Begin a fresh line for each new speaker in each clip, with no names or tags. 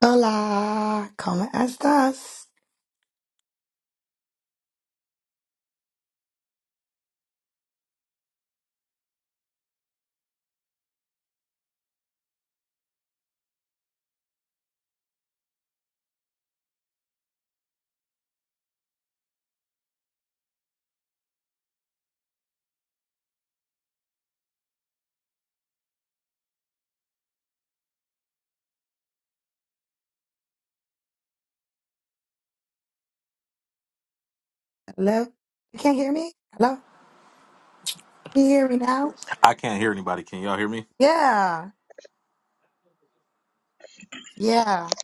Hola, ¿cómo estás? Hello? You can't hear me? Hello? Can you hear me now? Yeah, yeah.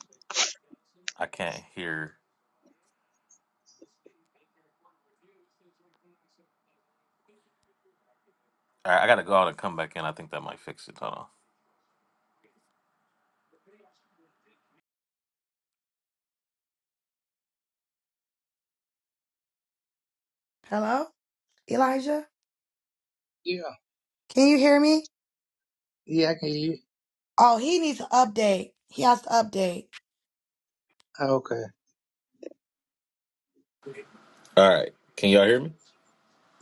Hello? Elijah?
Yeah,
Can you hear me?
yeah, I can hear you.
Oh, he needs to update. He has to update.
Oh, okay,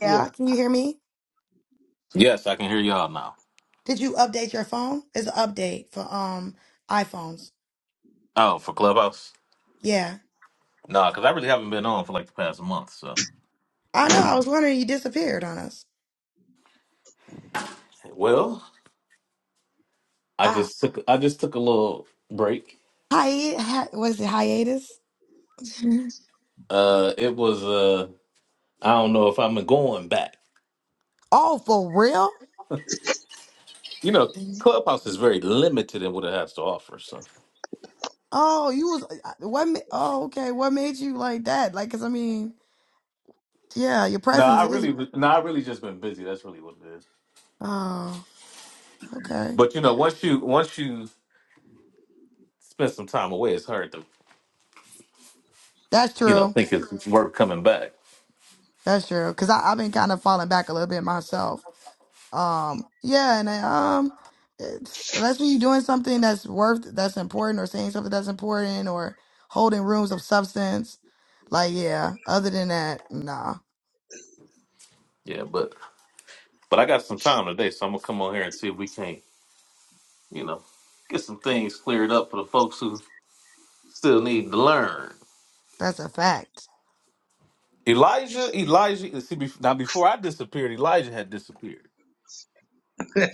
Yeah, can you hear me? Did you update your phone? It's an update for um iPhones. Yeah. I know, I was wondering you disappeared on us. Ah, hi, hi was it hiatus? oh, for real? Oh, you was uh, uh, what? ma- Oh, okay. What made you like that? Like, cause I mean, yeah, your presence is. Oh, okay. That's true. That's true. Cause I, I've been kind of falling back a little bit myself. Um, yeah, and I, um, it's, unless when you're doing something that's worth, that's important, or saying something that's important, or holding rooms of substance, like yeah. Other than that, nah, that's a fact.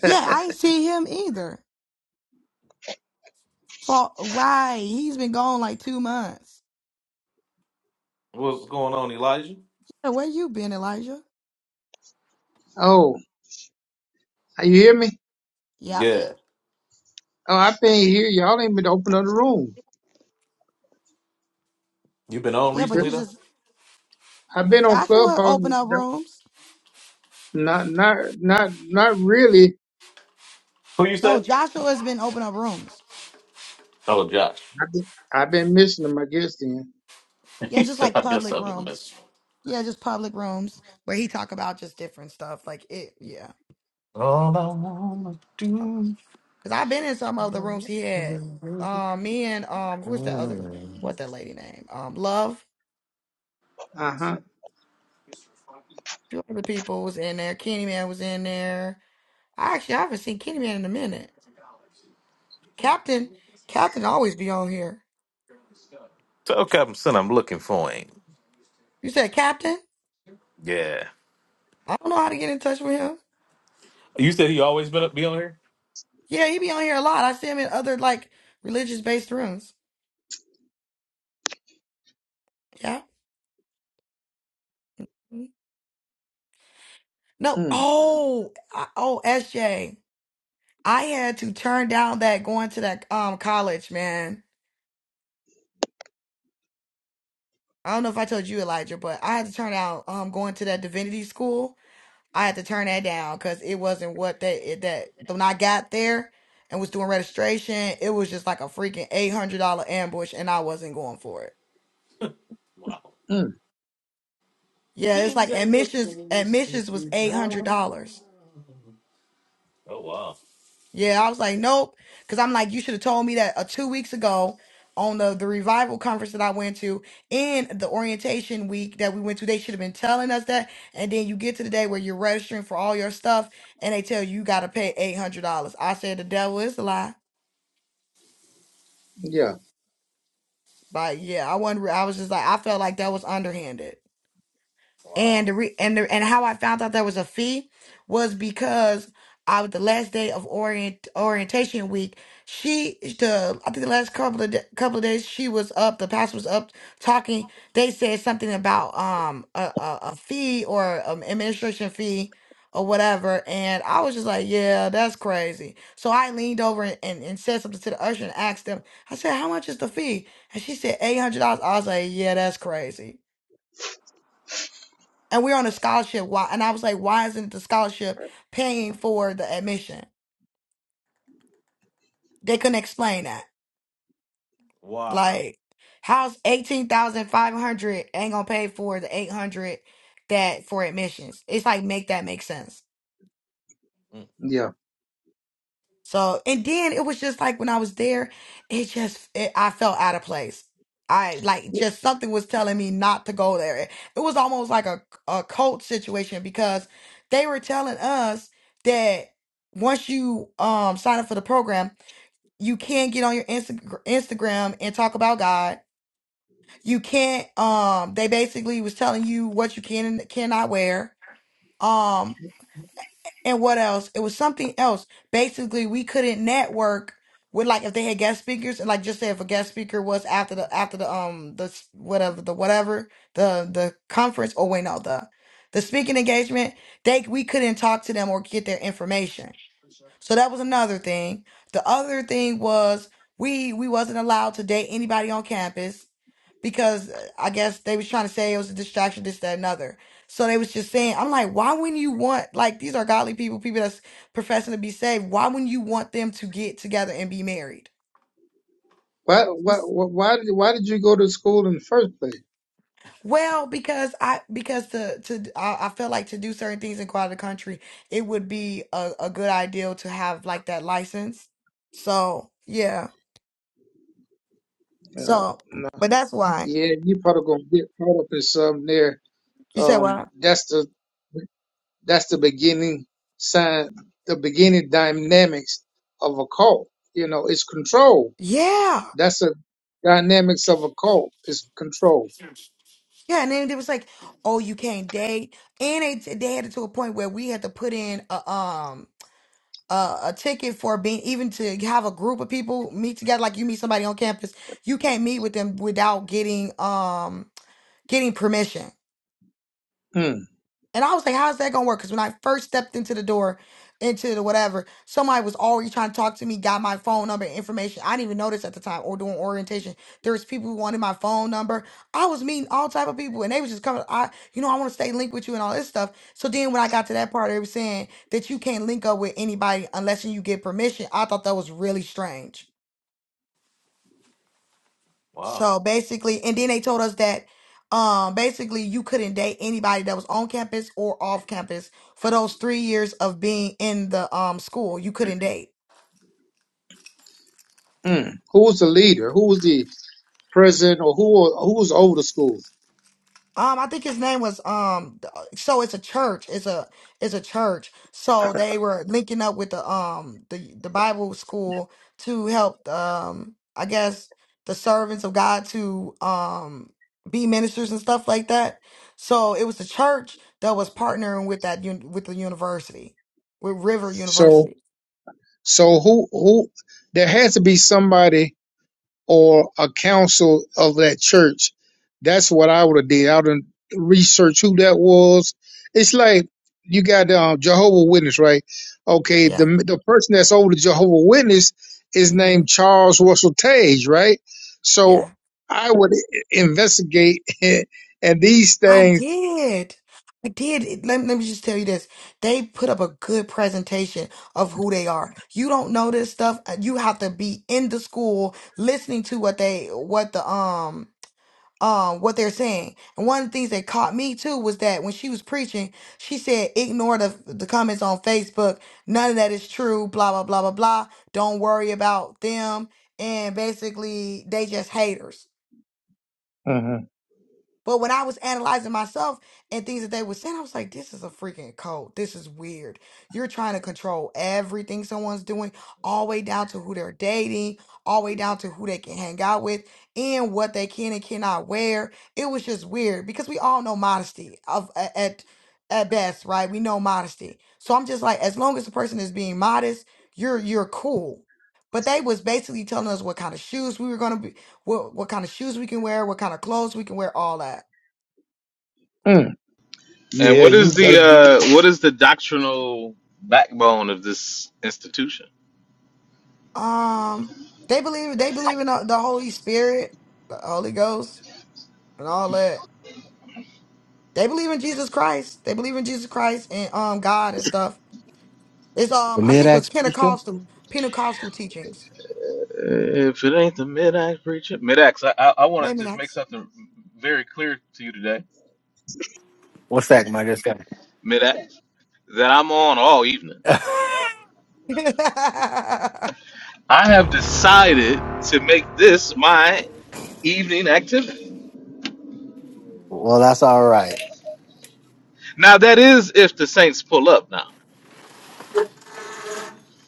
Yeah, I ain't see him either. For why? He's been gone like two months. Hey, where you been, Elijah?
Oh, you hear me?
Yep.
Oh, I've been here. Y'all ain't been open up the room.
Yeah, but you just
I've been on
Joshua
Clubhouse.
open up rooms.
Not, not, not, not really.
No, Joshua has been open up rooms.
I've been, I've been missing them, I guess. Then.
Yeah, just like public rooms. Yeah, just public rooms where he talk about just different stuff. Like it, yeah. Oh, Cause I've been in some of the rooms he had. Um, me and um, who was the other? What that lady name? Um, Love.
Uh huh.
Two other people was in there. Kenny Man was in there. I actually I haven't seen Kenny Man in a minute. Captain, Captain always be on here. You said Captain? I don't know how to get in touch with him. Yeah, he be on here a lot. I see him in other like religious based rooms. Yeah. No.
Mm,
Oh. I, oh. S J. I had to turn down that going to that um college, man. I don't know if I told you, Elijah, but I had to turn down um going to that divinity school. I had to turn that down because it wasn't what they it, that when I got there and was doing registration, it was just like a freaking eight hundred dollar ambush, and I wasn't going for it.
mm.
Yeah, it's like admissions admissions was eight hundred dollars. Yeah, I was like, nope, because I'm like, you should have told me that uh, two weeks ago on the the revival conference that I went to and the orientation week that we went to. They should have been telling us that. And then you get to the day where you're registering for all your stuff, and they tell you you got to pay eight hundred dollars. I said the devil is a lie,
Yeah,
but yeah, I wonder. I was just like, I felt like that was underhanded. And the re- and the, and how I found out there was a fee was because I was the last day of orient orientation week. She the I think the last couple of da couple of days she was up. The pastor was up talking. They said something about um a a, a fee or um administration fee or whatever. And I was just like, yeah, that's crazy. So I leaned over and, and, and said something to the usher and asked them. I said, how much is the fee? And she said eight hundred dollars. I was like, yeah, that's crazy and we're on a scholarship. Why? And I was like, why isn't the scholarship paying for the admission? They couldn't explain that. Like, how's eighteen thousand five hundred ain't gonna pay for the eight hundred that for admissions? It's like make that make sense.
yeah.
So, and then it was just like when I was there, it just, it, I felt out of place. I like just something was telling me not to go there. It, it was almost like a, a cult situation because they were telling us that once you um sign up for the program, you can't get on your Insta- Instagram and talk about God. You can't um they basically was telling you what you can and cannot wear. Um and what else? It was something else. Basically, we couldn't network with like if they had guest speakers and like just say if a guest speaker was after the after the um the s- whatever the whatever the the conference or wait no the the speaking engagement they we couldn't talk to them or get their information. So that was another thing. The other thing was we we wasn't allowed to date anybody on campus because uh, I guess they was trying to say it was a distraction, this, that, and other. So they was just saying, I'm like, why wouldn't you want like these are godly people, people that's professing to be saved. Why wouldn't you want them to get together and be married?
Why, why, why, why did, why did you go to school in the first place?
Well, because I because to to I, I felt like to do certain things in quite the country, it would be a, a good idea to have like that license. So yeah.
Oh,
So, but that's why
yeah, you probably gonna get caught up in something there.
you said
Um,
what?
that's the. That's the beginning sign, the beginning dynamics of a cult. You know, it's control.
Yeah,
That's the dynamics of a cult. It's control.
yeah. And then it was like, oh, you can't date, and they they had it to a point where we had to put in a um a, a ticket for being even to have a group of people meet together. Like you meet somebody on campus, you can't meet with them without getting um getting permission.
Mm,
And I was like, how's that gonna work? Because when I first stepped into the door, into the whatever, somebody was already trying to talk to me, got my phone number and information. I didn't even notice at the time or doing orientation. There was people who wanted my phone number. I was meeting all type of people and they was just coming, I you know, I want to stay linked with you and all this stuff. So then when I got to that part, they were saying that you can't link up with anybody unless you get permission. I thought that was really strange. So basically, and then they told us that um basically you couldn't date anybody that was on campus or off campus for those three years of being in the um school. You couldn't date.
mm. Who's the leader? Who's the president? Or who? Who's over the school?
Um, I think his name was um. th- So it's a church. It's a it's a church. So they were linking up with the um the the Bible school to help um I guess the servants of God to um be ministers and stuff like that. So it was the church that was partnering with that un- with the university, with River
So,
University.
so who? Who? There has to be somebody or a council of that church. That's what I would have did. I would have researched who that was. It's like you got um, Jehovah Witness, right? Okay,
Yeah.
the the person that's over the Jehovah Witness is
hmm
named Charles Russell Tage, right? So
Yeah.
I would investigate and these
I
things.
did. I did. It- Let, let me just tell you this. They put up a good presentation of who they are. You don't know this stuff. uh, You have to be in the school listening to what they what the um um what they're saying. And one of the things that caught me too was that when she was preaching, she said, ignore the the comments on Facebook. None of that is true. Blah blah blah blah blah. Don't worry about them. And basically they just haters.
Mhm.
But when I was analyzing myself and things that they were saying, I was like, this is a freaking cult. This is weird. You're trying to control everything someone's doing, all the way down to who they're dating, all the way down to who they can hang out with, and what they can and cannot wear. It was just weird because we all know modesty of a- at at best, right? We know modesty. So I'm just like, as long as the person is being modest, you're you're cool. But they was basically telling us what kind of shoes we were gonna be what what kind of shoes we can wear, what kind of clothes we can wear, all that.
Mm. Yeah, you better be
Um, they believe they believe in the the Holy Spirit, the Holy Ghost, and all that. They believe in Jesus Christ. They believe in Jesus Christ and um God and stuff. It's
The
um I think it was
mid-ax preacher?
Pentecostal Pentecostal teachings. Maybe not.
What's that, my good sir?
evening activity.
Well, that's all right.
Now that is if the Saints pull up now,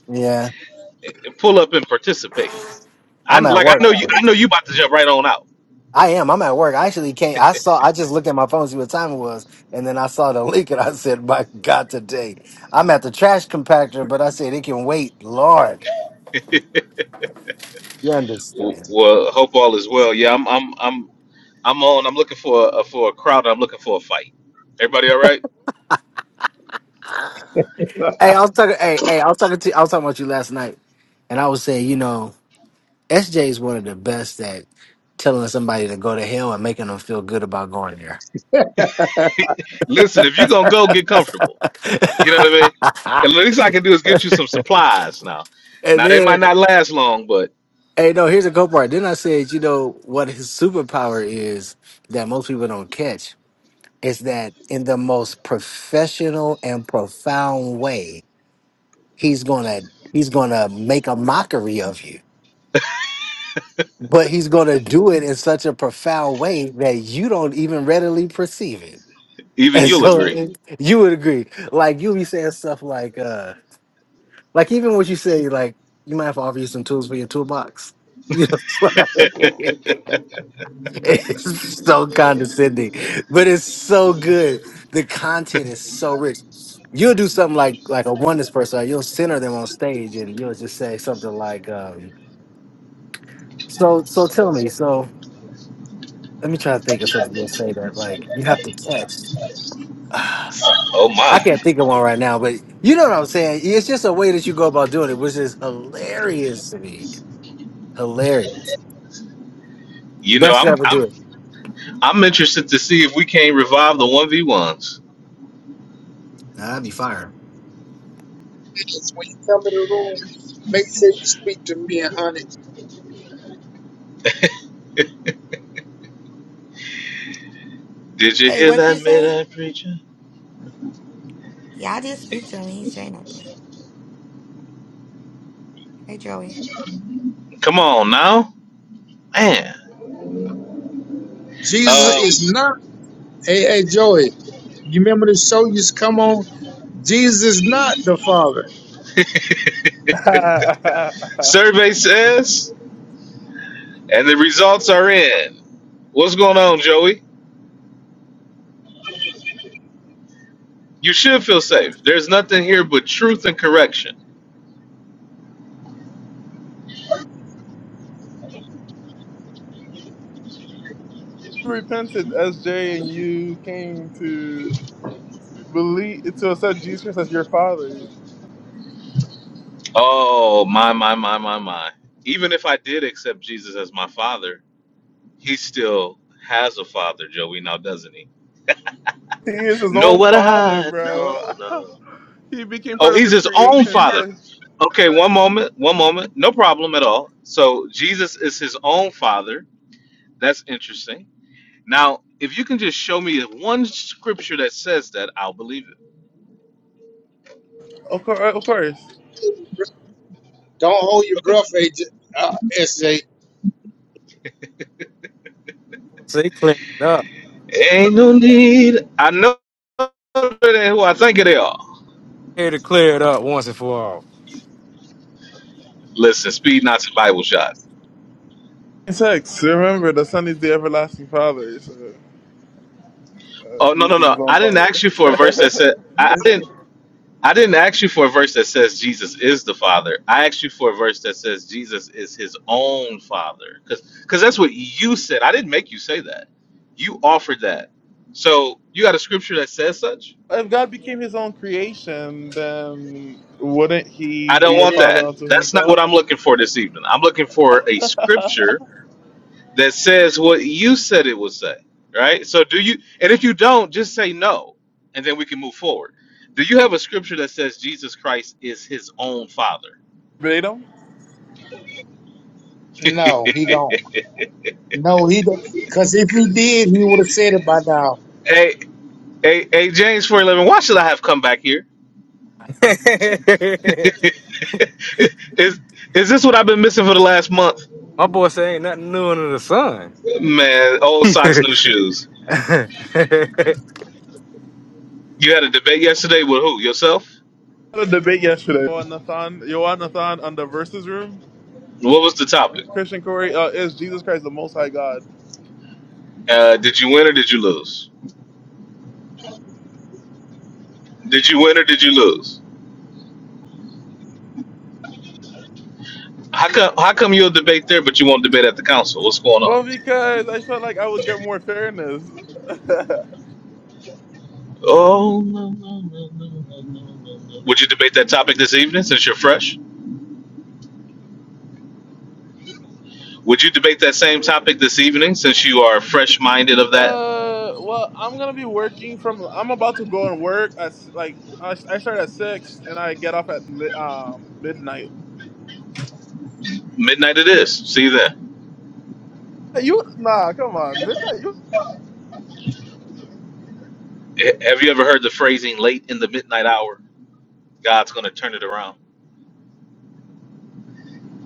Yeah.
and pull up and participate. I
I'm at
like I
work.
know you. I know you about to jump right on out.
I am. I'm at work. I actually can't. I saw, I just looked at my phone to see what time it was. And then I saw the link, and I said, my God, today. I'm at the trash compactor, but I said, it can wait. Lord, you
W-
understand.
Well, hope all is well. Yeah, I'm. I'm. I'm. I'm on. I'm looking for a for a crowd. I'm looking for a fight. Everybody, all right?
Hey, I was talking, hey, hey, I was talking to, I was talking about you last night. And I was saying, you know, SJ is one of the best at telling somebody to go to hell and making them feel good about going there.
Listen, if you're gonna go, get comfortable. You know what I mean? At least I can do is get you some supply.
And
Might
then
not last long, but
Hey, no, here's a cool part. Then I said, you know, what his superpower is that most people don't catch is that in the most professional and profound way, he's gonna he's gonna make a mockery of you. But he's gonna do it in such a profound way that you don't even readily perceive it.
even
And
you'll
so
agree.
it- you would agree. Like you'll be saying stuff like uh like even what you say, like you might have to offer you some tools for your toolbox. You know, It's so condescending, but it's so good. The content is so rich. You'll do something like like a oneness person. or You'll center them on stage, and you'll just say something like, um, "So, so tell me. So, let me try to think of something you'll say that like you have to catch."
oh my!
I can't think of one right now, but you know what I'm saying. It's just a way that you go about doing it, which is hilarious to me. Hilarious.
You know,
Best to
I'm.
ever
I'm.
do it.
I'm interested to see if we can't revive the one v ones.
Nah, I'd be fire.
religious when you come in the room. Make sure you speak to me honey.
Did you
hey,
hear
what
that
you say?
midnight preacher?
Yeah, I did speak to him. He say nothing. Hey, Joey.
Come on now, man.
Jesus
What?
Um,
is not. Hey, hey, Joey. You remember the show used to come on? Jesus is not the Father.
survey says, and the results are in. What's going on, Joey? You should feel safe. There's nothing here but truth and correction.
repented, SJ, and you came to believe to accept Jesus Christ as your father.
Oh my my my my my. Even if I did accept Jesus as my father, he still has a father, Joey. Now doesn't he?
He is his
No,
own
what
father,
I
bro.
no no.
he became
Oh,
part of
he's
his
his own
creation,
father.
so
Okay, one moment, one moment. No problem at all. So Jesus is his own father. That's interesting. Now, if you can just show me one scripture that says that, I'll believe
of course, of course.
Don't hold your breath, AJ, uh, SJ.
So they cleared it up.
it. Ain't no need. I know they- who I think they are.
Here to clear it up once and for all.
Listen, speed, not some Bible shots.
In sex, remember the Son is the everlasting Father, so uh,
Oh no, no,
Jesus is his
no.
own
I didn't ask
father.
you for a verse that said I, I didn't I didn't ask you for a verse that says Jesus is the Father. I asked you for a verse that says Jesus is his own Father. Because that's what you said. I didn't make you say that. You offered that. So you got a scripture that says such?
if God became his own creation, then wouldn't he
I don't
be a
want that.
father unto
That's not what
himself?
I'm looking for this evening. I'm looking for a scripture that says what you said it would say. Right? So do you, and if you don't, just say no, and then we can move forward. Do you have a scripture that says Jesus Christ is his own Father?
Verbatim?
No, he don't. No, he don't. Because if he did, he would have said it by now.
Hey. Hey, hey, James, four eleven. Why should I have come back here? is is this what I've been missing for the last month?
My boy say ain't nothing new under the sun.
Man, old socks, new shoes. You had a debate yesterday with who? Yourself?
I had a debate yesterday. Yohanathan, Yohanathan on the verses room.
What was the topic?
Christian Corey, uh, is Jesus Christ the Most High God?
Uh, did you win or did you lose? Did you win or did you lose? How come how come you'll debate there but you won't debate at the council? What's going
Well,
on?
because I felt like I would get more fairness.
Oh no no no no. no. Would you debate that topic this evening since you're fresh? Would you debate that same topic this evening since you are fresh minded of that?
Uh, well, I'm gonna be working from. I'm about to go and work at s- like I I start at six and I get off at mi- um midnight.
Midnight it is. See you then.
You nah, come on, midnight. You
Ha- Have you ever heard the phrasing "late in the midnight hour"? God's going to turn it around.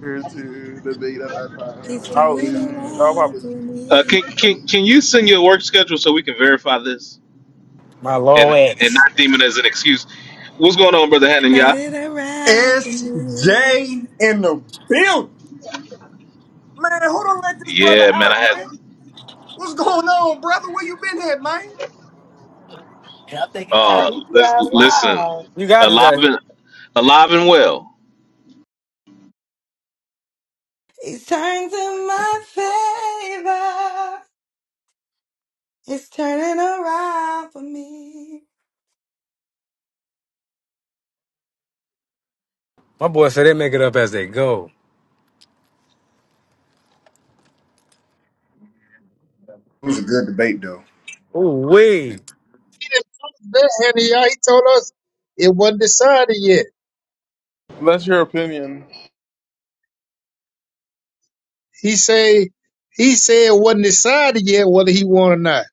here to debate at that time?
He's
I'll
turning
lose. I'll
around
probably lose.
for
Uh, can
me.
can can you send your work schedule so we can verify this
My
and
lord
and
ex.
not deem it as an excuse? What's going on, brother Hannon?
Turn
Yeah,
it around for me.
SJ in the building. Man, who don't let this brother
yeah, man. I
out,
had
man? What's going on, brother? Where you been at, man?
Y'all think it got
uh,
me
lis- listen,
wild. You got it.
alive
uh,
and alive and well.
It's turned in my favor. It's turning around for me.
My boy said they make it up as they go.
It was a good debate, though.
Ooh wee.
That Hananiah, he told us it wasn't decided yet.
That's your opinion.
He say he said it wasn't decided yet whether he won or not.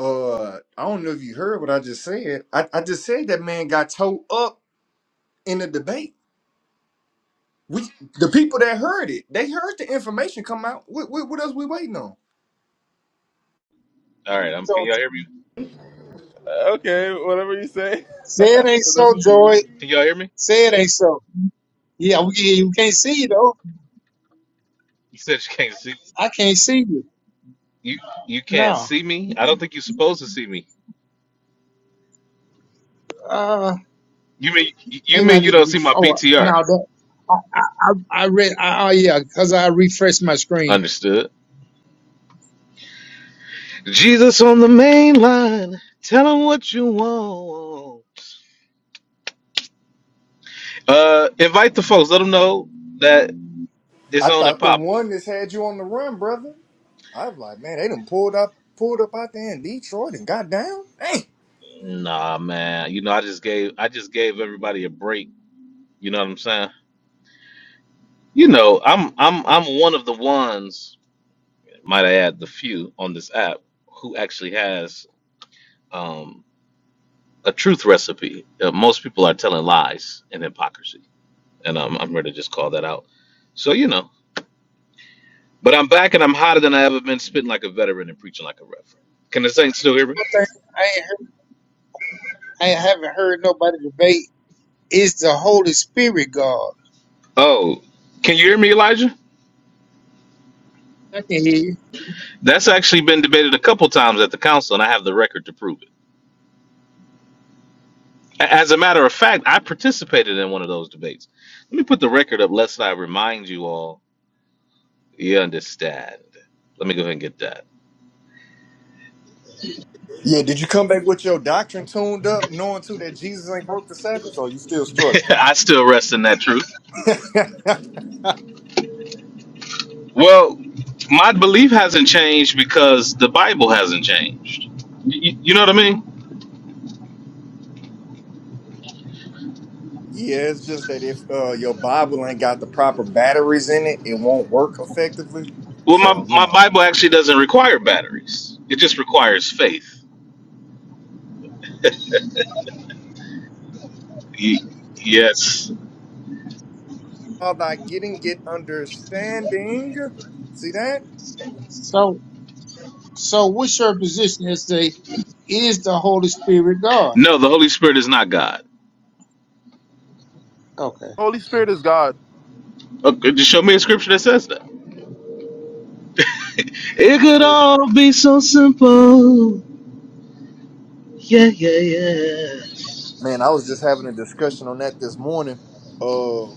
Uh, I don't know if you heard what I just said. I, I just said that man got towed up in the debate. We, the people that heard it, they heard the information come out. What, what, what else we waiting on?
All right, um, can
So
y'all hear me?
Okay, whatever you say. That's
say it ain't so,
what you.
Joy.
Can
mean.
y'all hear me?
Say it ain't so. Yeah, we, you can't see you though.
You said you can't see
I can't see you.
you. You can't
No.
see me. I don't think you're supposed to see me.
Uh,
You mean you
Maybe I
mean you
need to
don't see
ref.
my
Oh no,
PTR?
that, I, I I I read. I, oh yeah, because I refreshed my screen.
Understood. Jesus on the main line. Tell him what you want. Uh, invite the folks. Let them know that it's
I
on and
thought the
popping.
one that's had you on the run, brother. I was like, man, they done pulled up, pulled up out there in Detroit and got down. dang.
Nah, man. You know, I just gave I just gave everybody a break. You know what I'm saying? You know, I'm I'm I'm one of the ones. Might I add the few on this app who actually has um, a truth recipe. Uh, most people are telling lies and hypocrisy, and um, I'm ready to just call that out. So you know. But I'm back and I'm hotter than I ever been, spitting like a veteran and preaching like a reverend. Can the saints still hear me?
One thing I ain't heard, I haven't heard nobody debate is the Holy Spirit God.
Oh, can you hear me, Elijah?
I can hear you.
That's actually been debated a couple times at the council, and I have the record to prove it. A- As a matter of fact, I participated in one of those debates. Let me put the record up, lest I remind you all you understand. Let me go ahead and get that.
Yeah, did you come back with your doctrine tuned up, knowing too that Jesus ain't broke the Sabbath, or you still struggling?
I still rest in that truth.
yeah,
Well, my belief hasn't changed because the Bible hasn't changed. Y- you know what I mean?
it's just that if uh, your Bible ain't got the proper batteries in it, it won't work effectively.
Well, my,
So you
my
know,
Bible actually doesn't require batteries. It just requires faith. Ye- yes.
all thy getting get understanding. See that?
So so what's your position as to is the Holy Spirit God?
No, the Holy Spirit is not God.
Okay.
Holy Spirit is God.
Okay, just show me a scripture that says that. It could
Hey.
all be so simple. Yeah, yeah, yeah.
Man, I was just having a discussion on that this morning. Uh,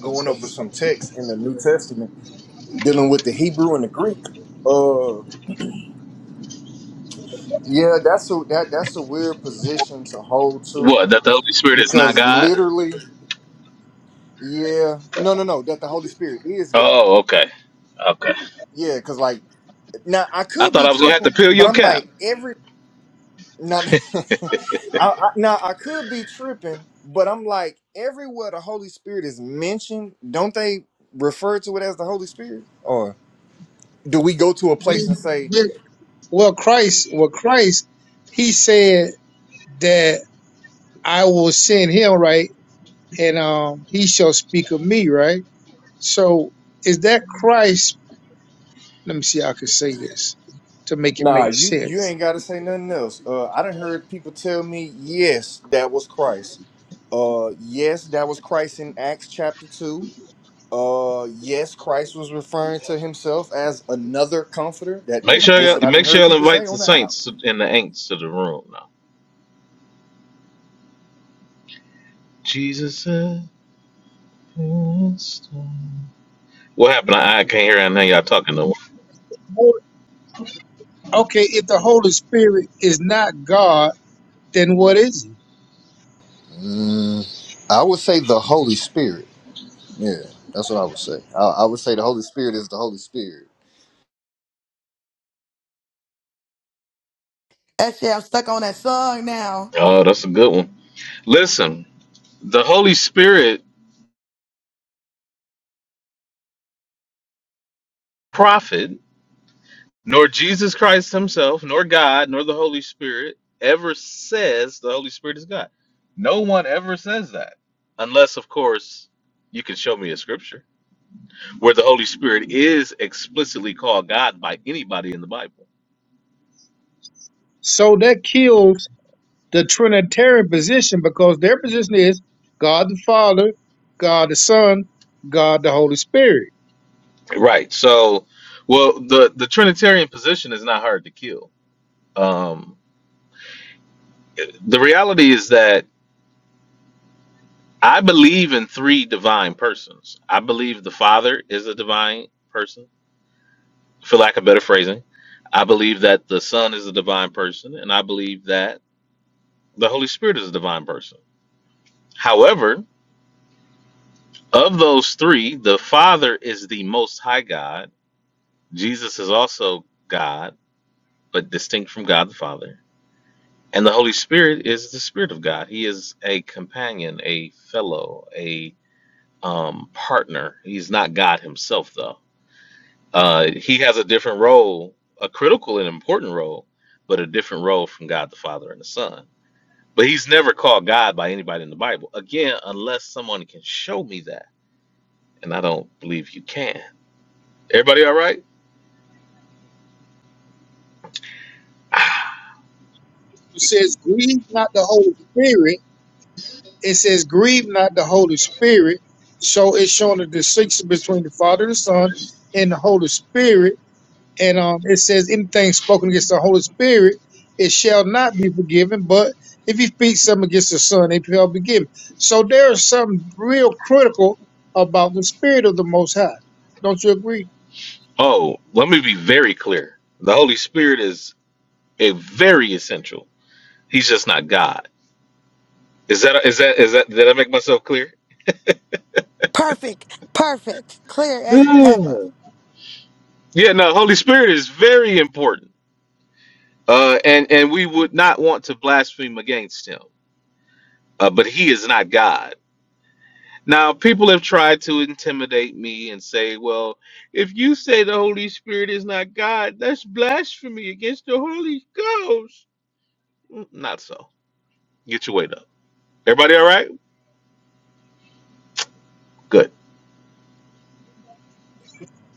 going over some text in the New Testament dealing with the Hebrew and the Greek. Uh, yeah, that's a that that's a weird position to hold to
What? That the Holy Spirit is not
Because
God?
literally, yeah, no, no, no, that the Holy Spirit is God.
Oh, okay, okay.
Yeah, because like now I
I
could
thought
be
I was gonna have to
tripping,
peel
but
your
I'm
cap.
like every now, I, I, now I could be tripping, but I'm like everywhere the Holy Spirit is mentioned, don't they refer to it as the Holy Spirit? Or do we go to a place
When,
and say,
Well, Christ, well, Christ, he said that I will send him, right? And um, he shall speak of me, right? So is that Christ? Let me see how I can say this to make it
Nah,
make
you you
sense.
ain't got to say nothing else. Uh, I done heard people tell me, yes, that was Christ. Uh, yes, that was Christ in Acts chapter two Uh, yes, Christ was referring to himself as another comforter. That
Make
that that's
sure
what
you
I done
make sure
heard
you'll
people
invite
say
the
on the app.
saints and the ain'ts to the room now. Jesus said, What happened? I, I can't hear anything y'all talking no more.
Well, Okay, if the Holy Spirit is not God, then what is he?
Mm, I would say the Holy Spirit. Yeah, that's what I would say. I, I would say the Holy Spirit is the Holy Spirit.
Actually, I'm stuck on that song now.
Oh, that's a good one. Listen, the Holy Spirit prophet, nor Jesus Christ himself, nor God, nor the Holy Spirit ever says the Holy Spirit is God. No one ever says that. Unless, of course, you can show me a scripture where the Holy Spirit is explicitly called God by anybody in the Bible.
So that kills the Trinitarian position because their position is God the Father, God the Son, God the Holy Spirit.
Right. So, well, the, the Trinitarian position is not hard to kill. Um, the reality is that I believe in three divine persons. I believe the Father is a divine person, for lack of better phrasing. I believe that the Son is a divine person, and I believe that the Holy Spirit is a divine person. However, of those three, the Father is the most high God. Jesus is also God, but distinct from God the Father. And the Holy Spirit is the Spirit of God. He is a companion, a fellow, a um, partner. He's not God himself, though Uh, he has a different role, a critical and important role, but a different role from God the Father and the Son. But he's never called God by anybody in the Bible. Again, unless someone can show me that, and I don't believe you can. Everybody, all right?
It says, grieve not the Holy Spirit it says, grieve not the Holy Spirit. So it's showing the distinction between the Father and the Son and the Holy Spirit. And um, it says, anything spoken against the Holy Spirit, it shall not be forgiven. But if you speak something against the Son, it shall be given. So there is something real critical about the Spirit of the Most High. Don't you agree?
Oh, let me be very clear. The Holy Spirit is a very essential. He's just not God. Is that is that is that did I make myself clear?
Perfect, perfect, clear as ever.
Yeah, Yeah, no, Holy Spirit is very important. Uh and and we would not want to blaspheme against him. uh, but he is not God. Now, people have tried to intimidate me and say, well, if you say the Holy Spirit is not God, that's blasphemy against the Holy Ghost. Mm, Not so. Get your weight up. Everybody all right? Good.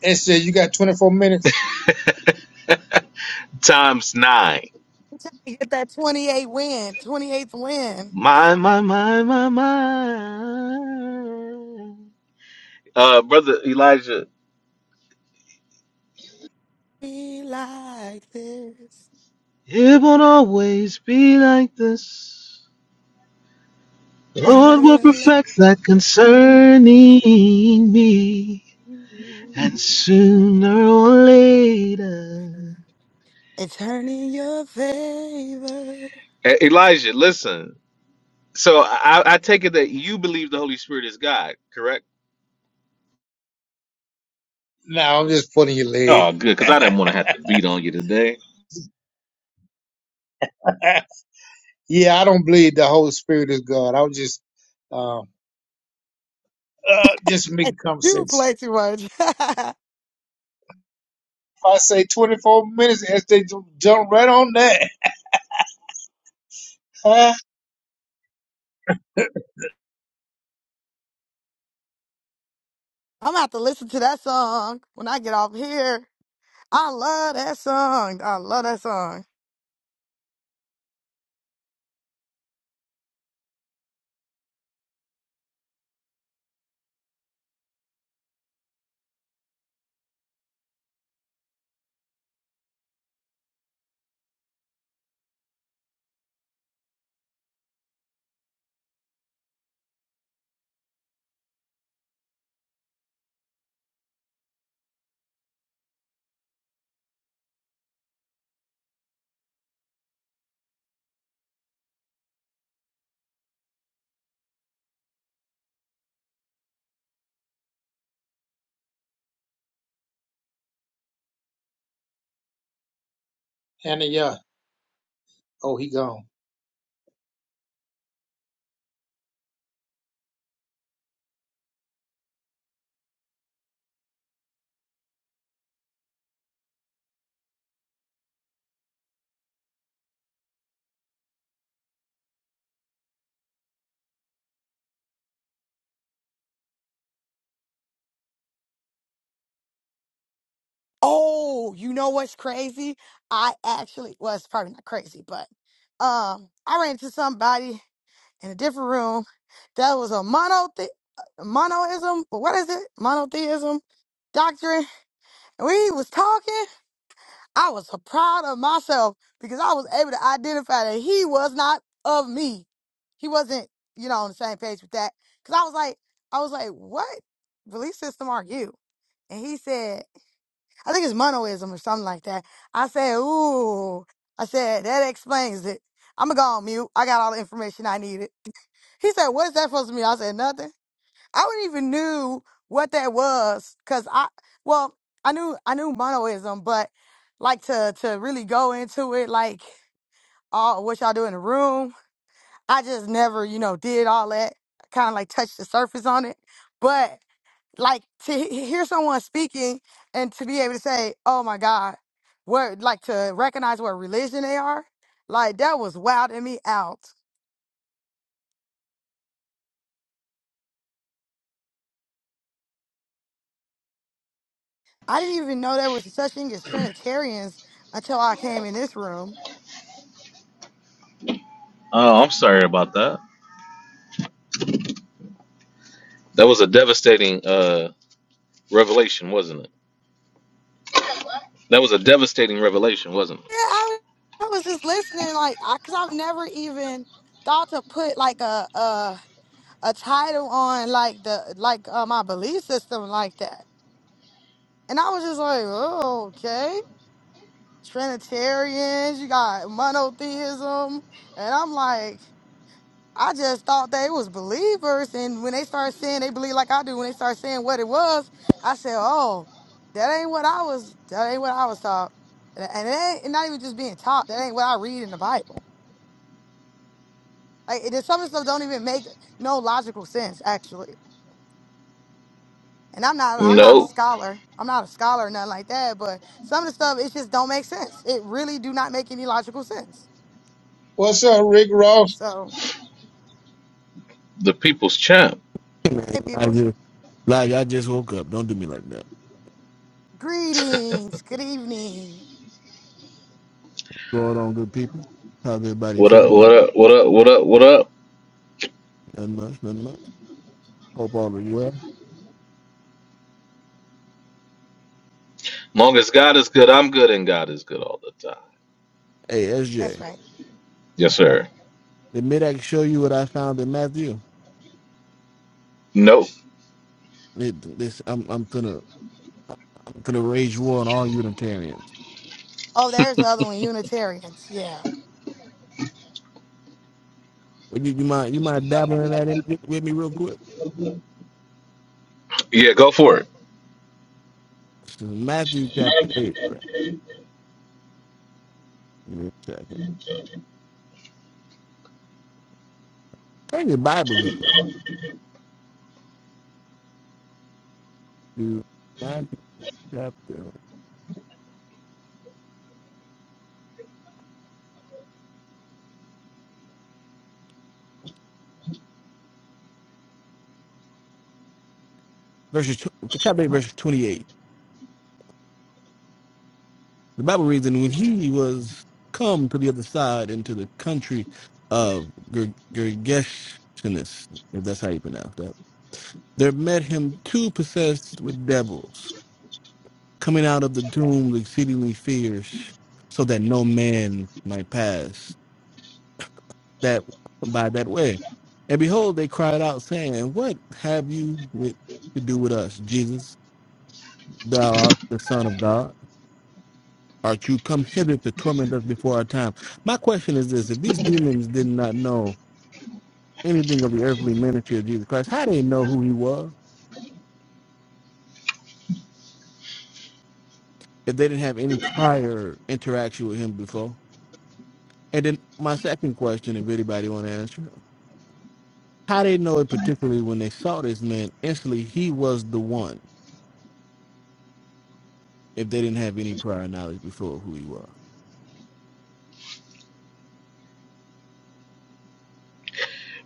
And it says, you got 24 minutes.
Times nine.
I'm trying to get that 28 win, 28th win.
My, my, my, my, my. Uh, Brother Elijah,
Be like this,
it won't always be like this. The Lord
sooner
will
or later.
perfect that concerning me. And sooner or later.
It's turning your favor.
E- Elijah, listen. So I, I take it that you believe the Holy Spirit is God, correct?
No, I'm just pulling your leg.
Oh, good, because I didn't want to have to beat on you today.
yeah, I don't believe the Holy Spirit is God. I was just, um, uh, just
Hey,
making
You
conversation.
play too much. I'm
I say 24 minutes as they ju- jump right on that. Huh?
gonna have to listen to that song when I get off here. I love that song. I love that song.
And then, yeah. Oh, he gone.
Oh, you know what's crazy? I actually, well, it's probably not crazy, but um, I ran into somebody in a different room that was a mono monoism. What is it? Monotheism doctrine. And we was talking. I was so proud of myself because I was able to identify that he was not of me. He wasn't, you know, on the same page with that. Cause I was like, I was like, what belief system are you? And he said, I think it's monoism or something like that. I said, ooh. I said, that explains it. I'm going to go on mute. I got all the information I needed. He said, what is that supposed to mean? I said, nothing. I wouldn't even knew what that was because I, well, I knew, I knew monoism, but like to, to really go into it, like all what y'all do in the room, I just never, you know, did all that. Kind of like touched the surface on it. but like to he- hear someone speaking and to be able to say, "Oh my God," what like to recognize what religion they are, like that was wilding me out. I didn't even know there was such thing as Trinitarians until I came in this room.
Oh, I'm sorry about that. That was a devastating uh, revelation, wasn't it? That was a devastating revelation, wasn't
Yeah, I, was- I was just listening, like, I, cause I've never even thought to put like a a a title on like the like uh, my belief system like that, and I was just like, oh, okay. Trinitarians, you got monotheism. And I'm like, I just thought they was believers. And when they started saying they believe like I do, when they started saying what it was, I said, Oh, that ain't what I was that ain't what I was taught. And and it ain't and not even just being taught, that ain't what I read in the Bible. Like it, some of the stuff don't even make no logical sense, actually. And I'm not
it?
I'm not a
No,
scholar. I'm not a scholar or nothing like that, but some of the stuff it just don't make sense. It really do not make any logical sense.
What's up, Rick Ross?
So
the people's champ.
Man,
hey
I
peoples.
just, like, I just woke up. Don't do me like that.
Greetings. Good evening.
Going on, good people. How's everybody
What up?
feeling?
What up? What up? What up? What up?
Nothing much, nothing much. Hope all is well.
Long as God is good, I'm good, and God is good all the time.
Hey,
That's
SJ,
right.
Yes, sir.
Let me Midax show you what I found in Matthew?
Nope.
It, this, I'm, I'm gonna, I'm gonna rage war on all Unitarians.
Oh, there's the other one, Unitarians. Yeah.
Would you, you mind, you mind dabbling in that in, with me real quick?
Yeah, go for it.
This is Matthew chapter eight. Bro. Give me a second. Bring your Bible with me. Matthew chapter verses, tw- chapter eight, verses twenty-eight. The Bible reads, and when he was come to the other side into the country of Ger- Gergeshenes, if that's how you pronounce that, there met him two possessed with devils, coming out of the tomb exceedingly fierce, so that no man might pass that by that way. And behold, they cried out, saying, What have you with, to do with us, Jesus, thou art the Son of God? Art you come hither to torment us before our time? My question is this if these demons did not know anything of the earthly ministry of Jesus Christ, how they know who he was if they didn't have any prior interaction with him before? And then my second question, if anybody want to answer, how they know it particularly when they saw this man, instantly he was the one if they didn't have any prior knowledge before of who he was.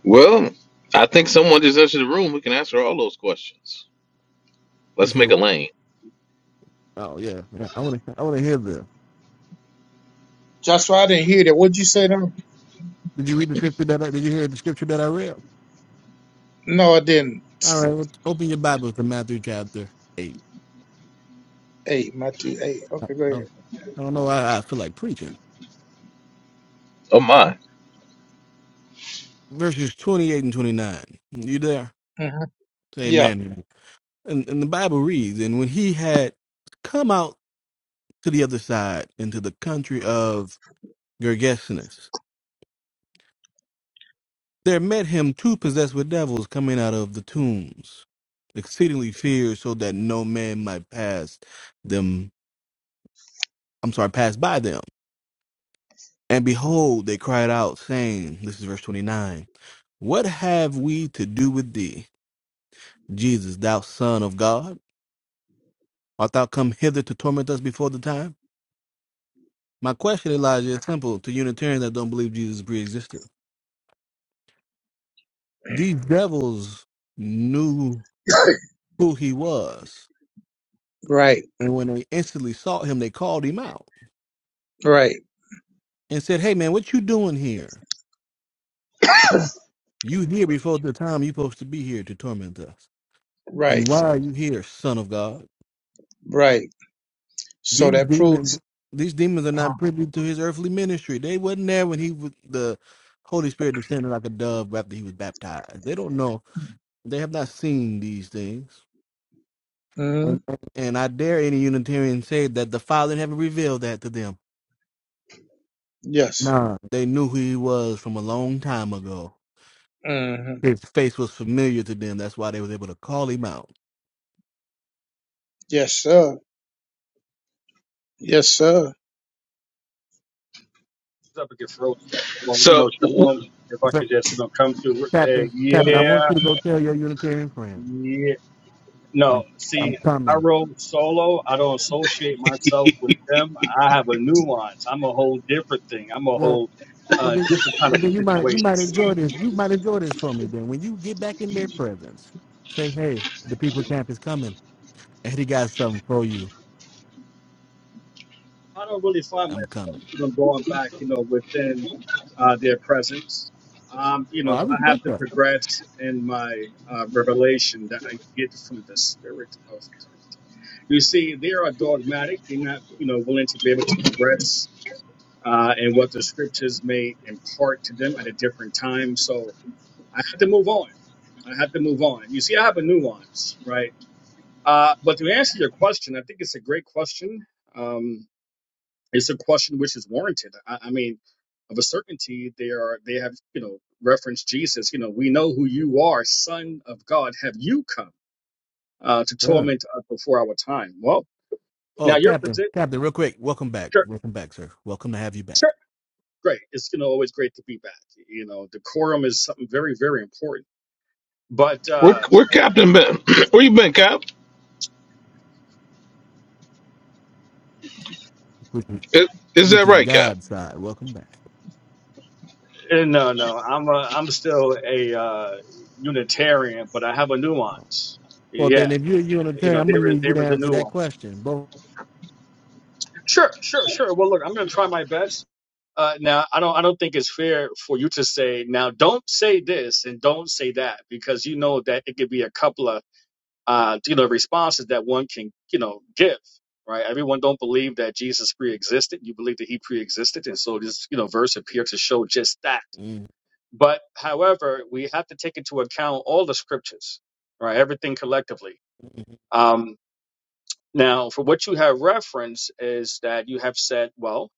Well, I think someone just entered the room who can answer all those questions.
You
Let's make a
said,
lane.
Oh yeah, yeah, I wanna I wanna hear this.
Just why I didn't hear that. What'd you say to him?
Did you read the scripture that I did you hear the scripture that I read?
No, I didn't.
All right, well, open your Bibles to Matthew chapter eight.
Hey, my two, hey.
I
Okay, go
don't
ahead.
I don't know. why I feel like preaching.
Oh my!
Verses 28 and 29. You there?
hmm
Say
Yeah.
amen. And, and the Bible reads, And when he had come out to the other side into the country of Gergesenes, there met him two possessed with devils coming out of the tombs, exceedingly feared, so that no man might pass them. I'm sorry, pass by them. And behold, they cried out, saying, This is verse 29. What have we to do with thee? Jesus, thou Son of God, art thou come hither to torment us before the time? My question, Elijah, is simple to Unitarians that don't believe Jesus pre existed. These devils knew who he was.
Right,
And when they instantly sought him, they called him out
right,
and said, Hey man, what you doing here? You here before the time you supposed to be here to torment us. And
right,
why are you here, son of God?
right. So
These
that proves.
demons, these demons are
Uh,
not privy to his earthly ministry. They wasn't there when he was the Holy Spirit descended like a dove after he was baptized. They don't know. They have not seen these things.
hmm
And, and I dare any Unitarian say that the Father in heaven revealed that to them.
Yes.
Nah, they knew who he was from a long time ago.
hmm
His face was familiar to them. That's why they was able to call him out.
Yes, sir. Yes, sir.
up and get frozen. up. Well, you know,
So, wh-
Shalom,
wh-
if
In
I could just, you know, come through. Uh,
Captain, Captain, I
yeah,
want you to go tell your Unitarian friends.
yeah.
I'm,
No,
I'm
see, I
coming.
roll solo. I don't associate myself with them. I have a nuance. I'm a whole different thing. I'm a
Well,
whole
Well
uh,
then,
different kind
well
of
then you
a
might you
situation.
might enjoy this. You might enjoy this from me. Then when you get back in their presence, say, "Hey, the people camp is coming, and he got something for you.
I don't really find
I'm
myself,
coming."
you know, going back, you know, within uh, their presence. Um, you
Oh, I
know, I have
respect
to
that.
progress in my uh, revelation that I get from the Spirit of God. You see, they are dogmatic. They're not, you know, willing to be able to progress uh, and what the scriptures may impart to them at a different time. So I have to move on. I have to move on. You see, I have a nuance, right? Uh, but to answer your question, I think it's a great question. Um, it's a question which is warranted. I, I mean, of a certainty, they are they have you know referenced Jesus. You know, we know who you are, Son of God. Have you come uh, to
Yeah.
torment us before our time? Well,
Oh,
now your
Captain,
position.
Captain, real quick, welcome back,
Sure,
welcome back, sir. Welcome to have you back,
sure. great. It's you know always great to be back. You know, decorum is something very very important. But
where
uh,
where Captain been? where you been, Cap?
which is,
Is, is
which
that
is
right, Cap?
God's side. Welcome back.
eh, no, no, I'm a, I'm still a uh, Unitarian, but I have a nuance.
Well, then,
Yeah,
if you're a
you
Unitarian,
know,
I'm
there
gonna
is
need you
there
to
is a
answer that
nuance.
question, both.
Sure, sure, sure. Well, look, I'm going to try my best. Uh, now, I don't I don't think it's fair for you to say now. Don't say this and don't say that because you know that it could be a couple of uh, you know, responses that one can, you know, give, right? Everyone don't believe that Jesus pre-existed. You believe that he pre-existed. And so this, you know, verse appeared to show just that. But however, we have to take into account all the scriptures, right? Everything collectively. Um, now, for what you have referenced is that you have said, well,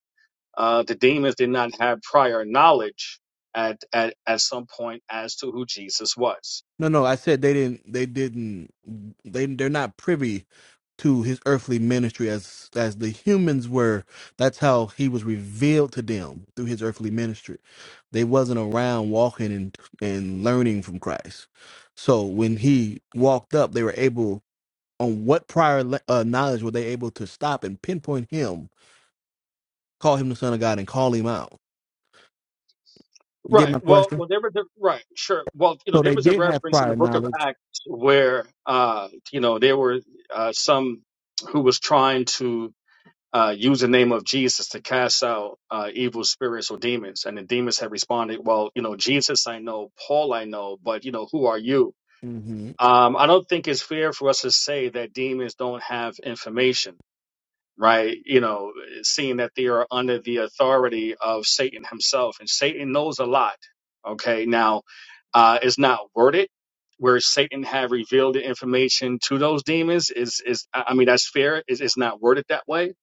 uh, the demons did not have prior knowledge at, at, at some point as to who Jesus was
No, no, I said they didn't. They didn't. They they're not privy to his earthly ministry as as the humans were. That's how he was revealed to them through his earthly ministry. They wasn't around walking and and learning from Christ. So when he walked up, they were able. On what prior le- uh, knowledge were they able to stop and pinpoint him, call him the Son of God, and call him out? You get
Right.
my
Well,
question?
well, there was a right, sure. Well, you know,
So
there
they
was a
did have
reference in the
prior
book of
knowledge.
Acts where, uh, you know, there were uh, some who was trying to uh, use the name of Jesus to cast out uh, evil spirits or demons, and the demons had responded, "Well, you know, Jesus, I know, Paul, I know, but you know, who are you?"
hmm
Um, I don't think it's fair for us to say that demons don't have information right? You know, seeing that they are under the authority of Satan himself, and Satan knows a lot. Okay, now uh, it's not worded where Satan have revealed the information to those demons. Is is I I mean that's fair. It's, it's not worded that way,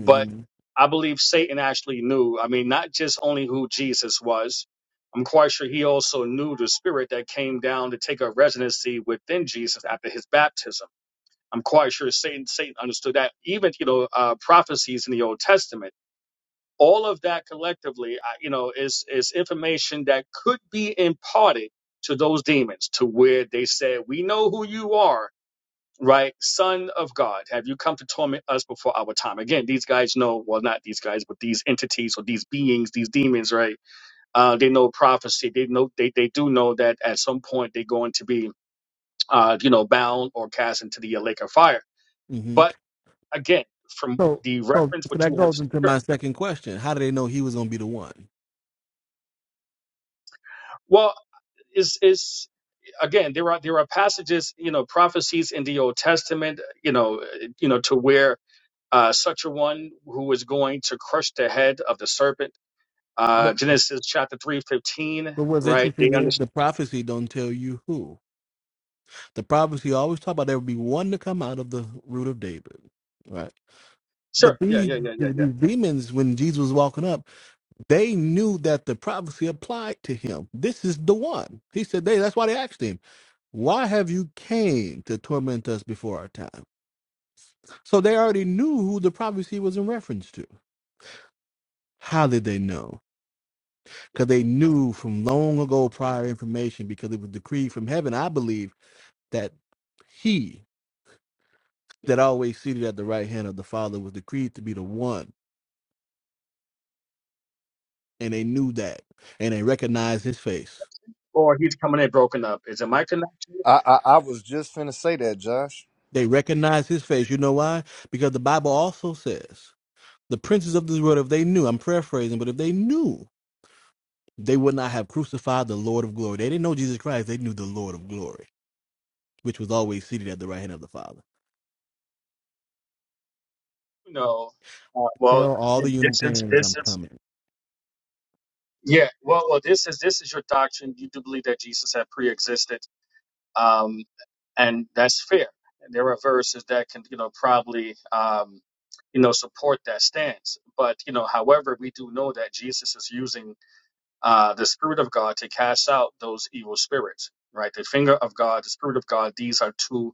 but I believe Satan actually knew. I mean, not just only who Jesus was. I'm quite sure he also knew the spirit that came down to take a residency within Jesus after his baptism I'm quite sure Satan Satan understood that. Even you know uh, prophecies in the Old Testament, all of that collectively, uh, you know, is is information that could be imparted to those demons, to where they said, "We know who you are." Right, Son of God, have you come to torment us before our time? Again, these guys know, well, not these guys, but these entities or these beings, these demons, right? Uh, they know prophecy. They know they, they do know that at some point they're going to be, uh, you know, bound or cast into the lake of fire.
hmm
But again from
So,
the
so,
reference
so
what
that
you have
goes into
sure.
my second question: How do they know he was going to be the one?
well is is again there are there are passages you know prophecies in the old testament you know uh, you know to where uh such a one who is going to crush the head of the serpent uh
But
genesis chapter 315
but what's
right they
interesting is
understand
the prophecy don't tell you who. The prophecy always talk about there would be one to come out of the root of David, right?
sure
But
yeah
these
yeah yeah yeah yeah
these demons, when Jesus was walking up, they knew that the prophecy applied to him. This is the one. He said they. That's why they asked him, "Why have you came to torment us before our time?" So they already knew who the prophecy was in reference to. How did they know? Because they knew from long ago prior information, because it was decreed from heaven, I believe that he that always seated at the right hand of the Father was decreed to be the one. And they knew that. And they recognized his face.
or he's coming in broken up is it my connection
I, I I was just finna say that, Josh.
They recognized his face. You know why? Because the Bible also says the princes of this world, if they knew, I'm paraphrasing, but if they knew, they would not have crucified the Lord of glory. They didn't know Jesus Christ, they knew the Lord of glory, which was always seated at the right hand of the Father.
no uh, well
Tell all the
this is
Unitarians
this
I'm
is
coming.
yeah well well this is this is your doctrine you do believe that jesus had pre-existed um and that's fair. And there are verses that can, you know, probably, um, you know, support that stance. But you know, however, we do know that Jesus is using uh, the Spirit of God to cast out those evil spirits, right? The finger of God, the Spirit of God. These are two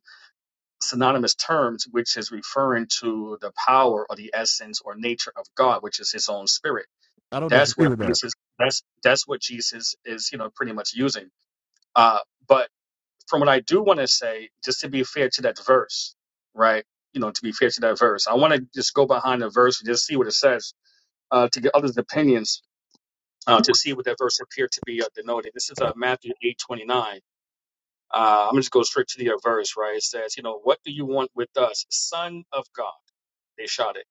synonymous terms, which is referring to the power or the essence or nature of God, which is His own Spirit.
I don't
That's
disagree
what
with that.
Jesus. That's that's what Jesus is, you know, pretty much using. Uh, but from what I do want to say, just to be fair to that verse, right? You know, to be fair to that verse, I want to just go behind the verse and just see what it says uh, to get others' opinions uh, to see what that verse appeared to be uh, denoted. This is uh, Matthew eight twenty nine. Uh, I'm just go straight to the uh, verse, right? It says, you know, what do you want with us, Son of God? They shouted.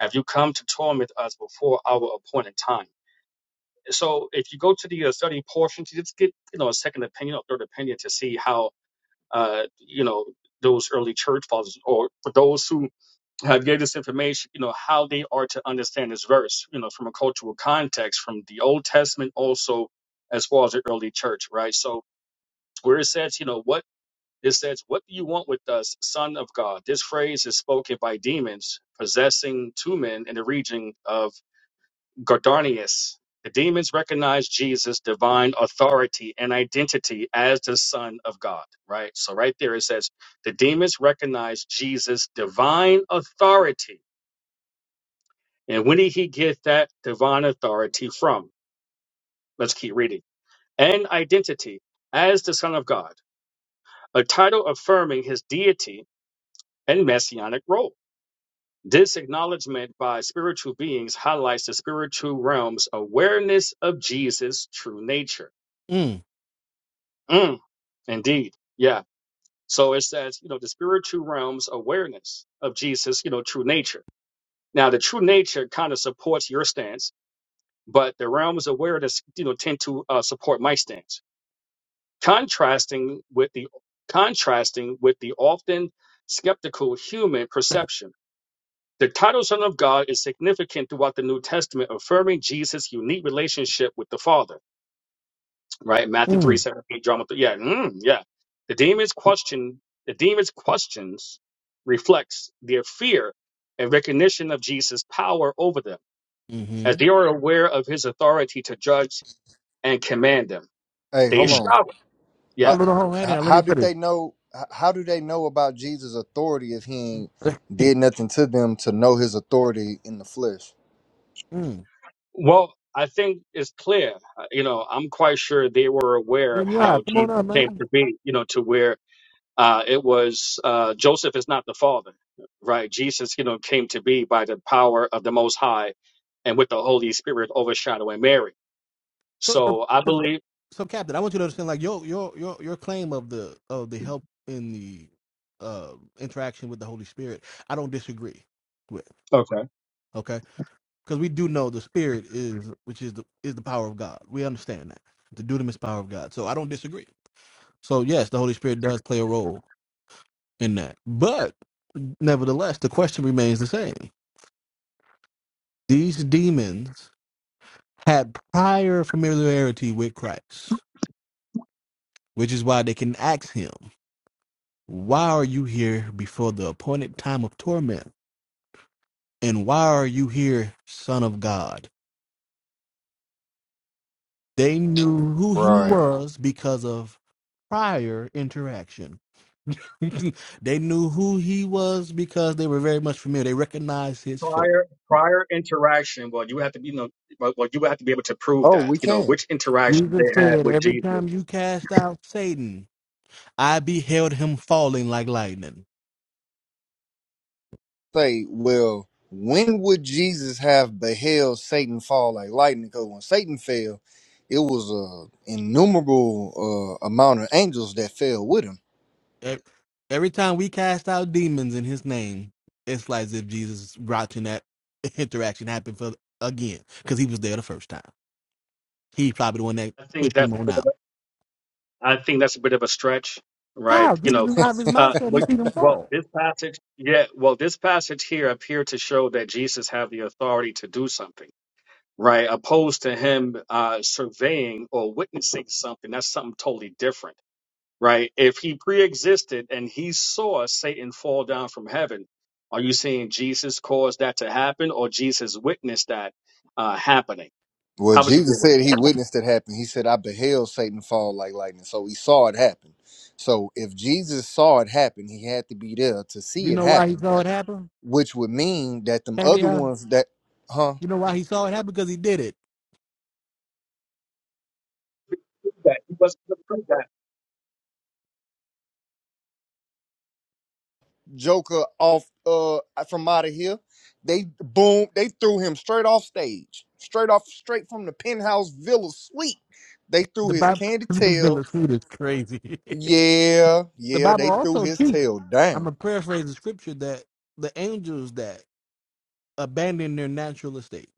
Have you come to torment us before our appointed time? So if you go to the uh, study portion, to just get you know a second opinion or third opinion to see how uh, you know, those early church fathers, or for those who have gave this information, you know, how they are to understand this verse, you know, from a cultural context, from the Old Testament also, as well as the early church, right? So where it says, you know, what it says, what do you want with us, Son of God? This phrase is spoken by demons possessing two men in the region of Gardanius. The demons recognize Jesus' divine authority and identity as the Son of God, right? So, right there it says, the demons recognize Jesus' divine authority. And when did he get that divine authority from? Let's keep reading. And identity as the Son of God, a title affirming his deity and messianic role. This acknowledgement by spiritual beings highlights the spiritual realm's awareness of Jesus' true nature.
Mm.
Mm. Indeed. Yeah. So it says, you know, the spiritual realm's awareness of Jesus, you know, true nature. Now, the true nature kind of supports your stance, but the realm's awareness, you know, tend to uh, support my stance. Contrasting with the contrasting with the often skeptical human perception. The title Son of God is significant throughout the New Testament, affirming Jesus' unique relationship with the Father. right? Matthew 3,
Mm.
seventeen, drama 3. Yeah, mm, yeah. The demon's question, the demon's questions reflects their fear and recognition of Jesus' power over them, as they
Mm-hmm.
are aware of his authority to judge and command them.
Hey,
They
hold
Mm.
on.
shout. Yeah.
How
Hold on, hold on, hang
h-
on, let me
how did
put
they know? h- How do they know about Jesus' authority if he ain't
it.
did nothing to them to know his authority in the flesh?
Well, I think it's clear. Uh, You know, I'm quite sure they were aware
Then yeah,
how
come on
Jesus
up,
came
man.
to be, you know, to where Uh, it was uh, Joseph is not the father, right? Jesus, you know, came to be by the power of the Most High and with the Holy Spirit overshadowing Mary.
So, so
So I believe.
so Captain, I want you to understand, like your your your your claim of the of the help in the uh, interaction with the Holy Spirit, I don't disagree with.
Okay.
Okay, because we do know the Spirit is, which is the is the power of God. We understand that the dunamis power of God. So I don't disagree. So yes, the Holy Spirit does play a role in that, but nevertheless, the question remains the same. These demons had prior familiarity with Christ, which is why they can ask Him. Why are you here before the appointed time of torment? And why are you here, Son of God? They knew who he
Right.
was because of prior interaction. they knew who he was because they were very much familiar. They recognized his face.
Prior prior interaction. Well, you have to be you know. Well, well, you would have to be able to prove
Oh,
that.
we
You know
can.
which interaction
Jesus
they had
said,
with
Every
Jesus.
time you cast out Satan, I beheld him falling like lightning.
say, well, when would Jesus have beheld Satan fall like lightning? Because when Satan fell, it was a innumerable uh, amount of angels that fell with him.
Ev- Every time we cast out demons in his name, it's like as if Jesus is watching that interaction happen for again because he was there the first time. He's probably the one that
I think
pushed
that's.
him on
a bit of
out.
a- I think that's a bit of a stretch,
How?
right? You
Jesus
know.
is out of his
Uh,
mouth said he
but-
seen him
well,
fall.
this passage, yeah. Well, this passage here appeared to show that Jesus had the authority to do something right? Opposed to him uh, surveying or witnessing something, that's something totally different, right? If he pre-existed and he saw Satan fall down from heaven, are you saying Jesus caused that to happen or Jesus witnessed that uh, happening?
Well,
How would you deal
Jesus
with
said he
that?
witnessed it happen. He said, I beheld Satan fall like lightning. So he saw it happen. So if Jesus saw it happen, he had to be there to
You
see it
know why he
happen,
saw it happen?
which would mean that them
Can he,
other
uh,
ones that, huh?
you know why he saw it happen? Because he did it.
That he wasn't gonna prove that.
Joker off uh from out of here. They boom, they threw him straight off stage, straight off, straight from the penthouse villa suite. They threw
The
his
Bible,
candy
this
tail.
Billisuit is crazy.
Yeah,
the
yeah,
Bible
they threw
also
his
too.
tail
I'm
down.
gonna paraphrase the scripture that the angels that abandon their natural estate,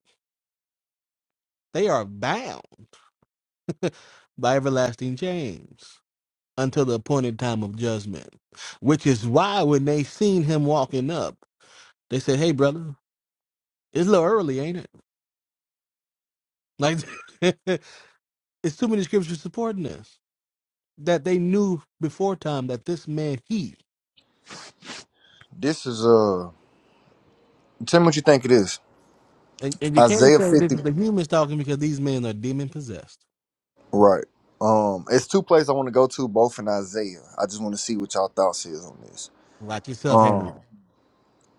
they are bound by everlasting chains until the appointed time of judgment. Which is why when they seen him walking up, they said, Hey brother, it's a little early, ain't it? Like it's too many scriptures supporting this. That they knew before time that this man he
This is uh, tell me what you think it is.
and, and you can't
Isaiah
say this
fifty,
is the humans talking because these men are demon possessed.
right? Um, it's two places I want to go to, both in Isaiah. I just want to see what y'all thoughts is on this.
Watch yourself, Hannah.
Um,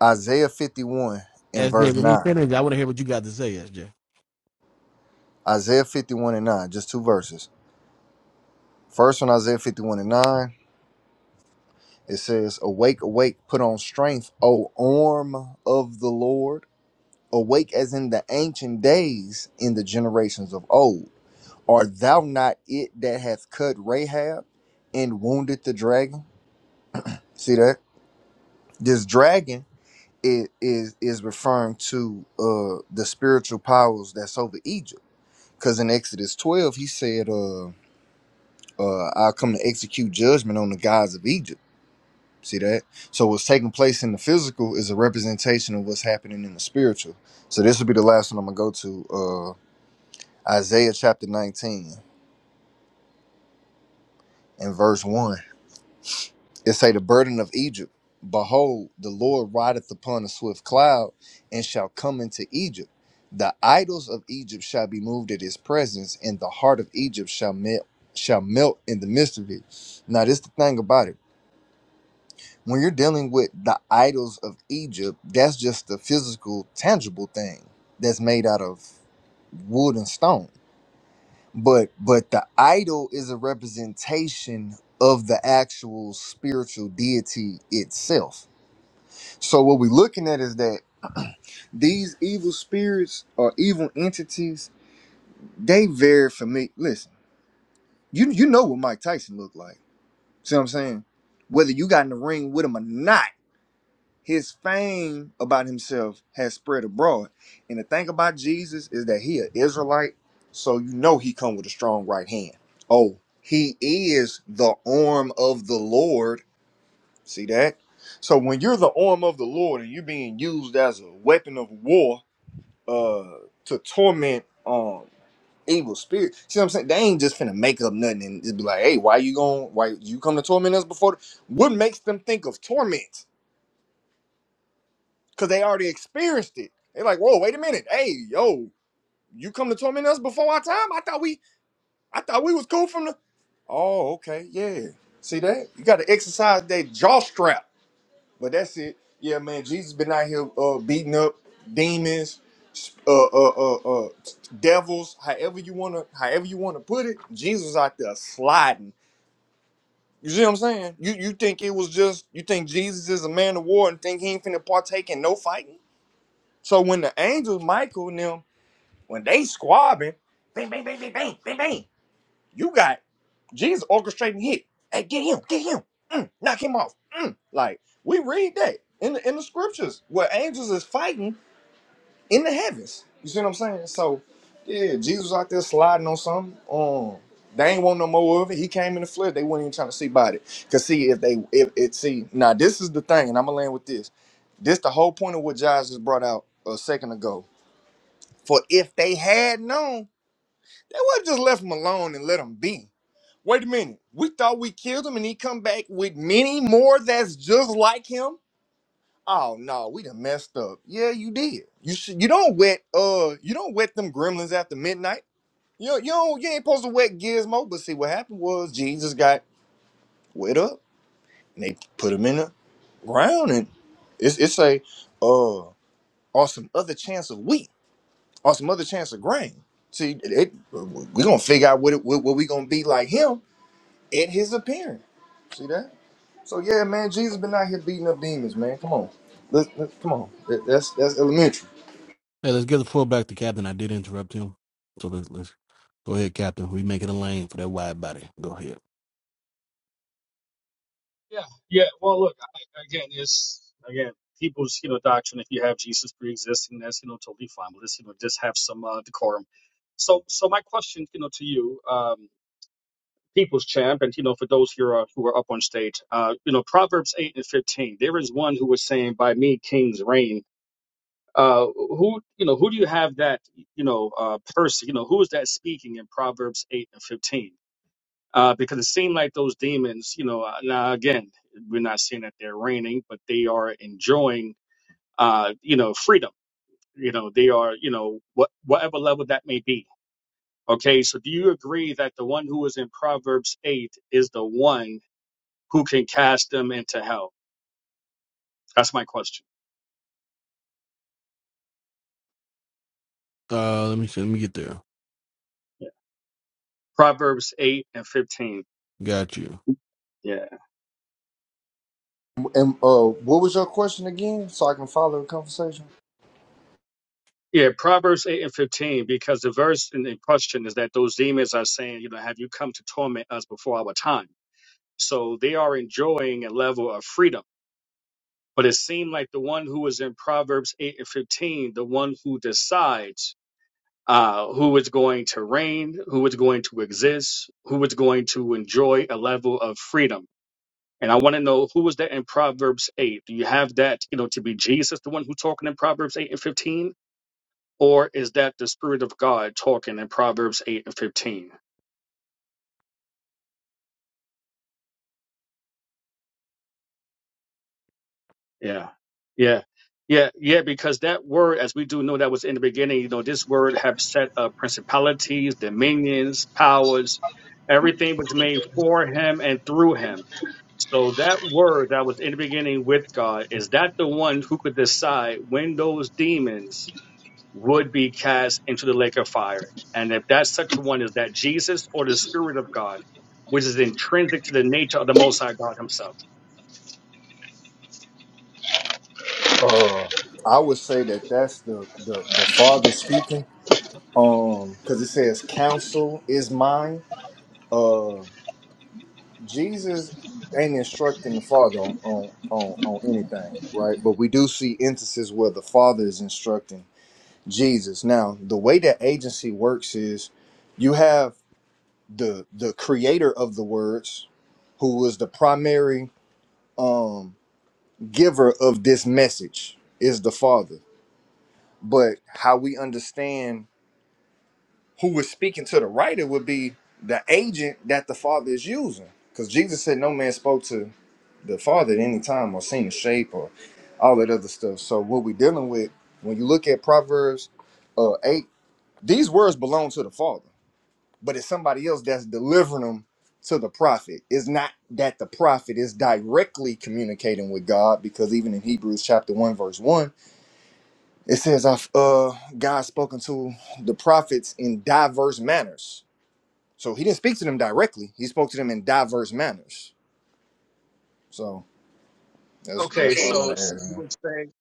Isaiah fifty one and verse
SJ, when he
nine.
finished, I want to hear what you got to say, SJ.
Isaiah fifty one and nine, just two verses. First one, Isaiah 51 and 9. It says, Awake, awake, put on strength, O arm of the Lord. Awake as in the ancient days, in the generations of old. Art thou not it that hath cut Rahab and wounded the dragon? See that? This dragon is, is, is referring to uh, the spiritual powers that's over Egypt. Because in Exodus 12, he said, uh, uh, I'll come to execute judgment on the gods of Egypt See that? So what's taking place in the physical is a representation of what's happening in the spiritual. So this will be the last one I'm gonna go to. Uh, Isaiah chapter 19 and verse one. It say the burden of Egypt. Behold, the Lord rideth upon a swift cloud, and shall come into Egypt. The idols of Egypt shall be moved at his presence, and the heart of Egypt shall melt shall melt in the midst of it. Now this the thing about it When you're dealing with the idols of Egypt, that's just the physical, tangible thing that's made out of wood and stone. But but the idol is a representation of the actual spiritual deity itself. So what we're looking at is that these evil spirits or evil entities, they vary for me. Listen, you you know what Mike Tyson looked like. See what I'm saying? Whether you got in the ring with him or not His fame about himself has spread abroad. And the thing about Jesus is that he an Israelite, so you know he come with a strong right hand. Oh, he is the arm of the Lord. See that? So when you're the arm of the Lord and you're being used as a weapon of war uh to torment um evil spirits. See what I'm saying? They ain't just finna make up nothing and just be like, hey, why you going why you come to torment us before? the-" What makes them think of torment? because they already experienced it. They're like, whoa, wait a minute, hey, yo, you come to torment us before our time? I thought we, I thought we was cool from the. Oh, okay, yeah. See that? You got to exercise that jaw strap. But that's it. Yeah, man. Jesus been out here uh, beating up demons, uh, uh, uh, uh, devils. However you wanna, however you wanna put it, Jesus out there sliding. You see what I'm saying? You you think it was just you think Jesus is a man of war and think he ain't finna partake in no fighting? So when the angels, Michael and them, when they squabbing, bang, bang, bang, bang, bang, bang, bang, you got Jesus orchestrating hit. Hey, get him, get him, Mm, knock him off. Mm. Like we read that in the in the scriptures where angels is fighting in the heavens. You see what I'm saying? So yeah, Jesus out there sliding on something. Um, they ain't want no more of it. He came in the flesh. They weren't even trying to see about it. Cause see if they if it see now this is the thing, and I'm gonna land with this. This the whole point of what Josh just brought out a second ago for if they had known, they would have just left him alone and let him be. Wait a minute. We thought we killed him and he come back with many more that's just like him. Oh no, we done messed up. Yeah, you did. You should you don't wet uh you don't wet them gremlins after midnight. You don't- you don't, you ain't supposed to wet Gizmo, but see what happened was Jesus got wet up and they put him in the ground and it's it's a uh or some other chance of wheat. or some other chance of grain. See, it, we're gonna figure out what it, what, what we gonna be like him at his appearance. See that? So yeah, man, Jesus been out here beating up demons, man. Come on, let, let- come on. That- That's that's elementary.
Hey, let's give the floor back to Captain. I did interrupt him. So let's, let's go ahead, Captain. We making a lane for that wide body. Go ahead.
Yeah, yeah. Well, look, I, again, it's again people's you know doctrine. If you have Jesus pre-existing, that's you know totally fine. But let's you know just have some uh, decorum. So, so my question, you know, to you, um, people's champ and you know for those who are who are up on stage uh you know proverbs 8 and 15 there is one who was saying by me kings reign uh who you know who do you have that you know uh person you know who is that speaking in proverbs 8 and 15 uh because it seemed like those demons you know uh, now again we're not saying that they're reigning but they are enjoying uh you know freedom you know they are you know what whatever level that may be okay so do you agree that the one who is in proverbs 8 is the one who can cast them into hell? That's my question.
Uh, let me see. Let me get there.
Yeah. Proverbs 8 and 15.
Got you.
Yeah.
And uh, what was your question again? So I can follow the conversation.
Yeah, Proverbs 8 and 15, because the verse in the question is that those demons are saying, you know, have you come to torment us before our time? So they are enjoying a level of freedom. But it seemed like the one who was in Proverbs 8 and 15, the one who decides uh, who is going to reign, who is going to exist, who is going to enjoy a level of freedom And I want to know who was that in Proverbs 8? Do you have that, you know, to be Jesus, the one who talking in Proverbs 8 and 15? Or is that the Spirit of God talking in Proverbs 8 and 15? Yeah. Yeah. Yeah. Yeah. Because that word, as we do know that was in the beginning, you know, this word have set up principalities, dominions, powers. Everything was made for him and through him. So that word that was in the beginning with God, is that the one who could decide when those demons would be cast into the lake of fire. And if that such one is that Jesus or the Spirit of God, which is intrinsic to the nature of the Most High God Himself.
Uh, I would say that that's the the the Father speaking. Um, because it says counsel is mine. Uh, Jesus ain't instructing the Father on, on, on, on anything, right? But we do see instances where the Father is instructing Jesus. Now, the way that agency works is you have the the creator of the words, who was the primary um giver of this message, is the Father. But how we understand who was speaking to the writer would be the agent that the father is using. Because Jesus said no man spoke to the father at any time or seen the shape or all that other stuff. So what we're dealing with when you look at Proverbs uh, eight, these words belong to the father, but it's somebody else that's delivering them to the prophet. It's not that the prophet is directly communicating with God, because even in Hebrews chapter one verse one, it says, "I've uh, God spoken to the prophets in diverse manners." So he didn't speak to them directly. He spoke to them in diverse manners. So that's
Okay,
that's what I
so
want to
it's-
add.
you
Man.
would say,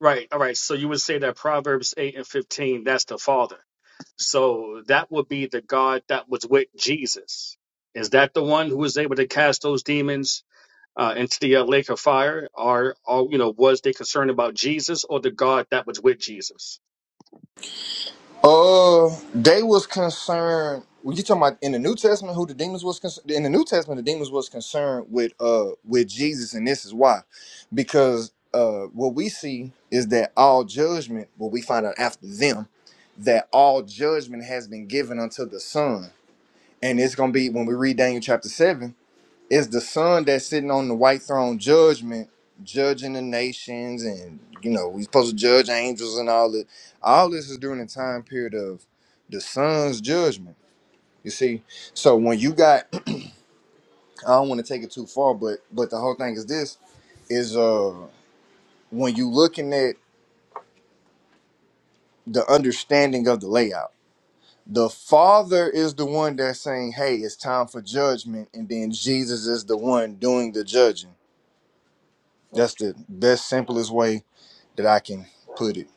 right, all right, so you would say that Proverbs 8 and 15, that's the Father. So that would be the God that was with Jesus. Is that the one who was able to cast those demons uh, into the uh, lake of fire? Or, or, you know, was they concerned about Jesus or the God that was with Jesus?
Uh, they was concerned. Were you talking about in the New Testament? Who the demons was concerned? In the New Testament, the demons was concerned with uh with Jesus, and this is why, because uh what we see is that all judgment. What we find out after them that all judgment has been given unto the Son, and it's gonna be when we read Daniel chapter seven. It's the son that's sitting on the white throne judgment, judging the nations, and you know, we supposed to judge angels and all that. All this is during the time period of the son's judgment. You see, so when you got, I don't want to take it too far, but but the whole thing is this: is uh when you looking at the understanding of the layout. The father is the one that's saying, "Hey, it's time for judgment," and then Jesus is the one doing the judging That's the best, simplest way that I can put it.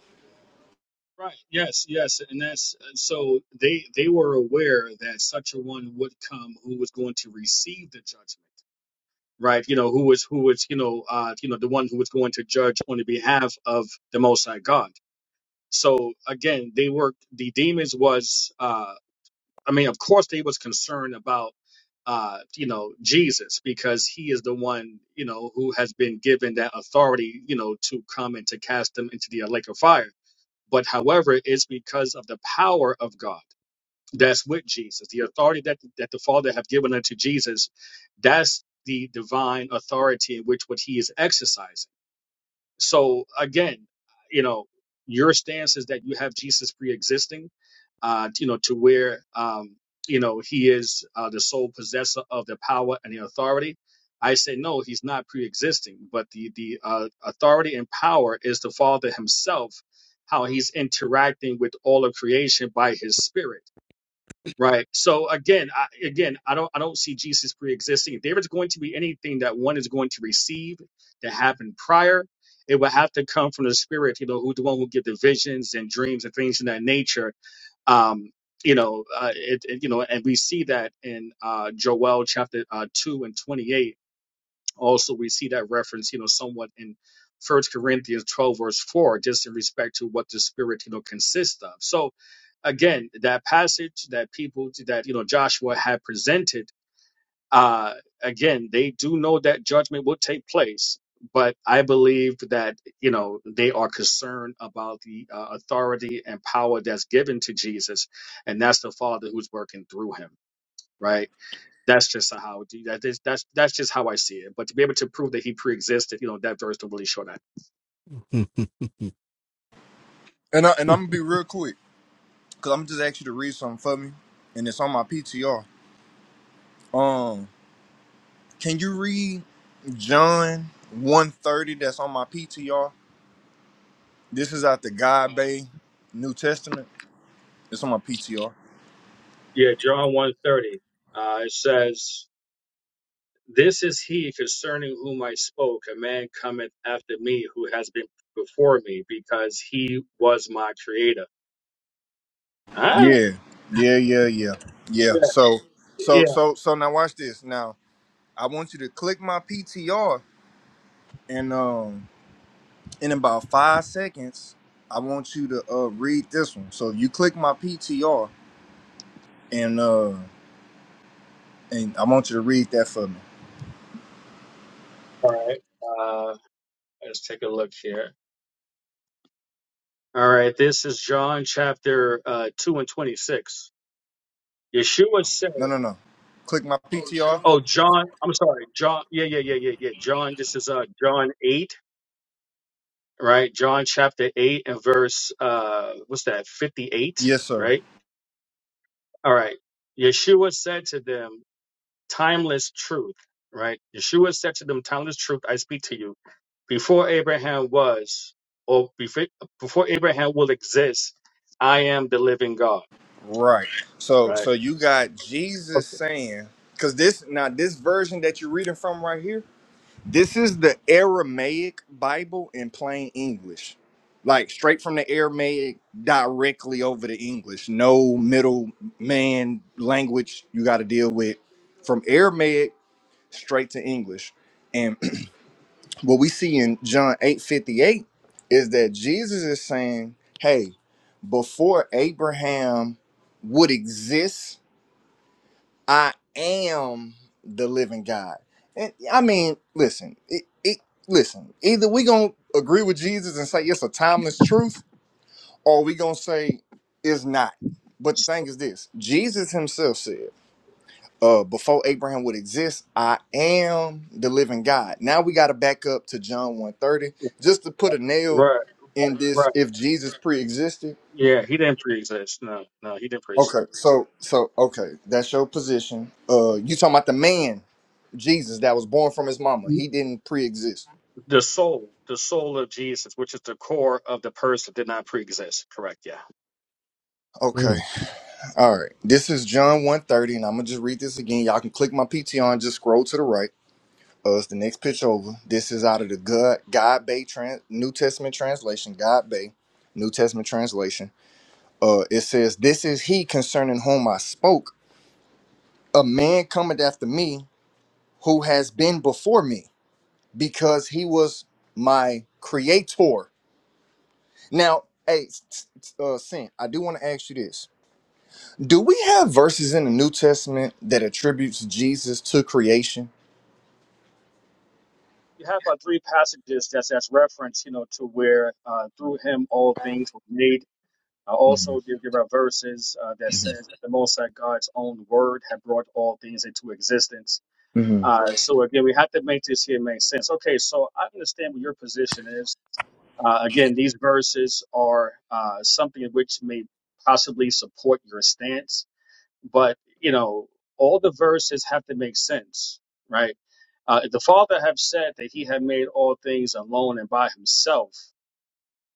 Right. Yes. Yes. And that's so they they were aware that such a one would come who was going to receive the judgment. Right. You know who was who was you know uh you know the one who was going to judge on the behalf of the Most High God. So again, they were the demons was uh I mean of course they was concerned about uh you know Jesus because he is the one you know who has been given that authority you know to come and to cast them into the lake of fire but however, it's because of the power of God that's with Jesus, the authority that, that the Father have given unto Jesus, that's the divine authority in which what he is exercising. So again, you know, your stance is that you have Jesus pre-existing, uh, you know, to where um, you know he is uh, the sole possessor of the power and the authority. I say no, he's not pre-existing, but the the uh, authority and power is the Father Himself, how He's interacting with all of creation by His Spirit Right. So again, I, again, I don't, I don't see Jesus pre-existing. If there is going to be anything that one is going to receive that happened prior, it will have to come from the Spirit. You know, who the one who give the visions and dreams and things in that nature. Um, you know, uh, it, it, you know, and we see that in uh, Joel chapter uh, two and twenty-eight also, we see that reference, you know, somewhat in First Corinthians 12, verse 4, just in respect to what the spirit, you know, consists of. So again, that passage that people that you know Joshua had presented, uh, again, they do know that judgment will take place. But I believe that you know they are concerned about the uh, authority and power that's given to Jesus, and that's the Father who's working through him, right? That's just how that is, that's that's just how I see it. But to be able to prove that he pre-existed, you know, that verse don't really show that.
And I, and I'm gonna be real quick because I'm just ask you to read something for me, and it's on my PTR. Um, can you read John one thirty? That's on my PTR. This is out the
Uh,
God Bay New Testament. It's on my PTR.
yeah, John 130. Uh, it says, This is he concerning whom I spoke, a man cometh after me who has been before me, because he was my creator. Huh?
Yeah, yeah, yeah, yeah, yeah.
Yeah,
So, so,
yeah.
so, so now watch this. Now I want you to click my PTR and um in about five seconds, I want you to uh, read this one. So you click my PTR and uh, and I want you to read that for me.
All right. Uh, let's take a look here. All right, this is John chapter uh, 2 and 26. Yeshua said.
No, no, no. Click my PTR.
Oh, John, I'm sorry. John, yeah, yeah, yeah, yeah, yeah. John, this is uh John 8, right? John chapter 8 and verse uh what's that? 58,
Yes, sir.
right? All right. Yeshua said to them, timeless truth, right? Yeshua said to them, timeless truth, I speak to you. Before Abraham was or before, before Abraham will exist, I am the living God,
Right. So
right?
so you got Jesus
Okay.
saying because this now this version that you're reading from right here This is the Aramaic Bible in plain English, like straight from the Aramaic directly over to English. No middle man language you got to deal with from Aramaic straight to English. And what we see in John 8:58 is that Jesus is saying, "Hey, before Abraham would exist, I am the living God. And I mean, listen, it, it, listen, either we going to agree with Jesus and say it's a timeless truth, or we going to say it's not. But the thing is this Jesus himself said, uh, before Abraham would exist, I am the living God. Now we got to back up to John 130 just to put
Right,
a nail
right.
in this
right.
if Jesus pre existed
Yeah, he didn't pre-exist. No, no, he didn't pre-exist.
Okay, so so okay, that's your position. Uh, you talking about the man, Jesus, that was born from his mama. He didn't pre-exist.
The soul, the soul of Jesus, which is the core of the person, did not pre-exist. Correct. Yeah.
Okay,
Mm.
all right. This is John one thirty, and I'm gonna just read this again. Y'all can click my PT on, just scroll to the right. Uh, it's the next pitch over. This is out of the God God Bay Trans New Testament translation. God Bay, New Testament translation. Uh, it says, "This is he concerning whom I spoke, a man cometh after me, who has been before me." because he was my creator. Now, hey, s- uh, Sin, I do want to ask you this. Do we have verses in the New Testament that attributes Jesus to creation?
You have about three passages that's that's reference, you know, to where uh, through him all things were made. Uh, also,
Mm-hmm.
there, there are verses uh, that says that the Most High God's own word had brought all things into existence.
hmm
Uh, so again, we have to make this here make sense. Okay, so I understand what your position is. Uh, again, these verses are uh, something which may possibly support your stance but you know all the verses have to make sense right uh, the father have said that he had made all things alone and by himself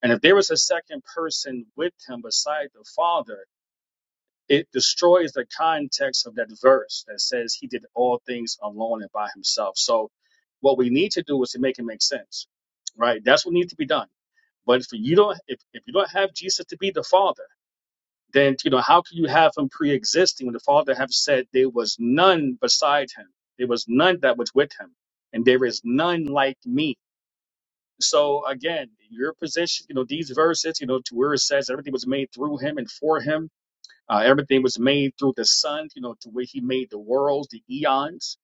and if there was a second person with him beside the father it destroys the context of that verse that says he did all things alone and by himself so what we need to do is to make it make sense right that's what needs to be done but if you don't if, if you don't have jesus to be the father then you know how can you have him pre-existing when the father have said there was none beside him there was none that was with him and there is none like me so again your position you know these verses you know to where it says everything was made through him and for him uh, everything was made through the son you know to where he made the worlds the eons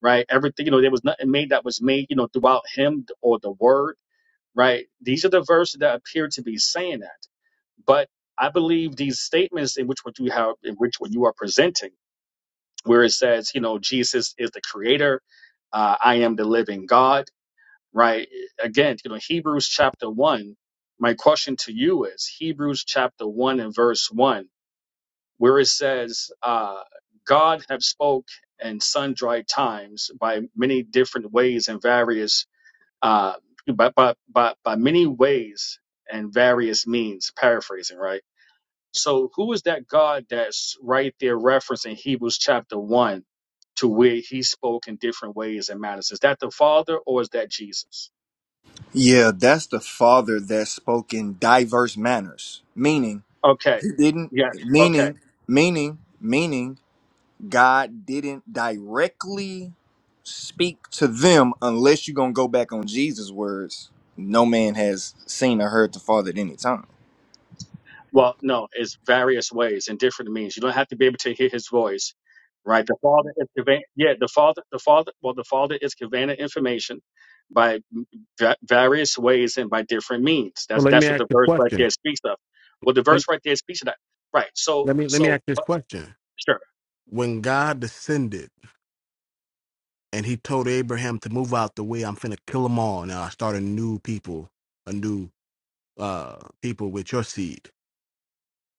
right everything you know there was nothing made that was made you know throughout him or the word right these are the verses that appear to be saying that but I believe these statements in which what you have, in which what you are presenting, where it says, you know, Jesus is the creator, uh, I am the living God, right? Again, you know, Hebrews chapter one. My question to you is Hebrews chapter one and verse one, where it says, uh, God have spoke in sundry times by many different ways and various, uh, by, by, by, by many ways and various means, paraphrasing, right? So who is that God that's right there referencing Hebrews chapter one to where he spoke in different ways and matters? Is that the Father or is that Jesus?
Yeah, that's the Father that spoke in diverse manners, meaning
Okay.
he didn't,
Yes. Okay.
meaning, meaning, meaning God didn't directly speak to them unless you're going to go back on Jesus' words. No man has seen or heard the Father at any time.
Well, no, it's various ways and different means. You don't have to be able to hear his voice. Right. The Father is conveying yeah, the Father the Father well the Father is conveying the information by va- various ways and by different means.
So
That's
let me
that's what
ask
the
the
verse right
question.
there speaks of. Well the
Let,
verse right there speaks of that. Right. So
let me let me
so
ask this
but-
question.
sure.
When God descended and He told Abraham to move out the way, I'm finna kill them all. Now I start a new people, a new uh people with your seed.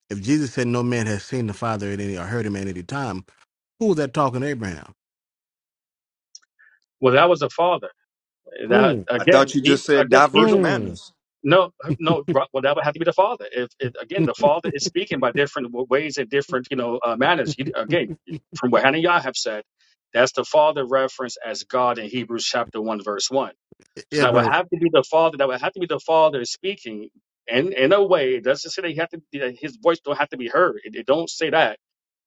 If Jesus said no man has seen the Father at any or heard him at any time, who was that talking to Abraham?
Well, that was the father. That
Mm,
I
again,
thought you
he
just said
again
diverse
Hebrew.
mm.
manners.
No, no. right, Well, that would have to be the father. If, if again the father is speaking by different w- ways and different you know uh, manners. He, again, from what Hannah and Yah have said, that's the father reference as God in Hebrews chapter one verse one. So
yeah,
that would
but.
have to be the father. That would have to be the father speaking. And in in a way, it doesn't say that he have to. That his voice don't have to be heard. It, it don't say that.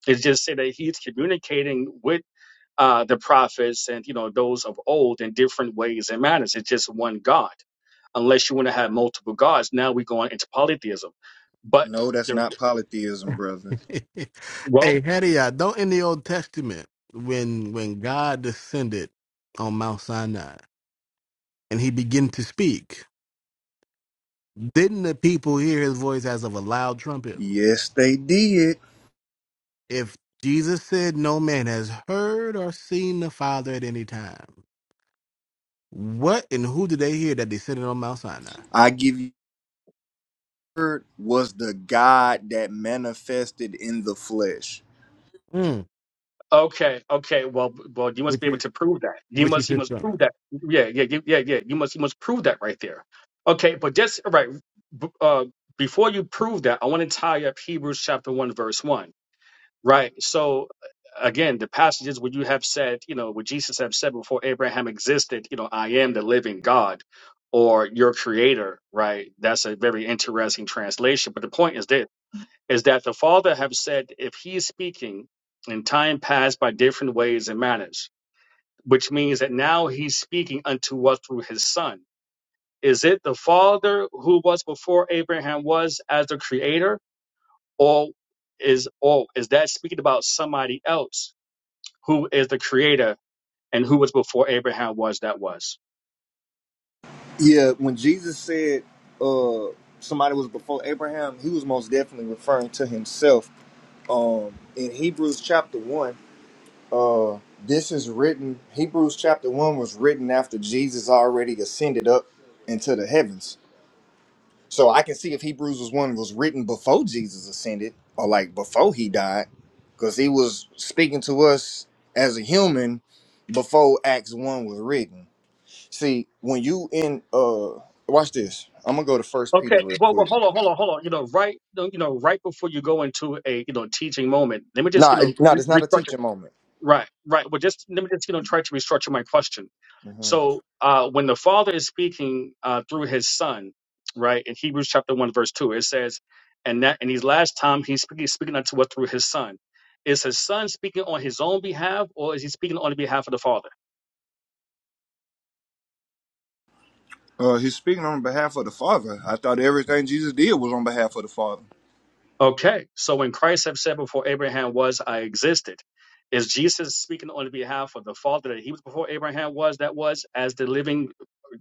It just say that he's communicating with uh, the prophets and you know those of old in different ways and manners. It's just one God, unless you want to have multiple gods. Now we're going into polytheism, but
No, that's
the
not polytheism, brother.
hey,
well,
Hadiah, don't in the Old Testament when when God descended on Mount Sinai and he began to speak, didn't the people hear his voice as of a loud trumpet?
Yes, they did.
If Jesus said no man has heard or seen the Father at any time, what and who did they hear that descended on Mount Sinai?
I give you the word was the God that manifested in the flesh.
Mm,
okay, okay, well, well, you must
which
be able
is
to prove that. You
which is
must, you
his
must
son.
prove that. Yeah, yeah, you- yeah, yeah. You must, you must prove that right there. Okay, but just all right. b- Uh, before you prove that, I want to tie up Hebrews chapter one, verse one Right. So uh, again, the passages where you have said, you know, where Jesus have said before Abraham existed, you know, I am the living God or your creator, right? That's a very interesting translation. But the point is this is that the Father have said if He is speaking in time past by different ways and manners, which means that now he's speaking unto us through his son. Is it the Father who was before Abraham was as the creator? Or is or is that speaking about somebody else? who is the creator and who was before Abraham was that was.
Yeah, when Jesus said uh somebody was before Abraham, he was most definitely referring to himself. Um in Hebrews chapter one, this is written Hebrews chapter one was written after Jesus already ascended up into the heavens. So I can see if Hebrews was one was written before Jesus ascended or like before he died, because he was speaking to us as a human before Acts one was written. See, when you in uh watch this. I'm gonna go to first
Okay,
Peter real
well, well,
quick.
hold on, hold on, hold on. You know, right, you know, right before you go into a you know teaching moment, let me just you
Nah,
know
it- nah, it's
re-
not a
restructure.
teaching moment.
Right, right. Well, just let me just you know try to restructure my question.
Mhm.
So, uh, when the Father is speaking uh, through His Son, right, in Hebrews chapter one verse two, it says, "And that in His last time He's speaking, he's speaking unto us through His Son." Is His Son speaking on His own behalf, or is He speaking on the behalf of the Father?
Uh, he's speaking on behalf of the Father. I thought everything Jesus did was on behalf of the Father.
Okay, so when Christ have said before Abraham was, I existed, is Jesus speaking on behalf of the Father that He was before Abraham was, that was, as the living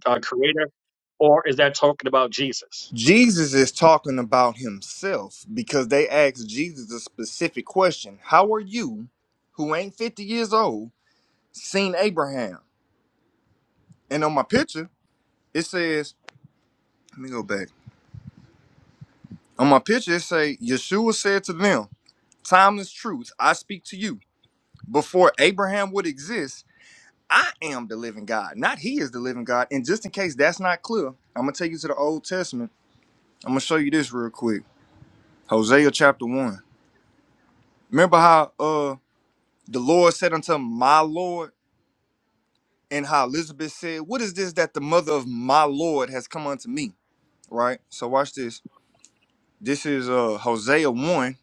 uh, Creator, or is that talking about Jesus?
Jesus is talking about himself because they asked Jesus a specific question. How are you, who ain't 50 years old, seen Abraham? And on my picture, it says, let me go back. On my picture, it say, Yeshua said to them, Timeless truth, I speak to you. Before Abraham would exist, I am the living God, not he is the living God. And just in case that's not clear, I'm gonna take you to the Old Testament. I'm gonna show you this real quick. Hosea chapter one. Remember how uh The Lord said unto him, My Lord. And how Elizabeth said, What is this that the mother of my Lord has come unto me? Right? So watch this. This is uh Hosea 1,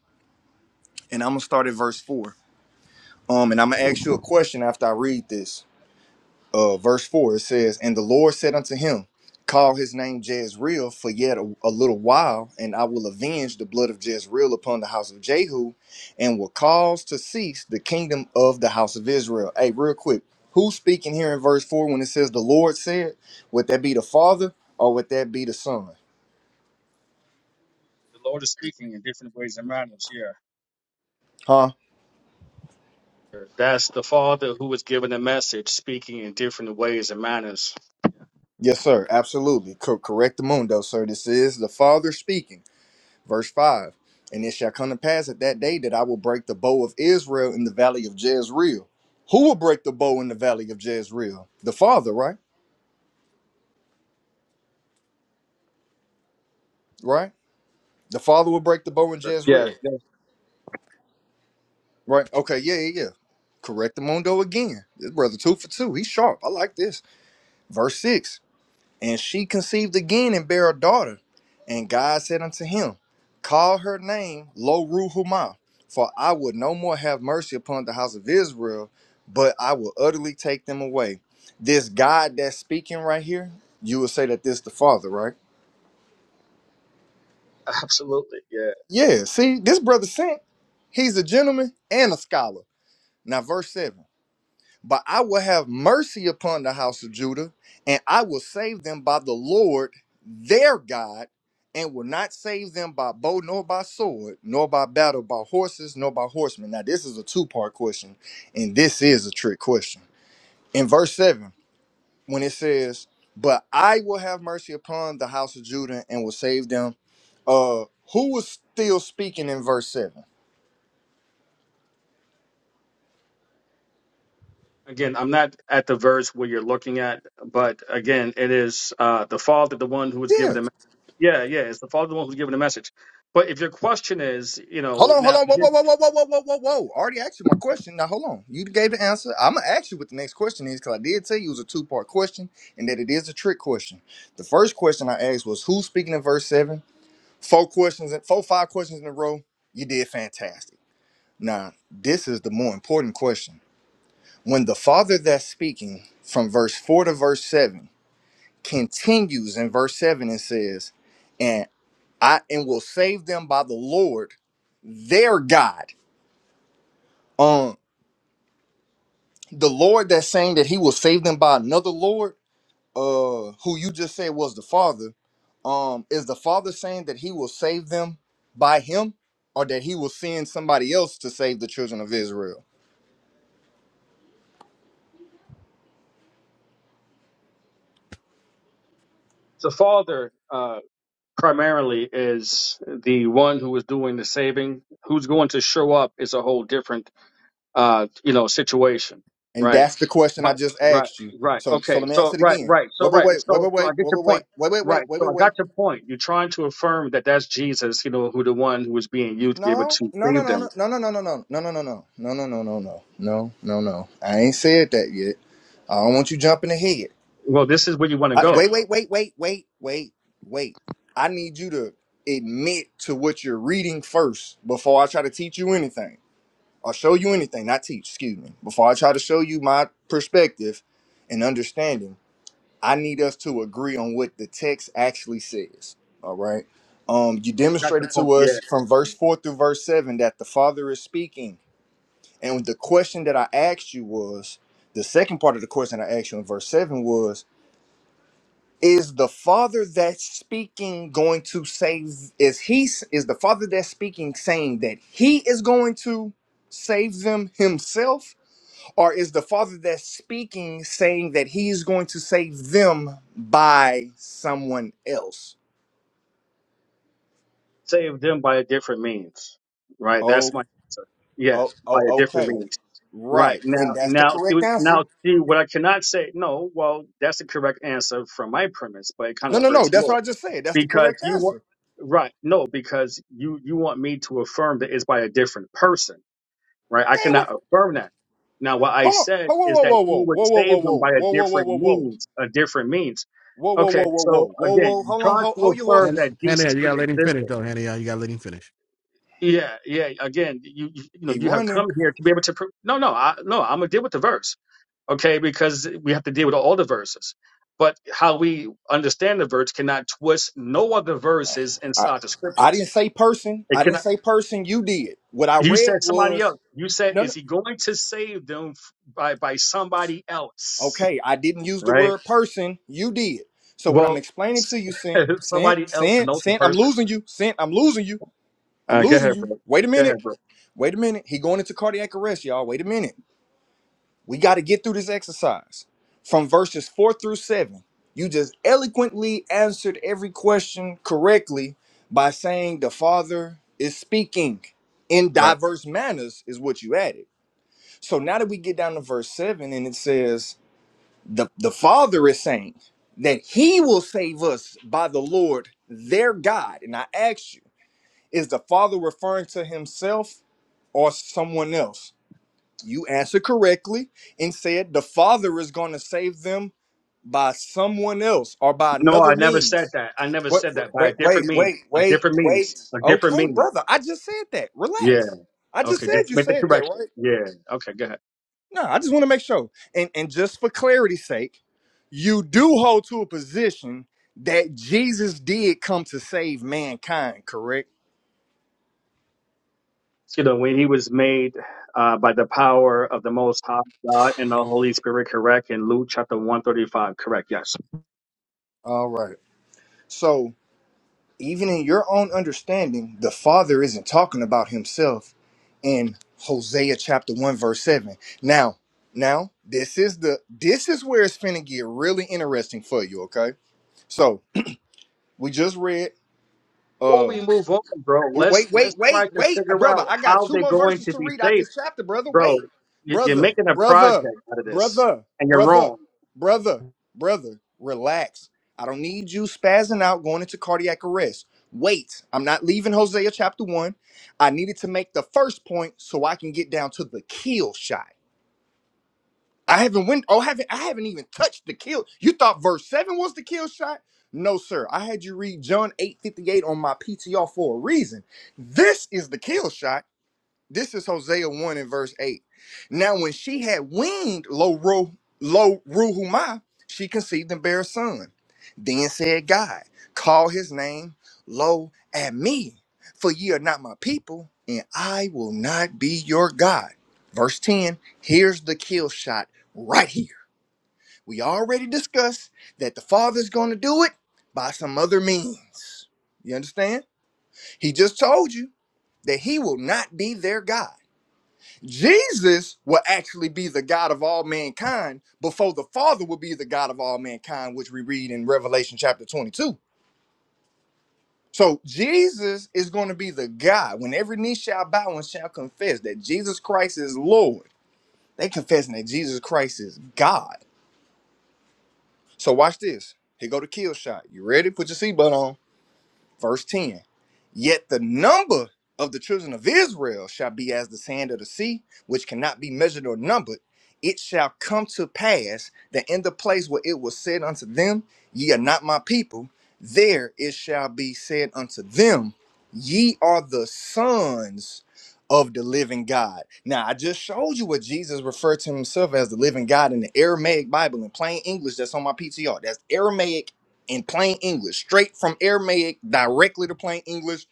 and I'm gonna start at verse 4. Um, and I'm gonna ask you a question after I read this. uh, verse 4, it says, And the Lord said unto him, Call his name Jezreel for yet a, a little while, and I will avenge the blood of Jezreel upon the house of Jehu, and will cause to cease the kingdom of the house of Israel. Hey, real quick, who's speaking here in verse 4 when it says, The Lord said, Would that be the Father or would that be the Son?
The Lord is speaking in different ways and manners here.
Huh?
That's the Father who was given the message, speaking in different ways and manners.
Yes, sir. Absolutely. Co- correct the mundo, sir. This is the Father speaking. Verse 5 And it shall come to pass at that day that I will break the bow of Israel in the valley of Jezreel. Who will break the bow in the valley of Jezreel? The father, right? Right? The father will break the bow in
Yeah,
Jezreel.
yeah,
Right? Okay, yeah, yeah, yeah. Correct the mundo again. This brother two for two. He's sharp. I like this. Verse 6. And she conceived again and bare a daughter. And God said unto him, Call her name Lo Ruhumah, for I would no more have mercy upon the house of Israel, but I will utterly take them away. This God that's speaking right here, you would say that this the Father, right?
absolutely. Yeah.
Yeah, see, this brother sent. He's a gentleman and a scholar. Now, verse 7. But I will have mercy upon the house of Judah, and I will save them by the Lord their God, and will not save them by bow nor by sword, nor by battle, by horses, nor by horsemen. Now, this is a two part question, and this is a trick question. In verse 7, when it says, But I will have mercy upon the house of Judah and will save them, uh, who was still speaking in verse 7?
Again, I'm not at the verse where you're looking at, but again, it is uh, the fault of the one who was
Yeah.
given the message. Yeah, yeah, it's the fault of the one who's given the message. But if your question is, you
Hold
know,
on, hold
now
on, whoa, whoa, whoa, whoa, whoa, whoa, whoa, whoa. whoa. I already asked you my question. Now hold on. You gave the answer. I'm gonna ask you what the next question is because I did tell you it was a two part question and that it is a trick question. The first question I asked was who's speaking in verse seven. Four questions, four five questions in a row. You did fantastic. Now this is the more important question. When the father that's speaking from verse four to verse seven continues in verse seven and says, "And I and will save them by the Lord their God." um, the Lord that's saying that he will save them by another Lord, uh, who you just said was the Father, um, is the Father saying that he will save them by him or that he will send somebody else to save the children of Israel?
the father uh, primarily is the one who is doing the saving. Who's going to show up is a whole different uh, you know, situation,
And
right?
that's the question I
But
just
right,
asked you.
right,
So so
okay.
let me ask
So
it
right,
again.
right. So
Wait,
right.
wait, wait,
So
wait, wait,
so
wait,
I get your
wait, wait, wait,
point.
wait, wait, wait,
Right.
wait,
So
wait,
I
wait.
got your point. You're trying to affirm that that's Jesus, you know, who the one who was being used to be able
No,
to
no, no,
save them.
no, no, no, no, no, no, no, no, no, no, no, no, no, no, no, no, no, no, no. I ain't said that yet. I don't want you jumping ahead.
Well, this is where you want to
I, wait,
go.
wait, wait, wait, wait, wait, wait. I need you to admit to what you're reading first before I try to teach you anything or show you anything. Not teach, excuse me. Before I try to show you my perspective and understanding, I need us to agree on what the text actually says. All right. Um, you
I got the
demonstrated to
point. Yeah.
us from verse four through verse seven that the Father is speaking, and the question that I asked you was the second part of the question I asked you in verse seven was is the father that's speaking going to save is he is the father that's speaking saying that he is going to save them himself or is the father that's speaking saying that he is going to save them by someone else
Save them by a different means. Right. That's
oh
my answer. Yeah,
oh,
by
oh
a different
okay
means. Right
right
now,
and that's the
now,
correct answer
now, see what I cannot say. No, well, that's the correct answer from my premise, but it kind
no
of
no no
hurts
that's
yours.
what i just said that's the
because
correct
you want
answer
right no because you you want me to affirm that it's by a different person right i
dang
cannot
what
affirm that now what i
hold on
said is
whoa
that
whoa whoa
he
whoa
would
whoa whoa
save them
whoa whoa whoa
by a
whoa whoa whoa
different
whoa whoa
means a different means
Whoa, whoa, whoa,
okay
whoa,
so
whoa, whoa,
again
whoa!
you
Hold on,
try
hold,
to
hold your
affirm
Han-
that
horses.
Hannah,
jesus
you gotta let him finish
pre-existed
though, Hannah. You gotta let him finish.
yeah yeah again you you you know
He
you have
running.
come here to be able to pro- no no i no i'm gonna deal with the verse okay because we have to deal with all the verses but how we understand the verse cannot twist no other verses
I,
inside the
I
scriptures
didn't say person.
It
I
can
didn't say person. You did. What I
you said
read
somebody
was
else. You said
no, no.
is he going to save them f- by by somebody else?
Okay, I didn't use the
Right?
word person. You did. So what I'm
Well,
explaining to you, sent, sent,
somebody else
sent,
knows the
sent. I'm
person.
losing you, sent. I'm losing you. I'm
Uh, go
losing
ahead,
you.
bro.
Wait a
Go ahead,
minute.
bro.
Wait a minute. He going into cardiac arrest, y'all. Wait a minute. We got to get through this exercise. From verses four through seven, you just eloquently answered every question correctly by saying the Father is speaking in
Right.
diverse manners, is what you added. So now that we get down to verse seven and it says, the, the Father is saying that He will save us by the Lord their God. And I ask you, is the Father referring to Himself or someone else? You answered correctly and said the Father is going to save them by someone else or by
No, I
another
never said
means.
that. I never
What?
said that by a
Wait, wait,
different means.
wait,
A
wait,
different means.
wait.
A different
Okay,
means.
brother, I just said that.
Yeah.
Relax. I just
Okay.
said
Just
you
make the
said that,
correction.
right?
Yeah. Okay. Go ahead.
No, I just want to make sure. And and just for clarity's sake, you do hold to a position that Jesus did come to save mankind, correct?
You know, when he was made uh, by the power of the Most High God and the Holy Spirit, correct? In Luke chapter 135, correct. Yes.
All right. So. even in your own understanding, the Father isn't talking about himself in Hosea chapter 1 verse 7. Now, now this is the this is where it's finna get really interesting for you, okay? So, we just read
before
uh
we move on, bro, let's
Wait,
let's
wait, wait,
try to
wait,
figure
brother.
out
I got
how
two
they're
more
going
verses
to
to
be
read out
safe,
this chapter, brother. Wait,
bro. you- You're
brother,
making a project
brother,
out of this,
brother,
and you're
brother,
wrong.
brother, brother. Relax. I don't need you spazzing out, going into cardiac arrest. Wait, I'm not leaving Hosea chapter one. I needed to make the first point so I can get down to the kill shot. I haven't went. Oh, haven't. I haven't even touched the kill. You thought verse seven was the kill shot? No, sir. I had you read John eight fifty eight on my PTR for a reason. This is the kill shot. This is Hosea 1 and verse 8. Now, when she had weaned Lo Ru- Lo Ruhumah, she conceived and bare a son. Then said God, Call his name Lo at me, for ye are not my people, and I will not be your God. Verse 10 here's the kill shot right here. We already discussed that the Father's going to do it by some other means. You understand? He just told you that he will not be their God. Jesus will actually be the God of all mankind before the Father will be the God of all mankind, which we read in Revelation chapter 22. So Jesus is going to be the God when every knee shall bow and shall confess that Jesus Christ is Lord. They confessing that Jesus Christ is God. So watch this. Here go the kill shot. You ready? Put your seatbelt on. Verse 10 Yet the number of the children of Israel shall be as the sand of the sea, which cannot be measured or numbered. It shall come to pass that in the place where it was said unto them, Ye are not my people, there it shall be said unto them, Ye are the sons of the living God. Now, I just showed you what Jesus referred to himself as the living God in the Aramaic Bible in plain English that's on my PTR. That's Aramaic in plain English, straight from Aramaic directly to plain English.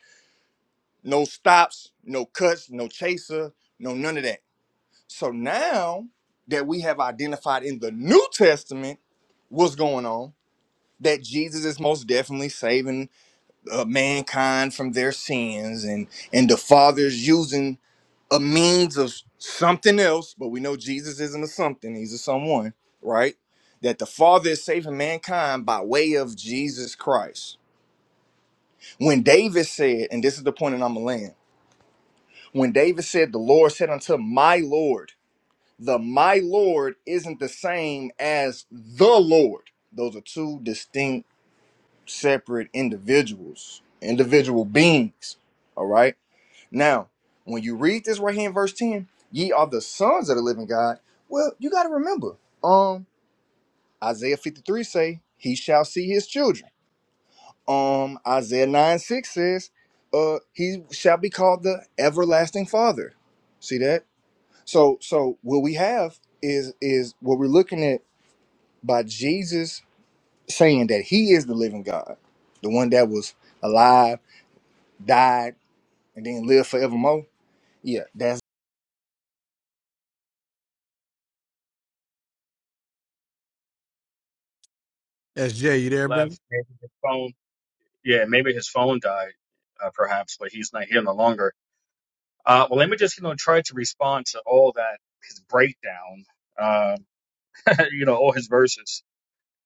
No stops, no cuts, no chaser, no none of that. So now that we have identified in the New Testament what's going on, that Jesus is most definitely saving uh, mankind from their sins, and and the Father's using a means of something else, but we know Jesus isn't a something; he's a someone, right? That the Father is saving mankind by way of Jesus Christ When David said, and this is the point that I'm gonna land, when David said, The Lord said unto my Lord, the my Lord isn't the same as the Lord. Those are two distinct, separate individuals, individual beings. All right. Now, when you read this right here in verse 10, ye are the sons of the living God. Well, you gotta remember, um, Isaiah 53 say, He shall see his children. um Isaiah 9 6 says, uh, he shall be called the everlasting father. See that? So so what we have is is what we're looking at by Jesus saying that he is the living God, the one that was alive, died, and then lived forevermore. Yeah, that's.
SJ, you
He
there, brother?
left. Maybe his phone. Yeah, maybe his phone died, uh, perhaps, but he's not here no longer. Uh, well, let me just you know try to respond to all that his breakdown, uh, you know, all his verses,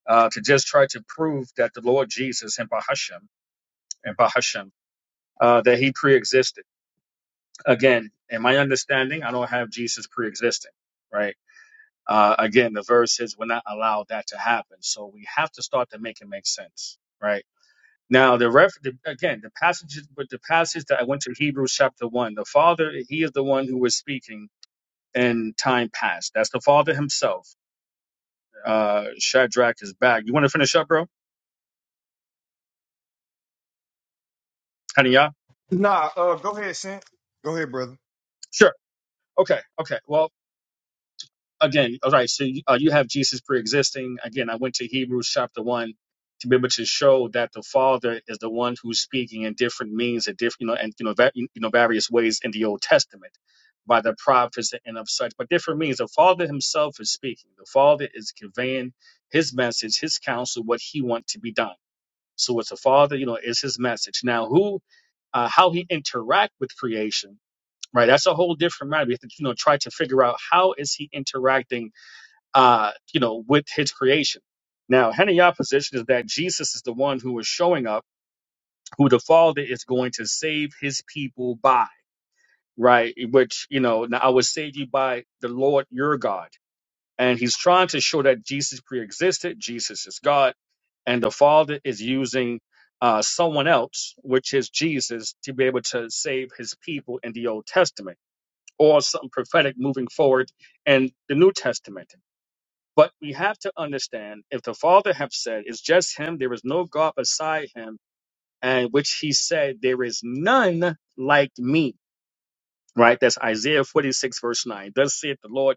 uh, to just try to prove that the Lord Jesus and Bahashem and Bahashem uh, that he pre-existed Again, in my understanding, I don't have Jesus pre-existing, right? Uh, again, the verses will not allow that to happen, so we have to start to make it make sense, right? Now, the ref the, again, the passage, with the passage that I went to Hebrews chapter one, the Father, He is the one who was speaking in time past. That's the Father Himself. Uh, Shadrach is back. You want to finish up, bro? Honey, yeah.
Nah, uh, go ahead, Sam. Go ahead, brother.
Sure. Okay. Okay. Well, again, all right, so you, uh, you have Jesus pre-existing. Again, I went to Hebrews chapter 1 to be able to show that the Father is the one who's speaking in different means, and different, you know, and you know, va- you know, various ways in the Old Testament by the prophets and of such, but different means. The Father Himself is speaking. The Father is conveying His message, His counsel, what He wants to be done. So it's the Father, you know, is His message. Now, who, uh, how He interact with creation, right? That's a whole different matter. We have to, you know, try to figure out how is He interacting uh, you know, with his creation. Now, Henayah position is that Jesus is the one who is showing up, who the Father is going to save his people by, right? Which, you know, now I will save you by the Lord your God. And he's trying to show that Jesus pre existed, Jesus is God, and the Father is using uh, someone else, which is Jesus, to be able to save his people in the Old Testament or something prophetic moving forward in the New Testament. But we have to understand if the Father have said it's just him, there is no God beside him, and which he said, There is none like me. Right? That's Isaiah 46, verse 9. Thus saith the Lord,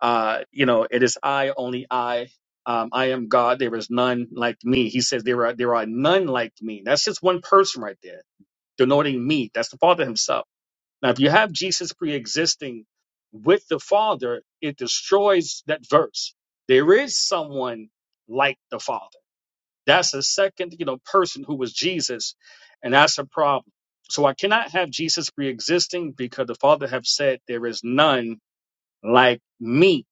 uh, you know, it is I, only I. Um, I am God, there is none like me. He says, There are there are none like me. That's just one person right there, denoting me. That's the Father Himself. Now, if you have Jesus pre existing with the Father, it destroys that verse. There is someone like the Father. That's a second, you know, person who was Jesus, and that's a problem. So I cannot have Jesus pre existing because the Father have said there is none like me.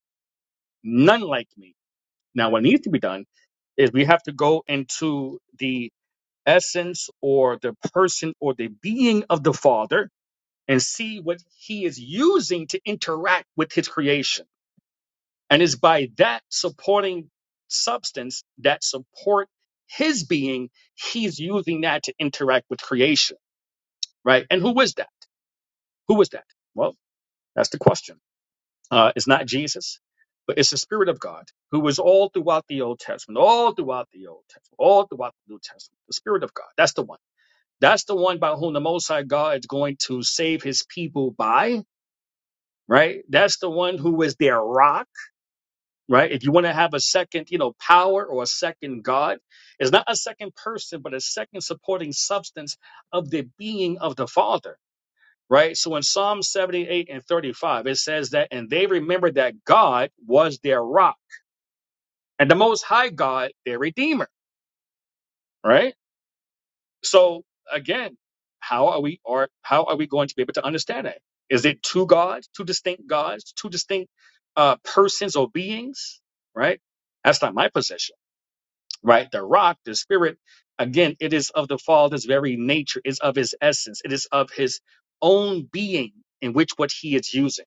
None like me. Now what needs to be done is we have to go into the essence or the person or the being of the Father and see what he is using to interact with his creation. And it's by that supporting substance that support his being, he's using that to interact with creation, right? And who is that? Who is that? Well, that's the question. Uh, it's not Jesus, but it's the Spirit of God who is all throughout the Old Testament, all throughout the Old Testament, all throughout the New Testament. The Spirit of God. That's the one. That's the one by whom the Most High God is going to save his people by. right? That's the one who is their rock, right? If you want to have a second, you know, power or a second God, it's not a second person, but a second supporting substance of the being of the Father, right? So in Psalm 78 and 35, it says that, and they remembered that God was their rock and the Most High God, their Redeemer, right? So again, how are we or how are we going to be able to understand that? Is it two gods, two distinct gods, two distinct uh, persons or beings? Right? That's not my position. Right? The rock, the spirit, again, it is of the Father's very nature, is of his essence, it is of his own being in which what he is using.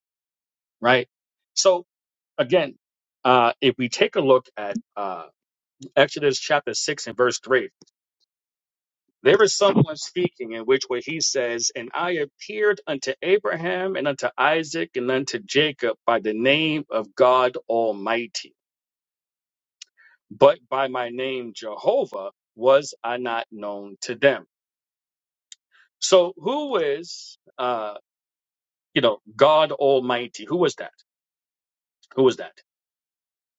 Right? So again, uh, if we take a look at uh, Exodus chapter six and verse three There is someone speaking in which way he says, And I appeared unto Abraham and unto Isaac and unto Jacob by the name of God Almighty, but by my name Jehovah was I not known to them. So who is uh you know God Almighty? Who was that? Who was that?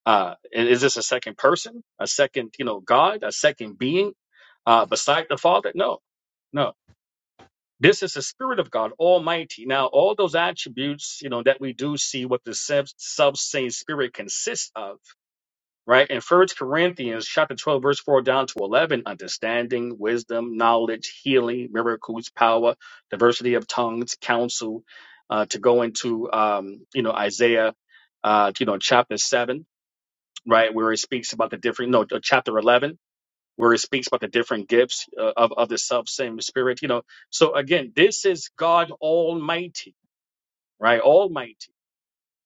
Uh and is this a second person? A second, you know, God, a second being uh beside the Father? No. no. This is the Spirit of God Almighty. Now, all those attributes, you know, that we do see what the sub same Spirit consists of, right? In First Corinthians chapter 12, verse 4 down to 11, understanding, wisdom, knowledge, healing, miracles, power, diversity of tongues, counsel, uh, to go into, um, you know, Isaiah, uh, you know, chapter 7, right? Where it speaks about the different, no, uh, chapter 11 where it speaks about the different gifts uh, of, of the self same spirit you know so again this is god almighty right almighty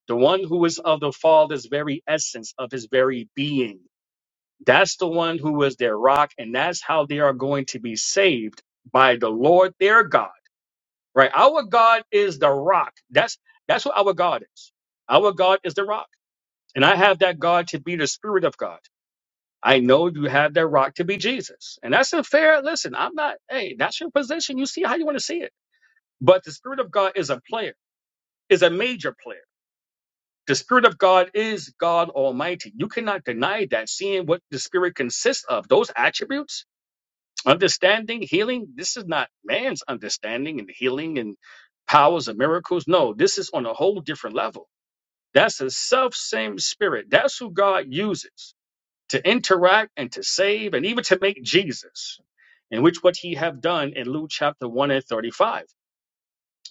the one who is of the father's very essence of his very being that's the one who is their rock and that's how they are going to be saved by the lord their god right our god is the rock that's that's what our god is our god is the rock and i have that god to be the spirit of god I know you have that rock to be Jesus. And that's a fair listen. I'm not, hey, that's your position. You see how you want to see it. But the Spirit of God is a player, is a major player. The Spirit of God is God Almighty. You cannot deny that, seeing what the Spirit consists of, those attributes, understanding, healing. This is not man's understanding and healing and powers and miracles. No, this is on a whole different level. That's the self same Spirit. That's who God uses. to interact and to save and even to make Jesus, in which what he have done in Luke chapter 1 and 35,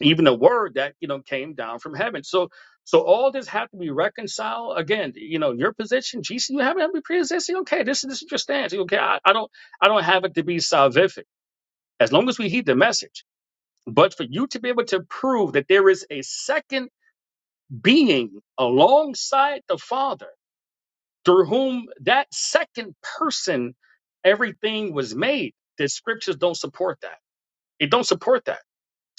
even the word that you know came down from heaven. So so all this had to be reconciled again. You know, your position, Jesus, you haven't been pre-existing. Okay, this is this is your stance. Okay, I, I don't I don't have it to be salvific. As long as we heed the message. But for you to be able to prove that there is a second being alongside the Father through whom that second person everything was made the scriptures don't support that it don't support that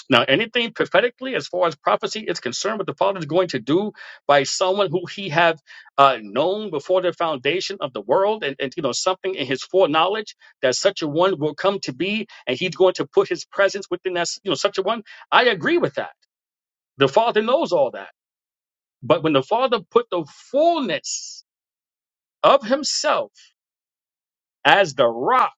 now anything prophetically as far as prophecy is concerned what the father is going to do by someone who he have uh, known before the foundation of the world and, and you know something in his foreknowledge that such a one will come to be and he's going to put his presence within that you know such a one i agree with that the father knows all that but when the father put the fullness of himself as the rock,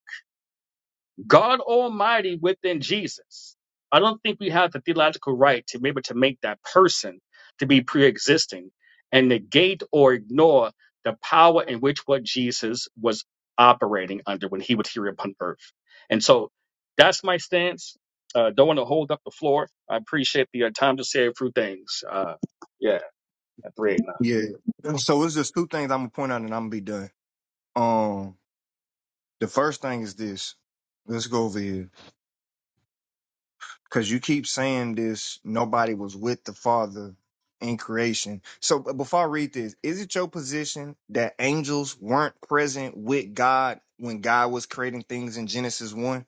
God Almighty within Jesus. I don't think we have the theological right to be able to make that person to be pre existing and negate or ignore the power in which what Jesus was operating under when he was here upon earth. And so that's my stance. Uh, don't want to hold up the floor. I appreciate the uh, time to say a few things. Uh, yeah, at 389.
Yeah. So it's just two things I'm gonna point out, and I'm gonna be done. Um, the first thing is this. Let's go over here because you keep saying this. Nobody was with the Father in creation. So b- before I read this, is it your position that angels weren't present with God when God was creating things in Genesis one,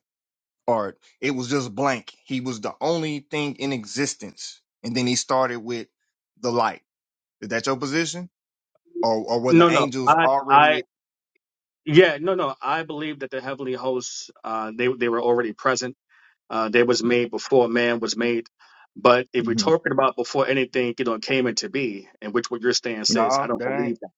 or it was just blank? He was the only thing in existence, and then he started with the light. Is that your position? or or were
No,
the
no,
angels
I, I,
already?
yeah, no, no. I believe that the heavenly hosts, uh, they, they were already present uh, they was made before man was made. But if we're
hmm
talking about before anything, you know, came into be, and which what your stand says, I
No,
don't
that ain't.
believe that.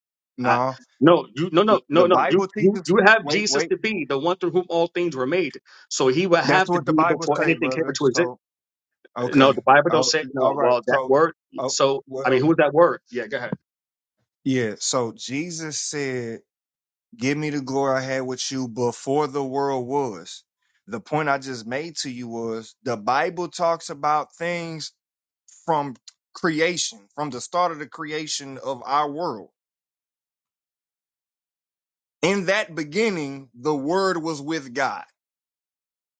I
No,
no, you no
the
no no
the
no. You
Bible
you
teaches.
you have
Wait,
Jesus
wait.
to be the one through whom all things were made. So he would have
That's
to
what the
be
Bible
before
say,
anything came
brother.
into existence.
So
No,
okay,
the Bible don't
Oh,
say no.
all right.
Well, that
So,
word.
oh
So I mean,
well,
who is that word? Yeah, go ahead.
yeah. So Jesus said, "Give me the glory I had with you before the world was." The point I just made to you was the Bible talks about things from creation, from the start of the creation of our world in that beginning, the word was with God.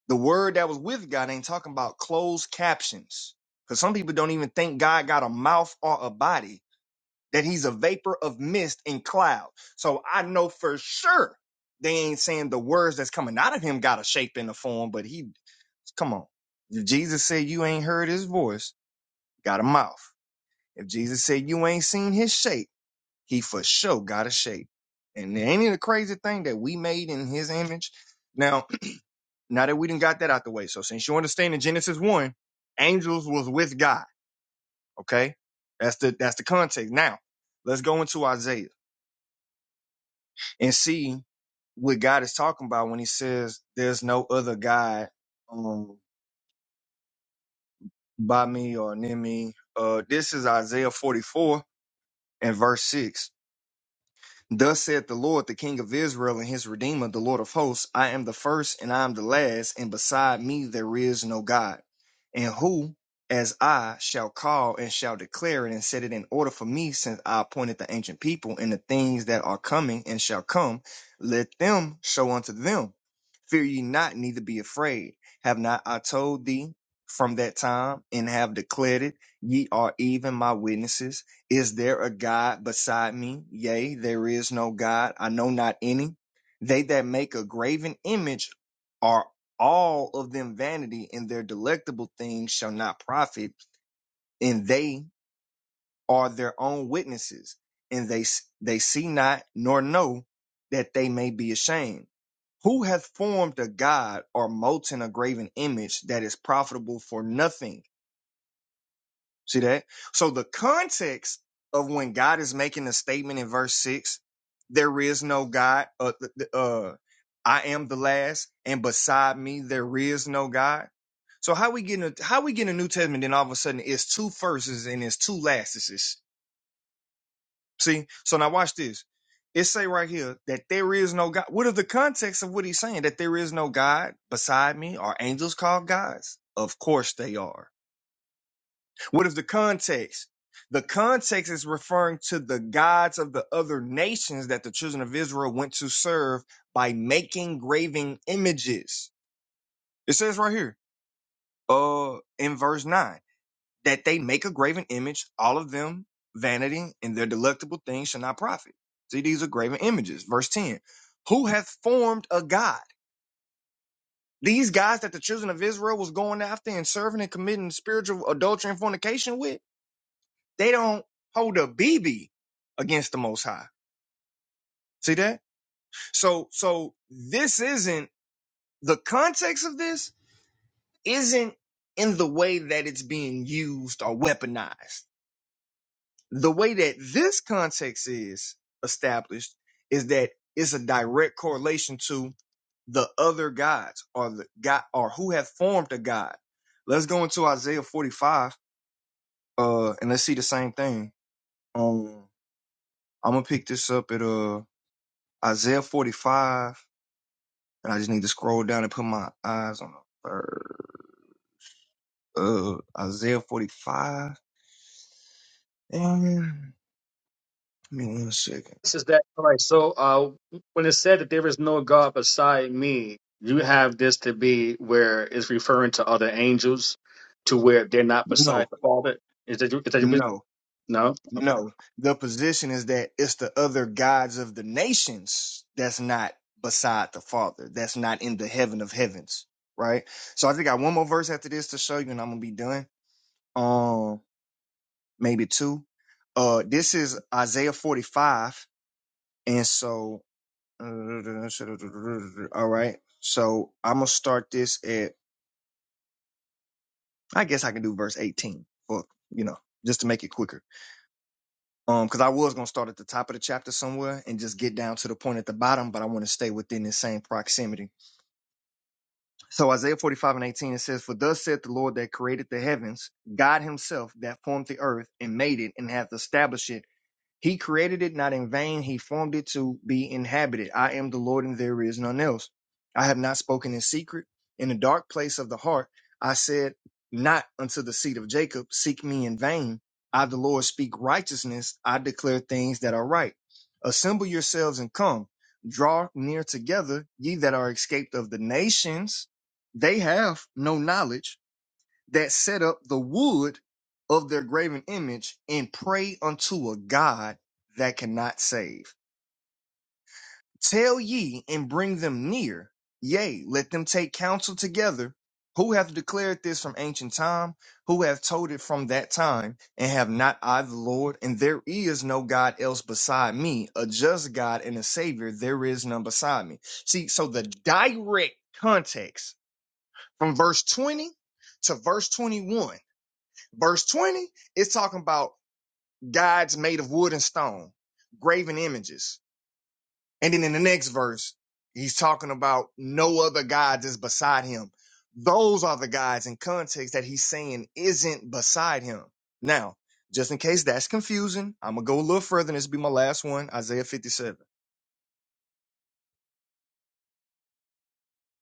The word that was with God ain't talking about closed captions. Because some people don't even think God got a mouth or a body, that he's a vapor of mist and cloud. So I know for sure they ain't saying the words that's coming out of him got a shape and a form, but he, come on. If Jesus said you ain't heard his voice, got a mouth. If Jesus said you ain't seen his shape, he for sure got a shape. And ain't it a crazy thing that we made in his image? Now, now that we done got that out the way, so since you understand in Genesis 1, angels was with God, okay? That's the that's the context. Now, let's go into Isaiah and see what God is talking about when he says there's no other God um by me or near me. Uh this is Isaiah 44 and verse 6 Thus saith the Lord, the King of Israel and his Redeemer, the Lord of hosts I am the first and I am the last, and beside me there is no God. And who, as I, shall call and shall declare it and set it in order for me, since I appointed the ancient people and the things that are coming and shall come, let them show unto them. Fear ye not, neither be afraid. Have not I told thee from that time and have declared it? Ye are even my witnesses. Is there a God beside me? Yea, there is no God. I know not any. They that make a graven image are all of them vanity, and their delectable things shall not profit. And they are their own witnesses, and they they see not nor know that they may be ashamed. Who hath formed a god or molten a graven image that is profitable for nothing? See that? So the context of when God is making a statement in verse six, there is no God. Uh, uh, I am the last, and beside me there is no God. So how we getting a, how we getting a New Testament? Then all of a sudden it's two firsts and it's two lastises. See, so now watch this. It say right here that there is no God. What is the context of what he's saying? That there is no God beside me. Are angels called gods? Of course they are. What is the context? The context is referring to the gods of the other nations that the children of Israel went to serve by making graven images. It says right here, uh, in verse 9, that they make a graven image, all of them vanity, and their delectable things shall not profit. See, these are graven images. Verse 10, who hath formed a god? These guys that the children of Israel was going after and serving and committing spiritual adultery and fornication with They don't hold a BB against the Most High. See that? So, so this isn't the context of this isn't in the way that it's being used or weaponized. The way that this context is established is that it's a direct correlation to the other gods or the god or who have formed a god. Let's go into Isaiah 45 uh and let's see the same thing. Um I'm gonna pick this up at uh Isaiah 45, and I just need to scroll down and put my eyes on the third. Uh, Isaiah 45. Um, give me one second.
is that all right? So, uh, when it said that there is no God beside me, you have this to be where it's referring to other angels, to where they're not beside
No,
the Father. Is that, you, is that you,
no,
no? Okay.
no. The position is that it's the other gods of the nations that's not beside the Father, that's not in the heaven of heavens, right? So I think I got one more verse after this to show you, and I'm gonna be done. Um, maybe two. Uh, this is Isaiah 45, and so All right. So I'm gonna start this at I guess I can do verse 18, but you know, just to make it quicker. Um, because I was gonna start at the top of the chapter somewhere and just get down to the point at the bottom, but I want to stay within the same proximity. So Isaiah 45 and 18 it says, For thus saith the Lord that created the heavens, God himself that formed the earth and made it and hath established it He created it not in vain. He formed it to be inhabited. I am the Lord, and there is none else. I have not spoken in secret. In the dark place of the heart, I said, Not unto the seed of Jacob, seek me in vain. I, the Lord, speak righteousness. I declare things that are right. Assemble yourselves and come. Draw near together, ye that are escaped of the nations. They have no knowledge that set up the wood of their graven image and pray unto a God that cannot save. Tell ye and bring them near. Yea, let them take counsel together. Who hath declared this from ancient time? Who hath told it from that time? And have not I the Lord? And there is no God else beside me, a just God and a Savior. There is none beside me. See, so the direct context from verse 20 to verse 21 Verse 20 is talking about gods made of wood and stone, graven images. And then in the next verse, he's talking about no other gods is beside him. Those are the gods in context that he's saying isn't beside him. Now, just in case that's confusing, I'm going to go a little further and this will be my last one, Isaiah 57.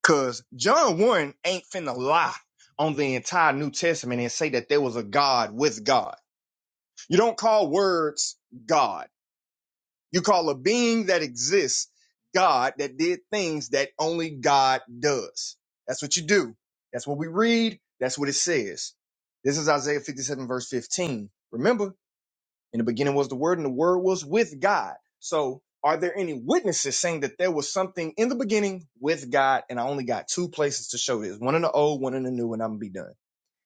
Because John 1 ain't finna lie on the entire New Testament and say that there was a God with God. You don't call words God. You call a being that exists God that did things that only God does. That's what you do. That's what we read. That's what it says. This is Isaiah 57, verse 15. Remember, in the beginning was the Word, and the Word was with God. So, are there any witnesses saying that there was something in the beginning with God? And I only got two places to show this one in the old, one in the new, and I'm going to be done.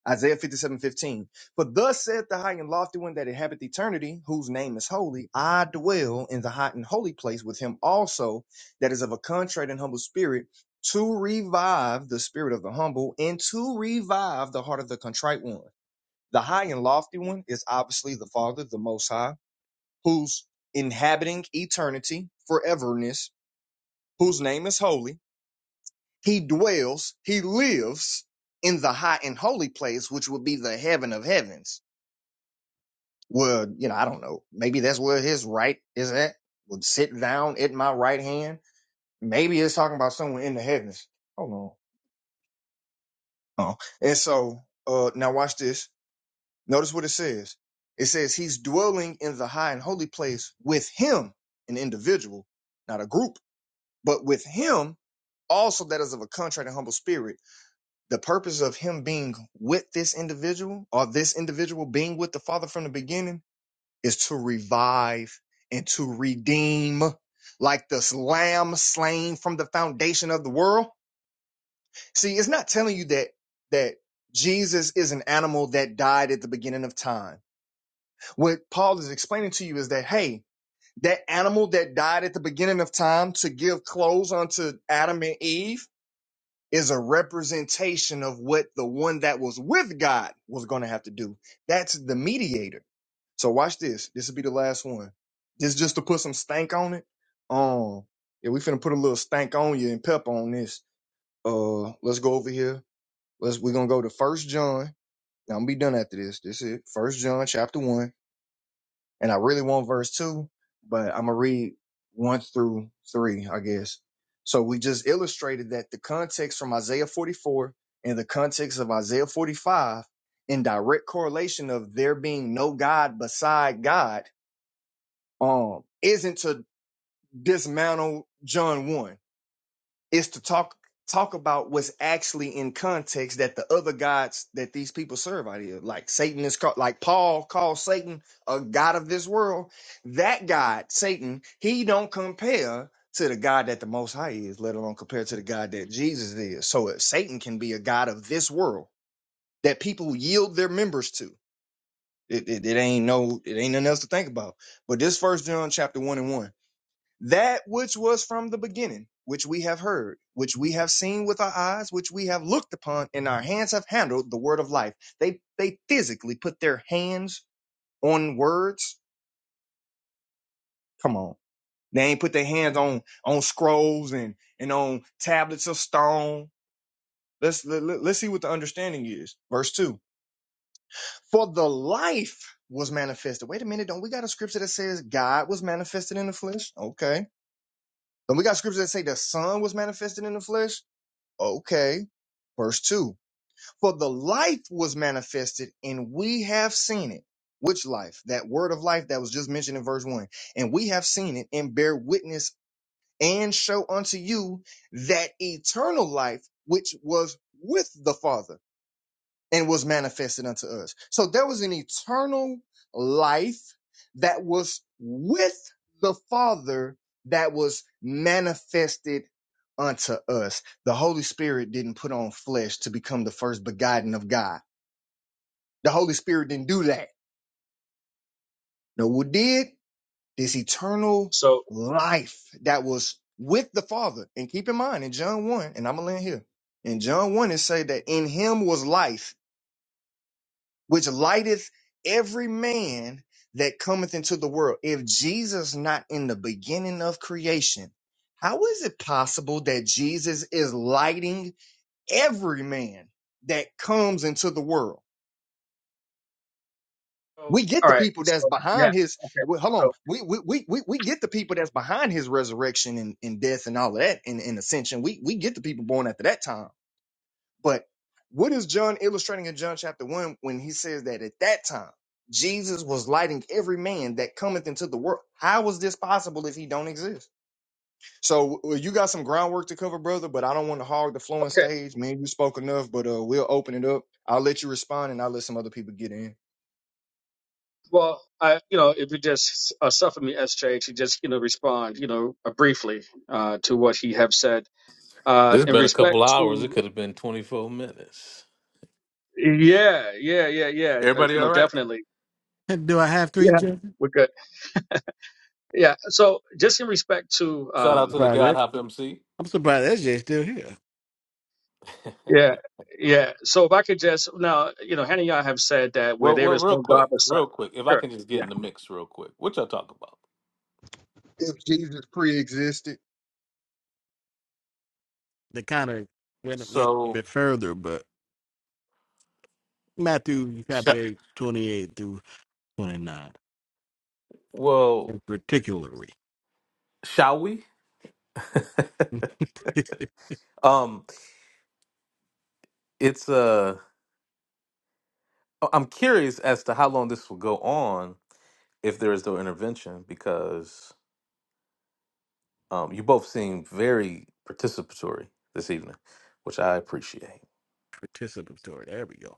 Isaiah fifty-seven fifteen. For thus saith the high and lofty one that inhabiteth eternity, whose name is holy, I dwell in the high and holy place with him also that is of a contrite and humble spirit, to revive the spirit of the humble and to revive the heart of the contrite one. The high and lofty one is obviously the Father, the Most High, who's inhabiting eternity, foreverness, whose name is holy. He dwells, he lives in the high and holy place, which would be the heaven of heavens would, you know, I don't know, maybe that's where his right is at, would sit down at my right hand. Maybe it's talking about someone in the heavens. Hold on. Oh. And so, uh, now watch this. Notice what it says. It says he's dwelling in the high and holy place with him, an individual, not a group, but with him also that is of a contrite and humble spirit. The purpose of him being with this individual or this individual being with the father from the beginning is to revive and to redeem like this lamb slain from the foundation of the world see it's not telling you that that jesus is an animal that died at the beginning of time what paul is explaining to you is that hey that animal that died at the beginning of time to give clothes unto adam and eve is a representation of what the one that was with god was going to have to do that's the mediator so watch this. This will be the last one. This just to put some stank on it. Um, yeah, we finna put a little stank on you and pep on this. Uh, let's go over here. Let's we're gonna go to First John. Now I'm gonna be done after this. This is it. First John chapter one, and I really want verse two, but I'm gonna read one through three, I guess. So we just illustrated that the context from Isaiah 44 and the context of Isaiah 45 in direct correlation of there being no God beside God um isn't to dismantle John 1. It's to talk talk about what's actually in context that the other gods that these people serve out here, like Satan is called like Paul calls Satan a god of this world. That God, Satan, he don't compare to the God that the most high is, let alone compare to the God that Jesus is. So if Satan can be a God of this world that people yield their members to. It, it, it ain't no it ain't nothing else to think about. But this first John chapter one and one that which was from the beginning, which we have heard, which we have seen with our eyes, which we have looked upon, and our hands have handled the word of life. They they physically put their hands on words. Come on. They ain't put their hands on on scrolls and and on tablets of stone. Let's let, let- us see what the understanding is. Verse 2. For the life was manifested. Wait a minute, don't we got a scripture that says God was manifested in the flesh? Okay. Don't we got scripture that say the son was manifested in the flesh? Okay Verse 2 For the life was manifested, and we have seen it. Which life? That word of life that was just mentioned in verse 1. And we have seen it, and bear witness and show unto you that eternal life which was with the Father and was manifested unto us. So there was an eternal life that was with the Father that was manifested unto us. The Holy Spirit didn't put on flesh to become the first begotten of God. The Holy Spirit didn't do that. No, what did? This eternal
So,
life that was with the Father. And keep in mind in John 1, and I'm gonna land here. In John 1, it say that in him was life which lighteth every man that cometh into the world. If Jesus not in the beginning of creation, how is it possible that Jesus is lighting every man that comes into the world?
so,
We get
all
the
right.
people that's
So, yeah.
behind his.
Okay.
well, Hold on,
So,
we we we we we get the people that's behind his resurrection and, and death and all of that and, and ascension. We we get the people born after that time But what is John illustrating in John chapter 1 when he says that at that time Jesus was lighting every man that cometh into the world? How is this possible if he don't exist? So well, you got some groundwork to cover, brother, but I don't want to hog the flowing
okay.
stage. Man, you spoke enough, but uh, we'll open it up. I'll let you respond and I'll let some other people get in.
Well, I, you know, if you just uh, suffer me, SJ, to just, you know, respond, you know, uh, briefly uh, to what he have said uh, in respect to, yeah, yeah, yeah, yeah, uh, you know, definitely,
Do I have three
yeah,
judges?
we're good. Yeah. So just in respect to,
I'm
um,
sorry, I'm surprised SJ's still here.
yeah, yeah. So if I could just now, you know, Hannah Yah have said that where there is no God beside. Sure. Yeah.
If Jesus pre existed,
They kind of went went a bit further, but Matthew chapter 8, 28 through 29, in particularly participatory. There we go.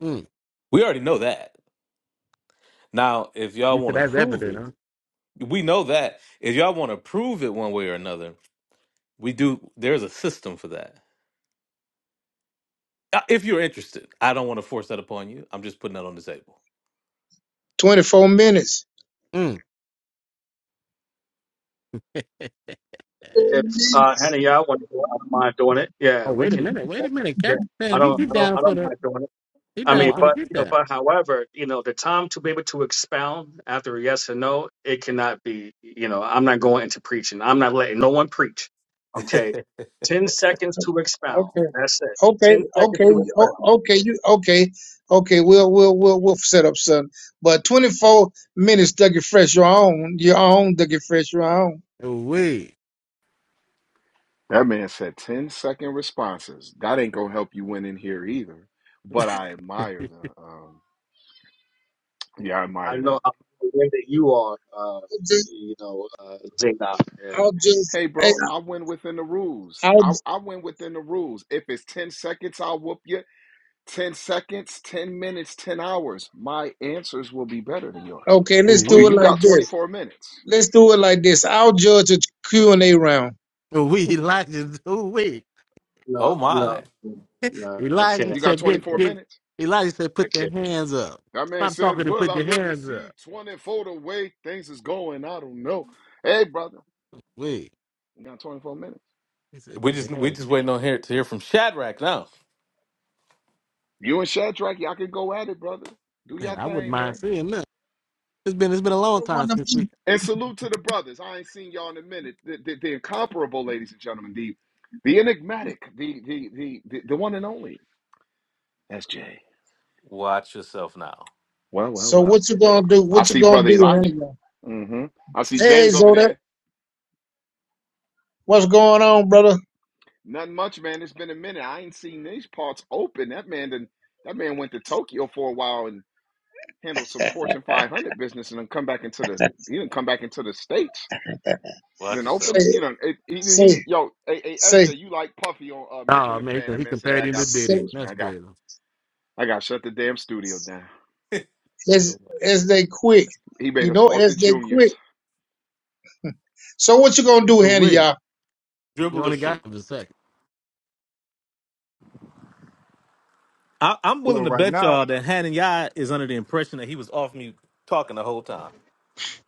Mm. You said that's evident, huh?
24 minutes.
Mm.
24
If uh, Hannah Yah want to do it, I don't mind doing it. Yeah,
oh,
we
wait a
can.
minute. Wait a minute.
Yeah.
Captain
I
Sam, he,
don't.
he
I don't.
down
I
for
don't
the
mind doing it.
he
I
down
mean,
for the
but
get
you know,
down.
but however, you know, the time to be able to expound after a yes or no, it cannot be. You know, I'm not going into preaching. I'm not letting no one preach. Okay. Ten seconds to expound.
minutes.
That's it.
Okay,
Ten seconds
okay,
to
o-
expound.
okay, you okay, okay. We'll we'll we'll we'll set up something. But twenty four minutes, Dougie Fresh, your own, your own Dougie Fresh, your own.
Oh, wait.
That man said 10 second responses. That ain't gonna help you win in here either. But I admire the um yeah, I
I
admire
know
that.
how aware that you are, uh,
Just,
you know, uh, Zadok. Yeah.
I'll just,
Hey
hey,
bro, I win within the rules.
I'll
I, I win within the rules. If it's 10 seconds, I'll whoop you. 10 seconds, 10 minutes, 10 hours. My answers will be better than yours.
okay.
Oh,
Let's
Do
do
wait.
it
you
like
got
this.
24 minutes?
Let's do it like this. I'll judge a Q and A round.
Oh, wait. Elijah. Oh, wait.
No, no, no, I
Elijah
can't.
You got
said,
I
get,
24
can't.
get.
minutes?
Elijah said,
I
put their
can't.
hands up.
That man
Stop
said,
talking and
Will
put
I
your
live to
hands
see
up.
24 the way things is going? I don't know. Hey brother,
Wait.
you got 24 minutes.
He said, "Put your hands." Up.
You and Shadrach, y'all can go at it, brother. Do
Man,
y'all
I wouldn't
thing,
mind
man.
seeing that. It's been it's been a long
They're
time
one of
since we.
me.
And salute to the brothers. I ain't seen y'all in a minute. The, the, the incomparable, ladies and gentlemen. The the enigmatic, the the the the, the one and only. That's Jay. Well, well,
So
well.
what you gonna do?
I
What you
see
gonna
brother
do?
Elijah.
honey?
Mm-hmm. I see
Hey
James over
Zodak,
there.
what's going on, brother?
Nothing much, man. It's been a minute. I ain't seen these parts open. That man done, that man went to Tokyo for a while and handled some Fortune 500 business and then come back into the he didn't come back into the States. Then
Say
opened, you know, it, he, he
say
yo, hey, hey,
say
SJ, you like Puffy on uh, making
Oh
the
man,
band?
he,
That
he
man said, "Hey,
compared
I
him to
got some
say.
Diddy.
news, man.
That's
I got,
crazy.
I got to shut the damn studio down.
As as they quit,
He made
you
us
know,
walk the
as they quit.
juniors.
So what you gonna do,
Oh
Hannah,
wait,
y'all?
you only got him a second.
well, right now,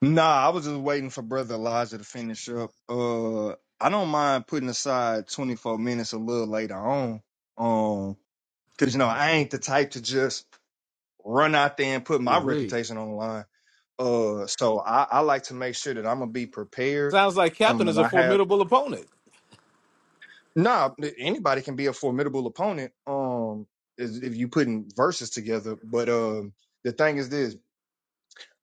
nah, I was just waiting for brother Elijah to finish up. Uh, I don't mind putting aside 24 minutes a little later on. Um, Cause you know, I ain't the type to just run out there and put
Oh
my
wait.
reputation on the line. Uh so I, I like to make sure that I'm gonna be prepared. Um and I have nah eh, anybody can be a formidable opponent um is- if you putting verses together. But um the thing is this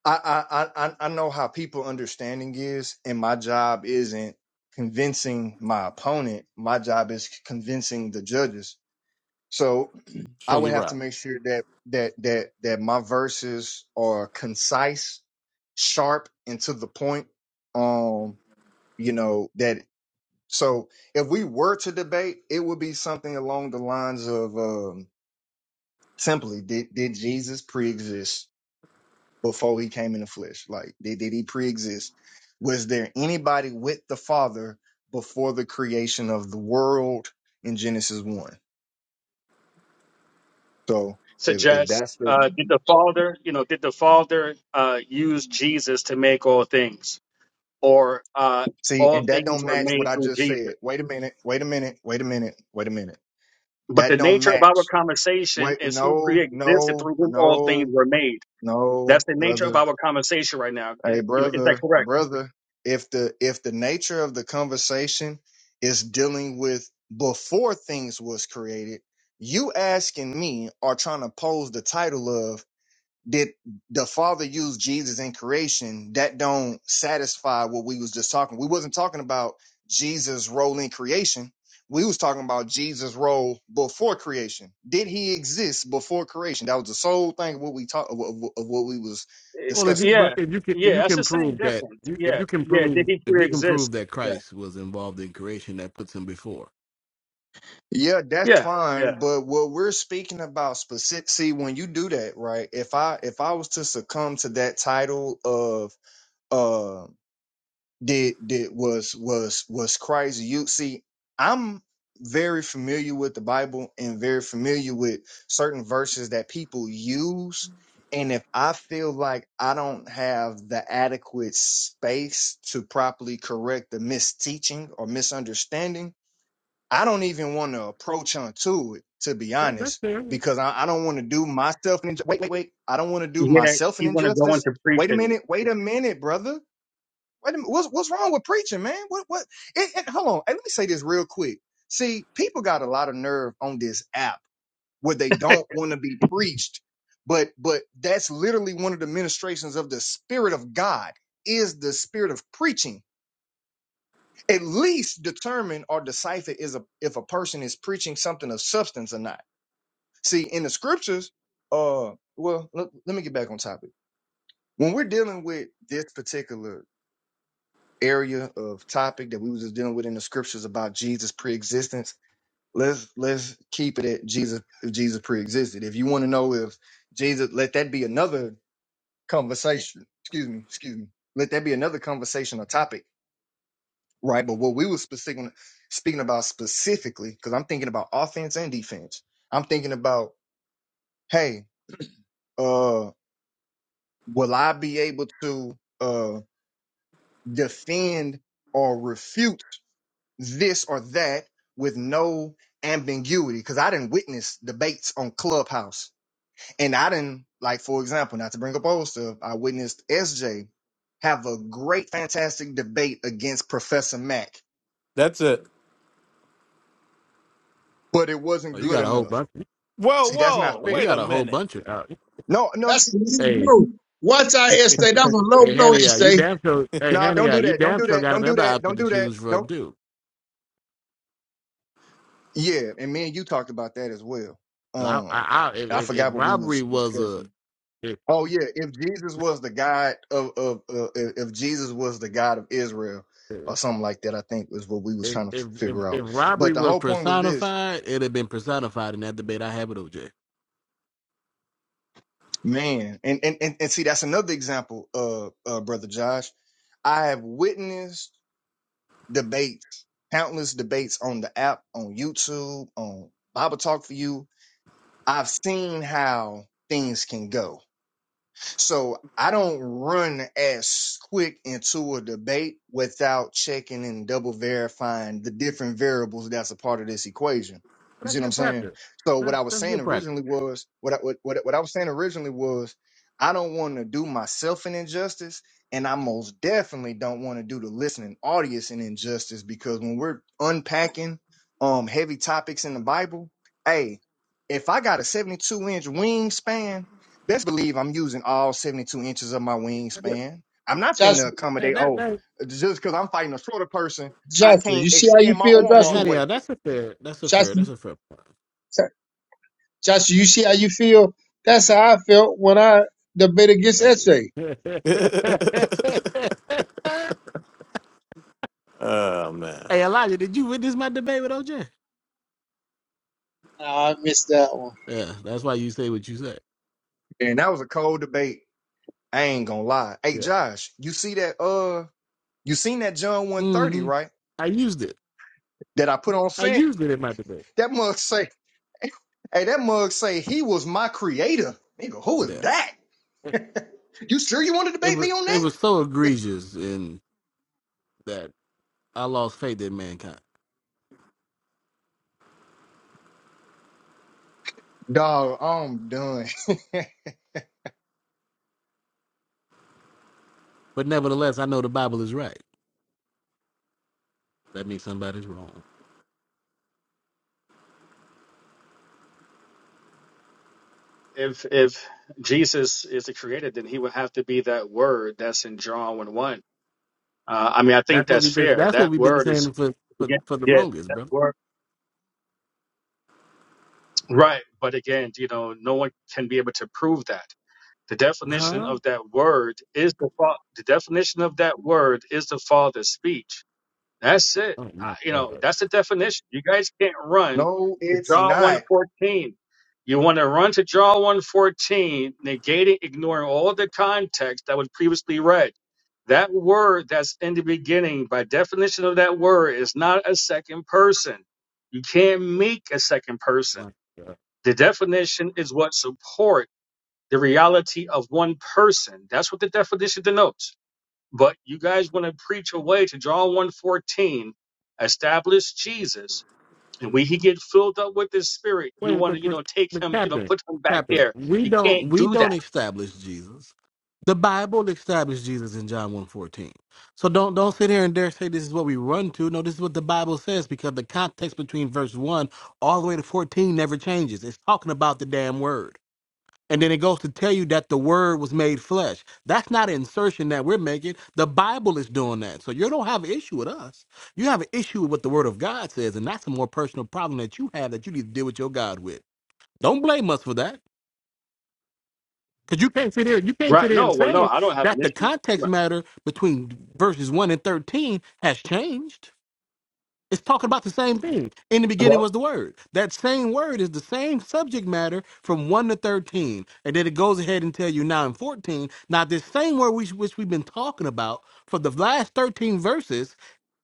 I I I I I know how people understanding is and my job isn't convincing my opponent. My job is convincing the judges. So I would have to make sure that that that that my verses are concise, sharp, and to the point. Um, you know that. So if we were to debate, it would be something along the lines of um, simply did did Jesus pre-exist before he came in the flesh? Like did did he pre-exist? Was there anybody with the Father before the creation of the world in Genesis one? So if if
Suggest,
that's the
uh, did the Father, you know, did the Father uh, use Jesus to make all things, or uh,
See,
all
and that
things
don't
were
match what
made
I
through
just
Jesus?
said. Wait a minute. Wait a minute. Wait a minute. Wait a minute.
But the
That don't
nature of our
match.
conversation
Wait,
is who
no,
pre-existed
no,
through whom all things
no,
were made. That's
no,
the nature of
brother.
our conversation right now.
Hey,
Is- you know, is that
brother,
correct?
brother. If the if the nature of the conversation is dealing with before things was created, you asking me are trying to pose the title of did the father use jesus in creation that don't satisfy what we was just talking we wasn't talking about jesus role in creation we was talking about jesus role before creation did he exist before creation that was the sole thing of what we talk of, of of what we was
Well, if you
discussing
but
yeah,
if you can if
yeah,
you
that's
can
the same
prove that
difference.
you if
Yeah,
you can
yeah, did
prove
he
if you can
pre-exist?
prove that
Yeah,
Christ was involved in creation, that puts him before.
yeah that's
yeah,
fine
yeah,
but what we're speaking about specific see when you do that right if i if i was to succumb to that title of uh did did was was was Christ you see I'm very familiar with the Bible and very familiar with certain verses that people use and if I feel like I don't have the adequate space to properly correct the misteaching or misunderstanding I don't even want to approach onto it to be
That, that's
honest
fair.
because I, I don't want to do myself an inju- wait wait wait I don't want to do
yeah.
myself an
He want to go
injustice
into
wait a
preaching.
minute wait
Yeah.
a minute brother Wait a minute, what's what's wrong with preaching, man? What what? It, it, hold on, and let me say this real quick. See, people got a lot of nerve on this app where they don't want to be preached, but but that's literally one of the ministrations of the Spirit of God is the spirit of preaching. At least determine or decipher is a if a person is preaching something of substance or not. See, in the scriptures, uh, well, let, let me get back on topic. When we're dealing with this particular area of topic that we was just dealing with in the scriptures about Jesus preexistence. Let's let's keep it at Jesus if Jesus preexisted. If you want to know if Jesus let that be another conversation. Excuse me, excuse me. Let that be another conversation or topic, right? But what we were specific speaking about specifically, because I'm thinking about offense and defense. I'm thinking about, hey, uh, will I be able to uh defend or refute this or that with no ambiguity because I didn't witness debates on Clubhouse. And I didn't, like, for example, not to bring up old stuff, I witnessed SJ have a great, fantastic debate against Professor Mack, but it
Oh,
wasn't
you
good
got a whole
enough.
bunch.
See, that's not
Well, you
fair.
got a whole bunch of. Uh,
No, no,
That's a low
hey,
blow. Watch out, Estee. That's a low
hey,
blow,
Henny, uh, you
Estee.
damn sure. Hey,
no,
Henny,
don't
uh,
do
you
that. Don't
damn
do
sure
that.
got
Don't do
another
that.
outfit
Don't
to
do that.
choose from
Don't.
too.
Yeah. And me and you talked about that as well.
'Cause I,
Um,
I, I, if,
I
if if
forgot what we
robbery
was
was a
discussing.
if,
Oh yeah, if Jesus was the God of of uh, if if Jesus was the God of Israel or something like that, I think is what we was
If
trying to
if
f-
if,
figure
if
out. But
robbery
the
were
whole point was this,
personified, it'd have been personified in that debate I had with OJ.
man, and and and, and see that's another example, uh, uh, brother Josh. I have witnessed debates, countless debates on the app, on YouTube, on Bible Talk for You. I've seen how things can go So I don't run as quick into a debate without checking and double verifying the different variables that's a part of this equation.
But
You
that's
see what I'm
good
saying?
practice.
So what
That's
I was
that's
saying
good practice.
originally was what I, what what, what I was saying originally was I don't want to do myself an injustice, and I most definitely don't want to do the listening audience an injustice because when we're unpacking um heavy topics in the Bible, hey, if I got a 72 inch wingspan best believe I'm using all 72 inches of my wingspan. I'm not finna
Joshua,
Hey,
accommodate,
that
oh,
that
just because I'm fighting a shorter person, I
Joshua,
can't
you see how you
extend my
feel,
arm
hey,
all
Joshua?
the
honey,
way.
uh, that's a fair. That's a fair.
Joshua,
That's a fair point.
Jo- Joshua, you see how you feel? That's how I felt when I debated against
Hey.
Estee.
hey, Elijah, did you witness my debate with OJ?
Nah, I missed that one.
Yeah, that's why you say what you say.
And that was a cold debate. I ain't gonna lie. Hey,
Yeah.
Josh, you see that, uh, you seen that John 130,
Mm-hmm.
right?
I used it.
That I put on
I
scent?
used it in my debate.
That mug say, hey, that mug say, he was my creator. Nigga, who is
Yeah.
that? you sure you want to
It
debate me
was
on
it
that?
was so egregious in that I lost faith in mankind.
Dog, I'm done.
But nevertheless, I know the Bible is right. That means somebody's wrong.
If if Jesus is the creator, then he would have to be that word that's in John one one. Uh, I mean, I think
That's what
that's
we've been.
fair.
That's what
That
we've been
word is
saying for for,
again,
for the
yeah,
longest,
that
brother.
word, right? But again, you know, no one can be able to prove that. The definition
Huh?
of that word is the fa- the definition of that word is the Father's speech That's it.
Oh my
I- You know,
God!
that's the definition. You guys can't run
no,
to
it's
Jaw
not.
114. You want to run to Jaw 114, negating, ignoring all the context that was previously read. That word that's in the beginning, by definition of that word, is not a second person. You can't make a second person.
My God!
The definition is what support the reality of one person. That's what the definition denotes. But you guys want to preach away to John one fourteen, establish Jesus, and when he get filled up with his spirit, you
Wait,
want
but
to you
but,
know take
but
him you know
Captain,
put him back
Captain,
there.
we
You
don't
can't
we
do
don't
that,
establish Jesus. The Bible established Jesus in John one fourteen. So don't don't sit here and dare say this is what we run to. No, this is what the Bible says because the context between verse one all the way to fourteen never changes. It's talking about the damn word. And then it goes to tell you that the word was made flesh. That's not an insertion that we're making. The Bible is doing that. So you don't have an issue with us. You have an issue with what the word of God says. And that's a more personal problem that you have that you need to deal with your God with. Don't blame us for that. Because you can't sit here, you can't sit
right?
here
No,
and
well, no,
say
I don't have an
that the
issue.
context
Right.
matter between verses one and thirteen has changed. It's talking about the same thing. In the beginning
Well,
was the word. That same word is the same subject matter from 1 to 13. And then it goes ahead and tell you now in 14. Now, this same word which, which we've been talking about for the last 13 verses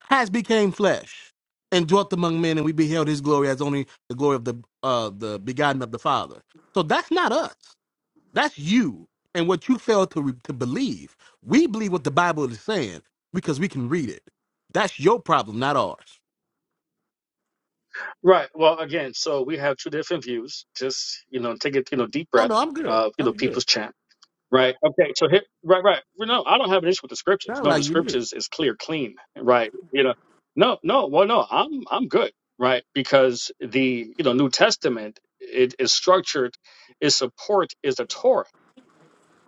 has became flesh and dwelt among men, and we beheld his glory as only the glory of the uh the begotten of the Father. So that's not us. That's you and what you fail to re- to believe. We believe what the Bible is saying because we can read it. That's your problem, not ours.
right. Well, again, so we have two different views. Just you know, take a you know deep
Oh
breath.
no, I'm good.
Uh, you know,
I'm good.
people's champ. Right. Okay. So here, right, right. Well, No, I don't have an issue with the scriptures.
Sound
No, the
like you do.
scriptures is clear, clean. Right. You know, no, no. Well, no, I'm, I'm good. Right. Because the, you know, New Testament, it is structured. Its support is the Torah.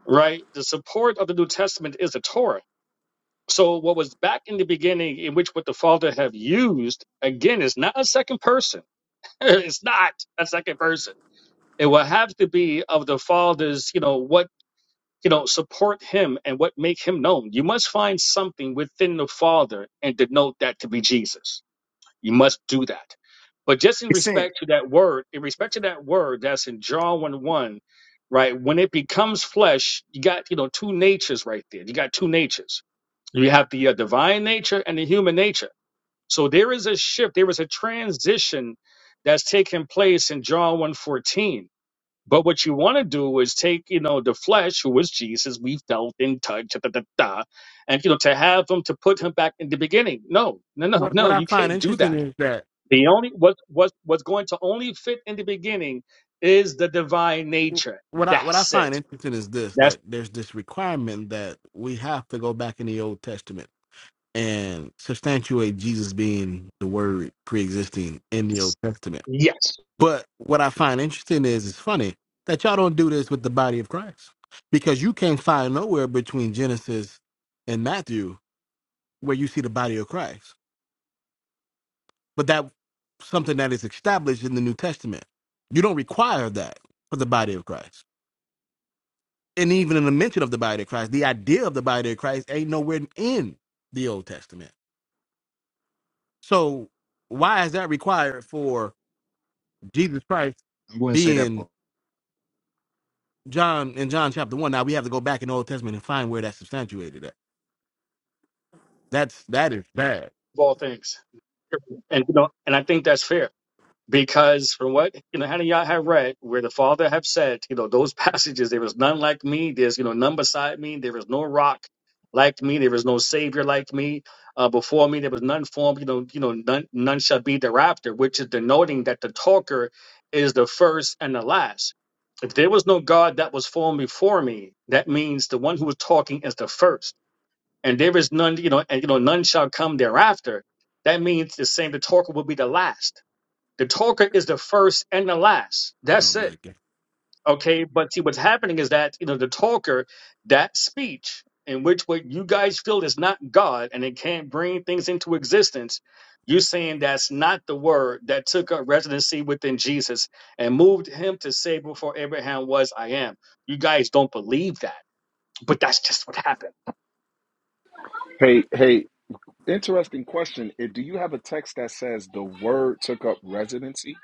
Right. The support of the New Testament is the Torah. So what was back in the beginning, in which what the Father have used, again, is not a second person. it's not a second person. It will have to be of the Father's, you know, what you know, support him and what make him known. You must find something within the Father and denote that to be Jesus. You must do that. But just in
It's sent.
respect to that word, in respect to that word that's in John 1 1, right? When it becomes flesh, you got, you know, two natures right there. You got two natures. You have the uh, divine nature and the human nature. So there is a shift, there is a transition that's taking place in John one fourteen. But what you want to do is take, you know, the flesh, who was Jesus, we felt in touch, da, da, da, da, and, you know, to have him, to put him back in the beginning. No, no, no,
What
no,
what I
you
find
can't do
interesting
that.
is that
The only, what, what, what's going to only fit in the beginning is the divine nature.
what I what I
That's
find
it.
interesting is this
That's,
that there's this requirement that we have to go back in the Old Testament and substantiate Jesus being the Word pre-existing in the Old Testament.
yes,
But what I find interesting is it's funny that y'all don't do this with the body of Christ because you can't find nowhere between Genesis and Matthew where you see the body of Christ. but that something that is established in the New Testament. You don't require that for the body of Christ. And even in the mention of the body of Christ, the idea of the body of Christ ain't nowhere in the Old Testament. So why is that required for Jesus Christ
I wouldn't say that
being
part.
John in John chapter one? Now we have to go back in the Old Testament and find where that's substantiated at. That's that is bad.
of all things. And, you know, and I think that's fair. because from what you know Hananiah have read, where the Father have said, you know, those passages, there is none like me, there's you know none beside me, there is no rock like me, there is no Savior like me. Uh, before me, there was none formed, you know, you know, none none shall be thereafter, which is denoting that the talker is the first and the last. If there was no God that was formed before me, that means the one who was talking is the first, and there is none, you know, and you know, none shall come thereafter. That means the same. The talker will be the last the talker is the first and the last.
Oh
That's it.
my God.
Okay. But see, what's happening is that, you know, the talker, that speech in which what you guys feel is not God and it can't bring things into existence, you're saying that's not the word that took up residency within Jesus and moved him to say before Abraham was, I am. You guys don't believe that, but that's just what happened.
Hey, hey, interesting question. Eh, Do you have a text that says the word took up residency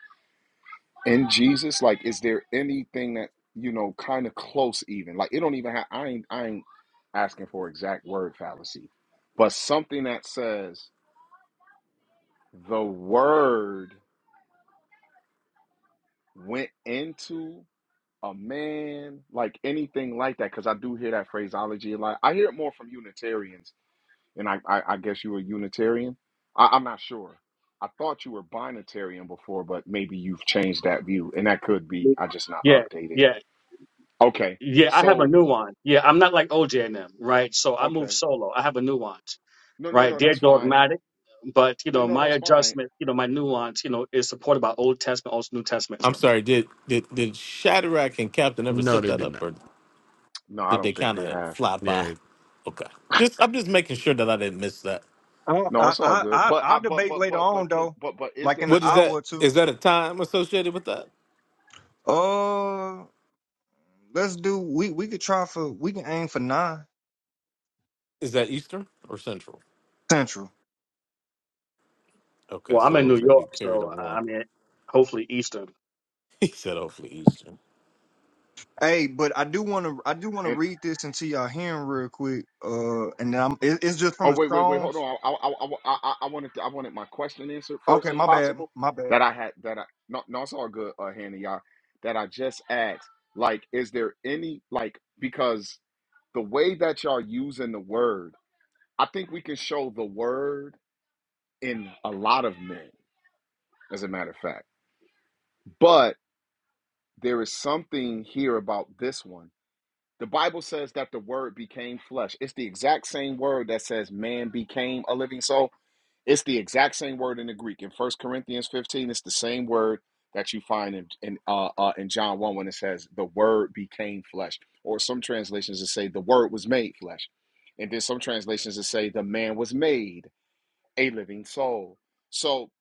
in Jesus? Like, is there anything that you know, kind of close, even like it don't even have. I ain't, I ain't asking for exact word fallacy, but something that says the word went into a man, like anything like that, because I do hear that phraseology a lot. I hear it more from Unitarians, and I, I, I guess you were Unitarian. I, I'm not sure. I thought you were binitarian before, but maybe you've changed that view, and that could be. I just not
Yeah.
updated.
Yeah.
Okay,
Yeah. I have a
so
nuance. Yeah. I'm not like OJ and them, right? So I move
okay,
solo. I have a nuance.
no, no,
right?
no,
They're
that's fine.
dogmatic, but you
No,
know,
no,
my
that's fine.
adjustment, you know, my nuance, you know, is supported by Old Testament, also New Testament.
No, they did not.
No, I don't think they have.
Yeah.
I
No,
I
it's all
I
good.
I-
But I,
I'll
but,
debate
but,
later
but,
on
but can,
though,
but, but, is
like
there
in
a
an hour
text?
or two. Uh, let's do. We we could try for. We can aim for nine central.
Well, I'm in New York, so uh, I mean, hopefully Eastern.
Hey, but I do want to. I do want to read this into y'all hearing real quick. Uh, and then I'm. It, it's just from
Oh
the
wait, wait, wait. Hold
Strong's.
on. I, I, I, I, I I wanted, to, I wanted my question answered first,
Okay,
if
my bad.
possible.
My bad.
That I had, that I, no, no, it's all good, uh, Hannah, y'all. That I just asked, like, is there any, like, because the way that y'all using the word, I think we can show the word in a lot of men, as a matter of fact. But there is something here about this one The Bible says that the word became flesh. It's the exact same word that says man became a living soul. It's the exact same word in the Greek. In First Corinthians 15, it's the same word that you find in, in, uh, uh, in John 1 when it says, the word became flesh. Or some translations that say, the word was made flesh. And then some translations that say, the man was made a living soul. So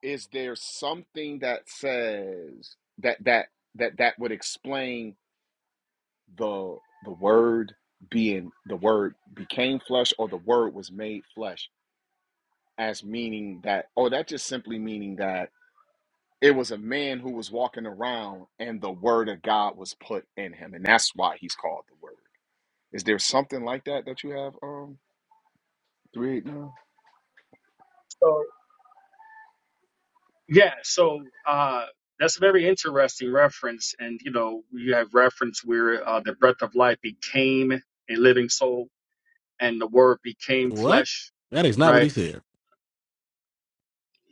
is there something that says that that that that would explain the the word being the word became flesh or the word was made flesh as meaning that or that just simply meaning that it was a man who was walking around and the word of God was put in him and that's why he's called the word. Is there something like that that you have um three eight now?
So yeah, so uh, that's a very interesting reference, and you know, you have reference where uh, the breath of life became a living soul, and the Word became
What?
flesh,
That is not what
right?
he said.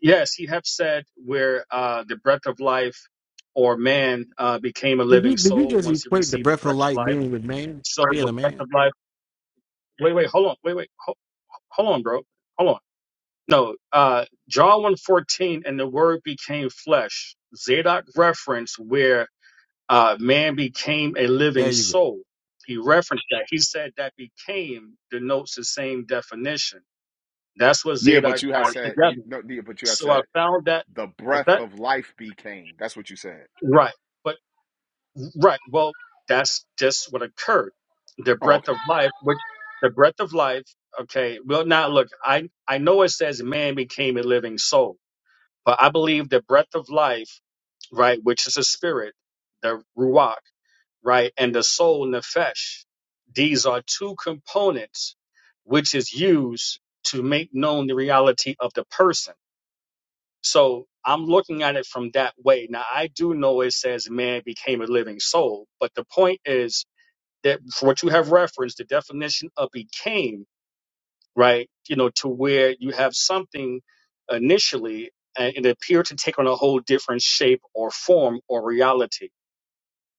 Yes, you have said where uh, the breath of life or man uh, became a
Did you
living
did you
soul
just
once he
equate the
received the
breath of
breath of
life
life
being with man,
So
being
the
a
breath
man?
of life. Wait, wait, hold on. Wait, wait, hold, hold on, bro. Hold on. No, uh, John one fourteen, and the word became flesh. Zadok referenced where uh, man became a
There
living
you go.
soul. He referenced that. He said that became denotes the same definition. That's what
Yeah,
Zadok
but you had
tied
said you
together.
no yeah, but you had
So I
said
found that,
the
with
breath
that,
of life became. That's what you said.
right. But. Right. Well, that's just what occurred. The
Oh,
breath
okay.
of life, which the breath of life, okay. Well, now look, I, I know it says man became a living soul, but I believe the breath of life, right, which is a spirit, the ruach, right, and the soul nefesh. These are two components which is used to make known the reality of the person. So I'm looking at it from that way. Now I do know it says man became a living soul, but the point is that for what you have referenced, the definition of became, right? You know, to where you have something initially and it appeared to take on a whole different shape or form or reality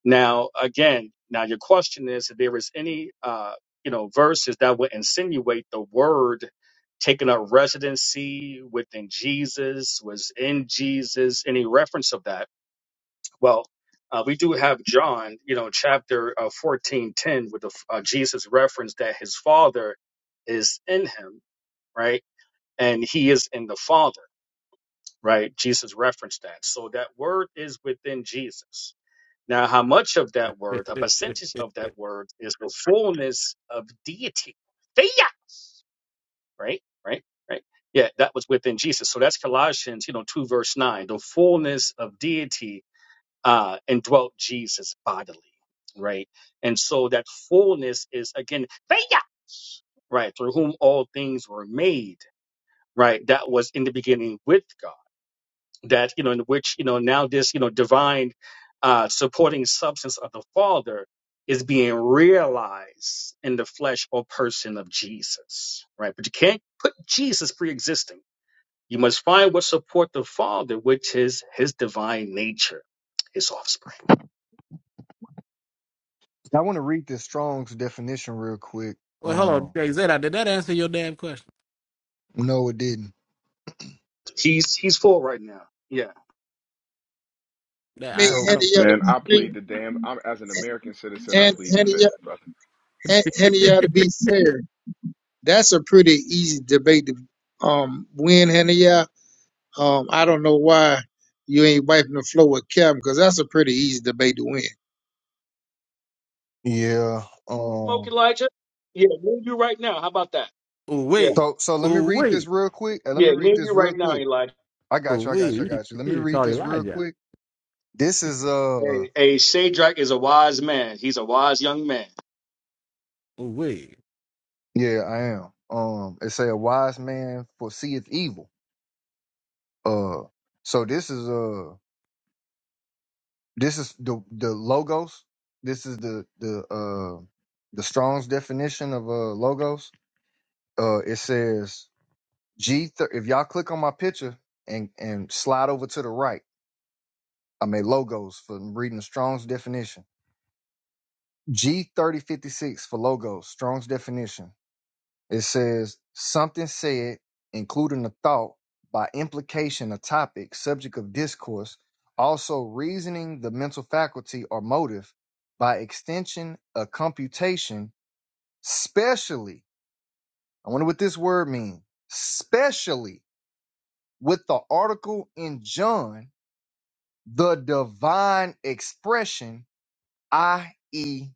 now, again, now your question is if there is any, uh, you know, verses that would insinuate the word taking up residency within Jesus, was in Jesus, any reference of that? Well, uh, we do have John, you know, chapter uh, 14 10 with the, uh, Jesus reference that his father is in him, right? And he is in the father, right? Jesus referenced that. So that word is within Jesus now, how much of that word, a percentage of that word, is the fullness of deity? Theia, right, right, right. Yeah, that was within Jesus. So that's Colossians, you know, two verse nine. The fullness of deity uh, indwelt Jesus bodily, right? And so that fullness is again theia, right, through whom all things were made, right? That was in the beginning with God. that you know in which you know now this you know divine uh, supporting substance of the Father is being realized in the flesh or person of Jesus, right? But you can't put Jesus pre-existing. You must find what support the Father, which is His divine nature, His offspring.
I want to read this Strong's definition real quick.
well, hold on,
Um,
Jay Zeta, did that answer your damn question?
no, it didn't.
He's he's full right now. Yeah.
I mean,
That I, I
So
Hannah,
don't
y'all to
believe.
Man, I
be
plead the damn I'm as an
fair.
American citizen I
Han-
plead the
Hannah,
fifth,
y'all
brother.
Han- Hannah, y'all to be fair. That's a pretty easy debate to um, win, Hannah, y'all. Um, I don't know why you ain't wiping the floor with Kevin because that's a pretty easy debate to win.
yeah.
Smoke
Um.
Elijah. Yeah, me and you right now. How about that?
oh
Yeah,
wait,
So so let me
oh
read
wait,
this real quick. Uh, Let
yeah,
me
me
read
and you
this real
right now,
quick.
Elijah.
I
oh
got you. I
wait.
got you. I
He just
got you. Let me
you just
read
called
this real
Elijah.
quick. This is uh
Hey, hey, Shadrach is a wise man. He's a wise young man.
Oh wait,
yeah, I am. Um it say a wise man foreseeth evil. Uh so this is uh this is the the logos. This is the the uh the Strong's definition of uh logos. Uh it says G thir- if y'all click on my picture and and slide over to the right. I made logos for reading the Strong's definition. G3056 for logos, Strong's definition. It says something said, including a thought, by implication, a topic, subject of discourse, also reasoning the mental faculty or motive, by extension, a computation, specially. I wonder what this word means. Specially with the article in John, the divine expression, i.e.,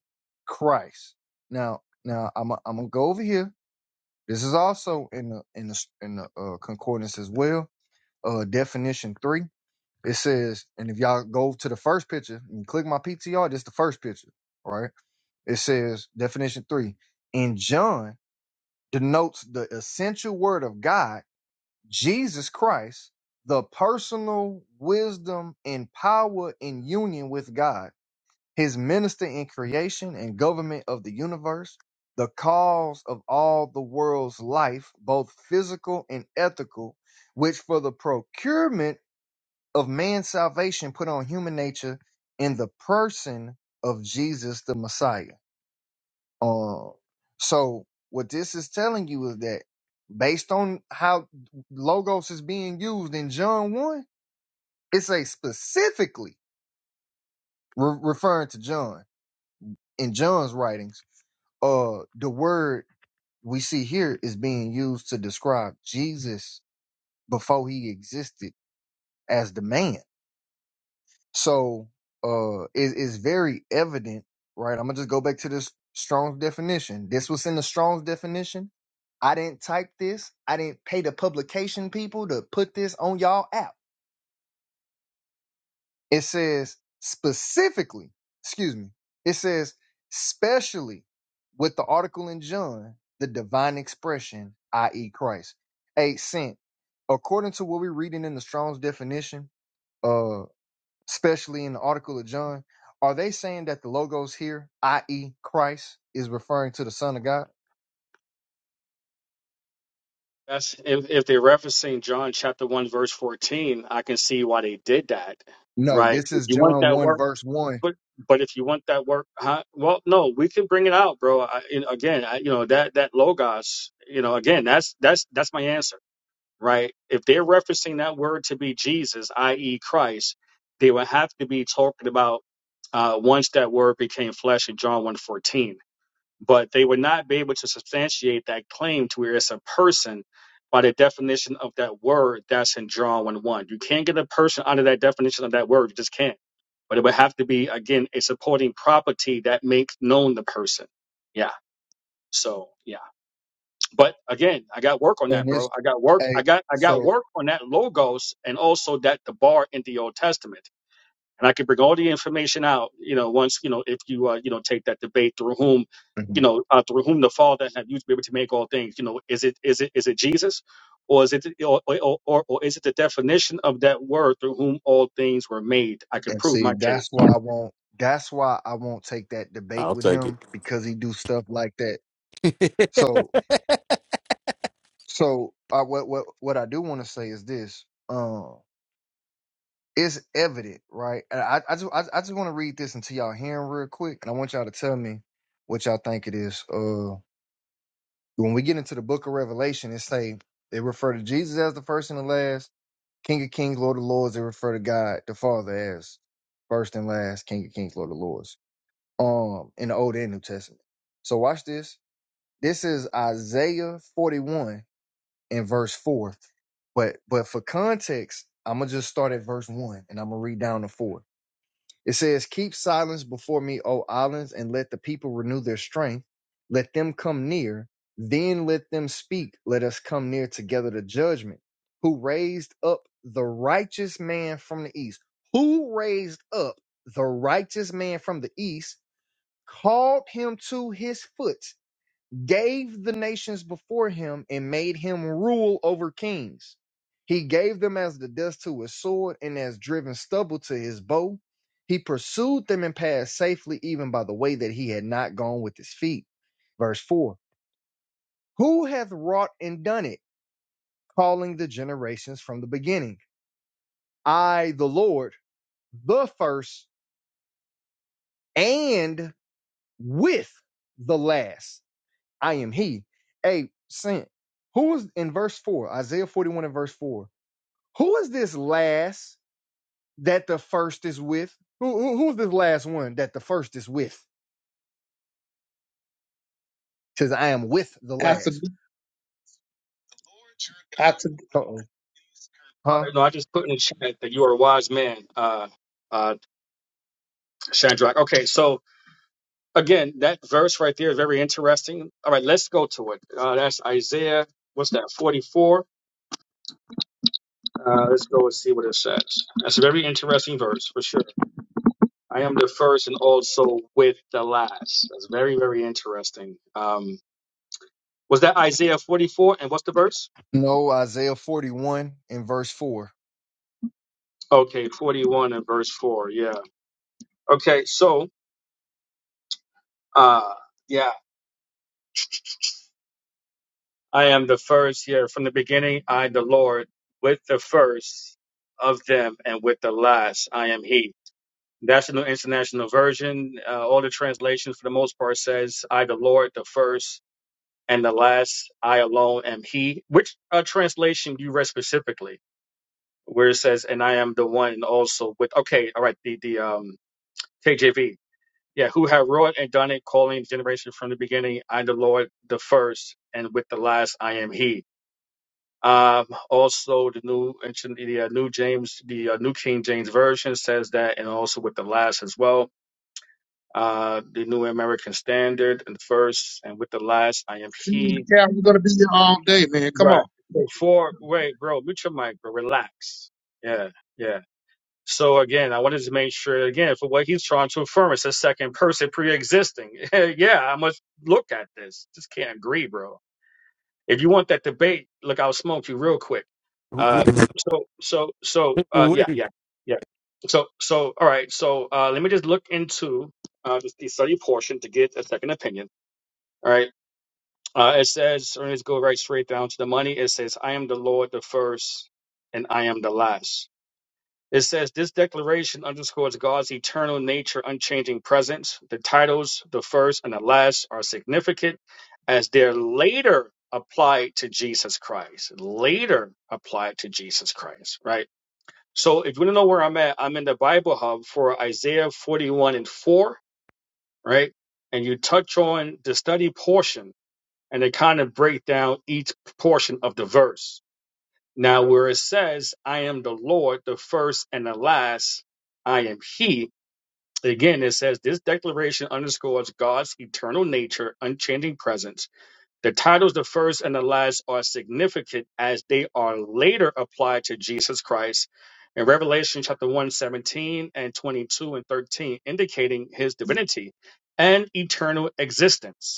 Christ. Now, now I'm i am i gonna go over here This is also in the in the in the uh, concordance as well. Uh, definition three. It says, and if y'all go to the first picture and click my PTR, this is the first picture, right? It says definition three. In John denotes the essential word of God, Jesus Christ, the personal wisdom and power in union with God his minister in creation and government of the universe, the cause of all the world's life, both physical and ethical, which for the procurement of man's salvation put on human nature in the person of Jesus the Messiah. Um, so what this is telling you is that based on how logos is being used in John 1, it's a specifically re- referring to John in John's writings uh the word we see here is being used to describe Jesus before he existed as the man. So uh it is very evident, right? I'm gonna just go back to this Strong's definition. This was in the Strong's definition. I didn't type this. I didn't pay the publication people to put this on y'all app It says specifically, excuse me, it says specially with the article in John, the divine expression, i.e., Christ. A sent. According to what we're reading in the Strong's definition, uh, especially in the article of John, are they saying that the logos here, i.e., Christ, is referring to the Son of God?
That's if, if they're referencing John chapter one verse fourteen, I can see why they did that,
No,
right?
this
If
is
you want
John
that
1,
work,
verse 1.
but but if you want that work, huh? Well, no, we can bring it out, bro. I, and again, I, you know that that logos, you know, again, that's that's that's my answer, right? If they're referencing that word to be Jesus, i.e., Christ, they would have to be talking about uh, once that word became flesh in John one fourteen but they would not be able to substantiate that claim to where it's a person by the definition of that word that's in John 1 1. You can't get a person under that definition of that word, you just can't. But it would have to be, again, a supporting property that makes known the person. Yeah. So yeah. But again, I got work on that,
And
bro.
this,
I got work I
a
got I got
so.
work on that logos and also that the bar in the Old Testament and I can bring all the information out. You know, once you know if you uh, you know take that debate through whom,
mhm.
you know, uh, through whom the Father have used to be able to make all things. You know, is it is it is it Jesus, or is it or or, or, or is it the definition of that word through whom all things were made? I can
And
prove
see,
my case.
that's why I won't. That's why I won't take that debate with him because he do stuff like that. So, so uh, what what what I do want to say is this: um, it's evident, right? And I I just I, I just want to read this into y'all hearing real quick, and I want y'all to tell me what y'all think it is. Uh, when we get into the Book of Revelation, it say they refer to Jesus as the first and the last, King of Kings, Lord of Lords. They refer to God the Father as first and last, King of Kings, Lord of Lords um in the Old and New Testament. So watch this. This is Isaiah 41 in verse 4. But but for context, I'm gonna just start at verse 1 and I'm gonna read down to 4. It says, Keep silence before me, O islands, and let the people renew their strength. Let them come near, then let them speak. Let us come near together to judgment. Who raised up the righteous man from the east? Who raised up the righteous man from the east? called him to his foot, gave the nations before him, and made him rule over kings. He gave them as the dust to his sword and as driven stubble to his bow. He pursued them and passed safely, even by the way that he had not gone with his feet. Verse 4 Who hath wrought and done it, calling the generations from the beginning? I, the Lord, the first, and with the last I am he. Hey, Saint, who is in verse 4, Isaiah 41 and verse 4, who is this last that the first is with? Who, who Who's this last one that the first is with? Says, I am with the
After
last.
after
Uh-oh.
All
Huh?
right, no, I just put in the chat that you are a wise man, uh, uh, Shadrach. Okay, so again, that verse right there is very interesting. All right, let's go to it. Uh, that's Isaiah. What's that? Forty-four Uh, let's go and see what it says. That's a very interesting verse for sure. I am the first and also with the last. That's very, very interesting. Um, was that Isaiah 44? And what's the verse?
No, Isaiah 41 and verse 4.
Okay, 41 and verse 4. Yeah. Okay, so, uh, yeah, I am the first here. From the beginning, I, the Lord, with the first of them and with the last, I am He. That's the New International Version. Uh, all the translations, for the most part, says, I, the Lord, the first and the last I alone am he. Which uh, translation do you read specifically? Where it says, and I am the one also with, okay, all right, the, the um, KJV. Yeah, who have wrought and done it, calling generation from the beginning. I, am the Lord, the first, and with the last, I am he. Um, also, the new, the uh, new James, the uh, new King James version says that, and also with the last as well. Uh, the new American Standard and first, and with the last, I am
three,
he
yeah, I'm gonna be here all day, man. Come
Right.
on.
So for wait, bro, mute your mic, bro. Relax. Yeah, yeah. So again, I wanted to make sure again for what he's trying to affirm, it's a second person pre-existing. yeah, I must look at this. Just can't agree, bro. If you want that debate, look, I'll smoke you real quick.
oh
Uh,
wait.
so, so, so, uh,
Oh,
yeah,
wait.
yeah, yeah. So, so, all right. So, uh, let me just look into uh this, the study portion to get a second opinion. All right. Uh, it says, or let us go right straight down to the money. It says, I am the Lord, the first, and I am the last. It says, this declaration underscores God's eternal nature, unchanging presence. The titles, the first and the last, are significant as they're later applied to Jesus Christ. Later applied to Jesus Christ, right? So if you want to know where I'm at, I'm in the Bible Hub for Isaiah 41 and 4, right? And you touch on the study portion and they kind of break down each portion of the verse. Now, where it says, I am the Lord, the first and the last, I am He, again, it says, this declaration underscores God's eternal nature, unchanging presence. The titles, the first and the last, are significant as they are later applied to Jesus Christ. In Revelation chapter one, 17, and 22 and 13, indicating his divinity and eternal existence.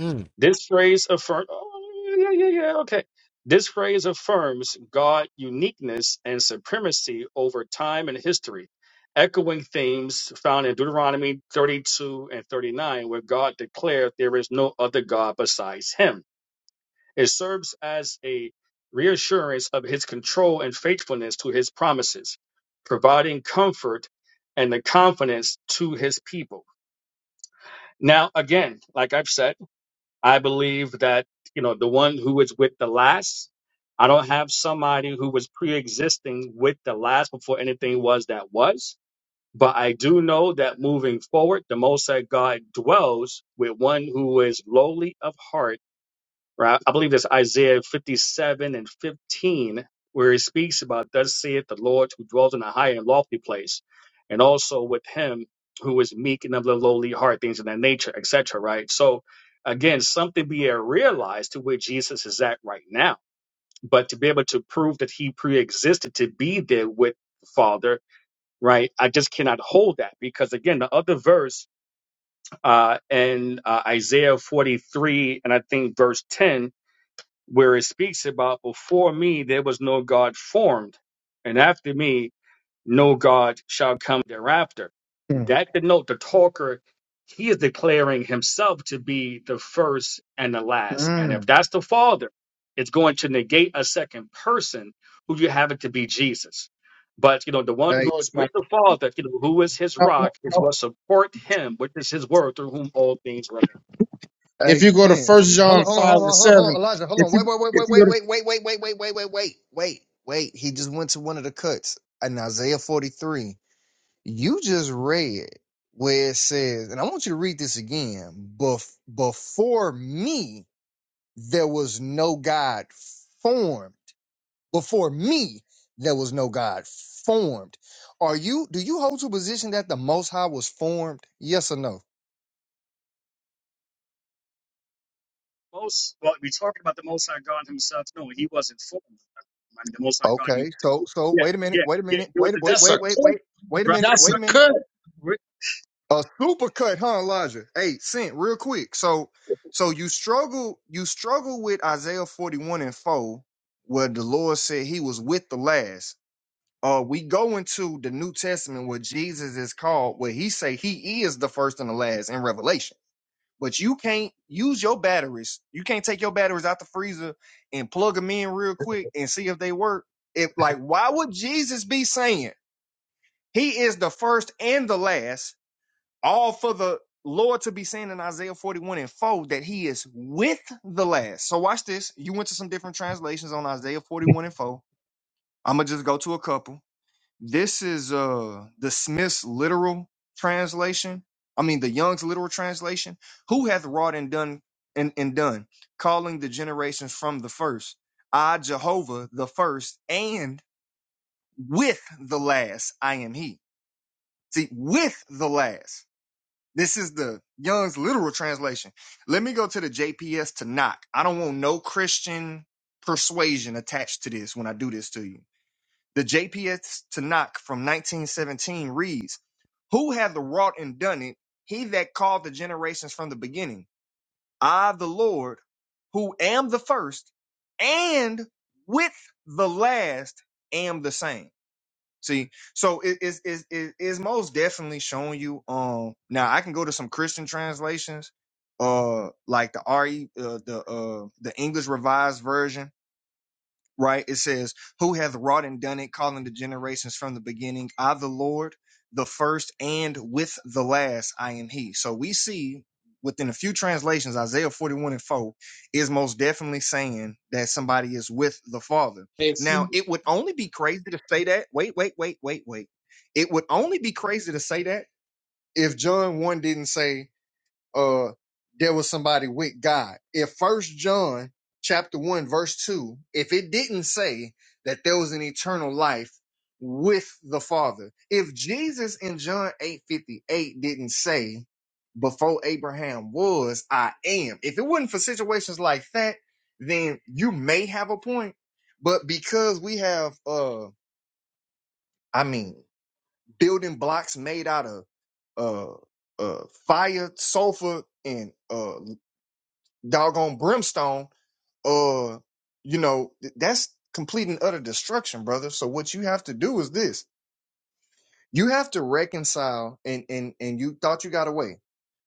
Mm.
This phrase affirms, oh, yeah, yeah, yeah, yeah, okay. This phrase affirms God's uniqueness and supremacy over time and history, echoing themes found in Deuteronomy 32 and 39, where God declared there is no other God besides him. It serves as a reassurance of his control and faithfulness to his promises, providing comfort and the confidence to his people. Now, again, like I've said, I believe that, you know, the one who is with the last, I don't have somebody who was pre existing with the last before anything was that was. But I do know that moving forward, the Most High God dwells with one who is lowly of heart right? I believe that's Isaiah 57 and 15, where he speaks about, Thus saith the Lord who dwells in a high and lofty place, and also with him who is meek and of the lowly heart, things of that nature, etc., right? So, again, something being realized to where Jesus is at right now, but to be able to prove that he pre existed to be there with the Father. Right, I just cannot hold that because again, the other verse uh, in uh, Isaiah 43 and I think verse 10 where it speaks about before me there was no God formed, and after me no God shall come thereafter.
Mm.
That denote the talker, he is declaring himself to be the first and the last. And if
Mm.
that's the Father, it's going to negate a second person who you have it to be Jesus. But you know, the one who
Hey,
No,
was
it's
with
not.
the Father, you know, who is his
No, no,
rock, is
no.
what support him, which is his word through whom all things
If
hey,
you go to
Saint.
First
Hold
John
on, hold on,
five
hold on,
and
hold on, hold
seven,
on, Elijah, hold
if
on.
you
Wait, wait, wait,
if you go
wait,
to
wait, wait, wait, wait, wait, wait, wait, wait, wait, wait, wait. He just went to one of the cuts in Isaiah 43. You just read where it says, and I want you to read this again. Bef- before me, there was no God formed. Before me, there was no God formed. Are you, do you hold to a position that the Most High was formed? Yes or no?
Most, well, we're talking about the Most High God Himself. No, He wasn't formed. I mean, the Most High God. He
Okay. So,
was.
so
Yeah,
wait a minute,
yeah,
wait a
yeah.
minute,
He was
wait,
a
wait,
dis.
that's a
wait, wait,
cut.
wait, wait a
Right,
minute,
That's
wait a
right,
a
minute.
cut.
right,
A super cut, huh, Elijah? Hey, cent, real quick. So so you struggle you struggle with Isaiah 41 and 4, where the Lord said he was with the last. Uh we go into the New Testament where Jesus is called, where he say he is the first and the last in Revelation. But you can't use your batteries. You can't take your batteries out the freezer and plug them in real quick and see if they work. If like, why would Jesus be saying he is the first and the last? all for the Lord to be saying in Isaiah 41 and 4 that he is with the last. So watch this. You went to some different translations on Isaiah 41 and 4. I'm gonna just go to a couple. This is uh the Smith's literal translation. I mean the Young's literal translation. Who hath wrought and done and, and done, calling the generations from the first. I Jehovah the first, and with the last I am he. See, with the last. This is the Young's literal translation. Let me go to the JPS to knock. I don't want no Christian persuasion attached to this when I do this to you. The JPS to knock from 1917 reads, Who hath wrought and done it? He that called the generations from the beginning. I, the Lord, who am the first and with the last am the same. See, so it is is it is most definitely showing you. Um, now I can go to some Christian translations, uh, like the re uh, the uh the English Revised Version right? It says, Who hath wrought and done it, calling the generations from the beginning? I, the Lord, the first, and with the last, I am He. So we see within a few translations, Isaiah 41 and 4 is most definitely saying that somebody is with the Father.
If
Now,
you-
it would only be crazy to say that. Wait, wait, wait, wait, wait. It would only be crazy to say that if John 1 didn't say, uh there was somebody with God. If first John chapter one, verse two, if it didn't say that there was an eternal life with the Father, if Jesus in John 8:58 didn't say before Abraham was, I am. If it wasn't for situations like that, then you may have a point. But because we have uh I mean building blocks made out of uh uh fire, sulfur, and uh doggone brimstone, uh, you know, th- that's complete and utter destruction, brother. So what you have to do is this. You have to reconcile and and and you thought you got away,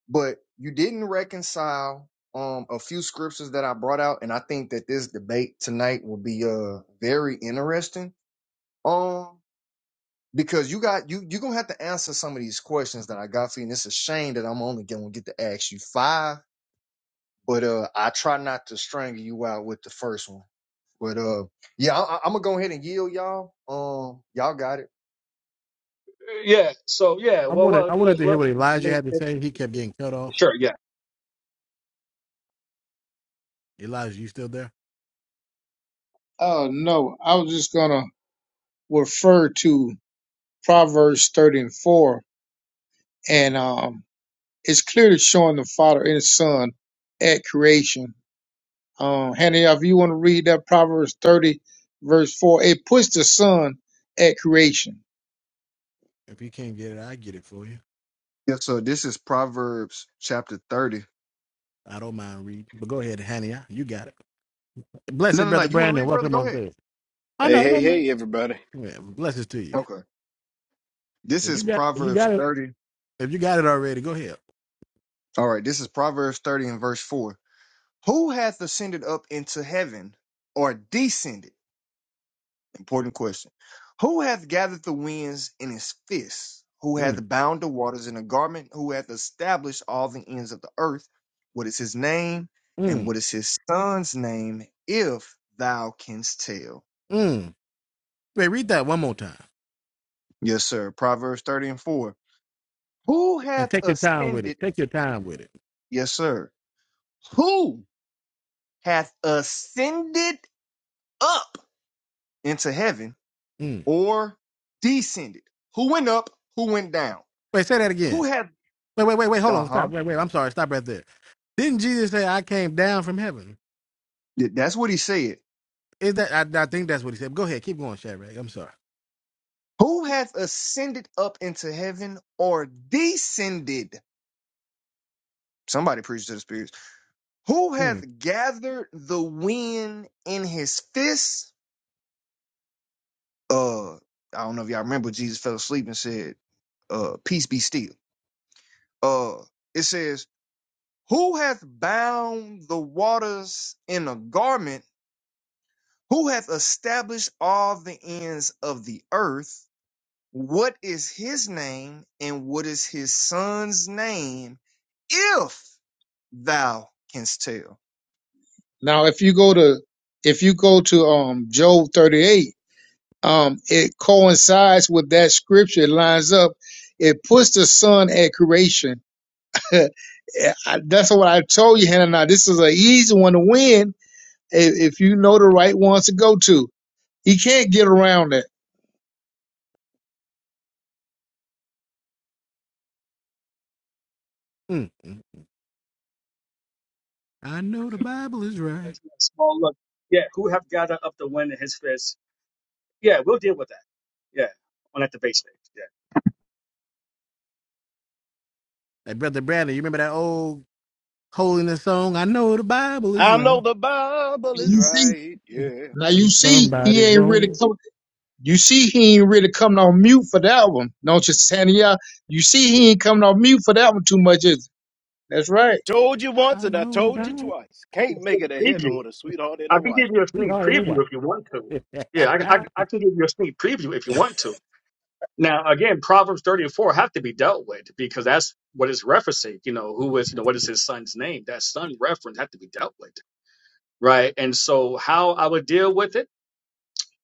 but you didn't reconcile um a few scriptures that I brought out, and I think that this debate tonight will be uh very interesting. Um because you got you you're gonna have to answer some of these questions that I got for you, and it's a shame that I'm only gonna get to ask you five, but uh I try not to strangle you out with the first one. But uh, yeah, I, I'm gonna go ahead and yield y'all. Um, y'all got it.
yeah. So yeah.
I
Well,
wanted
well.
I wanted
Look,
to hear
look.
what
I
Elijah
mean,
had to
it,
say. He kept getting cut off.
sure. Yeah.
Elijah, you still there?
oh no, I was just gonna refer to Proverbs thirty and four, and um, it's clearly showing the Father and Son at creation. Um, Hannah, if you want to read that Proverbs 30, verse 4, it puts the sun at creation.
If you can't get it, I get it for you.
Yeah, so this is Proverbs chapter 30.
I don't mind reading, but go ahead, Hania. You got it.
No,
Blessed
no, no.
brother
You want to
Brandon,
read, brother?
welcome
Go
on
ahead.
stage. Oh
Hey,
no,
hey,
no man.
hey, everybody.
Yeah, blessings to you.
Okay. This
If you
is
got if you
Proverbs
got it
30.
if you got it already, go ahead.
All right. This is Proverbs 30 and verse 4. Who hath ascended up into heaven or descended? Important question. Who hath gathered the winds in his fist? Who
Mm,
hath bound the waters in a garment? Who hath established all the ends of the earth? What is his name? And
mm,
what is his son's name, if thou canst tell?
mm. Wait, read that one more time.
Yes, sir. Proverbs 30 and 4. Who
And
hath
take your time with it.
ascended?
Take your time with it.
Yes, sir. Who hath ascended up into heaven
Mm.
or descended? Who went up? Who went down?
Wait, say that
Who
again.
hath,
Wait, wait, wait, wait. Hold
uh
on. Stop.
huh.
Wait, wait. I'm sorry. Stop right there. Didn't Jesus say, I came down from heaven?
That's what he said
Is that, I, I think that's what he said. Go ahead. Keep going, Shadrach. I'm sorry.
Who hath ascended up into heaven or descended? Somebody preach to the spirits. Who hath
Mm,
gathered the wind in his fist? Uh, I don't know if y'all remember Jesus fell asleep and said, uh, peace be still. Uh, it says, who hath bound the waters in a garment? Who hath established all the ends of the earth? What is his name and what is his son's name? If thou canst tell.
Now, if you go to, if you go to, um, Job 38, um, it coincides with that scripture. It lines up. It puts the sun at creation. I- That's what I told you, Hannah. Now, this is an easy one to win if, if you know the right ones to go to. He can't get around that.
mm, mm. I know the Bible is
Uh,
right.
Small look. Yeah. Who have gathered up the wind in His fist? Yeah, we'll deal with that. Yeah, on at the base stage.
Hey, Brother Bradley, you remember that old holiness song? I know the Bible is
I know
right.
the Bible is
You see,
right. Yeah. I
now you see, he
Somebody's
ain't really
wrong.
coming. You see, he ain't really coming on mute for that one, don't you, Hania? You see, he ain't coming on mute for that one too much, is it? That's right,
told you once
I
and I
know the
told you
Bible.
twice. Can't
Yeah.
make it to heaven
Preview.
with a sweetheart and
I
a
can give
wife.
you a
We
sneak
hard in
preview if you want to.
a while.
Yeah, I, I, I can give you a sneak preview if you
Hey,
want to. Now, again, Proverbs 30 and 4 have to be dealt with because that's what it's referencing. You know, who is, you know, what is his son's name? That son reference have to be dealt with, right? And so, how I would deal with it,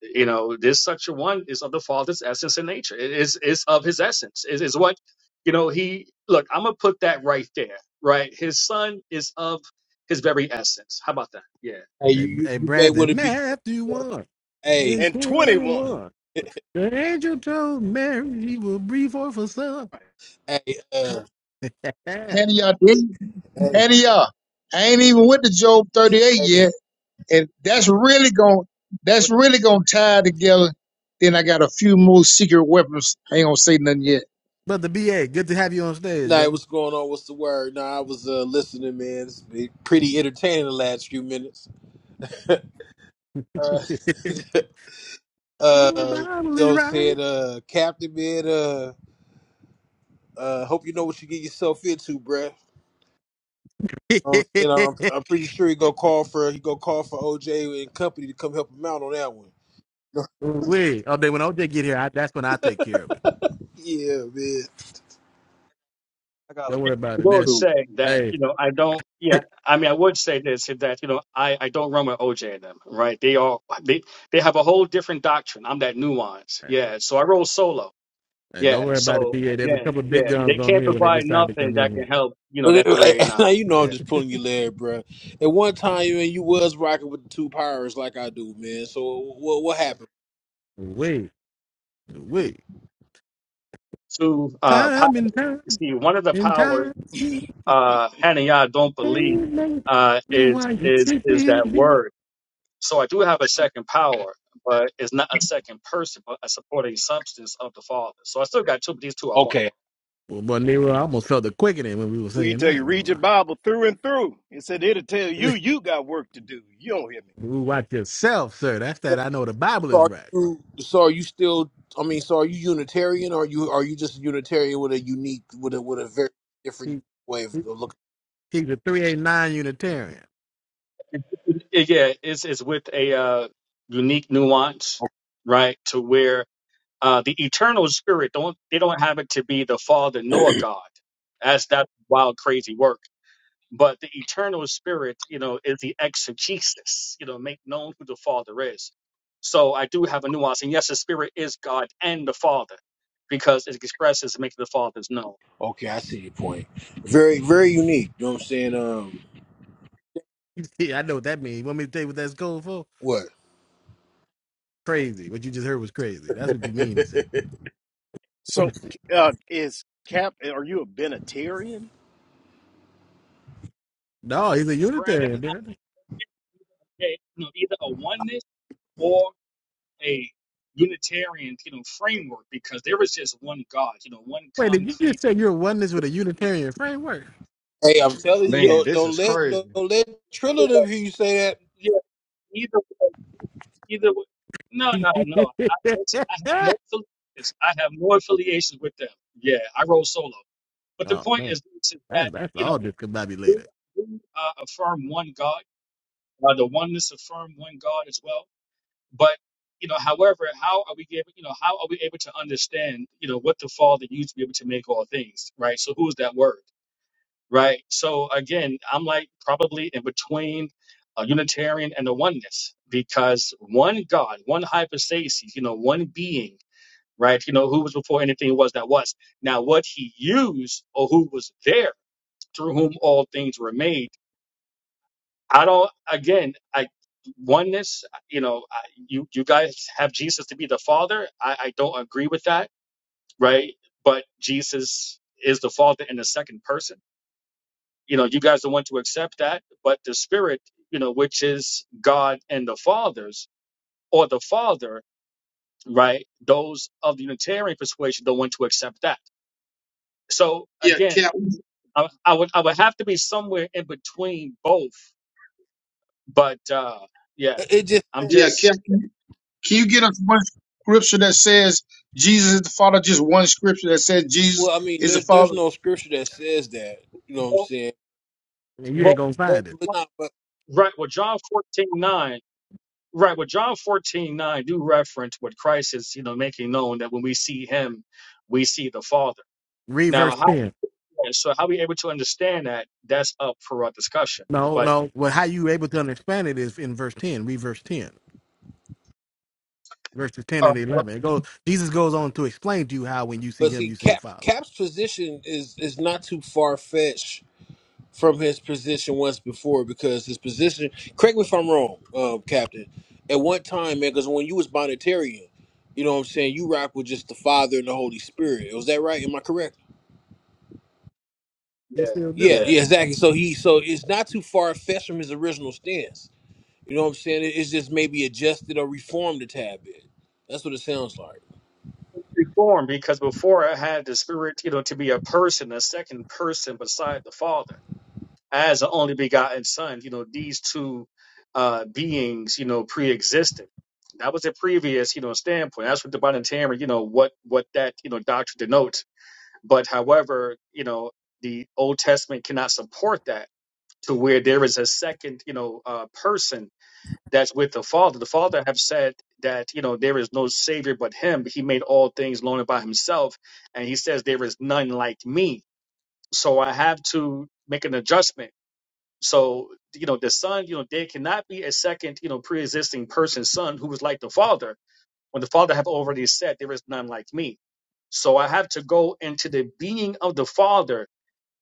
you know, this such a one is of the father's essence and nature. It is is of his essence. It is what, you know, he look. I'm gonna put that right there, right? His son is of his very essence. How about that? Yeah.
you,
Hey,
you
hey
you may want to
Brandon,
be.
Matthew 1
Hey,
and
And 21.
21. The angel told Mary he will breathe forth a son.
hey, uh,
Yeah.
Hania. did-
hey,
Hania, I ain't even with the Job thirty-eight
hey.
yet, and that's really going that's
But,
really gonna tie together. Then I got a few more secret weapons. I ain't gonna say nothing yet.
but the BA, good to have you on stage,
Nah,
brother.
what's going on? What's the word? Nah, I was uh, listening, man. It's been pretty entertaining the last few minutes. Uh,
You know the
uh,
Bible
you know,
is
what I'm saying,
right.
uh, Captain, man. Uh, uh, hope you know what you get yourself into, bruh. Um, and I'm, I'm pretty sure he go call for he go call for OJ and company to come help him out on that one.
Wait, oh, then when OJ get here, I, that's when I take care of it.
yeah, man.
I got a
Don't worry about it.
few
will
There's,
too.
say that you
hey,
know I don't.
hey,
Yeah, I mean I would say this is that you know I I don't run with OJ and them. Right? They are they they have a whole different doctrine. I'm that nuance. Yeah. So I roll solo. Yeah.
don't worry about it,
So
BA. There's a
yeah,
couple of big
yeah. They
guns on
can't
here when they
provide
decide to
nothing
come
that can
in
help. You know
But
that three
it- now
nine.
you know I'm
Yeah.
just
here.
pulling your leg, bro. At one time, you you was rocking with the two pirates like I do, man. So what what happened?
Wait, wait.
Two. Uh. Power,
Time and time
see, one of the
and
powers
time.
uh Hanayah don't believe uh is is is that word. So I do have a second power, but it's not a second person, but a supporting substance of the Father. So I still got two, but these two are one.
Okay.
Well, boy, Nero, I almost felt the quickening when we were
Will you
singing
tell you,
that.
read your
Boy.
Bible through and through. It said it'll tell you you got work to do. You don't hear me.
Ooh, watch yourself, sir. That's that. I know the Bible
So
is
are
right.
you so are you still? I mean, so are you Unitarian? Or are you are you just a Unitarian with a unique with a with a very different
He,
way
he-
of looking?
he's a 389 Unitarian.
It- yeah, it's it's with a uh, unique nuance, right? To where uh, the eternal spirit don't they don't have it to be the Father nor God. That's that wild, crazy work. But the eternal spirit, you know, is the exegesis, you know, make known who the Father is. So I do have a nuance. And yes, the Spirit is God and the Father because it expresses and makes the Father's known.
Okay, I see your point. Very very unique. You know what I'm saying? Um,
see, I know what that means. You want me to tell you what that's code for?
what?
Crazy. What you just heard was crazy. That's what you mean to say.
So, uh, is Cap, are you a Benatarian?
No, he's a
Hey, Brandon,
Unitarian,
uh,
dude.
hey, you know, either a oneness or a Unitarian, you know, framework because there is just one God, you know, one
Wait, did you just
concrete.
say you're oneness with a Unitarian framework?
Hey, I'm telling you,
Yeah,
Man,
don't
this
don't
is
let
crazy.
don't let Trillative hear you say
Either way, either way. No,
oh,
no, no. I, listen, I have no affiliations. I have no affiliations with them. Yeah, I roll solo. But the point
man.
is, is
That's,
that
that's
you know,
all
do,
discombobulated.
do uh, affirm one God, uh, the oneness affirm one God as well. But you know, however, how are we able? You know, how are we able to understand? You know, what the Father used to be able to make all things, right? So, who's that word? right? So again, I'm like probably in between a Unitarian and a oneness because one God, one hypostasis, you know, one being, right? You know, who was before anything was that was. Now, what he used or who was there through whom all things were made. I don't, again, I, oneness, you know, I, you, you guys have Jesus to be the Father. I, I don't agree with that, right? But Jesus is the Father in the second person you know you guys don't want to accept that but the spirit you know which is god and the fathers or the father right those of the unitarian persuasion don't want to accept that so
Yeah,
again
Cap.
i, I would i would have to be somewhere in between both but uh yeah
that. It just
i'm
Yeah,
just
Cap. Can you get us one scripture that says Jesus is the Father? Just one scripture that says Jesus
well, I mean,
is the
there's there's
Father.
no scripture that says that. You know what I'm
well,
saying?
And you ain't
well,
going to
well,
find it.
But not, but
right well john 14 9, Right, well, John 14 9 do reference what Christ is, you know, making known that when we see him, we see the Father.
Read
Now,
verse 10.
And so, how we able to understand that? That's up for our discussion.
No,
But
no. Well, how you able to understand it is in verse 10. Read verse 10. Verses 10
Uh,
and
well,
11. It goes, Jesus goes on to explain to you how when you see
but
him,
see,
you see the
Cap
Father.
Cap's position is is not too far fetched from his position once before because his position. Correct me if I'm wrong, um, Captain. At one time, man, because when you was Bonnetarian, you know what I'm saying, you rock with just the Father and the Holy Spirit. Was that right? Am I correct?
He
yeah,
still
Yeah,
do.
yeah,
yeah, exactly. So he, so it's not too far fetched from his original stance. You know what I'm saying? It- It's just maybe adjusted or reformed a tad bit. That's what it sounds like.
reform because before I had the spirit, you know, to be a person, a second person beside the Father, as the only begotten Son. You know, these two uh beings, you know, pre-existed. That was the previous, you know, standpoint. That's what the Bonitarian, you know, what what that you know doctrine denotes. But however, you know, the Old Testament cannot support that to where there is a second, you know, uh person that's with the Father. The Father have said that you know there is no Savior but Him. He made all things known by Himself, and He says there is none like me. So I have to make an adjustment. So you know the Son, you know there cannot be a second you know pre-existing person Son who is like the Father when the Father have already said there is none like me. So I have to go into the being of the Father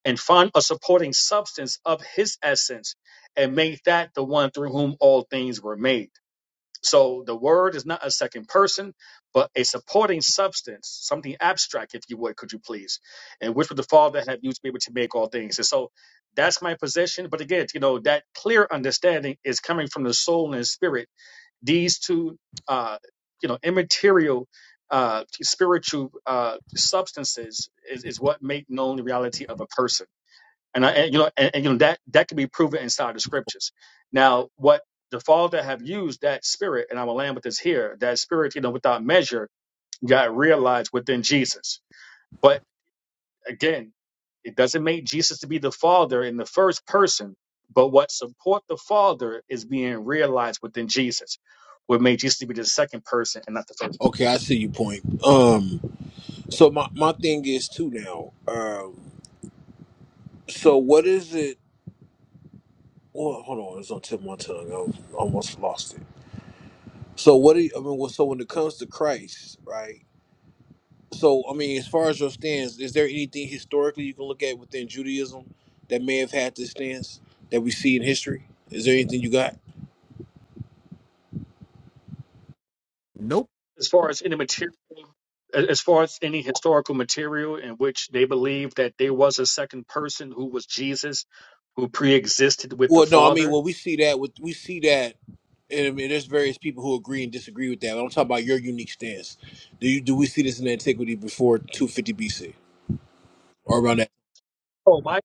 and find a supporting substance of His essence and make that the one through whom all things were made. So the word is not a second person, but a supporting substance, something abstract, if you would, could you please? And which would the Father have used to be able to make all things? And so that's my position. But again, you know, that clear understanding is coming from the soul and spirit. These two, uh, you know, immaterial, uh, spiritual uh, substances is, is what make known the reality of a person and, I, and you know, and, and, you know that that can be proven inside the scriptures. Now, what the father have used that spirit, and I will land with this here. That spirit, you know, without measure, got realized within Jesus. But again, it doesn't make Jesus to be the father in the first person. But what support the father is being realized within Jesus. What made Jesus to be the second person and not the first.
Okay, I see your point. Um. So my, my thing is too now. Um, so what is it? Well, hold on, it's on tip of my tongue. I almost lost it. So what do you, I mean? Well, so when it comes to Christ, right? So I mean, as far as your stance, is there anything historically you can look at within Judaism that may have had this stance that we see in history? Is there anything you got?
Nope.
As far as any material, as far as any historical material in which they believe that there was a second person who was Jesus who preexisted with the
Well, no, I mean,
Father.
well, we see that with we see that, and I mean, there's various people who agree and disagree with that. But I'm talking about your unique stance. Do you do we see this in antiquity before 250 BC? or around that?
Oh, my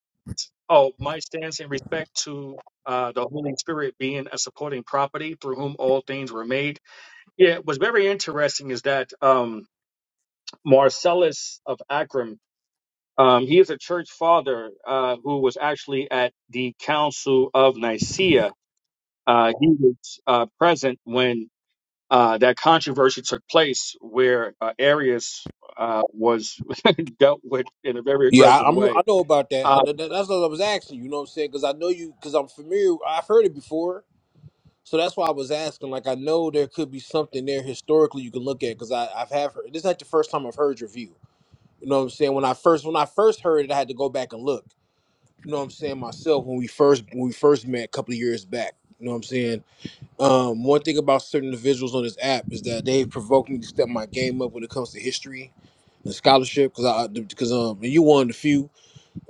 oh, my stance in respect to uh, the Holy Spirit being a supporting property through whom all things were made. Yeah, what's very interesting is that um, Marcellus of Acrim, um, he is a church father uh, who was actually at the Council of Nicaea. Uh, he was uh, present when uh, that controversy took place, where uh, Arius uh, was dealt with in a very
Yeah,
aggressive
I, I'm.
way.
I know about that.
Uh,
I, that. That's what I was asking. You know what I'm saying? Because I know you. Because I'm familiar. I've heard it before, so that's why I was asking. Like, I know there could be something there historically you can look at. Because I, I've have heard. This is like the first time I've heard your view. You know what I'm saying? When I first, when I first heard it, I had to go back and look. You know what I'm saying myself when we first, when we first met a couple of years back. You know what I'm saying? Um, one thing about certain individuals on this app is that they provoke me to step my game up when it comes to history and scholarship. Because I, because um, and you one of the few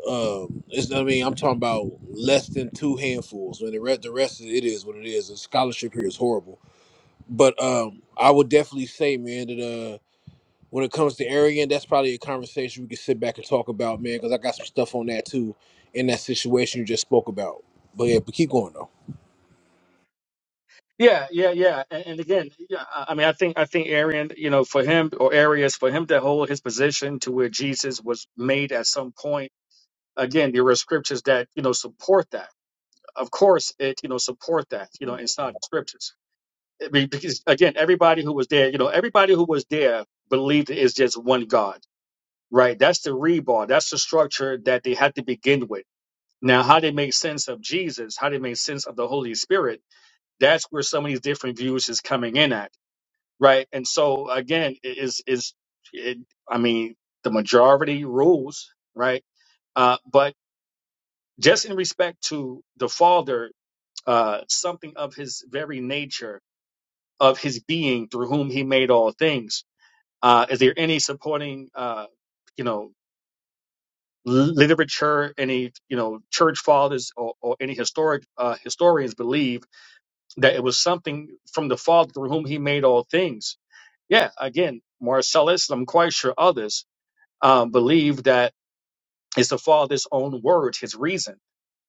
um it's i mean i'm talking about less than two handfuls when the rest the rest of it is what it is the scholarship here is horrible but um i would definitely say man that uh when it comes to arrogant that's probably a conversation we can sit back and talk about man because i got some stuff on that too in that situation you just spoke about but yeah but keep going though
Yeah, yeah, yeah. And, and again, yeah, I I mean, I think I think Arian, you know, for him or Arius, for him to hold his position to where Jesus was made at some point. Again, there are scriptures that you know support that. Of course, it you know support that. You know, it's not scriptures I mean, because again, everybody who was there, you know, everybody who was there believed it is just one God, right? That's the rebar. That's the structure that they had to begin with. Now, how they make sense of Jesus, how they make sense of the Holy Spirit, that's where some of these different views is coming in at right? And so again, it is is it, I mean, the majority rules, right? Uh, but just in respect to the Father, uh, something of His very nature, of His being, through whom He made all things. Uh, is there any supporting, uh, you know, literature, any you know, church fathers or, or any historic uh, historians believe that it was something from the Father through whom He made all things? Yeah, again, Marcellus, I'm quite sure others um, believe that it's the father's own words, his reason,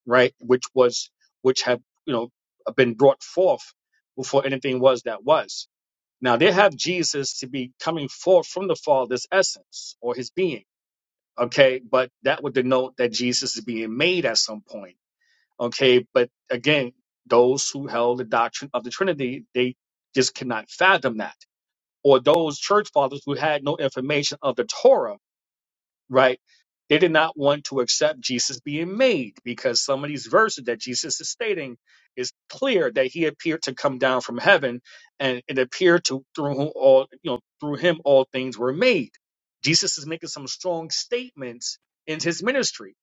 right, which was which have you know been brought forth before anything was that was. Now they have Jesus to be coming forth from the father's essence or his being, okay, but that would denote that Jesus is being made at some point, okay. But again, those who held the doctrine of the Trinity, they just cannot fathom that. Or those church fathers who had no information of the Torah right? They did not want to accept Jesus being made because some of these verses that Jesus is stating is clear that he appeared to come down from heaven and it appeared to through whom all you know through him all things were made. Jesus is making some strong statements in his ministry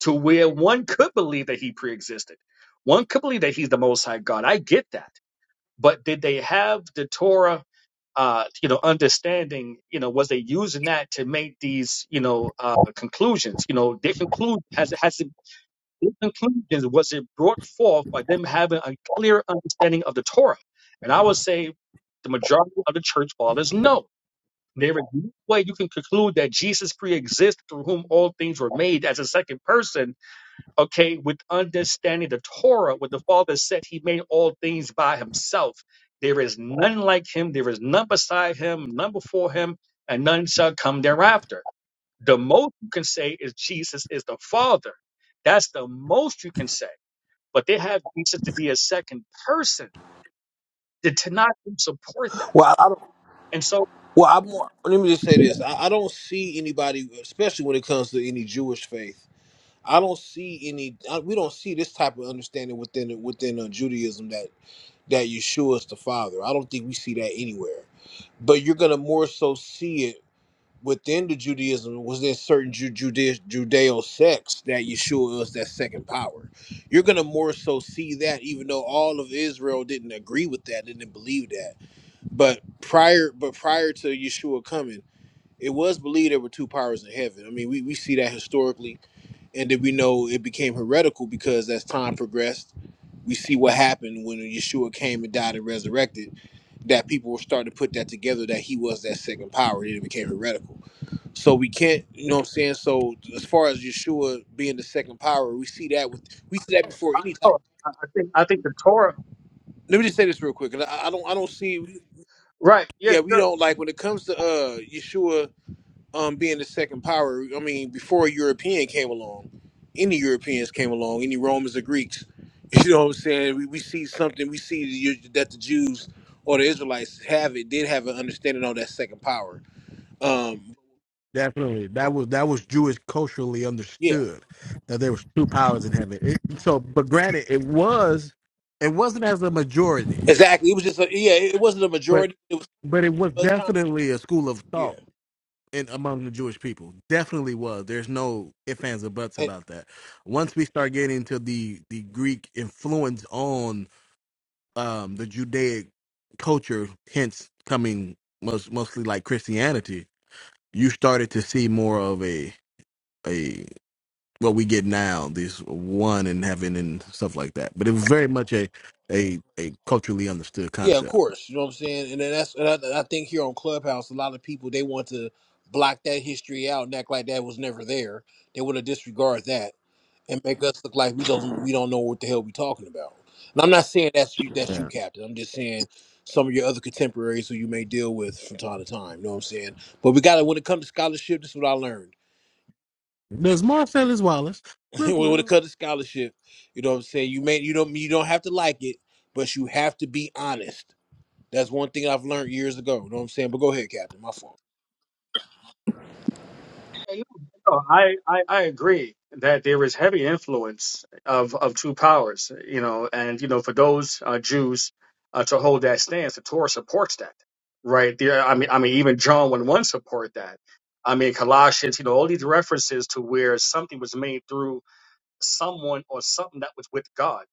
to where one could believe that he preexisted. One could believe that he's the most high God. I get that. But did they have the Torah uh, you know, understanding, you know, was they using that to make these, you know, uh, conclusions? You know, their conclude has has it, their conclusions was it brought forth by them having a clear understanding of the Torah? And I would say the majority of the church fathers no. There is no way you can conclude that Jesus pre-exists through whom all things were made as a second person okay, with understanding the Torah, what the Father said, He made all things by Himself. There is none like Him, there is none beside Him, none before Him, and none shall come thereafter. The most you can say is Jesus is the Father. That's the most you can say. But they have Jesus to be a second person. Did not support that?
well i I don't
And so,
well i'm more let me just say this I, I don't see anybody especially when it comes to any jewish faith I don't see any. I, we don't see this type of understanding within within uh, Judaism. that that Yeshua is the Father. I don't think we see that anywhere. But you're going to more so see it within the Judaism, within certain Ju- Judea- Judeo sects, that Yeshua is that second power. You're going to more so see that, even though all of Israel didn't agree with that, didn't believe that. But prior, but prior to Yeshua coming, it was believed there were two powers in heaven. I mean, we, we see that historically and then we know it became heretical because as time progressed, we see what happened when Yeshua came and died and resurrected. That people were starting to put that together that he was that second power, and it became heretical. So we can't, you know what I'm saying. So as far as Yeshua being the second power, we see that with we see that before
I,
any time.
oh, I I think I think the Torah,
Let me just say this real quick, 'cause I, I don't I don't see,
right? Yeah,
yeah, we
sure.
don't like when it comes to uh Yeshua. um being the second power. I mean, before a European came along, any Europeans came along, any Romans or Greeks. You know what I'm saying? We, we see something. We see the, that the Jews or the Israelites have it did have an understanding of that second power. Um,
Definitely. That was that was Jewish culturally
yeah,
understood that there was two powers in heaven. It, so but granted, it was it wasn't as a majority,
exactly. It was just a, yeah. It wasn't a
but
majority. It was,
but it was
it was kind of,
definitely a school of thought
yeah.
in among the Jewish people. Definitely was. There's no ifs, ands, or buts
And-
about that. Once we start getting to the the Greek influence on um the Judaic culture, hence coming most mostly like Christianity, you started to see more of a a what we get now, this one in heaven and stuff like that. But it was very much a a a culturally understood
yeah, of
concept.
course. You know what I'm saying, and then that's and I, and I think here on Clubhouse, a lot of people they want to block that history out and act like that was never there. They want to disregard that and make us look like we don't we don't know what the hell we talking about. And I'm not saying that's you that's you,
Yeah.
Captain. I'm just saying some of your other contemporaries who you may deal with from time to time. You know what I'm saying? But we got to when it comes to scholarship, this is what I learned.
Does Marcellus Wallace look like?
when it
a
comes to scholarship, you know what I'm saying. You may you don't you don't have to like it, but you have to be honest. That's one thing I've learned years ago. You know what I'm saying? But go ahead, Captain. My fault.
Hey, No, I, I, I agree that there is heavy influence of, of two powers, you know, and, you know, for those uh, Jews uh, to hold that stance, the Torah supports that, right? There, I mean, I mean, even John 1 1 support that. I mean, Colossians, you know, all these references to where something was made through someone or something that was with God,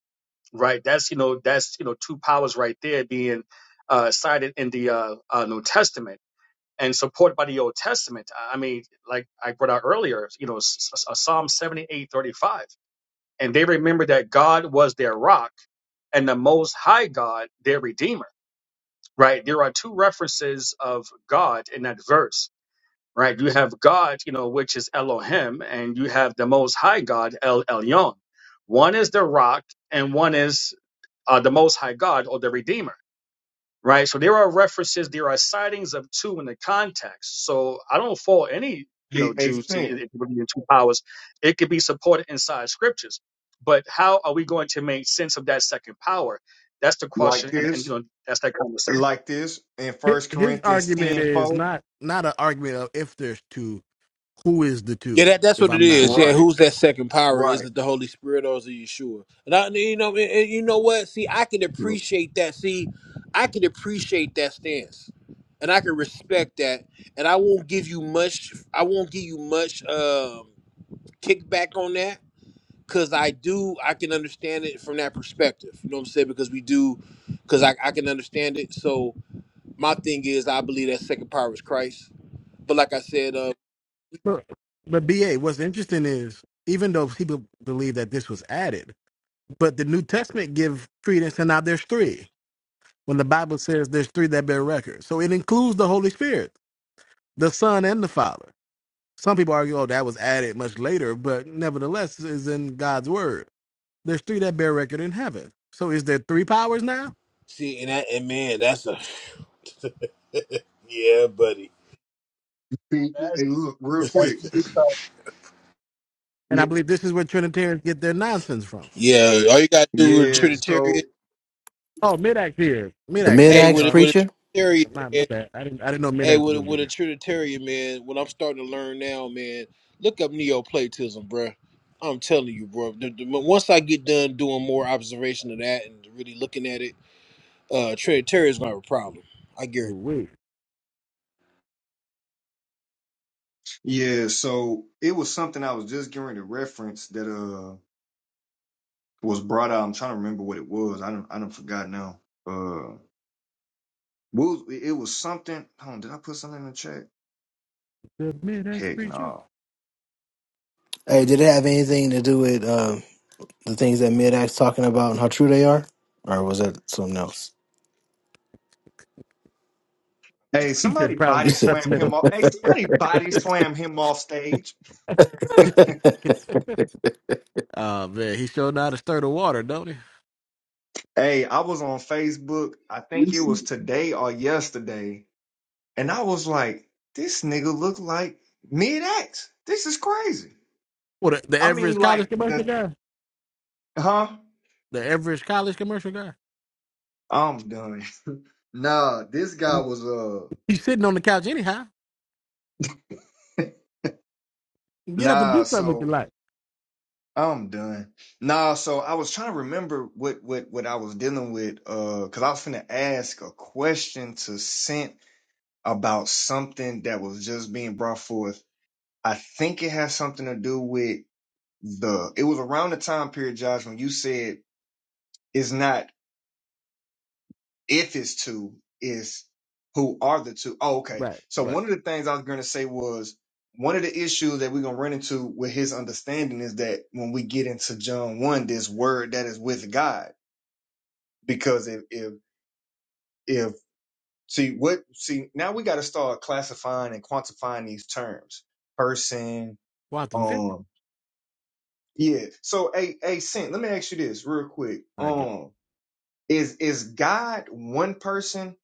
right? That's, you know, that's, you know, two powers right there being uh, cited in the uh, uh, New Testament and supported by the Old Testament. I mean, like I brought out earlier, you know, S- S- Psalm 78 35, And they remember that God was their rock and the Most High God, their Redeemer, right? There are two references of God in that verse, right? You have God, you know, which is Elohim, and you have the Most High God, El Elyon. One is the rock and one is uh, the Most High God or the Redeemer right? So there are references, there are sightings of two in the context. So I don't fault any, you
He
know,
they
Jews to
think
it could be in two powers. It could be supported inside scriptures. But how are we going to make sense of that second power? That's the
like
question, and, and you
this,
know, that's that conversation.
like this in
hi-
First
his
Corinthians
argument
10
is
4,
not not an argument of if there's two, who is the
Yeah,
two,
that, that's
if
what it
I'm not
is. Yeah,
mistaken.
Right,
who's that second power? Is
right.
it the Holy Spirit or is it Yeshua? And I, you know, and, and you know what? See, I can appreciate that. See, I can appreciate that stance, and I can respect that. And I won't give you much. I won't give you much um, kickback on that because I do. I can understand it from that perspective. You know what I'm saying? Because we do, because I, I can understand it. So my thing is, I believe that second power is Christ. But like I said, uh,
But, but BA, what's interesting is even though people believe that this was added, but the New Testament give credence and now there's three. When the Bible says there's three that bear record. So it includes the Holy Spirit, the Son and the Father. Some people argue, oh, that was added much later, but nevertheless is in God's word. There's three that bear record in heaven. So is there three powers now?
see, and that, and man, that's a yeah, buddy.
See,
That's,
Hey, look, real
that's
quick.
the deep thought.
And I
yeah,
believe this is where Trinitarians get their nonsense from.
Yeah, all you gotta do with a
yeah,
Trinitarian,
so
Oh, Midax here.
The
Midax here.
hey,
I'm
mid-ax
with a,
sorry.
with a
preacher.
Trinitarian
My, my
man,
bad. I didn't I didn't know
hey,
Midax was
with a,
gonna be
with a
here.
Trinitarian man, what I'm starting to learn now, man, look up Neoplatism, bruh. I'm telling you, bro. The, the, once I get done doing more observation of that and really looking at it, uh, Trinitarian's not a problem. I
Oh
guarantee.
wait.
yeah, so it was something I was just getting to reference that uh was brought out. I'm trying to remember what it was. I don't I don't forgot now. Uh what was, it was something. Hold on, did I put something in the chat?
The Midax
Heck
preacher.
no.
Hey, did it have anything to do with? um, the things that mid acts talking about and how true they are, or was that something else?
Hey,
He
somebody
said
You
probably
body
said
something
slam
else.
something.
him off. Hey, somebody body slam him off stage.
Oh man, he showed out to stir the water, don't he?
Hey, I was on Facebook, I
We
think it was today or yesterday, and I was like, this nigga look like mid X. This is crazy.
Well the, the
I
average
mean,
college
like
commercial
the
guy.
huh?
The average college commercial guy.
I'm done. nah, this guy was uh
He's sitting on the couch anyhow. Get up and
Nah,
do something with your
so
life.
I'm done. Nah, so I was trying to remember what what what I was dealing with, uh, because I was finna ask a question to Scent about something that was just being brought forth. I think it has something to do with the, it was around the time period, Josh, when you said it's not if it's two, it's who are the two. Oh, okay.
Right,
So
right.
one of the things I was going to say was one of the issues that we're going to run into with his understanding is that when we get into John 1, this word that is with God, because if, if, if, see what, see, now we got to start classifying and quantifying these terms person,
Watson Fisher.
um Yeah. So, a a Saint, let me ask you this real quick.
I guess.
Um, is is God one person,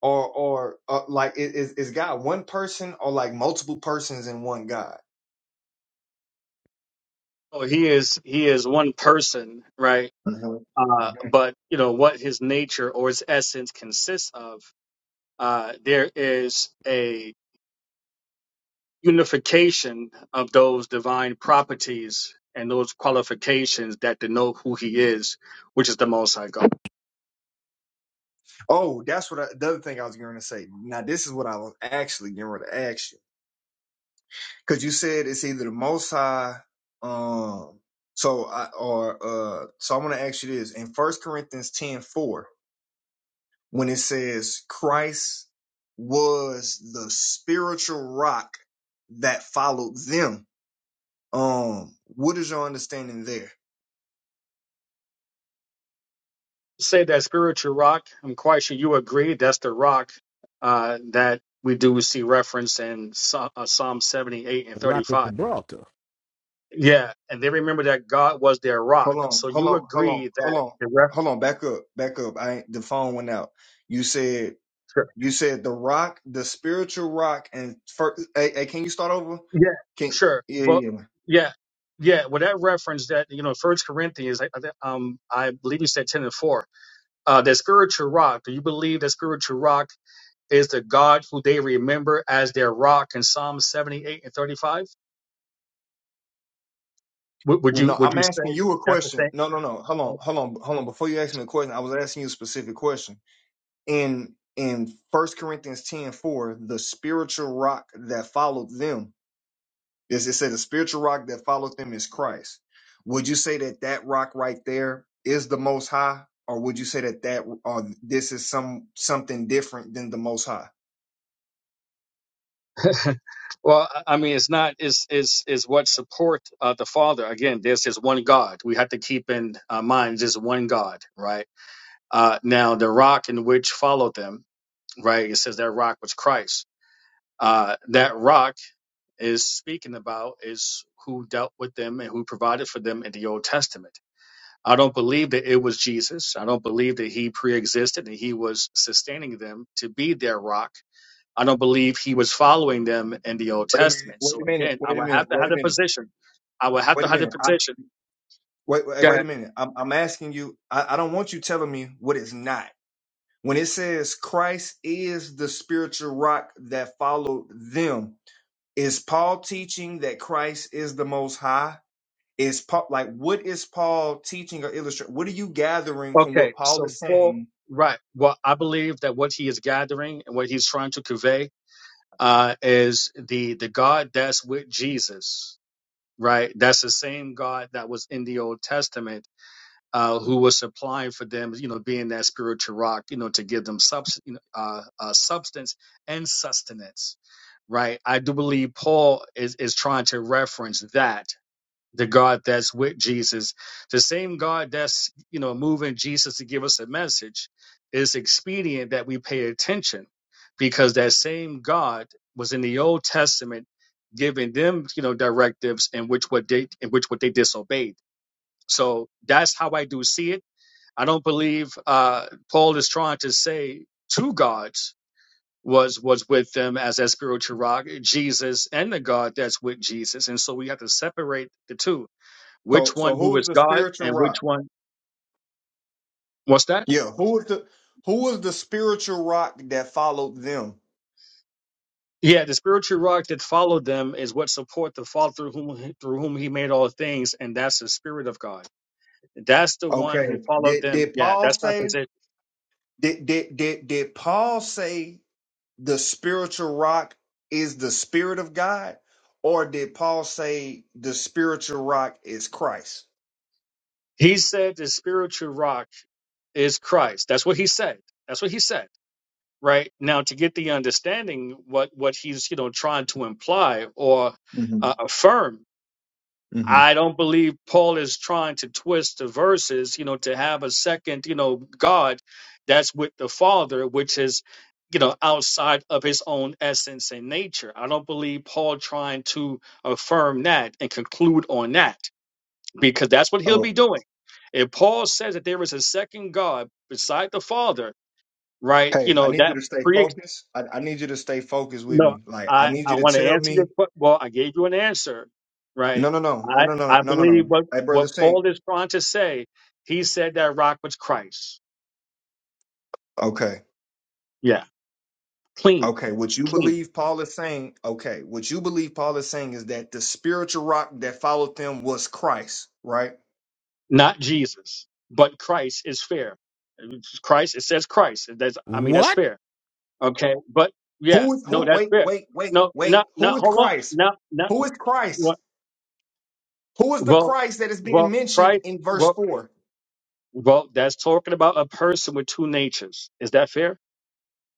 or or uh, like i- is is God one person, or like multiple persons in one God?
So he is he is one person, right?
Mhm.
Uh,
Mhm.
but you know what his nature or his essence consists of. Uh, there is a unification of those divine properties and those qualifications that denote who he is, which is the Most High God.
Oh, that's what I, the other thing I was going to say. Now, this is what I was actually going to ask you because you said it's either the Most High, um, so I or uh, so I'm going to ask you this in First Corinthians ten four. when it says Christ was the spiritual rock that followed them. Um, what is your understanding there?
Say that spiritual rock. I'm quite sure you agree that's the rock uh, that we do see reference in Psa- uh, Psalm 78 and
Rock of
35.
Gibraltar.
Yeah, and they remember that God was their rock.
Hold on,
So
hold
you
on, hold on,
agree
hold
that
on,
the ref.
hold on. Back up, back up. I ain't- the phone went out. You said
Sure.
you said the rock, the spiritual rock, and first. Hey, hey, can you start over?
Yeah,
Can
sure,
yeah,
but
yeah. yeah.
yeah. Yeah, with that reference that you know, First Corinthians, I, I- um, I believe you said ten and four uh, that spiritual rock, do you believe that spiritual rock is the God who they remember as their rock in Psalm 78 and 35? Would, would
Well,
you
no,
would
I'm
you say
asking you a
that's the
question.
thing?
No, no, no. Hold on, hold on, hold on. Before you ask me a question, I was asking you a specific question. in in First Corinthians 10 4, the spiritual rock that followed them is it said the spiritual rock that followed them is Christ. Would you say that that rock right there is the Most High, or would you say that that or this is some something different than the Most High?
well, I I mean, it's not is is is what support uh, the Father. Again, this is one God. We have to keep in uh, mind just one God, right? Uh, now, the rock in which followed them, right? It says that rock was Christ. Uh, that rock is speaking about is who dealt with them and who provided for them in the Old Testament I don't believe that it was Jesus. I don't believe that he preexisted and he was sustaining them to be their rock. I don't believe he was following them in the Old
Wait a minute.
Testament.
Wait a
So
minute.
again, I
Wait a
would
minute.
have to
Wait
have
a
a
minute.
position. I would have
Wait
to
a
have a
minute. I,
position.
wait, wait. Wait
Yeah.
a minute. I'm, I'm asking you. I, I don't want you telling me what it's not. When it says Christ is the spiritual rock that followed them, Is Paul teaching that Christ is the most high? Is Paul like what is Paul teaching or illustrating? What are you gathering from
Okay.
what Paul
So
is
Paul,
saying?
right. Well, I believe that what he is gathering and what he's trying to convey uh, is the the God that's with Jesus. Right. That's the same God that was in the Old Testament uh, who was supplying for them, you know, being that spiritual rock, you know, to give them subs- you know, uh, uh, substance and sustenance, right? I do believe Paul is, is trying to reference that the God that's with Jesus, the same God that's, you know, moving Jesus to give us a message, it's expedient that we pay attention because that same God was in the Old Testament giving them, you know, directives in which what they in which what they disobeyed. So that's how I do see it I don't believe uh, Paul is trying to say two gods was was with them as that spiritual rock, Jesus and the God that's with Jesus. And so we have to separate the two.
So
Which
so
one who
who is
is
the
God
spiritual
and which
rock?
one what's that?
Yeah, who is the who is the spiritual rock that followed them?
Yeah, the spiritual rock that followed them is what support the Father through whom through whom he made all things, and that's the Spirit of God. That's the one
Okay.
who followed
Did
them.
did
Yeah,
Paul
that's my
say
position.
did did did, did Paul say the spiritual rock is the spirit of God? Or did Paul say the spiritual rock is Christ?
He said the spiritual rock is Christ. That's what he said. That's what he said. right now to get the understanding what what he's you know trying to imply or
hmm
uh, affirm
hmm
i don't believe paul is trying to twist the verses you know to have a second you know god that's with the father which is you know outside of his own essence and nature i don't believe paul trying to affirm that and conclude on that because that's what he'll be doing if paul says that there is a second god beside the father right you
Hey, I
know
need you
that
to stay focused. I, I need you to stay focused with
No,
me. Like, I
I,
need
I
you to
want to
tell
answer your
me,
question. Well, I gave you an answer, right?
no, no, no, no,
I,
no, no,
I
no, no,
believe
no.
what,
Hey, brother
what
Saint.
Paul is trying to say. He said that rock was Christ.
Okay.
Yeah, clean,
Okay. What you
clean,
believe Paul is saying, okay. What you believe Paul is saying is that the spiritual rock that followed them was Christ, right?
not Jesus, but Christ is fair. It's Christ, it says Christ. That's, I mean, that's
What?
fair. Okay, but yeah,
Who is
no,
who?
that's
Wait,
fair.
wait, wait,
No,
wait.
not, not,
Who is
hold on.
Christ?
Not, not,
Who is Christ?
what,
Who is the
well,
Christ that is being
well,
mentioned
Christ,
in verse
well,
four?
well, that's talking about a person with two natures. Is that fair?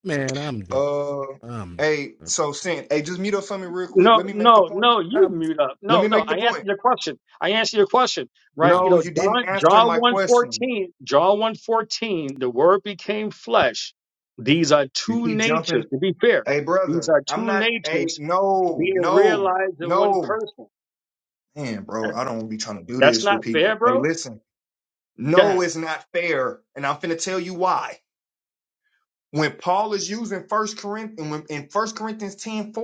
Man, I'm done.
Uh,
Um,
hey,
I'm
so Saint, hey, just mute up for me real quick. Let
No,
me make the
no,
point.
no, you mute up.
Let
No,
me
no,
make the
I
point.
answered your question. I answered your question, right?
I'm,
You
No,
know,
you
John
didn't answer
John
my question.
114, John 114, the word became flesh. These are
You
two
keep
natures,
jumping.
to be fair.
Hey,
These
brother,
are
I'm
two
not. Hey,
natures
no,
being
no,
realized in one
no.
person.
Man, bro,
That-
I don't be trying to do
That's
this with
not fair,
people. Hey,
bro.
listen,
Go
no
ahead.
it's not fair, and I'm finna tell you why. When Paul is using First Corinthians in First Corinthians 10 4,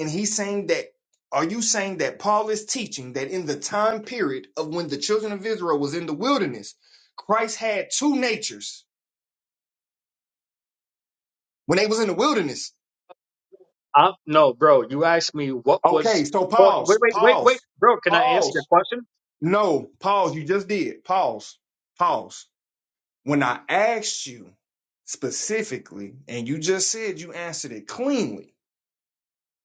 and he's saying that, are you saying that Paul is teaching that in the time period of when the children of Israel was in the wilderness, Christ had two natures when they was in the wilderness?
I, no, bro, you asked me what was
Okay, so
oh, wait,
pause,
wait, wait, wait,
pause,
bro, can I answer your
pause.
question?
No, pause. You just did. Pause, pause. When I asked you specifically, and you just said you answered it cleanly,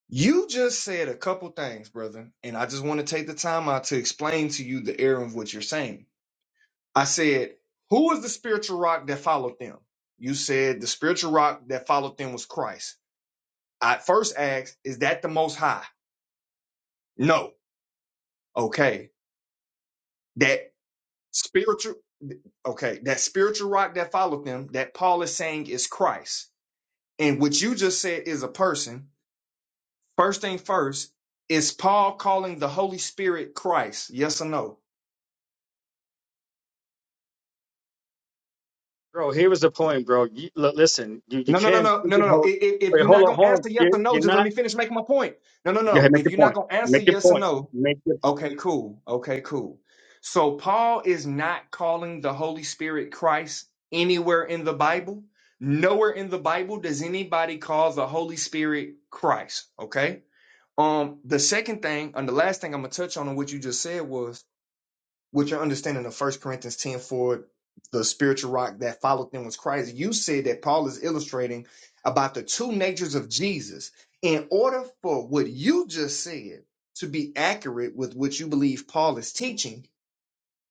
you just said a couple things, brother. And I just want to take the time out to explain to you the error of what you're saying. I said, Who is the spiritual rock that followed them? You said the spiritual rock that followed them was Christ. I first asked, Is that the most high? No. Okay. That Spiritual, okay, that spiritual rock that followed them, that Paul is saying is Christ. And what you just said is a person. First thing first, is Paul calling the Holy Spirit Christ? Yes or no?
Bro, here was the point, bro. You, look, listen, you, you
No, no, no,
can't
no, no, no, no.
pigeonhole
I- If
Wait,
you're not
hold on,
gonna
hold on.
answer yes or no,
You're,
just
not.
let me finish making my point. No, no,
Go
no.
ahead, make
If
your
you're not
point.
gonna answer
Make your
yes or
point.
no,
Make it.
okay, cool, okay, cool. So Paul is not calling the Holy Spirit Christ anywhere in the Bible. Nowhere in the Bible does anybody call the Holy Spirit Christ. Okay. Um. The second thing, and the last thing I'm gonna touch on, on what you just said was with your understanding of First Corinthians 10 for the spiritual rock that followed them was Christ, you said that Paul is illustrating about the two natures of Jesus. In order for what you just said to be accurate with what you believe Paul is teaching,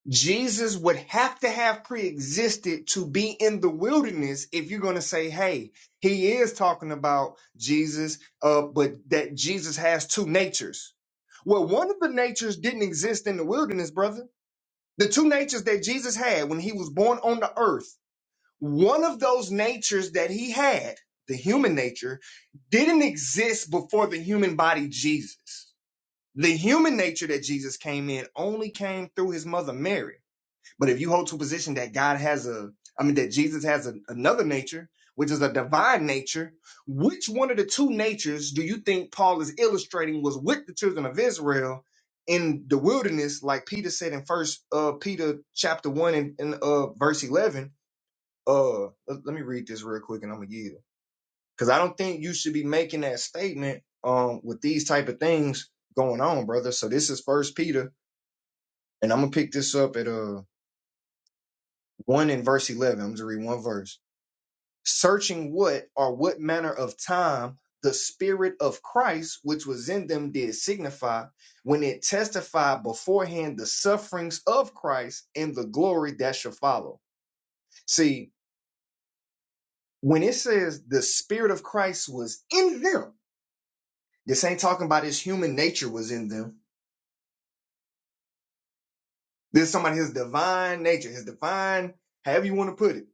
Jesus would have to have pre existed to be in the wilderness if you're going to say, hey, he is talking about Jesus, uh, but that Jesus has two natures. Well, one of the natures didn't exist in the wilderness, brother the two natures that Jesus had when he was born on the earth, one of those natures that he had, the human nature, didn't exist before the human body Jesus. The human nature that Jesus came in only came through his mother Mary. But if you hold to a position that God has a, I mean, that Jesus has a, another nature, which is a divine nature, which one of the two natures do you think Paul is illustrating was with the children of Israel in the wilderness, like Peter said in First uh, Peter chapter one and, and uh, verse eleven? Uh, let, let me read this real quick, and I'm gonna yield because I don't think you should be making that statement um with these type of things going on, brother. So this is First Peter, and I'm gonna pick this up at uh. 1 in verse 11. I'm just read one verse. Searching what or what manner of time the Spirit of Christ, which was in them, did signify when it testified beforehand the sufferings of Christ and the glory that shall follow. See, when it says the Spirit of Christ was in them, this ain't talking about his human nature was in them. This is somebody his divine nature, his divine, however you want to put it,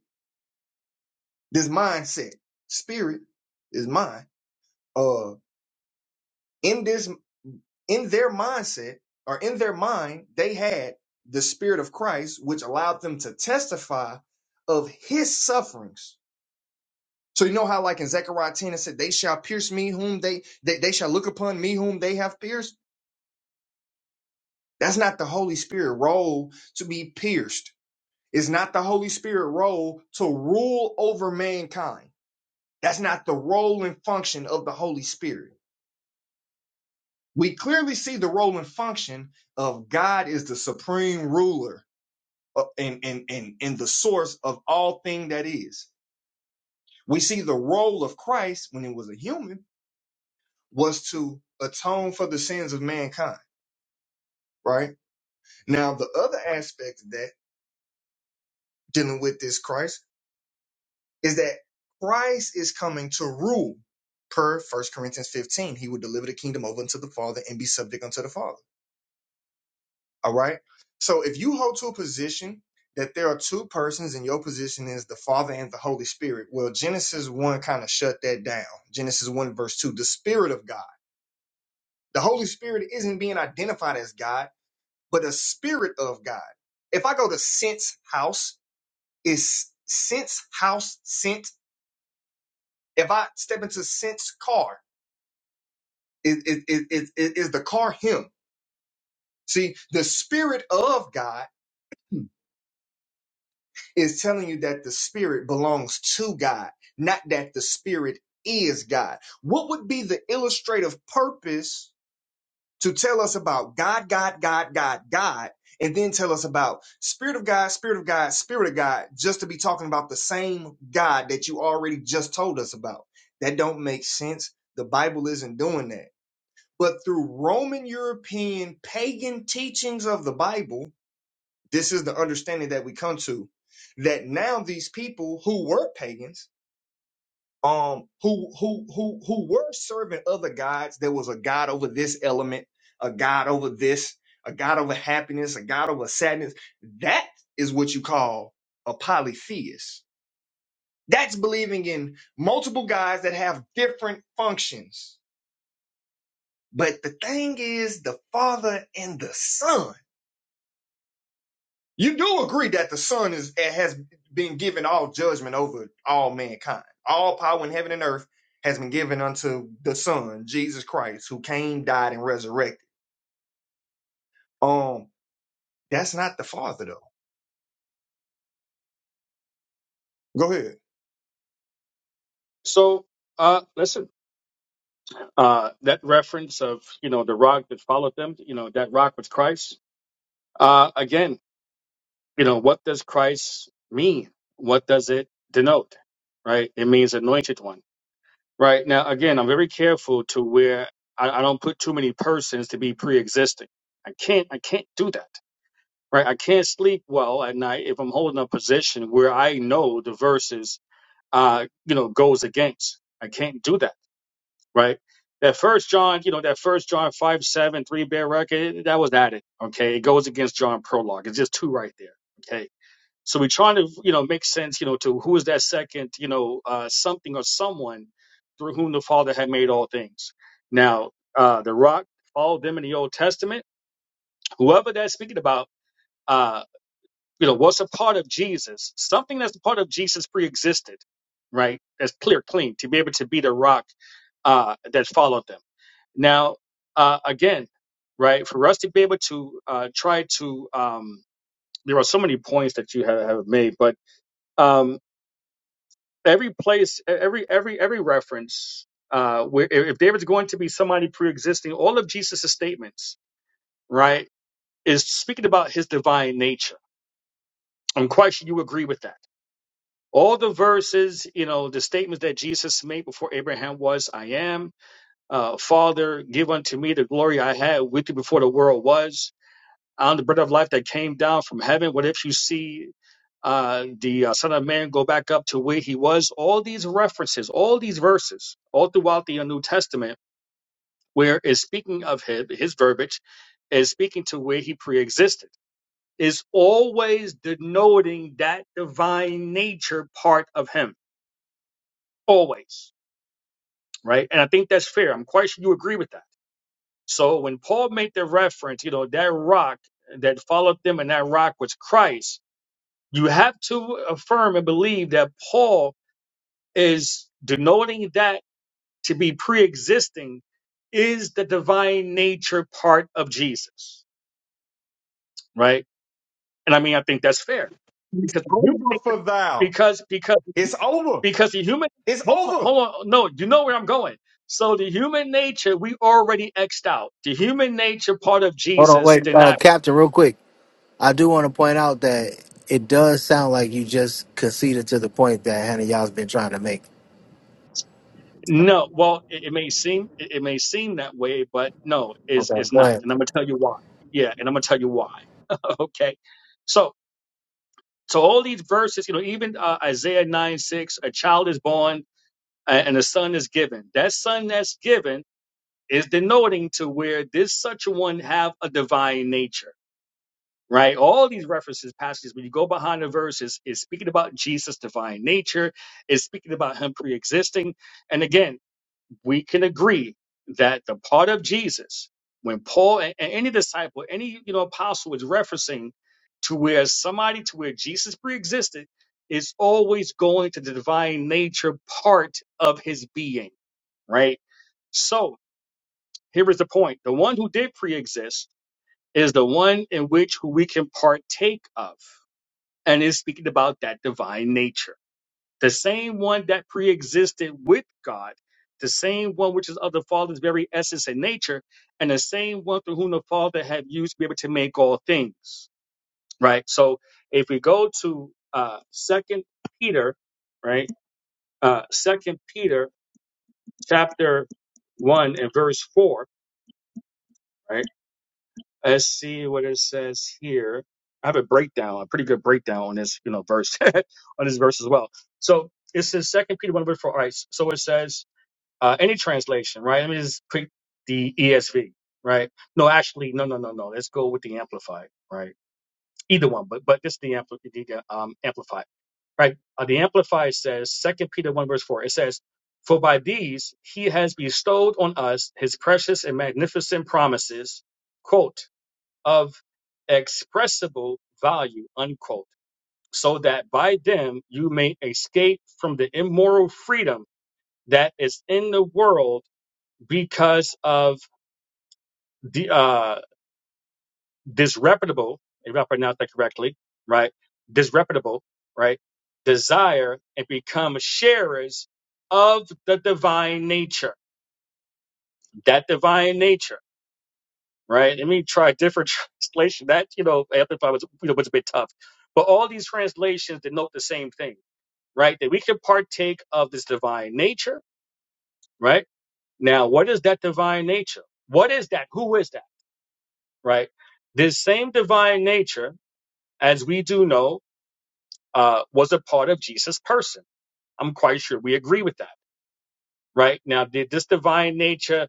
this mindset. Spirit is mine. Uh, in this. in their mindset or in their mind, they had the Spirit of Christ, which allowed them to testify of his sufferings. So you know how like in Zechariah 10 it said, They shall pierce me whom they they, they shall look upon me whom they have pierced. That's not the Holy Spirit role to be pierced. It's not the Holy Spirit role to rule over mankind. That's not the role and function of the Holy Spirit. We clearly see the role and function of God is the supreme ruler uh, and, and, and, and the source of all thing that is. We see the role of Christ when he was a human was to atone for the sins of mankind, right? Now, the other aspect of that dealing with this Christ is that Christ is coming to rule per First Corinthians 15. He would deliver the kingdom over unto the Father and be subject unto the Father. All right. So if you hold to a position that there are two persons and your position is the Father and the Holy Spirit, well, Genesis 1 kind of shut that down. Genesis 1, verse 2, the Spirit of God. The Holy Spirit isn't being identified as God, but a Spirit of God. If I go to Sense House, is Sense House sent? If I step into Sense Car, is, is, is, is is the car Him? See, the Spirit of God is telling you that the spirit belongs to God, not that the spirit is God. What would be the illustrative purpose to tell us about God, God, God, God, God, and then tell us about spirit of God, spirit of God, spirit of God, just to be talking about the same God that you already just told us about? That don't make sense. The Bible isn't doing that. But through Roman European pagan teachings of the Bible, this is the understanding that we come to that now these people who were pagans, um, who who who who were serving other gods, there was a god over this element, a god over this, a god over happiness, a god over sadness. That is what you call a polytheist. That's believing in multiple gods that have different functions. But the thing is, the Father and the Son. You do agree that the Son is has been given all judgment over all mankind. All power in heaven and earth has been given unto the Son, Jesus Christ, who came, died, and resurrected. Um, that's not the Father though. Go ahead.
so. Uh, listen. Uh, that reference of you know the rock that followed them. You know that rock was Christ. Uh, again, you know what does Christ mean? What does it denote? Right? It means anointed one. Right now, again, I'm very careful to where I, I don't put too many persons to be pre-existing. I can't. I can't do that. Right? I can't sleep well at night if I'm holding a position where I know the verses uh, you know, goes against. I can't do that, right? That first John, you know, that first John five seven three bear record, eh, that was added. Okay, it goes against John prologue. It's just two right there. Okay, so we're trying to you know make sense, you know, to who is that second, you know, uh, something or someone through whom the Father had made all things. Now, uh, the rock, all them in the Old Testament, whoever that's speaking about. uh, you know what's a part of jesus something that's a part of jesus pre-existed right that's clear clean to be able to be the rock uh, that followed them now uh, again right for us to be able to uh, try to um, there are so many points that you have, have made but um, every place e-, every every every reference uh, where if if david's going to be somebody pre-existing all of jesus' statements right is speaking about his divine nature i'm quite sure you agree with that all the verses, you know, the statements that Jesus made before Abraham was, I am, uh, Father, give unto me the glory I had with you before the world was. I'm the bread of life that came down from heaven. What if you see uh, the uh, Son of Man go back up to where he was? All these references, all these verses, all throughout the New Testament, where is speaking of his, his verbiage, is speaking to where he preexisted, is always denoting that divine nature part of him always, right? And I think that's fair. I'm quite sure you agree with that. So when Paul made the reference, you know, that rock that followed them and that rock was Christ, you have to affirm and believe that Paul is denoting that to be pre existing is the divine nature part of Jesus, right? And I mean, I think that's fair
It's
because the human
over
nature,
for thou.
because because
It's over.
because the human
It's
hold on,
over.
hold on no you know where i'm going so the human nature we already xed out the human nature part of
Hold on,
jesus
wait,
did
uh,
not
Captain, real quick. I do want to point out that it does sound like you just conceded to the point that Hannah y'all's been trying to make.
no well it, it may seem it, it may seem that way but no it's,
Okay,
it's
go
not
ahead,
and i'm gonna tell you why yeah and i'm gonna tell you why okay so so all these verses you know even uh, isaiah 9 6 a child is born a- and a son is given that son that's given is denoting to where this such one have a divine nature right? All these references, passages, when you go behind the verses, is speaking about Jesus' divine nature, is speaking about him pre-existing. And again, we can agree that the part of Jesus, when Paul and, and any disciple, any you know apostle is referencing to where somebody to where Jesus pre-existed, is always going to the divine nature part of his being, right? So here is the point: the one who did pre-exist is the one in which who we can partake of and is speaking about that divine nature, the same one that pre-existed with God, the same one which is of the Father's very essence and nature, and the same one through whom the Father had used to be able to make all things. Right. So if we go to uh Second Peter, right, uh Second Peter chapter one and verse four, right. Let's see what it says here. I have a breakdown, a pretty good breakdown on this, you know, verse, on this verse as well. So it says Second Peter one verse four. All right, so it says uh, any translation, right? Let me just pick the ESV, right? No, actually, no, no, no, no. Let's go with the Amplified, right? Either one, but but this the, ampli- the um, Amplified right? Uh, the Amplified says, Second Peter 1, verse 4, it says, For by these he has bestowed on us his precious and magnificent promises, quote, of expressible value, unquote, so that by them you may escape from the immoral freedom that is in the world because of the uh, disreputable, if I pronounce that correctly, right? Disreputable, right? Desire and become sharers of the divine nature, that divine nature. right? I mean, try different translation. That you know, amplify was you know was a bit tough, but all these translations denote the same thing, right? That we can partake of this divine nature, right? Now, what is that divine nature? What is that? Who is that? Right? This same divine nature, as we do know, uh, was a part of Jesus' person. I'm quite sure we agree with that, right? Now, did this divine nature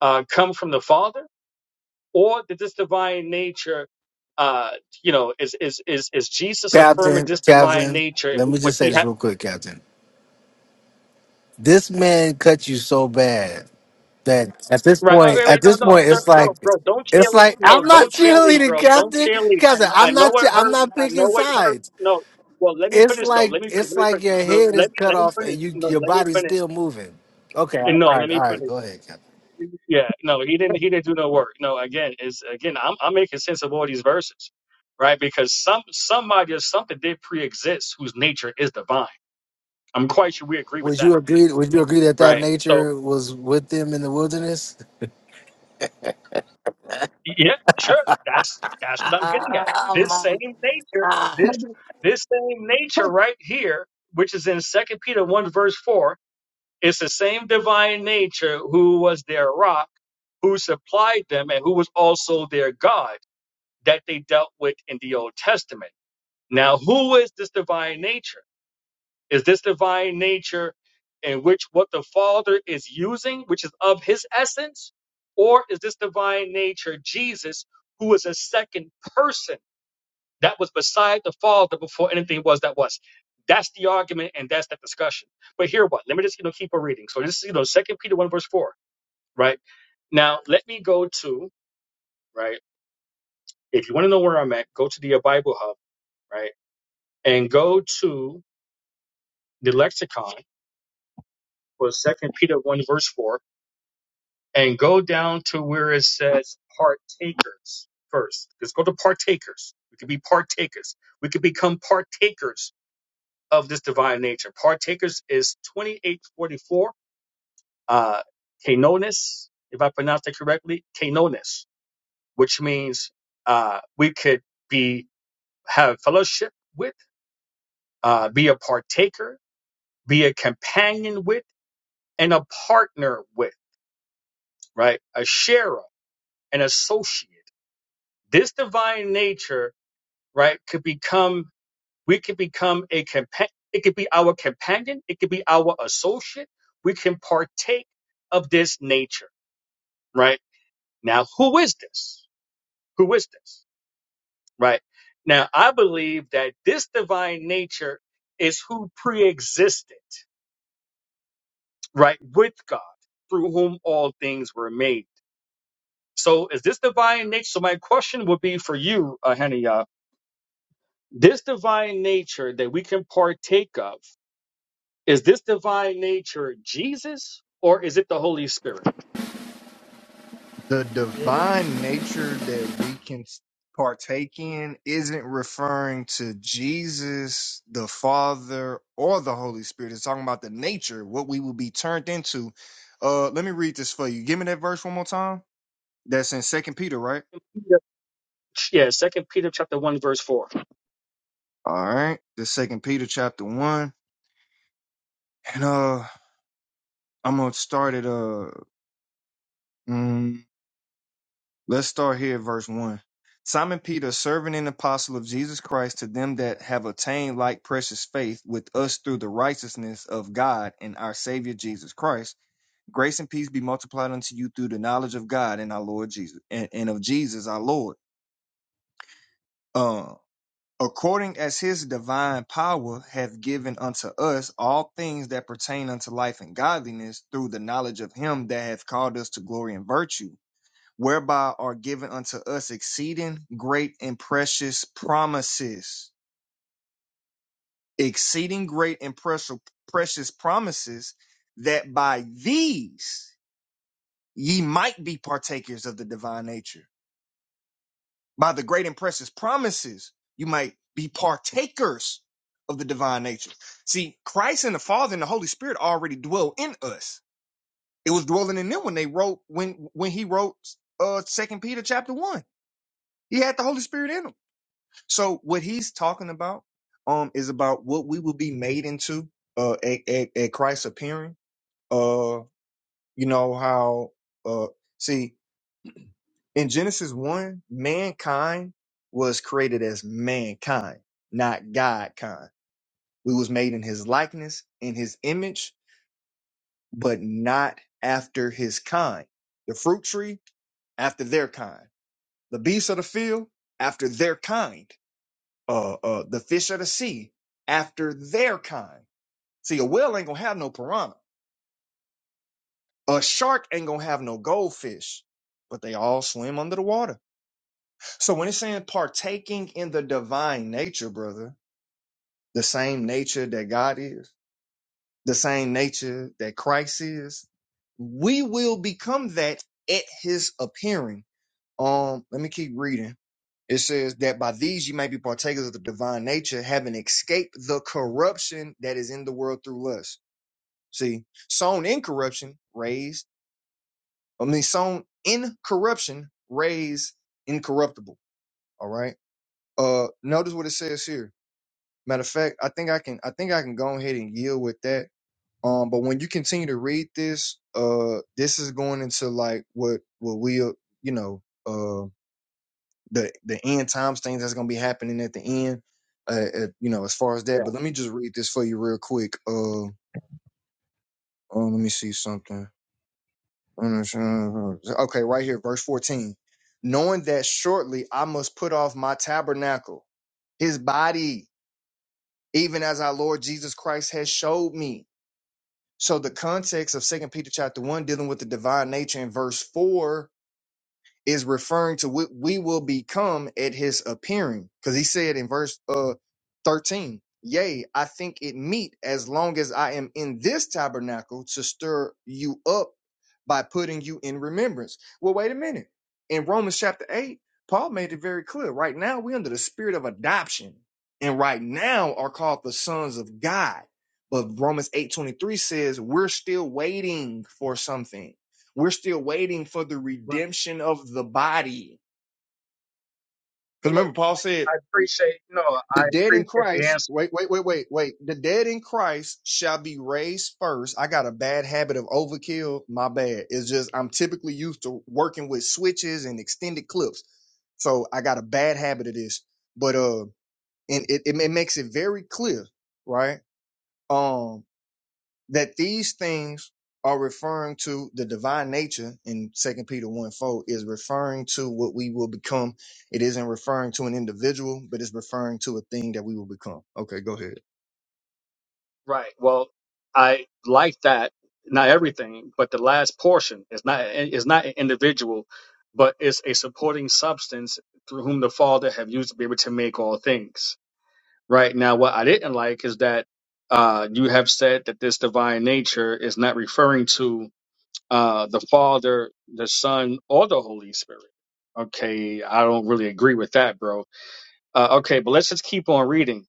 uh, come from the Father? or did this divine nature uh you know is is is is jesus affirming
Captain.
this divine
Captain,
nature and
let me
what
just say
he
this
had
real quick, Captain. This man cut you so bad that at this
right
point,
okay
at
wait wait, no
this
no
point,
no,
it's like
bro bro don't
it's
cheerlead
like
no
I'm not
don't cheerlead
cheerleading,
bro don't
Captain.
cheerlead
Captain,
i
I'm
know
not. Che-
it
I'm
hurts
not
i
picking
know it
sides.
hurts no well let me
It's
finish though
like
let me finish
it's
let me
like
finish
your
no,
head is
let me
cut
let me
off and
finish
you
no
your
let me
body's
finish
still moving. Okay, all
and no
right,
let me
all right,
finish
go ahead, Captain.
yeah no he didn't he didn't do no work no again is again i'm i'm making sense of all these verses right because some somebody or something did pre-exist whose nature is divine I'm quite sure we agree with
Would
that,
you agree? Would you agree that that
right? So
nature was with them in the wilderness?
yeah, sure. That's that's what I'm getting at. This same
Oh
nature,
my God!
this this same nature right here, which is in Second Peter one verse four, it's the same divine nature who was their rock, who supplied them, and who was also their God that they dealt with in the Old Testament. Now, who is this divine nature? is this divine nature in which what the Father is using, which is of his essence, or is this divine nature Jesus, who is a second person that was beside the Father before anything was that was? That's the argument and that's the discussion. But here what? Let me just you know keep on reading. So this is you know Second Peter one verse four, right? Now let me go to right. If you want to know where I'm at, go to the uh, Bible Hub, right, and go to the lexicon for Second Peter one verse four, and go down to where it says partakers first. Let's go to partakers. We could be partakers. We could become partakers of this divine nature. Partakers is 2844, uh, kenonis, if I pronounce that correctly, kenonis, which means, uh, we could be, have fellowship with, uh, be a partaker, be a companion with, and a partner with, right? A sharer, an associate. This divine nature right, could become, we could become a companion, it could be our companion, it could be our associate. We can partake of this nature, right? Now, who is this? Who is this, right? Now, I believe that this divine nature is who preexisted. right, with God, through whom all things were made. So, is this divine nature? So, my question would be for you, uh, Henny, uh, this divine nature that we can partake of Is this divine nature Jesus or is it the Holy Spirit?
the
Yeah, yeah.
divine nature that we can partake in isn't referring to Jesus, the Father, or the Holy Spirit. It's talking about the nature, what we will be turned into. Uh, let me read this for you. Give me that verse one more time. That's in Second Peter, right?
Yeah, yeah, Second Peter chapter one verse four.
All right, the Second Peter chapter one, and uh, I'm gonna start at uh. mm, Let's start here at verse 1. Simon Peter, servant and apostle of Jesus Christ, to them that have attained like precious faith with us through the righteousness of God and our Savior Jesus Christ, grace and peace be multiplied unto you through the knowledge of God and our Lord Jesus, and, and of Jesus our Lord. Uh, according as his divine power hath given unto us all things that pertain unto life and godliness through the knowledge of him that hath called us to glory and virtue whereby are given unto us exceeding great and precious promises. Exceeding great and precious precious promises that by these ye might be partakers of the divine nature. By the great and precious promises, you might be partakers of the divine nature. See, Christ and the Father and the Holy Spirit already dwell in us. It was dwelling in them when they wrote when when he wrote uh second Peter chapter one. He had the Holy Spirit in him. So what he's talking about um is about what we will be made into uh at, at, at Christ's appearing. Uh you know how uh see in Genesis 1 mankind was created as mankind, not God kind. We was made in his likeness, in his image, but not after his kind. The fruit tree after their kind. The beasts of the field after their kind. uh, uh, the fish of the sea after their kind. See, a whale ain't gonna have no piranha. A shark ain't gonna have no goldfish, but they all swim under the water. So when it's saying partaking in the divine nature, brother, the same nature that God is, the same nature that Christ is, we will become that at his appearing. Um, let me keep reading It says that by these you may be partakers of the divine nature, having escaped the corruption that is in the world through lust. See, sown in corruption, raised. I mean, sown in corruption, raised incorruptible. All right. Uh, notice what it says here. Matter of fact, I think I can. I think I can go ahead and yield with that. Um, but when you continue to read this, uh, this is going into like what what we, uh, you know, uh. the the end times things that's gonna be happening at the end. Uh, uh, you know, as far as
Yeah,
that. But let me just read this for you real quick. Uh, oh, let me see something. Okay, right here, verse fourteen. Knowing that shortly I must put off my tabernacle, his body, even as our Lord Jesus Christ has showed me. So the context of Second Peter chapter one dealing with the divine nature in verse four is referring to what we will become at his appearing. Because he said in verse uh 13, Yea, I think it meet as long as I am in this tabernacle to stir you up by putting you in remembrance. Well, wait a minute. In Romans chapter 8, Paul made it very clear. Right now, we're under the spirit of adoption, and right now are called the sons of God. But Romans 8:23 says we're still waiting for something we're still waiting for the
Right.
redemption of the body.
Well,
Because
look,
remember, Paul said,
I appreciate no,
the
I
dead in
appreciate the
Christ,
answer.
wait, wait, wait, wait, wait. The dead in Christ shall be raised first. I got a bad habit of overkill. My bad. It's just I'm typically used to working with switches and extended clips. So I got a bad habit of this. But uh and it, it, it makes it very clear, right? Um. that these things are referring to the divine nature in second peter 1 4 is referring to what we will become it isn't referring to an individual but it's referring to a thing that we will become okay go ahead
right. Well, I like that. Not everything, but the last portion is not is not an individual, but it's a supporting substance through whom the Father have used to be able to make all things. Right now, what I didn't like is that uh, you have said that this divine nature is not referring to uh, the Father, the Son, or the Holy Spirit. Okay, I don't really agree with that, bro. Uh, okay, but let's just keep on reading.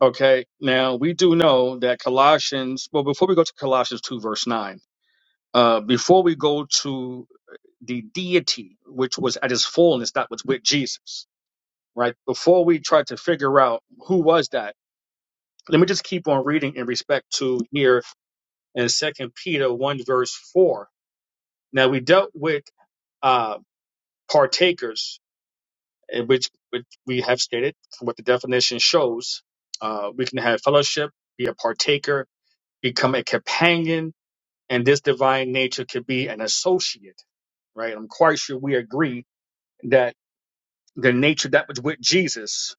Okay, now we do know that Colossians, well, before we go to Colossians 2, verse 9, uh, before we go to the deity, which was at his fullness, that was with Jesus, right? Before we try to figure out who was that, let me just keep on reading in respect to here in Second Peter 1, verse 4. Now, we dealt with. uh, partakers, in which, which we have stated what the definition shows. Uh, we can have fellowship, be a partaker, become a companion, and this divine nature could be an associate, right? I'm quite sure we agree that the nature that was with Jesus,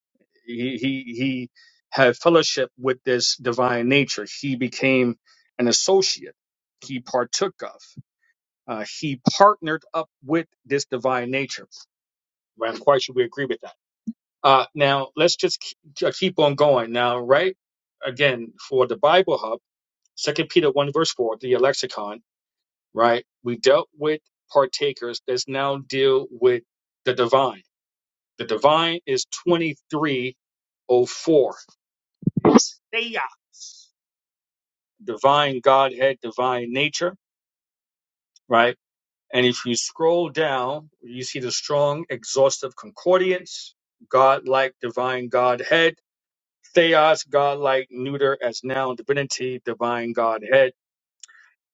he, he, he had fellowship with this divine nature. He became an associate, he partook of, uh, he partnered up with this divine nature, right? I'm quite sure we agree with that. Uh, now let's just k- j- keep on going. Now, right again for the Bible Hub, Second Peter one verse four, the lexicon. Right, we dealt with partakers. Let's now deal with the divine. The divine is twenty three oh four. It's Theos, divine Godhead, divine nature. Right, and if you scroll down, you see the strong, exhaustive concordance, God-like, divine Godhead theos, godlike, neuter as noun, divinity, divine godhead.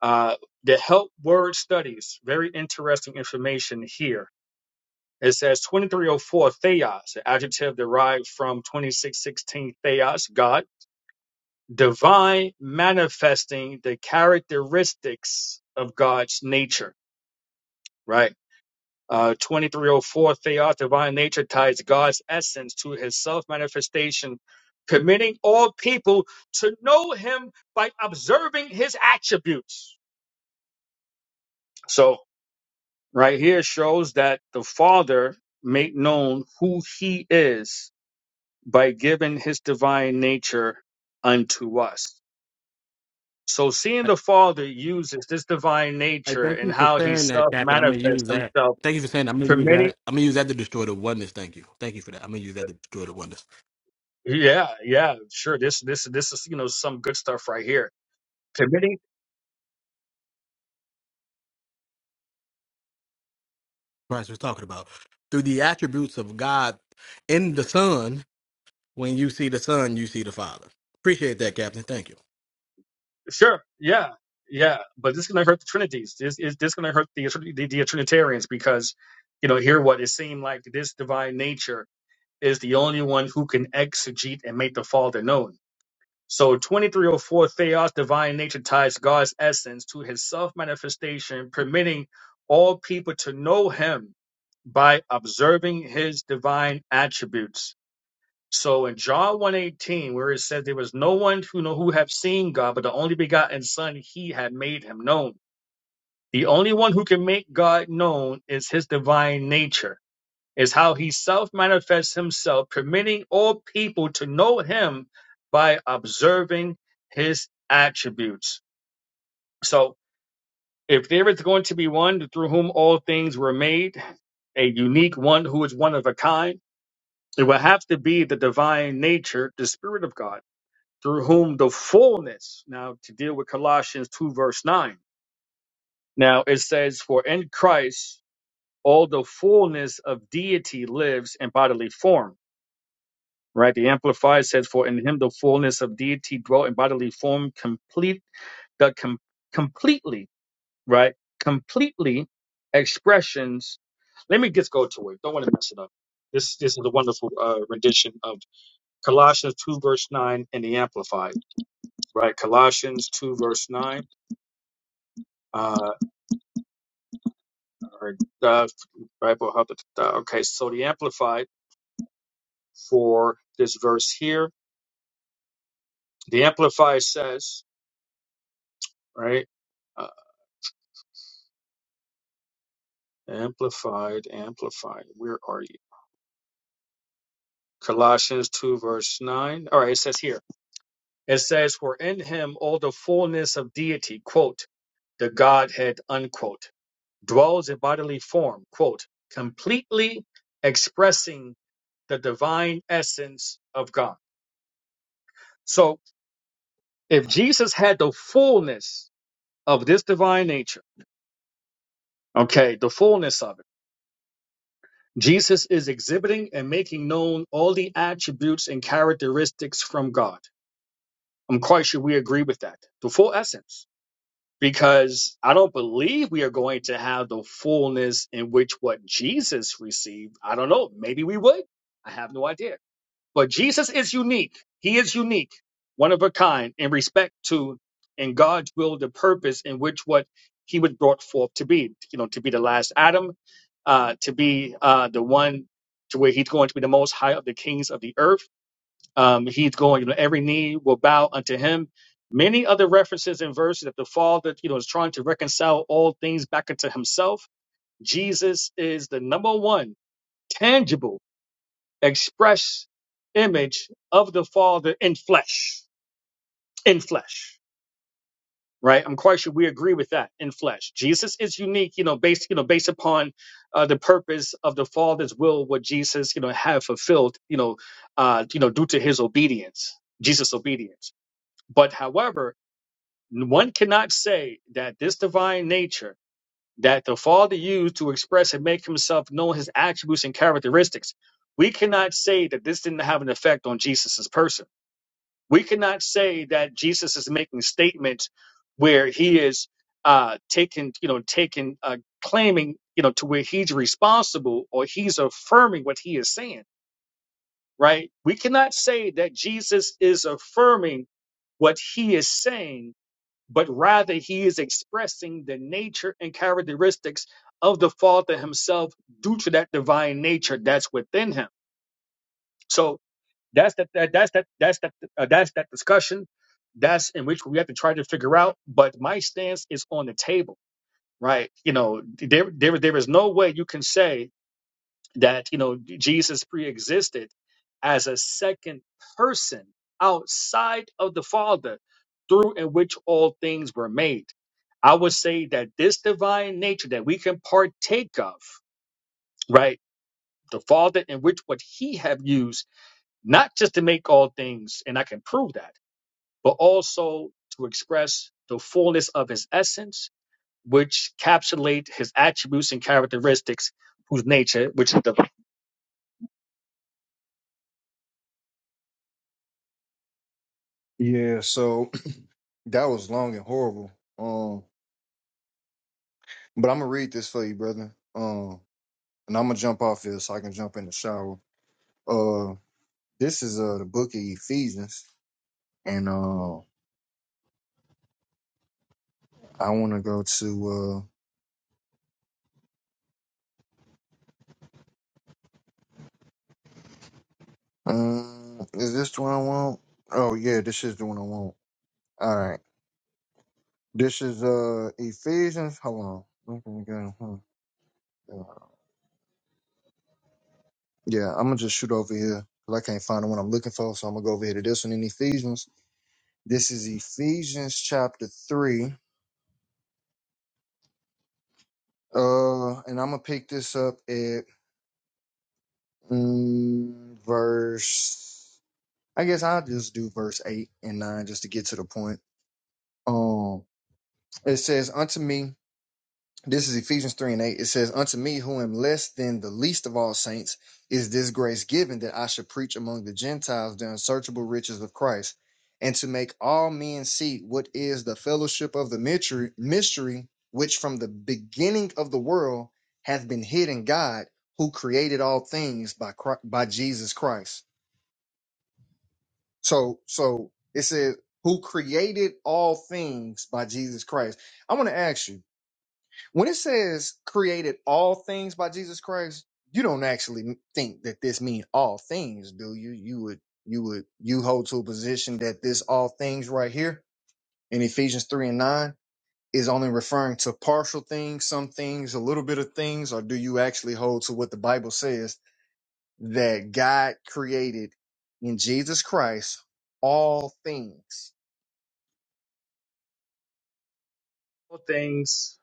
Uh, the help word studies, very interesting information here. It says 2304 theos, an adjective derived from 2616 theos, God, divine, manifesting the characteristics of God's nature, right? Uh, 2304 Theos, divine nature ties God's essence to his self manifestation, permitting all people to know him by observing his attributes. So, right here shows that the Father made known who he is by giving his divine nature unto us. So,
I,
seeing the Father uses this divine
Hey,
nature
thank
and
you for
how he
saying that,
self
Captain. I'm gonna
manifests
use that.
himself.
Thank you for saying that. I'm gonna use
permitting.
that. I'm gonna use that to destroy the oneness. Thank you. Thank you for that. I'm gonna use that to destroy the oneness.
Yeah, yeah, sure. This this this is you know some good stuff right here. Committing,
Christ was talking about through the attributes of God in the Son. When you see the Son, you see the Father. Appreciate that, Captain. Thank you.
sure, yeah, yeah. But this is gonna hurt the Trinities. This is this gonna hurt the the, the Trinitarians because you know here what it seemed like this divine nature is the only one who can exegete and make the Father known. So twenty three oh four Theos divine nature ties God's essence to his self manifestation, permitting all people to know Him by observing His divine attributes So in John 1:18, where it says there was no one who know who have seen God, but the only begotten Son, he had made him known. The only one who can make God known is his divine nature, is how he self-manifests himself, permitting all people to know him by observing his attributes. So if there is going to be one through whom all things were made, a unique one who is one of a kind, it will have to be the divine nature, the spirit of God through whom the fullness, now to deal with Colossians 2, verse 9. Now it says, For in Christ all the fullness of deity lives in bodily form. Right? The Amplified says, For in him the fullness of deity dwelt in bodily form, complete the com- completely, right? Completely expressions. Let me just go to it. Don't want to mess it up. This this is a wonderful uh, rendition of Colossians 2, verse 9 in the Amplified, right? Colossians 2, verse 9 uh, or uh, Bible Hub. uh, Okay, so the Amplified for this verse here, the Amplified says, right? Uh, amplified, Amplified. Where are you? Colossians 2, verse 9. All right, it says here, it says, For in him all the fullness of deity, quote, the Godhead, unquote, dwells in bodily form, quote, completely expressing the divine essence of God. So if Jesus had the fullness of this divine nature, okay, the fullness of it, Jesus is exhibiting and making known all the attributes and characteristics from God. I'm quite sure we agree with that, the full essence, because I don't believe we are going to have the fullness in which what Jesus received. I don't know, maybe we would. I have no idea But Jesus is unique. He is unique, one of a kind in respect to and God's will, the purpose in which what he was brought forth to be, you know, to be the last Adam, uh, to be uh, the one to where he's going to be the most high of the kings of the earth. Um, he's going, you know, every knee will bow unto him. Many other references and verses that the Father, you know, is trying to reconcile all things back into himself. Jesus is the number one tangible express image of the Father in flesh. In flesh. Right? I'm quite sure we agree with that in flesh. Jesus is unique, you know, based, you know, based upon uh, the purpose of the Father's will, what Jesus, you know, had fulfilled, you know, uh, you know, due to his obedience, Jesus' obedience. But however, one cannot say that this divine nature that the Father used to express and make himself known his attributes and characteristics, we cannot say that this didn't have an effect on Jesus' person We cannot say that Jesus is making statements where he is uh, taking, you know, taking, uh, claiming, you know, to where he's responsible or he's affirming what he is saying, right? We cannot say that Jesus is affirming what he is saying, but rather he is expressing the nature and characteristics of the Father himself due to that divine nature that's within him. So that's that, that that's that that's that uh, that's that discussion. That's in which we have to try to figure out. But my stance is on the table, right? You know, there there there is no way you can say that you know Jesus pre-existed as a second person outside of the Father, through in which all things were made. I would say that this divine nature that we can partake of, right? The Father in which what He have used, not just to make all things, and I can prove that but also to express the fullness of his essence, which encapsulate his attributes and characteristics, whose nature, which is the
yeah so that was long and horrible um but i'm gonna read this for you brother um and i'm gonna jump off here so i can jump in the shower uh this is uh the book of ephesians and uh i want to go to uh, Um, is this the one I want? Oh yeah, this is the one I want. All right, this is uh Ephesians. Hold on, I'm gonna go. huh, Yeah, Yeah, I'm gonna just shoot over here because I can't find the one I'm looking for, so I'm gonna go over here to this one in Ephesians. This is Ephesians chapter three. Uh, and I'm gonna pick this up at mm, verse. I guess I'll just do verse eight and nine just to get to the point. Um, it says, "Unto me." This is Ephesians 3 and 8. It says, Unto me, who am less than the least of all saints, is this grace given that I should preach among the Gentiles the unsearchable riches of Christ, and to make all men see what is the fellowship of the mystery, mystery which from the beginning of the world hath been hid in God, who created all things by, Chri- by Jesus Christ. So, so it says, Who created all things by Jesus Christ. I want to ask you. When it says created all things by Jesus Christ, you don't actually think that this means all things, do you? You would you would you hold to a position that this all things right here in Ephesians 3 and 9 is only referring to partial things, some things, a little bit of things, or do you actually hold to what the Bible says that God created in Jesus Christ all things?
All things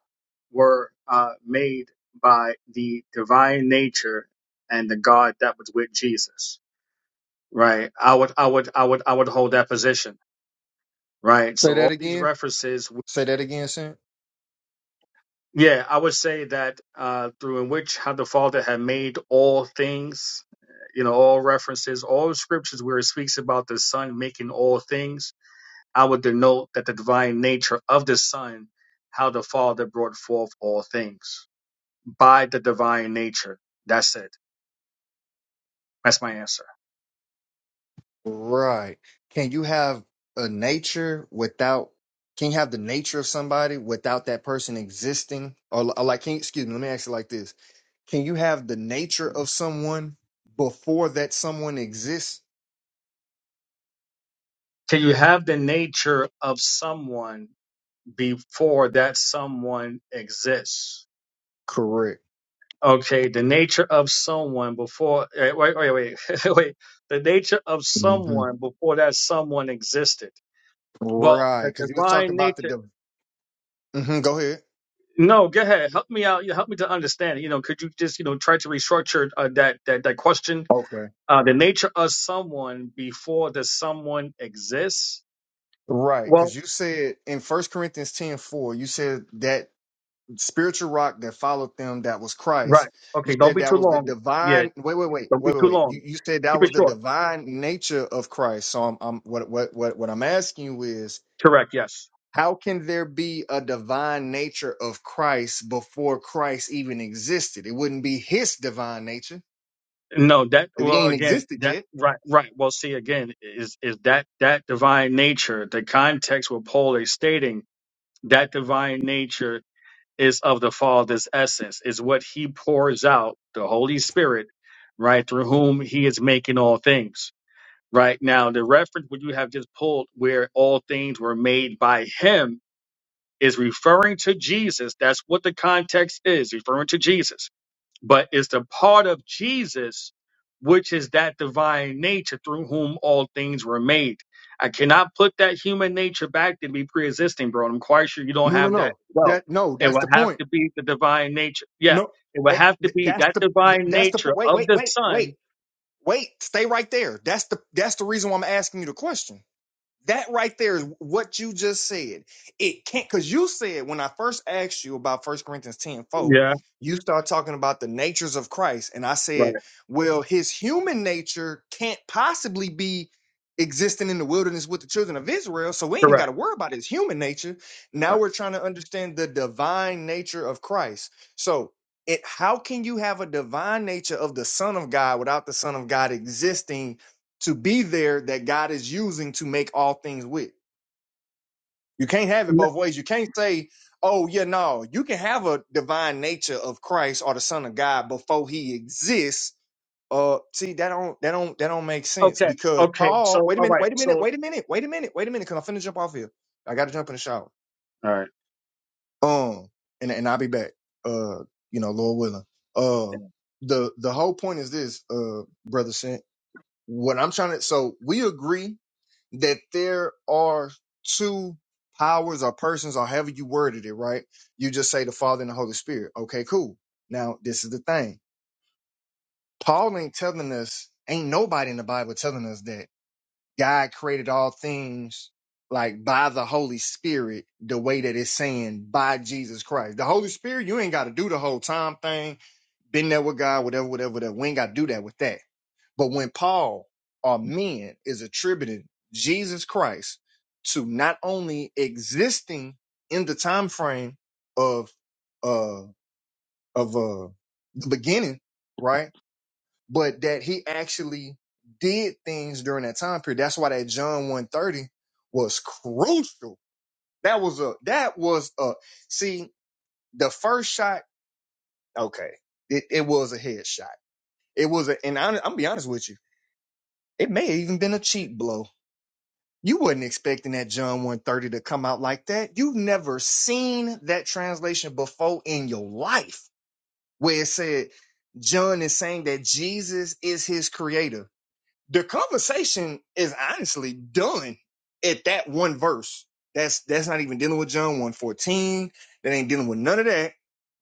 were uh, made by the divine nature and the God that was with Jesus. right. I would, I would, I would, I would hold that position, right?
Say
So all
that
these
again.
references
Say that again, Sam.
Yeah, I would say that uh, through in which how the Father had made all things, you know, all references, all scriptures where it speaks about the Son making all things, I would denote that the divine nature of the Son, how the Father brought forth all things by the divine nature. That's it. That's my answer.
Right. Can you have a nature without? Can you have the nature of somebody without that person existing? Or, li- or like, can excuse me? Let me ask you like this: Can you have the nature of someone before that someone exists?
Can you have the nature of someone before that someone exists?
Correct.
Okay, the nature of someone before eh, wait wait wait wait the nature of
hmm
someone before that someone existed. Well,
Right.
the
Because you was
divine
talking about the.
nature.
Div- hmm go ahead.
No, go ahead. Help me out. You Help me to understand. You know, could you just you know try to restructure uh, that that that question?
Okay.
Uh, the nature of someone before the someone exists.
Right. Because
Well,
you said in First Corinthians ten four, you said that. spiritual rock that followed them that was Christ.
right.
You
Okay. Don't
said
be
that
too
was the
long. Yeah.
divine wait, wait, wait,
Don't be
wait, wait,
too
wait.
long.
You you said that
Keep it
was the
short.
divine nature of Christ. So I'm I'm what what what what I'm asking you is
Correct. Yes.
how can there be a divine nature of Christ before Christ even existed? It wouldn't be his divine nature.
No, that
If he
well
ain't
again,
existed
that
yet.
right, right. Well, see again, is is that that divine nature? The context where Paul is stating that divine nature is of the Father's essence, is what He pours out, the Holy Spirit, right, through whom He is making all things. Right now, the reference what you have just pulled, where all things were made by Him, is referring to Jesus. That's what the context is, referring to Jesus but it's the part of Jesus, which is that divine nature through whom all things were made. I cannot put that human nature back to be pre existing, bro. and I'm quite sure you don't
No, no,
have that
no.
as well.
That no,
It
that's
would
the
have
point.
to be the divine nature. Yeah.
No.
It would
eh,
have to
th-
be
That's
that
the th-
divine
that's the
nature
po- wait,
of
wait,
the
wait, wait,
Son.
wait. Stay right there. That's the that's the reason why I'm asking you the question That right there is what you just said. It can't because you said when I first asked you about First Corinthians 10 four,
Yeah.
you start talking about the natures of Christ. And I
Right.
said, Well, his human nature can't possibly be existing in the wilderness with the children of Israel. So we ain't even got
Correct.
to worry about his human nature. Now
Right.
we're trying to understand the divine nature of Christ. So it how can you have a divine nature of the Son of God without the Son of God existing? to be there that God is using to make all things with. You can't have it
N-
both ways. You can't say, oh, yeah, no, you can have a divine nature of Christ or the Son of God before he exists. Uh, see, that don't, that don't, that don't make sense
Okay.
because
Okay.
Paul,
So,
wait a
all
minute,
right.
wait a
So,
minute, wait a minute, wait a minute, wait a minute, because I'm finna jump off here. I got to jump in the shower.
all right.
Um, and, and I'll be back. Uh, you know, Lord willing.
yeah.
Uh, the, the whole point is this, uh, brother sent what I'm trying to, so we agree that there are two powers or persons or however you worded it, right? You just say the Father and the Holy Spirit. Okay, cool. Now, this is the thing. Paul ain't telling us, ain't nobody in the Bible telling us that God created all things like by the Holy Spirit, the way that it's saying by Jesus Christ. The Holy Spirit, you ain't got to do the whole time thing, been there with God, whatever, whatever, whatever. We ain't got to do that with that. But when Paul or men is attributing Jesus Christ to not only existing in the time frame of uh of uh the beginning, right? But that he actually did things during that time period. That's why that John 130 was crucial. That was a that was a see the first shot, okay. It it was a headshot. It was a and I, I'm gonna be honest with you, it may have even been a cheap blow You wasn't expecting that John 130 to come out like that. You've never seen that translation before in your life where it said John is saying that Jesus is his creator. The conversation is honestly done at that one verse. That's that's not even dealing with John 114. That ain't dealing with none of that.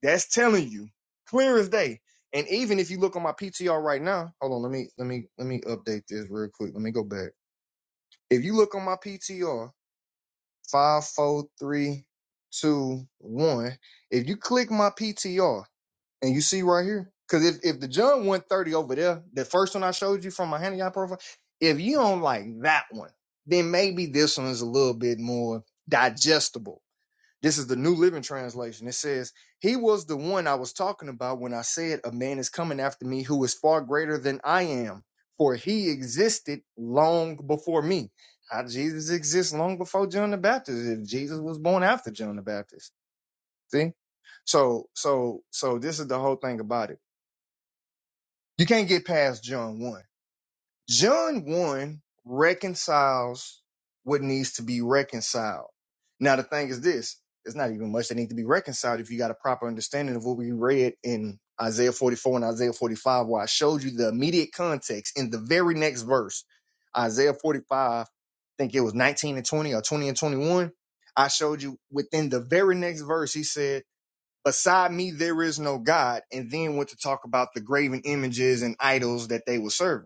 That's telling you clear as day. And even if you look on my PTR right now, hold on, let me let me let me update this real quick. Let me go back. If you look on my PTR, five, four, three, two, one. If you click my PTR and you see right here, because if, if the John 130 over there, the first one I showed you from my handy eye profile, if you don't like that one, then maybe this one is a little bit more digestible. This is the New Living Translation. It says, He was the one I was talking about when I said, A man is coming after me who is far greater than I am, for he existed long before me. How Jesus exists long before John the Baptist, if Jesus was born after John the Baptist. See? So, so, so this is the whole thing about it. You can't get past John 1. John 1 reconciles what needs to be reconciled. Now, the thing is this it's not even much that needs to be reconciled if you got a proper understanding of what we read in Isaiah 44 and Isaiah 45, where I showed you the immediate context in the very next verse. Isaiah 45, I think it was 19 and 20 or 20 and 21. I showed you within the very next verse, he said, Beside me, there is no God. And then went to talk about the graven images and idols that they were serving.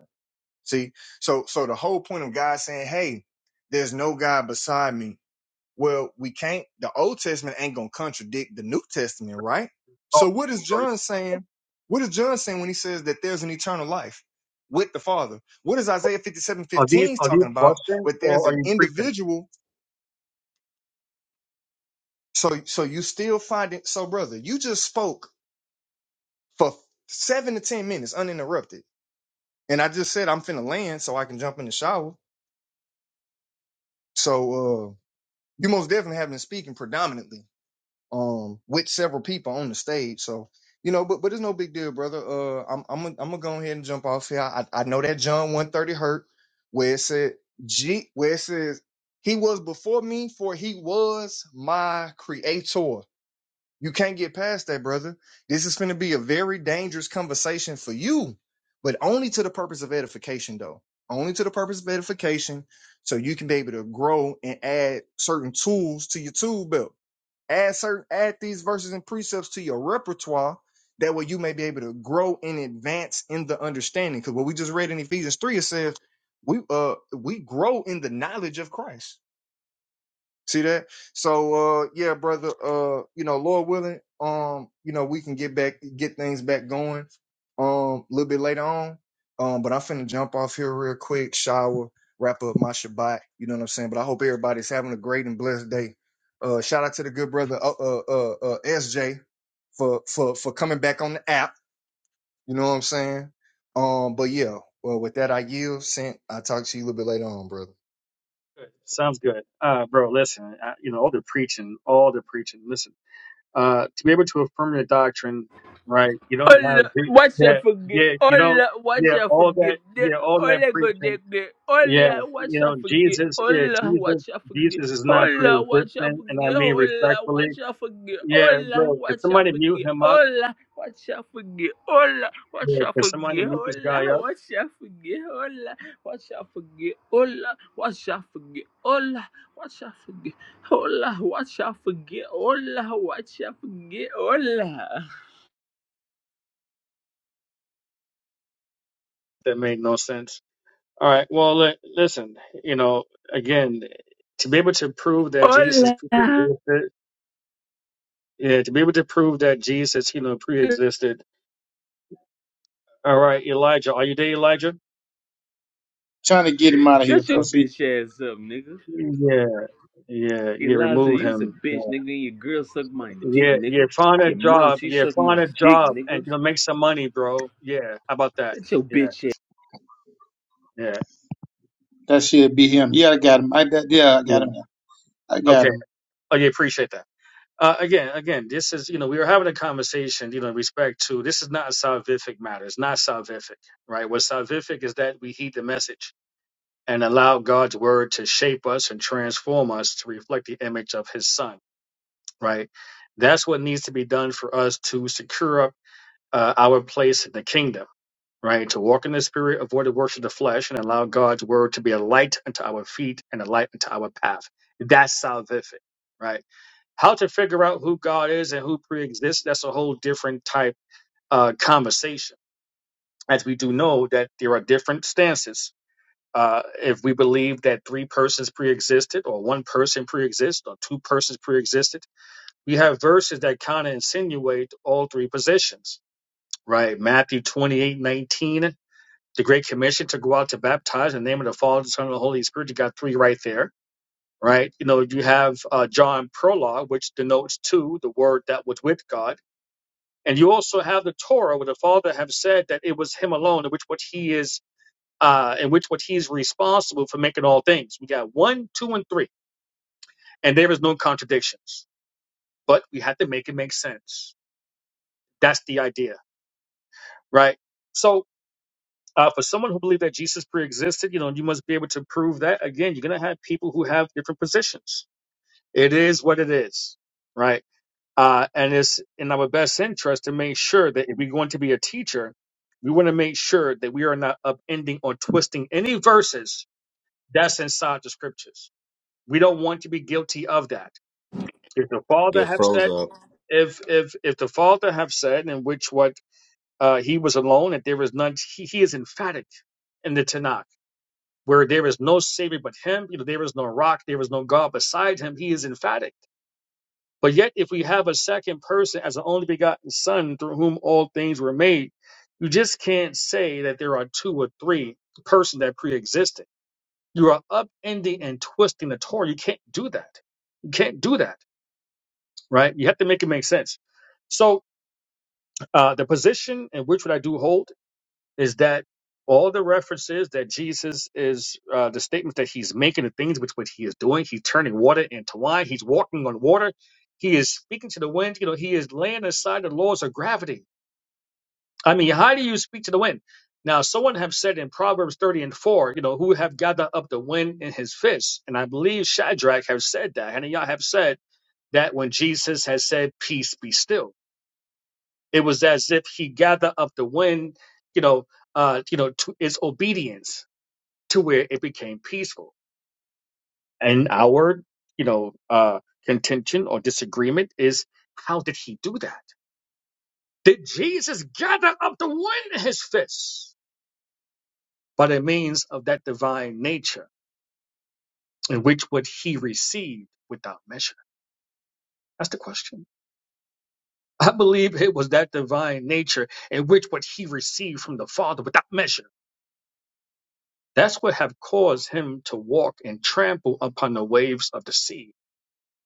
See, so so the whole point of God saying, "Hey, there's no God beside me." Well, we can't. The Old Testament ain't gonna contradict the New Testament, right?
Oh,
So what is
bro,
John saying? What is John saying when he says that there's an eternal life with the Father? What is Isaiah 57,
Are these
15
are these
talking about?
questions
Where there's
or are
an
you preaching?
individual. So so you still find it. So brother, you just spoke for seven to ten minutes uninterrupted, and I just said I'm finna land so I can jump in the shower. So. uh you most definitely have been speaking predominantly um with several people on the stage so you know but but it's no big deal brother uh i'm i'm gonna, I'm gonna go ahead and jump off here i i know that john 130 hurt where it said g where it says he was before me for he was my creator you can't get past that, brother. This is going to be a very dangerous conversation for you, but only to the purpose of edification, though. Only to the purpose of edification, so you can be able to grow and add certain tools to your tool belt. Add certain, add these verses and precepts to your repertoire. That way, you may be able to grow and advance in the understanding. Because what we just read in Ephesians three, it says we uh we grow in the knowledge of Christ See that? So uh yeah, brother, uh, you know, Lord willing, um, you know, we can get back get things back going um a little bit later on. Um, but I'm finna jump off here real quick, shower, wrap up my Shabbat, you know what I'm saying? But I hope everybody's having a great and blessed day. Uh shout out to the good brother uh uh uh, uh SJ for for for coming back on the app, you know what I'm saying? Um, but yeah, well with that I yield, sent I talk to you a little bit later on, brother.
Sounds good. Uh, bro, listen, I, you know, all the preaching, all the preaching. Listen, uh, to be able to affirm your doctrine, right? You don't
All
have the-
watch I
that,
forget.
yeah, you don't,
All watch
yeah,
I
all
forget.
that,
The-
yeah, all
All
that
I go there.
preaching.
there. All
Yeah,
watch
you
I
know,
forget.
Jesus,
All
yeah, Jesus,
watch I forget.
Jesus is
All
not
watch I
pre-existent. And I
forget.
mean
All
respectfully,
watch I forget.
yeah,
All
bro,
watch
could
I
somebody mute
forget.
him up?
All watch I forget. All watch
Yeah,
I
could somebody
forget.
mute this
All
guy up?
watch I forget. All watch I forget. All watch I forget. All watch I forget. All watch I forget. All watch I forget. All.
That made no sense. All right. Well, li- listen, you know, again, to be able to prove that Jesus
Hola.
pre-existed Yeah, to be able to prove that Jesus, you know, pre-existed. All right, Elijah, are you there, Elijah?
trying to get him out of here,
Shut your
cause he
bitch ass up, nigga.
Yeah, yeah, yeah.
Elijah,
Remove
you's a
him. Yeah,
bitch, nigga. And your girl suck my dick,
yeah. yeah,
nigga.
Find a
Your mom,
job.
she
Yeah,
suck
find
my
a
dick,
job and
nigga.
you know make some money, bro. Yeah, how about that?
Shut your
Yeah,
bitch ass.
yeah,
That should be him. Yeah, I got him. I got, yeah, I got
yeah.
him. Now. I got
Okay.
him.
Oh, yeah. Appreciate that. Uh, again, again, this is you know we were having a conversation, you know, in respect to this is not a salvific matter. It's not salvific, right? What's salvific is that we heed the message and allow God's word to shape us and transform us to reflect the image of his son, right? That's what needs to be done for us to secure up uh, our place in the kingdom, right? To walk in the spirit, avoid the works of the flesh, and allow God's word to be a light unto our feet and a light unto our path. That's salvific, right? How to figure out who God is and who pre-exists, that's a whole different type uh, conversation. As we do know that there are different stances uh, if we believe that three persons pre-existed, or one person pre-existed, or two persons pre-existed, we have verses that kind of insinuate all three positions, right? Matthew twenty-eight nineteen, the Great Commission to go out to baptize in the name of the Father, the Son, and the Holy Spirit. You got three right there, right? You know, you have uh, John prologue, which denotes two, the Word that was with God. And you also have the Torah, where the Father have said that it was Him alone, which what He is uh, in which which he's responsible for making all things. We got one, two, and three, and there is no contradictions. But we have to make it make sense. That's the idea, right? So uh, for someone who believes that Jesus pre-existed, you know, you must be able to prove that. Again, you're gonna have people who have different positions. It is what it is, right? Uh, and it's in our best interest to make sure that if we're going to be a teacher, we want to make sure that we are not upending or twisting any verses that's inside the scriptures We don't want to be guilty of that. If the Father
Get
have
froze
said,
up.
if if if the Father have said, in which what uh, he was alone, and there is none, he, he is emphatic in the Tanakh, where there is no savior but him. You know, there is no rock, there is no God beside him. He is emphatic. But yet, if we have a second person as the only begotten Son, through whom all things were made, you just can't say that there are two or three persons that pre-existed. You are upending and twisting the Torah. You can't do that. You can't do that. right? You have to make it make sense. So uh, the position in which what I do hold is that all the references that Jesus is uh, the statements that he's making, the things which which he is doing, he's turning water into wine, he's walking on water, he is speaking to the wind. You know, he is laying aside the laws of gravity. I mean, how do you speak to the wind? Now, someone have said in Proverbs 30 and 4, you know, who have gathered up the wind in his fist. And I believe Shadrach have said that. and y'all have said that when Jesus has said, peace be still. It was as if he gathered up the wind, you know, uh, you know, to its obedience to where it became peaceful. And our, you know, uh, contention or disagreement is how did he do that? Did Jesus gather up the wind in his fists by the means of that divine nature, in which what he received without measure? That's the question. I believe it was that divine nature in which what he received from the Father without measure That's what have caused him to walk and trample upon the waves of the sea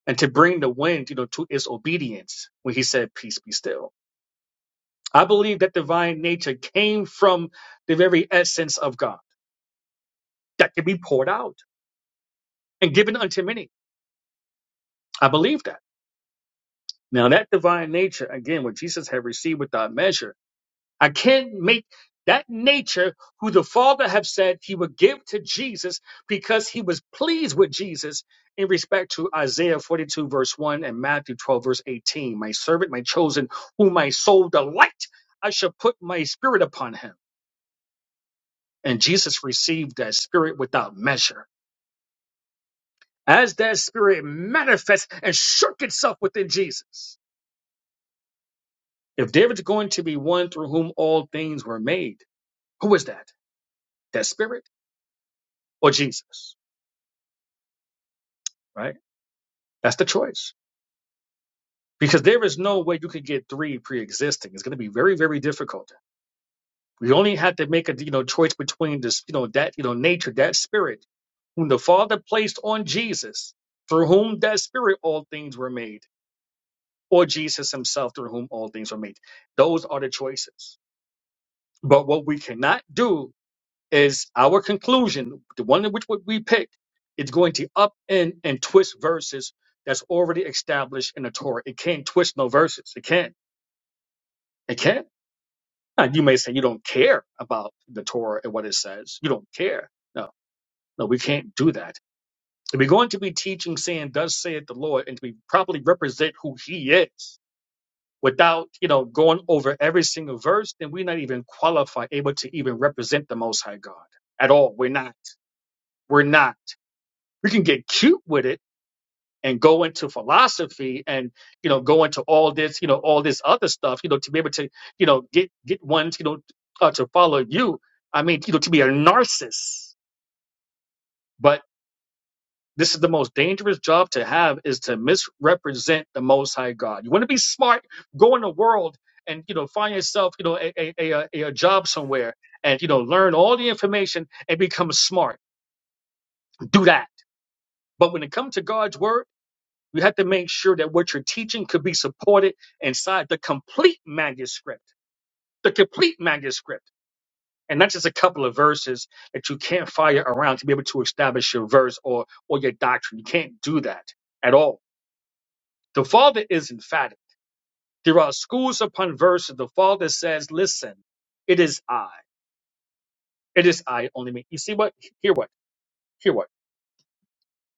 and to bring the wind, you know, to its obedience when he said, peace be still. I believe that divine nature came from the very essence of God that can be poured out and given unto many. I believe that. Now that divine nature, again, what Jesus had received without measure, I can't make that nature who the Father have said he would give to Jesus because he was pleased with Jesus in respect to Isaiah 42 verse 1 and Matthew 12 verse 18. My servant, my chosen, whom my soul delight, I shall put my spirit upon him. And Jesus received that spirit without measure. As that spirit manifests and shook itself within Jesus. If there is going to be one through whom all things were made, who is that? That spirit or Jesus? right? That's the choice. Because there is no way you could get three pre-existing. It's going to be very, very difficult. We only have to make a you know choice between this you know that you know nature that spirit whom the Father placed on Jesus, through whom that spirit all things were made, or Jesus Himself through whom all things were made. Those are the choices. But what we cannot do is our conclusion, the one in which we pick, is going to upend and twist verses that's already established in the Torah. It can't twist no verses. It can't. It can. Now, you may say you don't care about the Torah and what it says. You don't care. No, no, we can't do that. If we're going to be teaching, saying, "Thus saith the Lord," and to be properly represent who He is, without you know going over every single verse, then we're not even qualified, able to even represent the Most High God at all. We're not. We're not. We can get cute with it and go into philosophy and you know go into all this you know all this other stuff you know to be able to you know get get ones you know uh, to follow you i mean you know to be a narcissist but this is the most dangerous job to have is to misrepresent the most high god you want to be smart go in the world and you know find yourself you know a, a, a, a a job somewhere and you know learn all the information and become smart do that but when it comes to god's word You have to make sure that what you're teaching could be supported inside the complete manuscript, the complete manuscript, and not just a couple of verses that you can't fire around to be able to establish your verse or, or your doctrine. You can't do that at all. The Father is emphatic. There are schools upon verses. The Father says, listen, it is I. It is I only me. You see what? Hear what? Hear what?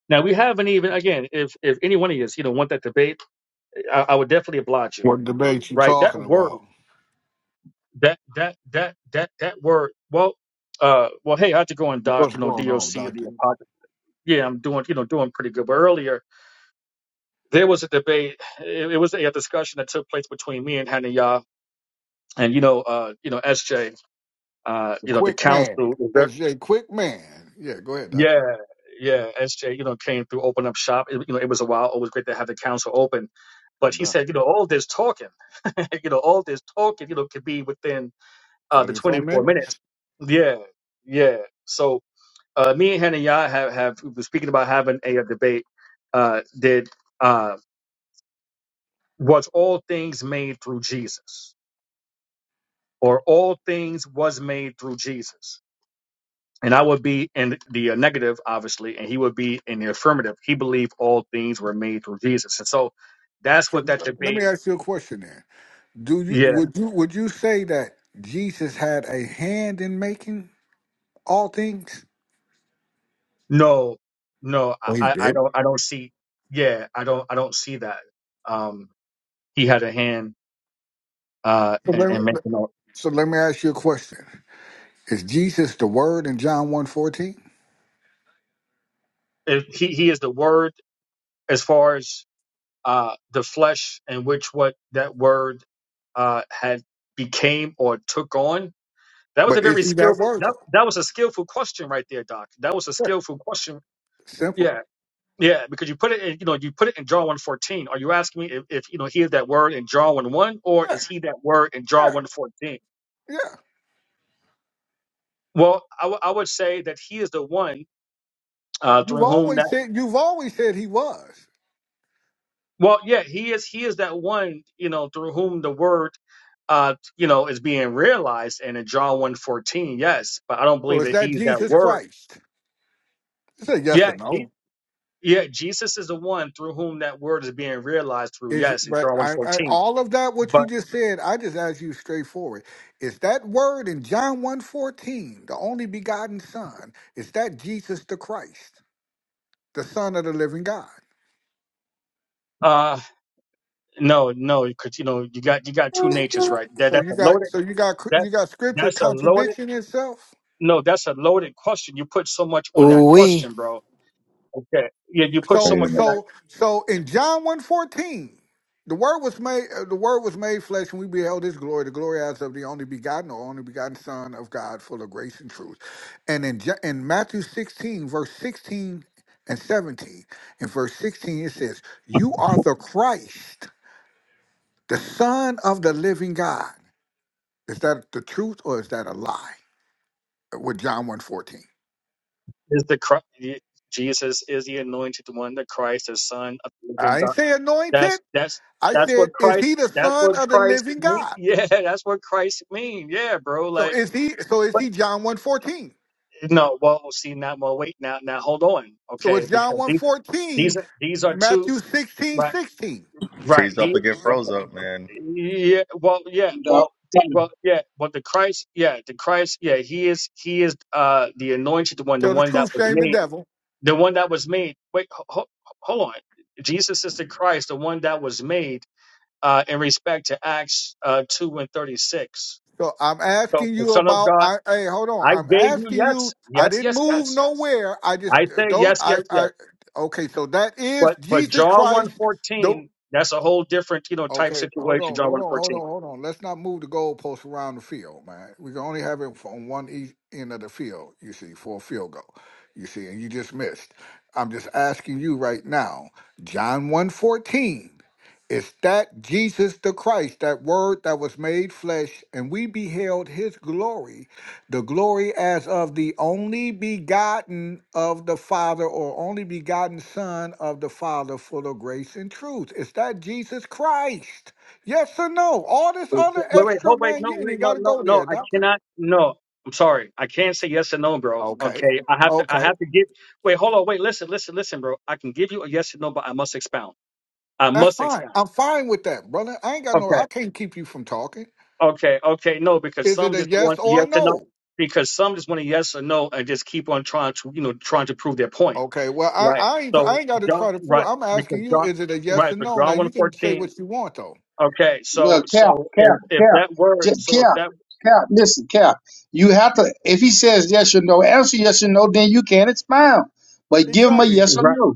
Now we haven't even again. If if any one of you, you know, want that debate, I, I would definitely oblige you.
What debate you
Right? That
talking
word.
about?
that that that that that word well uh well hey i had to go and doc
What's
you know doc
going on,
of the
Doctor?
apocrypha yeah i'm doing you know doing pretty good but earlier there was a debate it, it was a, discussion that took place between me and hanaya and you know uh you know sj uh
The
you know the
quick man.
council was ver-
SJ Quick Man. Yeah, go ahead, Doctor.
yeah yeah sj you know came through open up shop it, you know it was a while always great to have the council open
No
but he
doubt.
said you know all this talking you know all this talking you know could be within uh the
Twenty four
24 minutes
minutes.
yeah yeah so uh, me and Hannah Yah have, have we were speaking about having a, uh, debate. Uh, did uh, was all things made through Jesus, or all things was made through Jesus? And I would be in the uh, negative, obviously, and he would be in the affirmative. He believed all things were made through Jesus, and so that's
So
what that
let
debate.
me ask you a question then. Do you
Yeah,
would you would you say that Jesus had a hand in making all things?
no, no, I,
Well he
I I
did.
don't, I don't see. Yeah, I don't, I don't see that. Um, he had a hand uh,
So
in,
let,
in
me-
making all.
so let me ask you a question. Is Jesus the word in John one fourteen?
He he is the Word as far as uh, the flesh and which what that word uh, had became or took on? That was a
But is
very
he that
skillful.
word
That,
though?
that was a skillful question right there, Doc. That was a
Yeah.
skillful question.
Simple.
Yeah, yeah, because you put it, in, you know, you put it in John one fourteen. Are you asking me if, if you know he is that word in John one one, or
Yeah,
is he that word in John
yeah,
one fourteen?
yeah.
Well, I, w- I would say that he is the one uh,
You've
through whom
always said you've always said he was.
Well, yeah, he is. He is that one, you know, through whom the word, uh, you know, is being realized. And in John one fourteen, yes, but I don't
So
believe
is
that
that
he is that
Jesus
word.
Christ? It's a yes
Yeah,
or
Je-
no.
yeah, Jesus is the one through whom that word is being realized through.
Is
Yes, in
but
John one
I, I
fourteen,
all of that what you
But
just said, I just asked you straightforward. Is that word in John one fourteen the only begotten son, is that Jesus the Christ, the Son of the Living God?
uh, no, no, because you know you got you got two natures, right? That
So
that's
you
a
got
loaded
so you got
that
you got scripture
that's a loaded
contradiction itself?
no, that's a loaded question. You put so much on that
Ooh-wee.
question, bro. Okay, yeah, you put so
So
Wait
much
a
on that.
minute.
so so in John one fourteen, the word was made uh, the word was made flesh and we beheld his glory, the glory as of the only begotten or only begotten Son of God, full of grace and truth. And in Ja- in Matthew 16, verse 16 and 17, in verse 16 it says, You are the Christ, the Son of the living God. Is that the truth or is that a lie? uh, With John one fourteen,
is the Christ, Jesus is the anointed one, the Christ, the Son of the living
I ain't
God.
say anointed.
That's that's
I
that's what
said, is
Christ.
he the
That's
son
what
of the
Christ
living
mean.
God?
Yeah, that's what Christ mean. Yeah, bro.
So
Like,
is he? So is
but
he John one fourteen.
no. Well, see, now, well, wait, now, now, hold on,
So
okay,
it's John
because
one
these these
fourteen.
are these are two.
Matthew sixteen
Right,
16.
right.
Freeze up
He,
or get
okay,
froze up, man.
yeah. Well, yeah.
Dog,
Well.
got him.
Well, yeah, but the Christ, yeah, the Christ, yeah, he is, he is, uh, the anointed one, the
Tell the
one that
truth,
was
shame the
made
devil.
the one that was made. Wait, ho- ho- hold on. Jesus is the Christ, the one that was made uh, in respect to Acts uh, 2 and 36.
So I'm
So
asking
the
you
Son of
about.
God,
I hey, hold on.
I
I'm
gave you
asking
yes,
you. I
yes,
didn't
yes,
move
yes.
nowhere. I just
I say
don't.
yes, yes,
I
yes.
I. Okay, so that is
But but
Jesus
John
Christ.
114, that's a whole different, you know, type
Okay, hold
situation,
on,
John
hold on, hold
114.
on, hold on. Let's not move the goalposts around the field, man. We can only have it on one e- end of the field, you see, for a field goal. You see, and you just missed. I'm just asking you right now, John 114, is that Jesus the Christ, that word that was made flesh, and we beheld his glory the glory as of the only begotten of the Father or only begotten Son of the Father, full of grace and truth. Is that Jesus Christ? Yes or no? All this
Wait,
other
wait,
extra
hold wait,
man,
no,
you ain't
wait,
even
no,
got to
no,
go
no.
there,
I
doctor.
cannot no. I'm sorry. I can't say yes and no, bro.
Okay,
Okay. I have to I
okay,
have to give wait, hold on, wait, listen, listen, listen, bro. I can give you a yes and no, but I must expound. I
that's
must
fine.
expound.
I'm fine with that, brother. I ain't got no.
Okay,
I can't keep you from talking.
okay, okay. No, because
Is it
some
a
just
yes
want
or a
yes or no.
no?
Because some just want a yes or no and just keep on trying to, you know, trying to prove their point.
Okay, well, I
Right.
I ain't,
So
I ain't got to
John,
try to prove.
right?
I'm
Because
asking you,
John,
is it a yes
right?
or
But
no? Now
John one
you can say
fourteen.
what you want though.
Okay.
Well,
So
Cap,
so if
Cap,
if
Cap,
that word,
just
so if
Cap,
that
Cap. Listen, Cap. You have to. If he says yes or no, answer yes or no. Then you can expound, but give him a
Exactly.
yes or
right?
no.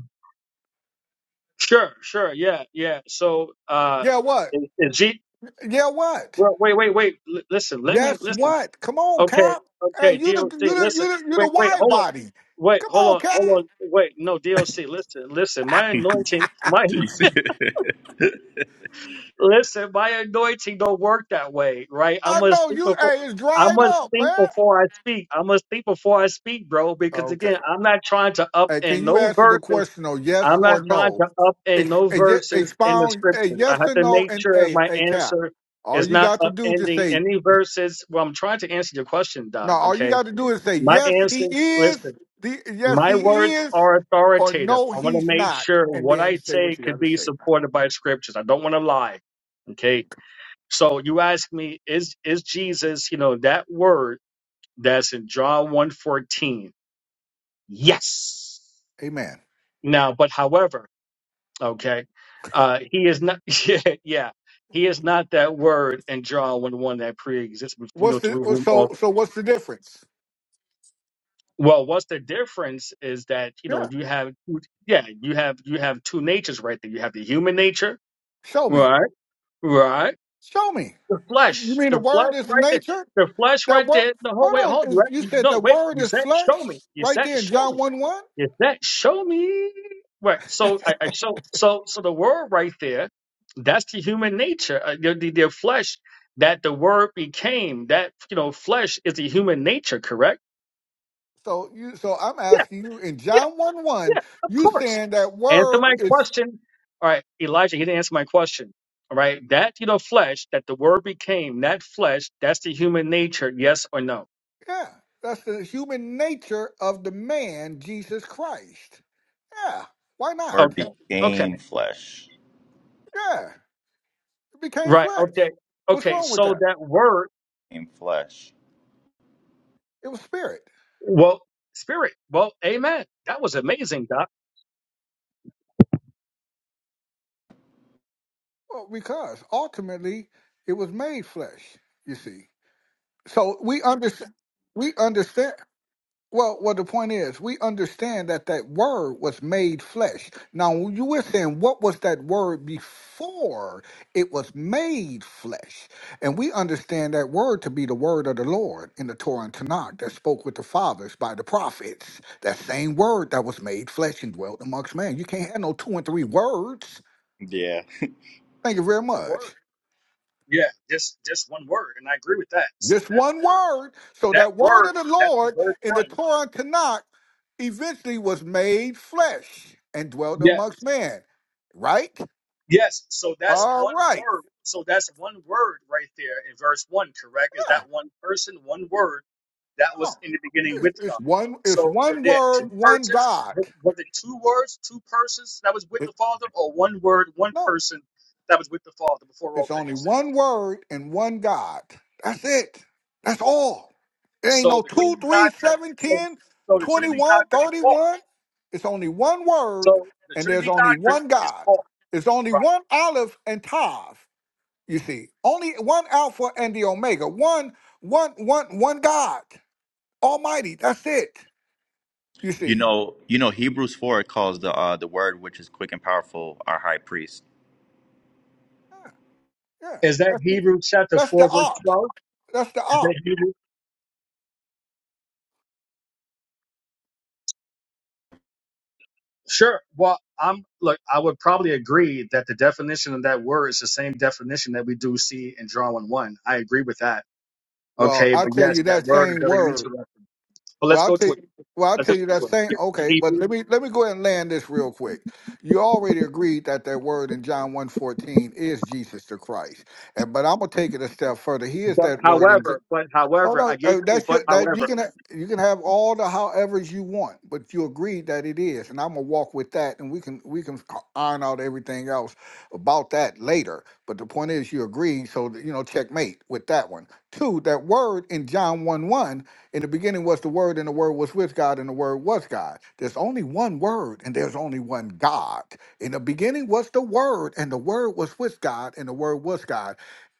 Sure, sure. Yeah, yeah. So uh,
Yeah, what?
is, is G?
Yeah, what?
Well, wait, wait, wait. L- listen, let me
Yes,
listen.
what? Come on,
Okay,
Cap. Hey,
okay,
you the you
DOC,
the
listen,
you the you
wait,
the
wait,
wide
hold on,
body.
wait,
Come
hold
on,
on, hold
Cap.
on, wait, no, DOC, listen, listen, my anointing, my,
You see?
listen, my anointing don't work that way, right? I
I
must
know
think
you.
before,
Hey, it's
I
dried
must
up,
think
man.
before I speak, I must think before I speak, bro, because
Okay.
again, I'm not trying to up
Hey, can
in
you
no
answer the
verses,
question on yes
I'm not
or
trying
no?
to up in
Ex-
no
eh, ye-
verses in the
Expound a
scriptures. I
yes
have
and
to
no
make
and
sure
a
my
a cap.
answer
All
is
you
not
got to do just
upending
say
any verses. Well, I'm trying to answer your question,
no.
Doc,
All you
okay?
got to do is say
My
yes, he
answers,
is.
listen,
The yes,
my words
he is,
are
or
authoritative.
no,
I want to
he's
make
not,
sure
and
what
then
I
say
say
what you
could
got to
be
say, man.
supported by scriptures. I don't want to lie. Okay. So you ask me, is is Jesus, you know, that word that's in John 114? Yes.
Amen.
Now, but however, okay, uh, he is not yeah, yeah. He is not that word in John 1 1 that pre exists, you
What's
know, to
the oh,
whom
so
all
so? What's the difference?
Well, what's the difference is that, you know,
Yeah,
you have, yeah, you have, you have two natures right there. You have the human nature,
show me.
right? Right.
Show me.
The
You
flesh,
mean the
the
word
flesh
is
right there,
nature?
the flesh
That
right
word.
there. No, hold, wait,
Hold
hold,
on. is-
you,
You
you-
said
no,
the
wait,
word
you
is
said,
flesh,
show me, you
right
said,
there in
show
John
me,
one one.
you said, show me. Right. So I, I show, so, so the word right there, that's the human nature, uh, the, the, the flesh that the word became, that, you know, flesh is the human nature, correct?
So you. So I'm
Yeah.
asking you in
yeah.
John one one.
Yeah, of
You
course.
saying that
Answer
word
my
is
question. All right, Elijah, he didn't answer my question. All right, that, you know, flesh that the word became, that flesh, that's the human nature, yes or no?
yeah? That's the human nature of the man Jesus Christ. Yeah. Why not?
Word
Okay, okay,
became flesh.
Yeah. It became
right,
flesh.
okay,
What's
okay.
wrong with
So
that?
that word,
Became flesh.
It was spirit.
well, spirit, well, amen. That was amazing, Doc.
Well, because ultimately it was made flesh, you see. So we understand. We understand. Well, well, the point is, we understand that that word was made flesh. Now, when you were saying what was that word before it was made flesh, and we understand that word to be the word of the Lord in the Torah and Tanakh that spoke with the fathers by the prophets. That same word that was made flesh and dwelt amongst man. You can't have no two and three words.
Yeah.
Thank you very much.
Word. Yeah, just just one word, and I agree with that. So
Just
that
one
word,
word. So
that
that word
word,
of the
that's in
Lord
verse
in the
one.
Torah and Tanakh eventually was made flesh and dwelt amongst man. Right?
Yes, so that's
All
one
right.
word. So that's one word right there in verse one, correct? Is
Yeah.
that one person, one word that was
No.
in the beginning
It's,
with God?
it's one. It's
So were
one
there
word.
two
One
persons?
God.
W- Was it two words, two persons that was with the
It-
Father, or one word, one
no.
person that was with the Father before all
It's only
things?
one word and one God. That's it. That's all. There ain't
So
no
the
2,
Trinity
3,
doctrine,
7,
so,
10,
so the Trinity
21, 31.
doctrine is false.
It's only one word
So the
and there's
Trinity
only
doctrine
one
is
God.
false,
It's only
right?
one Aleph and Tav, you see. Only one Alpha and the Omega. One, one, one, one God. Almighty. That's it. You
You
see.
know, you know, Hebrews four it calls the uh, the word which is quick and powerful our high priest.
Yeah. yeah.
Is that
That's,
Hebrews chapter
that's the
four verse
art.
twelve?
That's the
Is that
art.
Hebrews? Sure. Well, I'm look. I would probably agree that the definition of that word is the same definition that we do see in John one one. I agree with that.
Well,
Okay,
I
but
tell
yes,
you
that
that
word is
same
very
word.
interesting. But
Well,
let's
I'll
go
tell
to
you,
it.
well, I'll
Let's
tell
just
you that
go to
same.
it.
Okay, but
Hebrew.
let me let me go ahead and land this real quick. You already agreed that that word in John one fourteen is Jesus the Christ, and but I'm gonna take it a step further. He is
But
that word in.
however, but
Oh
however,
no,
I gave
uh,
you a
that's your,
but
that you
however.
can ha- you can have all the however's you want, but you agree that it is, and I'm gonna walk with that, and we can we can c- iron out everything else about that later. But the point is, you agree, so that, you know, checkmate with that one. Two, that word in John one one in the beginning was the word, and the word was with God, and the word was God. There's only one word, and there's only one God. In the beginning was the word, and the word was with God, and the word was God.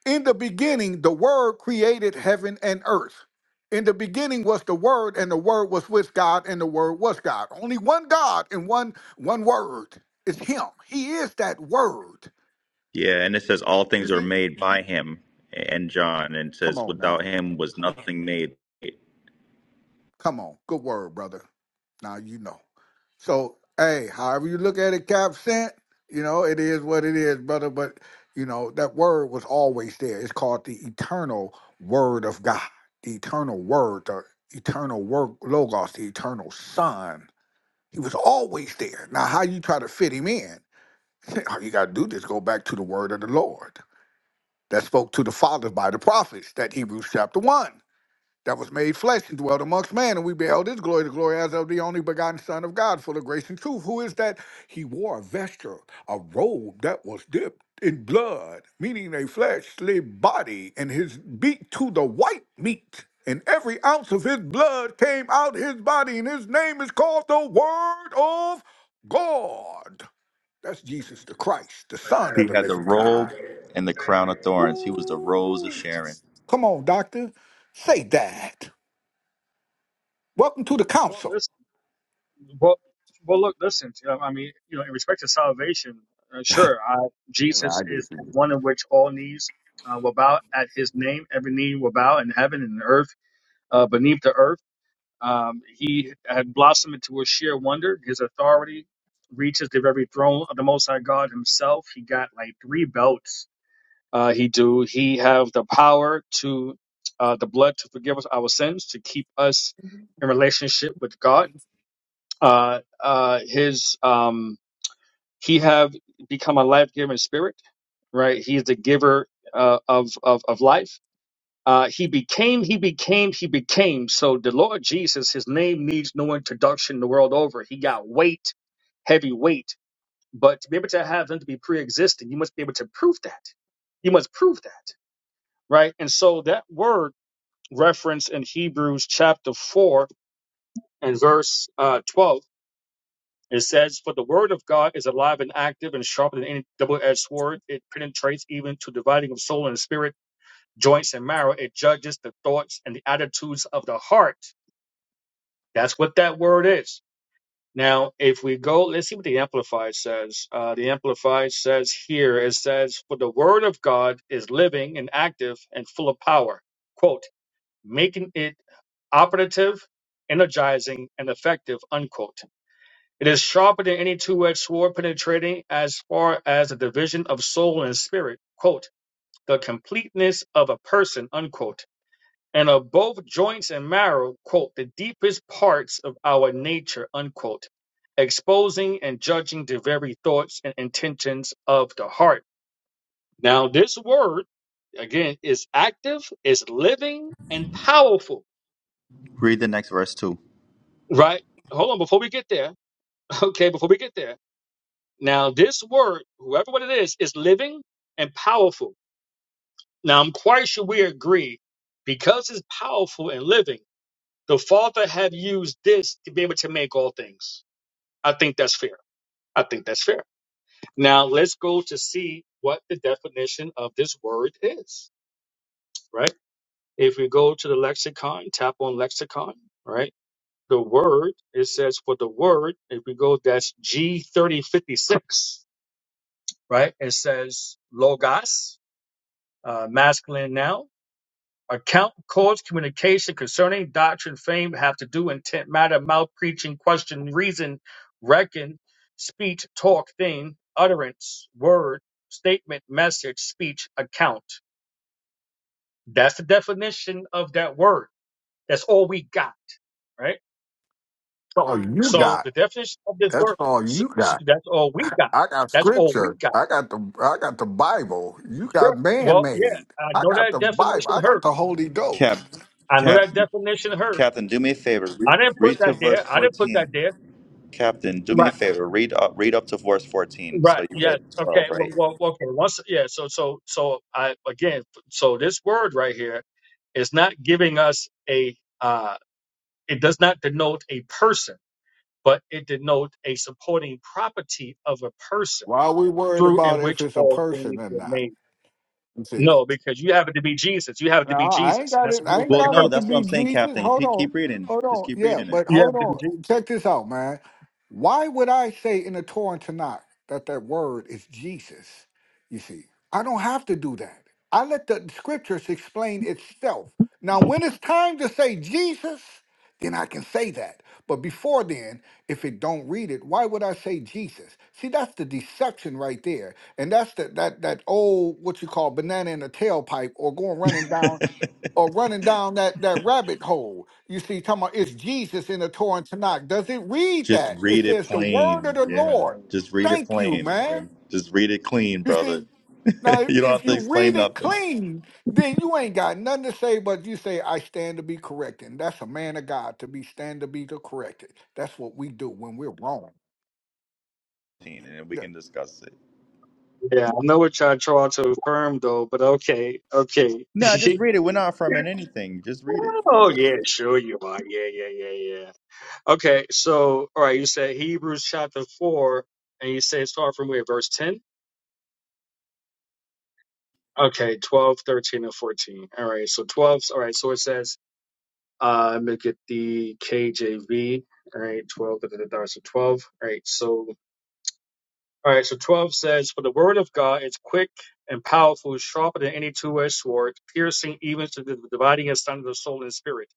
In the beginning, the Word created heaven and earth. In the beginning was the Word, and the Word was with God, and the Word was God. Only one God and one one Word is Him. He is that Word.
Yeah, and it says all
You
things are
see?
made by him and John, and it
Come
says
on now.
without him was nothing made. He
Come on. Good word, brother. Now you know. So, hey, however you look at it, Cap sent, you know, it is what it is, brother. But, you know, that word was always there. It's called the eternal word of God, the eternal word, the eternal Word, Logos, the eternal son. He was always there. Now, how you try to fit him in, all you got to do is go back to the word of the Lord that spoke to the fathers by the prophets, that Hebrews chapter 1 that was made flesh and dwelt amongst man, and we beheld his glory, the glory as of the only begotten Son of God, full of grace and truth. Who is that? He wore a vesture, a robe that was dipped in blood, meaning a fleshly body, and his beat to the white meat. And every ounce of his blood came out his body, and his name is called the Word of God. That's Jesus the Christ, the Son of the
had the
living
robe
God.
and the crown of thorns.
Ooh.
He was the rose of Sharon.
Come on, doctor. Say that. Welcome to the
Well,
council.
listen. Well, well, look, listen. um, I mean, you know, in respect to salvation, uh, sure, I, Jesus
I
is
get you. That's
one in which all knees uh, will bow at His name. Every knee will bow in heaven and earth, uh, beneath the earth. Um, he had blossomed into a sheer wonder. His authority reaches the very throne of the Most High God Himself. He got like three belts. Uh, he do. He have the power to uh, the blood to forgive us our sins, to keep us in relationship with God. Uh, uh, his um, he have become a life giving spirit. Right. He is the giver uh, of of of life uh, he became, he became, he became. So the Lord Jesus, his name needs no introduction the world over. He got weight, heavy weight. But to be able to have him to be pre existing, you must be able to prove that. You must prove that, right? And so that word reference in Hebrews chapter 4 and verse uh, 12. It says, For the word of God is alive and active and sharper than any double edged sword. It penetrates even to dividing of soul and spirit joints and marrow. It judges the thoughts and the attitudes of the heart. That's what that word is. Now, if we go, let's see what the Amplified says. Uh, the Amplified says here, it says, For the word of God is living and active and full of power, quote, making it operative, energizing, and effective, unquote. It is sharper than any two edged sword, penetrating as far as the division of soul and spirit, quote, the completeness of a person, unquote and of both joints and marrow, quote, the deepest parts of our nature, unquote, exposing and judging the very thoughts and intentions of the heart. Now, this word, again, is active, is living, and powerful,
Read the next verse too.
right? Hold on, before we get there, okay, before we get there. Now, this word, whoever what it is, is living and powerful. Now, I'm quite sure we agree because it's powerful and living. The Father have used this to be able to make all things. I think that's fair. I think that's fair. Now let's go to see what the definition of this word is, right? If we go to the lexicon, tap on lexicon, right? The word, it says for the word, if we go, that's G3056, right? It says logos, uh, masculine noun Account codes, communication concerning doctrine, fame, have to do, intent, matter, mouth, preaching, question, reason, reckon, speech, talk, thing, utterance, word, statement, message, speech, account. That's the definition of that word. That's all we got, right?
all you
So
got.
the definition of this
That's
word,
all
s-
you
s-
got.
that's all we got.
I got
That's all we
scripture.
got.
I got the I got the Bible. You got
Sure.
man
Well, yeah,
made.
I
I
know
got
that
the Bible.
definition
I got
hurt.
the Holy
Cap,
Ghost.
I know
Cap,
that definition hurt.
Captain, do me a favor.
I
Read,
didn't put
read to
that there.
verse
I didn't put that
fourteen.
there.
Captain, do
Right.
me a favor. Read up, read up to verse 14. So
Right.
you
Yes.
read
Okay.
12,
Well,
right?
well. Okay. Once. Yeah. So. So. So. I again. So this word right here is not giving us a. uh It does not denote a person, but it denotes a supporting property of a person
Why are we worried
through in
about if
which
it's a
all
person
things
or
were
not?
made. No, because you have it to be Jesus. You have it to be
No, I ain't
Jesus, and
got
that's
it.
a
I
whole
ain't
Well,
second
got
no,
it to
person.
that's what
be
I'm saying,
Jesus.
Captain.
Hold
Keep,
on.
keep reading.
Hold
Just
on.
keep
Yeah,
reading it.
but
You have
hold
it to be
on.
Jesus.
Check this out, man. Why would I say in the Torah and Tanakh that that word is Jesus? You see, I don't have to do that. I let the scriptures explain itself. Now, when it's time to say Jesus, then I can say that. But before then, if it don't read it, why would I say Jesus? See, that's the deception right there and that's the, that that old what you call banana in the tailpipe or going running down or running down that, that rabbit hole. You see, talking about it's Jesus in the Torah and Tanakh. Does it read
Just
that?
read
It
it
says the word of
plain.
the
Yeah.
Lord.
Just read it
Thank you,
plain. Man.
man.
Just read it clean,
You
brother.
see, now if,
you don't have
if
to
you
explain
read it
nothing.
clean, then you ain't got nothing to say but you say, I stand to be corrected. And that's a man of God to be stand to be the corrected. That's what we do when we're wrong.
And then we
Yeah.
can discuss it.
Yeah, I know what y'all trying to affirm though, but okay, okay.
No, just read it. We're not affirming anything. Just read it.
oh yeah, sure you are. Yeah, yeah, yeah, yeah. Okay, so all right, you said Hebrews chapter four, and you say start from where verse ten. Okay, 12, 13, and fourteen. All right, so twelve. All right, so it says, uh, let me get the KJV. All right, twelve. Da, da, da, da, so twelve. All right, so all right, so twelve says, for the word of God is quick and powerful, sharper than any two-edged sword, piercing even to the dividing asunder of soul and spirit,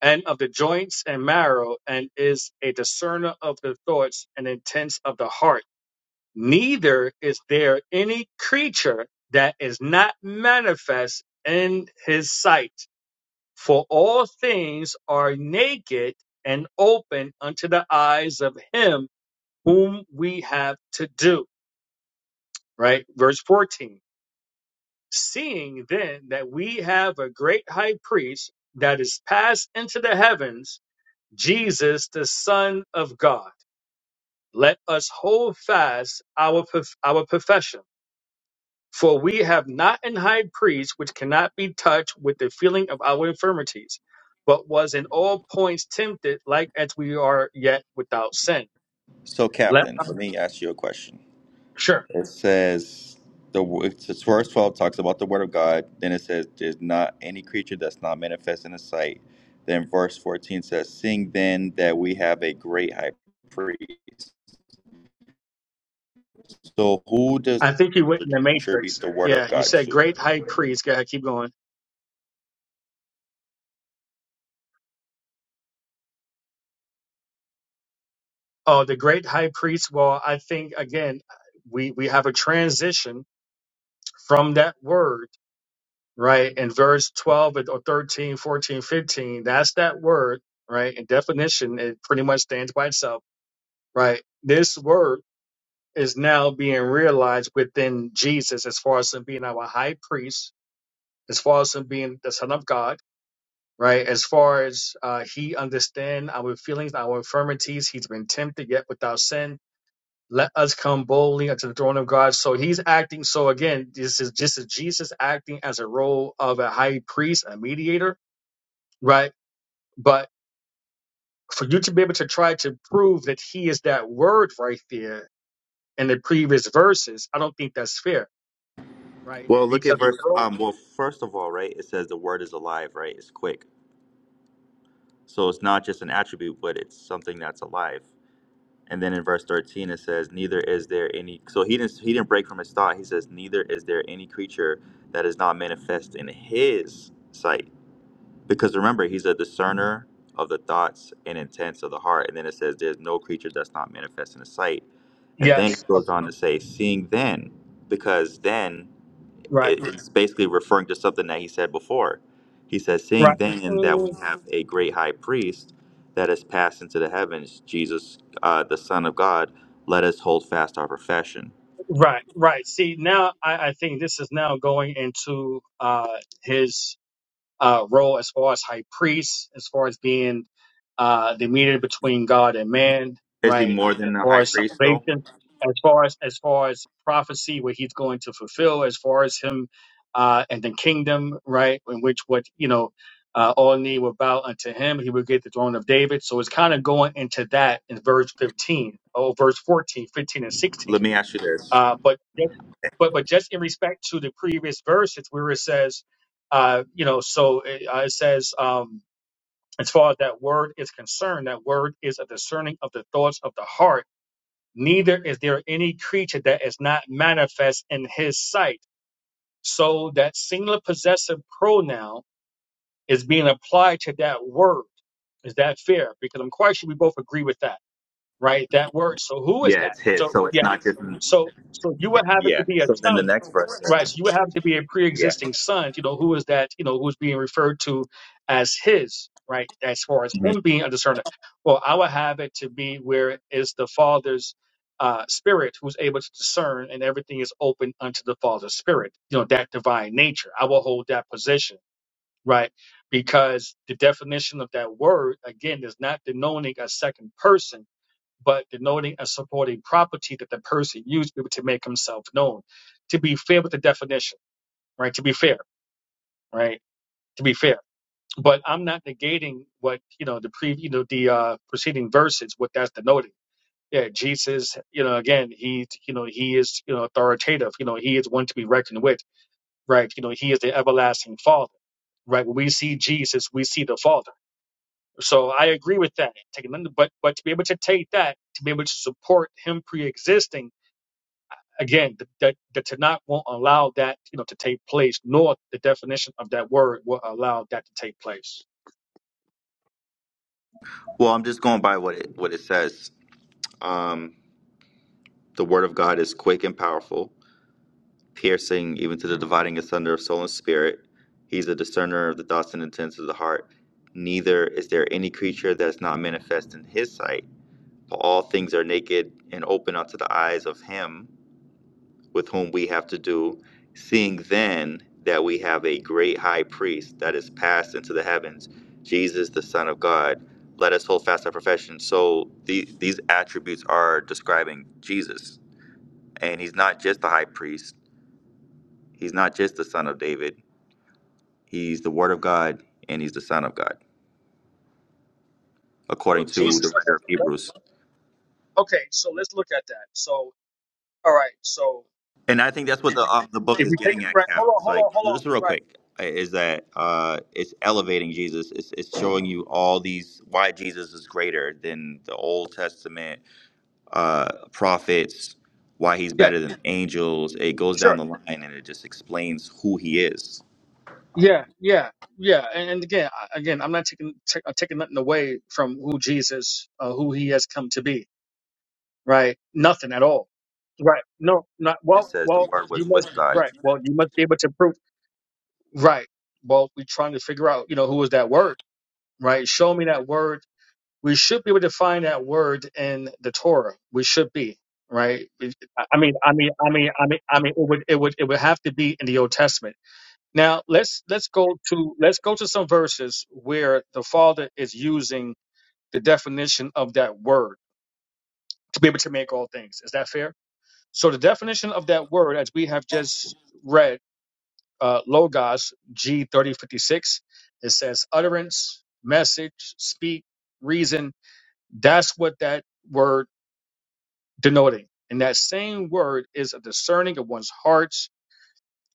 and of the joints and marrow, and is a discerner of the thoughts and intents of the heart neither is there any creature that is not manifest in his sight. For all things are naked and open unto the eyes of him whom we have to do. Right? Verse 14. Seeing then that we have a great high priest that is passed into the heavens, Jesus, the Son of God, let us hold fast our, prof- our profession. For we have not an high priest which cannot be touched with the feeling of our infirmities, but was in all points tempted like as we are yet without sin.
So,
Let,
Captain, let me ask you a question.
sure.
It says the it's- it's verse twelve talks about the word of God. Then it says, "There's not any creature that's not manifest in the sight." Then verse fourteen says, "Seeing then that we have a great high priest." So who does
I think you went in the
attribute
matrix.
the word
Yeah,
of
you
God
said
to?
great high priest. Go ahead, keep going. Oh, the great high priest. Well, I think again, we, we have a transition from that word, right? In verse 12 or 13, 14, 15. that's that word, right? And definition, it pretty much stands by itself right? This word is now being realized within Jesus as far as him being our high priest, as far as him being the Son of God, right? As far as uh, he understand our feelings, our infirmities, he's been tempted yet without sin. Let us come boldly unto the throne of God. So he's acting. So again, this is just as Jesus acting as a role of a high priest, a mediator, right? But for you to be able to try to prove that he is that word right there, in the previous verses, I don't think that's fair, right?
Well, look
Because
at
the
verse.
role,
Um. Well, first of all, right, it says the word is alive, right? It's quick. So it's not just an attribute, but it's something that's alive. And then in verse 13 it says, "Neither is there any." So he didn't he didn't break from his thought. He says, "Neither is there any creature that is not manifest in His sight." Because remember, he's a discerner of the thoughts and intents of the heart. And then it says, "There's no creature that's not manifest in His sight." And then he
yes, okay,
goes on to say, "Seeing then, because then."
right,
it- it's basically referring to something that he said before. He says,
right,
Seeing then that we
Mm,
have a great high priest that has passed into the heavens, Jesus, uh, the Son of God, let us hold fast our profession.
right, right. See, now I, I think this is now going into uh, his. uh, role as far as high priest, as far as being uh, the mediator between God and man,
Is he
right?
more
As
than a
far
high
as
priest, though?
salvation, as far as as far as prophecy, what he's going to fulfill, as far as him uh, and the kingdom, right? In which what you know uh, all knee will bow unto him, he will get the throne of David. So it's kind of going into that in verse fifteen, oh verse 14, 15, and
Let
sixteen
me ask you this.
uh, but but but just in respect to the previous verse, it's where it says, uh, you know, so it, uh, it says, um, as far as that word is concerned, that word is a discerning of the thoughts of the heart. Neither is there any creature that is not manifest in His sight. So that singular possessive pronoun is being applied to that word. Is that fair? Because I'm quite sure we both agree with that, right? That word. So who is
Yeah,
that?
it's his,
So
so
yeah.
it's not just
So, so you would have it
Yeah.
to be a
So then the
son,
next verse
right?
says,
So you would have to be a
Yeah.
pre-existing son. You know, who is that? You know, who's being referred to as his, right? As far as
Mhm.
him being a discerner. Well, I would have it to be where is the father's uh, spirit who's able to discern, and everything is open unto the father's spirit. You know, that divine nature. I will hold that position, right? Because the definition of that word again is not denoting a second person but denoting and supporting property that the person used to make himself known. To be fair with the definition, right? To be fair, right? To be fair. But I'm not negating what, you know, the pre, you know, the uh, preceding verses, what that's denoting. Yeah, Jesus, you know, again, he, you know, he is, you know, authoritative. You know, he is one to be reckoned with, right? You know, he is the everlasting Father, right? When we see Jesus, we see the Father. So I agree with that. Taking, but but to be able to take that, to be able to support him pre-existing again, the, the, the Tanakh won't allow that, you know, to take place, nor the definition of that word will allow that to take place.
Well, I'm just going by what it, what it says. Um, the word of God is quick and powerful piercing even to the dividing asunder of soul and spirit. He's a discerner of the thoughts and intents of the heart. Neither is there any creature that is not manifest in his sight. For all things are naked and open unto the eyes of him with whom we have to do, seeing then that we have a great high priest that is passed into the heavens, Jesus the Son of God. Let us hold fast our profession. So the, these attributes are describing Jesus. And he's not just the high priest, he's not just the son of David He's the Word of God and he's the Son of God,
Well,
according
if
to the
Jesus, all
writer
right,
of
let-
Hebrews.
okay, so let's look at that. So, all right, so
And I think that's what the uh, the book
if
is
we take it,
getting at,
right,
Cap.
hold on,
It's
hold
like
on, hold on,
just real
right,
quick uh, is that uh, it's elevating Jesus. It's, it's showing you all these why Jesus is greater than the Old Testament uh, prophets, why he's
yeah,
better than angels. It goes down
sure,
the line and it just explains who he is.
yeah, yeah, yeah, and, and again, I, again, I'm not taking ta- uh, taking nothing away from who Jesus, uh, who he has come to be, right? Nothing at all. Right. No, not
It
well.
says the
Well,
Word
you
was with
must be
God.
right. Well, you must be able to prove. Right. Well, we're trying to figure out, you know, who was that word, right? Show me that word. We should be able to find that word in the Torah. We should be, right? It- I I mean, I mean, I mean, I mean, I mean, it would, it would, it would have to be in the Old Testament. Now, let's let's go to let's go to some verses where the Father is using the definition of that word to be able to make all things. Is that fair? So, the definition of that word, as we have just read uh, Logos G3056. It says utterance, message, speak, reason. That's what that word denoting. And that same word is a discerning of one's hearts.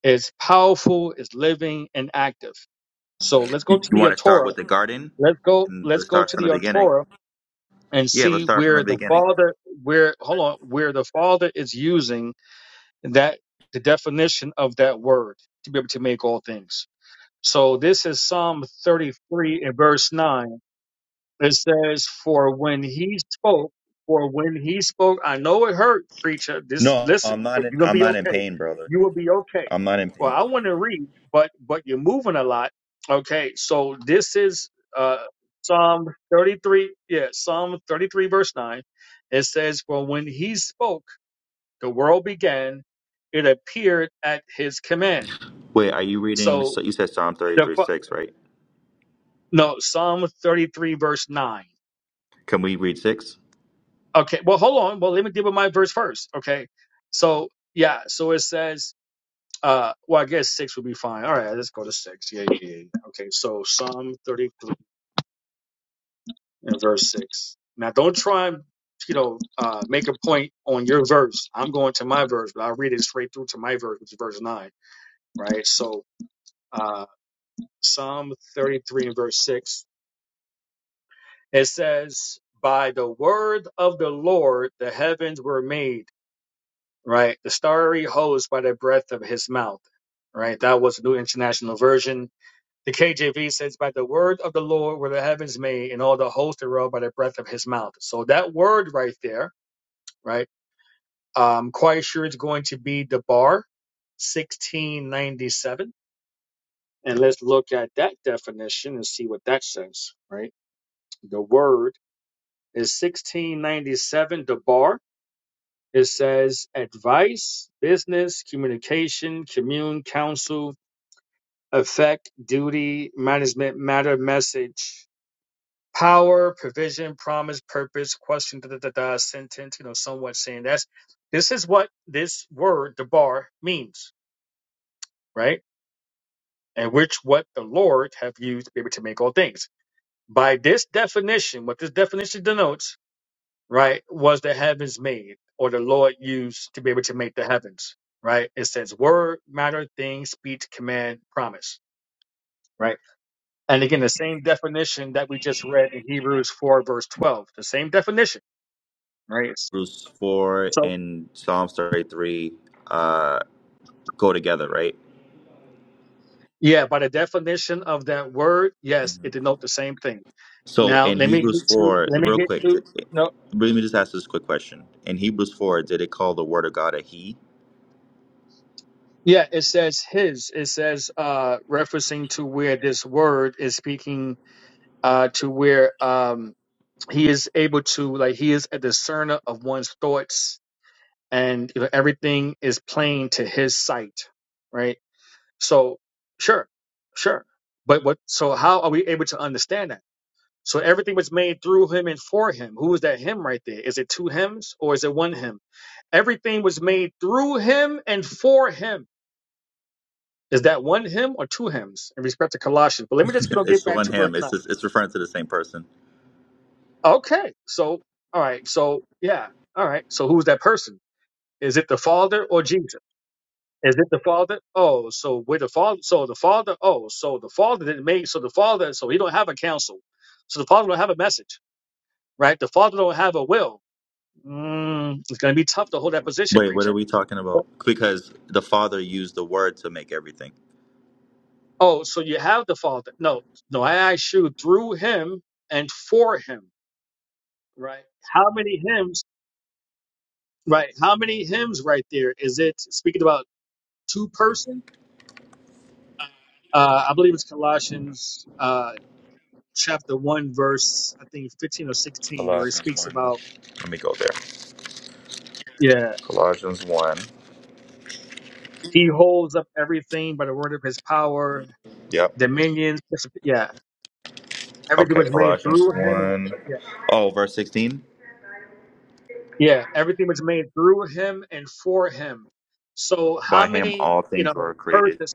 It's powerful, it's living and active. So let's go to
You
the
want
uh,
to start
Torah.
with the garden,
Let's go,
and
let's
let's
go
start
to
from
the
the
uh,
beginning.
Torah and
Yeah,
see
let's start from the
where the
beginning.
Father, where, hold on, where the Father is using that, the definition of that word to be able to make all things. So this is Psalm 33 and verse 9. It says, For when he spoke, for when he spoke, I know it hurt, preacher. This
No, I'm
listen,
not
but
in
you're gonna
I'm
be
not in
okay.
pain, brother.
You will be okay.
I'm not in
Well,
pain.
I want to read, but but you're moving a lot. Okay, so this is uh Psalm 33, yeah, Psalm 33, verse 9. It says, For when he spoke, the world began, it appeared at his command.
Wait, are you reading?
So
So you said Psalm 33 6, right?
No, Psalm 33, verse 9.
Can we read 6?
Okay, well, hold on. Well, let me deal with my verse first. Okay. So, yeah, so it says, uh, well, I guess six would be fine. All right, let's go to six. Yeah, yeah, yeah. yeah. Okay, so Psalm 33 and verse six. Now, don't try and, you know, uh, make a point on your verse. I'm going to my verse, but I'll read it straight through to my verse, which is verse nine, right? So, uh, Psalm 33 and verse six, it says, By the word of the Lord, the heavens were made right? The starry hose by the breath of his mouth, right? That was the New International Version. The KJV says, by the word of the Lord were the heavens made, and all the hosts thereof by the breath of his mouth. So that word right there, right? I'm quite sure it's going to be the bar, 1697. And let's look at that definition and see what that says, right? The word is 1697, the bar. It says advice, business, communication, commune, counsel, effect, duty, management, matter, message, power, provision, promise, purpose, question, da da da da, sentence, you know, somewhat saying that's this is what this word, the bar, means, right? And which what the Lord have used to be able to make all things. By this definition, what this definition denotes right? Was the heavens made or the Lord used to be able to make the heavens, right? It says word, matter, thing, speech, command, promise, right? And again, the same definition that we just read in Hebrews 4, verse 12, the same definition, right?
Hebrews 4
So,
and Psalms 33 uh, go together, right?
yeah, by the definition of that word, yes, it denotes the same thing.
So
Now,
in
let me
Hebrews
get to,
4,
let me
real
get
quick,
to,
did,
no,
let me just ask this quick question. In Hebrews 4, did it call the Word of God a He?
yeah, it says his, it says, uh, referencing to where this word is speaking, uh, to where, um, he is able to like he is a discerner of one's thoughts and you know, everything is plain to his sight right so sure sure but what so how are we able to understand that so everything was made through him and for him who is that him right there is it two hymns or is it one hymn everything was made through him and for him is that one hymn or two hymns in respect to colossians but let me just you know, get
it's the
back
one,
to verse
Him,
9
it's, just, it's referring to the same person.
okay so all right so yeah all right so who's that person Is it the Father or Jesus? Is it the Father? Oh, so with the Father, so the Father. Oh, so the Father didn't make. So the Father, so he don't have a counsel. So the Father don't have a message, right? The Father don't have a will. Mm, it's gonna be tough to hold that position,
Wait, what are
preacher.
we talking about? Because the Father used the Word to make everything.
Oh, so you have the Father? No, no. I asked you through him and for him, right? How many hymns? Right? How many hymns right there? Is it speaking about two person? Uh, I believe it's Colossians. uh, chapter 1, verse, I think, 15 or 16, where he
Colossians
speaks
1.
about,
Let me go there.
yeah,
Colossians 1.
he holds up everything by the word of his power,
Yep.
dominion. Yeah, everything
Okay,
was made
Colossians
through him. And,
1.
yeah,
Oh, verse 16.
yeah, everything was made through him and for him. So, how
By him
many,
all
you
things
know,
were created.
persons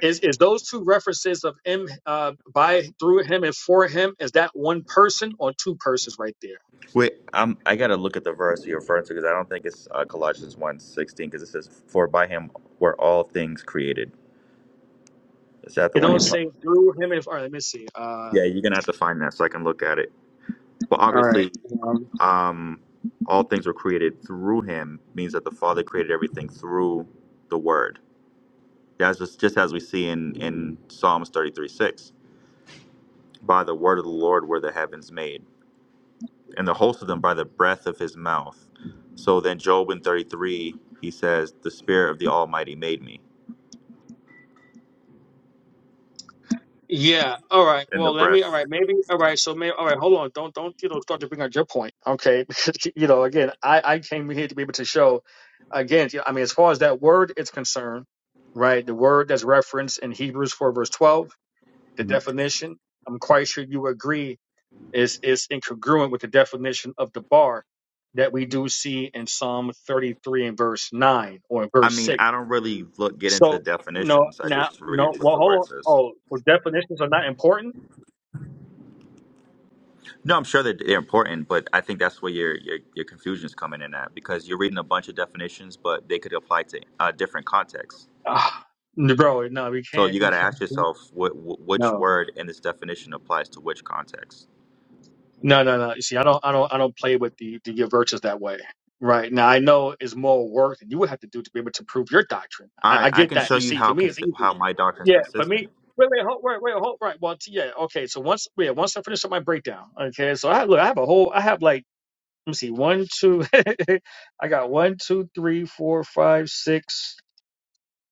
is, is those two references of him, uh, by, through him and for him, is that one person or two persons right there?
Wait, I'm, I got to look at the verse you're referring to because I don't think it's uh, Colossians one sixteen because it says, For by him were all things created. Is that
It
the one
don't
you're talking
say through him and for, all right, let me see. Uh,
Yeah, you're going to have to find that so I can look at it. But
all
obviously,
right.
um, all things were created through him means that the Father created everything through the Word. That's just, just as we see in, in Psalms thirty three six. by the word of the Lord were the heavens made, and the host of them by the breath of his mouth. So then, Job in 33, he says, The Spirit of the Almighty made me,
Yeah. All right.
and the
Well, let me. All
breath.
right. Maybe. All right. So maybe. All right. Hold on. Don't don't you know start to bring out your point. Okay. Because you know again, I I came here to be able to show again. you know, I mean, as far as that word is concerned, right? The word that's referenced in Hebrews four verse twelve, the
Mhm.
definition. I'm quite sure you agree is is incongruent with the definition of the bar that we do see in Psalm 33 and verse nine or in
I
verse
mean,
six.
I don't really look get into
So no,
definitions. I
now
just
no.
read what
Well,
the
hold
word
on.
says.
Oh, well, definitions are not important
No, I'm sure that they're important, but I think that's where your your, your confusion is coming in at because you're reading a bunch of definitions, but they could apply to uh, different contexts.
Ah, bro, no, we
So
can't.
you got
We
to
can't.
ask yourself, what, wh- which
No,
word in this definition applies to which context?
no, no, no. You see, I don't, I don't, I don't play with the the your virtues that way. Right now, I know it's more work than you would have to do to be able to prove your doctrine.
All
I,
right,
I
I
get
can
that.
show
You
you
see,
how
for me, it's
consi-
easy.
how my doctrine is
Yeah, for
consistent.
me. Wait, wait, hold, wait, wait, hold, right. Well, t- yeah, okay. So once, yeah, once I finish up my breakdown, okay. So I look, I have a whole, I have like, let me see, one, two, I got one, two, three, four, five, six,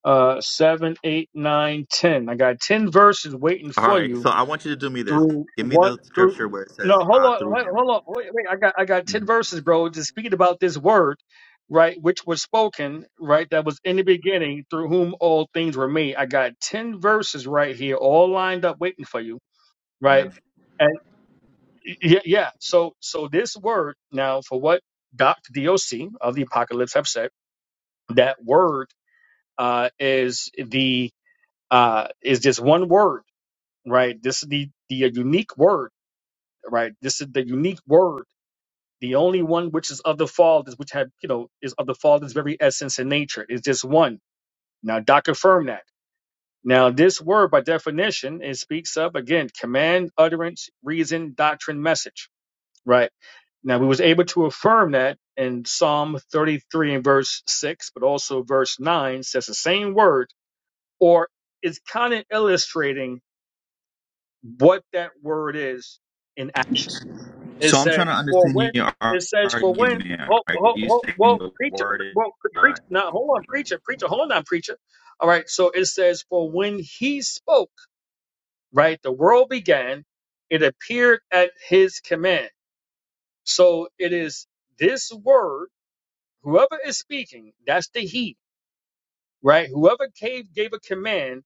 uh, seven, eight, nine, ten. I got ten verses waiting
All
for
right,
you
so I want you to do me this.
through
Give me
one
the
through
scripture where it
no
says
hold
uh,
on
through
hold
him.
hold on wait, wait i got i got 10
Mhm.
verses bro just speaking about this word right which was spoken right that was in the beginning through whom all things were made i got 10 verses right here all lined up waiting for you right
Amen.
and yeah yeah so so this word now for what dr doc of the apocalypse have said that word uh is the uh is just one word right this is the the unique word right? This is the unique word, the only one which is of the Father, which had, you know, is of the Father's very essence and nature. It's just one. Now, Doc affirmed that. Now, this word, by definition, it speaks of again command, utterance, reason, doctrine, message, right? Now, we was able to affirm that in Psalm 33 and verse six, but also verse nine says the same word, or it's kind of illustrating what that word is in action It
So I'm
says
trying to
for
understand
when
your ar-
it says for when
argument.
oh
Are
oh
you
oh
saying
well
the
preacher
word
pre-
is
well pre-
not?
preacher now hold on preacher preacher hold on preacher all right so it says for when he spoke right the world began it appeared at his command so it is this word whoever is speaking that's the he right whoever gave gave a command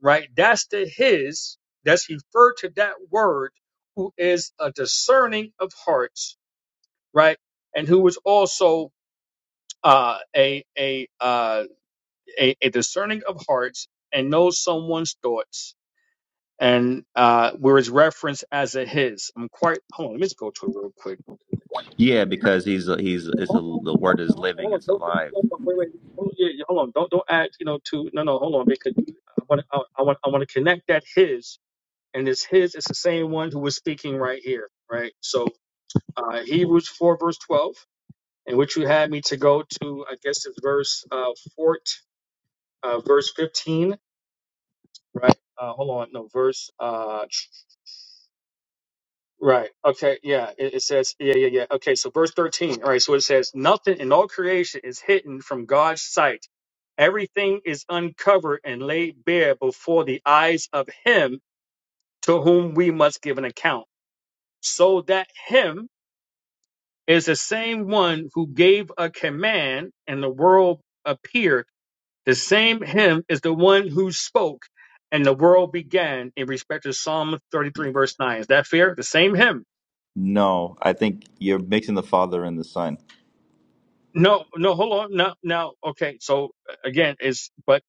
right that's the his that's referred to that word who is a discerning of hearts right? And who was also uh, a a, uh, a a discerning of hearts and knows someone's thoughts, and uh, where it's referenced as a his. I'm quite. Hold on, let me just go to it real quick.
Yeah, because he's a, he's it's a,
Hold on,
the word is living.
hold on, hold on.
It's
Don't, don't,
alive.
don't, don't- wait, wait. Hold, yeah, yeah, hold on. Don't, don't add, you know, to no, no. Hold on, because I want, I, I want, I want to connect that his, and this his is the same one who was speaking right here, right? So, uh, Hebrews four verse twelve and which you had me to go to, I guess it's verse uh, 14, uh, verse 15, right? Uh, hold on, no, verse, uh, tr- right. Okay, yeah, it, it says, yeah, yeah, yeah. Okay, so verse 13, all right, so it says, nothing in all creation is hidden from God's sight. Everything is uncovered and laid bare before the eyes of him to whom we must give an account. So that him is the same one who gave a command and the world appeared The same him is the one who spoke and the world began in respect to Psalm 33 verse 9. Is that fair? The same him.
No, I think you're mixing the Father and the Son.
No, no, hold on. No, now, okay. So uh, again, it's, but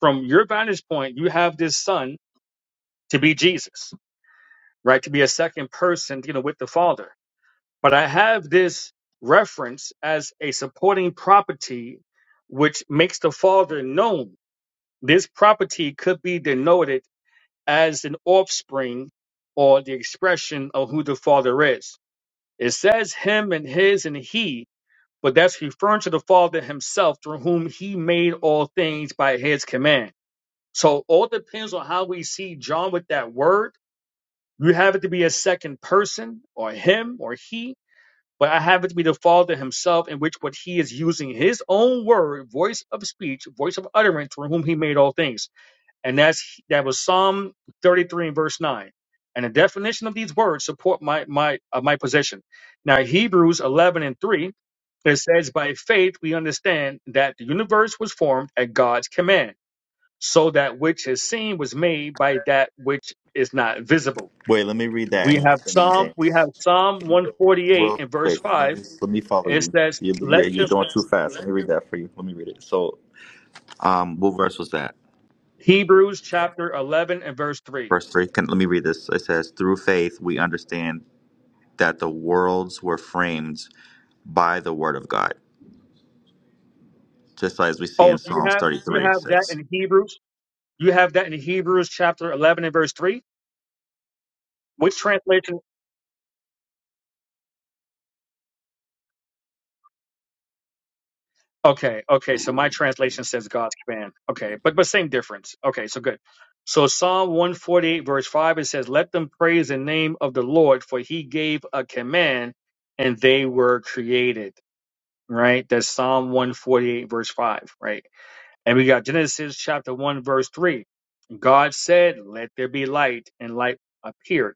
from your vantage point, you have this son to be Jesus, right? To be a second person dealing with the father. But I have this reference as a supporting property, which makes the father known. This property could be denoted as an offspring or the expression of who the Father is. It says him and his and he, but that's referring to the Father himself through whom he made all things by his command. So all depends on how we see John with that word. You have it to be a second person or him or he, but I have it to be the Father himself in which what he is using his own word, voice of speech, voice of utterance through whom he made all things and that's that was Psalm 33 and verse 9. And the definition of these words support my my uh, my position. Now Hebrews 11 and 3 it says, "By faith we understand that the universe was formed at God's command, so that which is seen was made by that which is not visible."
Wait, let me read
We have Psalm
that.
we have Psalm 148
real
and verse
quick. I
5.
mean, let me follow
It
you.
says,
you
"Let
yeah,
the
you're going too fast. Let me read that for you. Let me read it. So, um, what verse was that?
Hebrews chapter 11 and verse 3."
Verse three. Can let me read this. It says, "Through faith we understand that the worlds were framed by the word of God," just as we see in
Oh, do you
Psalms
have you
33,
have that
six.
in Hebrews? You have that in Hebrews chapter 11 and verse 3. Which translation? Okay, okay. So my translation says God's command. Okay, but but same difference. Okay, so good. So Psalm 148 verse 5 it says, "Let them praise the name of the Lord, for he gave a command and they were created." Right? That's Psalm 148 verse 5, right? And we got Genesis chapter 1 verse 3. God said, "Let there be light," and light appeared,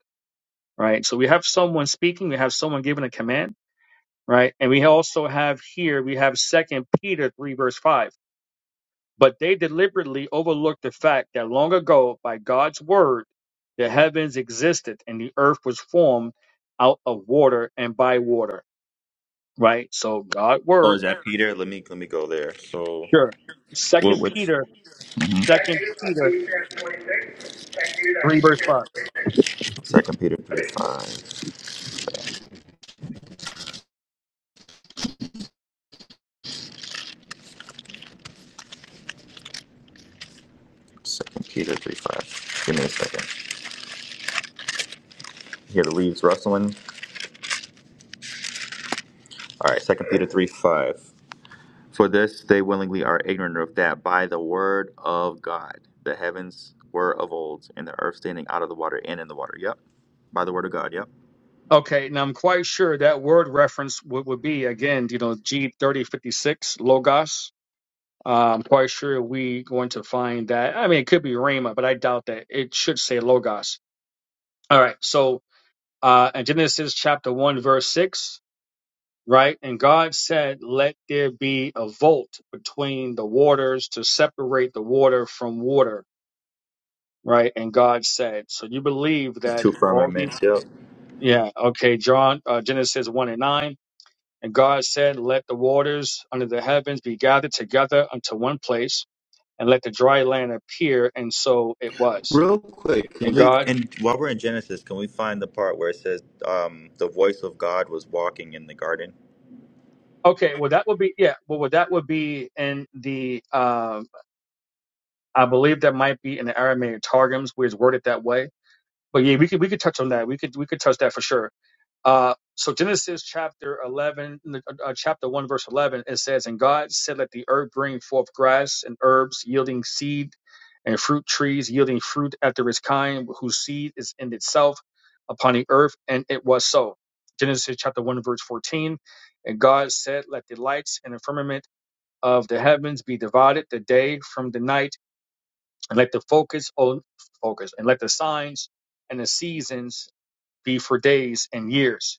right? So we have someone speaking, we have someone giving a command right? And we also have here, we have Second Peter 3, verse 5. But they deliberately overlooked the fact that long ago, by God's word, the heavens existed and the earth was formed out of water and by water, right? So God
Oh,
word,
is that Peter? Let me let me go there. So,
sure.
what?
Second
Which?
Peter, Second Peter 3, verse 5.
Second Peter three five. Second Peter three five. Give me a second. hear the leaves rustling. All right, Second Peter three five. For this they willingly are ignorant of that by the word of God the heavens were of old, and the earth standing out of the water and in the water. Yep, by the word of God. Yep,
Okay, now I'm quite sure that word reference would, would be again, you know, G3056, Logos, Uh, I'm quite sure we going to find that. I mean, it could be Rhema, but I doubt that. It should say Logos. All right. So, uh, in Genesis chapter 1, verse 6, right? And God said, Let there be a vault between the waters to separate the water from water, right? And God said, So you believe that
two
all the,
firmaments. Yep.
yeah, okay, John, uh, Genesis 1 and 9. And God said, Let the waters under the heavens be gathered together unto one place and let the dry land appear. And so it was.
Real quick,
And
can we?
God,
And while we're in Genesis, can we find the part where it says um, the voice of God was walking in the garden?
okay, well, that would be, yeah, well, well that would be in the, um, I believe that might be in the Aramaic Targums where it's worded that way. But yeah, we could, we could touch on that. We could, we could touch that for sure. Uh, so Genesis chapter 11, uh, uh, chapter 1, verse 11, it says, And God said, Let the earth bring forth grass and herbs yielding seed, and fruit trees yielding fruit after its kind, whose seed is in itself upon the earth. And it was so. Genesis chapter 1, verse 14. And God said, Let the lights and the firmament of the heavens be divided the day from the night, and let the focus on focus, and let the signs and the seasons be for days and years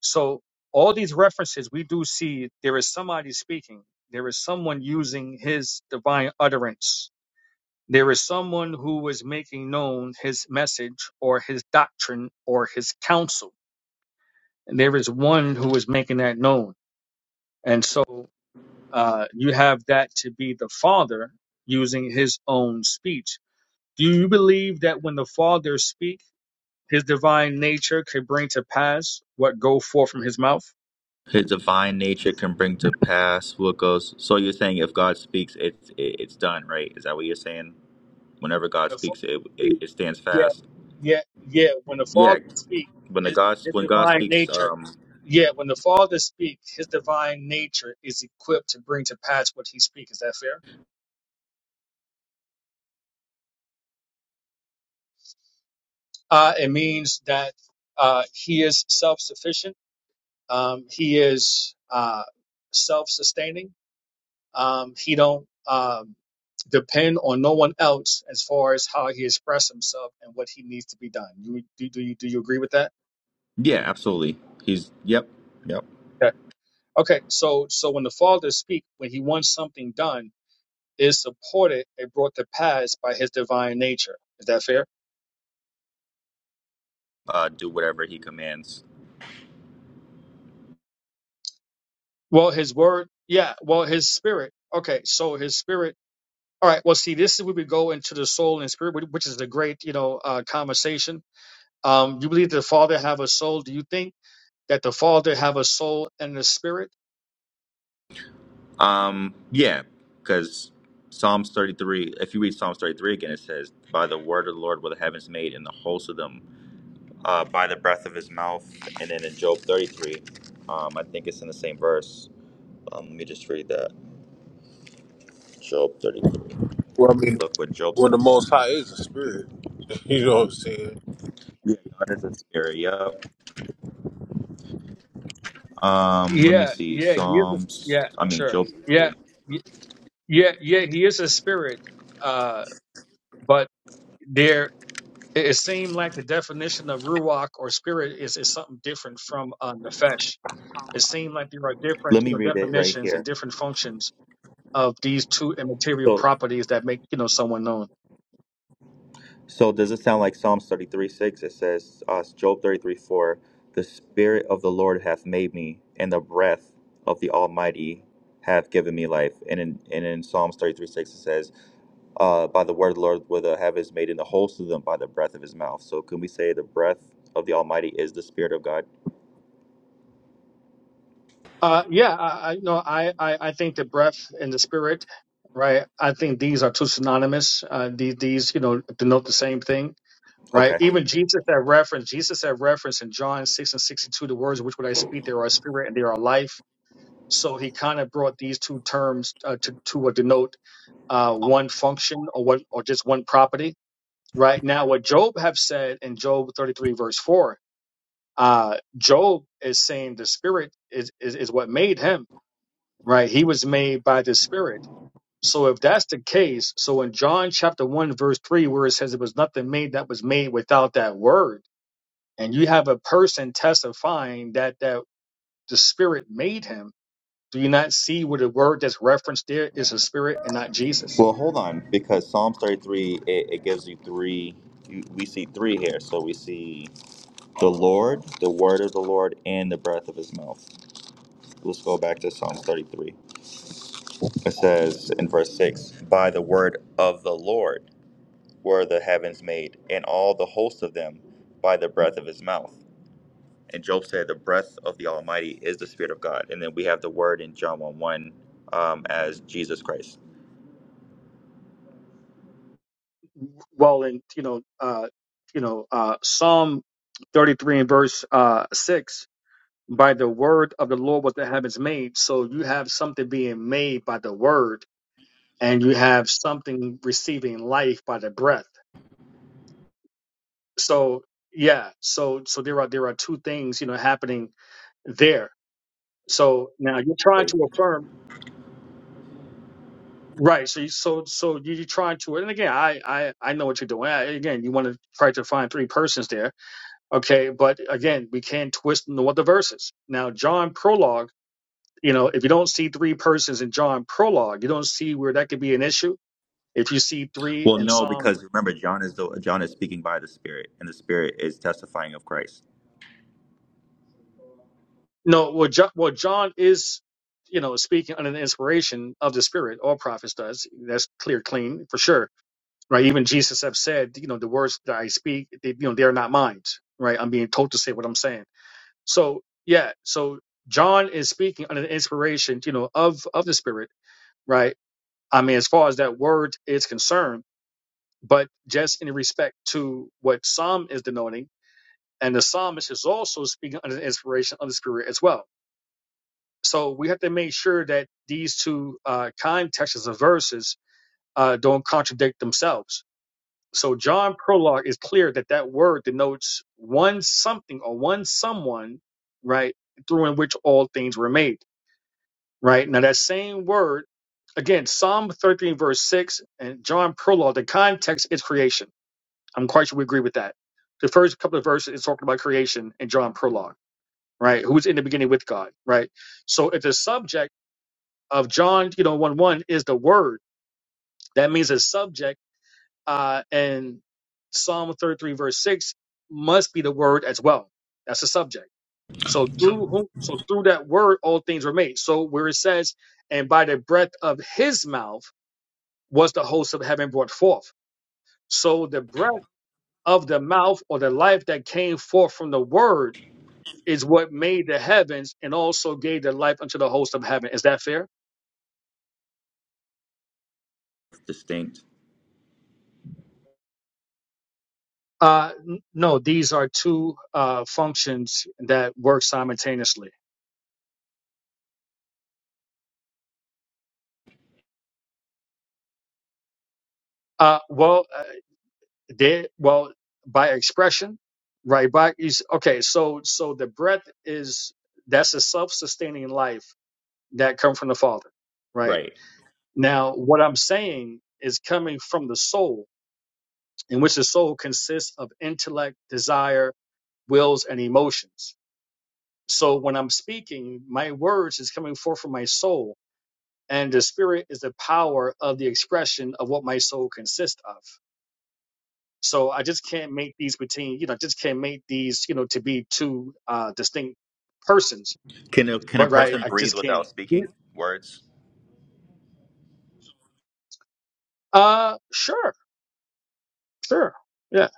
so all these references we do see there is somebody speaking. There is someone using his divine utterance. There is someone who is making known his message or his doctrine or his counsel. And there is one who is making that known. And so uh, you have that to be the Father using his own speech. Do you believe that when the Father speaks, his divine nature could bring to pass what go forth from his mouth?
His divine nature can bring to pass what goes. So you're saying if God speaks, it's it, it's done, right? Is that what you're saying? Whenever God
The
speaks, it,
Father
it it stands
Yeah,
fast.
yeah, yeah. When the
Yeah,
Father speaks,
when the
his,
God
his
when God
divine
speaks,
nature,
um,
yeah, when the Father speaks, his divine nature is equipped to bring to pass what he speaks. Is that fair? Uh, it means that uh, he is self sufficient. Um, he is uh, self sustaining. Um, he don't um, depend on no one else as far as how he expresses himself and what he needs to be done. You, do, do you do you agree with that?
yeah, absolutely. He's yep, yep.
Okay, so so when the Father speaks, when He wants something done, it is supported and brought to pass by His divine nature. Is that fair?
Uh, do whatever He commands.
Well, His Word, yeah. Well, His Spirit. Okay, so His Spirit. All right. Well, see, this is where we go into the soul and spirit, which which is a great, you know, uh, conversation. Um, you believe the Father have a soul? Do you think that the Father have a soul and a spirit?
Um, yeah, because Psalms thirty three. If you read Psalms thirty three again, it says, "By the word of the Lord were the heavens made, and the hosts of them, uh, by the breath of His mouth." And then in Job thirty three, um, I think it's in the same verse. Um, let me just read that. Job thirty three.
Well, I mean,
Look what Job
well, the
says.
Most High is a spirit. You know what I'm saying?
Yeah, God is a spirit. Yep. Um, let me
Yeah,
see.
yeah, he is. A,
Psalms.
yeah,
I mean,
sure.
Job.
Yeah,
33.
y- yeah, yeah. He is a spirit, uh, but there. It, it seemed like the definition of ruach or spirit is, is something different from uh, nefesh. It seemed like there are different
Let
you
me
know,
read it right
definitions and
here.
different functions of these two immaterial
So,
properties that make you know someone known.
so does it sound like Psalms thirty-three six? It says, uh, Job thirty-three four. The Spirit of the Lord hath made me, and the breath of the Almighty hath given me life. And in and in Psalms thirty-three six, it says, uh, by the word of the Lord will the heavens made, and the whole of them by the breath of His mouth. So, can we say the breath of the Almighty is the Spirit of God?
Uh, yeah, I, I you know I, I I think the breath and the spirit, right? I think these are two synonymous. Uh, these these you know denote the same thing, right?
Okay.
Even Jesus had reference. Jesus had reference in John six and sixty two. The words which would I speak, there are spirit and there are life So he kind of brought these two terms uh, to to uh, denote uh, one function or what or just one property. Right now, what Job have said in Job thirty three verse four, uh, Job is saying the spirit is, is is what made him. Right, he was made by the spirit. So if that's the case, so in John chapter one verse three, where it says it was nothing made that was made without that word, and you have a person testifying that that the spirit made him Do you not see where the word that's referenced there is a spirit and not Jesus?
Well, hold on, because Psalms 33, it, it gives you three. You, we see three here. So we see the Lord, the word of the Lord, and the breath of his mouth. Let's go back to Psalms 33. It says in verse 6 By the word of the Lord were the heavens made, and all the hosts of them by the breath of his mouth. And Job said, The breath of the Almighty is the Spirit of God. And then we have the word in John 1 1 um, as Jesus Christ.
Well, in you know, uh, you know, uh, Psalm 33 and verse uh, six, by the word of the Lord was the heavens made. So you have something being made by the word, and you have something receiving life by the breath. So yeah, so so there are there are two things you know happening there. So now you're trying
right?
to affirm Right. So, you, so, so you- you're trying to, and again, I, I, I know what you're doing. I, again, you want to try to find three persons there. Okay. But again, we can not twist and know what the verses. Now, John prologue, you know, if you don't see three persons in John prologue, you don't see where that could be an issue. If you see three
Well,
in
no,
Psalm,
because remember, John is the John is speaking by the Spirit, and the Spirit is testifying of Christ.
no, well, John, well, John is, you know, speaking under the inspiration of the Spirit. All prophets does. That's clear, clean for sure. right? Even Jesus have said, you know, the words that I speak, they, you know, they are not mine, right? I'm being told to say what I'm saying. So yeah, so John is speaking under the inspiration, you know, of of the Spirit, right? I mean, as far as that word is concerned, but just in respect to what Psalm is denoting, and the psalmist is also speaking under the inspiration of the Spirit as well. So we have to make sure that these two uh, contexts of verses uh, don't contradict themselves So John Prologue is clear that that word denotes one something or one someone, right, through in which all things were made, right? Now that same word, again, Psalm 13 verse 6 and John Prologue, the context is creation. I'm quite sure we agree with that. The first couple of verses is talking about creation in John Prologue, right? Who's in the beginning with God, right? So if the subject of John, you know, 1 1 is the word, that means the subject Uh, and Psalm 33 verse 6 must be the word as well. That's the subject. So through whom, so through that word, all things were made. So where it says, and by the breath of his mouth was the host of heaven brought forth. So the breath of the mouth or the life that came forth from the word is what made the heavens and also gave the life unto the host of heaven. Is that fair?
Distinct,
Uh, n- no, these are two uh, functions that work simultaneously. Uh, well, They well by expression, right? By is okay. So so the breath is that's a self-sustaining life that come from the Father, right?
right?
Now what I'm saying is coming from the soul, in which the soul consists of intellect, desire, wills, and emotions. So when I'm speaking, my words is coming forth from my soul, and the spirit is the power of the expression of what my soul consists of. So I just can't make these between, you know, I just can't make these, you know, to be two uh, distinct persons.
Can a, can a
But right,
person
I
breathe
just can't.
without
do-
speaking words?
Uh, sure, sure, yeah.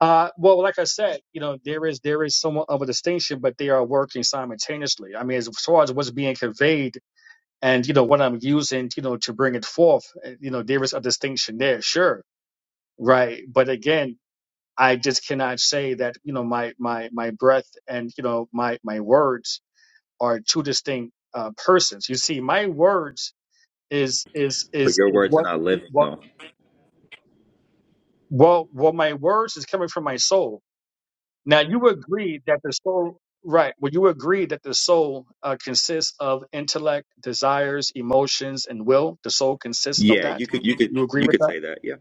Uh, well, like I said, you know, there is there is somewhat of a distinction, but they are working simultaneously. I mean, as far as what's being conveyed and you know what I'm using, you know, to bring it forth, uh, you know, there is a distinction there, sure, right. But again, I just cannot say that you know my my my breath and you know my my words are two distinct uh, persons. You see, my words is is
But
is
your
is
words are
what
not living,
what
though.
well well my words is coming from my soul. Now you agree that the soul right? Well, you agree that the soul uh, consists of intellect, desires, emotions, and will. The soul consists of
Yeah,
that.
you could you could
You agree
you
with
could
that?
say that. Yeah.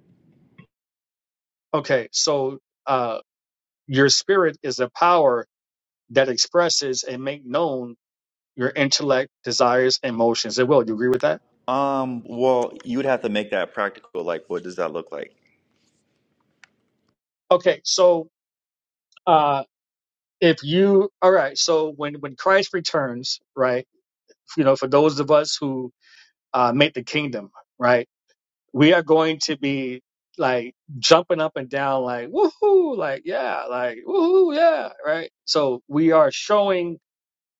Okay, so uh, your spirit is a power that expresses and make known your intellect, desires, emotions, and will. You agree with that?
Um. Well, you would have to make that practical. Like, what does that look like?
Okay, so Uh, if you all right so when when christ returns right you know for those of us who uh make the kingdom right we are going to be like jumping up and down like woohoo like yeah like woohoo yeah right so we are showing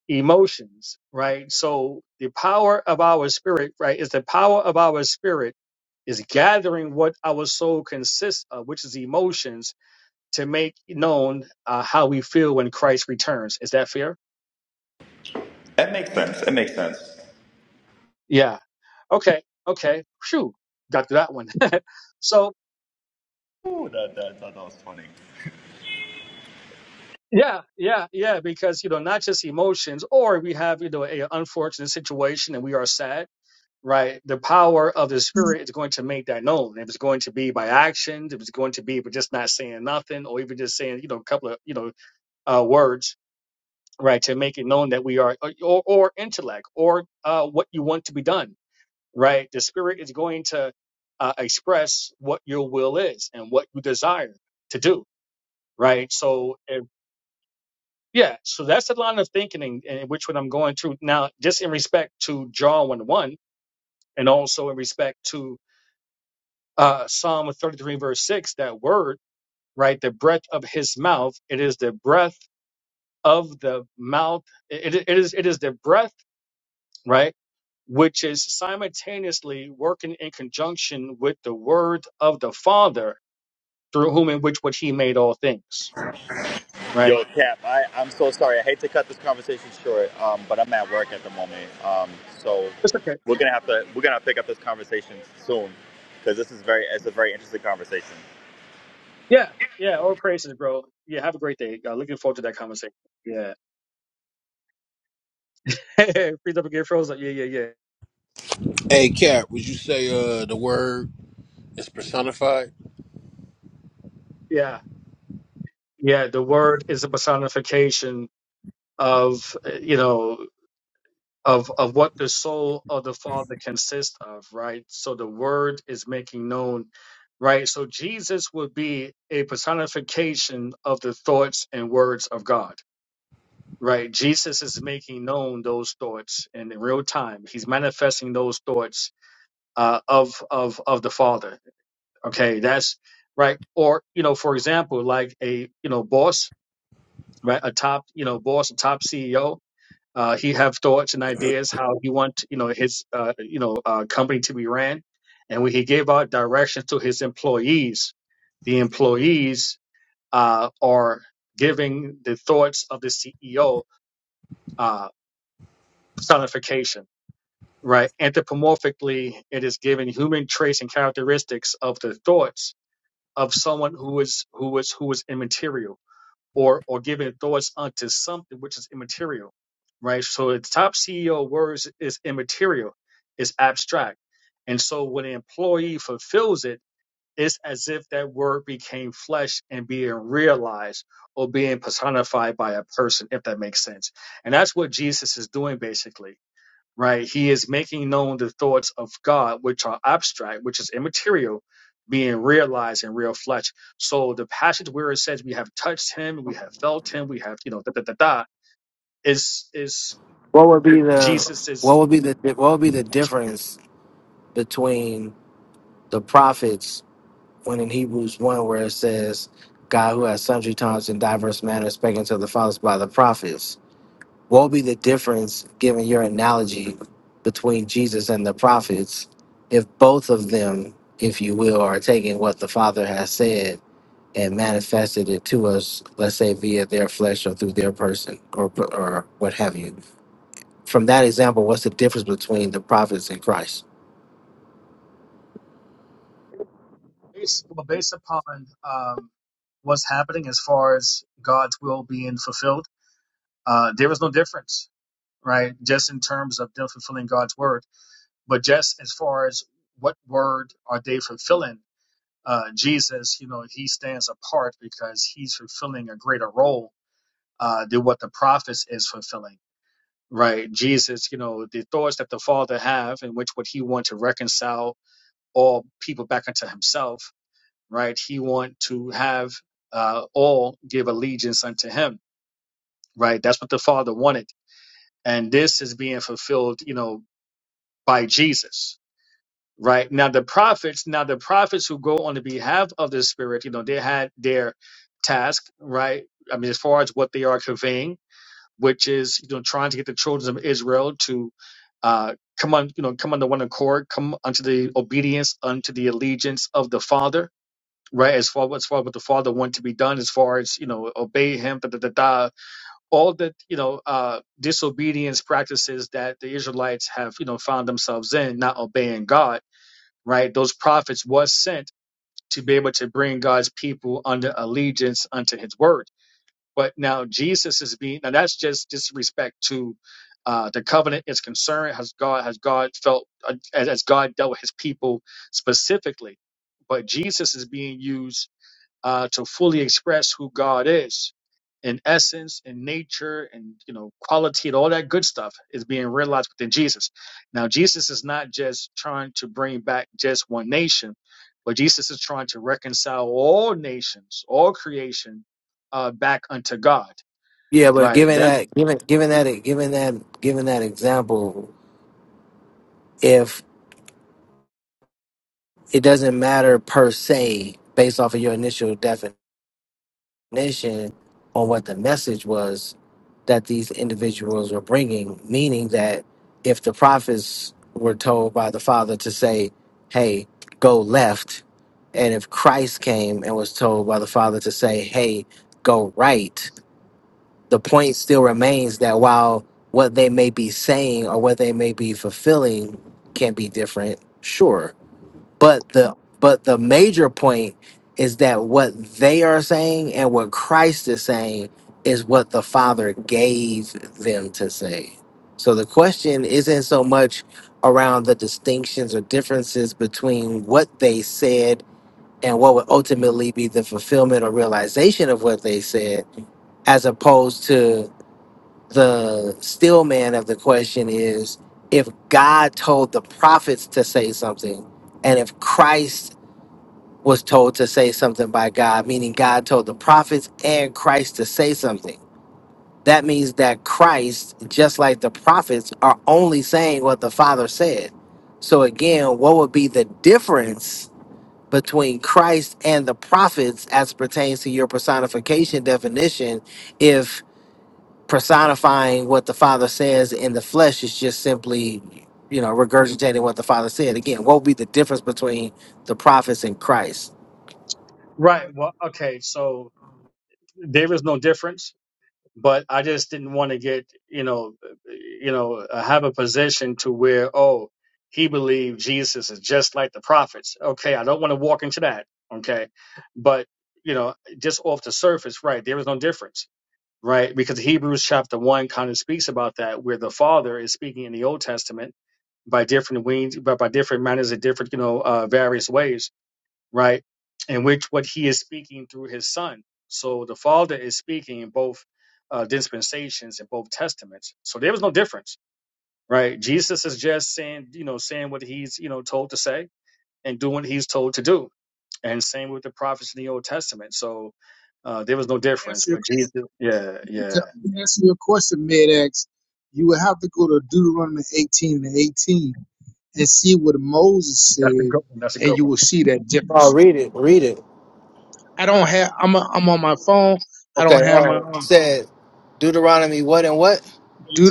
emotions right so the power of our spirit right is the power of our spirit is gathering what our soul consists of which is emotions to make known uh, how we feel when christ returns is that fair
That makes sense. It makes sense.
Yeah. Okay. Okay. Phew. Got to that one. so
Ooh, that, that, I thought that was funny.
yeah, yeah, yeah. Because you know, not just emotions, or we have you know a unfortunate situation and we are sad. Right. The power of the spirit is going to make that known. If it's going to be by actions, if it's going to be by just not saying nothing, or even just saying you know a couple of you know uh, words. Right to make it known that we are, uh, or, or intellect, or uh, what you want to be done right? The spirit is going to uh, express what your will is and what you desire to do, right? So, if, yeah, so that's the line of thinking in, in which what I'm going through now, just in respect to John 1 1, and also in respect to uh, Psalm 33, verse 6, that word, right? The breath of his mouth, it is the breath of the mouth, it, it it is it is the breath, right? which is simultaneously working in conjunction with the word of the Father through whom and which which he made all things. Right?
Yo, Cap, I, I'm so sorry. I hate to cut this conversation short, um, but I'm at work at the moment. Um, so
It's okay.
we're gonna have to we're gonna pick up this conversation soon because this is very it's a very interesting conversation.
Yeah. Yeah. All praises, bro. Yeah. Have a great day. Uh, looking forward to that conversation. Yeah. Freeze up again, frozen. Yeah. Yeah. Yeah.
Hey, Cap, would you say uh the word is personified?
Yeah. Yeah. The word is a personification of, uh, you know, of, of what the soul of the Father consists of, right? So the word is making known, right? So Jesus would be a personification of the thoughts and words of God Right. Jesus is making known those thoughts in real time. He's manifesting those thoughts uh, of of of the Father. Okay, that's right. Or you know, for example, like a you know boss, right? A top you know boss, a top CEO. Uh, he have thoughts and ideas how he want you know his uh, you know uh, company to be ran, and when he gave out directions to his employees, the employees uh, are giving the thoughts of the CEO uh, personification right? Anthropomorphically, it is given human traits and characteristics of the thoughts of someone who is who is who is immaterial, or or given thoughts unto something which is immaterial, right? So the top CEO words is immaterial, is abstract, and so when an employee fulfills it, it's as if that word became flesh and being realized or being personified by a person, if that makes sense. And that's what Jesus is doing basically right? He is making known the thoughts of God, which are abstract, which is immaterial, being realized in real flesh. So the passage where it says we have touched him, we have felt him, we have, you know, da da da da, is is
What would be the
Jesus is
what would be the what would be the difference between the prophets when in Hebrews one where it says God who has sundry times in diverse manners spake unto the fathers by the prophets What will be the difference, given your analogy, between Jesus and the prophets, if both of them, if you will, are taking what the Father has said and manifested it to us, let's say via their flesh or through their person or or what have you? From that example, what's the difference between the prophets and Christ?
based, well, based upon um, what's happening as far as God's will being fulfilled. Uh, there is no difference, right? Just in terms of them fulfilling God's word, but just as far as what word are they fulfilling? uh, Jesus, you know, he stands apart because he's fulfilling a greater role uh, than what the prophets is fulfilling, right? Jesus, you know, the thoughts that the Father have, in which would he want to reconcile all people back unto himself, right? He want to have uh, all give allegiance unto him, right? That's what the Father wanted, and this is being fulfilled, you know, by Jesus right now the prophets now the prophets who go on the behalf of the spirit you know they had their task right i mean as far as what they are conveying which is you know trying to get the children of israel to uh come on you know come under one accord come unto the obedience unto the allegiance of the father right as far as far what the father wanted to be done as far as you know obey him da da da da all the you know uh disobedience practices that the israelites have you know found themselves in not obeying god right? Those prophets was sent to be able to bring God's people under allegiance unto his word. But now Jesus is being now that's just disrespect to uh, the covenant is concerned. Has God has God felt uh, as, as God dealt with his people specifically? But Jesus is being used uh, to fully express who God is in essence in nature and you know quality and all that good stuff is being realized within Jesus. Now Jesus is not just trying to bring back just one nation, but Jesus is trying to reconcile all nations, all creation uh back unto God.
Yeah, but
Right.
given
That
that, given given that, given that, given that example, if it doesn't matter per se based off of your initial definition definition on what the message was that these individuals were bringing, meaning that if the prophets were told by the Father to say, hey, go left, and if Christ came and was told by the Father to say, hey, go right, the point still remains that while what they may be saying or what they may be fulfilling can be different, sure but the but the major point is that what they are saying and what Christ is saying is what the Father gave them to say. So the question isn't so much around the distinctions or differences between what they said and what would ultimately be the fulfillment or realization of what they said, as opposed to the still man of the question is if God told the prophets to say something, and if Christ was told to say something by God, meaning God told the prophets and Christ to say something. That means that Christ, just like the prophets, are only saying what the Father said. So, again, what would be the difference between Christ and the prophets as pertains to your personification definition if personifying what the Father says in the flesh is just simply, you know, regurgitating what the Father said? Again, what would be the difference between the prophets and Christ?
right. Well okay, so there is no difference but I just didn't want to get you know you know uh, have a position to where oh he believed Jesus is just like the prophets. Okay, I don't want to walk into that. Okay, but you know just off the surface, right? There is no difference, right? Because Hebrews chapter one kind of speaks about that, where the Father is speaking in the Old Testament by different wings, but by, by different manners and different you know uh, various ways right? In which what he is speaking through his son. So the Father is speaking in both uh, dispensations in both testaments. So there was no difference, right? Jesus is just saying, you know, saying what he's, you know, told to say and doing what he's told to do. And same with the prophets in the Old Testament. So uh, there was no
To
difference.
answer your
But Jesus,
question,
yeah, yeah,
to answer your question, Medex. You will have to go to Deuteronomy 18 and 18 and see what Moses
that's a
said,
good one. That's a
and
good
you
one.
will see that
Oh,
difference.
read it. Read it.
I don't have. I'm. A, I'm on my phone. I
Okay.
don't
All
have
right.
my. own.
It Said Deuteronomy what and what?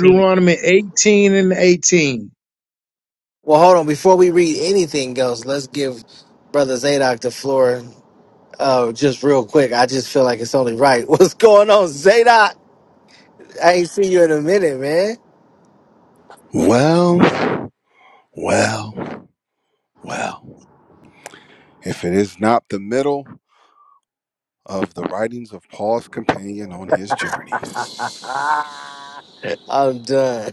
18.
18 and 18.
Well, hold on. Before we read anything else, let's give Brother Zadok the floor uh, just real quick. I just feel like it's only right. What's going on, Zadok? I ain't seen you in a minute, man.
Well. Well, well, if it is not the middle of the writings of Paul's companion on his journeys.
I'm done.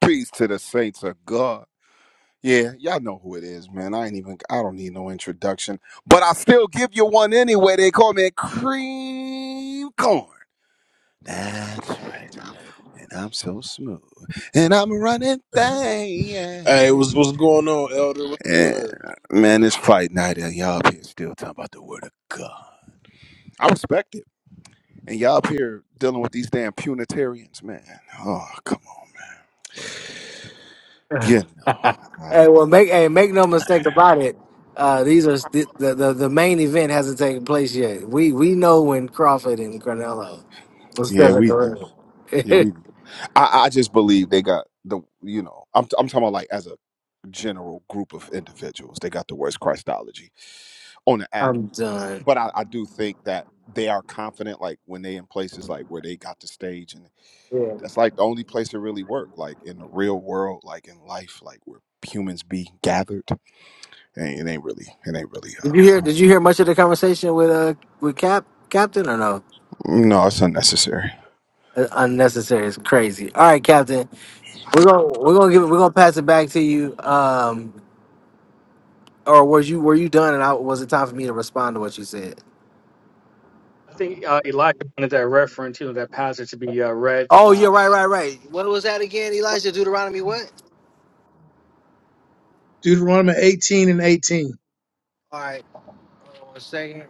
Peace to the saints of God. Yeah, y'all know who it is, man. I ain't even, I don't need no introduction, but I still give you one anyway. They call me Cream Corn. That's right. And I'm so smooth. And I'm running
Hey, what's
things.
what's going on, Elder? What's the
And
word?
man, it's fight night, and y'all up here still talking about the word of God. I respect it. And y'all up here dealing with these damn punitarians, man. Oh, come on, man. Yeah, no. Uh,
Hey, well, make hey, make no mistake about it. Uh, these are the, the the the main event hasn't taken place yet. We we know when Crawford and Granello will step
yeah,
in
we know.
the
Yeah,
ring.
we know. I, I just believe they got the, you know, I'm, I'm talking about like as a general group of individuals, they got the worst Christology on the app.
I'm done.
But I, I do think that they are confident, like when they in places like where they got the stage, and
Yeah.
that's like the only place it really worked, like in the real world, like in life, like where humans be gathered. It ain't it ain't really. It ain't really.
Did you hear?
Uh,
Did you hear much of the conversation with uh with Cap Captain or no?
no, it's unnecessary.
Uh, Unnecessary. It's crazy. All right, Captain. We're gonna we're gonna give it. We're gonna pass it back to you. Um, or were you were you done? And I, was it time for me to respond to what you said?
I think uh, Elijah wanted that reference, you know, that passage to be uh, read.
Oh, yeah,
Uh,
right, right, right. What was that again, Elijah? Deuteronomy what?
Deuteronomy 18 and 18.
All right. hold on One second.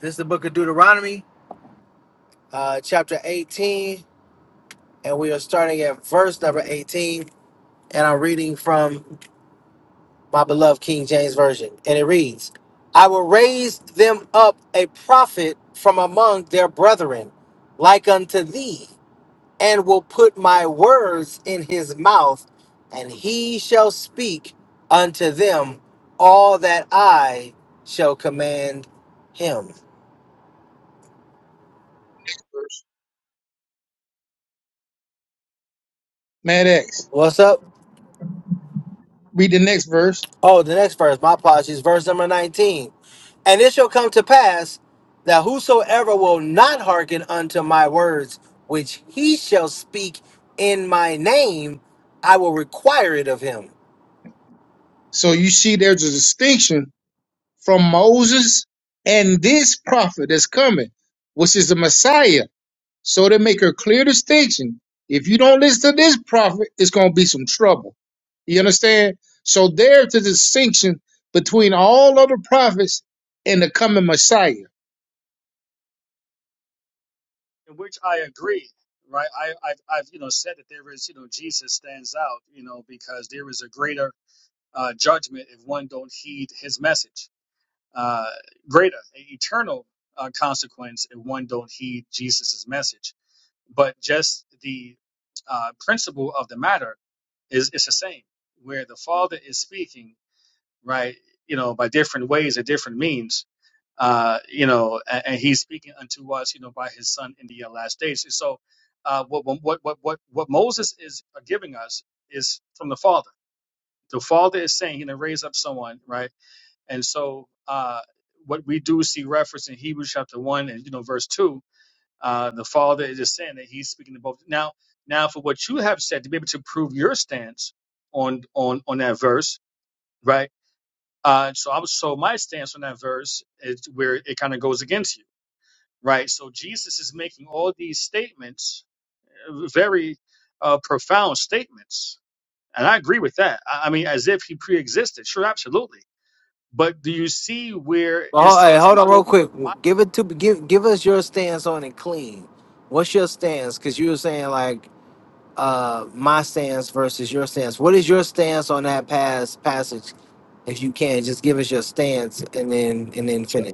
This is the book of Deuteronomy, uh, chapter eighteen, and we are starting at verse number eighteen. And I'm reading from my beloved King James Version, and it reads, I will raise them up a prophet from among their brethren, like unto thee, and will put my words in his mouth, and he shall speak unto them all that I shall command him.
Mad X.
What's up?
Read the next verse.
Oh, the next verse. My apologies. Verse number 19. And it shall come to pass that whosoever will not hearken unto my words, which he shall speak in my name, I will require it of him.
So you see there's a distinction from Moses and this prophet that's coming, which is the Messiah. So they make a clear distinction. If you don't listen to this prophet, it's going to be some trouble. You understand? So there's a distinction between all other prophets and the coming Messiah.
in which I agree, right? I, I've, I've, you know, said that there is, you know, Jesus stands out, you know, because there is a greater uh, judgment if one don't heed his message, uh, greater eternal uh, consequence if one don't heed Jesus's message. But just the uh, principle of the matter is it's the same, where the Father is speaking, right? You know, by different ways or different means uh, you know, and, and he's speaking unto us, you know, by his son in the uh, last days. so, uh, what, what, what, what, what Moses is giving us is from the Father. The Father is saying, he's gonna raise up someone, right? And so, uh, what we do see reference in Hebrews chapter one and you know verse two, uh, the Father is just saying that He's speaking to both. Now, now for what you have said to be able to prove your stance on on on that verse, right? Uh, so I was so my stance on that verse is where it kind of goes against you right? So Jesus is making all these statements, uh, very uh, profound statements, and I agree with that. I, I mean, as if he pre-existed, sure, absolutely. But do you see where it
Well, ho- hey,
says,
hold
"I
on real
will
quick.
put my..."
Give it to give give us your stance on it clean. What's your stance? Because you were saying like uh my stance versus your stance. What is your stance on that pass passage? If you can, just give us your stance and then and then finish.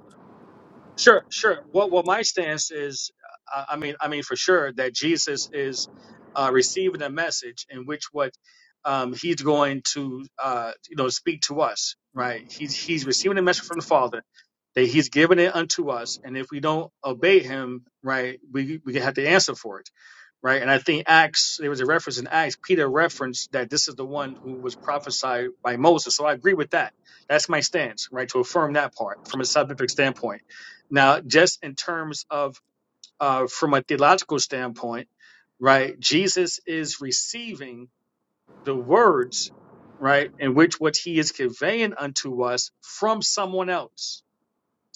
Sure, sure. Well, well, my stance is, uh, I mean, I mean for sure that Jesus is uh, receiving a message in which what um, he's going to, uh, you know, speak to us, right? He's he's receiving a message from the Father that he's giving it unto us, and if we don't obey him, right, we we have to answer for it, right? And I think Acts, there was a reference in Acts, Peter referenced that this is the one who was prophesied by Moses. So I agree with that. That's my stance, right? To affirm that part from a scientific standpoint now, just in terms of uh, from a theological standpoint, right, Jesus is receiving the words, right, in which what he is conveying unto us from someone else.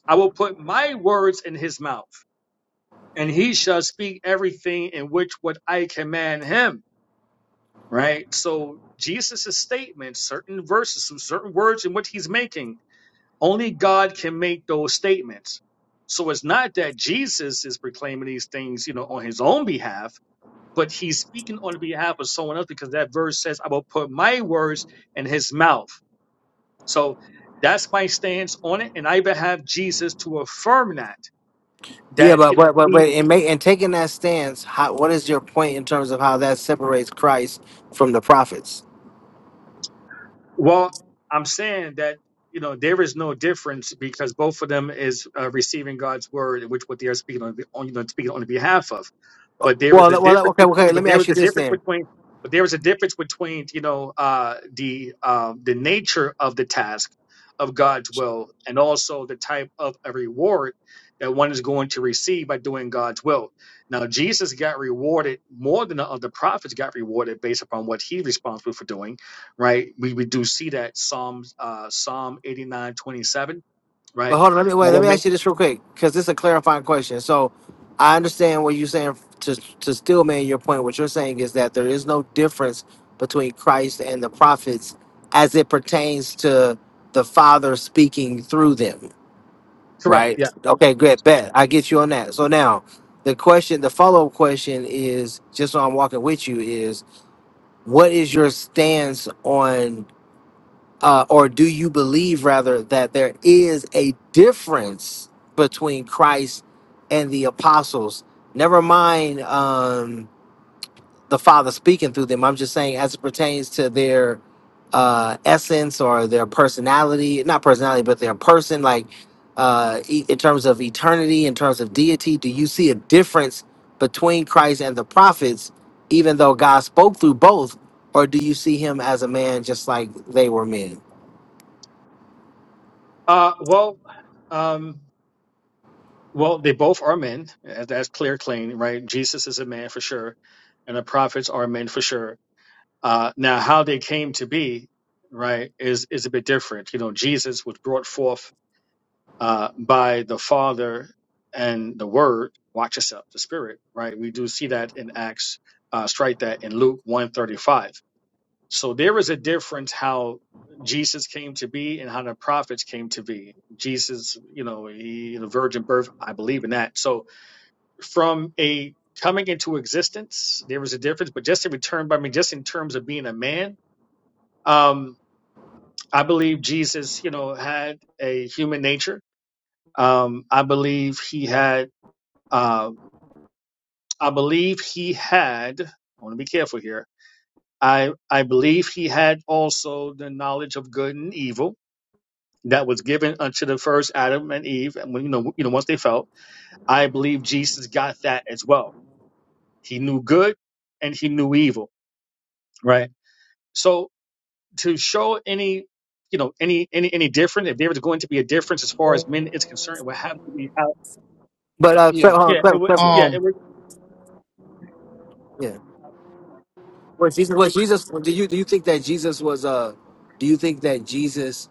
I will put my words in his mouth, and he shall speak everything in which what I command him, right? So Jesus' statement, certain verses, some certain words in what he's making Only God can make those statements. So it's not that Jesus is proclaiming these things, you know, on his own behalf, but he's speaking on behalf of someone else because that verse says, I will put my words in his mouth. So that's my stance on it. And I even have Jesus to affirm that,
Yeah,
that,
but
you know,
but but,
he
but in make and taking that stance, how, what is your point in terms of how that separates Christ from the prophets?
Well, I'm saying that you know there is no difference because both of them is uh, receiving God's word, which what they are speaking on, on you know, speaking on behalf of. But there is
Well,
a
let- well, let-
difference
okay, okay.
between.
Let
But
me
there
ask
is
you
a
this
difference
then.
between. But there is a difference between you know uh, the um, the nature of the task of God's will and also the type of a reward that one is going to receive by doing God's will. Now Jesus got rewarded more than the other prophets got rewarded based upon what he responsible for doing right? We, we do see that Psalm uh, Psalm eighty nine twenty seven, right?
But hold on, let me
I
wait. Let
will
me ask you this real quick because this is a clarifying question. So, I understand what you're saying to to still man your point. What you're saying is that there is no difference between Christ and the prophets as it pertains to the Father speaking through them.
correct.
right?
Yeah,
Okay,
yeah.
good, bet. I get you on that. So now, the question, the follow up question is just so I'm walking with you is what is your stance on, uh, or do you believe rather that there is a difference between Christ and the apostles? Never mind. Um, the Father speaking through them. I'm just saying, as it pertains to their uh, essence or their personality, not personality, but their person, like uh, e- in terms of eternity, in terms of deity, do you see a difference between Christ and the prophets, even though God spoke through both, or do you see him as a man just like they were men?
Uh, well, um, well, they both are men. uh, That's clear, clean, right? Jesus is a man for sure, and the prophets are men for sure. Uh, now, how they came to be, right, is is a bit different. You know, Jesus was brought forth uh, by the Father and the Word. Watch yourself, the Spirit, right? We do see that in Acts. Uh, strike that in Luke one thirty five So there is a difference how Jesus came to be and how the prophets came to be. Jesus, you know, he, the virgin birth, I believe in that. So from a coming into existence, there is a difference, but just in return, I mean, just in terms of being a man, um, I believe Jesus, you know, had a human nature. Um, I believe he had, uh, I believe he had, I want to be careful here. I, I believe he had also the knowledge of good and evil that was given unto the first Adam and Eve, and when, you know, you know, once they fell, I believe Jesus got that as well. He knew good and he knew evil, right? So to show any, you know, any any any difference, if there was going to be a difference as far as men is concerned, it would have to be how,
But uh, Cle-
Yeah.
hold on,
yeah, it
Clever,
would,
Clever,
yeah,
Um,
it would.
yeah. Well, Jesus, well, Jesus, do you do you think that Jesus was uh, do you think that Jesus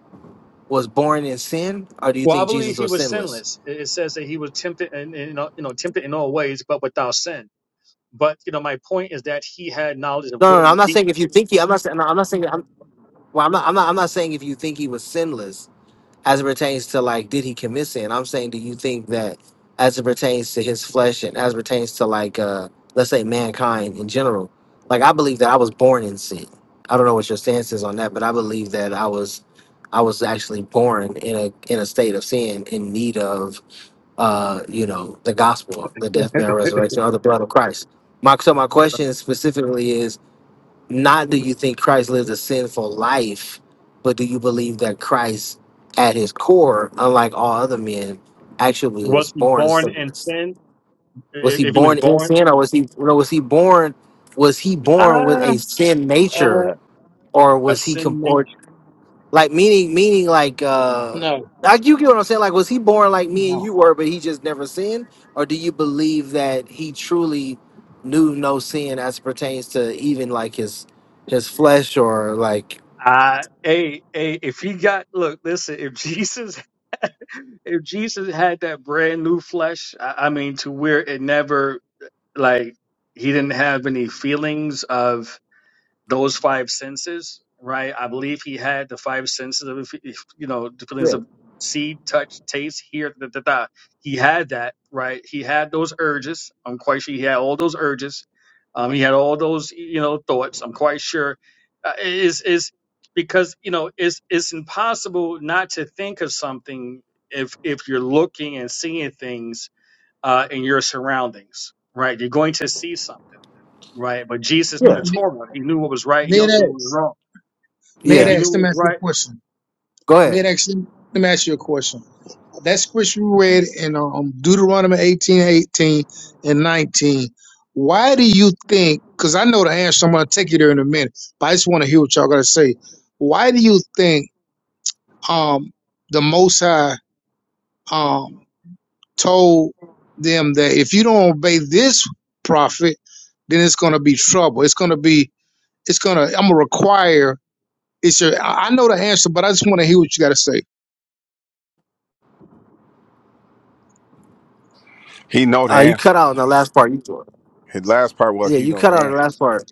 was born in sin, or do you
Well, I
think
believe
Jesus
he
was
was
sinless?
sinless. It it says that he was tempted and you know, you know, tempted in all ways, but without sin. But you know, my point is that he had knowledge of
No,
good
no, no, I'm
and
not
evil.
saying if you think he. I'm not saying. No, I'm not saying. I'm, well, I'm not. I'm not. I'm not saying if you think he was sinless as it pertains to like did he commit sin. I'm saying do you think that as it pertains to his flesh and as it pertains to like uh let's say mankind in general. Like I believe that I was born in sin. I don't know what your stance is on that, but I believe that I was I was actually born in a in a state of sin in need of uh you know the gospel, the death, burial, resurrection, or the blood of Christ. My so my question specifically is not do you think Christ lived a sinful life, but do you believe that Christ, at his core, unlike all other men, actually was
Was he
born
born in
sinless?
sin?
Was
I-
he
If he was
born in
born
sin,
in
or was he? No, was he born? Was he born with
I
a sin nature,
uh
or
a
was he? com-
sin nature.
Or like meaning meaning like uh
No.
like you get what I'm saying? Like was he born like me and
No.
you were, but he just never sinned? Or do you believe that he truly knew no sin as pertains to even like his his flesh or like
I hey, hey, if he got look, listen, if Jesus if Jesus had that brand new flesh, I, I mean to where it never like he didn't have any feelings of those five senses, right? I believe he had the five senses of, if, you know, the feelings of see, touch, taste, hear, da, da, da. He had that, right? He had those urges. I'm quite sure he had all those urges. Um, he had all those, you know, thoughts. I'm quite sure. Uh, is is because you know it's it's impossible not to think of something if if you're looking and seeing things uh, in your surroundings, right? You're going to see something right? But Jesus through the
Yeah.
Torah, he knew what was right. He also knew what was
Mid-X.
wrong. He,
Yeah.
he knew
Mid-X,
what
let me
was
ask you a
right.
question.
Go ahead.
Mid-X, let me ask you a question. That scripture you read in um, Deuteronomy 18, 18, and 19, why do you think, because I know the answer, so I'm going to take you there in a minute, but I just want to hear what y'all got to say. Why do you think um, the Most High um, told them that if you don't obey this prophet, then it's going to be trouble. It's going to be, it's going to, I'm going to require It's your. I know the answer, but I just want to hear what you got to say.
He know the
Uh you cut
answer.
out in the last part you thought.
His last part was
Yeah,
he
you
know
cut
the
out in the
answer.
last part.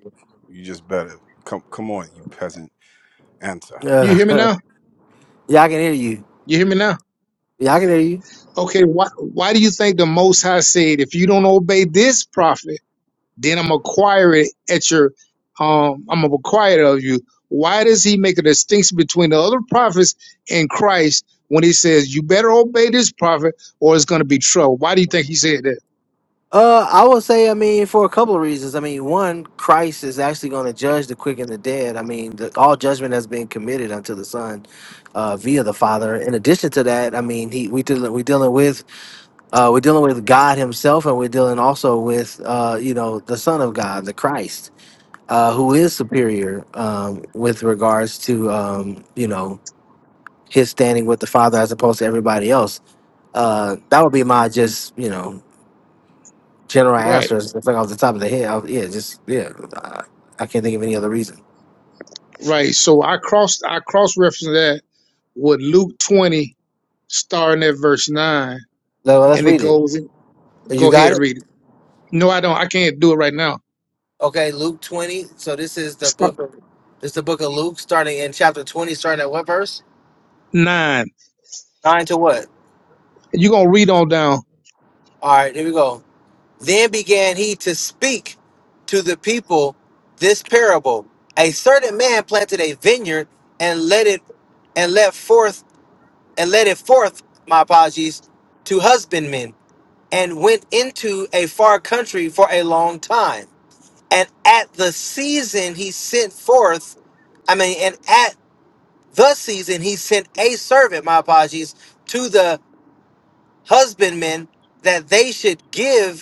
You just better come. Come on, you peasant. Answer.
You
Yeah.
hear me now?
yeah, I can hear you.
You hear me now?
Yeah, I can hear you.
Okay. Why Why do you think the Most High said, if you don't obey this prophet, then I'm acquire it at your, um, I'm gonna acquire it of you. Why does He make a distinction between the other prophets and Christ when He says you better obey this prophet or it's gonna be trouble? Why do you think He said that?
Uh, I would say, I mean, for a couple of reasons. I mean, one, Christ is actually going to judge the quick and the dead. I mean, the, all judgment has been committed unto the Son, uh, via the Father. In addition to that, I mean, he we dealing we dealing with Uh, we're dealing with God Himself, and we're dealing also with uh, you know the Son of God, the Christ, uh, who is superior um, with regards to um, you know His standing with the Father as opposed to everybody else. Uh, that would be my just you know general
Right.
answer. It's like off the top of the head. I- yeah, just yeah. I, I can't think of any other reason.
Right. So I crossed. I cross referenced that with Luke twenty starting at verse 9,
So well, let's
and it
read it.
goes
You
Go
got
ahead,
it.
read it. No, I don't. I can't do it right now.
Okay, Luke twenty. So this is the
Start
book. Of, this is the book of Luke, starting in chapter twenty, starting at what verse?
nine.
Nine to what?
You're going to read on down.
All right, here we go. Then began he to speak to the people this parable. A certain man planted a vineyard and let it and let forth and let it forth, my apologies, to husbandmen, and went into a far country for a long time. And at the season he sent forth, I mean, and at the season he sent a servant, my apologies, to the husbandmen that they should give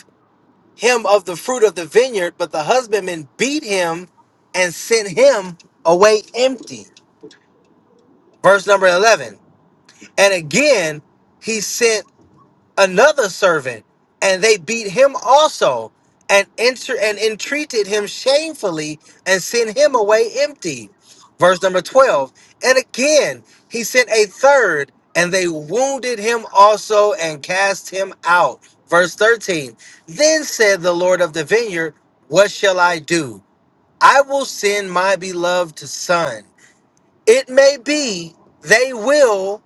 him of the fruit of the vineyard, but the husbandman beat him and sent him away empty. Verse number 11. And again, he sent another servant, and they beat him also, and enter and entreated him shamefully, and sent him away empty. Verse number 12. And again he sent a third, and they wounded him also and cast him out. Verse 13. Then said the Lord of the vineyard, What shall I do? I will send my beloved son. It may be they will,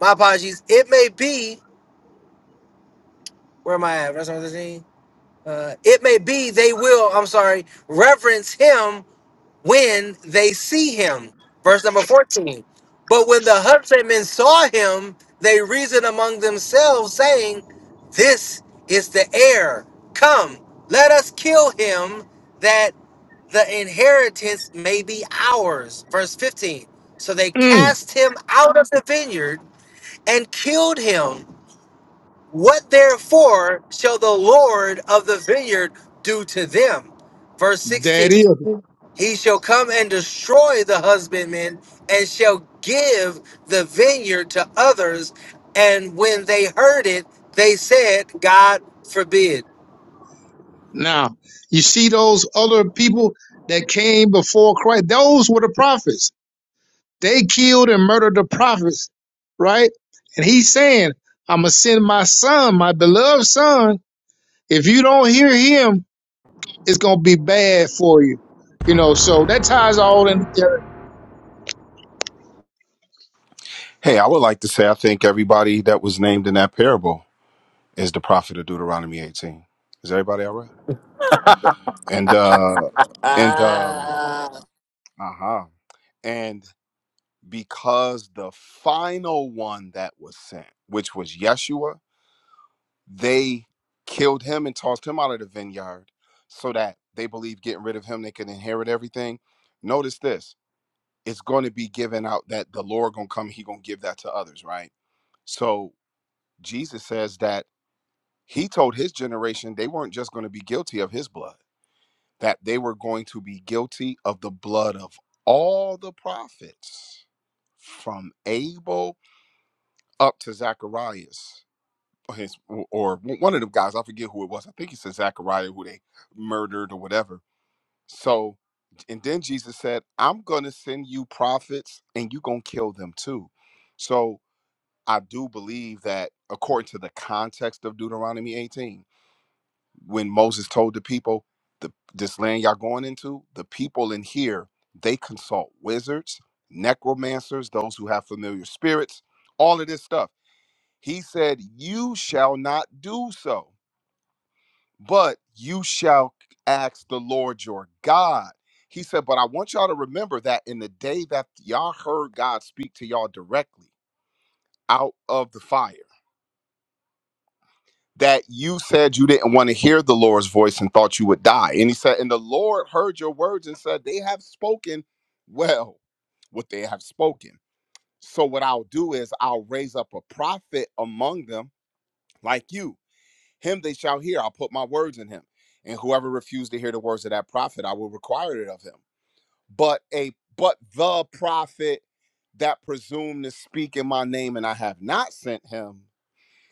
my apologies, it may be, where am I at? Verse number 13. Uh, it may be they will, I'm sorry, reverence him when they see him. Verse number 14. But when the husbandmen saw him, they reasoned among themselves, saying, This is the heir. Come, let us kill him that the inheritance may be ours. Verse 15. So they
Mm,
cast him out of the vineyard and killed him. What therefore shall the Lord of the vineyard do to them? Verse 16
that is.
He shall come and destroy the husbandmen and shall give the vineyard to others. And when they heard it, they said, God forbid.
Now, you see those other people that came before Christ? Those were the prophets. They killed and murdered the prophets, right? And he's saying, I'm going to send my son, my beloved son. If you don't hear him, it's going to be bad for you. You know, so that ties all in
Hey, I would like to say I think everybody that was named in that parable is the prophet of Deuteronomy 18. Is everybody all right? And uh and um uh-huh. And because the final one that was sent, which was Yeshua, they killed him and tossed him out of the vineyard so that they believe getting rid of him they could inherit everything notice this it's going to be given out that the lord gonna come he gonna give that to others right so jesus says that he told his generation they weren't just going to be guilty of his blood that they were going to be guilty of the blood of all the prophets from abel up to zacharias his or one of the guys, I forget who it was. I think he said Zachariah, who they murdered or whatever. So, and then Jesus said, "I'm going to send you prophets, and you gonna kill them too." So I do believe that, according to the context of Deuteronomy 18, when Moses told the people, "The this land y'all going into, the people in here they consult wizards, necromancers, those who have familiar spirits, all of this stuff." He said, "You shall not do so." but you shall ask the Lord your God. He said, But I want y'all to remember that in the day that y'all heard God speak to y'all directly out of the fire, that you said you didn't want to hear the Lord's voice and thought you would die. And he said, And the Lord heard your words and said, They have spoken well what they have spoken. So what I'll do is I'll raise up a prophet among them like you Him they shall hear. I'll put my words in him. And whoever refused to hear the words of that prophet, I will require it of him. But a but the prophet that presumed to speak in my name and I have not sent him,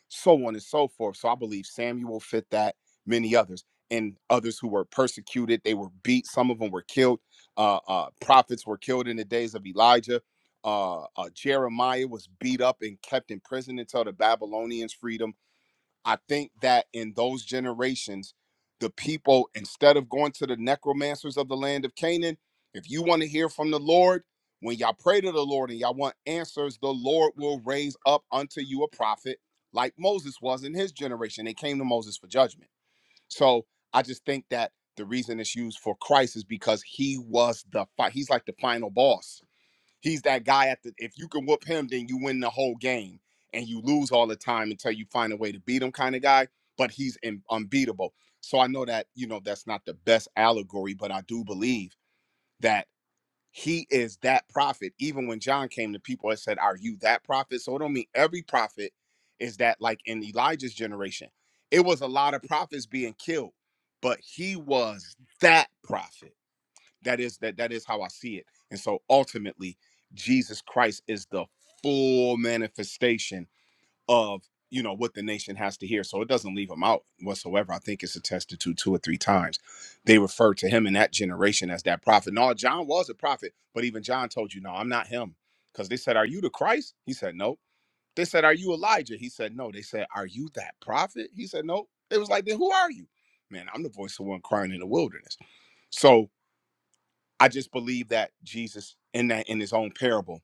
so on and so forth. So I believe Samuel fit that, many others, and others who were persecuted, they were beat, some of them were killed. Uh, uh, prophets were killed in the days of Elijah. Uh, uh, Jeremiah was beat up and kept in prison until the Babylonians freed him I think that in those generations, the people, instead of going to the necromancers of the land of Canaan, if you want to hear from the Lord, when y'all pray to the Lord and y'all want answers, the Lord will raise up unto you a prophet like Moses was in his generation. They came to Moses for judgment. So I just think that the reason it's used for Christ is because he was the fi- he's like the final boss He's that guy at the if you can whoop him, then you win the whole game and you lose all the time until you find a way to beat him kind of guy, but he's in, unbeatable. So I know that, you know, that's not the best allegory, but I do believe that he is that prophet. Even when John came to people and said, Are you that prophet? So it don't mean every prophet is that like in Elijah's generation. It was a lot of prophets being killed, but he was that prophet that is that that is how i see it and so ultimately jesus christ is the full manifestation of you know what the nation has to hear so it doesn't leave him out whatsoever i think it's attested to two or three times they refer to him in that generation as that prophet no john was a prophet but even john told you no i'm not him because they said are you the christ he said no they said are you elijah he said no they said are you that prophet he said no it was like then who are you man i'm the voice of one crying in the wilderness so I just believe that Jesus in that in his own parable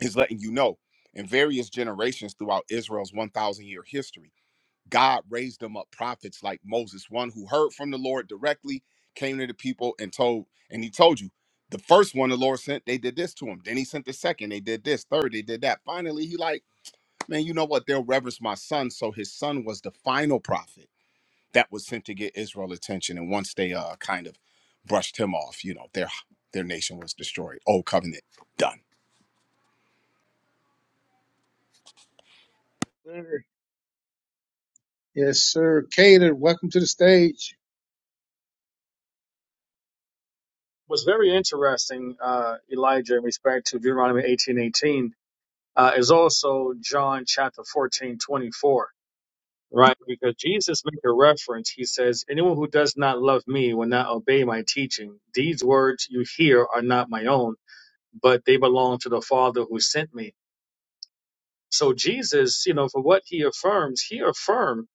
is letting you know in various generations throughout Israel's 1000 year history God raised them up prophets like Moses one who heard from the Lord directly came to the people and told and he told you the first one the Lord sent they did this to him then he sent the second they did this third they did that finally he like man you know what they'll reverence my son so his son was the final prophet that was sent to get Israel attention. And once they uh, kind of brushed him off, you know, their their nation was destroyed. Old covenant done.
together. Yes, sir. Caden, welcome to the stage.
What's very interesting, uh, Elijah, in respect to Deuteronomy eighteen eighteen, uh, is also John chapter fourteen twenty four, right? Because Jesus made a reference. He says, "Anyone who does not love me will not obey my teaching. These words you hear are not my own, but they belong to the Father who sent me." So Jesus, you know, for what he affirms, he affirmed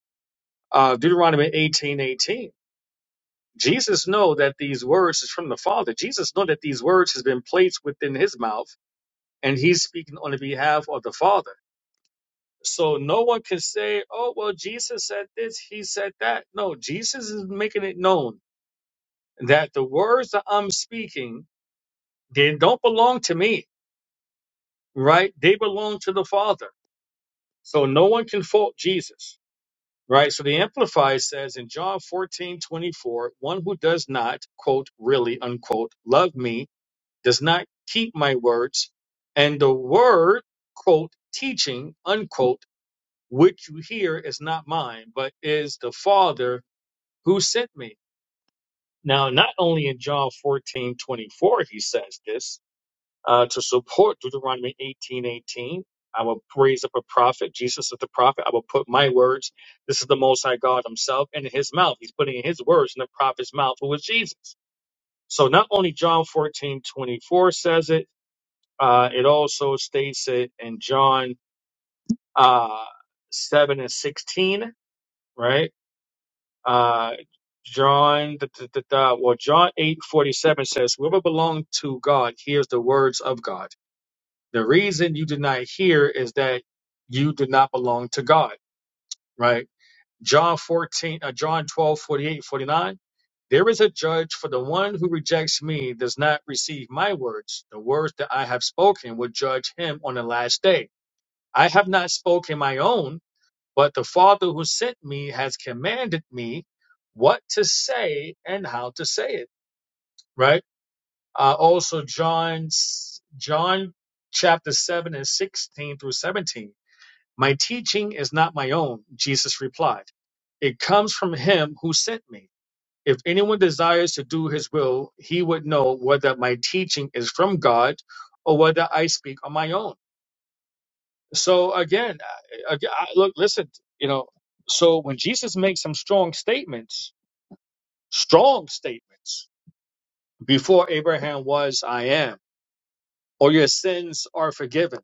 uh, Deuteronomy eighteen eighteen. Jesus know that these words is from the Father. Jesus know that these words has been placed within his mouth and he's speaking on the behalf of the Father. So no one can say, oh, well, Jesus said this, he said that. No, Jesus is making it known that the words that I'm speaking, they don't belong to me, right? They belong to the Father. So no one can fault Jesus, right? So the Amplified says in John 14:24, one who does not, quote, really, unquote, love me does not keep my words, and the word, quote, teaching, unquote, which you hear is not mine, but is the Father who sent me. Now, not only in John 14 24 he says this uh, to support Deuteronomy 18 18. I will raise up a prophet. Jesus is the prophet. I will put my words. This is the Most High God Himself, and in His mouth, He's putting in His words in the prophet's mouth, who is Jesus. So not only John 14 24 says it, uh, it also states it in John uh, 7 and 16, right? Uh, John, da, da, da, da, well, John 8 47 says, Whoever belongs to God hears the words of God. The reason you did not hear is that you did not belong to God, right? John 14, uh, John twelve forty eight forty nine. There is a judge for the one who rejects me does not receive my words. The words that I have spoken will judge him on the last day. I have not spoken my own, but the Father who sent me has commanded me what to say and how to say it. Right. Uh, also, John, John, chapter seven and sixteen through seventeen. My teaching is not my own. Jesus replied, "It comes from Him who sent me." If anyone desires to do his will, he would know whether my teaching is from God or whether I speak on my own. So again, I, I, look, listen, you know. So when Jesus makes some strong statements, strong statements before Abraham was, I am, or your sins are forgiven,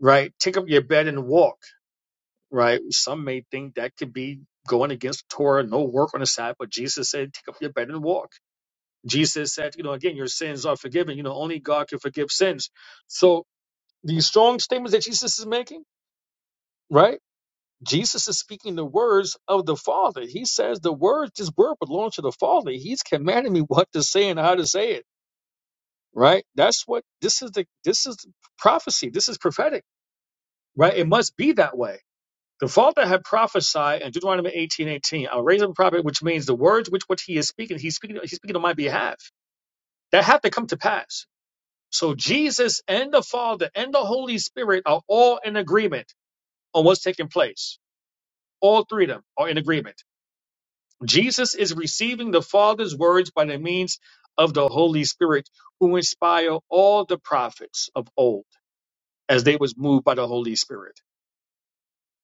right? Take up your bed and walk, right? Some may think that could be going against Torah, no work on the Sabbath, but Jesus said, take up your bed and walk. Jesus said, you know, again, your sins are forgiven. You know, only God can forgive sins. So these strong statements that Jesus is making, right? Jesus is speaking the words of the Father. He says the words, this word belongs to the Father. He's commanding me what to say and how to say it. Right? That's what this is the this is prophecy. This is prophetic. Right? It must be that way. The Father had prophesied in Deuteronomy eighteen eighteen. i I'll raise up a prophet, which means the words which what he is speaking, he's speaking, he's speaking on my behalf. That have to come to pass. So Jesus and the Father and the Holy Spirit are all in agreement on what's taking place. All three of them are in agreement Jesus is receiving the Father's words by the means of the Holy Spirit, who inspired all the prophets of old as they was moved by the Holy Spirit.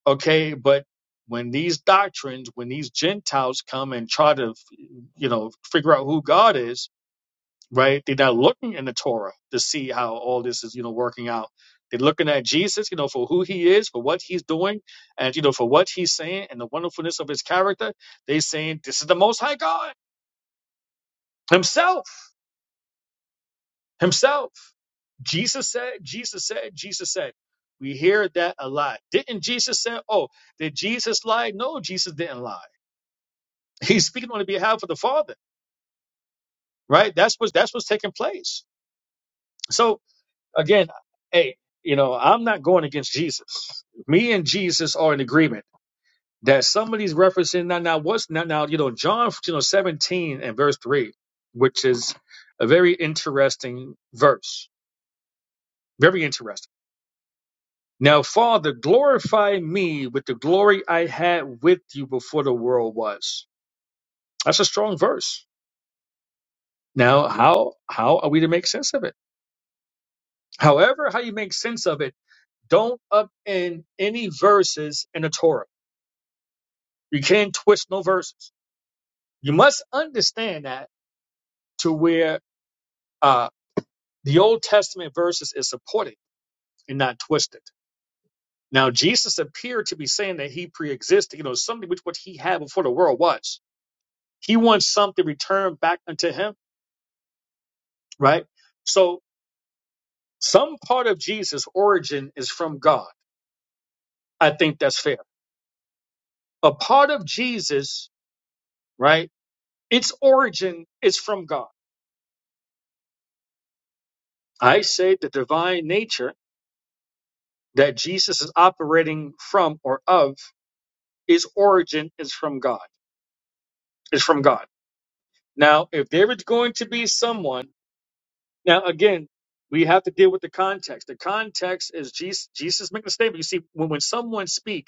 Okay, but when these doctrines, when these Gentiles come and try to, you know, figure out who God is, right? They're not looking in the Torah to see how all this is, you know, working out. They're looking at Jesus, you know, for who he is, for what he's doing, and, you know, for what he's saying and the wonderfulness of his character. They're saying, this is the Most High God himself himself. Jesus said, Jesus said, Jesus said. We hear that a lot. Didn't Jesus say, oh, did Jesus lie? No, Jesus didn't lie. He's speaking on the behalf of the Father, right? That's what that's what's taking place. So again, hey, you know, I'm not going against Jesus. Me and Jesus are in agreement that somebody's referencing now now what's now now, you know, John you know 17 and verse 3, which is a very interesting verse. Very interesting Now, Father, glorify me with the glory I had with you before the world was. That's a strong verse. Now, how how are we to make sense of it? However, how you make sense of it, don't upend any verses in the Torah. You can't twist no verses. You must understand that to where uh, the Old Testament verses is supported and not twisted. Now, Jesus appeared to be saying that he pre-existed, you know, something which what he had before the world was. He wants something returned back unto him, right? So some part of Jesus' origin is from God. I think that's fair. A part of Jesus, right? Its origin is from God. I say the divine nature that Jesus is operating from or of, its origin is from God. Is from God. Now, if there is going to be someone, now again, we have to deal with the context. The context is Jesus. Jesus making a statement. You see, when when someone speaks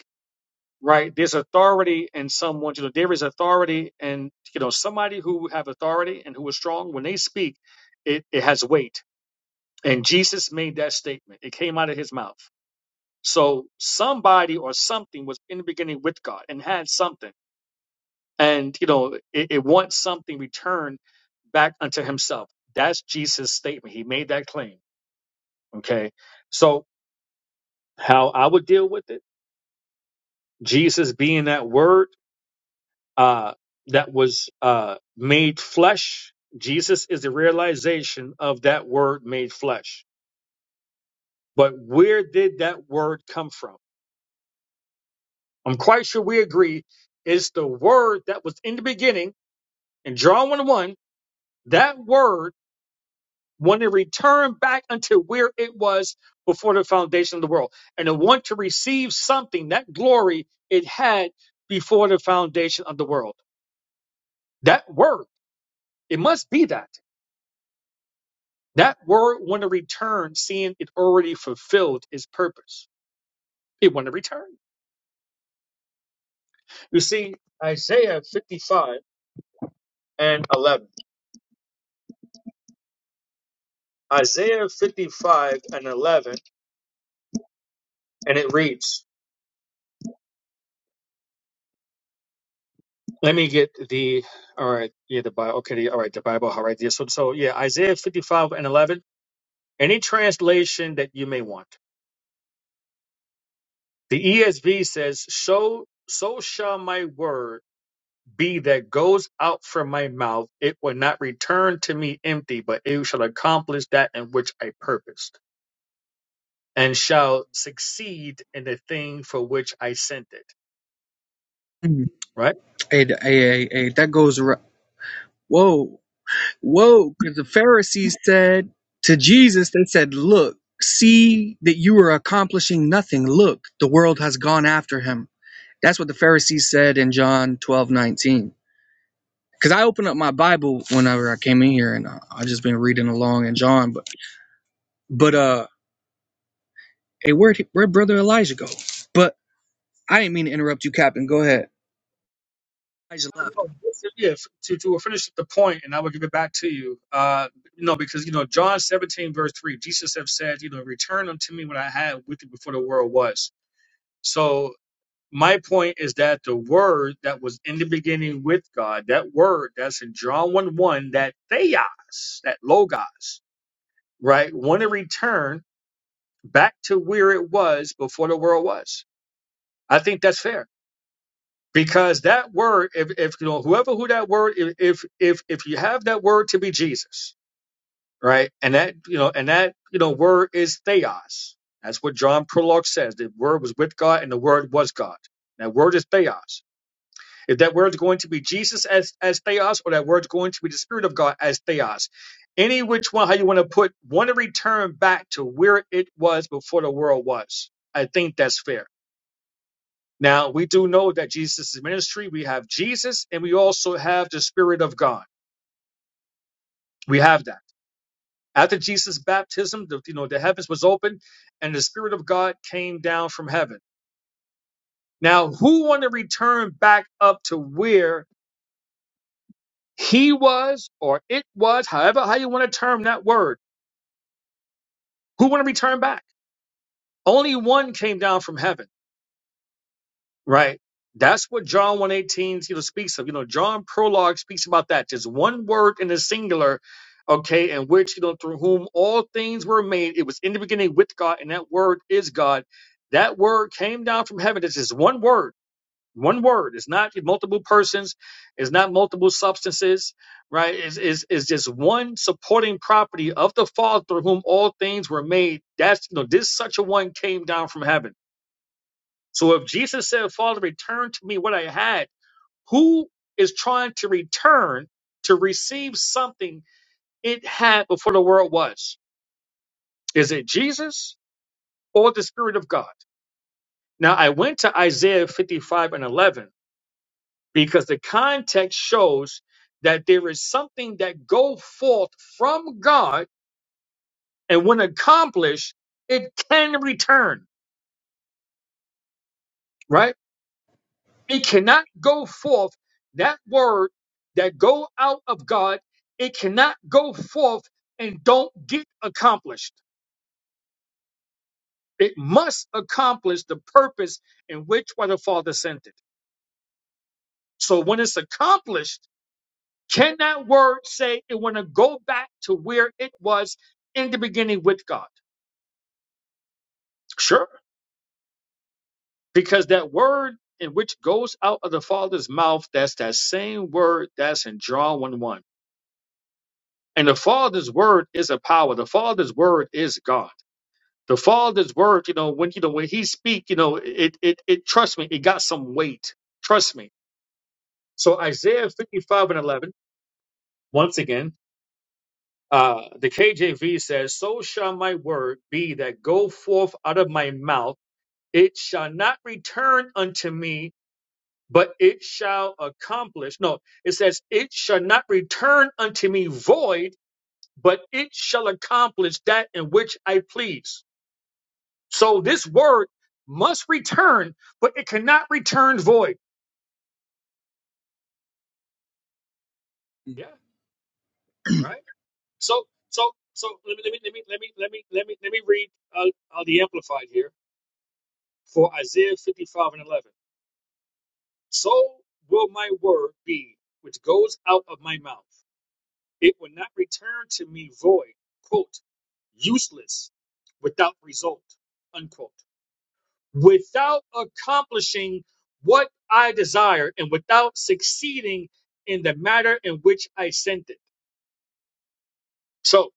right? There's authority in someone, you know, there is authority and you know, somebody who have authority and who is strong, when they speak, it, it has weight. And Jesus made that statement. It came out of his mouth. So somebody or something was in the beginning with God and had something. And you know, it, it wants something returned back unto himself. That's Jesus' statement. He made that claim. Okay. So how I would deal with it, Jesus being that word uh, that was uh, made flesh. Jesus is the realization of that word made flesh. But where did that word come from? I'm quite sure we agree it's the word that was in the beginning in John 1 1. That word wanted to return back unto where it was before the foundation of the world and to want to receive something, that glory it had before the foundation of the world. That word, it must be that. That word want to return, seeing it already fulfilled its purpose. It want to return. You see, Isaiah 55 and 11. Isaiah 55 and 11, and it reads, let me get the, all right, yeah, the Bible, okay, the, all right, the Bible, all right, yeah, so, so yeah, Isaiah 55 and 11, any translation that you may want. The ESV says, so, so shall my word be that goes out from my mouth, it will not return to me empty, but it shall accomplish that in which I purposed, and shall succeed in the thing for which I sent it.
Mm.
Right?
Hey, th- hey, hey, hey, that goes right. Whoa, whoa, because the Pharisees said to Jesus, they said, Look, see that you are accomplishing nothing. Look, the world has gone after him. That's what the Pharisees said in John 12 19. Because I opened up my Bible whenever I came in here and uh, I've just been reading along in John. But, but, uh, hey, where'd, he- where'd Brother Elijah go? But I didn't mean to interrupt you, Captain. Go ahead. Elijah
Uh,
left.
No, this is- yes, to, to finish the point, and I will give it back to you. Uh, you because you know, John 17, verse 3, Jesus have said, you know, return unto me what I had with you before the world was. So my point is that the word that was in the beginning with God, that word that's in John 1 1, that theos, that logos, right, want to return back to where it was before the world was. I think that's fair because that word, if, if you know, whoever who that word, if, if, if, if you have that word to be Jesus, right, and that, you know, and that, you know, word is theos. That's what John Prologue says. The word was with God and the word was God. That word is theos If that word's going to be Jesus as, as theos, or that word's going to be the Spirit of God as theos. Any which one, how you want to put, want to return back to where it was before the world was. I think that's fair. Now, we do know that Jesus' ministry, we have Jesus and we also have the Spirit of God. We have that. After Jesus' baptism, the, you know, the heavens was open and the Spirit of God came down from heaven. Now, who want to return back up to where He was, or it was, however how you want to term that word. Who want to return back? Only one came down from heaven, right? That's what John 118 you know, speaks of. You know, John prologue speaks about that. Just one word in the singular, okay, in which, you know, through whom all things were made. It was in the beginning with God, and that word is God. That word came down from heaven. It's just one word one word it's not multiple persons it's not multiple substances right it's, it's, it's just one supporting property of the father through whom all things were made that's you know this such a one came down from heaven so if jesus said father return to me what i had who is trying to return to receive something it had before the world was is it jesus or the spirit of god now i went to isaiah 55 and 11 because the context shows that there is something that go forth from God, and when accomplished, it can return. Right? It cannot go forth. That word that go out of God, it cannot go forth and don't get accomplished. It must accomplish the purpose in which why the Father sent it. So when it's accomplished Can that word say it want to go back to where it was in the beginning with God? Sure. Because that word in which goes out of the Father's mouth, that's that same word that's in John 1 1. And the Father's word is a power. The Father's word is God. The Father's word, you know, when you know when he speak, you know, it it it trust me, it got some weight. Trust me. So Isaiah 55 and 11, once again, Uh, the KJV says, So shall my word be that go forth out of my mouth. It shall not return unto me, but it shall accomplish. No, it says, It shall not return unto me void, but it shall accomplish that in which I please. So this word must return, but it cannot return void. Yeah, right. So, so, so let me, let me, let me, let me, let me, let me, let me read uh, uh, the Amplified here for Isaiah 55 and 11. So will my word be which goes out of my mouth. It will not return to me void, quote, useless, without result, unquote, without accomplishing what I desire and without succeeding in the matter in which I sent it. So,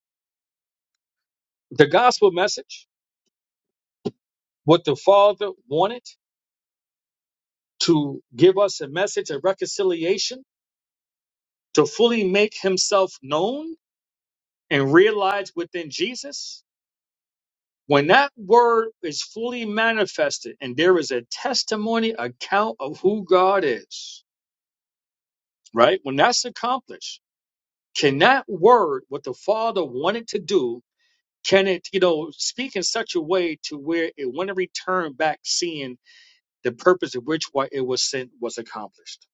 the gospel message, what the Father wanted to give us a message of reconciliation, to fully make himself known and realized within Jesus When that word is fully manifested and there is a testimony account of who God is, right? When that's accomplished, can that word, what the Father wanted to do, can it, you know, speak in such a way to where it want to return back seeing the purpose of which why it was sent was accomplished?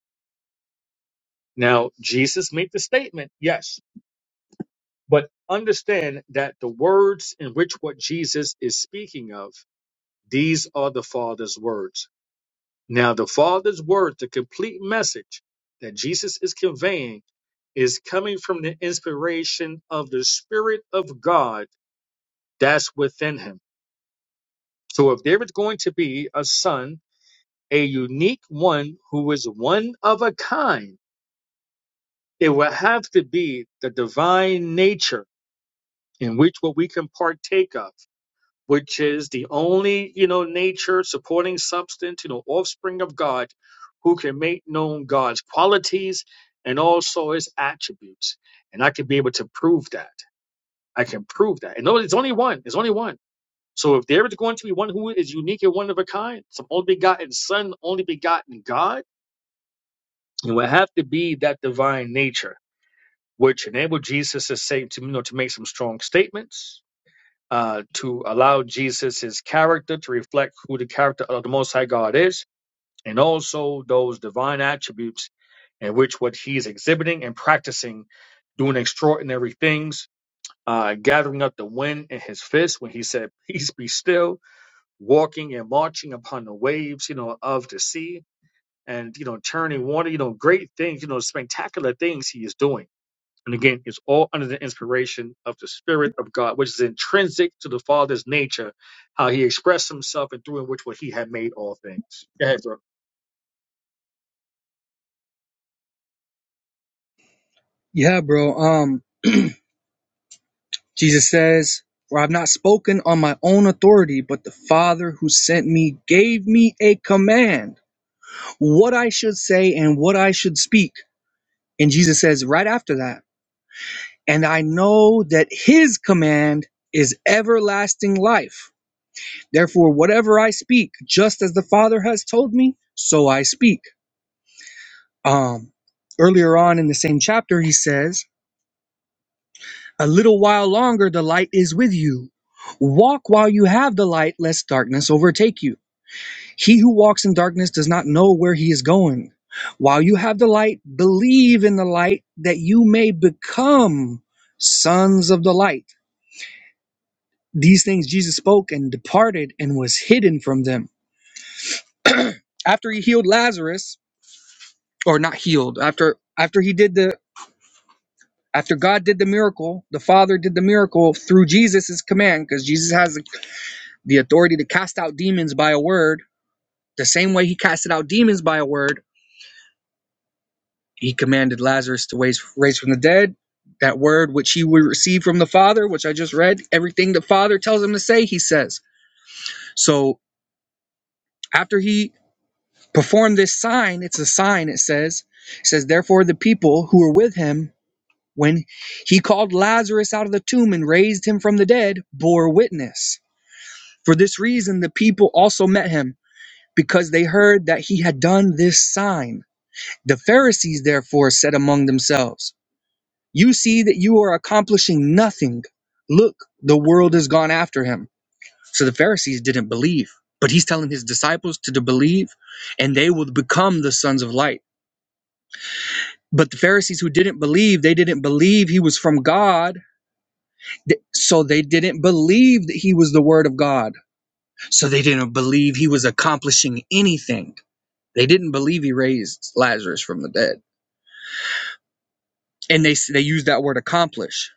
Now, Jesus made the statement, yes, but understand that the words in which what Jesus is speaking of, these are the Father's words Now, the Father's word, the complete message that Jesus is conveying, is coming from the inspiration of the Spirit of God that's within him. So, if there is going to be a son, a unique one who is one of a kind, it will have to be the divine nature in which what we can partake of. which is the only, you know, nature supporting substance, you know, offspring of God, who can make known God's qualities and also his attributes. And I can be able to prove that. I can prove that. And no, it's only one. It's only one. So if there is going to be one who is unique and one of a kind, some only begotten son, only begotten God, it will have to be that divine nature, which enabled Jesus to say to you know to make some strong statements uh, to allow Jesus' character to reflect who the character of the Most High God is, and also those divine attributes in which what he is exhibiting and practicing, doing extraordinary things, uh, gathering up the wind in his fist when he said, Peace be still, walking and marching upon the waves, you know, of the sea, and, you know, turning water, you know, great things, you know, spectacular things he is doing and again, it's all under the inspiration of the Spirit of God, which is intrinsic to the Father's nature, how He expressed Himself and through in which what He had made all things. Go ahead, bro.
Yeah, bro. Um, Jesus says, For I have not spoken on my own authority, but the Father who sent me gave me a command what I should say and what I should speak. And Jesus says right after that, And I know that his command is everlasting life. Therefore, whatever I speak, just as the Father has told me, so I speak. Um, earlier on in the same chapter, he says, A little while longer the light is with you. Walk while you have the light, lest darkness overtake you. He who walks in darkness does not know where he is going. While you have the light, believe in the light that you may become sons of the light. These things Jesus spoke and departed and was hidden from them. after he healed Lazarus, or not healed, after after he did the after God did the miracle, the Father did the miracle through Jesus' command, because Jesus has the authority to cast out demons by a word, the same way he casted out demons by a word He commanded Lazarus to raise, raise from the dead. That word which he would receive from the Father, which I just read, everything the Father tells him to say, he says. So after he performed this sign, it's a sign, it says, it says, therefore the people who were with him when he called Lazarus out of the tomb and raised him from the dead bore witness. For this reason, the people also met him because they heard that he had done this sign. The Pharisees therefore said among themselves, You see that you are accomplishing nothing. Look, the world has gone after him. So the Pharisees didn't believe, but he's telling his disciples to, believe, and they will become the sons of light. But the Pharisees who didn't believe, they didn't believe he was from God. So they didn't believe that he was the word of God. So they didn't believe he was accomplishing anything. They didn't believe he raised Lazarus from the dead. And they, they used that word accomplish.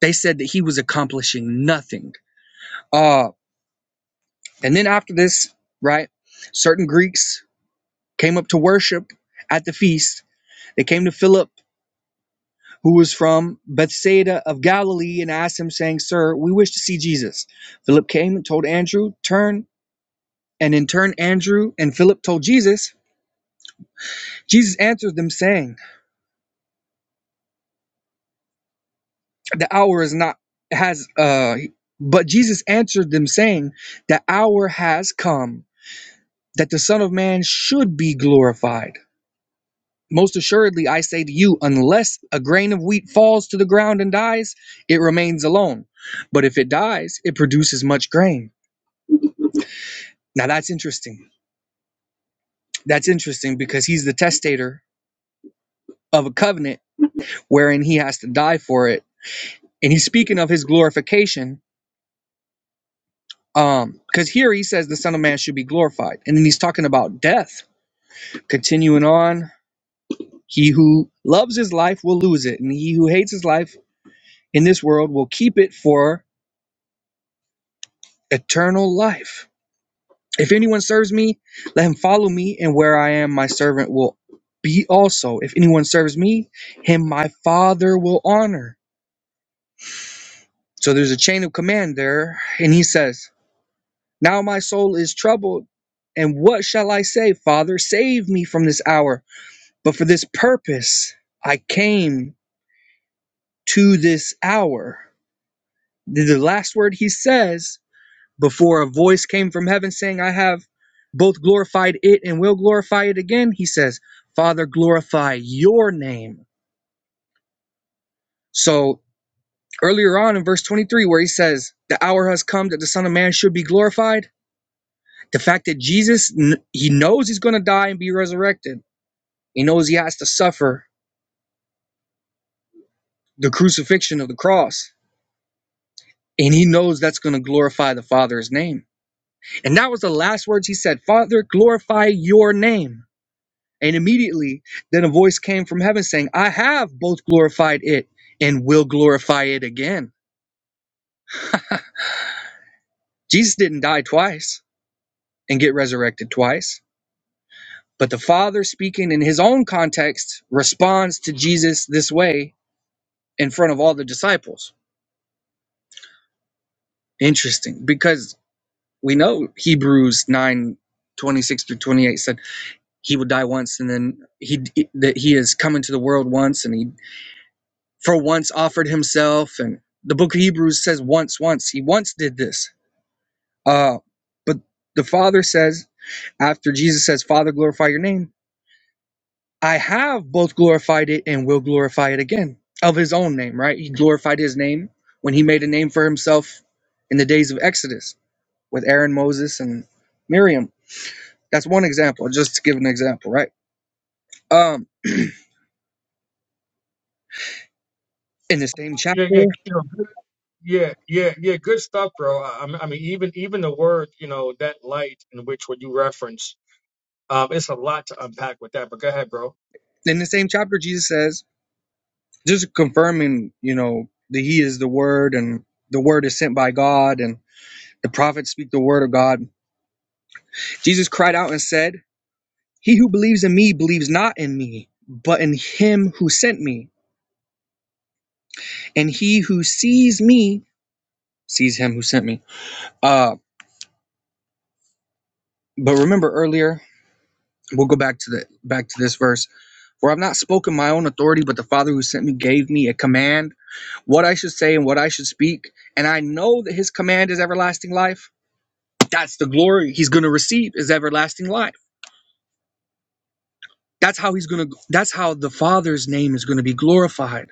They said that he was accomplishing nothing. Uh, And then after this, right, certain Greeks came up to worship at the feast. They came to Philip, who was from Bethsaida of Galilee, and asked him, saying, Sir, we wish to see Jesus. Philip came and told Andrew, Turn. And in turn, Andrew and Philip told Jesus. Jesus answered them, saying, The hour is not, has, uh, but Jesus answered them, saying, The hour has come that the Son of Man should be glorified. Most assuredly, I say to you, unless a grain of wheat falls to the ground and dies, it remains alone. But if it dies, it produces much grain. Now that's interesting. That's interesting because he's the testator of a covenant wherein he has to die for it. And he's speaking of his glorification. Um, because here he says the Son of Man should be glorified, and then he's talking about death. Continuing on, he who loves his life will lose it, and he who hates his life in this world will keep it for eternal life If anyone serves me, let him follow me, and where I am, my servant will be also. If anyone serves me, him my Father will honor. So there's a chain of command there, and he says, Now my soul is troubled, and what shall I say? Father, save me from this hour. But for this purpose I came to this hour. The the last word he says Before a voice came from heaven saying, I have both glorified it and will glorify it again, he says, Father, glorify your name. So earlier on in verse 23, where he says, The hour has come that the Son of Man should be glorified, the fact that Jesus, he knows he's going to die and be resurrected, he knows he has to suffer the crucifixion of the cross. And he knows that's going to glorify the Father's name. And that was the last words he said Father, glorify your name And immediately then a voice came from heaven saying, I have both glorified it and will glorify it again. Jesus didn't die twice and get resurrected twice. But the Father, speaking in his own context, responds to Jesus this way in front of all the disciples. Interesting, because we know Hebrews 9 26 through 28 said he would die once and then he that he is coming to the world once and he for once offered himself and the book of hebrews says once once he once did this uh but the father says after jesus says father glorify your name i have both glorified it and will glorify it again of his own name right he glorified his name when he made a name for himself in the days of exodus with aaron moses and miriam that's one example just to give an example right um in the same
Yeah, yeah,
chapter
you know, good- yeah, yeah, yeah. Good stuff, bro. I, I mean, even even the word, you know, that light in which what you reference, um, it's a lot to unpack with that. But go ahead, bro.
in the same chapter jesus says just confirming, you know, that he is the word and the word is sent by God and the prophets speak the word of God. Jesus cried out and said, He who believes in me believes not in me, but in him who sent me. And he who sees me sees him who sent me. Uh but remember earlier, we'll go back to the back to this verse, for I've not spoken my own authority, but the Father who sent me gave me a command, what I should say and what I should speak, and I know that his command is everlasting life. that's the glory he's going to receive is everlasting life that's how he's going to that's how the father's name is going to be glorified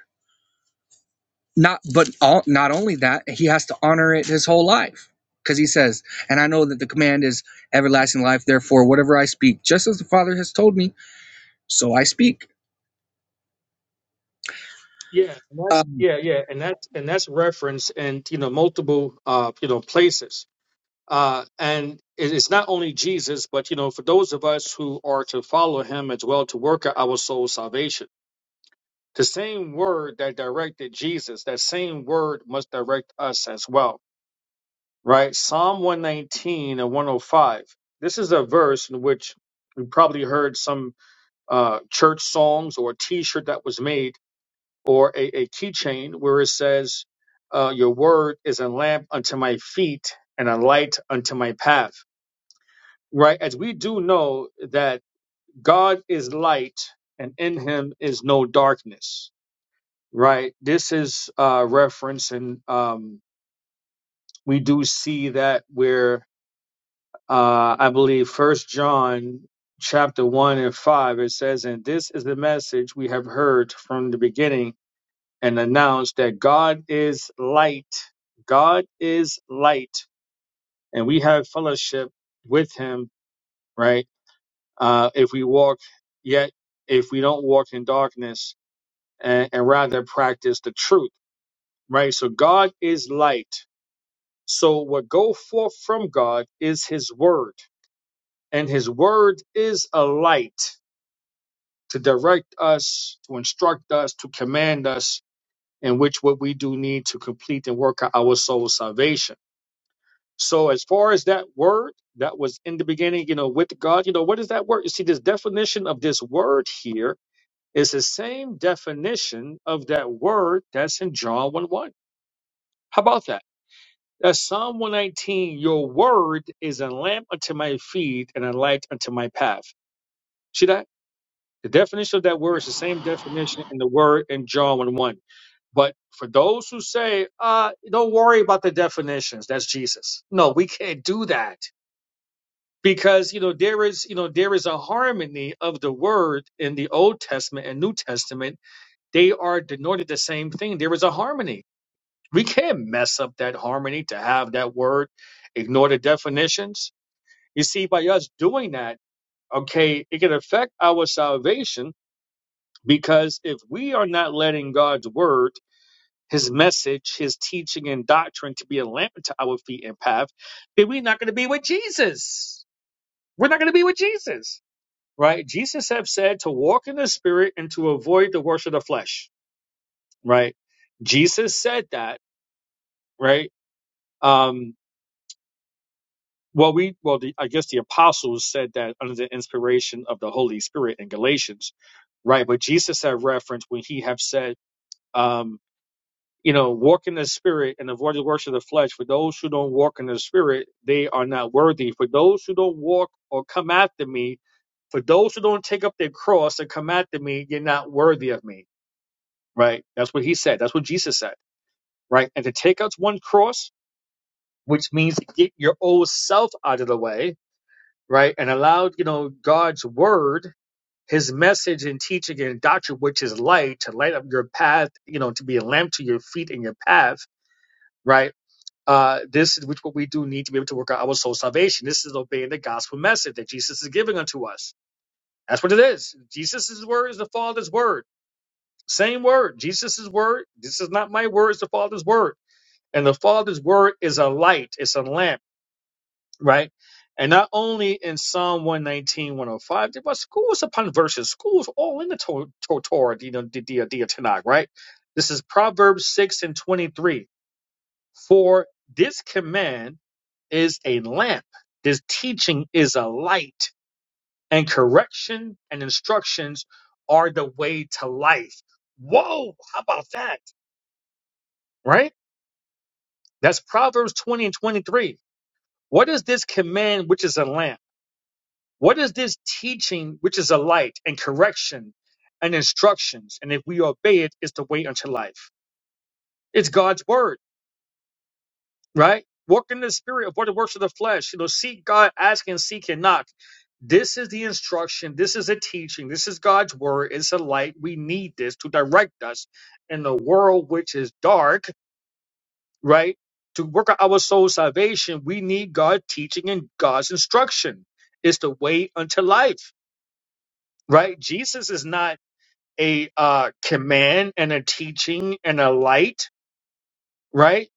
not but all, not only that he has to honor it his whole life because he says and i know that the command is everlasting life therefore whatever i speak just as the father has told me so i speak
Yeah, and that's
um,
yeah, yeah, and that's and that's referenced in you know multiple uh you know places. Uh, and it is not only Jesus, but you know, for those of us who are to follow him as well to work out our soul salvation. The same word that directed Jesus, that same word must direct us as well. Right? Psalm 119 and 105. This is a verse in which we probably heard some uh, church songs or a t-shirt that was made or a, a keychain where it says, uh, your word is a lamp unto my feet and a light unto my path right? As we do know that God is light and in him is no darkness, right? This is uh reference and um we do see that where uh I believe first John chapter one and five it says, and this is the message we have heard from the beginning and announced that God is light. God is light, and we have fellowship with him, right? uh, if we walk yet if we don't walk in darkness and, and rather practice the truth right so god is light so what go forth from god is his word and his word is a light to direct us to instruct us to command us in which what we do need to complete and work out our soul salvation so as far as that word that was in the beginning you know with god you know what is that word you see this definition of this word here Is the same definition of that word that's in John 1 1. How about that? That's Psalm 119, your word is a lamp unto my feet and a light unto my path. See that? The definition of that word is the same definition in the word in John 1 1. But for those who say, uh, don't worry about the definitions, that's Jesus. No, we can't do that. Because you know there is you know there is a harmony of the word in the Old Testament and New Testament they are denoted the same thing. There is a harmony. We can't mess up that harmony to have that word, ignore the definitions. You see, by us doing that, okay, it can affect our salvation because if we are not letting God's word, his message, his teaching and doctrine to be a lamp to our feet and path, then we're not going to be with Jesus. We're not going to be with Jesus, right? Jesus have said to walk in the spirit and to avoid the works of the flesh, right? Jesus said that right? Um, well, we well, the, I guess the apostles said that under the inspiration of the Holy Spirit in Galatians, right? But Jesus had reference when he have said, um, you know, walk in the Spirit and avoid the works of the flesh. For those who don't walk in the Spirit, they are not worthy. For those who don't walk or come after me, for those who don't take up their cross and come after me, you're not worthy of me, right? That's what he said. That's what Jesus said, right? And to take out one cross, which means to get your old self out of the way, right? And allowed, you know, God's word, his message and teaching and doctrine, which is light, to light up your path, you know, to be a lamp to your feet and your path, right? Uh, this is which what we do need to be able to work out our soul salvation. This is obeying the gospel message that Jesus is giving unto us. That's what it is. Jesus' word is the Father's word. Same word. Jesus' word. This is not my word, it's the Father's word. And the Father's word is a light, it's a lamp right? And not only in Psalm 119, 105, but schools upon verses, schools all in the to- to- Torah, you know, the, the, the Tanakh, right? This is Proverbs 6 and 23. For this command is a lamp, this teaching is a light, and correction and instructions are the way to life. Whoa, how about that, right? That's Proverbs 20 and 23. What is this command which is a lamp? What is this teaching which is a light and correction and instructions? And if we obey it, it's the way unto life. It's God's word, right? Walk in the spirit, avoid the works of the flesh. You know, seek God, ask and seek and knock. This is the instruction. This is a teaching. This is God's word. It's a light. We need this to direct us in the world which is dark, right? To work out our soul salvation, we need God's teaching and God's instruction. It's the way unto life, right? Jesus is not a uh, command and a teaching and a light, right?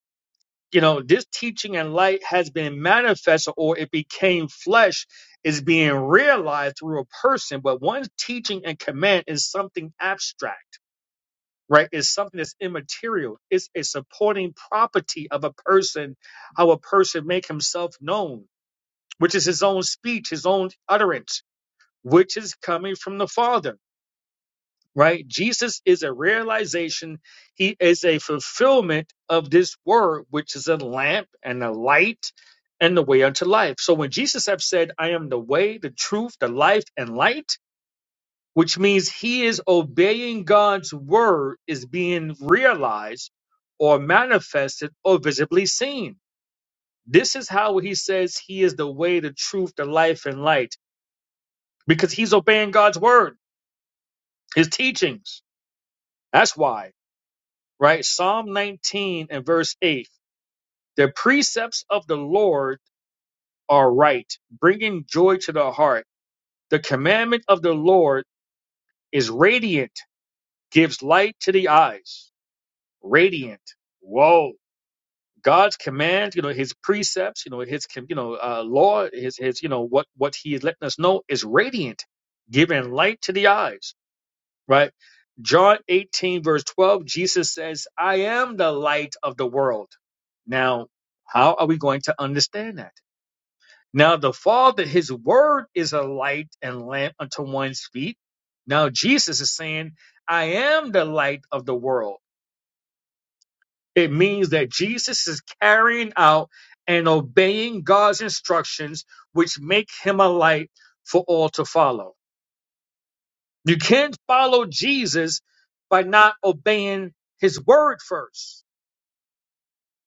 You know, this teaching and light has been manifested or it became flesh is being realized through a person, but one's teaching and command is something abstract, right? It's something that's immaterial. It's a supporting property of a person, how a person make himself known, which is his own speech, his own utterance, which is coming from the Father right? Jesus is a realization. He is a fulfillment of this word, which is a lamp and a light and the way unto life. So when Jesus have said, I am the way, the truth, the life and light, which means he is obeying God's word is being realized or manifested or visibly seen. This is how he says he is the way, the truth, the life and light because he's obeying God's word, his teachings. That's why. right? Psalm 19 and verse 8. The precepts of the Lord are right, bringing joy to the heart. The commandment of the Lord is radiant, gives light to the eyes. Radiant. Whoa. God's commands, you know, his precepts, you know, his, you know, uh, law, his, his, you know, what, what he is letting us know is radiant, giving light to the eyes. right? John 18, verse 12, Jesus says, I am the light of the world. Now, how are we going to understand that? Now, the Father, His Word is a light and lamp unto one's feet. Now, Jesus is saying, I am the light of the world. It means that Jesus is carrying out and obeying God's instructions, which make him a light for all to follow You can't follow Jesus by not obeying his word first.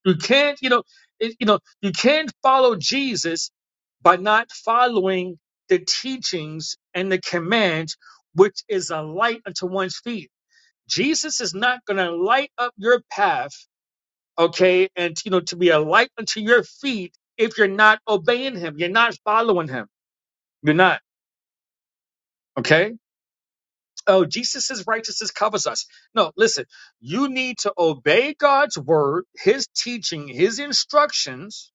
You can't, you know, it- you know, you can't follow Jesus by not following the teachings and the commands, which is a light unto one's feet. Jesus is not going to light up your path, okay, and you know, to be a light unto your feet if you're not obeying him, you're not following him, you're not, okay. oh, Jesus' righteousness covers us. No, listen, you need to obey God's word, his teaching, his instructions,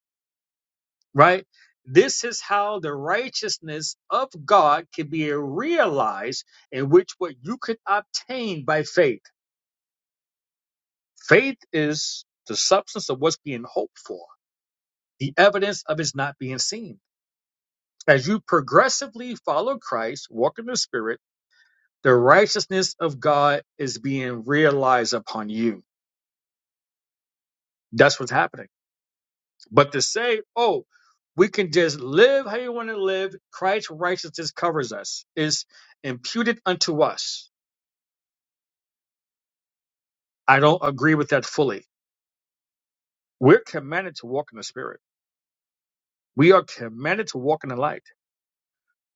right? This is how the righteousness of God can be realized, in which what you could obtain by faith. Faith is the substance of what's being hoped for, the evidence of it's not being seen. As you progressively follow Christ, walk in the Spirit, the righteousness of God is being realized upon you That's what's happening. But to say, oh, we can just live how you want to live, Christ's righteousness covers us, is imputed unto us. I don't agree with that fully. We're commanded to walk in the Spirit. We are commanded to walk in the light.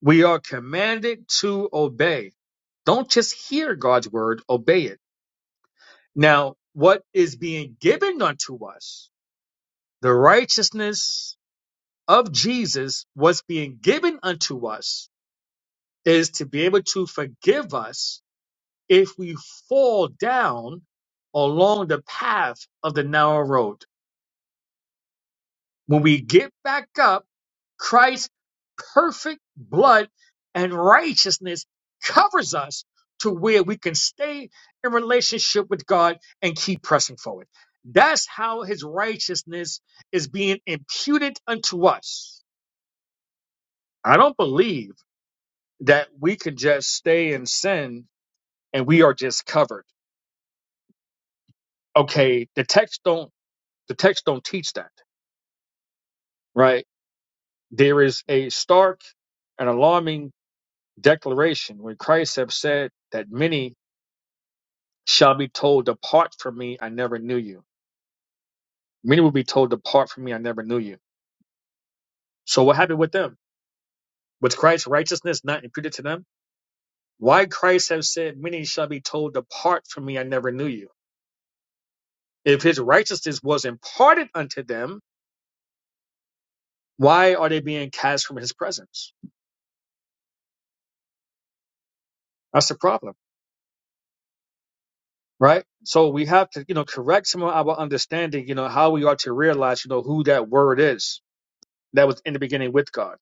We are commanded to obey. Don't just hear God's word, obey it. Now, what is being given unto us, the righteousness of Jesus was being given unto us is to be able to forgive us if we fall down along the path of the narrow road. When we get back up, Christ's perfect blood and righteousness covers us to where we can stay in relationship with God and keep pressing forward. That's how his righteousness is being imputed unto us. I don't believe that we can just stay in sin and we are just covered. okay the text don't the text don't teach that right there is a stark and alarming declaration when christ have said that many shall be told depart from me i never knew you many will be told depart from me i never knew you so what happened with them was christ's righteousness not imputed to them why christ have said many shall be told depart from me i never knew you if his righteousness was imparted unto them why are they being cast from his presence that's the problem right? So we have to, you know, correct some of our understanding, you know, how we are to realize, you know, who that word is that was in the beginning with God,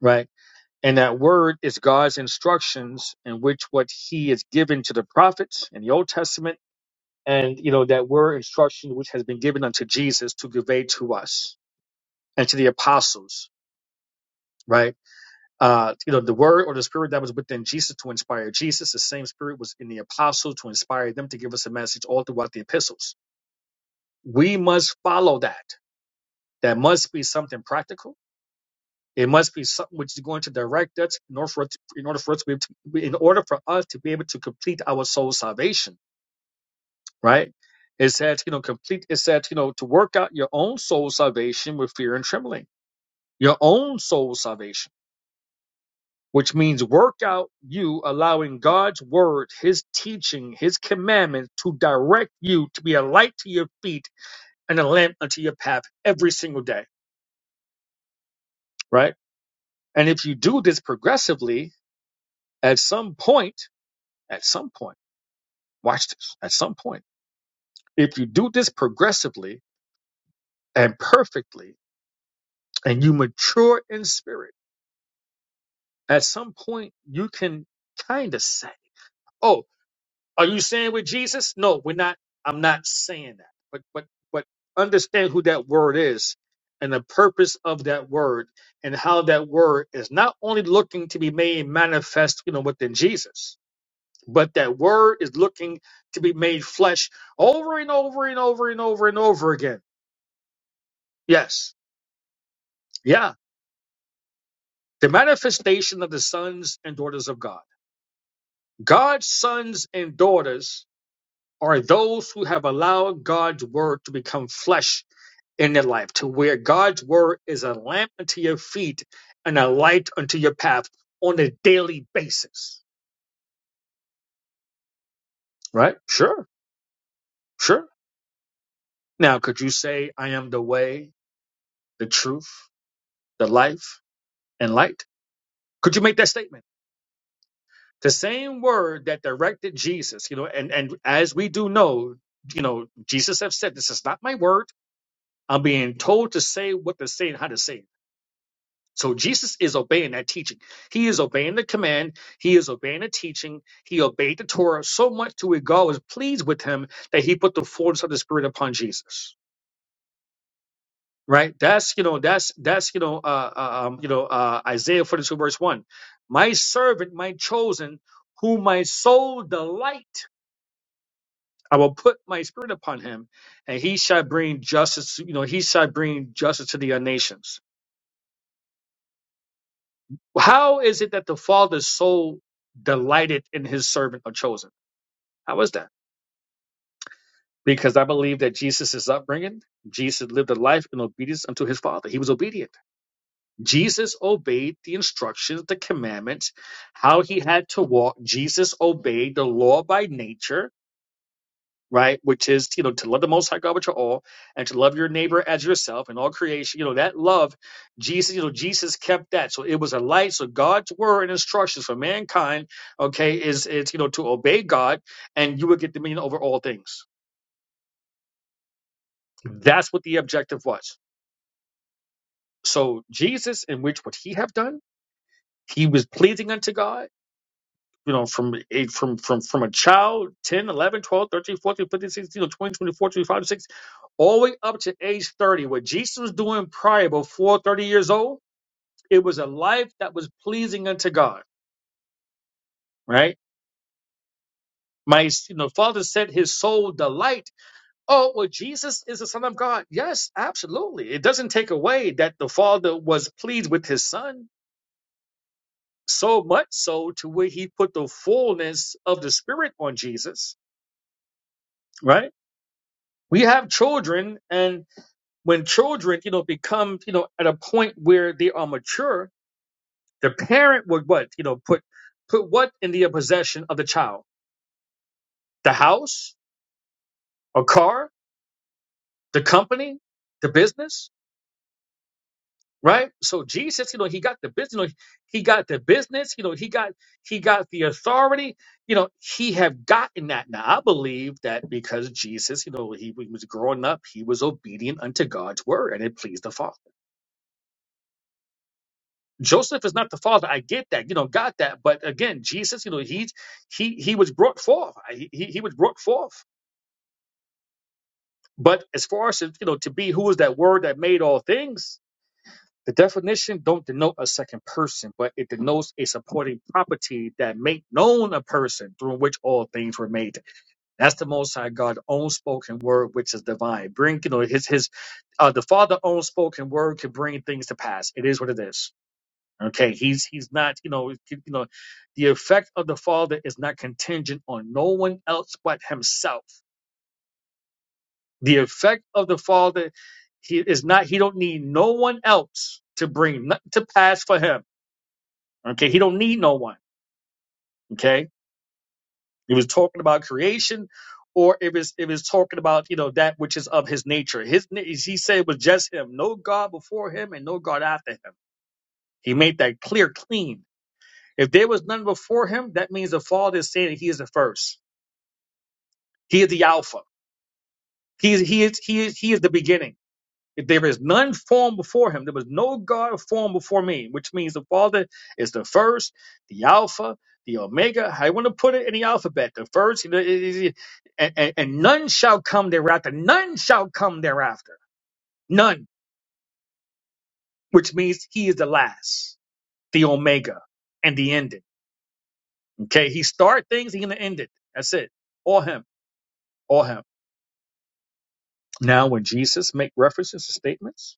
right? And that word is God's instructions in which what he is given to the prophets in the Old Testament. And, you know, that word instruction which has been given unto Jesus to convey to us and to the apostles, right? Uh, you know, the word or the spirit that was within Jesus to inspire Jesus, the same spirit was in the apostles to inspire them to give us a message all throughout the epistles we must follow that. That must be something practical. It must be something which is going to direct us in order for us to, in order for us to be able to, in order for us to be able to complete our soul salvation, right? It said, you know, complete. It said, you know, to work out your own soul salvation with fear and trembling. Your own soul salvation, which means work out you allowing God's word, His teaching, His commandment to direct you to be a light to your feet and a lamp unto your path every single day, right? And if you do this progressively, at some point, at some point, watch this, at some point, if you do this progressively and perfectly, and you mature in spirit, at some point, you can kind of say, Oh, are you saying with Jesus? No, we're not. I'm not saying that. But, but, but understand who that word is and the purpose of that word and how that word is not only looking to be made manifest, you know, within Jesus, But that word is looking to be made flesh over and over and over and over and over again. Yes. Yeah. The manifestation of the sons and daughters of God. God's sons and daughters are those who have allowed God's word to become flesh in their life, to where God's word is a lamp unto your feet and a light unto your path on a daily basis. Right? Sure. Sure. Now, could you say, I am the way, the truth, the life, and light? Could you make that statement? The same word that directed Jesus, you know, and, and as we do know, you know, Jesus have said, this is not my word. I'm being told to say what to say and how to say it. So Jesus is obeying that teaching. He is obeying the command. He is obeying the teaching. He obeyed the Torah so much to where God was pleased with him that he put the fullness of the Spirit upon Jesus. right that's you know that's that's you know uh, uh, um, you know uh, isaiah 42 verse 1 my servant my chosen whom my soul delight i will put my spirit upon him and he shall bring justice you know he shall bring justice to the uh, nations how is it that the father's soul delighted in his servant or chosen how is that because i believe that jesus is upbringing jesus lived a life in obedience unto his father he was obedient Jesus obeyed the instructions, the commandments, how he had to walk. Jesus obeyed the law by nature, right? Which is, you know, to love the Most High God with your all and to love your neighbor as yourself and all creation. You know, that love, Jesus, you know, Jesus kept that. So it was a light. So God's word and instructions for mankind, okay, is, it's you know, to obey God and you will get dominion over all things. That's what the objective was. So Jesus, in which would he have done? He was pleasing unto God you know, from age from from from a child, 10, 11, 12, 13, 14, 15, 16, or twenty, twenty four, 6, all the way up to age 30. What Jesus was doing prior, before 30 years old, it was a life that was pleasing unto God, right? My you know, father said his soul delight. Oh, well, Jesus is the Son of God. Yes, absolutely. It doesn't take away that the Father was pleased with his son so much so to where he put the fullness of the Spirit on Jesus, right? we have children and when children you know become you know at a point where they are mature the parent would what you know put put what in the possession of the child the house a car the company the business right so jesus you know he got the business you know, he got the business you know he got he got the authority you know he have gotten that now i believe that because jesus you know he was growing up he was obedient unto god's word and it pleased the father Joseph is not the father. I get that, you know, got that. But again, Jesus, you know, he he he was brought forth. He he, he was brought forth. But as far as you know, to be who is that word that made all things? The definition don't denote a second person, but it denotes a supporting property that make known a person through which all things were made. That's the Most High God own spoken word, which is divine. Bring you know his his uh, the Father own spoken word can bring things to pass. It is what it is. Okay, he's he's not, you know, you know, the effect of the Father is not contingent on no one else but himself. The effect of the Father, he is not. He don't need no one else to bring nothing to pass for him. Okay, he don't need no one. Okay, he was talking about creation, or it was it was talking about you know that which is of his nature. His na- he said it was just him, no God before him and no God after him. He made that clear, clean. If there was none before him, that means the Father is saying that he is the first. He is the Alpha. He is he is he is he is the beginning. If there is none formed before him, there was no God formed before me, which means the Father is the first, the Alpha, the Omega. How you want to put it in the alphabet? The first, you know, it- it- it- and, and, and none shall come thereafter. None shall come thereafter. None, which means he is the last, the Omega, and the ending. Okay, he start things, he's gonna end it. That's it. Or him, or him. Now, when Jesus make references to statements,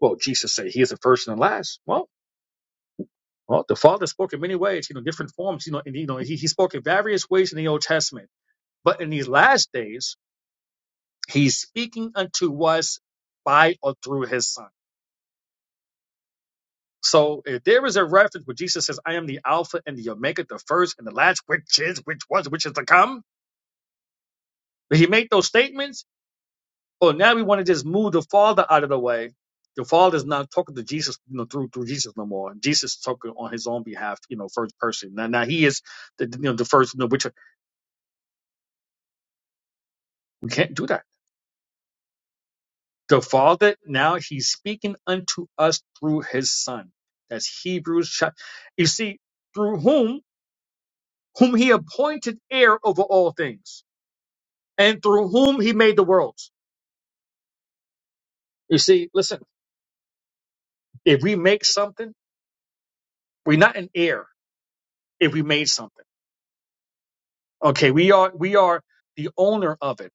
well, Jesus said he is the first and the last. Well, well, the Father spoke in many ways, you know, different forms, you know, and you know, he, he spoke in various ways in the Old Testament. But in these last days, he's speaking unto us by or through his son. So if there is a reference where Jesus says, I am the Alpha and the Omega, the first and the last, which is, which was, which is to come, he made those statements Well, now we want to just move the Father out of the way. The father is not talking to Jesus, you know, through through Jesus no more. Jesus is talking on his own behalf, you know, first person. Now, now he is the you know the first, you know, which we can't do that. The Father now he's speaking unto us through his Son. That's Hebrews chapter. You see, through whom whom he appointed heir over all things, and through whom he made the worlds. You see, listen, if we make something, we're not an heir if we made something Okay, we are we are the owner of it,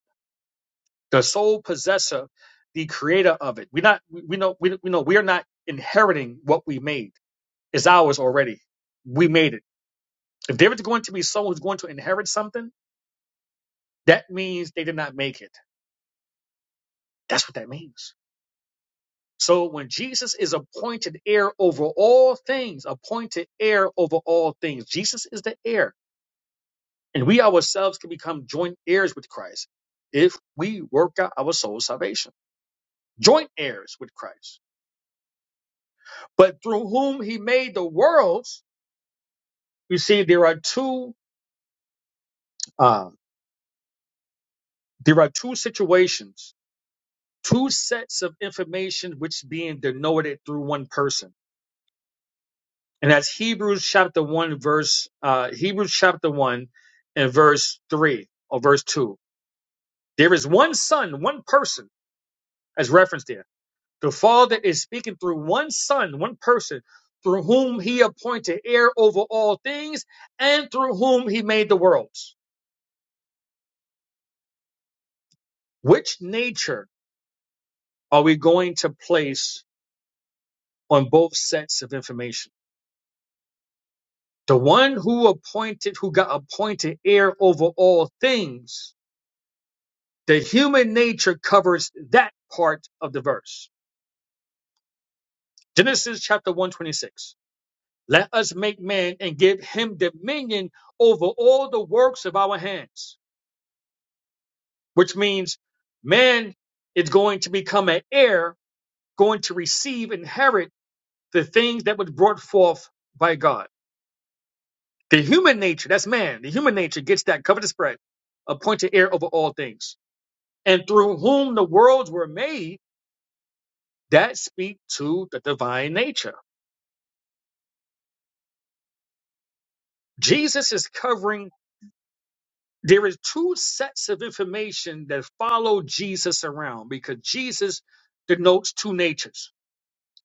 the sole possessor, the creator of it. We're not we we know we, we know we are not inheriting what we made. It's ours already. We made it. If there is going to be someone who's going to inherit something, that means they did not make it. That's what that means. So when Jesus is appointed heir over all things, appointed heir over all things, Jesus is the heir, and we ourselves can become joint heirs with Christ if we work out our soul salvation. joint heirs with Christ, but through whom he made the worlds. You see, there are two um, there are two situations, two sets of information which being denoted through one person, and that's Hebrews chapter one verse uh, Hebrews chapter one and verse three or verse two. There is one Son, one person as referenced there The Father is speaking through one Son, one person, through whom He appointed heir over all things and through whom He made the worlds. Which nature are we going to place on both sets of information? The one who appointed, who got appointed heir over all things, the human nature covers that part of the verse. Genesis chapter 126. Let us make man and give him dominion over all the works of our hands which means man is going to become an heir, going to receive, inherit the things that was brought forth by God. The human nature, that's man, the human nature gets that covetous spread, appointed heir over all things, and through whom the worlds were made, that speak to the divine nature. Jesus is covering, there is two sets of information that follow Jesus around because Jesus denotes two natures.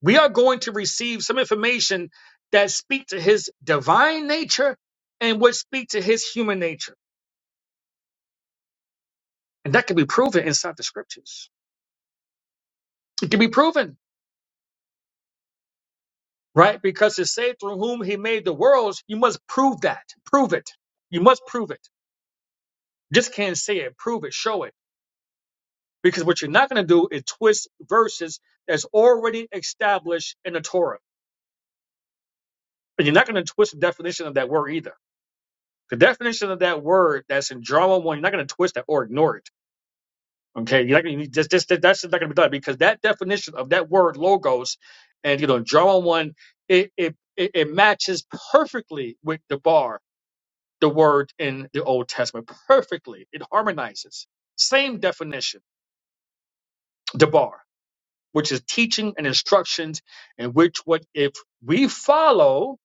We are going to receive some information that speak to his divine nature and would speak to his human nature. And that can be proven inside the scriptures. It can be proven, right? Because to say through whom he made the worlds, you must prove that. Prove it. You must prove it. Just can't say it. Prove it. Show it. Because what you're not going to do is twist verses that's already established in the Torah. And you're not going to twist the definition of that word either. The definition of that word that's in Drama 1, you're not going to twist that or ignore it Okay, you're not gonna, you just, just that- that's not going to be done because that definition of that word logos, and you know, John one, it it it it matches perfectly with the bar, the word in the Old Testament, perfectly. It harmonizes. Same definition, the bar, which is teaching and instructions, and which what if we follow,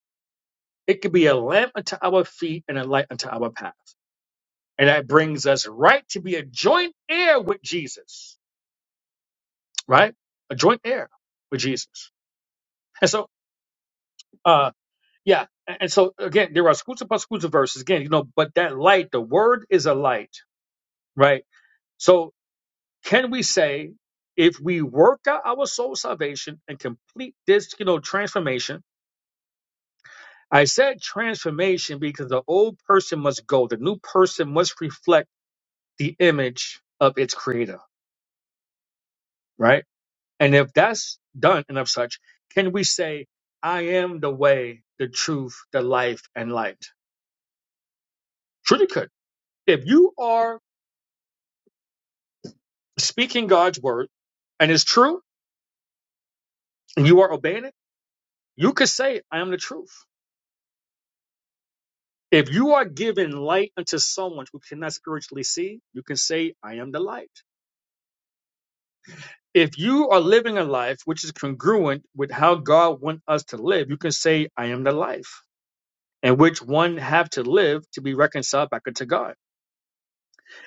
it could be a lamp unto our feet and a light unto our path, and that brings us right to be a joint heir with Jesus, right? A joint heir with Jesus. And so, uh, yeah. And and so again, there are schools upon schools of verses. Again, you know, but that light, the word is a light, right? So can we say if we work out our soul salvation and complete this, you know, transformation? I said transformation because the old person must go. The new person must reflect the image of its creator, right? And if that's done and of such, can we say, I am the way, the truth, the life, and light? Truly could if you are speaking God's word and it's true and you are obeying it, you could say, I am the truth. If you are giving light unto someone who cannot spiritually see, you can say, I am the light. If you are living a life which is congruent with how God wants us to live, you can say, I am the life, and which one have to live to be reconciled back unto God.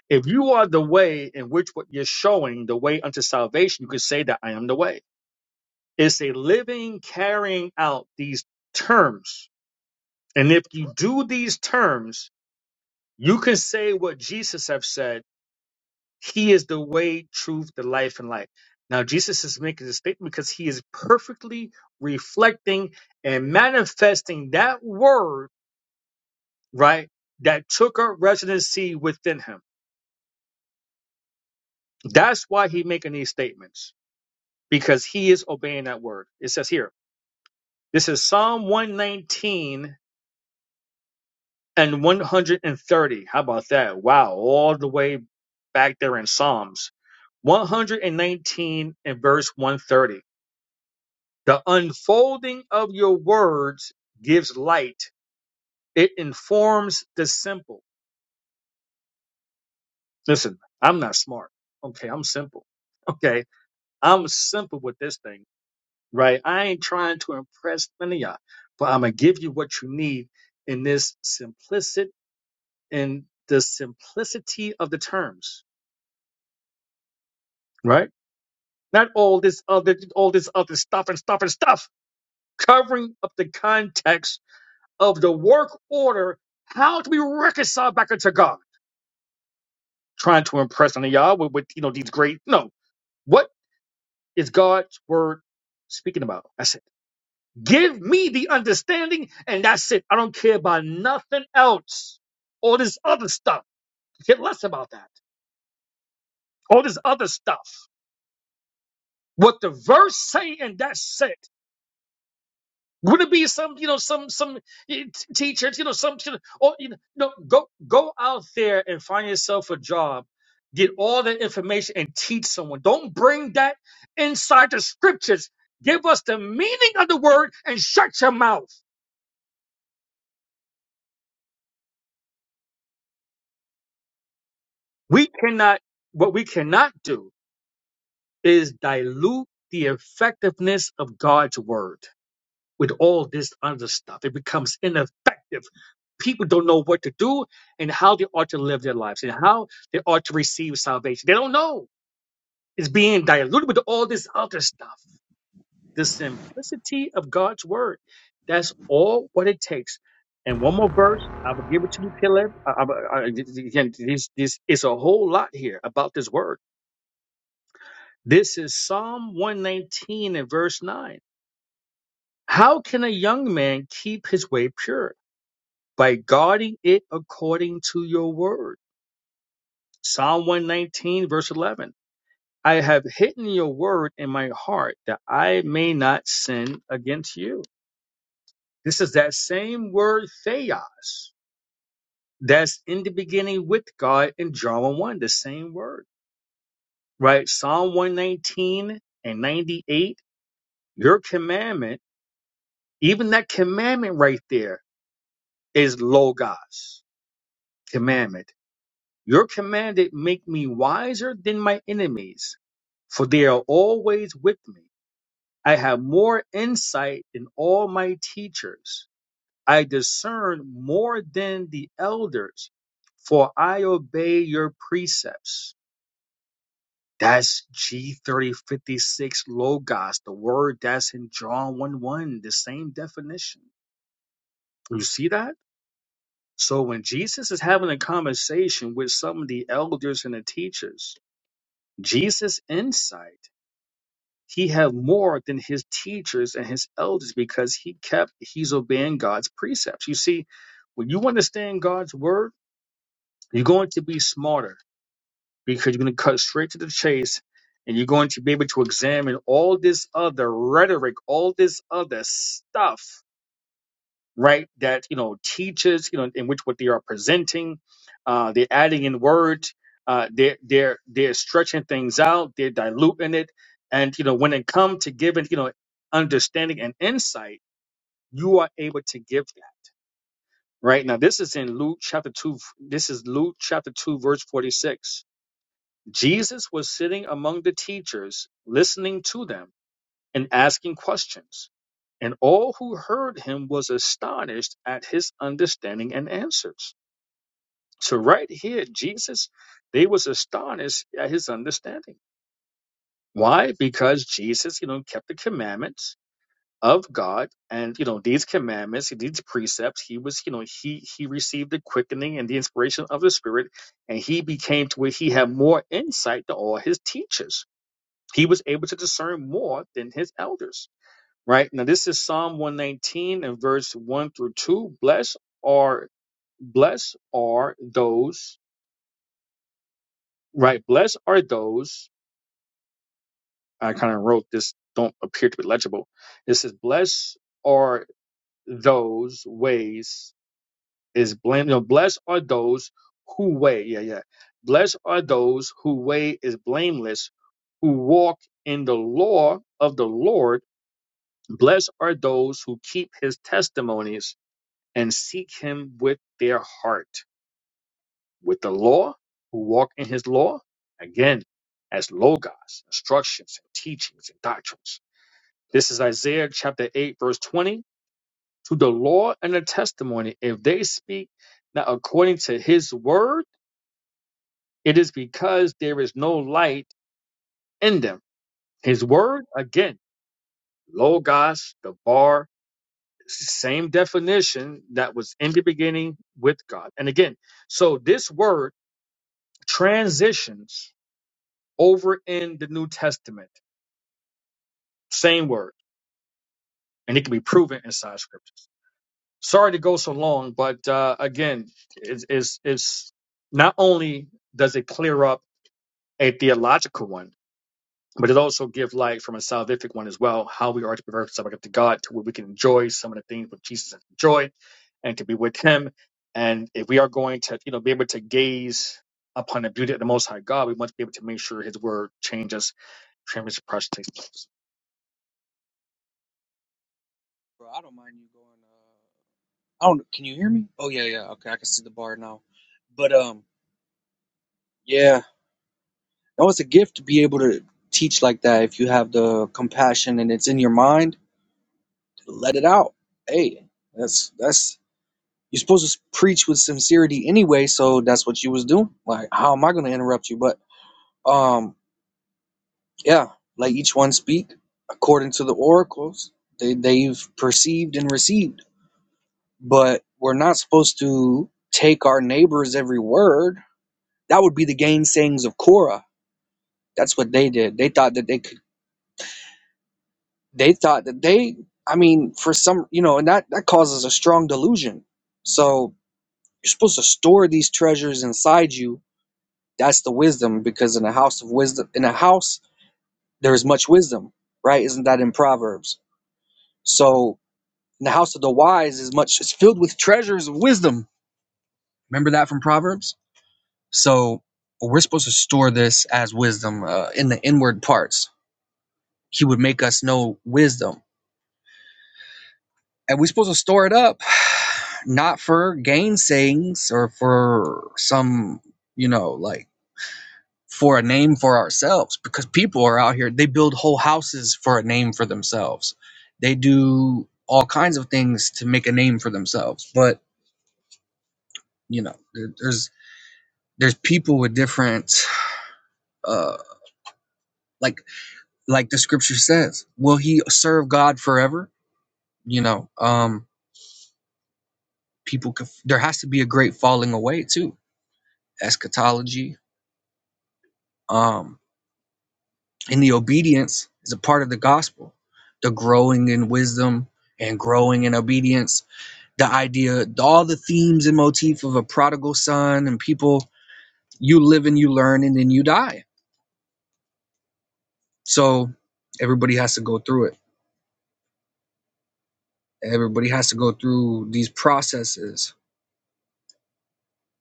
If you are the way in which what you're showing, the way unto salvation, you can say that I am the way. It's a living carrying out these terms And if you do these terms, you can say what Jesus have said. He is the way, truth, the life, and life. Now, Jesus is making this statement because he is perfectly reflecting and manifesting that word, right, that took up residency within him. That's why he making these statements, because he is obeying that word. It says here, this is Psalm 119 and 130. How about that? Wow, all the way back there in Psalms. 119 and verse 130. The unfolding of your words gives light, it informs the simple. Listen, I'm not smart. Okay, I'm simple. Okay, I'm simple with this thing, right? I ain't trying to impress none of y'all, but I'm gonna give you what you need in this simplicity, in the simplicity of the terms, right? not all this other all this other stuff and stuff and stuff covering up the context of the work order how do we reconcile back into god trying to impress on y'all with, with you know these great no what is god's word speaking about that's it give me the understanding and that's it i don't care about nothing else all this other stuff get less about that all this other stuff what the verse say, and that's it Wouldn't it be some, you know, some some eh, t- teachers, you know, some should- or you know, no, go go out there and find yourself a job, get all the information and teach someone. Don't bring that inside the scriptures. Give us the meaning of the word and shut your mouth. We cannot. What we cannot do is dilute the effectiveness of God's word. with all this other stuff. It becomes ineffective. People don't know what to do and how they ought to live their lives and how they ought to receive salvation. They don't know. It's being diluted with all this other stuff. The simplicity of God's word. That's all what it takes. And one more verse, I will give it to you, Caleb. I, I, I, again, this, this is a whole lot here about this word. This is Psalm 119 and verse 9. How can a young man keep his way pure? by guarding it according to your word. Psalm 119, verse 11. I have hidden your word in my heart that I may not sin against you. This is that same word, theos, that's in the beginning with God in John 1, the same word, right? Psalm 119 and 98, your commandment, even that commandment right there is logos, commandment Your command did make me wiser than my enemies, for they are always with me. I have more insight than all my teachers. I discern more than the elders, for I obey your precepts. That's G3056 Logos, the word that's in John 1 1, the same definition. You see that? So when Jesus is having a conversation with some of the elders and the teachers, Jesus' insight, he had more than his teachers and his elders because he kept, he's obeying God's precepts. You see, when you understand God's word, you're going to be smarter because you're going to cut straight to the chase and you're going to be able to examine all this other rhetoric, all this other stuff right? That you know teaches you know in which what they are presenting, uh, they're adding in words, uh, they're they're they're stretching things out, they're diluting it, and you know when it comes to giving you know understanding and insight, you are able to give that right now. This is in Luke chapter two. This is Luke chapter two verse forty six. Jesus was sitting among the teachers, listening to them and asking questions. And all who heard him was astonished at his understanding and answers. So right here, Jesus, they was astonished at his understanding. Why? Because Jesus, you know, kept the commandments of God and you know these commandments, these precepts, he was, you know, he he received the quickening and the inspiration of the spirit, and he became to where he had more insight than all his teachers. He was able to discern more than his elders right? Now, this is Psalm 119 and verse 1 through 2. Blessed are, blessed are those, right? Blessed are those, I kind of wrote this, don't appear to be legible. It says, blessed are those ways is blame, no, blessed are those who weigh, yeah, yeah. Blessed are those who weigh is blameless, who walk in the law of the Lord. Blessed are those who keep his testimonies and seek him with their heart, with the law, who walk in his law, again, as logos, instructions, and teachings, and doctrines. This is Isaiah chapter 8, verse 20. To the law and the testimony, if they speak not according to his word, it is because there is no light in them. His word, again, logos, the bar, same definition that was in the beginning with God. And again, so this word transitions over in the New Testament. Same word, and it can be proven inside scriptures. Sorry to go so long, but uh, again, it's, it's, it's not only does it clear up a theological one, but it also gives light from a salvific one as well, how we are to be reconciled to God, to where we can enjoy some of the things that Jesus enjoyed, and to be with Him. And if we are going to, you know, be able to gaze upon the beauty of the Most High God, we must be able to make sure His Word changes Championship Project takes place.
bro, i don't mind you going uh, i don't can you hear me oh yeah yeah okay i can see the bar now but um yeah no it's a gift to be able to teach like that if you have the compassion and it's in your mind let it out. Hey, that's that's you're supposed to preach with sincerity anyway, so that's what you was doing. Like, how am I gonna interrupt you? But um, yeah, let each one speak according to the oracles they, they've perceived and received. But we're not supposed to take our neighbor's every word. That would be the gainsayings of Korah. That's what they did. They thought that they could. They thought that they. I mean, for some, you know, and that that causes a strong delusion. So You're supposed to store these treasures inside you. That's the wisdom, because in a house of wisdom, in a house there is much wisdom, right? Isn't that in Proverbs? So in the house of the wise is much it's filled with treasures of wisdom. Remember that from Proverbs. So we're supposed to store this as wisdom uh, in the inward parts. He would make us know wisdom, and we're supposed to store it up, not for gainsayings or for some, you know, like for a name for ourselves because people are out here they build whole houses for a name for themselves they do all kinds of things to make a name for themselves but you know there- there's there's people with different uh like like the scripture says will he serve god forever you know um people could, there has to be a great falling away too eschatology um and the obedience is a part of the gospel the growing in wisdom and growing in obedience the idea, all the themes and motif of a prodigal son and people you live and you learn and then you die. So everybody has to go through it. Everybody has to go through these processes.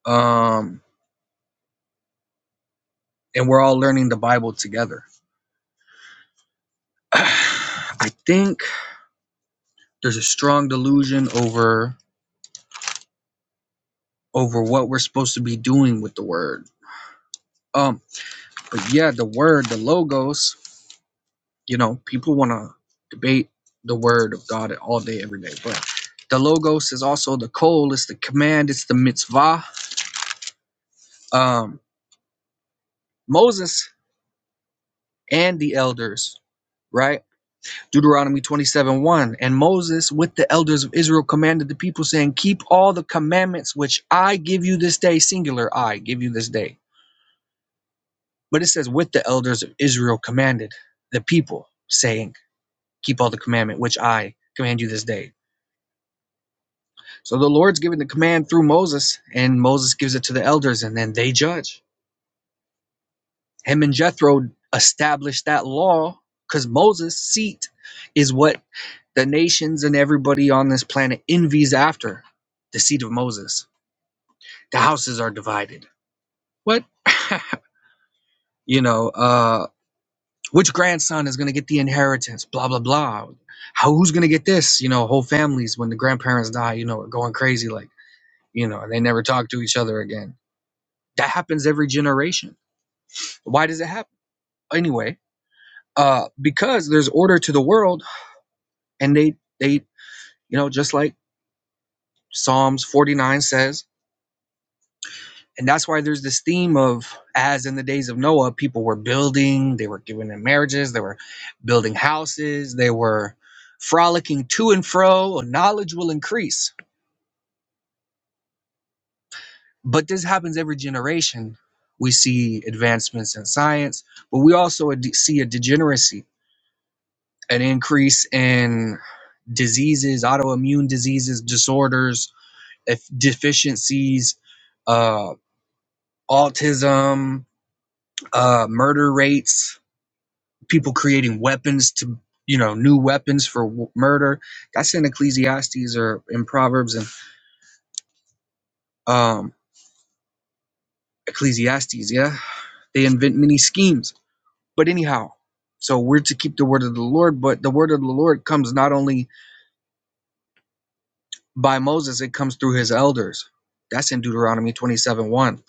Um, and we're all learning the Bible together. I think there's a strong delusion over over what we're supposed to be doing with the word. Um, but yeah, the word, the logos, You know, people want to debate the word of God all day, every day. But the logos is also the call, it's the command, it's the mitzvah. Um, Moses and the elders, right? Deuteronomy 27 1. And Moses with the elders of Israel commanded the people, saying, Keep all the commandments which I give you this day, singular, I give you this day. But it says, With the elders of Israel commanded the people, saying, Keep all the commandment which I command you this day So the Lord's giving the command through Moses, and Moses gives it to the elders, and then they judge. Him and Jethro established that law because Moses' seat is what the nations and everybody on this planet envies after the seat of Moses. The houses are divided. What? you know, uh, which grandson is going to get the inheritance? Blah, blah, blah. How, who's going to get this? You know, whole families, when the grandparents die, you know, are going crazy. Like, you know, they never talk to each other again That happens every generation. Why does it happen? Anyway, uh, because there's order to the world and they they you know just like Psalms 49 says, and that's why there's this theme of as in the days of Noah, people were building, they were giving them marriages, they were building houses, they were frolicking to and fro, knowledge will increase. But this happens every generation. We see advancements in science, but we also ad- see a degeneracy, an increase in diseases, autoimmune diseases, disorders, deficiencies, uh, autism, uh, murder rates, people creating weapons to, you know, new weapons for w- murder. That's in Ecclesiastes or in Proverbs and um, Ecclesiastes. Yeah, they invent many schemes. But anyhow, so we're to keep the word of the Lord. But the word of the Lord comes not only by Moses it comes through his elders. That's in Deuteronomy 27 1.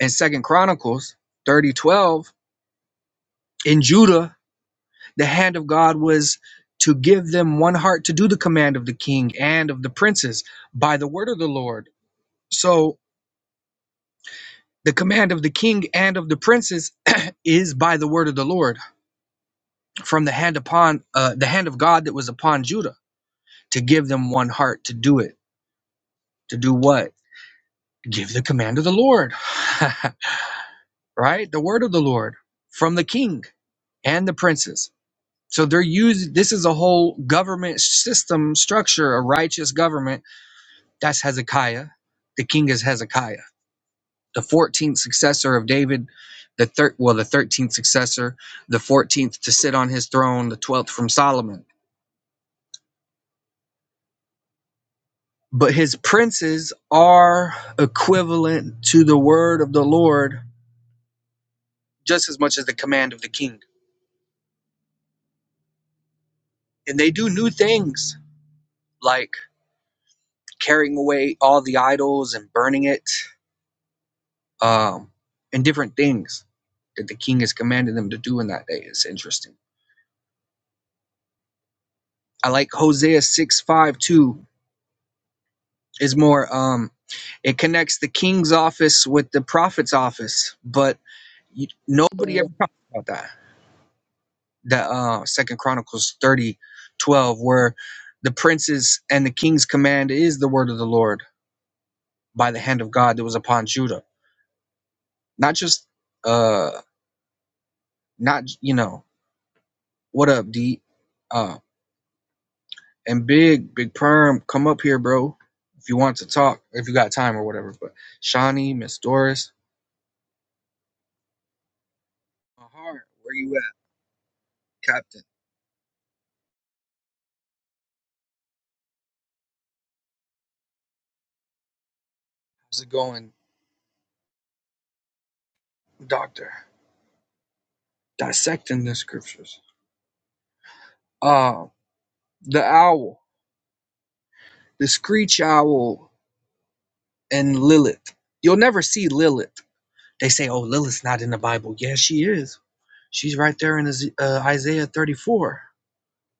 And Second Chronicles thirty twelve in Judah, the hand of God was to give them one heart to do the command of the king and of the princes by the word of the Lord. So the command of the king and of the princes is by the word of the Lord from the hand upon uh, the hand of God that was upon Judah to give them one heart to do it. To do what? Give the command of the Lord. right? The word of the Lord from the king and the princes. So they're using this is a whole government system structure, a righteous government. That's Hezekiah. The king is Hezekiah, the 14th successor of David, the third well, the 13th successor, the 14th to sit on his throne, the 12th from Solomon. But his princes are equivalent to the word of the Lord just as much as the command of the king. And they do new things like carrying away all the idols and burning it, um, and different things that the king has commanded them to do in that day. It's interesting. I like Hosea 6 5 too, is more, um, it connects the king's office with the prophet's office, but you, nobody ever
It
talks about that. That uh, Second Chronicles 30 12 where the prince's and the king's command is the word of the Lord by the hand of God that was upon Judah. Not just, uh, not, you know. What up, D? Uh, and Big, Big Perm, come up here, bro. If you want to talk, if you got time or whatever. But Shawnee, Miss Doris, my heart, where you at, Captain? How's it going, Doctor? Dissecting the scriptures. Uh, the owl, the screech owl, and Lilith. You'll never see Lilith. They say, "Oh, Lilith's not in the Bible." Yeah, she is. She's right there in uh, Isaiah 34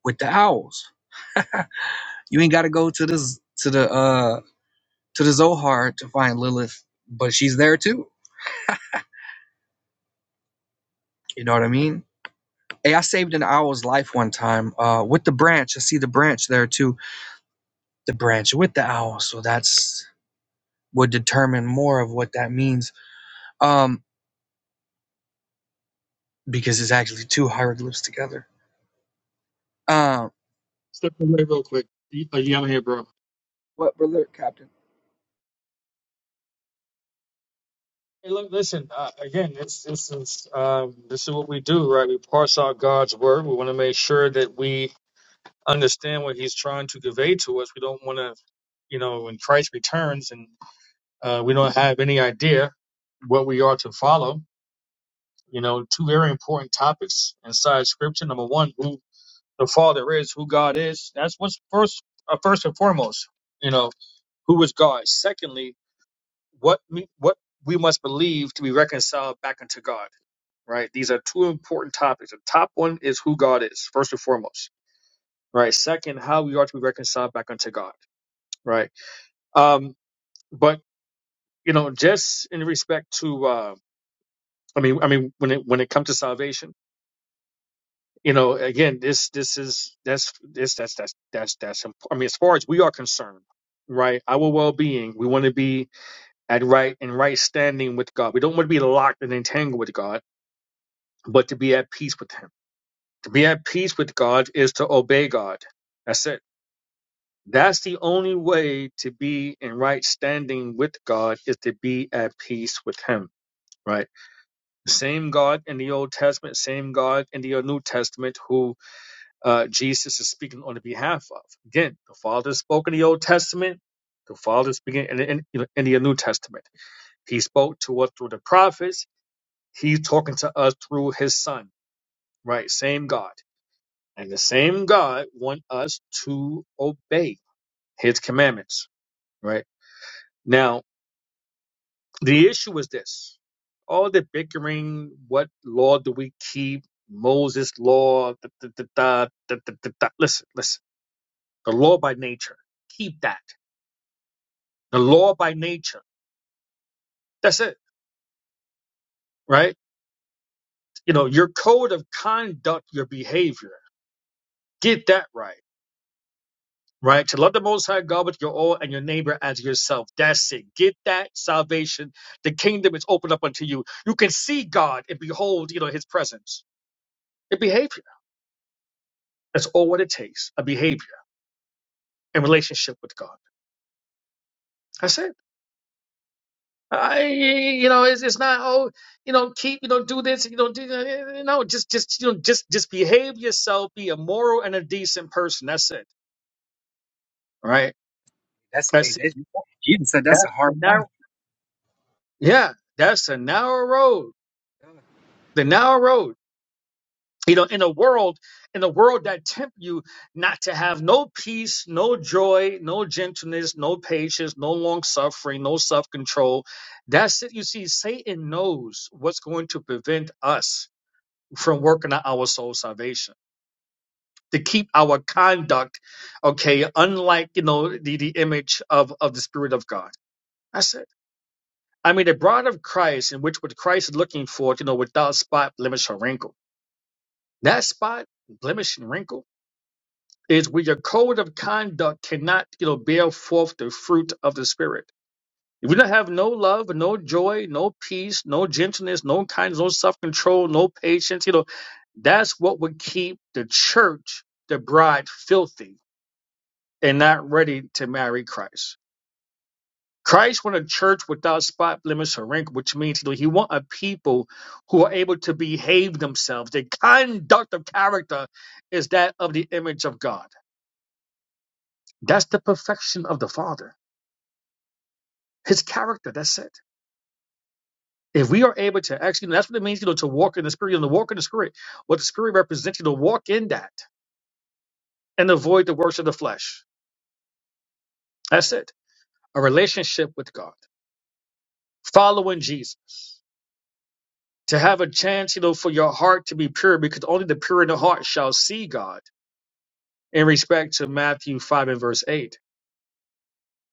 with the owls. You ain't got to go to this to the uh to the Zohar to find Lilith, but she's there too. You know what I mean? Hey, I saved an owl's life one time uh, with the branch. I see the branch there too. The branch with the owl. So that's would determine more of what that means um, because it's actually two hieroglyphs together. Um,
Step away real quick. Y- uh, Yeah, I'm here, bro.
what, but look, Captain,
Hey, look, listen. Uh, again, it's this is um, this is what we do, right? We parse out God's word. We want to make sure that we understand what He's trying to convey to us. We don't want to, you know, when Christ returns and uh, we don't have any idea what we are to follow. You know, two very important topics inside Scripture. Number one, who the Father is, who God is. That's what's first, uh, first and foremost. You know, who is God? Secondly, what me- what we must believe to be reconciled back unto God. Right? These are two important topics. The top one is who God is, first and foremost. Right. Second, how we are to be reconciled back unto God. Right. Um, but you know, just in respect to, uh, I mean, I mean, when it when it comes to salvation, you know, again, this this is that's this that's that's that's that's imp- I mean, as far as we are concerned, right? Our well being, we want to be at right and right standing with God. We don't want to be locked and entangled with God but to be at peace with Him. To be at peace with God is to obey God. That's it. That's the only way to be in right standing with God is to be at peace with Him. Right. Same God in the Old Testament, same God in the New Testament who uh, Jesus is speaking on the behalf of. Again, the Father spoke in the Old Testament. The Father is speaking in, in, in the New Testament. He spoke to us through the prophets. He's talking to us through his son. Right. Same God. And the same God want us to obey his commandments, right? Now, the issue is this. All the bickering, what law do we keep? Moses law, da, da, da, da, da, da, da, da. listen, listen. The law by nature, keep that. The law by nature, that's it, right? You know, your code of conduct, your behavior, get that right right? To love the Most High God with your all and your neighbor as yourself. That's it. Get that salvation. The kingdom is opened up unto you. You can see God and behold, you know, His presence, A behavior. That's all what it takes. A behavior and relationship with God. That's it. I, you know, it's, it's not oh, you know, keep, you know, do this, you know, do you know, just, just, you know, just, just behave yourself, be a moral and a decent person. That's it, All right?
that's they.
That's
they you said that's a
that's
hard
the
life.
narrow, yeah, that's the narrow road, the narrow road you know in a world in a world that tempt you not to have no peace no joy no gentleness no patience no long suffering no self control that's it you see satan knows what's going to prevent us from working on our soul salvation to keep our conduct okay unlike you know the, the image of of the spirit of god that's it i mean the bride of christ in which what christ is looking for you know without spot blemish or wrinkle that spot blemish and wrinkle is where your code of conduct cannot, you know, bear forth the fruit of the spirit. If you don't have no love, no joy, no peace, no gentleness, no kindness, no self-control, no patience, you know, that's what would keep the church, the bride, filthy and not ready to marry Christ. Christ want a church without spot, blemish, or wrinkle, which means you know, he want a people who are able to behave themselves. Their conduct of character is that of the image of God. That's the perfection of the Father. His character, that's it. If we are able to actually, that's what it means, you know, to walk in the spirit, you know, to walk in the spirit. What the spirit represents, you know, walk in that and avoid the works of the flesh. That's it. A relationship with God, following Jesus, to have a chance, you know, for your heart to be pure, because only the pure in the heart shall see God. In respect to Matthew 5 and verse 8,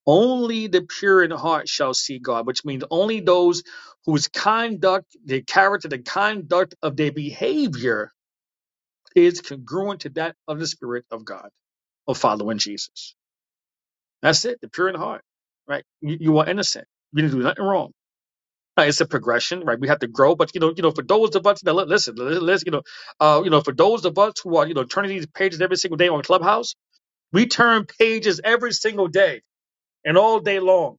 only the pure in heart shall see God, which means only those whose conduct, their character, the conduct of their behavior is congruent to that of the Spirit of God, of following Jesus. That's it, the pure in heart, right? You, you are innocent. You didn't do nothing wrong. Uh, it's a progression, right? We have to grow, but you know, you know, for those of us that li- listen, li- listen, you know, uh, you know, for those of us who are you know turning these pages every single day on Clubhouse, we turn pages every single day and all day long,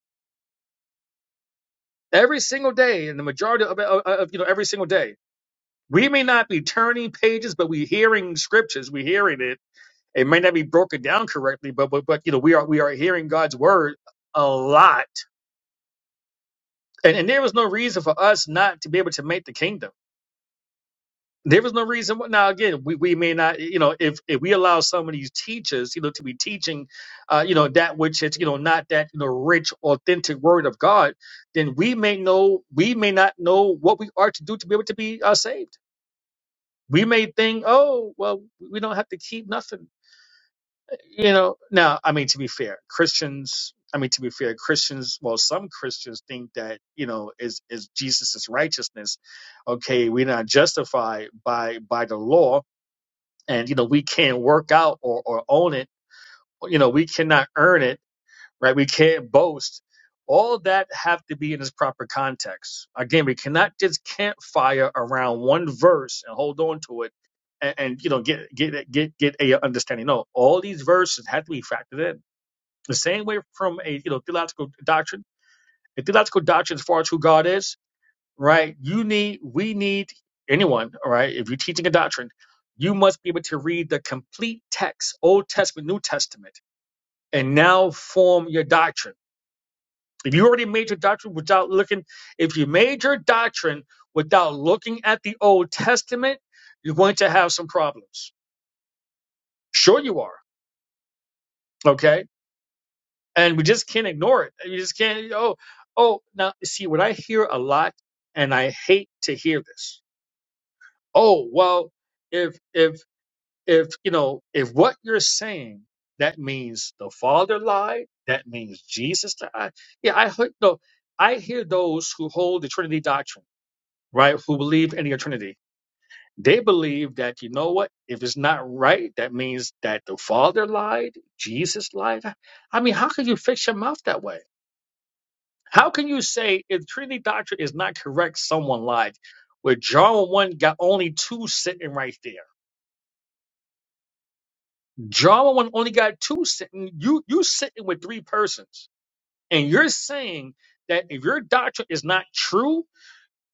every single day, and the majority of, of, of you know every single day. We may not be turning pages, but we're hearing scriptures, we're hearing it, It may not be broken down correctly, but but, but you know we are we are hearing God's word a lot, and and there was no reason for us not to be able to make the kingdom. There was no reason. why- Now again, we, we may not you know if if we allow some of these teachers you know to be teaching, uh, you know that which is you know not that you know rich authentic word of God, then we may know we may not know what we are to do to be able to be uh, saved. We may think, oh well, we don't have to keep nothing you know now i mean to be fair christians i mean to be fair christians well some christians think that you know is is jesus's righteousness okay we're not justified by by the law and you know we can't work out or or own it you know we cannot earn it right we can't boast all that have to be in its proper context again we cannot just campfire around one verse and hold on to it and, and you know get get get get a understanding no all these verses have to be factored in the same way from a you know theological doctrine, a theological doctrine as far as who God is, right? You need, we need anyone, all right? If you're teaching a doctrine, you must be able to read the complete text, Old Testament, New Testament, and now form your doctrine. If you already made your doctrine without looking, if you made your doctrine without looking at the Old Testament, you're going to have some problems. Sure, you are. Okay and we just can't ignore it. You just can't. Oh, oh. Now, you see what I hear a lot, and I hate to hear this. Oh, well, if if if you know if what you're saying that means the Father lied, that means Jesus lied. Yeah, I heard no. I hear those who hold the Trinity doctrine, right? Who believe in the Trinity. They believe that you know what? If it's not right, that means that the Father lied, Jesus lied. I mean, how could you fix your mouth that way? How can you say if Trinity doctrine is not correct, someone lied? Where John one got only two sitting right there. John one only got two sitting. You you sitting with three persons, and you're saying that if your doctrine is not true,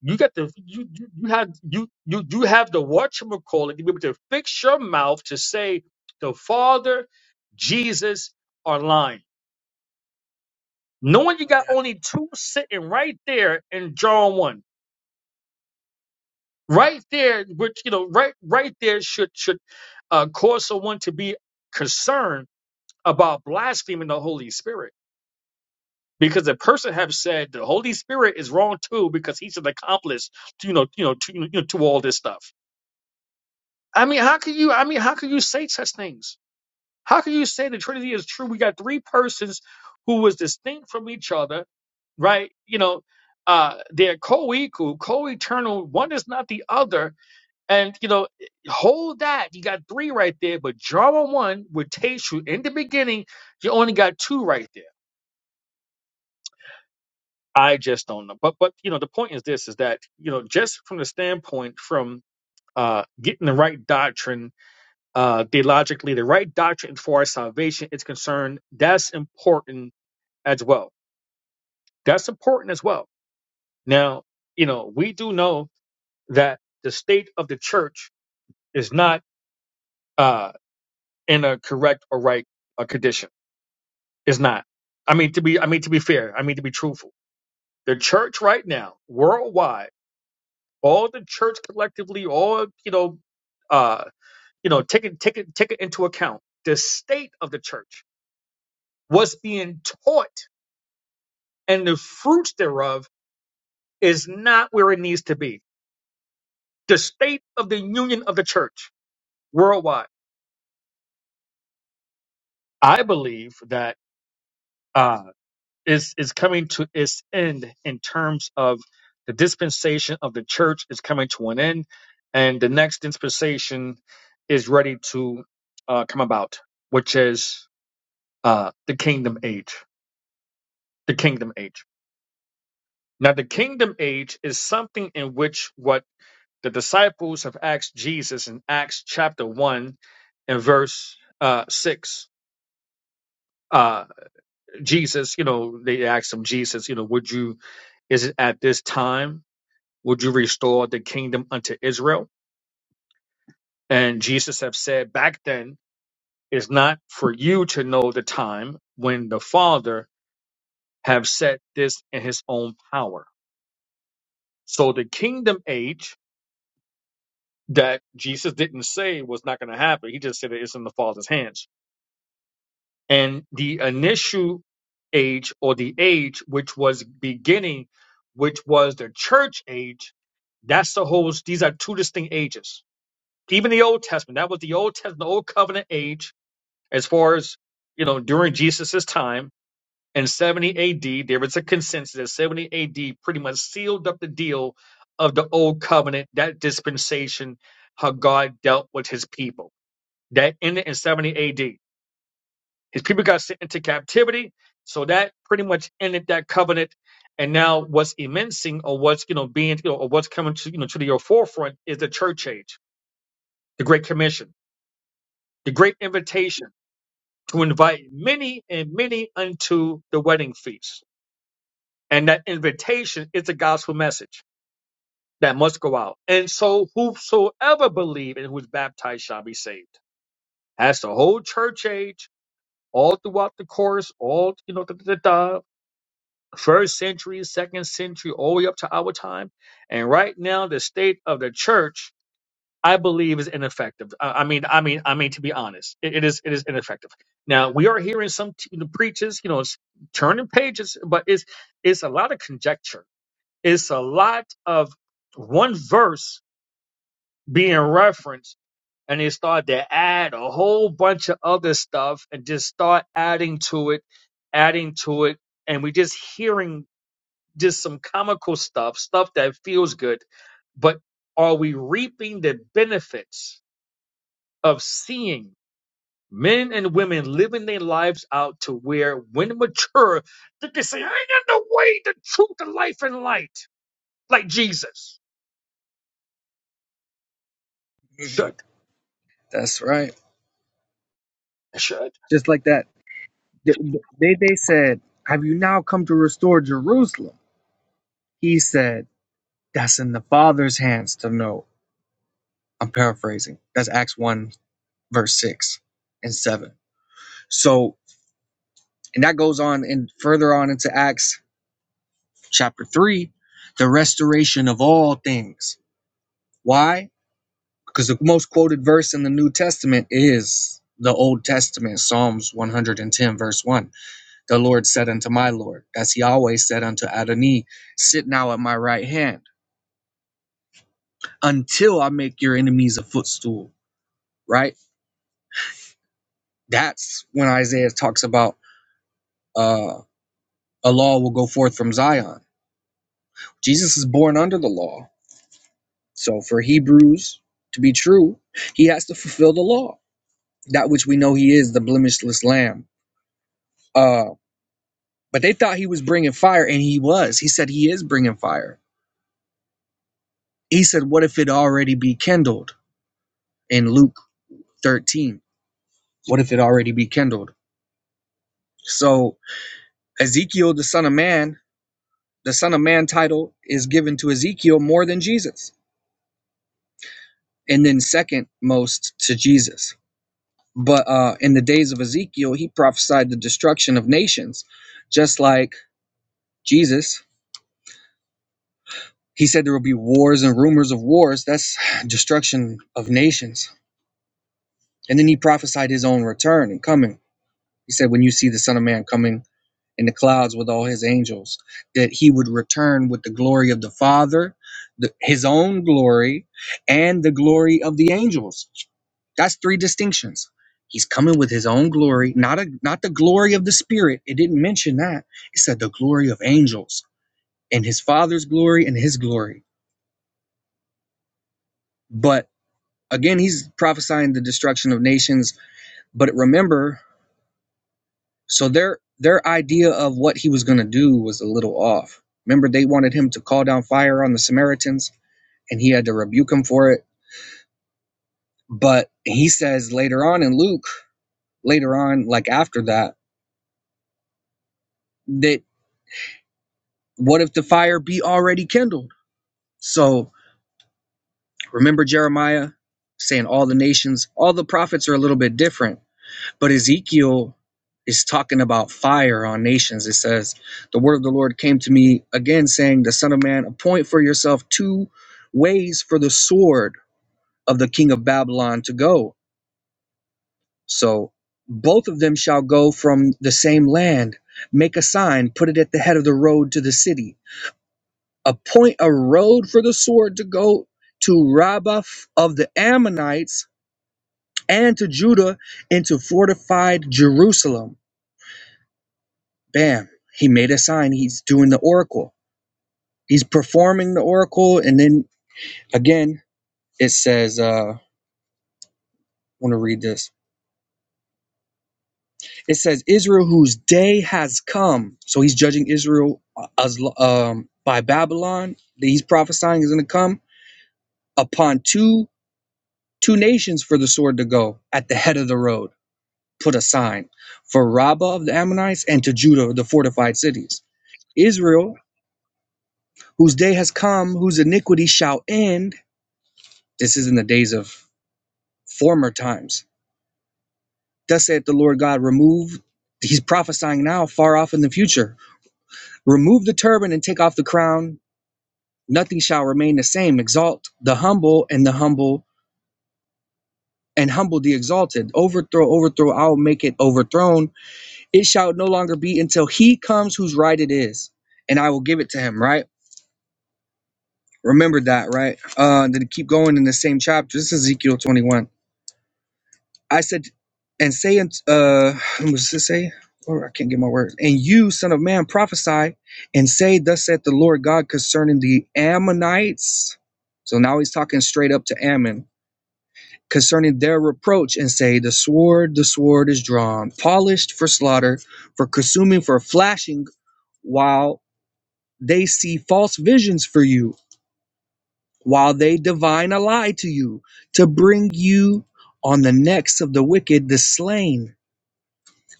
you got the you you, you have you you you have the whatchamacallit to be able to fix your mouth to say the Father, Jesus are lying. Knowing you got only two sitting right there in John one. right there which you know right right there should should uh, cause someone to be concerned about blaspheming the holy spirit because the person have said the holy spirit is wrong too because he's an accomplice to, you know you know to, you know to all this stuff i mean how can you i mean how can you say such things how can you say the trinity is true we got three persons who was distinct from each other right you know uh they're co-equal co-eternal one is not the other And you know, hold that. You got three right there, but drama one with Tayshia in the beginning, you only got two right there. I just don't know. But but you know, the point is this is that, you know, just from the standpoint from uh getting the right doctrine, uh theologically, the right doctrine for our salvation is concerned, that's important as well. That's important as well. Now, you know, we do know that the state of the church is not uh in a correct or right uh, condition It's not. I mean to be I mean to be fair, I mean to be truthful. The church right now, worldwide, all the church collectively, all you know, uh, you know, take it take it take it into account. The state of the church, what's being taught and the fruits thereof is not where it needs to be. The state of the union of the church worldwide. I believe that uh, is is coming to its end in terms of the dispensation of the church is coming to an end, and the next dispensation is ready to uh, come about, which is uh, the kingdom age. The kingdom age. Now, the kingdom age is something in which what the disciples have asked Jesus in Acts chapter one and verse uh, six. Uh, Jesus, you know, they asked him, Jesus, you know, would you? Is it at this time? would you restore the kingdom unto Israel? And Jesus have said back then, it's not for you to know the time when the Father have set this in his own power. So the kingdom age that Jesus didn't say was not going to happen. He just said it's in the Father's hands. And the initial age or the age which was beginning, which was the church age, that's the whole, these are two distinct ages Even the Old Testament, that was the Old Testament, the Old Covenant age, as far as, you know, during Jesus' time. In 70 AD, there was a consensus that 70 AD pretty much sealed up the deal of the Old Covenant, that dispensation, how God dealt with his people. That ended in 70 AD. His people got sent into captivity. So that pretty much ended that covenant and now what's immencing or what's you know being you know or what's coming to you know to your forefront is the church age, the Great Commission, the Great Invitation to invite many and many unto the wedding feast. And that invitation is the gospel message that must go out. And so whosoever believe and who is baptized shall be saved. That's the whole church age, all throughout the course, all you know, da, da, da, da, first century, second century, all the way up to our time. And right now, the state of the church I believe is ineffective. I I mean, I mean, I mean, to be honest, it, it is it is ineffective. Now we are hearing some t- the preachers, you know, it's turning pages, but it's it's a lot of conjecture. It's a lot of one verse being referenced, and they start to add a whole bunch of other stuff, and just start adding to it, adding to it, and we just hearing just some comical stuff, stuff that feels good, but are we reaping the benefits? of seeing men and women living their lives out to where, when mature, they can say, I am the way, the truth, the life, and light, like Jesus. Should.
that's right.
Should.
Just like that. they they said, "Have you now come to restore Jerusalem?" He said. That's in the Father's hands to know. I'm paraphrasing. That's Acts 1, verse 6 and 7. So, and that goes on and further on into Acts chapter 3, the restoration of all things. Why? Because the most quoted verse in the New Testament is the Old Testament, Psalms 110, verse 1. The Lord said unto my Lord, as he always said unto Adonai, sit now at my right hand until I make your enemies a footstool, right? That's when Isaiah talks about uh, a law will go forth from Zion. Jesus is born under the law. So for Hebrews to be true, he has to fulfill the law, that which we know he is, the blemishless lamb. Uh, but they thought he was bringing fire, and he was. He said he is bringing fire. He said, What if it already be kindled in Luke 13? What if it already be kindled? So Ezekiel, the son of man, the son of man title is given to Ezekiel more than Jesus and then second most to Jesus. But uh, in the days of Ezekiel, he prophesied the destruction of nations, just like Jesus. He said there will be wars and rumors of wars. That's destruction of nations. And then he prophesied his own return and coming. He said, When you see the Son of Man coming in the clouds with all his angels, that he would return with the glory of the Father, the, his own glory, and the glory of the angels. That's three distinctions. He's coming with his own glory, not a not the glory of the spirit. It didn't mention that. It said the glory of angels and his father's glory and his glory. But again, he's prophesying the destruction of nations. But remember, So their their idea of what he was going to do was a little off. Remember, they wanted him to call down fire on the Samaritans, and he had to rebuke him for it. But he says later on in Luke, later on, like after that, that what if the fire be already kindled? So remember Jeremiah saying all the nations, all the prophets are a little bit different. But Ezekiel is talking about fire on nations. It says, The word of the Lord came to me again, saying, The Son of Man, appoint for yourself two ways for the sword of the king of Babylon to go. So both of them shall go from the same land. Make a sign, put it at the head of the road to the city. Appoint a road for the sword to go to Rabbah of the Ammonites and to Judah into fortified Jerusalem bam, he made a sign. He's doing the oracle. He's performing the oracle. And then again, it says, uh, I want to read this. It says, Israel, whose day has come. So he's judging Israel uh, as, um, by Babylon. He's prophesying is going to come upon two two nations for the sword to go at the head of the road. Put a sign for Rabbah of the Ammonites and to Judah, the fortified cities. Israel, whose day has come, whose iniquity shall end. This is in the days of former times. Thus saith the Lord God, remove, he's prophesying now, far off in the future. Remove the turban and take off the crown. Nothing shall remain the same. Exalt the humble and the humble and humble the exalted. Overthrow, overthrow, I'll make it overthrown. It shall no longer be until he comes whose right it is, and I will give it to him, right? Remember that, right? Uh, then keep going in the same chapter. This is Ezekiel 21 I said, and say, unt- uh, what does it say? Or I can't get my words. And you, son of man, prophesy and say, Thus saith the Lord God concerning the Ammonites. So now he's talking straight up to Ammon concerning their reproach and say, The sword, the sword is drawn, polished for slaughter, for consuming, for flashing, while they see false visions for you, while they divine a lie to you, to bring you on the necks of the wicked, the slain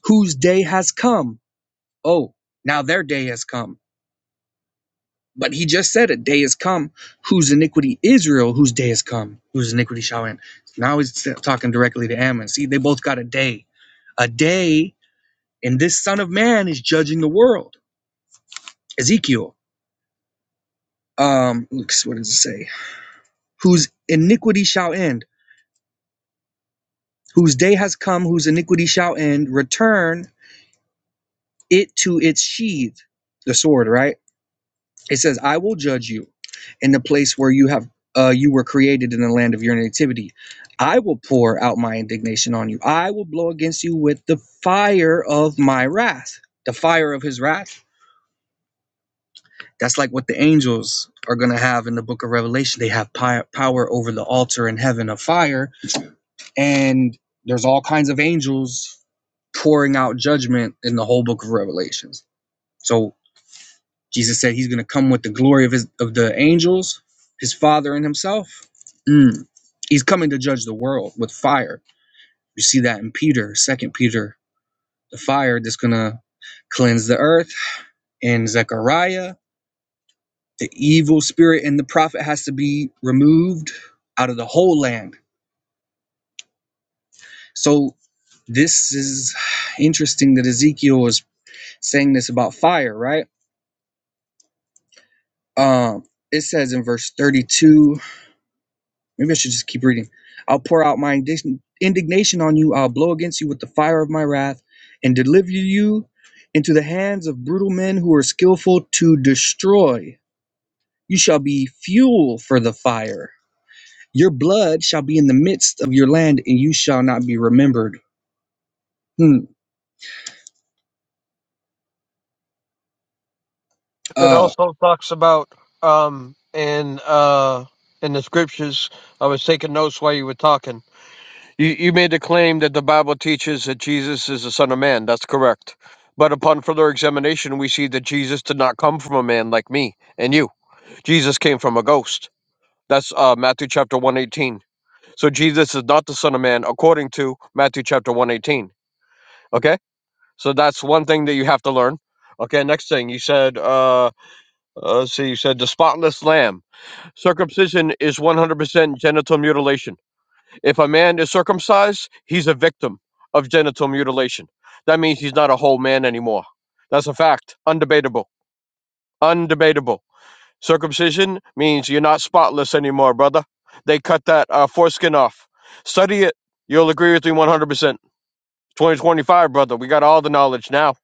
whose day has come. Oh, now their day has come. But he just said a day has come whose iniquity Israel, whose day has come, whose iniquity shall end. Now he's talking directly to Ammon. See, they both got a day. A day, and this son of man is judging the world. Ezekiel, um, looks- what does it say? Whose iniquity shall end, whose day has come, whose iniquity shall end, return it to its sheath, the sword, right? It says, I will judge you in the place where you have uh, you were created in the land of your nativity. I will pour out my indignation on you. I will blow against you with the fire of my wrath. The fire of his wrath. That's like what the angels are going to have in the book of Revelation. They have power over the altar in heaven of fire. And there's all kinds of angels pouring out judgment in the whole book of Revelations. So Jesus said he's going to come with the glory of his of the angels, his father and himself. Mm. He's coming to judge the world with fire. You see that in Peter, Second Peter, the fire that's going to cleanse the earth. In Zechariah, the evil spirit in the prophet has to be removed out of the whole land. So this is interesting that Ezekiel is saying this about fire, right? Um, it says in verse 32 Maybe I should just keep reading. I'll pour out my indignation on you. I'll blow against you with the fire of my wrath and deliver you into the hands of brutal men who are skillful to destroy. You shall be fuel for the fire. Your blood shall be in the midst of your land and you shall not be remembered. Hmm. Uh,
also talks about um in uh in the scriptures. I was taking notes while you were talking. You you made the claim that the Bible teaches that Jesus is the Son of Man. That's correct. But upon further examination, we see that Jesus did not come from a man like me and you. Jesus came from a ghost. That's uh, Matthew chapter one eighteen. So Jesus is not the Son of Man according to Matthew chapter one eighteen. Okay, so that's one thing that you have to learn. Okay, next thing you said. Uh, Uh, let's see, you said the spotless lamb. Circumcision is 100% genital mutilation. If a man is circumcised, he's a victim of genital mutilation. That means he's not a whole man anymore. That's a fact. Undebatable. Undebatable. Circumcision means you're not spotless anymore, brother. They cut that uh, foreskin off. Study it. You'll agree with me 100%. 2025, brother. We got all the knowledge now.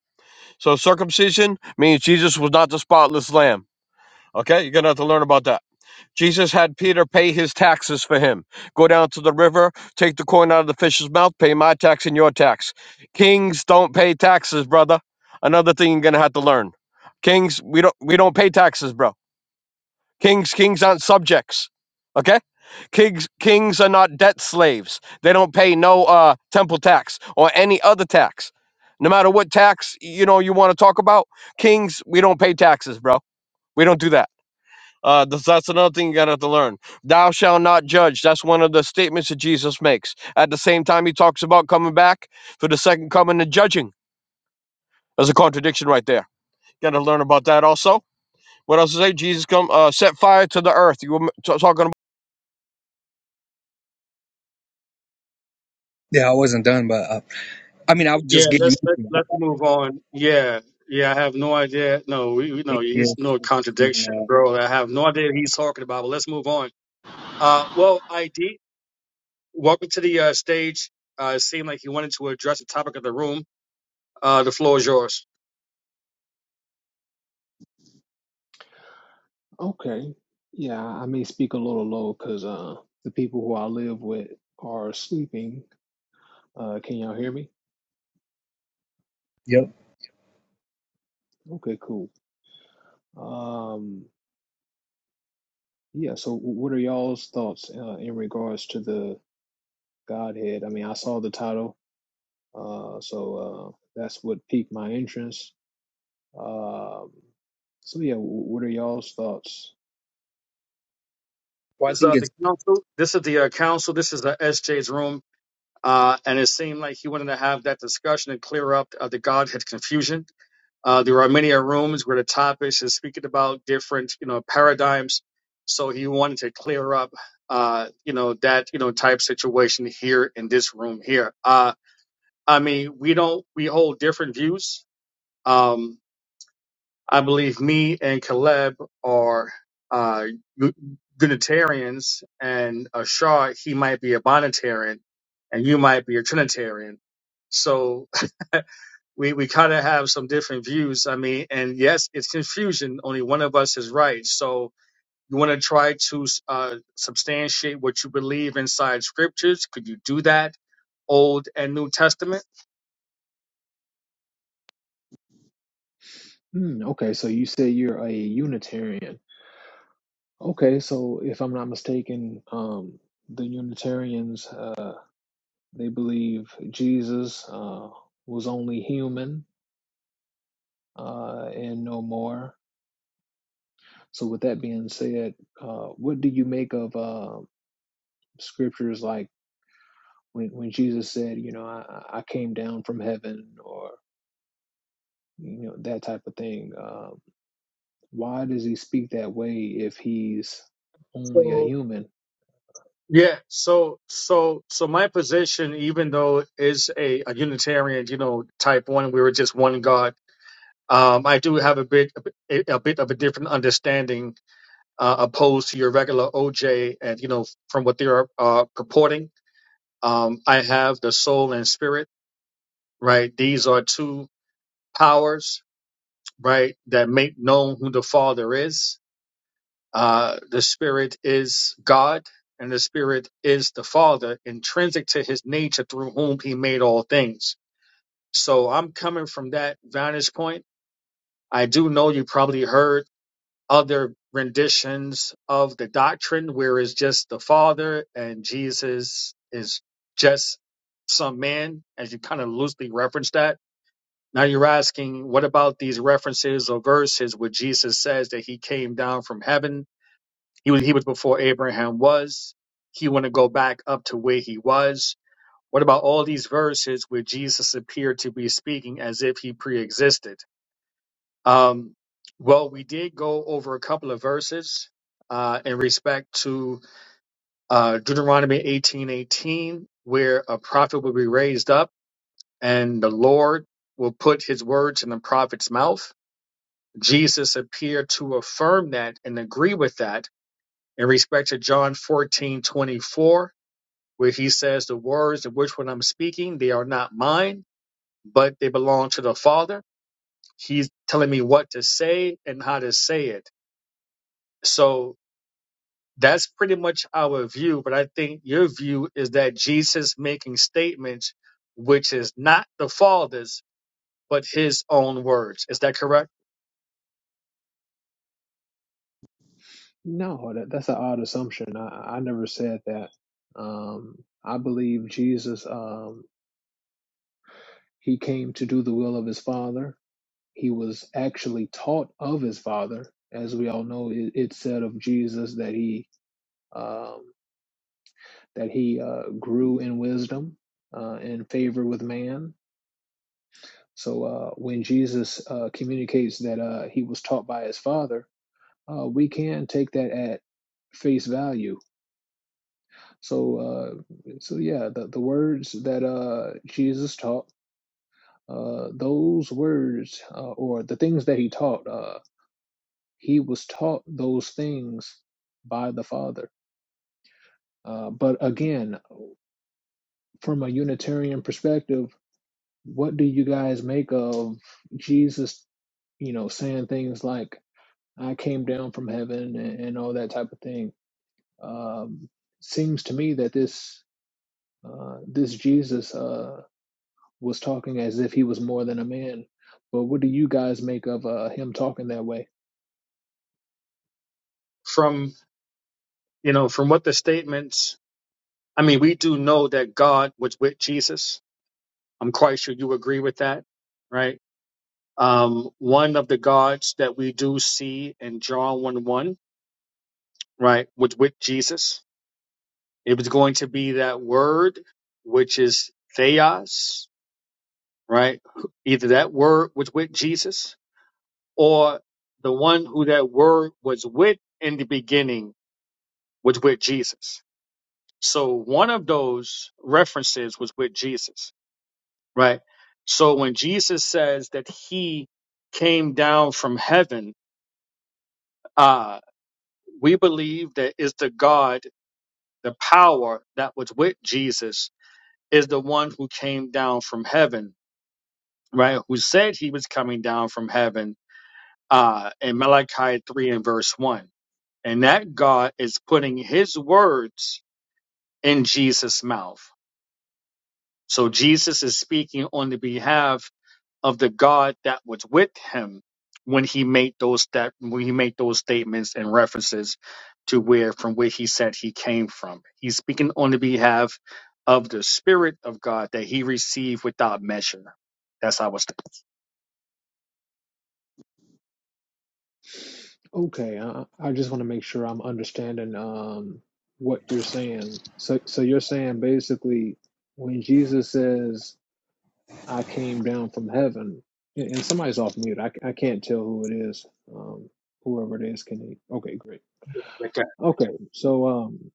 So circumcision means Jesus was not the spotless lamb. Okay? You're going to have to learn about that. Jesus had Peter pay his taxes for him. Go down to the river, take the coin out of the fish's mouth, pay my tax and your tax. Kings don't pay taxes, brother. Another thing you're gonna have to learn. Kings, we don't we don't pay taxes, bro. Kings, kings aren't subjects. Okay? Kings kings are not debt slaves. They don't pay no uh temple tax or any other tax. No matter what tax you know you want to talk about, kings, we don't pay taxes, bro. We don't do that. Uh, that's, that's another thing you gotta have to learn. Thou shalt not judge. That's one of the statements that Jesus makes. At the same time, he talks about coming back for the second coming and judging. There's a contradiction right there. Gotta learn about that also. What else is say? Jesus come uh, set fire to the earth. You were talking about.
yeah, I wasn't done, but uh, I mean, I was just
Yeah,
getting
let's
into
let, let's
that.
move on. Yeah, yeah, I have no idea. No, we, we know he's
Yes.
no
Excuse me.
contradiction, bro. I have no idea what he's talking about. But let's move on. Uh, well, ID, welcome to the uh, stage. Uh, it seemed like you wanted to address the topic of the room. Uh, the floor is yours.
Okay. Yeah, I may speak a little low because uh, the people who I live with are sleeping. Uh, can y'all hear me?
Yep.
Okay, cool. Um, yeah, so w- what are y'all's thoughts uh, in regards to the Godhead? I mean, I saw the title, uh, so uh, that's what piqued my interest. Um, so yeah, w- what are y'all's thoughts?
Well, I
This is
think
uh,
it's
the council. This is the uh, council. This is the SJ's room. Uh, and it seemed like he wanted to have that discussion and clear up uh, the Godhead confusion. Uh, there are many uh, rooms where the topics is speaking about different, you know, paradigms. So he wanted to clear up, uh, you know, that, you know, type situation here in this room here. Uh, I mean, we don't, we hold different views. Um, I believe me and Caleb are uh, Gu- Unitarians, and Ashar he might be a Bonitarian, and you might be a Trinitarian. So we we kind of have some different views. I mean, and yes, it's confusion. Only one of us is right. So you want to try to uh, substantiate what you believe inside scriptures? Could you do that? Old and New Testament.
Hmm, okay, so you say you're a Unitarian. Okay, so if I'm not mistaken, um, the Unitarians. uh, They believe Jesus uh, was only human uh, and no more. So, with that being said, uh, what do you make of uh, scriptures like when, when Jesus said, you know, I, I came down from heaven or, you know, that type of thing? Uh, why does he speak that way if he's only a
So
human?
Yeah, so so so my position, even though it is a, a Unitarian, you know, type one, we were just one God. Um, I do have a bit a, a bit of a different understanding uh, opposed to your regular OJ, and you know, from what they are uh, purporting. Um, I have the soul and spirit, right? These are two powers, right, that make known who the Father is Uh, the Spirit is God, and the Spirit is the Father, intrinsic to his nature through whom he made all things. So I'm coming from that vantage point. I do know you probably heard other renditions of the doctrine where it's just the Father and Jesus is just some man, as you kind of loosely reference that. Now you're asking, what about these references or verses where Jesus says that he came down from heaven he was he was before Abraham was. He want to go back up to where he was. What about all these verses where Jesus appeared to be speaking as if he pre-existed? Um, well, we did go over a couple of verses uh, in respect to uh, Deuteronomy eighteen eighteen, where a prophet will be raised up and the Lord will put his words in the prophet's mouth. Jesus appeared to affirm that and agree with that in respect to John fourteen twenty four where he says, The words in which when I'm speaking, they are not mine, but they belong to the Father. He's telling me what to say and how to say it. So that's pretty much our view. But I think your view is that Jesus making statements which is not the Father's, but his own words. Is that correct?
No, that, that's an odd assumption. I, I never said that. Um, I believe Jesus, um, he came to do the will of his Father he was actually taught of his father as we all know it, it said of jesus that he um, that he uh, grew in wisdom uh, in favor with man so uh, when jesus uh, communicates that uh, he was taught by his father uh, we can take that at face value so uh, so yeah the, the words that uh, jesus taught uh, those words uh, or the things that he taught Uh, he was taught those things by the Father. Uh, but again, from a Unitarian perspective, what do you guys make of Jesus, you know, saying things like, I came down from heaven and, and all that type of thing? Um, seems to me that this uh, this Jesus uh, was talking as if he was more than a man. But what do you guys make of uh, him talking that way?
From you know, from what the statements I mean, we do know that God was with Jesus. I'm quite sure you agree with that, right? um, one of the gods that we do see in John 1 1, right, was with Jesus. It was going to be that word, which is theos, right? Either that word was with Jesus or the one who that word was with in the beginning was with Jesus. So one of those references was with Jesus, right? So when Jesus says that he came down from heaven, uh, we believe that it's the God, the power that was with Jesus, is the one who came down from heaven, right? Who said he was coming down from heaven uh, in Malachi 3 and verse 1. And that God is putting his words in Jesus' mouth. So Jesus is speaking on the behalf of the God that was with him when he made those that when he made those statements and references to where from where he said he came from. He's speaking on the behalf of the Spirit of God that he received without measure. That's how it's.
Okay, I, I just want to make sure I'm understanding um what you're saying. So so you're saying basically when Jesus says I came down from heaven, and, and somebody's off mute. I, c- I can't tell who it is. Um, whoever it is, can he? Okay, great.
Okay.
Okay, so um,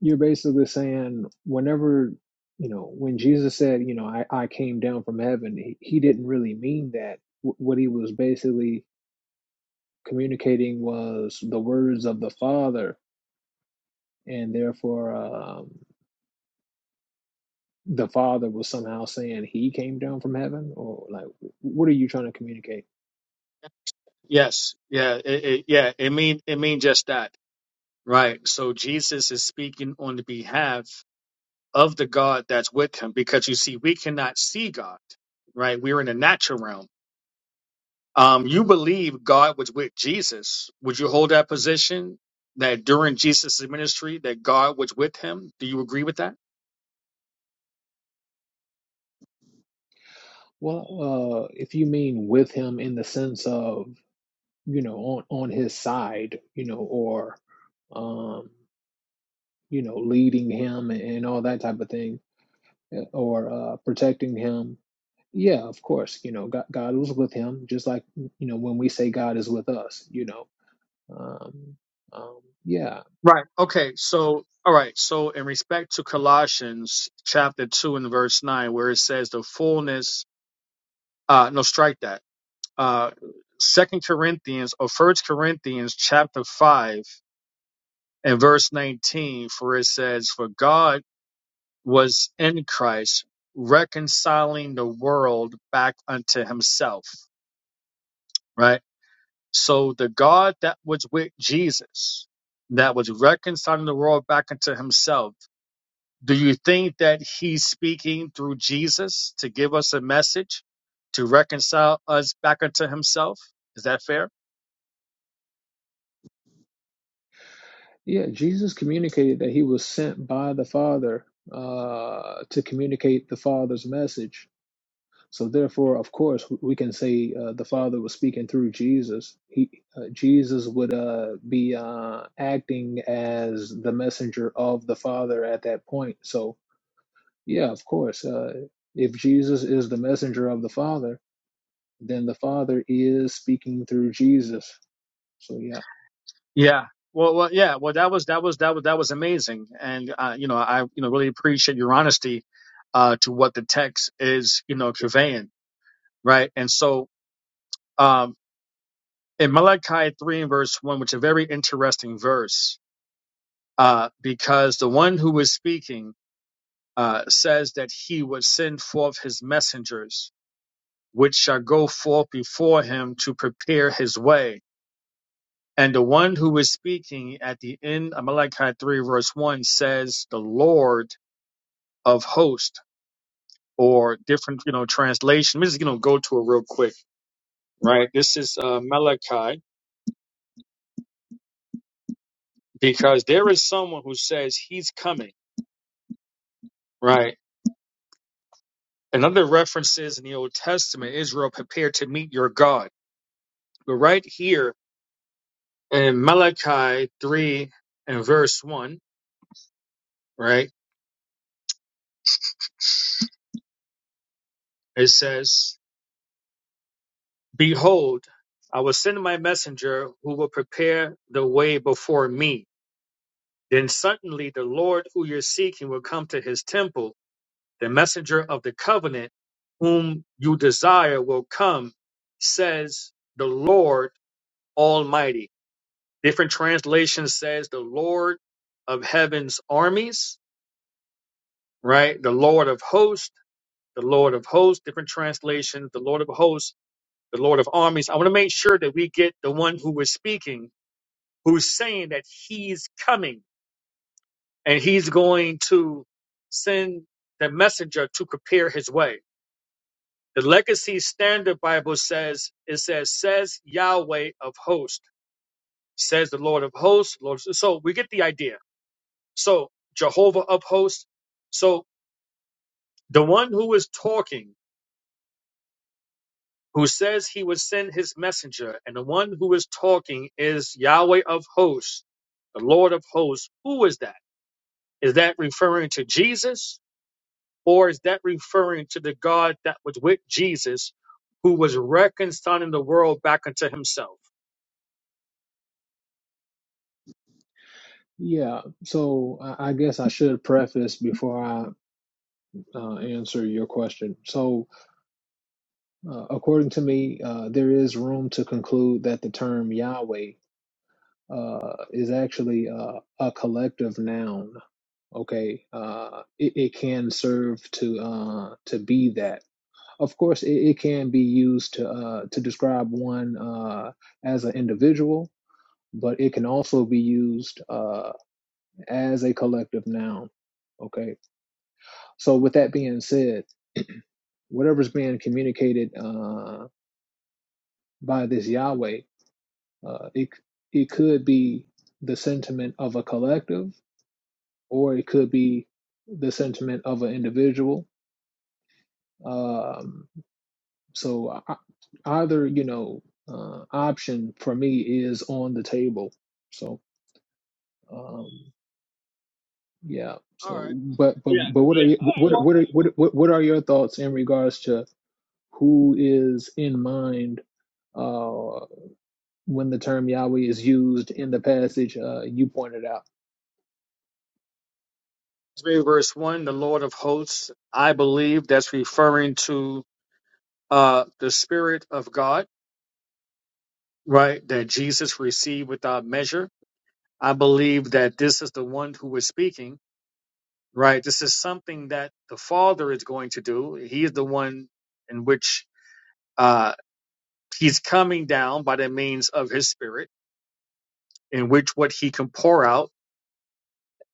you're basically saying whenever you know when Jesus said you know I I came down from heaven, he, he didn't really mean that. W- what he was basically communicating was the words of the Father and therefore um, the father was somehow saying he came down from heaven or like what are you trying to communicate
Yes. Yeah. It, it, yeah. It mean it mean just that. Right. So Jesus is speaking on the behalf of the God that's with him because you see we cannot see God. Right. We're in the natural realm Um, you believe God was with Jesus. Would you hold that position that during Jesus' ministry that God was with him? Do you agree with that?
well uh, if you mean with him in the sense of you know on on his side you know or um you know leading him and and all that type of thing uh, or uh, protecting him yeah of course you know god, god was with him just like you know when we say god is with us you know um, um yeah
Right. Okay. So, all right. So, in respect to Colossians chapter 2 and verse 9, where it says the fullness, uh, no, strike that. Uh, Second Corinthians or First Corinthians chapter 5 and verse 19, for it says, For God was in Christ, reconciling the world back unto himself, right? So the God that was with Jesus, that was reconciling the world back unto himself, do you think that he's speaking through Jesus to give us a message to reconcile us back unto himself? Is that fair?
Yeah, Jesus communicated that he was sent by the Father uh, to communicate the Father's message. So therefore, of course, we can say uh, the Father was speaking through Jesus. He uh, Jesus would uh, be uh, acting as the messenger of the Father at that point. So yeah, of course, uh, if Jesus is the messenger of the Father, then the Father is speaking through Jesus. So yeah.
Yeah. Well, well, yeah. Well, that was that was that was that was amazing, and uh, you know, I you know really appreciate your honesty uh, to what the text is you know conveying right? And so um, in Malachi 3 and verse 1, which is a very interesting verse, uh, because the one who is speaking uh, says that he would send forth his messengers, which shall go forth before him to prepare his way. And the one who is speaking at the end of Malachi 3 verse 1 says, the Lord of hosts, or different, you know, translation. Let me just, you know, go to it real quick, right? This is uh, Malachi. because there is someone who says he's coming, right? And other references in the Old Testament, Israel prepared to meet your God. But right here in Malachi 3 and verse 1, right, it says, Behold, I will send my messenger who will prepare the way before me. Then suddenly the Lord who you're seeking will come to his temple. The messenger of the covenant whom you desire will come, says the Lord Almighty. Different translation says the Lord of heaven's armies, right? The Lord of hosts, the Lord of hosts, different translations, the Lord of hosts, the Lord of armies. I want to make sure that we get the one who is speaking, who's saying that he's coming and he's going to send the messenger to prepare his way. The Legacy Standard Bible says, it says, says Yahweh of hosts, says the Lord of hosts. Lord. So we get the idea So Jehovah of hosts. So the one who is talking, who says he would send his messenger, and the one who is talking is Yahweh of hosts, the Lord of hosts. Who is that? Is that referring to Jesus? Or is that referring to the God that was with Jesus, who was reconciling the world back unto himself?
Yeah, so I I guess I should preface before I uh, answer your question. So, uh, according to me, uh, there is room to conclude that the term Yahweh uh, is actually uh, a collective noun. Okay, uh, it, it can serve to uh, to be that. Of course, it, it can be used to uh, to describe one uh, as an individual, but it can also be used uh, as a collective noun. Okay, so with that being said, whatever's being communicated. Uh, by this Yahweh. Uh, it it could be the sentiment of a collective, or it could be the sentiment of an individual. Um, so I, either you know uh, option for me is on the table. So um, yeah.
All
So
right.
but but
Yeah,
but what are
yeah.
you,
All right,
what
well.
what are what what what are your thoughts in regards to who is in mind uh, when the term Yahweh is used in the passage uh, you pointed out?
read Verse 1, the Lord of hosts, I believe that's referring to uh, the Spirit of God right, that Jesus received without measure. I believe that this is the one who is speaking, right? This is something that the Father is going to do. He is the one in which uh, he's coming down by the means of his spirit, in which what he can pour out,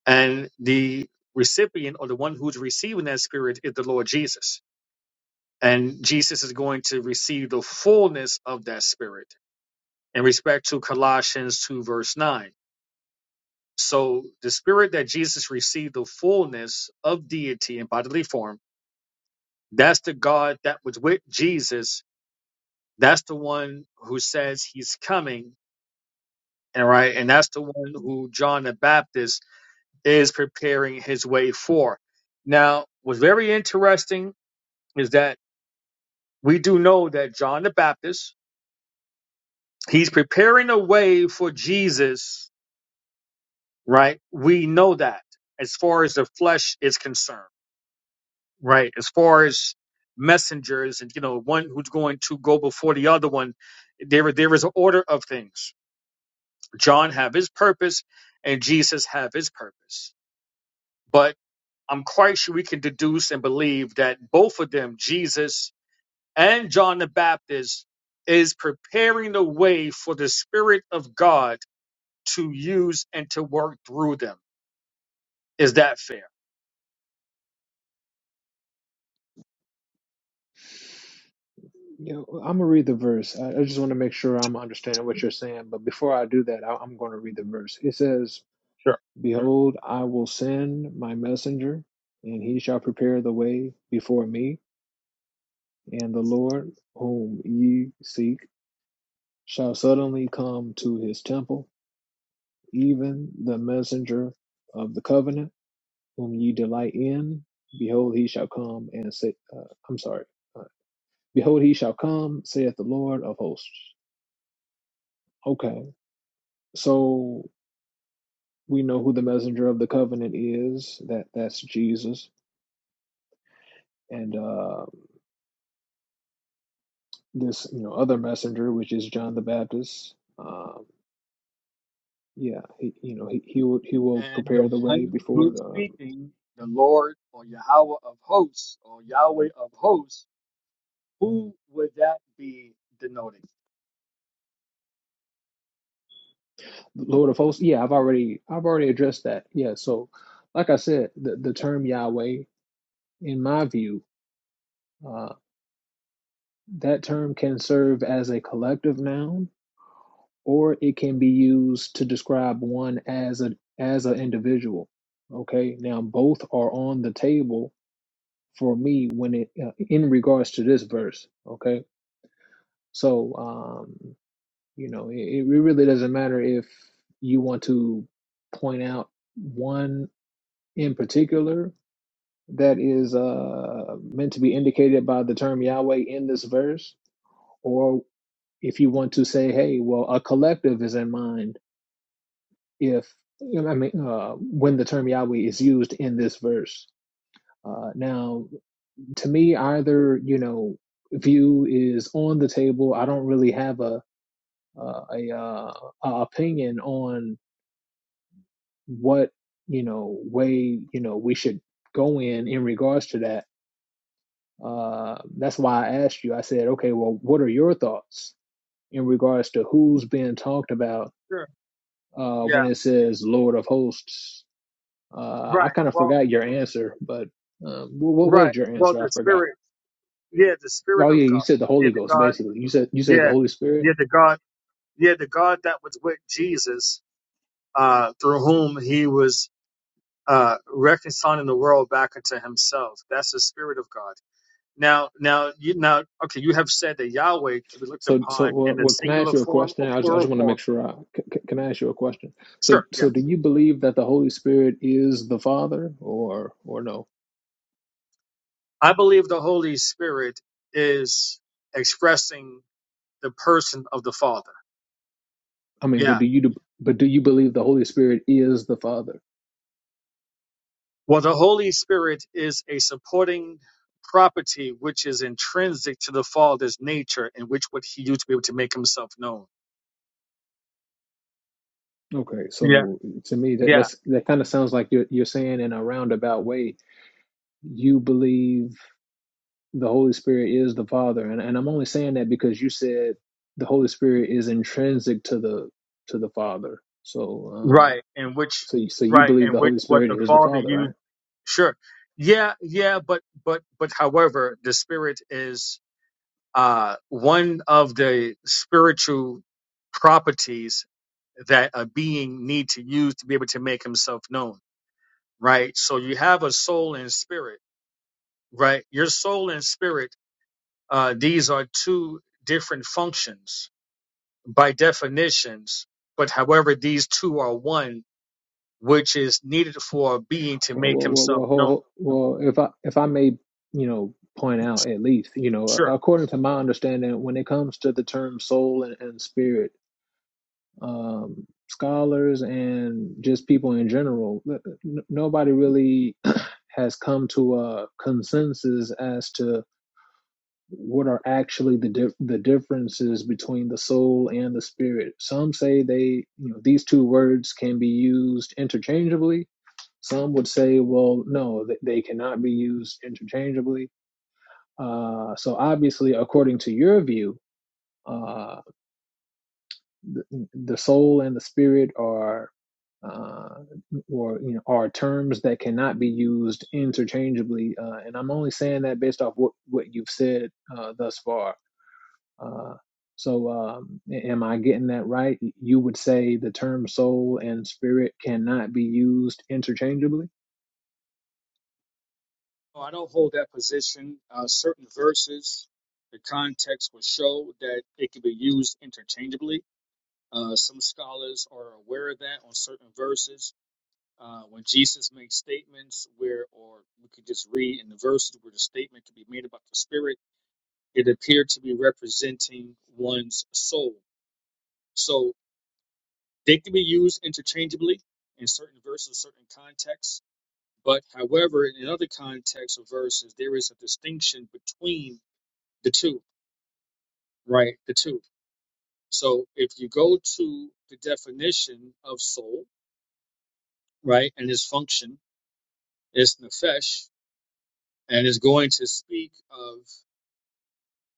and the recipient or the one who's receiving that spirit is the Lord Jesus. And Jesus is going to receive the fullness of that spirit in respect to Colossians 2, verse 9. So the spirit that Jesus received the fullness of deity in bodily form, that's the God that was with Jesus. That's the one who says he's coming. And right, and that's the one who John the Baptist is preparing his way for. Now, what's very interesting is that we do know that John the Baptist, he's preparing a way for Jesus, right? We know that as far as the flesh is concerned right? As far as messengers and you know one who's going to go before the other one, there there is an order of things. John have his purpose, and Jesus have his purpose. But I'm quite sure we can deduce and believe that both of them, Jesus and John the Baptist, is preparing the way for the Spirit of God to use and to work through them. Is that fair?
You know, I'm gonna read the verse. I, I just want to make sure I'm understanding what you're saying. But before I do that, I, I'm going to read the verse. It says, "Behold, I will send my messenger, and he shall prepare the way before me. And the Lord whom ye seek shall suddenly come to his temple, even the messenger of the covenant, whom ye delight in. Behold, he shall come and say, uh, I'm sorry. Uh, Behold, he shall come, saith the Lord of hosts." Okay, so we know who the messenger of the covenant is that that's jesus and uh this you know other messenger which is john the baptist um yeah he, you know he, he will he will
And
prepare
the
the way
one
before
who's
the um,
speaking, the Lord or Yahweh of hosts or Yahweh of hosts, who would that be denoting?
lord of hosts yeah i've already i've already addressed that yeah so like i said the, the term yahweh in my view uh that term can serve as a collective noun or it can be used to describe one as a as an individual okay now both are on the table for me when it uh, in regards to this verse okay so um you know it, it really doesn't matter if you want to point out one in particular that is uh meant to be indicated by the term Yahweh in this verse or if you want to say hey well a collective is in mind if I mean uh, when the term Yahweh is used in this verse. Uh, now, to me, either you know view is on the table. I don't really have a uh, a, uh, a opinion on what you know way you know we should go in in regards to that. Uh, that's why I asked you. I said, okay, well, what are your thoughts in regards to who's being talked about
Sure.
uh, when
Yeah.
it says Lord of Hosts? Uh, I
Right.
kind of
Well.
forgot your answer, but um, what, what
Right.
was your
Well,
answer? I
the
forgot.
spirit. Yeah, the spirit
Oh
of
yeah, you
God.
said the
Yeah,
Holy
the
Ghost.
God.
Basically, you said you said the
Yeah.
Holy Spirit.
Yeah, the God. Yeah, the God that was with Jesus, uh, through whom he was uh reconciling the world back unto himself. That's the spirit of God. Now, now, you, now, okay, you have said that Yahweh can be looked
So so
upon
what?
in a
what can I ask
singular
you a
form
question?
or
I just, I just
plural
want to
form.
make sure. I c- c- can I ask you a question?
Sure,
So
yeah.
so do you believe that the Holy Spirit is the Father, or or no?
I believe the Holy Spirit is expressing the person of the Father.
I mean, but
Yeah.
do you but do you believe the Holy Spirit is the Father?
Well, the Holy Spirit is a supporting property which is intrinsic to the Father's nature, in which what he used to be able to make himself known.
Okay,
Yeah,
so to me that
yeah,
that's that kind of sounds like you're you're saying in a roundabout way you believe the Holy Spirit is the Father, and and I'm only saying that because you said the Holy Spirit is intrinsic to the to the Father. So
right.
um
And which,
so you, so you
right,
believe
and
the
which
Holy
what
Spirit
the
is the
Father
Father,
used.
right?
Sure. Yeah, yeah, but but but however, the spirit is uh one of the spiritual properties that a being need to use to be able to make himself known, right? So you have a soul and spirit, right? Your soul and spirit, uh these are two different functions by definitions, but however these two are one, which is needed for a being to
Well,
make
well, well,
himself
well, ho-
known.
ho- well, if I if I may, you know, point out at least, you know,
Sure.
a- according to my understanding, when it comes to the term soul and, and spirit, um, scholars and just people in general, n- n- nobody really has come to a consensus as to what are actually the dif- the differences between the soul and the spirit. Some say they, you know, these two words can be used interchangeably some would say, well, no, th- they cannot be used interchangeably. Uh, so obviously, according to your view, uh, the, the soul and the spirit are, uh, or you know, are terms that cannot be used interchangeably. Uh, and I'm only saying that based off what what you've said uh, thus far. Uh, so, um, a- am I getting that right? You would say the term soul and spirit cannot be used interchangeably.
No, I don't hold that position. Uh, certain verses, the context will show that it can be used interchangeably. Uh, some scholars are aware of that on certain verses. Uh, when Jesus makes statements where, or we could just read in the verses where the statement can be made about the spirit, it appeared to be representing one's soul. So they can be used interchangeably in certain verses, certain contexts. But however, in other contexts of verses, there is a distinction between the two, right? The two. So if you go to the definition of soul, right, and its function is nefesh, and is going to speak of,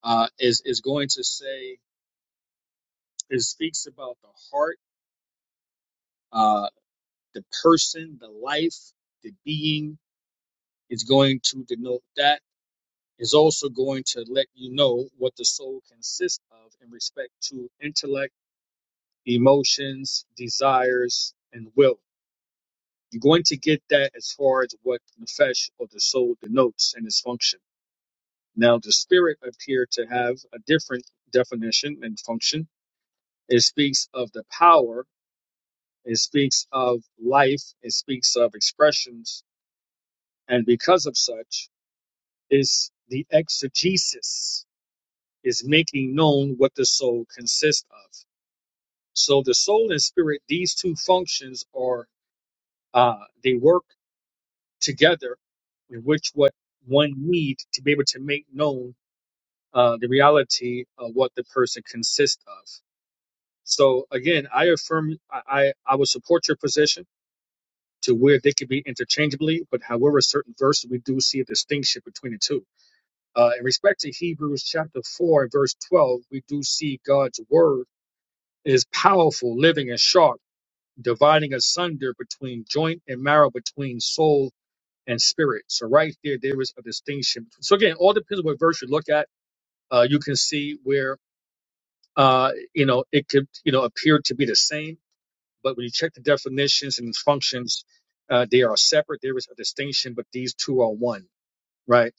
uh, is is going to say, it speaks about the heart, uh, the person, the life, the being. It's going to denote that. Is also going to let you know what the soul consists of in respect to intellect, emotions, desires, and will You're going to get that as far as what nefesh or the soul denotes and its function. Now, the spirit appear to have a different definition and function. It speaks of the power, it speaks of life, it speaks of expressions, and because of such, is the exegesis is making known what the soul consists of. So the soul and spirit, these two functions are uh, they work together in which what one need to be able to make known uh, the reality of what the person consists of. So again, I affirm I, I, I would support your position to where they could be interchangeably, but however certain verses we do see a distinction between the two. Uh, in respect to Hebrews chapter four and verse twelve, we do see God's word is powerful, living and sharp, dividing asunder between joint and marrow, between soul and spirit. So right there, there is a distinction. So again, all depends what verse you look at. Uh, you can see where uh, you know it could you know appear to be the same, but when you check the definitions and functions, uh, they are separate. There is a distinction, but these two are one, right?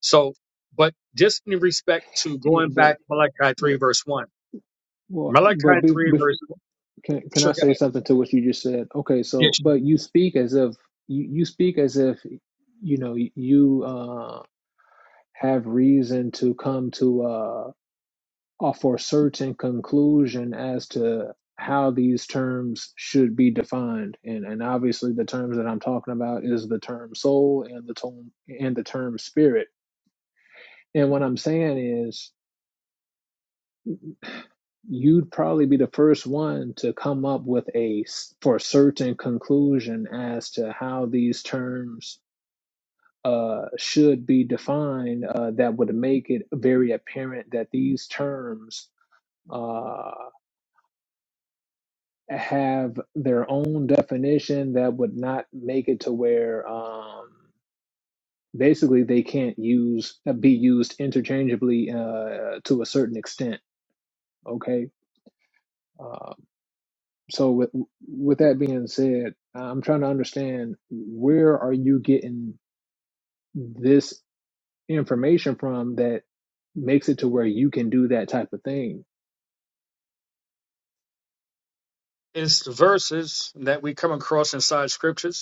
So, but just in respect to
Yeah,
going
but
back Malachi three verse one,
Well, but
Malachi
be,
three
be,
verse.
can can
Sure,
I
go
say
ahead.
something to what you just said? Okay,
Yeah,
so
sure.
but you speak as if you, you speak as if you know you uh, have reason to come to uh, a for certain conclusion as to how these terms should be defined, and and obviously the terms that I'm talking about is the term soul and the term and the term spirit. And what I'm saying is you'd probably be the first one to come up with a s- for certain conclusion as to how these terms uh, should be defined uh, that would make it very apparent that these terms uh, have their own definition that would not make it to where um, basically they can't use be used interchangeably uh, to a certain extent okay Uh, so with with that being said, I'm trying to understand where are you getting this information from that makes it to where you can do that type of thing.
It's the verses that we come across inside scriptures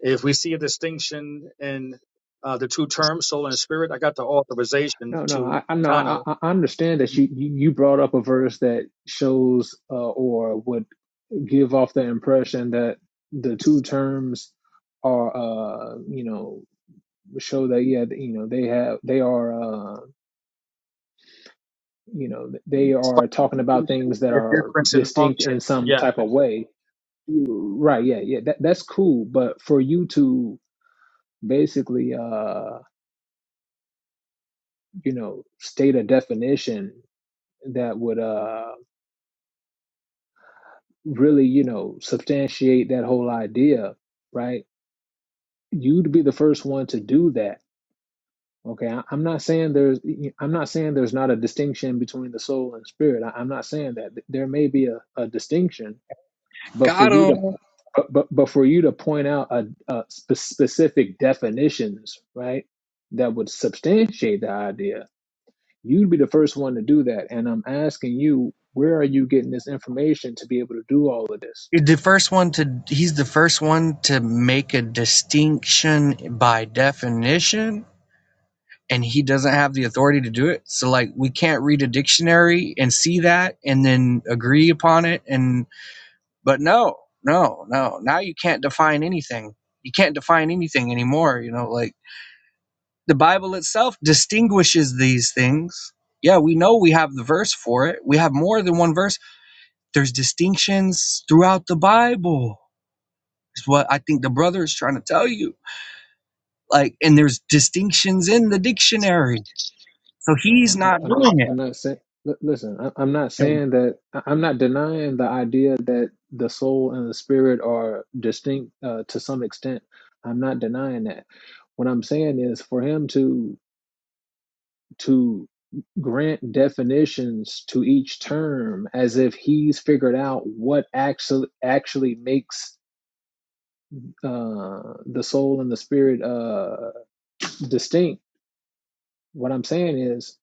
If we see a distinction in uh, the two terms, soul and spirit, I got the authorization
No, no,
to
I, I no,
kind
I,
of
I understand that you you you brought up a verse that shows uh, or would give off the impression that the two terms are uh you know show that yeah you know they have they are uh, you know they
spot
are talking about things that
the
are
difference in
distinct
function.
in some
Yeah.
type of way right yeah yeah that, that's cool but for you to basically uh you know state a definition that would uh really you know substantiate that whole idea right you'd be the first one to do that okay I, i'm not saying there's i'm not saying there's not a distinction between the soul and spirit I, i'm not saying that there may be a, a distinction but for
got
you to
'em.
but but, but for you to point out a, a spe- specific definitions right that would substantiate the idea you'd be the first one to do that and i'm asking you where are you getting this information to be able to do all of this
The first one to he's the first one to make a distinction by definition, and he doesn't have the authority to do it. So like we can't read a dictionary and see that and then agree upon it. And but no, no, no. Now you can't define anything. You can't define anything anymore. You know, like the Bible itself distinguishes these things. Yeah, we know we have the verse for it. We have more than one verse. There's distinctions throughout the Bible It's what I think the brother is trying to tell you. Like, and there's distinctions in the dictionary. So
uh,
he's
I,
not
i'm not
doing it.
i'm not saying li- listen I, i'm not
You know,
saying that I- i'm not denying the idea that the soul and the spirit are distinct uh, to some extent i'm not denying that what i'm saying is for him to to grant definitions to each term as if he's figured out what actually actually makes uh, the soul and the spirit uh, distinct. What I'm saying is,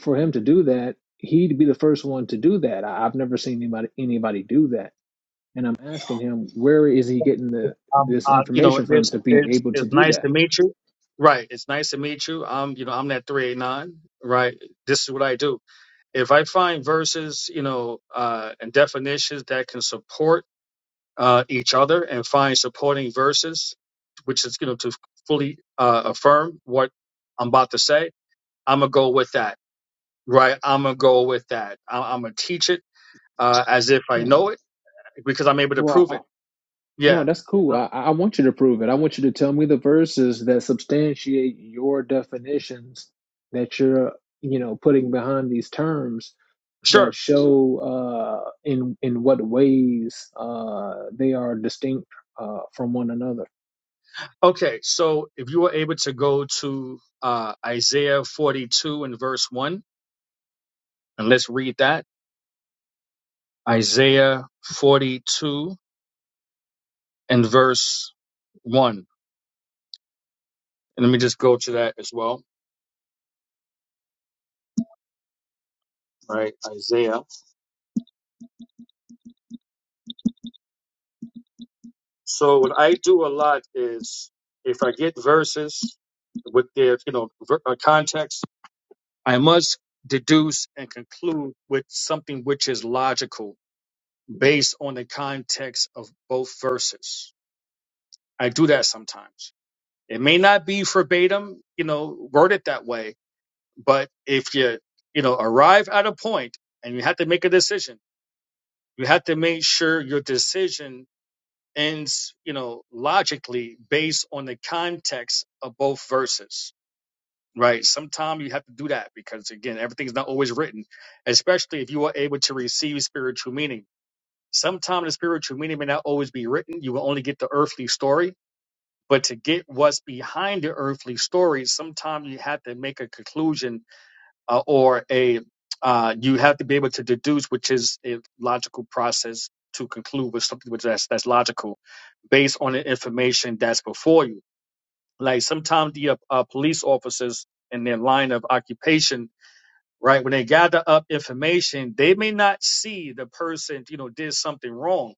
for him to do that, he'd be the first one to do that. I, I've never seen anybody anybody do that, and I'm asking him where is he getting the
Um,
this
uh, you know,
information from
it's,
to be
it's,
able to
it's
do
nice
that.
to meet you. Right. It's nice to meet you. I'm, you know, I'm that 389. Right. This is what I do. If I find verses, you know, uh, and definitions that can support uh, each other and find supporting verses, which is you know to fully uh, affirm what I'm about to say. I'm gonna go with that, right? I'm gonna go with that. I- I'm gonna teach it uh, as if I
Yeah.
know it because I'm able to
Well,
prove it. Yeah,
No, that's cool.
Uh,
I, I want you to prove it. I want you to tell me the verses that substantiate your definitions that you're, you know, putting behind these terms that
sure.
show uh, in in what ways uh, they are distinct uh, from one another.
Okay, so if you were able to go to uh, Isaiah 42 and verse one, and let's read that Isaiah 42 and verse one. And let me just go to that as well, right? Isaiah So what I do a lot is if I get verses with their you know ver- uh, context, I must deduce and conclude with something which is logical based on the context of both verses. I do that sometimes. It may not be verbatim, you know, worded that way, but if you you know arrive at a point and you have to make a decision, you have to make sure your decision and you know logically based on the context of both verses right sometimes you have to do that because again everything's not always written especially if you are able to receive spiritual meaning sometimes the spiritual meaning may not always be written you will only get the earthly story but to get what's behind the earthly story sometimes you have to make a conclusion uh, or a uh, you have to be able to deduce, which is a logical process to conclude with something which that's that's logical, based on the information that's before you. Like sometimes the uh, uh, police officers in their line of occupation, right, when they gather up information, they may not see the person you know did something wrong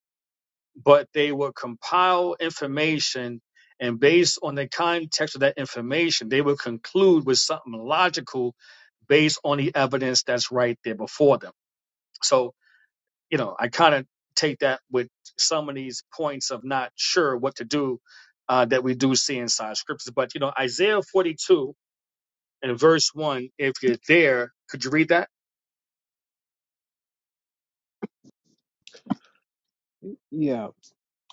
but they would compile information and based on the context of that information, they would conclude with something logical based on the evidence that's right there before them. So, you know, I kind of take that with some of these points of not sure what to do uh, that we do see inside scriptures. But, you know, Isaiah 42 and verse 1, if you're there, could you read that?
Yeah.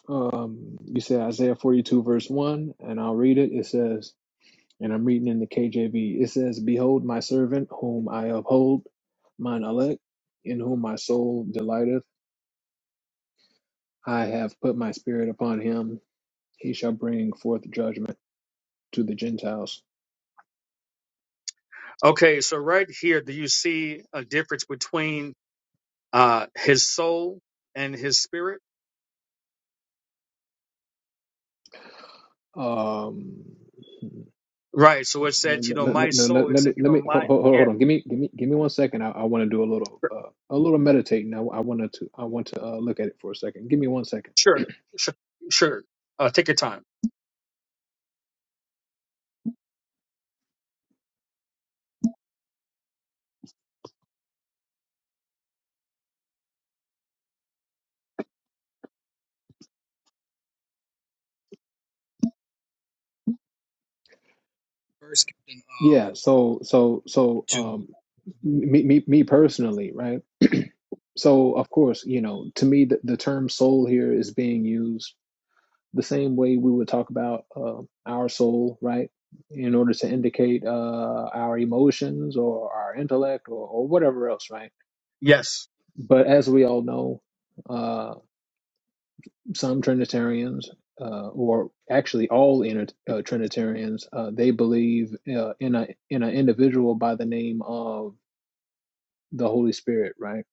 Um, you said Isaiah 42, verse 1, and I'll read it. It says, and I'm reading in the KJV, it says, Behold, my servant, whom I uphold, mine elect, in whom my soul delighteth I have put my spirit upon him. He shall bring forth judgment to the Gentiles.
Okay, so right here, do you see a difference between uh, his soul and his spirit?
Um,
Right. So it said, you
let,
know,
let,
my
let- no,
soul.
let,
It said,
me
you
let
know,
me hold,
my
hold,
yeah,
hold on. Give me give me give me one second. I, I want to do a little
sure,
uh, a little meditating. I, I wanted to I want to uh, look at it for a second. Give me one second.
sure, sure. sure, Uh, take your time.
First, Captain, um,
Yeah, so so so
to
um me me me personally, right? So of course, you know, to me the, the term soul here is being used the same way we would talk about uh, our soul, right? In order to indicate uh our emotions or our intellect or, or whatever else, right?
Yes.
But as we all know, uh some Trinitarians uh, or actually all inter- uh, Trinitarians, uh, they believe uh, in a in an individual by the name of the Holy Spirit, right?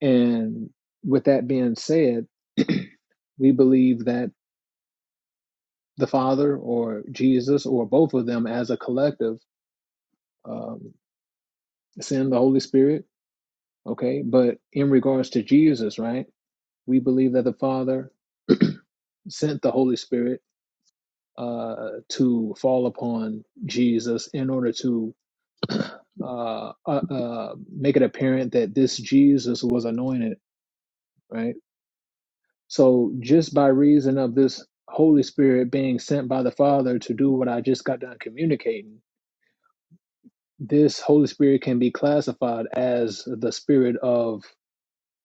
And with that being said, we believe that the Father or Jesus or both of them as a collective um, send the Holy Spirit, okay? But in regards to Jesus, right, we believe that the Father sent the Holy Spirit uh, to fall upon Jesus in order to uh, uh, uh, make it apparent that this Jesus was anointed, right? So, just by reason of this Holy Spirit being sent by the Father to do what I just got done communicating, this Holy Spirit can be classified as the Spirit of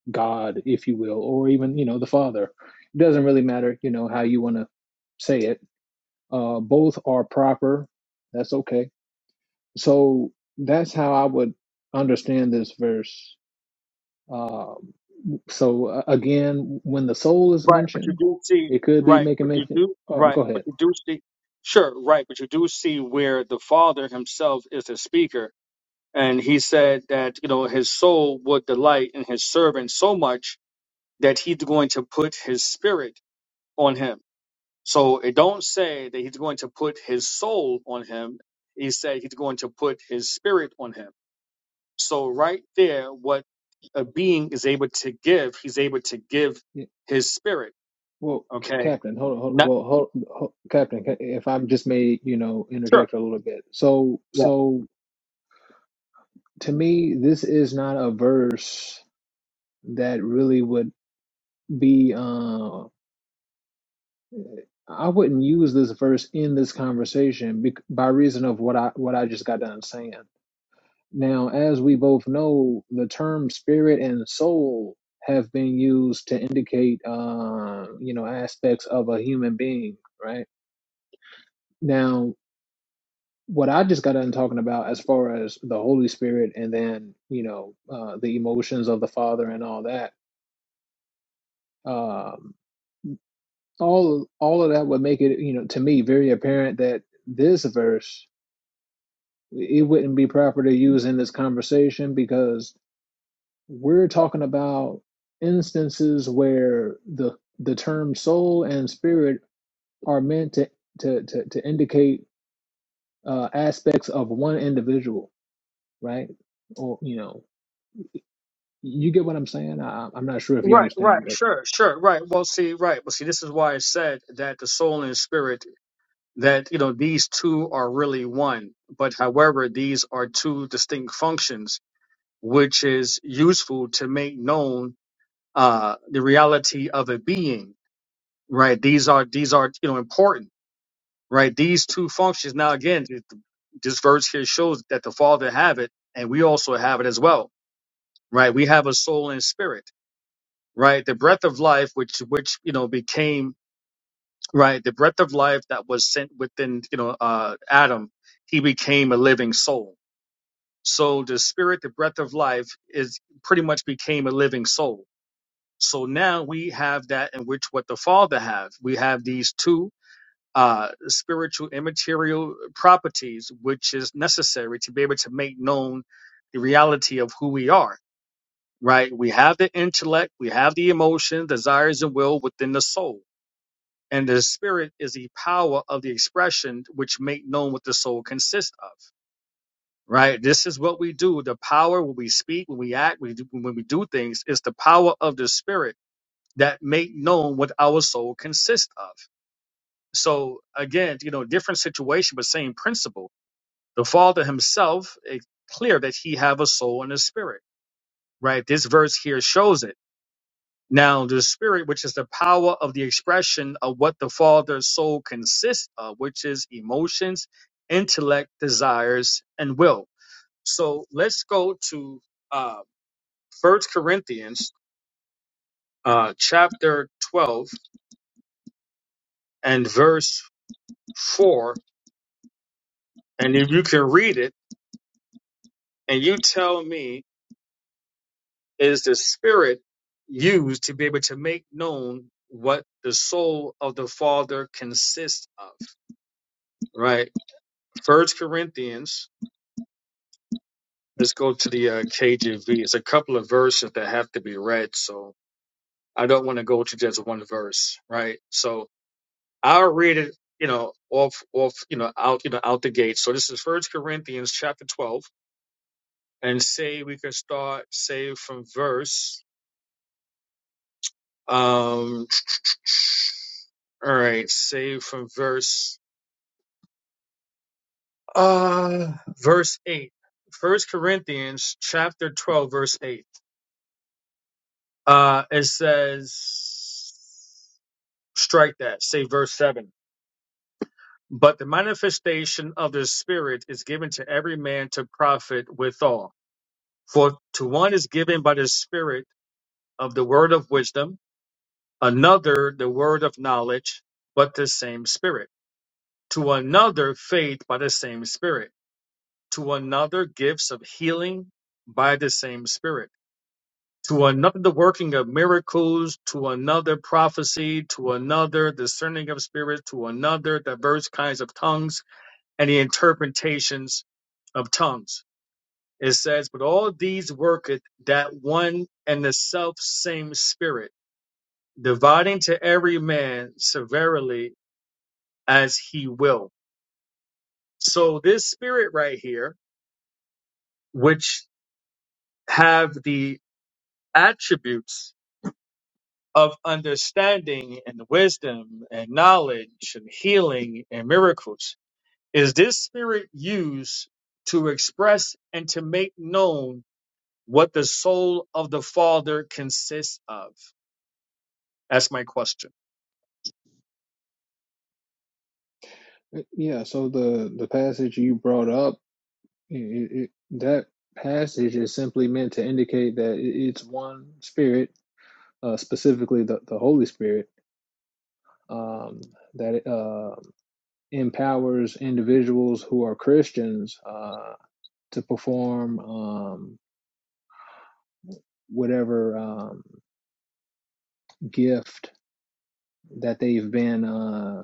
God, if you will, or even, you know, the Father. It doesn't really matter, you know, how you want to say it. Uh, both are proper. That's okay. So, that's how I would understand this verse. Um, so, uh, again, when the soul is
Right, but you
mentioned,
do see.
it could be
Right,
making
but you
mention.
do.
Oh,
Right,
go
but
ahead.
you do see. Sure. Right, but you do see where the Father Himself is the speaker, and He said that you know His soul would delight in His servant so much that He's going to put His Spirit on him. So it don't say that He's going to put His soul on him. He said He's going to put His Spirit on him. So right there, what a being is able to give, he's able to give his spirit.
Well, C-
Okay.
Captain, hold, on, hold,
Not
well, hold, hold, Captain, ca- if i just may, you know,
sure.
interject a little bit. So,
Yeah.
so to me, this is not a verse that really would be. Uh, I wouldn't use this verse in this conversation bec- by reason of what I what I just got done saying. Now, as we both know, the term spirit and soul have been used to indicate, uh, you know, aspects of a human being, right? Now, what I just got done talking about as far as the Holy Spirit and then, you know, uh, the emotions of the Father and all that, um, all all of that would make it, you know, to me very apparent that this verse it wouldn't be proper to use in this conversation because we're talking about instances where the the term soul and spirit are meant to to to, to indicate uh, aspects of one individual, right? Or you know, You get what I'm saying? I, I'm not sure if you
Right, right,
understand, but
sure, sure, right. Well see, right. Well see, this is why I said that the soul and spirit that you know these two are really one. But however, these are two distinct functions, which is useful to make known uh the reality of a being. Right. These are these are you know important right? These two functions. Now, again, th- this verse here shows that the Father have it, and we also have it as well, right? We have a soul and spirit, right? The breath of life, which which you know became right, the breath of life that was sent within you know uh, Adam, he became a living soul. So the spirit, the breath of life, is pretty much became a living soul. So now we have that in which what the Father have. We have these two uh, spiritual immaterial properties, which is necessary to be able to make known the reality of who we are, right? We have the intellect, we have the emotion, desires, and will within the soul. And the spirit is the power of the expression which make known what the soul consists of, right? This is what we do. The power when we speak, when we act, we do, when we do things is the power of the spirit that make known what our soul consists of so again, you know, different situation, but same principle. The Father Himself is clear that He have a soul and a spirit, right? This verse here shows it. Now, the spirit, which is the power of the expression of what the Father's soul consists of, which is emotions, intellect, desires, and will. So let's go to uh, 1 Corinthians uh, chapter 12 and verse 4. And if you can read it and you tell me is the spirit used to be able to make known what the soul of the father consists of right first corinthians let's go to the uh, kjv it's a couple of verses that have to be read so i don't want to go to just one verse right so i'll read it you know off off you know out you know out the gate so this is first corinthians chapter 12 and say we can start say from verse um all right say from verse Uh, verse 8. First Corinthians chapter 12, verse 8. Uh, it says, strike that, say verse 7. But the manifestation of the Spirit is given to every man to profit withal. For to one is given by the Spirit of the word of wisdom, another the word of knowledge, but the same Spirit. To another faith by the same Spirit. To another gifts of healing by the same Spirit to another the working of miracles, to another prophecy, to another discerning of spirits, to another diverse kinds of tongues and the interpretations of tongues. It says, But all these worketh that one and the self same spirit, dividing to every man severally as he will. So this spirit right here, which have the attributes of understanding and wisdom and knowledge and healing and miracles. Is this spirit used to express and to make known what the soul of the Father consists of? That's my question.
uh, yeah. So the the passage you brought up, i it, it, that passage is simply meant to indicate that it, it's one spirit, uh, specifically the the Holy Spirit, um, that uh, empowers individuals who are Christians uh, to perform um, whatever um, gift that they've been uh,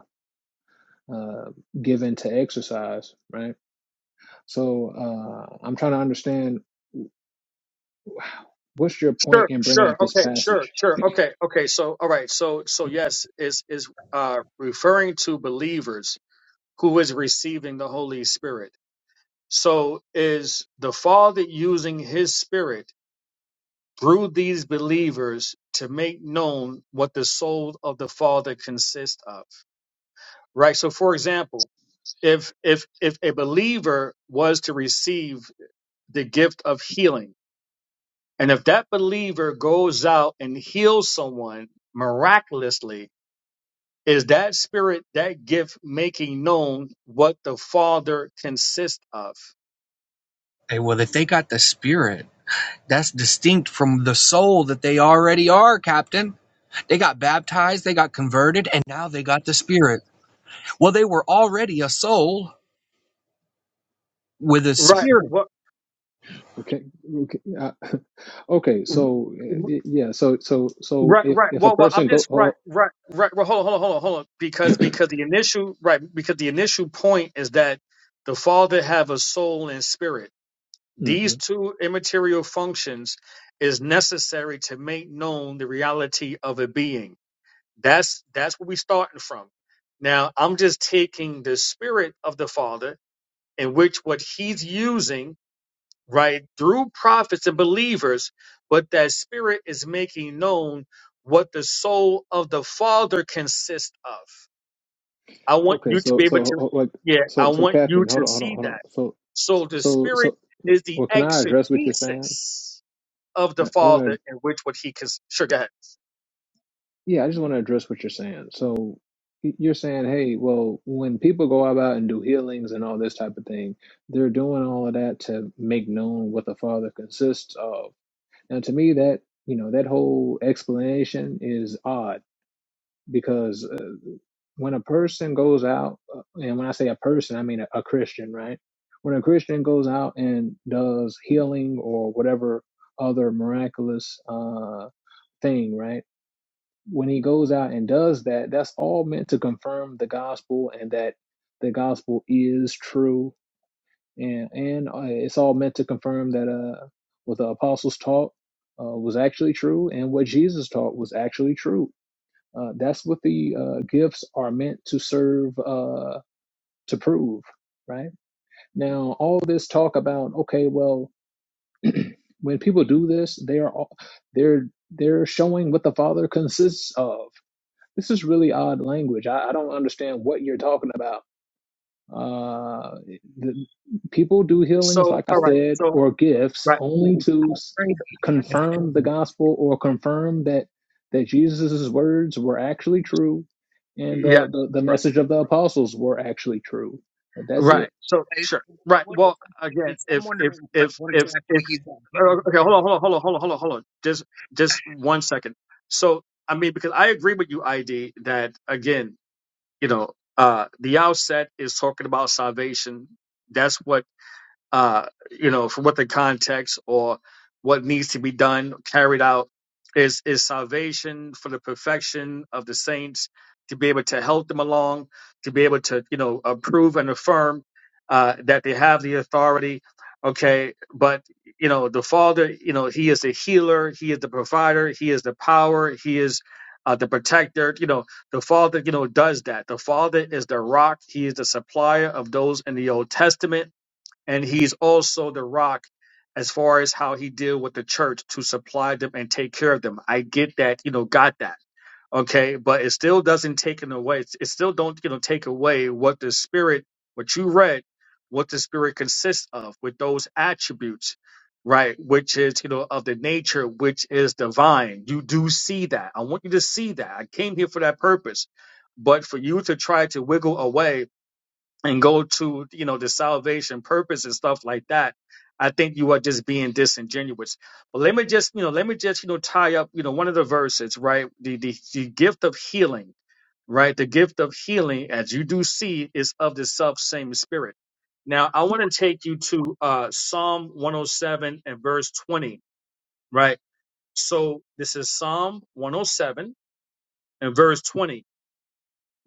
uh, given to exercise, right? So uh, I'm trying to understand what's your point
Sure,
in bringing
sure,
up this
okay, sure,
passage?
sure, okay, okay. So, all right, so, so yes, is is uh, referring to believers who is receiving the Holy Spirit. So, is the Father using His Spirit? Through these believers to make known what the soul of the Father consists of. Right. So, for example, if if if a believer was to receive the gift of healing, and if that believer goes out and heals someone miraculously, is that spirit, that gift, making known what the Father consists of?
hey, well, if they got the spirit, that's distinct from the soul that they already are, Captain. They got baptized, they got converted, and now they got the spirit. Well, they were already a soul with a
Right.
spirit.
What?
Okay, okay, uh, okay. So uh, y- yeah, so so so
Right,
if
right.
if a
Well, well, I'm
person go,
just right,
oh,
right, right. Well, hold on, hold on, hold on, hold on. Because because the initial right because the initial point is that the Father have a soul and spirit.
hmm
These two immaterial functions is necessary to make known the reality of a being. That's that's what we starting from. Now I'm just taking the spirit of the Father in which what he's using right, through prophets and believers, but that spirit is making known what the soul of the Father consists of. I want
okay,
you to
so
be able
so
to,
oh, like
yeah, I
so so
want you
Catherine, hold
to
on, hold on,
see
hold on.
that.
So
So the
so
spirit
so,
is the
well, can I address what you're saying?
exegesis of the
I want to
Father in which what he can, sure, go ahead.
Yeah, I just want to address what you're saying. So y- you're saying, hey, well, when people go about and do healings and all this type of thing, they're doing all of that to make known what the Father consists of. Now, to me, that you know that whole explanation is odd because uh, when a person goes out, uh, and when I say a person, I mean a, a Christian, right? When a Christian goes out and does healing or whatever other miraculous uh, thing, right? when he goes out and does that, that's all meant to confirm the gospel and that the gospel is true. And and uh, it's all meant to confirm that uh, what the apostles taught uh, was actually true and what Jesus taught was actually true. Uh, that's what the uh, gifts are meant to serve uh, to prove, right? Now, all this talk about okay, well, when people do this, they are all, they're they're showing what the Father consists of This is really odd language. I, I don't understand what you're talking about. Uh, the, people do healings,
So,
like I
all right,
said,
so,
or gifts
right,
only
What
to s- confirm the gospel or confirm that that Jesus's words were actually true and
yes,
the, the, the
right,
message of the apostles were actually true. That's
right,
it.
so, sure. Right.
exactly
Well, again,
is- I'm
if if
wondering, like,
if
what
if if
exactly he's
Uh, Okay, hold
got.
on, hold on, hold on, hold on, hold on, hold on. Just, just one second. So, I mean, because I agree with you, ID, that again, you know, uh, the outset is talking about salvation. That's what uh, you know, for what the context or what needs to be done, carried out, is is salvation for the perfection of the saints to be able to help them along, to be able to you know approve and affirm uh, that they have the authority. Okay, but you know the Father, you know He is the healer, He is the provider, He is the power, He is uh, the protector. You know the Father, you know does that. The Father is the rock. He is the supplier of those in the Old Testament and he's also the rock as far as how he deal with the church to supply them and take care of them. I get that, you know, got that. Okay, but it still doesn't take it away. It still don't, you know, take away what the spirit, what you read, what the spirit consists of with those attributes, right? Which is, you know, of the nature, which is divine. You do see that. I want you to see that. I came here for that purpose. But for you to try to wiggle away and go to you know the salvation purpose and stuff like that i think you are just being disingenuous but let me just you know let me just you know tie up you know one of the verses right the the, the gift of healing right the gift of healing as you do see is of the self same spirit now i want to take you to uh psalm 107 and verse 20 right so this is psalm 107 and verse 20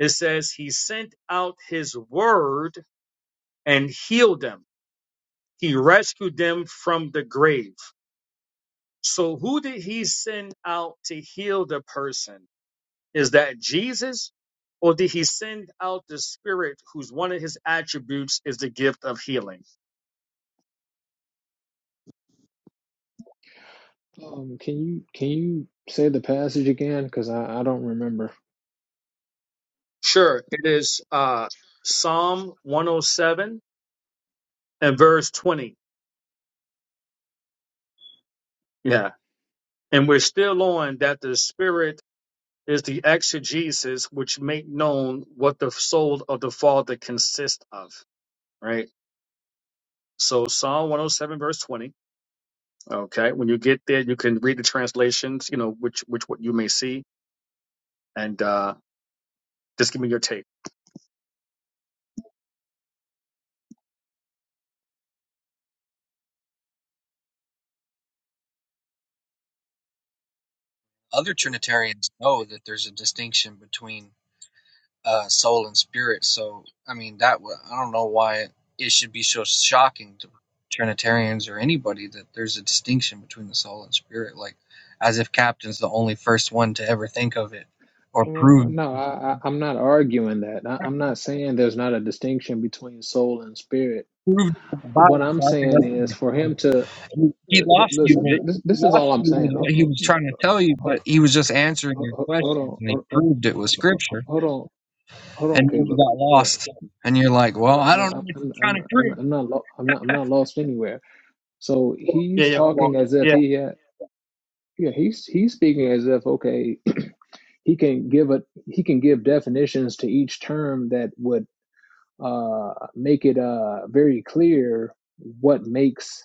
it says he sent out his word and healed them He rescued them from the grave. So who did he send out to heal the person? Is that Jesus? Or did he send out the spirit whose one of his attributes is the gift of healing?
Um, can you can you say the passage again? Because I, I don't remember.
Sure, it is uh Psalm 107 and verse 20. Yeah. And we're still on that the spirit is the exegesis which make known what the soul of the father consists of. Right? So Psalm 107 verse 20. Okay. When you get there, you can read the translations, you know, which which what you may see, and uh, just give me your take.
Other Trinitarians know that there's a distinction between uh, soul and spirit. So, I mean, that wa- I don't know why it it should be so shocking to Trinitarians or anybody that there's a distinction between the soul and spirit. Like, as if Captain's the only first one to ever think of it or
Well,
prove
no, I, I I'm not arguing that. I, I'm not saying there's not a distinction between soul and spirit.
proved it in the
What
Bible.
I'm
So I think
saying
that's
is
pretty
for
cool.
him to
He he
uh, li-
lost you,
listen. th-
but
This
he
this is
lost
all I'm
you with
saying. Ho-
what he
ho-
was
mm,
trying to tell you,
ho-
but he was just answering
ho-
your
ho- Hold
questions
on,
and he
ho- ho-
proved it with
ho-
scripture.
ho- hold on, hold on,
and then you
Caleb.
got
Yeah,
lost, and you're like,
no,
well, I don't
I-
know
I'm
what
I'm
you're trying to
I'm I'm
prove.
I'm not lo- I'm not I'm not lost anywhere. So
Yeah,
he's
yeah, hold on.
talking as if
Yeah,
he has. Yeah, he's he's speaking as if okay, he can give a he can give definitions to each term that would uh make it uh very clear what makes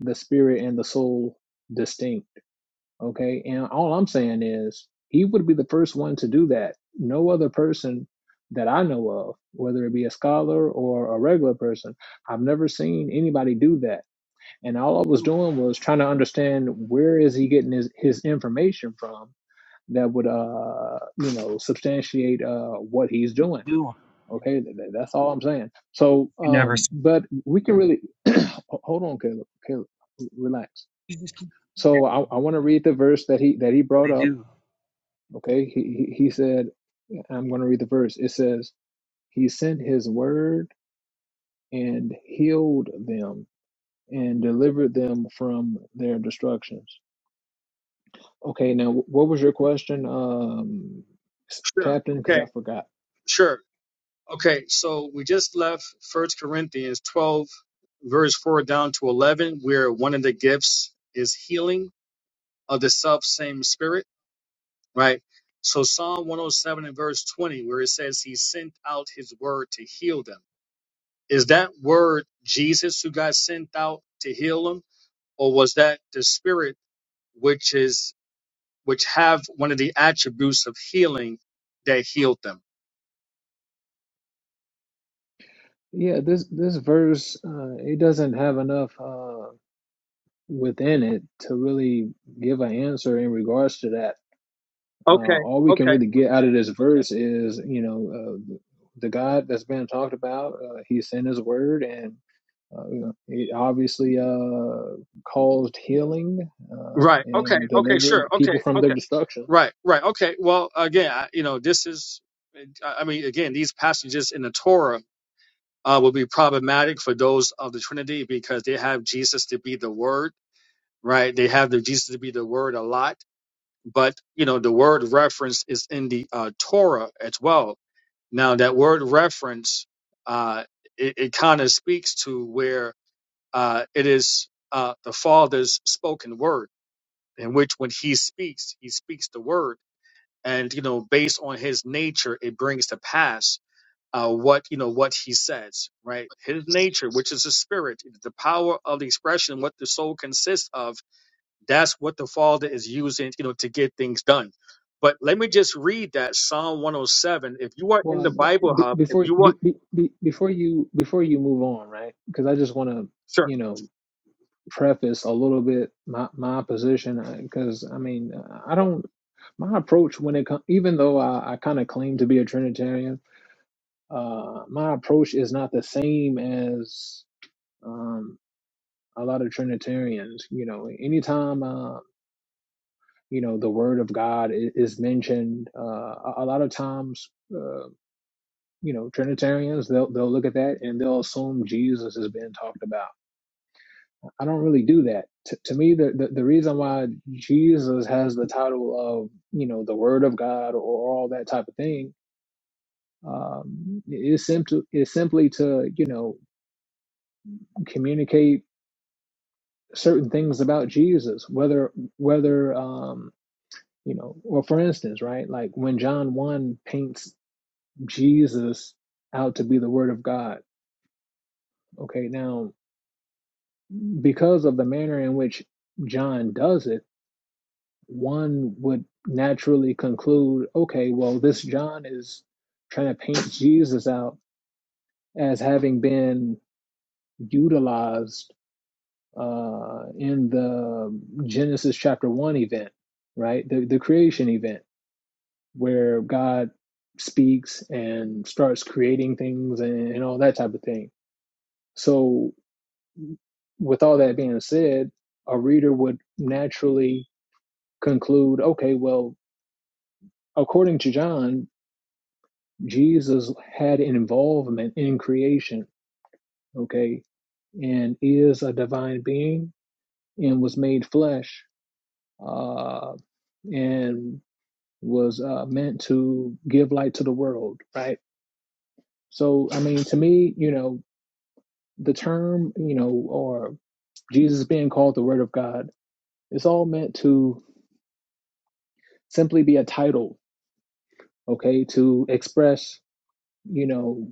the spirit and the soul distinct. Okay, and all I'm saying is he would be the first one to do that. No other person that I know of, whether it be a scholar or a regular person, I've never seen anybody do that. And all I was doing was trying to understand where is he getting his, his information from that would uh you know substantiate uh what he's doing
you do
okay that's all i'm saying so
you never?
um
see.
but we can really hold on caleb caleb relax
You just keep doing
so
it. What
i, I want to read the verse that he that he brought
they
up
do.
okay he he, said i'm going to read the verse it says he sent his word and healed them and delivered them from their destructions okay now what was your question um
sure.
captain because
Okay,
i forgot
sure. Okay, so we just left First Corinthians 12, verse 4 down to 11, where one of the gifts is healing of the self same spirit, right? So Psalm 107 and verse 20, where it says he sent out his word to heal them. Is that word Jesus who got sent out to heal him, or was that the Spirit which is which have one of the attributes of healing that healed them?
Yeah, this this verse uh, it doesn't have enough uh, within it to really give an answer in regards to that. Uh,
Okay,
all we can
okay,
really get out of this verse is, you know, uh, the God that's being talked about. Uh, he sent His word, and uh, you know, it obviously uh, caused healing uh,
right, okay,
and
okay,
delivered
sure,
people
okay,
from their
okay,
destruction.
right, right, okay. Well, again, I, you know, this is, I I mean, again, these passages in the Torah uh, will be problematic for those of the Trinity because they have Jesus to be the Word, right? They have the Jesus to be the Word a lot but you know the word reference is in the uh, Torah as well. Now that word reference, uh, it, it kind of speaks to where uh, it is uh, the Father's spoken word, in which when He speaks, He speaks the word, and you know based on His nature, it brings to pass. Uh, what you know what he says right his nature which is the spirit the power of the expression what the soul consists of that's what the Father is using, you know, to get things done. But let me just read that Psalm 107. If you are in the
Well,
Bible
b-
Hub, if
before
you are
be, be, be- before you before you move on, right? Because I just want to,
sure,
you know. preface a little bit my my position because I mean I don't my approach when it comes even though I, I kind of claim to be a Trinitarian, uh, my approach is not the same as um, a lot of Trinitarians. You know, anytime uh, you know the Word of God is, is mentioned, uh, a, a lot of times. Uh, you know, Trinitarians they'll they'll look at that and they'll assume Jesus is being talked about I don't really do that. To, to me, the, the, the reason why Jesus has the title of, you know, the Word of God or all that type of thing um, is, simply, is simply to, you know, communicate certain things about Jesus, whether, whether, um, you know, or for instance, right, like when John 1 paints Jesus out to be the Word of God, okay, now because of the manner in which John does it, one would naturally conclude, okay, well, this John is trying to paint Jesus out as having been utilized uh, in the Genesis chapter one event, right? The, the creation event where God speaks and starts creating things and, and all that type of thing. So, with all that being said, a reader would naturally conclude, okay, well, according to John, Jesus had an involvement in creation, okay, and is a divine being and was made flesh uh, and was uh, meant to give light to the world, right? So, I mean, to me, you know, the term, you know, or Jesus being called the Word of God, it's all meant to simply be a title, okay, to express, you know,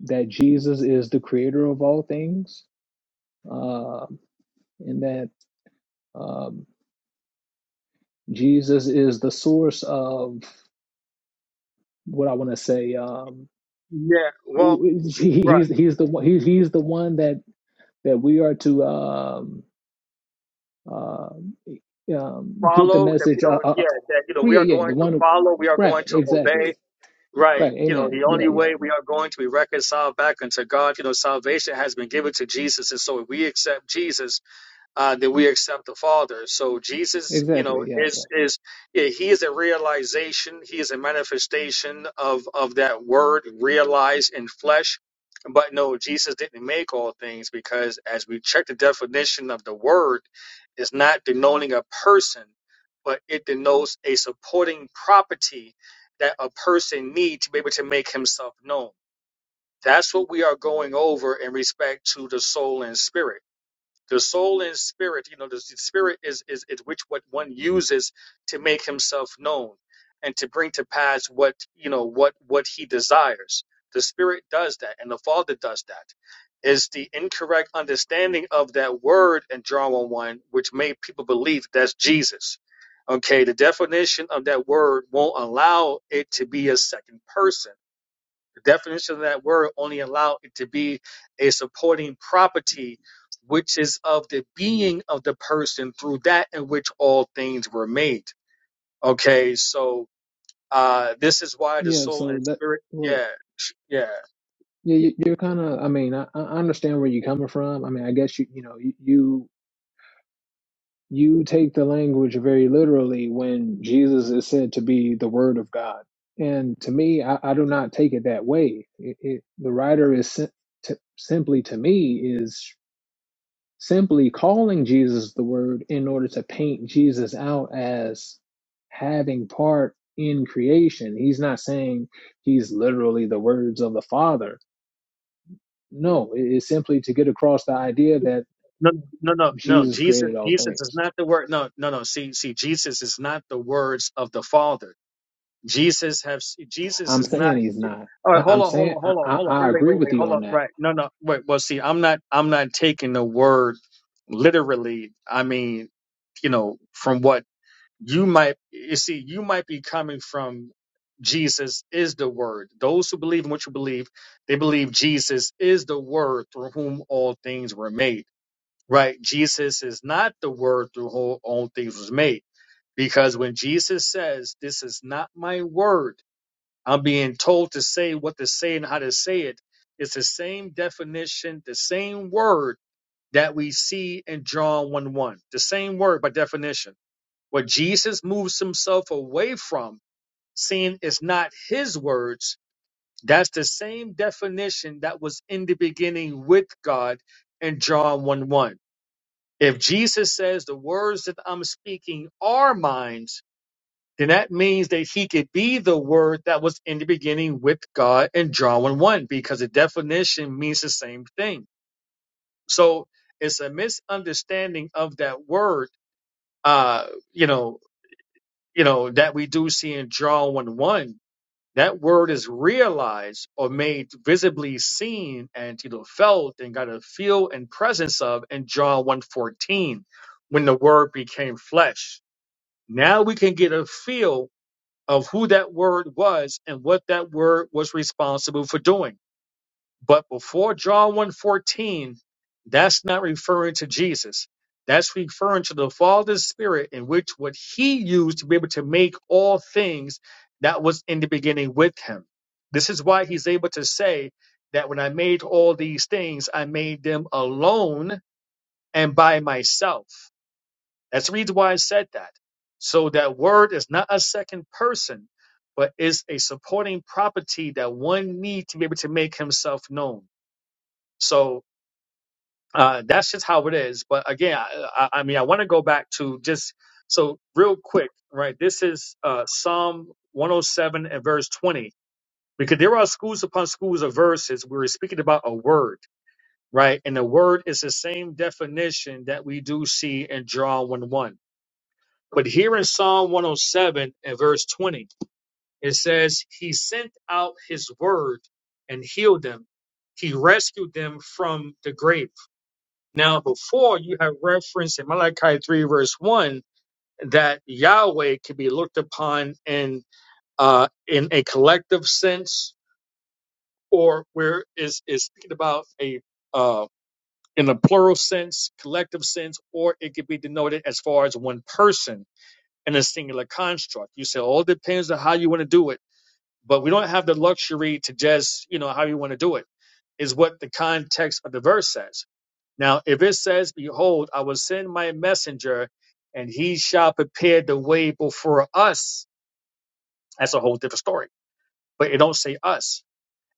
that Jesus is the creator of all things. Uh, and that Um, Jesus is the source of what I want to say. Um,
yeah, well,
he-
right,
he's he's the one he's he's the one that that we are to um, uh, um, get the
follow that, you
message. Uh,
know,
uh,
yeah, that you know,
well,
we are
yeah, yeah,
going
the
to
one,
follow, we are
right?
going to
Exactly,
obey. Right,
right.
you know,
Amen.
the only
Yeah, yeah,
way we are going to be reconciled back unto God, you know, salvation has been given to Jesus, and so if we accept Jesus uh, that we accept the Father. So Jesus, you know,
exactly. Yeah, yeah,
is is yeah, he is a realization, he is a manifestation of of that word realized in flesh. But no, Jesus didn't make all things because as we check the definition of the word, it's not denoting a person, but it denotes a supporting property that a person needs to be able to make himself known. That's what we are going over in respect to the soul and spirit the soul and spirit, you know, the, the spirit is, is is which what one uses to make himself known and to bring to pass what you know what what he desires. The spirit does that, and the Father does that. Is the incorrect understanding of that word in John 1 1, which made people believe that's Jesus. Okay, the definition of that word won't allow it to be a second person the definition of that word only allowed it to be a supporting property, which is of the being of the person through that in which all things were made. Okay, so uh, this is why the
yeah.
soul and
So that,
spirit,
well,
yeah, sh- yeah.
yeah, you- you're kind of. I mean, I, I understand where you're coming from. I mean, I guess you, you know, you. You take the language very literally when Jesus is said to be the Word of God. And to me, I, I do not take it that way. It, it, the writer is sim- to, simply, to me, is simply calling Jesus the Word in order to paint Jesus out as having part in creation. He's not saying he's literally the words of the Father. No, it- it's simply to get across the idea that
No, no, no, no.
Jesus
Jesus,
created all
Jesus is
things.
not the word. No, no, no. See, see, Jesus is not the words of the Father. Jesus have Jesus
I'm
is not.
saying he's not.
All right,
I-
hold
I'm
on, hold
saying
on,
I,
hold on,
I,
hold on.
I
Wait, wait,
agree
wait,
with
wait.
you
Hold on.
on that.
Right. No, no. Wait. Well, see, I'm not. I'm not taking the word literally. I mean, you know, from what you might. You see, you might be coming from. Jesus is the word. Those who believe in what you believe, they believe Jesus is the word through whom all things were made. Right? Jesus is not the word through whom all things was made. Because when Jesus says, This is not my word, I'm being told to say what to say and how to say it. It's the same definition, the same word that we see in John 1 1. The same word by definition. What Jesus moves himself away from, saying it's not his words, that's the same definition that was in the beginning with God in John 1 1. If Jesus says, The words that I'm speaking are mine, then that means that he could be the word that was in the beginning with God in John 1 1, because the definition means the same thing. So it's a misunderstanding of that word, uh, you know, you know, that we do see in John 1 1. That word is realized or made visibly seen and you know felt and got a feel and presence of in John one fourteen, when the word became flesh. Now we can get a feel of who that word was and what that word was responsible for doing. But before John 1:14, that's not referring to Jesus. That's referring to the Father's Spirit in which what he used to be able to make all things that was in the beginning with him. This is why he's able to say that when I made all these things, I made them alone and by myself. That's the reason why I said that. So that word is not a second person, but is a supporting property that one needs to be able to make himself known. So uh, that's just how it is. But again, I, I I mean, I want to go back to just so real quick, right? This is uh, Psalm 107 and verse 20, because there are schools upon schools of verses where we're speaking about a word, right? And the word is the same definition that we do see in John 1 1 But here in Psalm 107 and verse 20, it says, He sent out his word and healed them. He rescued them from the grave. Now, before you have referenced in Malachi 3, verse 1, that Yahweh can be looked upon in uh, in a collective sense, or where is is speaking about a uh, in a plural sense, collective sense, or it could be denoted as far as one person in a singular construct. You say all depends on how you want to do it, but we don't have the luxury to just, you know, how you want to do it is what the context of the verse says. Now, if it says, behold, I will send my messenger and he shall prepare the way before us, that's a whole different story, but it don't say us.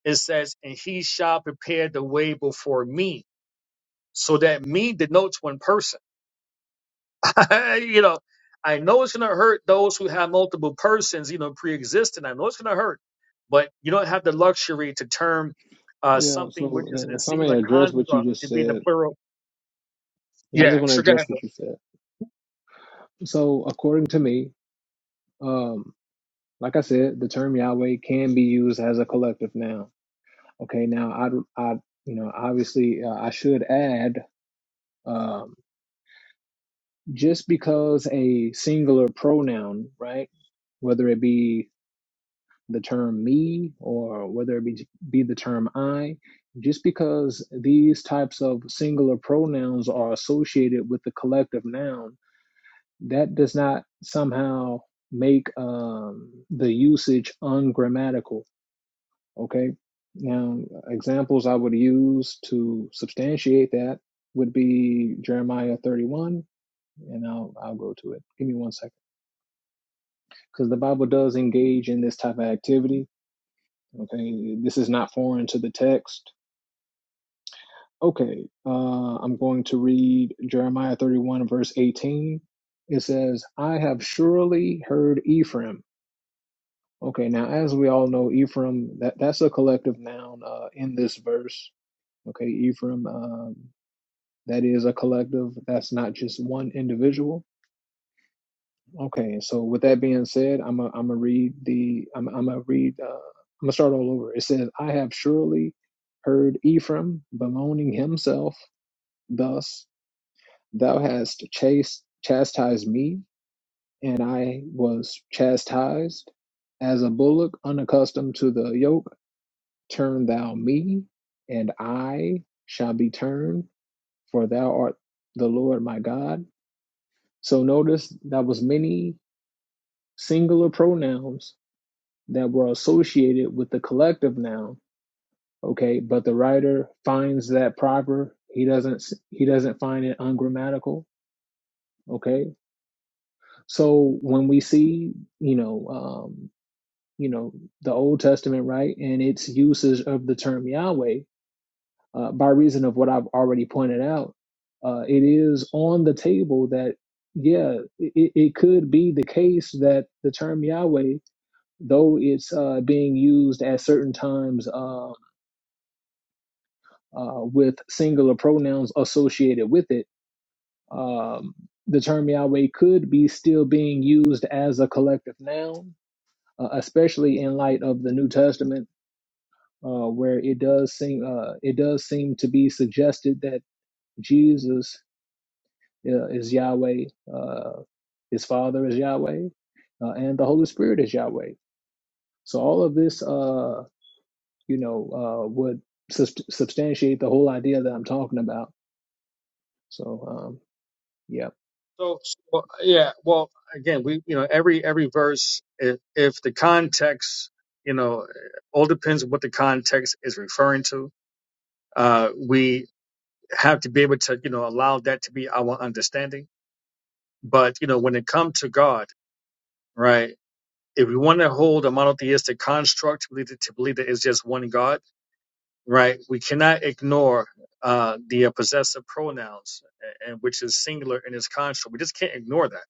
It says, and he shall prepare the way before me. So that me denotes one person you know, I know it's going to hurt those who have multiple persons, you know, pre-existing. I know it's going to hurt, but you don't have the luxury to term uh,
Yeah.
something which
So
is in
uh,
a
if I may
singular
address what you
construct
just
to be in the
said,
plural.
yeah, I
Yeah,
just want to
sure. Go ahead.
address
bro.
what you said. So according to me, um, like I said, the term Yahweh can be used as a collective noun. Okay. Now I, I, you know, obviously uh, I should add, um, just because a singular pronoun, right, whether it be the term me or whether it be, be the term I, just because these types of singular pronouns are associated with the collective noun, that does not somehow make um, the usage ungrammatical. Okay. Now, examples I would use to substantiate that would be Jeremiah 31, and I'll, I'll go to it. Give me one second. Because the Bible does engage in this type of activity Okay, this is not foreign to the text. Okay, uh, I'm going to read Jeremiah 31, verse 18. It says, I have surely heard Ephraim. Okay, now, as we all know, Ephraim, that, that's a collective noun uh, in this verse. Okay, Ephraim, um, that is a collective, that's not just one individual Okay, so with that being said, I'm a, I'm gonna read the I'm I'm gonna read uh, I'm gonna start all over. It says, "I have surely heard Ephraim bemoaning himself thus: Thou hast chased chastised me, and I was chastised as a bullock unaccustomed to the yoke. Turn thou me, and I shall be turned, for thou art the Lord my God." So notice that was many singular pronouns that were associated with the collective noun okay but the writer finds that proper he doesn't he doesn't find it ungrammatical okay so when we see you know um you know the old testament right and its usage of the term yahweh uh, by reason of what i've already pointed out uh, it is on the table that yeah it, it could be the case that the term yahweh though it's uh, being used at certain times uh, uh, with singular pronouns associated with it, um, the term Yahweh could be still being used as a collective noun, uh, especially in light of the New Testament, uh, where it does seem uh, it does seem to be suggested that Jesus uh, is Yahweh, uh, his Father is Yahweh, uh, and the Holy Spirit is Yahweh. So all of this, uh, you know, uh, would sub- substantiate the whole idea that I'm talking about. So um, yeah.
So, so yeah, well, again, we, you know, every every verse, if, if the context, you know, all depends on what the context is referring to. Uh, we have to be able to, you know, allow that to be our understanding. But you know, when it comes to God, right? if we want to hold a monotheistic construct to believe that, to believe that it's just one God, right? We cannot ignore uh, the uh, possessive pronouns, and which is singular in its construct. We just can't ignore that,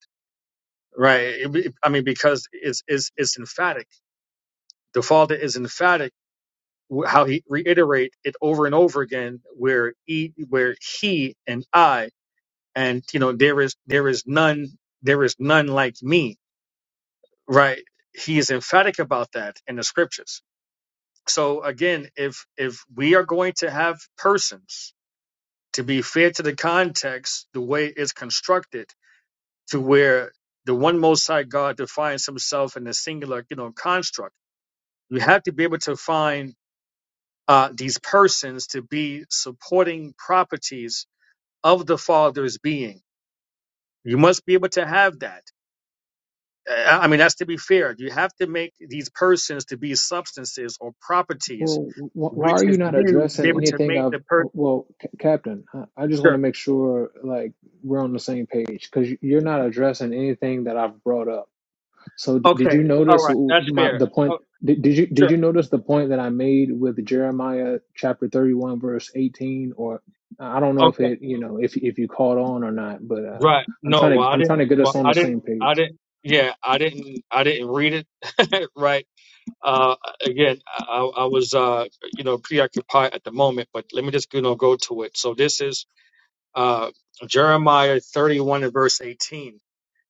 right? It- it- I mean, because it's it's it's emphatic. The Father is emphatic. wh- How he reiterate it over and over again, where he, where he and I, and you know there is there is none there is none like me, right? He is emphatic about that in the scriptures So again, if if we are going to have persons to be fair to the context, the way it's constructed, to where the one Most High God defines Himself in a singular, you know, construct, you have to be able to find uh, these persons to be supporting properties of the Father's being. You must be able to have that. Uh, I mean, that's to be fair. You have to make these persons to be substances or properties,
Well, wh why
which
are you
is
not
you to
addressing
be able to
anything
make
of,
the person.
well, C Captain, I, I just want to make sure like we're on the same page because you're not addressing anything that I've brought up. So d did
Okay.
you
All
notice
right. That's
my
fair.
the point?
Oh,
Did, did you did
sure.
you notice the point that I made with Jeremiah chapter 31 verse 18 or I don't know if
Okay.
it, you know, if if you caught on or not, but uh
Right.
I'm
No.
trying
Well,
to
I
I'm trying
didn't.
to get us
Well,
on
I
the
didn't.
same
I
page.
didn't. Yeah. I didn't. I didn't read it. right. Uh. Again, I, I was uh. You know, preoccupied at the moment. But let me just you know go to it. So this is uh Jeremiah thirty-one and verse eighteen.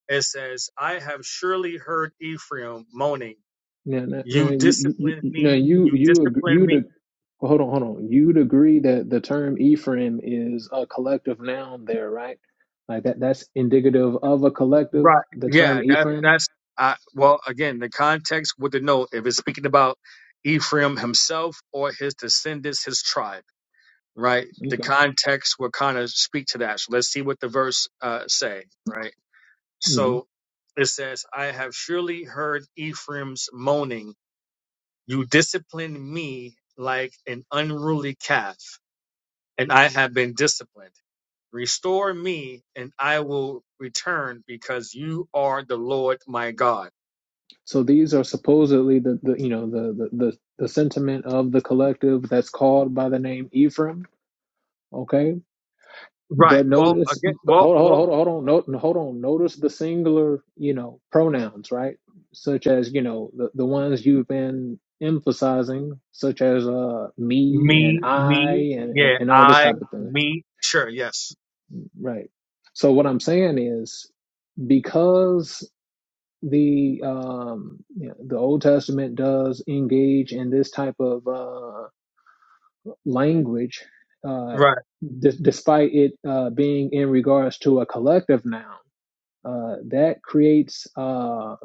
It says, "I have surely heard Ephraim moaning.
Now, now, now
You
you, you,
disciplined
you, now
me.
you,
You
you, ag-
disciplined
you'd,
me
ag- hold on, hold on. You'd agree that the term Ephraim is a collective noun there, right? Like that, that's indicative of a collective,
Right.
the
Yeah.
term
That
Ephraim.
that's I well again the context with the note if it's speaking about Ephraim himself or his descendants, his tribe. Right. The
Okay.
context will kind of speak to that. So let's see what the verse uh, say. Right.
hmm
So it says, "I have surely heard Ephraim's moaning. You disciplined me like an unruly calf and I have been disciplined. Restore me, and I will return, because you are the Lord my God.
So these are supposedly the, the you know, the, the, the, the sentiment of the collective that's called by the name Ephraim. Okay.
Right.
But
Well,
notice,
again, well,
hold on, hold on,
well,
hold on, hold on, note- hold on. Notice the singular, you know, pronouns, right? Such as, you know, the, the ones you've been emphasizing, such as uh, me and
me,
I
me,
and, and,
yeah,
and all this
I,
type of thing,
me, sure, yes.
right? So what I'm saying is because the um, you know, the Old Testament does engage in this type of uh, language, uh,
Right,
d- despite it uh, being in regards to a collective noun uh, that creates uh,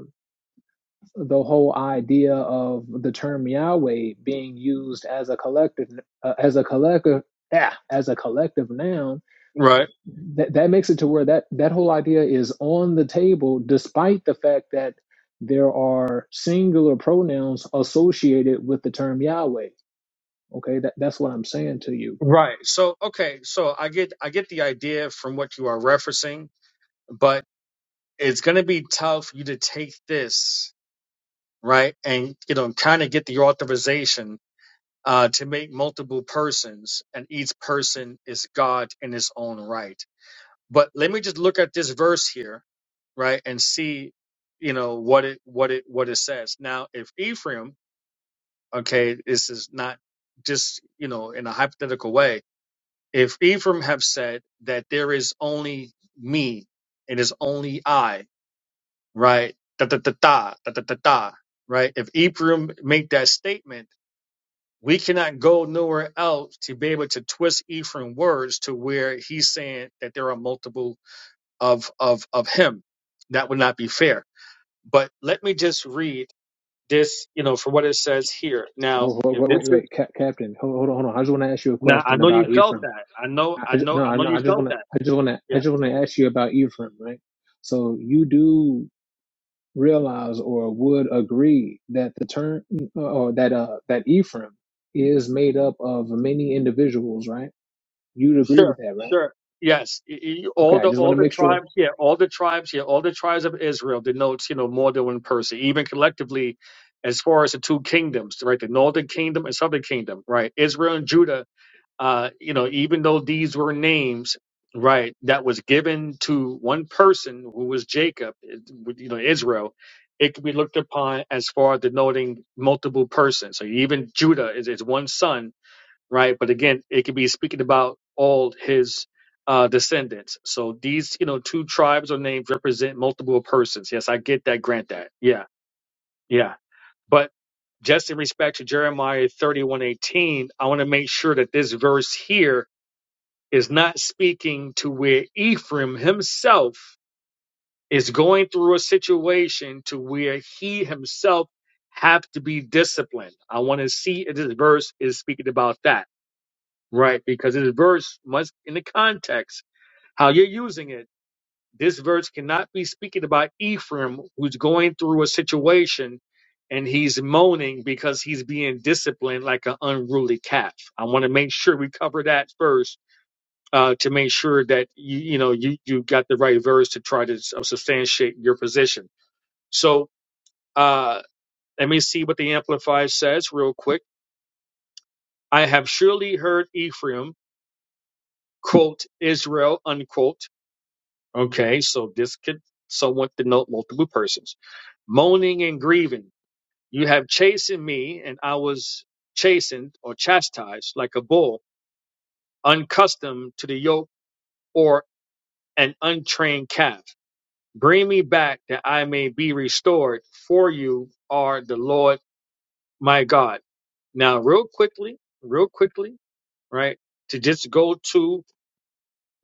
the whole idea of the term Yahweh being used as a collective, uh, as a collective, ah, as a collective noun.
right,
That that makes it to where that that whole idea is on the table, despite the fact that there are singular pronouns associated with the term Yahweh. Okay, that, that's what I'm saying to you.
right. So, okay, so I get, I get the idea from what you are referencing, but it's going to be tough for you to take this, right, and you know, kind of get the authorization uh, to make multiple persons, and each person is God in his own right. But let me just look at this verse here, right, and see, you know, what it what it what it says. Now, if Ephraim, okay, this is not just you know in a hypothetical way. If Ephraim have said that there is only me, it is only I, right? Da da da da da da da. da, Right? If Ephraim make that statement we cannot go nowhere else to be able to twist Ephraim words to where he's saying that there are multiple of of of him. That would not be fair. But let me just read this, you know, for what it says here. Now,
Wait, wait,
if
wait,
this
wait,
is
wait, Cap- Captain. Hold, hold on, hold on. I just want to ask you a
now, I
question
know you
about
felt
Ephraim.
that. I know,
I,
I
I
know,
no,
I
I,
know
no,
you
I just
felt
want to,
that.
I just want to, I just want to ask you about Ephraim, right? So you do realize or would agree that the term or that uh that Ephraim is made up of many individuals, right? You'd agree with
Sure,
that, right?
sure. Yes, I- I-
Okay,
all
I
the
just want
all
to
the
make sure.
tribes, yeah, all the tribes, yeah, all the tribes of Israel denotes, you know, more than one person, even collectively, as far as the two kingdoms, right, the northern kingdom and southern kingdom, right, Israel and Judah, uh, you know, even though these were names, right, that was given to one person who was Jacob, it- with, you know, Israel, it can be looked upon as far denoting multiple persons. So even Judah is is one son right? But again, it could be speaking about all his uh, descendants. So these, you know, two tribes or names represent multiple persons. Yes, I get that. Grant that. Yeah, yeah. But just in respect to Jeremiah thirty-one eighteen, I want to make sure that this verse here is not speaking to where Ephraim himself is going through a situation to where he himself have to be disciplined. I want to see if this verse is speaking about that Right, because this verse must, in the context, how you're using it, this verse cannot be speaking about Ephraim, who's going through a situation and he's moaning because he's being disciplined like an unruly calf. I want to make sure we cover that first uh, to make sure that you, you know you you got the right verse to try to uh, substantiate your position. So uh, let me see what the Amplified says real quick. I have surely heard Ephraim quote Israel unquote Okay, so this could somewhat denote multiple persons. Moaning and grieving. You have chastened me, and I was chastened or chastised like a bull, unaccustomed to the yoke or an untrained calf. Bring me back that I may be restored, for you are the Lord my God. Now, real quickly, real quickly, right, to just go to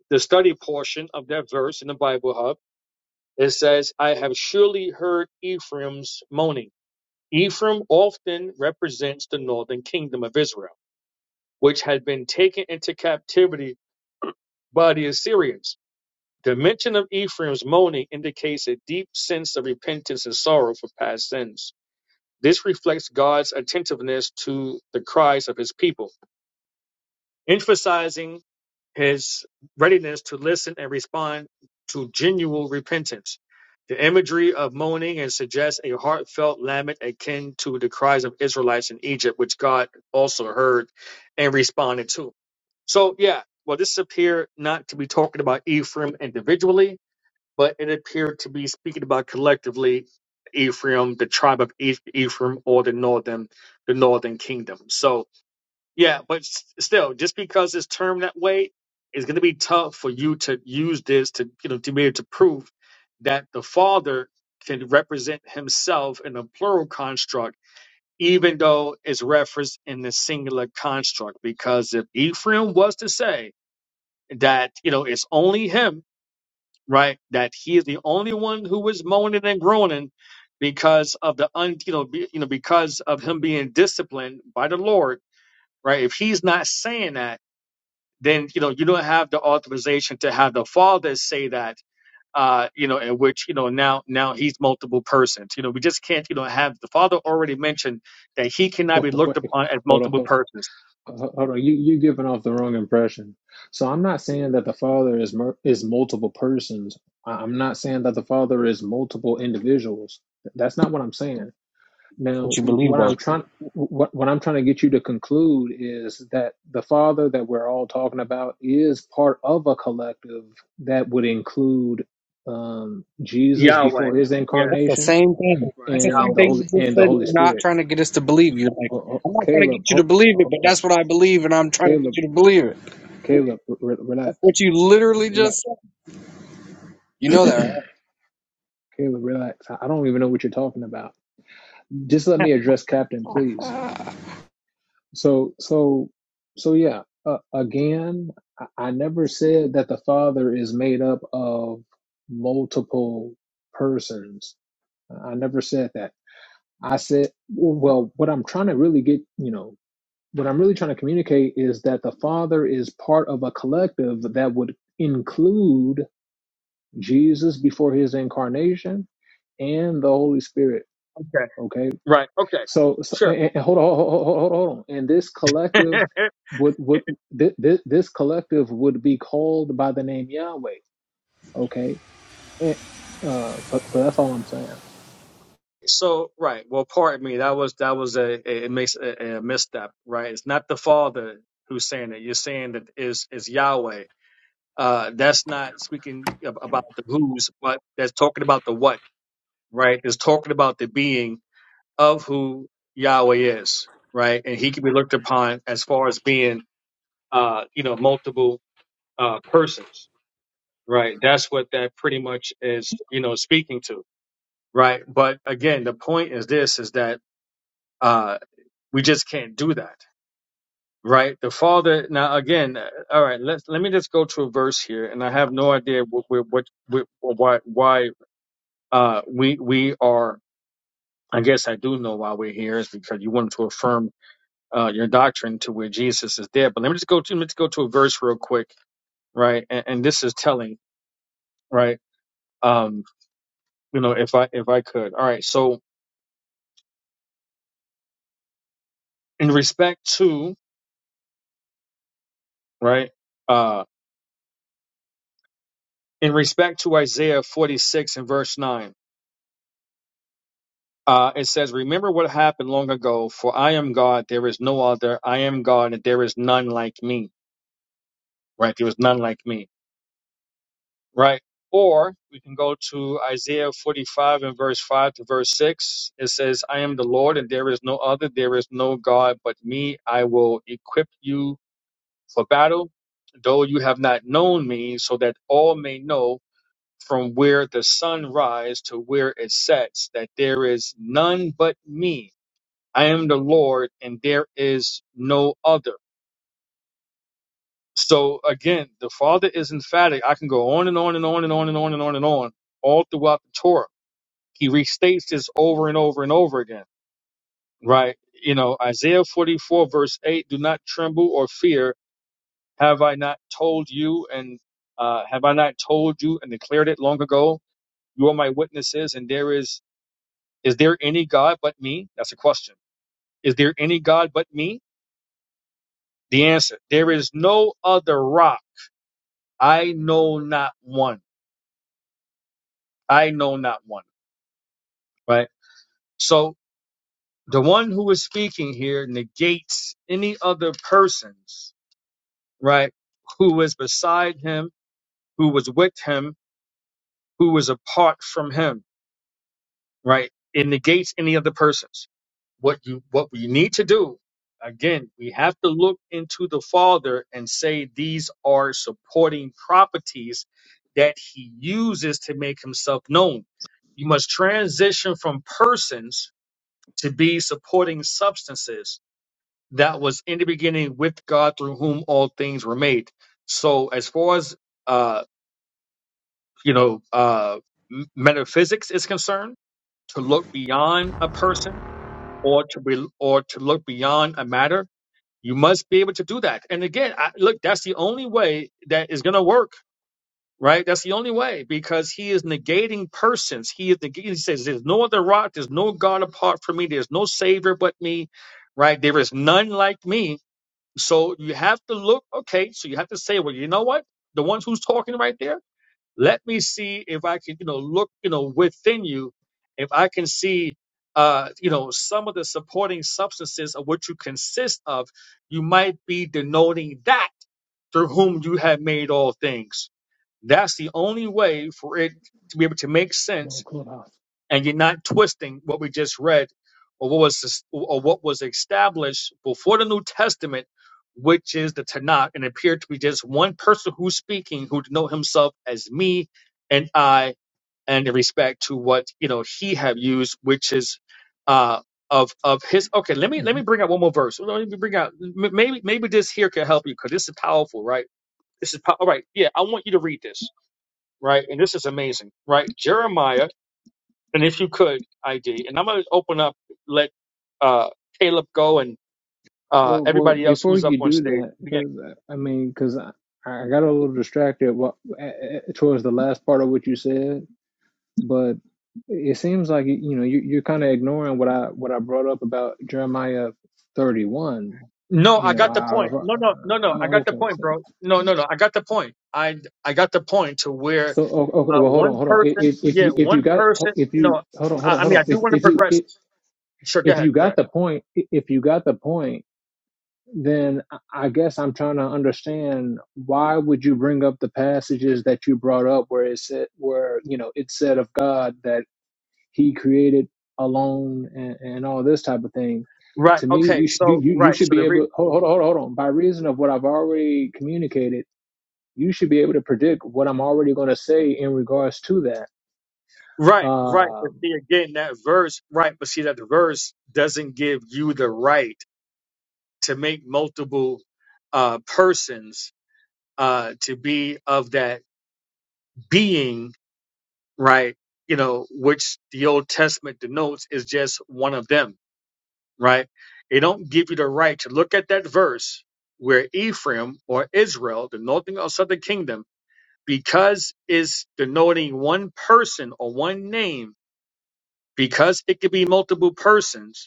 the study portion of that verse in the Bible Hub It says, I have surely heard Ephraim's moaning. Ephraim often represents the northern kingdom of Israel, which had been taken into captivity by the Assyrians. The mention of Ephraim's moaning indicates a deep sense of repentance and sorrow for past sins. This reflects God's attentiveness to the cries of his people, emphasizing his readiness to listen and respond to genuine repentance. The imagery of moaning and suggests a heartfelt lament akin to the cries of Israelites in Egypt, which God also heard and responded to. So, yeah, well, this appeared not to be talking about Ephraim individually, but it appeared to be speaking about collectively Ephraim, the tribe of Eph- Ephraim, or the northern, the northern kingdom. So, yeah, but s- still, just because it's termed that way, it's going to be tough for you to use this to, you know, to be able to prove that the father can represent himself in a plural construct, even though it's referenced in the singular construct. Because if Ephraim was to say that, you know, it's only him, right, that he is the only one who is moaning and groaning because of the un, you know, be, you know, because of him being disciplined by the Lord, right? If he's not saying that then you know you don't have the authorization to have the father say that uh you know in which you know now now he's multiple persons you know we just can't you know have the father already mentioned that he cannot be looked
Wait,
upon as
hold on.
multiple
Uh,
persons
Hold on, you you're giving off the wrong impression. So I'm not saying that the father is mul- is multiple persons. I- I'm not saying that the father is multiple individuals. That's not what I'm saying.
That's
Now,
what you believe,
what
though.
I'm trying what what I'm trying to get you to conclude is that the father that we're all talking about is part of a collective that would include um, Jesus
yahweh
before his
yeah
That's the
incarnation
same thing.
right
That's the same
and
yahweh
the
thing you
holy
just
and the
said.
Holy
You're not
Spirit.
trying to get us to believe. You're like,
Oh, oh,
I'm
oh,
not trying to
Caleb,
get you to
oh,
believe it,
oh,
but
oh,
that's what I believe, and I'm trying to get
Caleb,
you to believe it.
Caleb, re-
That's
relax,
what you literally
relax.
just said. You know that,
Caleb,
right?
relax. I I don't even know what you're talking about. Just let me address Captain, please. So, so, so, yeah. Uh, again, I, I never said that the Father is made up of multiple persons. I never said that. I said, well, what I'm trying to really get, you know, what I'm really trying to communicate is that the Father is part of a collective that would include Jesus before his incarnation and the Holy Spirit.
okay
Okay.
right okay
So, so
sure
and, and hold, on, hold, on, hold on, hold on. And this collective would would this, this collective would be called by the name Yahweh. Okay, and uh, so so that's all I'm saying.
so right well pardon me that was that was a a- it makes a, a misstep right it's not the father who's saying it you're saying that is is yahweh Uh, that's not speaking ab- about the who's, but that's talking about the what, right? It's talking about the being of who Yahweh is, right? And he can be looked upon as far as being, uh, you know, multiple uh, persons, right? That's what that pretty much is, you know, speaking to, right? But again, the point is this: is that uh, we just can't do that. Right, the father. Now, again, uh, all right. Let Let me just go to a verse here, and I have no idea what, what, what, what why, why uh, we we are. I guess I do know why we're here is because you wanted to affirm uh, your doctrine to where Jesus is dead. But let me just go to let me just go to a verse real quick, right? And, and this is telling, right? Um, you know, if I if I could, all right. So in respect to right, uh, in respect to Isaiah forty six and verse nine. Uh, it says, Remember what happened long ago, for I am God, there is no other. I am God, and there is none like me. Right? There is none like me Right. Or we can go to Isaiah 45 and verse 5 to verse 6. It says, I am the Lord and there is no other. There is no God but me. I will equip you for battle, though you have not known me, so that all may know from where the sun rises to where it sets that there is none but me. I am the Lord and there is no other. So again, the Father is emphatic. I can go on and on and on and on and on and on and on all throughout the Torah he restates this over and over and over again, right? You know, Isaiah 44, verse 8 do not tremble or fear. Have I not told you and uh, have I not told you and declared it long ago? You are my witnesses, and there is, is there any God but me? That's a question. Is there any God but me? The answer, there is no other rock. I know not one. I know not one, right? So the one who is speaking here negates any other persons right? Who was beside him, who was with him, who was apart from him, right? It negates any other persons. What you what we need to do, again, we have to look into the Father and say these are supporting properties that he uses to make himself known. You must transition from persons to be supporting substances that was in the beginning with God through whom all things were made. So as far as uh, you know, uh, m- metaphysics is concerned, to look beyond a person or to be, or to look beyond a matter, you must be able to do that. And again, I, look, that's the only way that is going to work, right? That's the only way because he is negating persons. He is negating, he says, "There's no other rock, there's no God apart from me, there's no Savior but me, right? There is none like me." So you have to look, okay. So you have to say, well, you know what? The ones who's talking right there let me see if I can, you know, look, you know, within you, if I can see, uh, you know, some of the supporting substances of what you consist of. You might be denoting that through whom you have made all things. That's the only way for it to be able to make
I'm
sense
on Clubhouse.
and you're not twisting what we just read or what was or what was established before the New Testament, which is the Tanakh, and appeared to be just one person who's speaking who denote himself as me and I, and in respect to what you know he have used, which is uh of of his. Okay, let me let
hmm
me bring out one more verse. Let me bring out m- maybe maybe this here can help you because this is powerful, right? This is pow- all right. Yeah, I want you to read this, right? And this is amazing, right? Jeremiah. And if you could, ID, and I'm going to open up, let uh, Caleb go and uh,
Well, well,
everybody else
before
who's up
you
on
do
stage
that,
begin.
because I mean, because I, I got a little distracted wa- towards the last part of what you said, but it seems like you know you, you're kind of ignoring what I what I brought up about Jeremiah 31.
No,
You
I
know,
got the
I,
point. No,
I-
no, no, no. I
oh,
got the
okay.
point,
So,
bro. No, no, no. I got the point. I I got the point to where
so oh, okay.
uh,
Well, hold on,
one
hold on. I-
person,
If, if
yeah,
you if you
one
got
person.
if you
No,
hold on, hold
I,
on,
I
hold
mean
on.
I do
If
want to
if you
progress.
if,
Sure, go
if
ahead.
you
Go
got
ahead.
the point, if you got the point, then I I guess I'm trying to understand why would you bring up the passages that you brought up where it said where you know it said of God that He created alone and, and all this type of thing.
Right.
To me,
Okay.
you should you,
So
you you
right.
should
So
be
the re-
able hold hold on, hold on hold on by reason of what I've already communicated you should be able to predict what I'm already going to say in regards to that.
right, right. But
Um,
see again that verse, right? But see that the verse doesn't give you the right to make multiple uh, persons uh, to be of that being, right? You know, which the Old Testament denotes is just one of them, right? They don't give you the right to look at that verse where Ephraim or Israel, the northern or southern kingdom, because it's denoting one person or one name, because it could be multiple persons,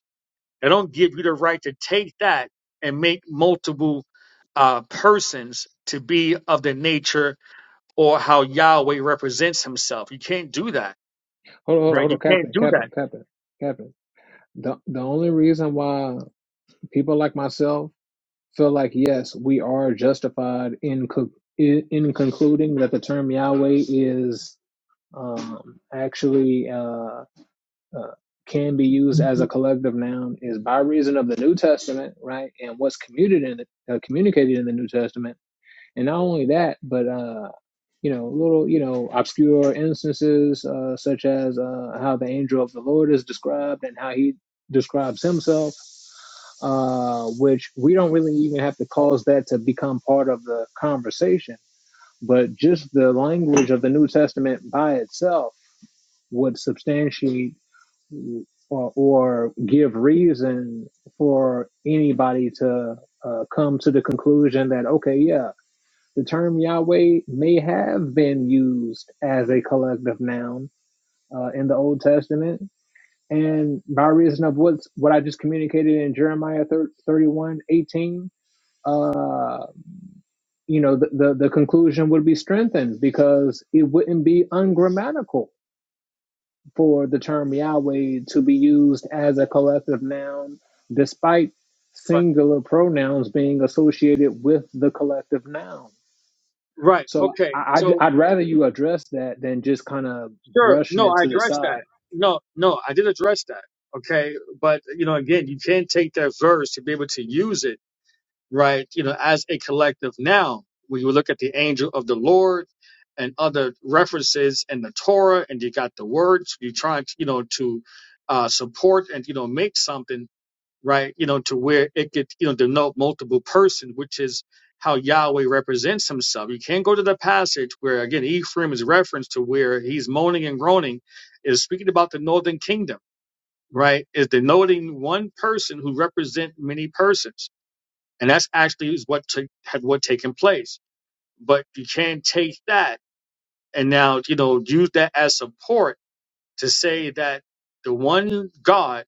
They don't give you the right to take that and make multiple uh, persons to be of the nature or how Yahweh represents himself. You can't do that,
hold on, hold on,
right?
hold
You
on,
can't
Captain,
do that.
Captain, Captain, Captain. The the only reason why people like myself feel like yes, we are justified in co- in, in concluding that the term Yahweh is um, actually uh, uh, can be used as a
Mhm.
collective noun is by reason of the New Testament, right, and what's communicated in the, uh, communicated in the New Testament And not only that, but uh, you know, little you know obscure instances uh, such as uh, how the angel of the Lord is described and how he describes himself, uh, which we don't really even have to cause that to become part of the conversation. But just the language of the New Testament by itself would substantiate or, or give reason for anybody to uh, come to the conclusion that okay, yeah. The term Yahweh may have been used as a collective noun uh, in the Old Testament. And by reason of what's, what I just communicated in Jeremiah 31 18, uh, you know, the, the, the conclusion would be strengthened because it wouldn't be ungrammatical for the term Yahweh to be used as a collective noun despite
Right.
singular pronouns being associated with the collective noun
Right.
So
Okay.
I, I'd,
So
I'd rather you address that than just kind of
sure.
brushing
No,
it
I
to the
addressed that.
side.
No, no, I did address that. Okay. But you know, again, you can't take that verse to be able to use it right? You know, as a collective now, when you look at the angel of the Lord and other references in the Torah, and you got the words, you try to, you know, to uh, support and, you know, make something, right? You know, to where it could, you know, denote multiple person, which is how Yahweh represents himself. You can't go to the passage where, again, Ephraim is referenced to where he's moaning and groaning, is speaking about the northern kingdom, right? Is denoting one person who represent many persons and that's actually is what took had what taken place. But you can't take that and now you know use that as support to say that the one God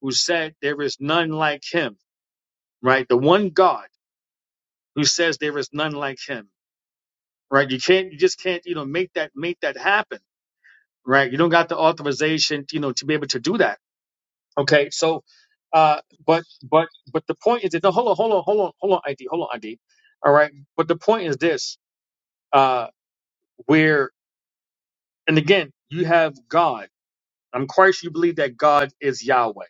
who said there is none like Him, right? The one God who says there is none like Him, right? You can't, you just can't, you know, make that make that happen, right? You don't got the authorization, you know, to be able to do that. Okay, so. Uh, but but but the point is that no, hold on, hold on, hold on, hold on, ID, hold on, ID. All right, but the point is this: uh, where and again you have god i'm quite sure you believe that god is yahweh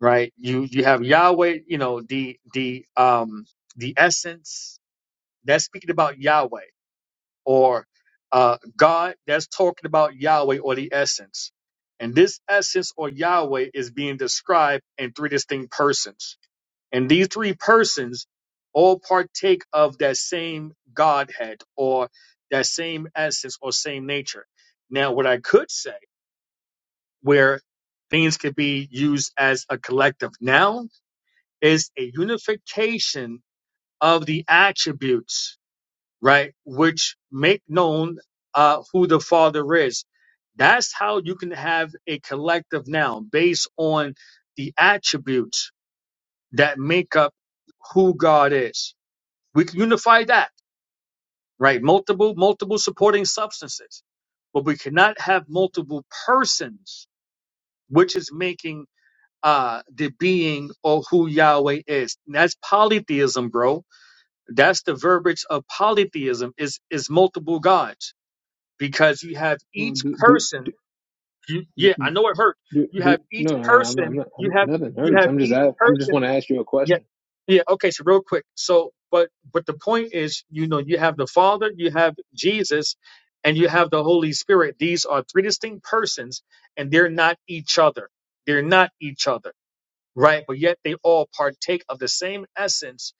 right you you have yahweh you know the the um the essence that's speaking about yahweh or uh god that's talking about yahweh or the essence and this essence or yahweh is being described in three distinct persons And these three persons all partake of that same Godhead or that same essence or same nature. Now, what I could say where things could be used as a collective noun is a unification of the attributes, right? Which make known uh, who the Father is. That's how you can have a collective noun based on the attributes that make up who God is We can unify that, right? Multiple, multiple supporting substances. But we cannot have multiple persons, which is making uh the being or who Yahweh is. And that's polytheism, bro. That's the verbiage of polytheism is is multiple gods. Because you have
Well,
each
do do
person, you, yeah, I
do
know it hurt.
do,
You
do
have each
no, no, I'm, I'm
person,
not.
you
I'm,
have
nothing
you
hurts.
have
I'm just.
each
a- I'm
person
just want to ask you a
Yeah.
question,
Yeah. Okay. So real quick. So, but but the point is, you know, you have the Father, you have Jesus, and you have the Holy Spirit. These are three distinct persons, and they're not each other. They're not each other, right? But yet they all partake of the same essence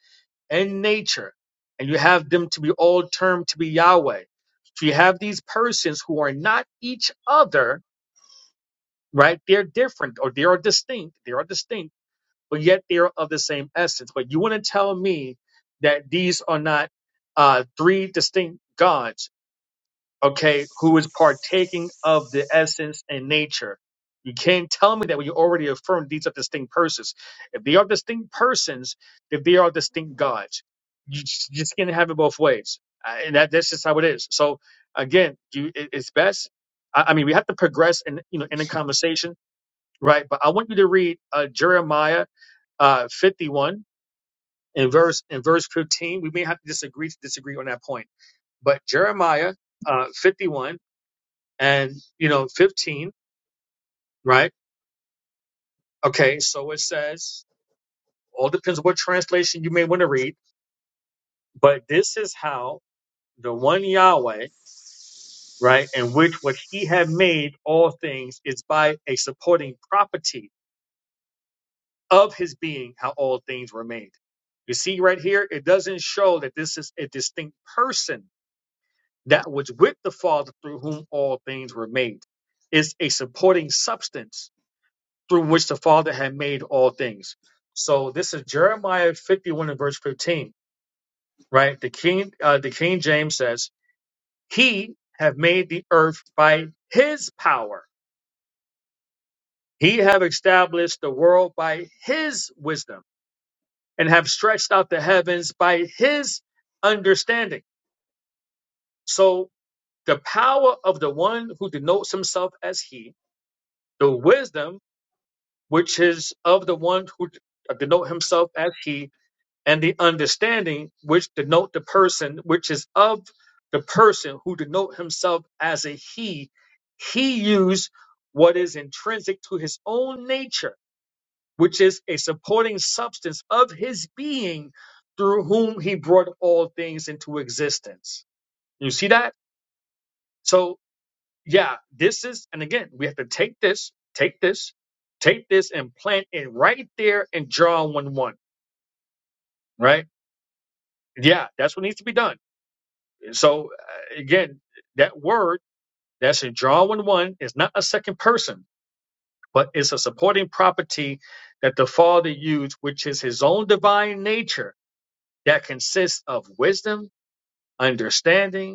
and nature, and you have them to be all termed to be Yahweh. So you have these persons who are not each other, right? They're different, or they are distinct. They are distinct but yet they're of the same essence. But you want to tell me that these are not uh, three distinct gods, okay, who is partaking of the essence and nature. You can't tell me that when you already affirmed these are distinct persons. If they are distinct persons, if they are distinct gods, you just, you just can't have it both ways. Uh, And that, that's just how it is. So again, you, it, it's best. I, I mean, we have to progress in, you know, in the conversation, right? But I want you to read uh, Jeremiah uh, 51 and verse in verse 15. We may have to disagree to disagree on that point, but Jeremiah uh, 51 and you know 15, right? Okay, so it says all depends on what translation you may want to read, but this is how the one Yahweh, right, in which what He had made all things is by a supporting property of His being how all things were made. You see right here, it doesn't show that this is a distinct person that was with the Father through whom all things were made. It's a supporting substance through which the Father had made all things. So this is Jeremiah 51 and verse 15, right? The King, uh, the King James says, "He have made the earth by His power. He have established the world by His wisdom, and have stretched out the heavens by His understanding." So the power of the one who denotes himself as He, the wisdom which is of the one who denote himself as he, and the understanding, which denote the person, which is of the person who denote himself as a he. He used what is intrinsic to his own nature, which is a supporting substance of his being, through whom he brought all things into existence. You see that? so yeah, this is, and again, we have to take this, take this, take this, and plant it right there in John 1 1, right? Yeah, that's what needs to be done. So, uh, again, that word that's in John 1 1 is not a second person, but it's a supporting property that the Father used, which is his own divine nature that consists of wisdom, understanding,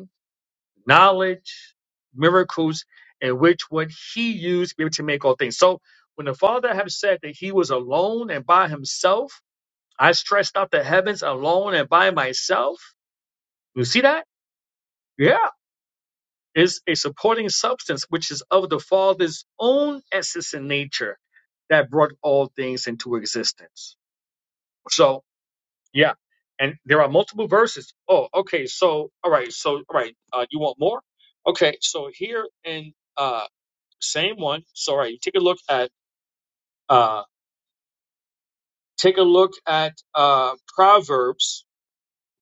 knowledge, miracles, and which what he used to be able to make all things. So when the Father have said that he was alone and by himself, I stretched out the heavens alone and by myself. You see that? Yeah. It's a supporting substance which is of the Father's own essence and nature that brought all things into existence. So yeah. And there are multiple verses. Oh, okay. So, all right. So, all right. Uh, you want more? Okay. So here in uh, Same one. Sorry. Take a look at uh take a look at uh Proverbs,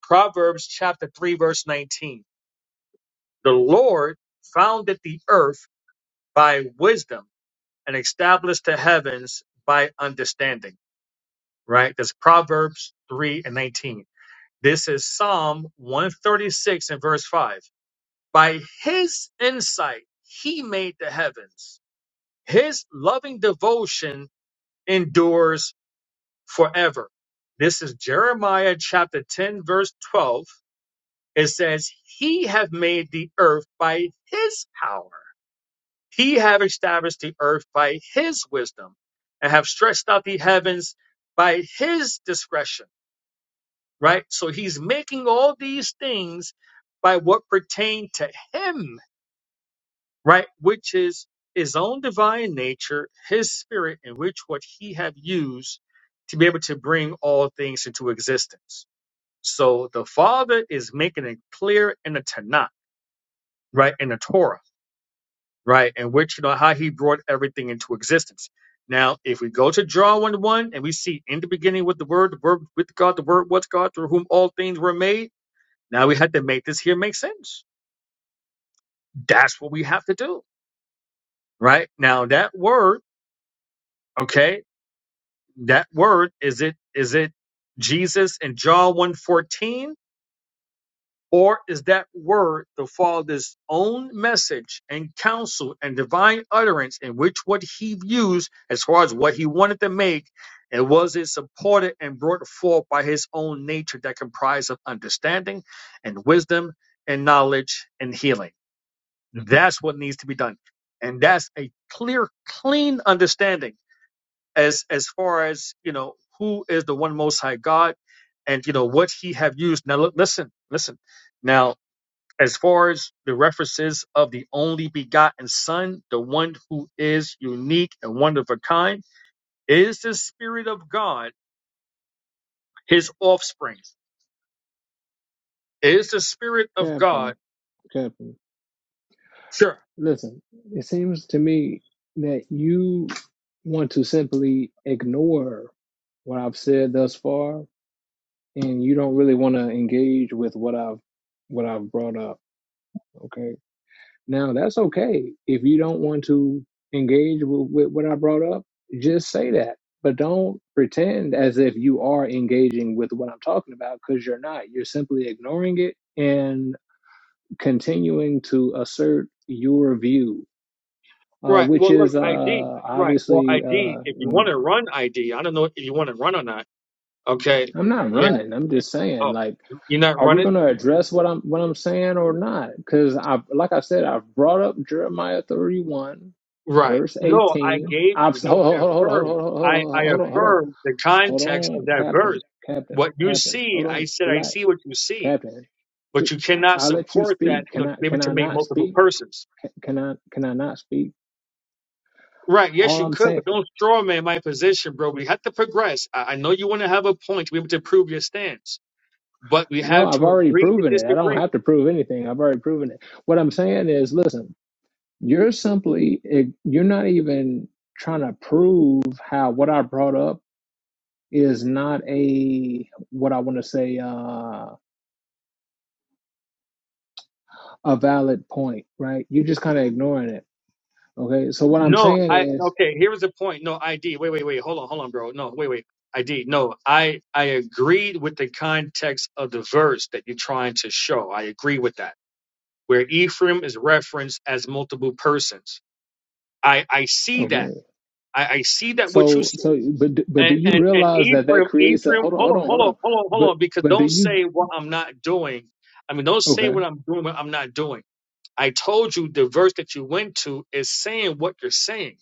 Proverbs chapter 3 verse 19. The Lord founded the earth by wisdom and established the heavens by understanding, right? That's Proverbs 3 and 19. This is Psalm 136 and verse 5. By his insight he made the heavens. His loving devotion endures forever. This is Jeremiah chapter 10, verse 12. It says, He have made the earth by his power. He have established the earth by his wisdom and have stretched out the heavens by his discretion. Right? So he's making all these things by what pertain to him, right? Which is his own divine nature, his spirit, in which what he have used to be able to bring all things into existence So the Father is making it clear in the Tanakh, right, in the Torah, right, in which you know how He brought everything into existence. Now, if we go to John one one and we see in the beginning with the Word, the Word with God, the Word was God, through whom all things were made. Now we had to make this here make sense. That's what we have to do, right? Now that word, okay, that word is it is it Jesus in John one fourteen? Or is that word the Father's own message and counsel and divine utterance in which what he views as far as what he wanted to make and was it supported and brought forth by his own nature that comprised of understanding and wisdom and knowledge and healing? That's what needs to be done. And that's a clear, clean understanding as as far as you know who is the one most high God and you know what he have used. Now look, listen, listen. Now, as far as the references of the only begotten Son, the one who is unique and one of a kind, is the Spirit of God his offspring? Is the Spirit of God?
Captain. Captain,
Sure.
listen. It seems to me that you want to simply ignore what I've said thus far, and you don't really want to engage with what I've what I've brought up. Okay Now that's okay. If you don't want to engage with, with what I brought up, just say that. But don't pretend as if you are engaging with what I'm talking about because you're not. You're simply ignoring it and continuing to assert your view, uh,
Right.
which
Well, look,
is
ID.
uh,
Right. Well,
obviously,
ID,
uh,
if you want
mm,
to run ID, I don't know if you want to run or not. Okay.
I'm not
Yeah.
running. I'm just saying,
Oh,
like,
you're not
are we
running?
going to address what I'm what I'm saying or not? Because I, like I said, I've brought up Jeremiah 31,
Right.
verse
No, I
18.
gave
I've
you. No,
hold
I
hold hold
affirmed.
hold hold hold
I, I
hold hold hold on hold on
affirmed the
hold
context of
on,
that verse.
Captain, Captain,
What you
Captain,
see,
hold
I
on,
said, I
relax,
see what you see
Captain. Ju-
But you
I
cannot
I'll let you
support that,
speak.
you know,
Can
to
I
be able
can
to
I
make
not
multiple
speak?
persons.
Can can I can I not speak?
Right. Yes,
All
you
I'm
could,
saying,
but don't straw man my position, bro. We have to progress. I, I know you want to have a point to be able to prove your stance, but we
no,
have
I've
to
already
agree to
proven it. I don't
disagree.
have to prove anything. I've already proven it. What I'm saying is, listen. You're simply eh, you're not even trying to prove how what I brought up is not a what I want to say uh, a valid point, right? You're just kind of ignoring it. Okay, so what I'm
No,
saying
I,
is
okay, here's the point. No, ID. Wait, wait, wait. Hold on, hold on, bro. No, wait, wait. ID. No, I, I agreed with the context of the verse that you're trying to show. I agree with that. Where Ephraim is referenced as multiple persons. I, I see that.
okay.
I, I see that what you
So
see.
so but but do
And,
you
and and
realize that that
Ephraim,
creates a
Ephraim,
hold on
hold
hold
on,
on
hold
hold
on,
on.
hold on, hold
But
on, because
but do
don't
you
say what I'm not doing. I mean, don't say
okay
what I'm doing, what I'm not doing. I told you the verse that you went to is saying what you're saying.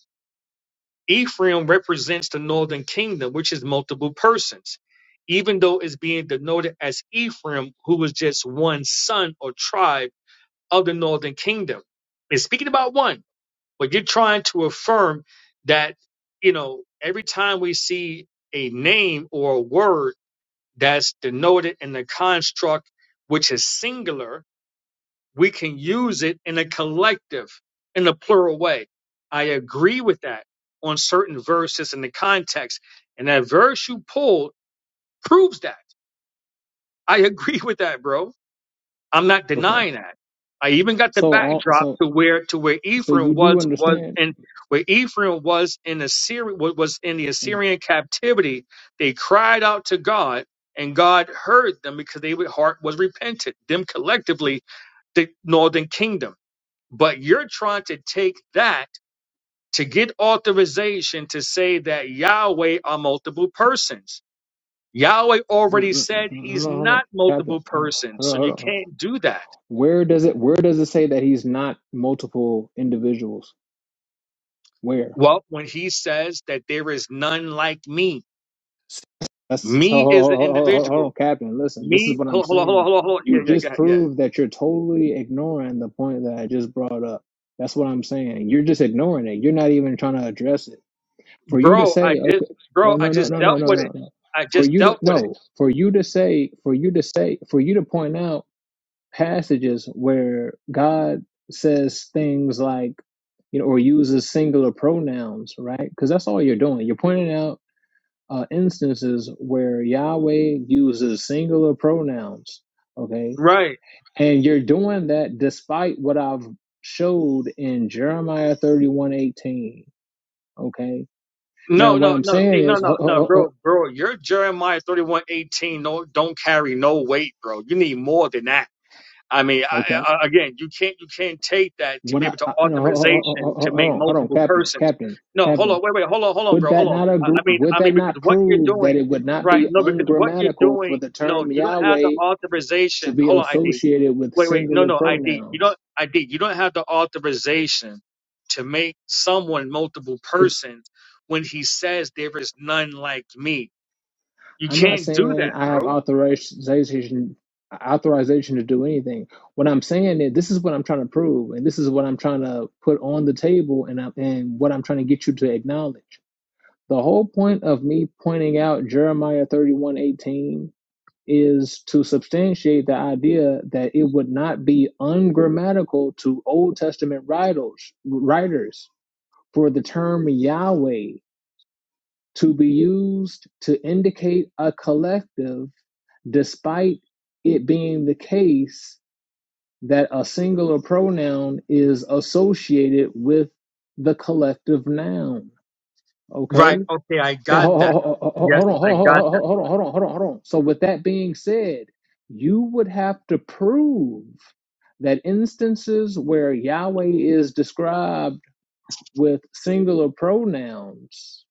Ephraim represents the northern kingdom, which is multiple persons, even though it's being denoted as Ephraim, who was just one son or tribe of the northern kingdom. It's speaking about one. But you're trying to affirm that, you know, every time we see a name or a word that's denoted in the construct, which is singular, we can use it in a collective, in a plural way. I agree with that on certain verses in the context. And that verse you pulled proves that. I agree with that, bro I'm not
okay.
denying that. I even got the
So all
backdrop
so
to where to where
so
Ephraim
you do
was was
understand
in where Ephraim was in Assyria wa- was in the
Mm.
Assyrian captivity. They cried out to God, and God heard them because their heart was repentant. Them collectively, the Northern Kingdom. But you're trying to take that to get authorization to say that Yahweh are multiple persons. Yahweh
No,
already
no, no,
said
hold
he's
on, hold on,
not
Captain.
multiple
Hold on,
persons,
hold
so
on,
you
hold on.
can't do that
Where does it? Where does it say that he's not multiple individuals? Where?
Well, when he says that there is none like me,
That's
me
hold,
is
hold,
the
hold,
individual.
on, Captain. Listen, this is
Me,
what I'm
hold on, hold on,
saying.
hold on, hold on. Yeah,
You
yeah, go
just
ahead, yeah.
proved that you're totally ignoring the point that I just brought up. That's what I'm saying. You're just ignoring it. You're not even trying to address it. For you to
Bro, I
say,
just,
okay, oh
bro, I
no, no,
just
no, no,
dealt
no,
with it.
no, no.
I
For
just
you to
dealt with it.
no, for you to say, for you to say, for you to point out passages where God says things like, you know, or uses singular pronouns, right? Because that's all you're doing. You're pointing out uh, instances where Yahweh uses singular pronouns, okay?
Right.
And you're doing that despite what I've showed in Jeremiah 31:18, okay? Now,
No,
what
no,
I'm
no.
saying
See, no,
is,
no,
ho- ho-
no,
ho-
bro,
ho-
bro. Your Jeremiah thirty-one eighteen. No, don't carry no weight, bro. You need more than that. I mean, I,
okay,
I, uh, again, you can't you can't take that to
what
be
I,
able to
I no, ho- ho- ho- ho-
authorization to
ho-
make
hold on, hold on,
multiple
Captain,
persons.
Captain,
No, hold on,
Captain.
wait, wait, hold on, hold on,
Would
bro, hold
that
on.
not agree,
I, I mean,
would
I mean,
that
because
not
what you're
prove that
doing,
it would not
right?
be
No, because what you're
ungrammatical for
doing,
the
no,
term
you don't have the
Yahweh to
authorization.
be
Hold on, ID.
associated with
Wait, wait, no,
singular
no, ID. You
pronouns?
don't, ID. You don't have the authorization to make someone multiple
It,
persons when he says there is none like me. You
I'm not
can't do
saying
that,
I have
bro.
authorization authorization to do anything. What I'm saying is this is what I'm trying to prove, and this is what I'm trying to put on the table, and I'm, and what I'm trying to get you to acknowledge. The whole point of me pointing out Jeremiah 31:18 is to substantiate the idea that it would not be ungrammatical to Old Testament writers writers for the term Yahweh to be used to indicate a collective despite it being the case that a singular pronoun is associated with the collective noun.
Right?
Okay.
Okay, I
Now,
got that.
ho- ho-
Yes,
hold on,
I got
hold on, hold on, hold on, hold on. So, with that being said, you would have to prove that instances where Yahweh is described with singular pronouns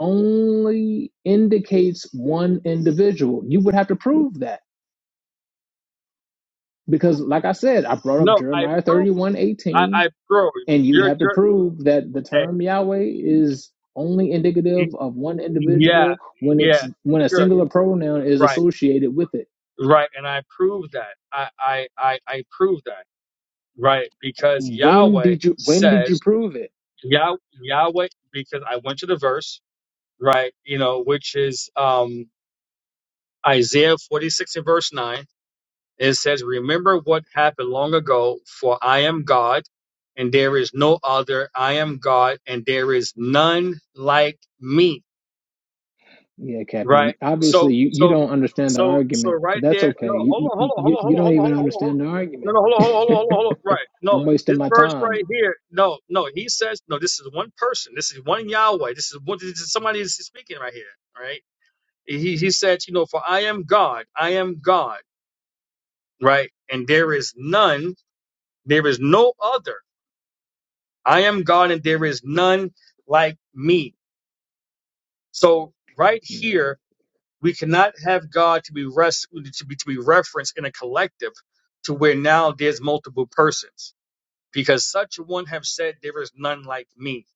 only indicates one individual. You would have to prove that
that.
Because, like I said, I brought up
No, I
Jeremiah
prove.
31
I,
18,
I bro,
and you'd
you're,
have to
you're
prove that the
eh,
term Yahweh is only indicative
y-
of one
yeah,
individual when it's
yeah,
when a
sure,
singular pronoun is
right,
associated with it.
right, and I prove that. I, I, I, I prove that, right, because
When
Yahweh
did you when did you
says
prove it?
Yah, Yahweh, because I went to the verse, right, you know, which is um Isaiah 46 and verse nine. It says, "Remember what happened long ago, for I am God." And there is no other. I am God, and there is none like me
Yeah,
Right.
Captain.
So
Obviously, you, you
so
don't understand the
so so
argument, but
right
that's
there. No,
okay.
hold
You,
on, hold
you
on, hold
you
on, hold
you
on,
don't
hold on,
even
hold on, hold on. Hold on.
understand the
No,
argument.
no, hold on, hold on, hold on, hold on, hold on. Right. No,
I'm wasting
this
my
verse
time.
right here. No, no. He says no. This is one person. This is one Yahweh. This is one. This is somebody that's speaking right here. Right. He he said, you know, for I am God. I am God. Right. And there is none. There is no other. I am God, and there is none like me. So right here We cannot have God to be rest to be to be referenced in a collective to where now there's multiple persons, because such one have said there is none like me.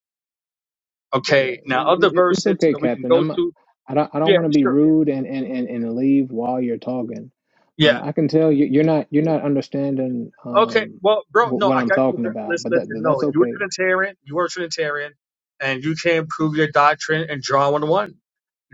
Yeah,
Okay, now
it,
other
it,
verses
it's
you
okay,
know we can
Captain.
go
I'm.
to.
I don't. I don't
Yeah,
want to be
sure.
rude and, and and and leave while you're talking, but
Yeah.
I can tell you you're not you're not understanding
Okay.
um
Well, bro,
wh-
no,
what
I
I'm
got you.
talking
bro.
about.
Listen,
But that
listen.
but
No,
that's
you were
okay.
Trinitarian. You were Trinitarian, and you can't prove your doctrine in John one one.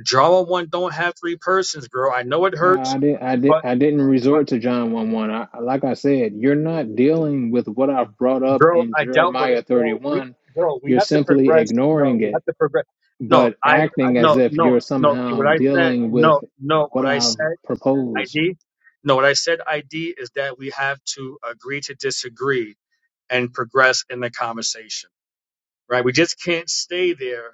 John one one don't have three persons, bro. I know it
Uh,
hurts,
I did. I did.
but
I didn't
but.
resort to John one one. I, I- like I said, you're not dealing with what I've brought up
bro.
in
I doubt what it,
Jeremiah
bro. We,
31.
bro, we
You're
have to
simply
progress. No,
ignoring
we have
it,
to progress. No,
but
I, I
acting
no,
as if
no,
you're
no. Okay,
somehow
what I said,
dealing
no,
with
no.
what
What I
I've
said,
proposed.
ID. No, what I said, ID is that we have to agree to disagree and progress in the conversation, right? We just can't stay there.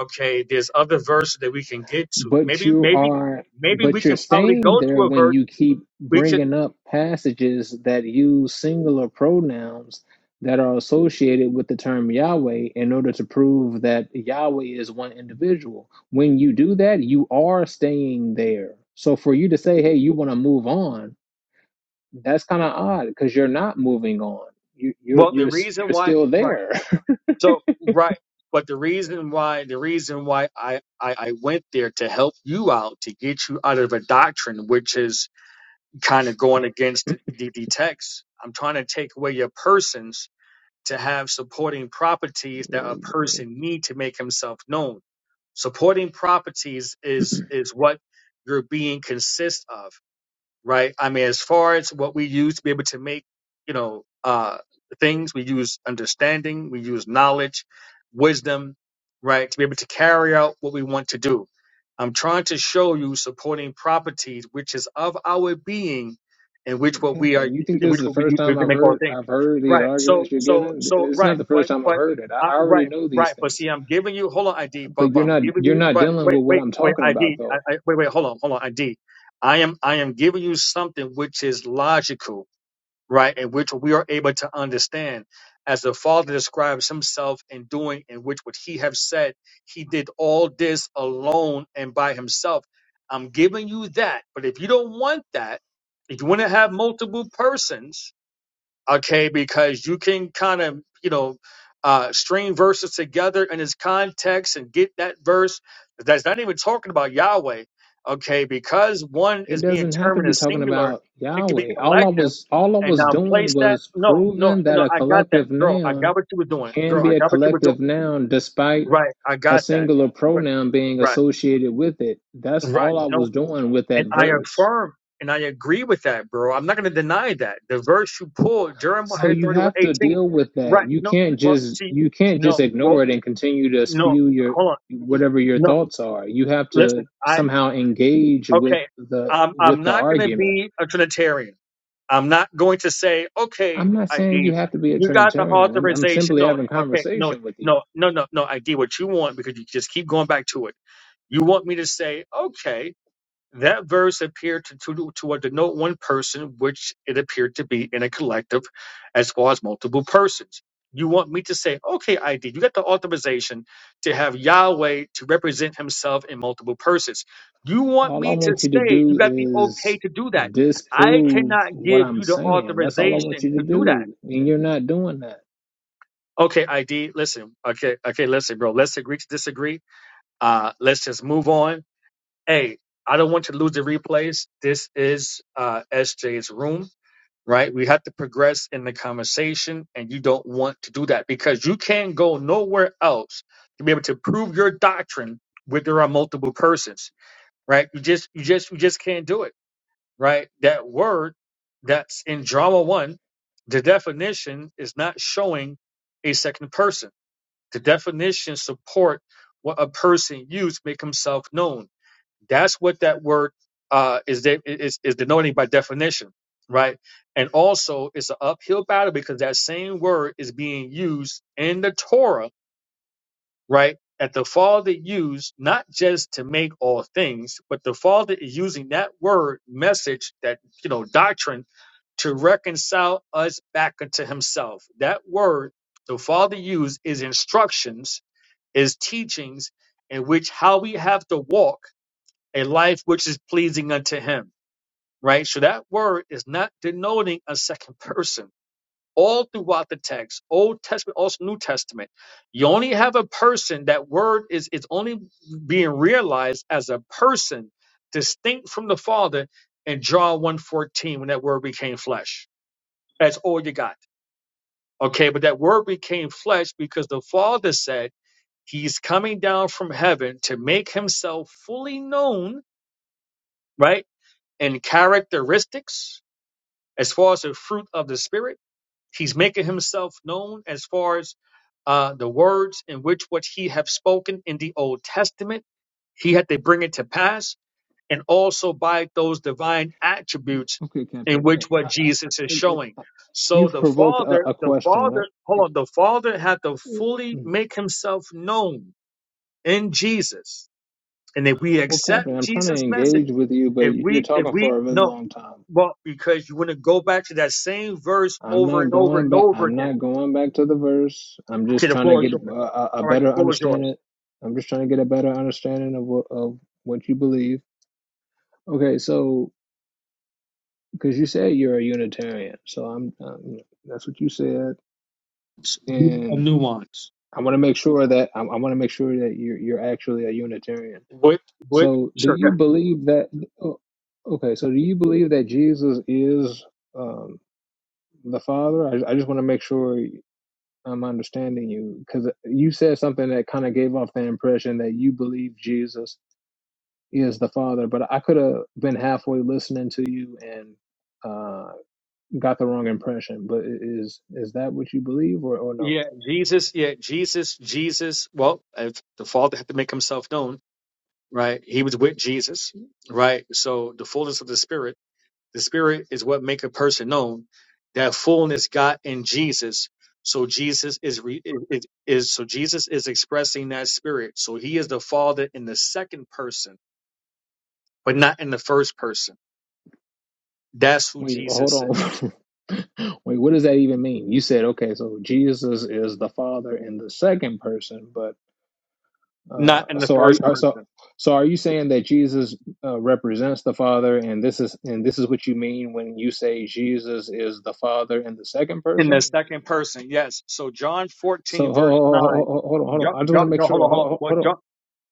Okay, there's other verses that we can get to.
But
Maybe,
you
maybe,
are,
maybe we
but you're
can probably
staying
go
there
to a
when
verse.
you keep
We could.
bringing up passages that use singular pronouns that are associated with the term Yahweh in order to prove that Yahweh is one individual. When you do that, you are staying there. So for you to say, "Hey, you want to move on," that's kind of odd because you're not moving on. You, you're
Well, the
you're s-
reason
you're
why,
still
right?
there.
So right, but the reason why the reason why I, I I went there to help you out to get you out of a doctrine which is kind of going against the, the, the text. I'm trying to take away your persons to have supporting properties that a person need to make himself known. Supporting properties is is what your being consists of right? I mean, as far as what we use to be able to make, you know, uh, things, we use understanding, we use knowledge, wisdom, right, to be able to carry out what we want to do. I'm trying to show you supporting properties, which is of our being, in
Yeah,
which what we are,
Captain, you think
in
this
which
is the
what we
first
use to be
time
able to
I've
make all
heard
things,
I've heard these
right? So,
arguments you're
so,
giving?
so,
It's
right,
not the
but,
first time I've
but.
heard it. I,
Uh,
I already
right,
know these
right, but
things,
see, I'm giving you. Hold on, ID, but,
but
but
you're
I'm
not
giving
you're
you.
not
But
dealing
wait,
with what
wait,
I'm
wait,
talking about
ID,
though.
wait, wait, hold on, hold on, ID. I am I am giving you something which is logical, right, and which we are able to understand. As the Father describes himself in doing, in which would he have said, he did all this alone and by himself. I'm giving you that. But if you don't want that, if you want to have multiple persons, okay because you can kind of you know uh string verses together in its context and get that verse that's not even talking about yahweh okay because one
It
is being
doesn't have to
termed
be
as
talking
singular
about
it could be
Yahweh. All I
collective
was all I
and
was
now
doing
place that
was
no no
proving that
no
a
i got that
collective
girl i got
noun
what you were doing
can
girl i
be a
got what you were doing
collective noun despite
right i
a
got that
singular
Right,
pronoun being
right
associated with it. That's
right.
all I
No,
was doing with
and
that
I
verse.
affirm and I agree with that, bro. I'm not going to deny that. The verse you pulled,
So
Jeremiah
you
31:18,
have to deal with that.
Right.
You
No,
can't
but
just
see,
you can't
no,
just
well,
ignore it and continue to
no,
spew your
hold on.
whatever your
No,
thoughts are. You have
listen,
to
I,
somehow engage with
okay,
the
I'm,
with
I'm
the
not going to
argument.
be a Trinitarian. I'm not going to say, okay,
I'm not saying you
ID,
have to be a
you got the
Trinitarian. I'm I'm
authorization.
simply
No,
having
okay, no,
conversation with you.
no, no, no, no, ID, what you want, because you just keep going back to it. You want me to say, okay, That verse appeared to, to, to denote one person, which it appeared to be in a collective as well as multiple persons. You want me to say, okay, ID, you got the authorization to have Yahweh to represent himself in multiple persons. You want
All I
me to
want you to
say you
do
got the
is
okay to do that. I
disprove
cannot
what
give
I'm
you the
saying. That's all I want
authorization
you to
to do that.
do. And you're not doing that.
Okay, ID, listen. Okay, okay, listen, bro. Let's agree to disagree. Uh, let's just move on hey, I don't want you to lose the replays. This is uh, SJ's room, right? We have to progress in the conversation, and you don't want to do that because you can't go nowhere else to be able to prove your doctrine where there are multiple persons, right? You just, you just, you just can't do it, right? That word that's in drama one, the definition is not showing a second person the definition support what a person used to make himself known. That's what that word uh, is, de- is is denoting by definition, right? And also, it's an uphill battle because that same word is being used in the Torah, right? That the Father used not just to make all things, but the Father is using that word message, that you know doctrine, to reconcile us back unto Himself. That word the Father used is instructions is teachings in which how we have to walk a life which is pleasing unto him right so that word is not denoting a second person all throughout the text old testament also new testament you only have a person that word is is only being realized as a person distinct from the father in john one fourteen when that word became flesh that's all you got okay but that word became flesh because the father said He's coming down from heaven to make himself fully known, right? In characteristics, as far as the fruit of the Spirit, he's making himself known as far as uh, the words in which what he have spoken in the Old Testament, he had to bring it to pass, and also by those divine
Mm,
attributes
Okay,
in
Captain. Uh,
which what
I-
Jesus is
I- I-
showing. So
You've
the
provoked
Father,
a, a
the
question.
Father,
I-
hold on, the Father had to fully make himself known in Jesus And if we
Well,
accept
Captain, I'm trying to
Jesus' message,
engage with you, but
if
you're
we if
talking
we
for a really
no,
long time.
well, because you want to go back to that same verse
I'm
over
not
and over
going
and
back.
over
I'm
again.
not going back to the verse. I'm
Okay,
just
the
trying to
floor is
get a,
yours.
a a
All right, the
better
floor is yours.
understanding. I'm just trying to get a better understanding of what of what you believe. Okay, so because you said you're a Unitarian, so I'm um, that's what you said,
A
and
nuance.
I want to make sure that I, I want to make sure that you're you're actually a Unitarian.
What what
So, do
sure go
you
ahead.
believe that? oh, Okay, so do you believe that Jesus is um, the Father? I, I just want to make sure I'm understanding you because you said something that kind of gave off the impression that you believe Jesus is the Father, but I could have been halfway listening to you and uh, got the wrong impression. But i- is is that what you believe or, or no?
yeah, Jesus, yeah, Jesus, Jesus. Well, if the Father had to make himself known, right? He was with Jesus, right? So the fullness of the Spirit. The Spirit is what make a person known that fullness got in Jesus. So Jesus is, re, is is so Jesus is expressing that Spirit. So He is the Father in the second person, but not in the first person. That's who
Wait, hold
Jesus is,
on. Wait, what does that even mean? You said, okay, so Jesus is the Father in the second person, but Uh,
not in the
so are,
first
are so
person,
so are you saying that Jesus uh, represents the Father, and this is and this is what you mean when you say Jesus is the Father in the second
in the
person?
second person. Yes. So John
So ho-
fourteen verse
ho- ho-
nine.
ho- ho- hold on, hold
John,
on. I just want
John,
to make
John- hold
sure.
on,
Ho-
hold on.
ho-
Well,
Hold on.
John,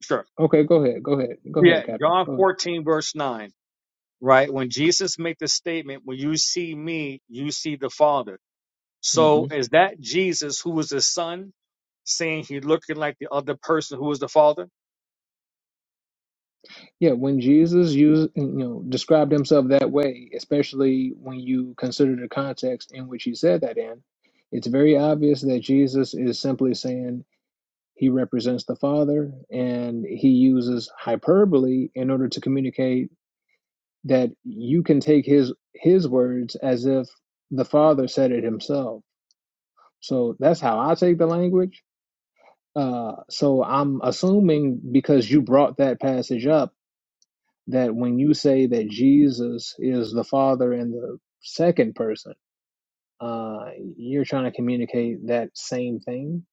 sure.
Okay, go ahead, go ahead, go ahead,
Yeah,
Captain.
John
Go ahead.
fourteen verse nine. Right when Jesus make the statement, when you see me, you see the Father.
hmm
So is that Jesus who was the son saying he looking like the other person who was the father?
Yeah, when Jesus used you know described himself that way, especially when you consider the context in which he said that in, it's very obvious that Jesus is simply saying He represents the Father and he uses hyperbole in order to communicate that you can take his his words as if the Father said it himself. So that's how I take the language. Uh, so I'm assuming because you brought that passage up that when you say that Jesus is the Father in the second person, uh, you're trying to communicate that same thing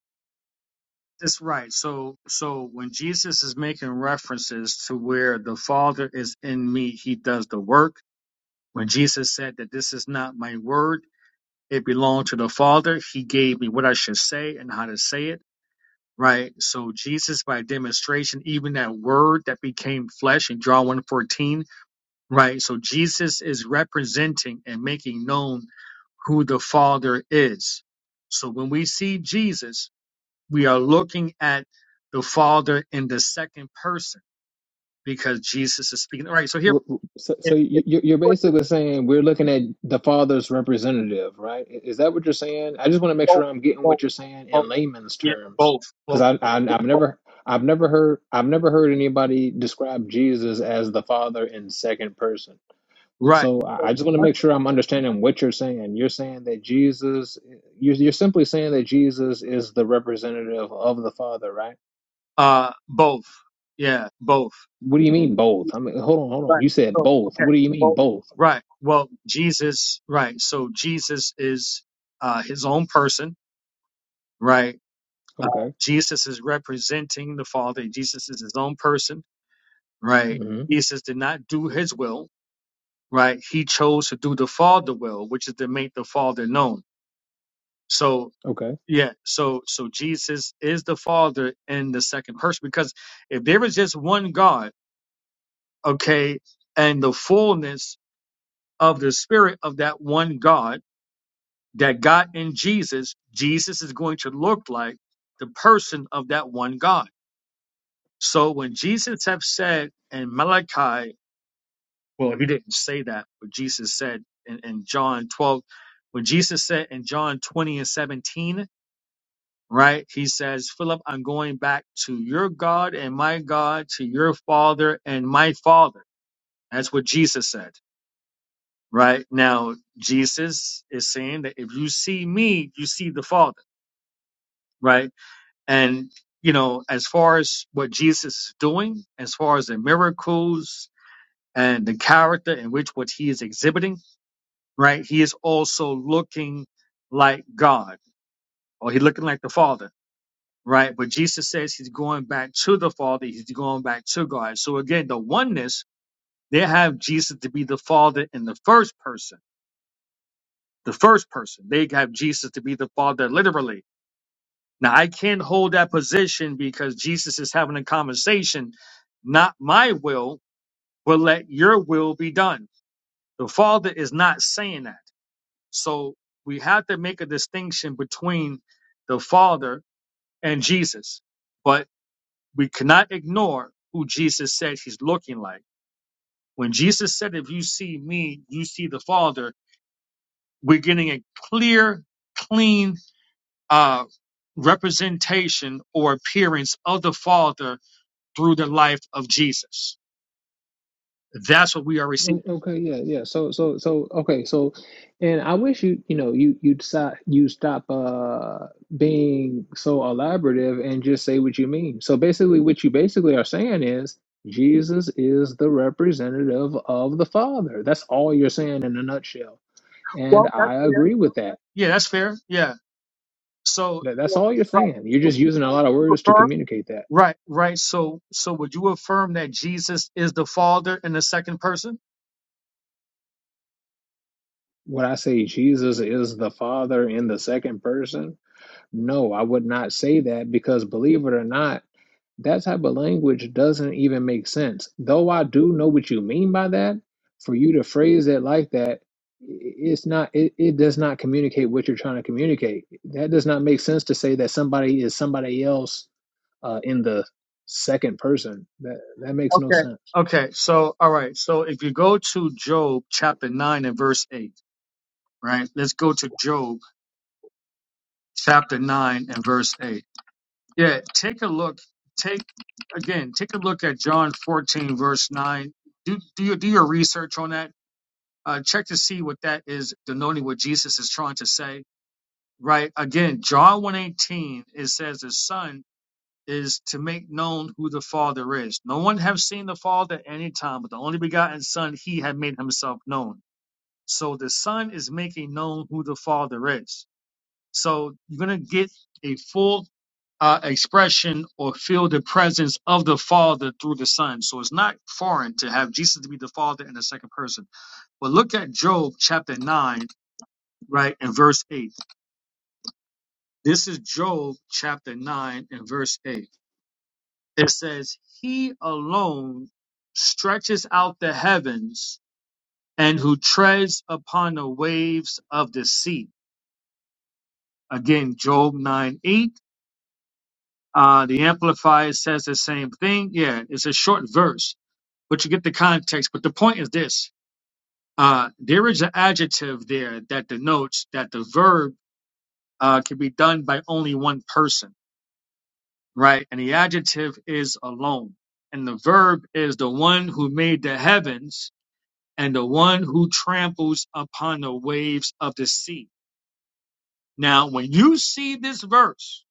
That's right. So, so when Jesus is making references to where the Father is in me, he does the work. When Jesus said that this is not my word, it belonged to the Father, he gave me what I should say and how to say it. Right. So Jesus, by demonstration, even that word that became flesh in John one fourteen. right? So Jesus is representing and making known who the Father is. So when we see Jesus, we are looking at the Father in the second person because Jesus is speaking. All right, so here,
We're, so,
if,
so
if
you,
you
you- you're
put it
basically saying we're looking at the father's representative, right? I- Is that what you're saying? I just want to make sure
both,
I'm getting
both,
what you're saying
both,
in layman's
yeah,
terms,
both,
because
both,
I, I
yeah,
I've
both.
never I've never heard I've never heard anybody describe Jesus as the father in second person.
right,
So I I just want to make sure I'm understanding what you're saying. You're saying that Jesus, you're, you're simply saying that Jesus is the representative of the Father, right?
uh, both, yeah, both.
What do you mean both? I mean, hold on, hold on.
Right.
You said
Oh,
both.
okay.
What do you mean
Well,
both?
right. Well, Jesus, right. So Jesus is uh, his own person, right? Uh,
Okay.
Jesus is representing the Father. Jesus is his own person, right? Jesus did not do his will, right? He chose to do the Father will, which is to make the Father known. So,
Okay.
yeah, so so Jesus is the Father in the second person because if there is just one God, okay, and the fullness of the Spirit of that one God that got in Jesus, Jesus is going to look like the person of that one God. So when Jesus have said in Malachi, well, he didn't say that, but Jesus said in, in John 12, when Jesus said in John 20 and 17, right, he says, Philip, I'm going back to your God and my God, to your father and my father. That's what Jesus said, right? Now, Jesus is saying that if you see me, you see the father right? And, you know, as far as what Jesus is doing, as far as the miracles and the character in which what he is exhibiting, right? He is also looking like God or he looking like the Father, right? But Jesus says he's going back to the Father. He's going back to God. So again, the oneness, they have Jesus to be the Father in the first person, the first person. They have Jesus to be the Father literally Now I can't hold that position because Jesus is having a conversation. Not my will, but let your will be done. The Father is not saying that. So we have to make a distinction between the Father and Jesus. But we cannot ignore who Jesus said he's looking like. When Jesus said, if you see me, you see the Father, we're getting a clear, clean, uh, representation or appearance of the Father through the life of Jesus. That's what we are receiving.
O- Okay. Yeah. Yeah. So. So. So. Okay. So, and I wish you. You know. You. You decide. You stop. Uh. Being so elaborative and just say what you mean. So basically, what you basically are saying is Jesus is the representative of the Father. That's all you're saying in a nutshell. And
Well, that's
I
fair.
agree with that.
Yeah, that's fair. Yeah. So,
That- That's
so-
all you're
right.
saying. You're
So,
just using a lot of words to
affirm-
communicate that.
right, right. So, so would you affirm that Jesus is the Father in the second person?
When I say Jesus is the Father in the second person, No, I would not say that because believe it or not, that type of language doesn't even make sense. Though I do know what you mean by that, for you to phrase it like that, i- it's not it, it does not communicate what you're trying to communicate. That does not make sense to say that somebody is somebody else uh, in the second person. That that makes no
Okay.
sense.
Okay. So, all right. So, if you go to Job chapter nine and verse eight, right? Let's go to Job chapter nine and verse eight. Yeah. Take a look. Take again. Take a look at John fourteen verse nine. Do do your do your research on that uh, check to see what that is denoting what Jesus is trying to say. Right. Again, John 118, it says the son is to make known who the father is. No one have seen the father at any time, but the only begotten son, he had made himself known. So the son is making known who the father is. So you're going to get a full uh, expression or feel the presence of the father through the son. So it's not foreign to have Jesus to be the father in the second person. But look at Job chapter 9 right? In verse 8. This is Job chapter 9 and verse 8. It says, He alone stretches out the heavens and who treads upon the waves of the sea. Again, Job 9 8. Uh, the Amplifier says the same thing. Yeah, it's a short verse, but you get the context. But the point is this uh, there is an adjective there that denotes that the verb uh, can be done by only one person right? And the adjective is alone. And the verb is the one who made the heavens and the one who tramples upon the waves of the sea. Now, when you see this verse,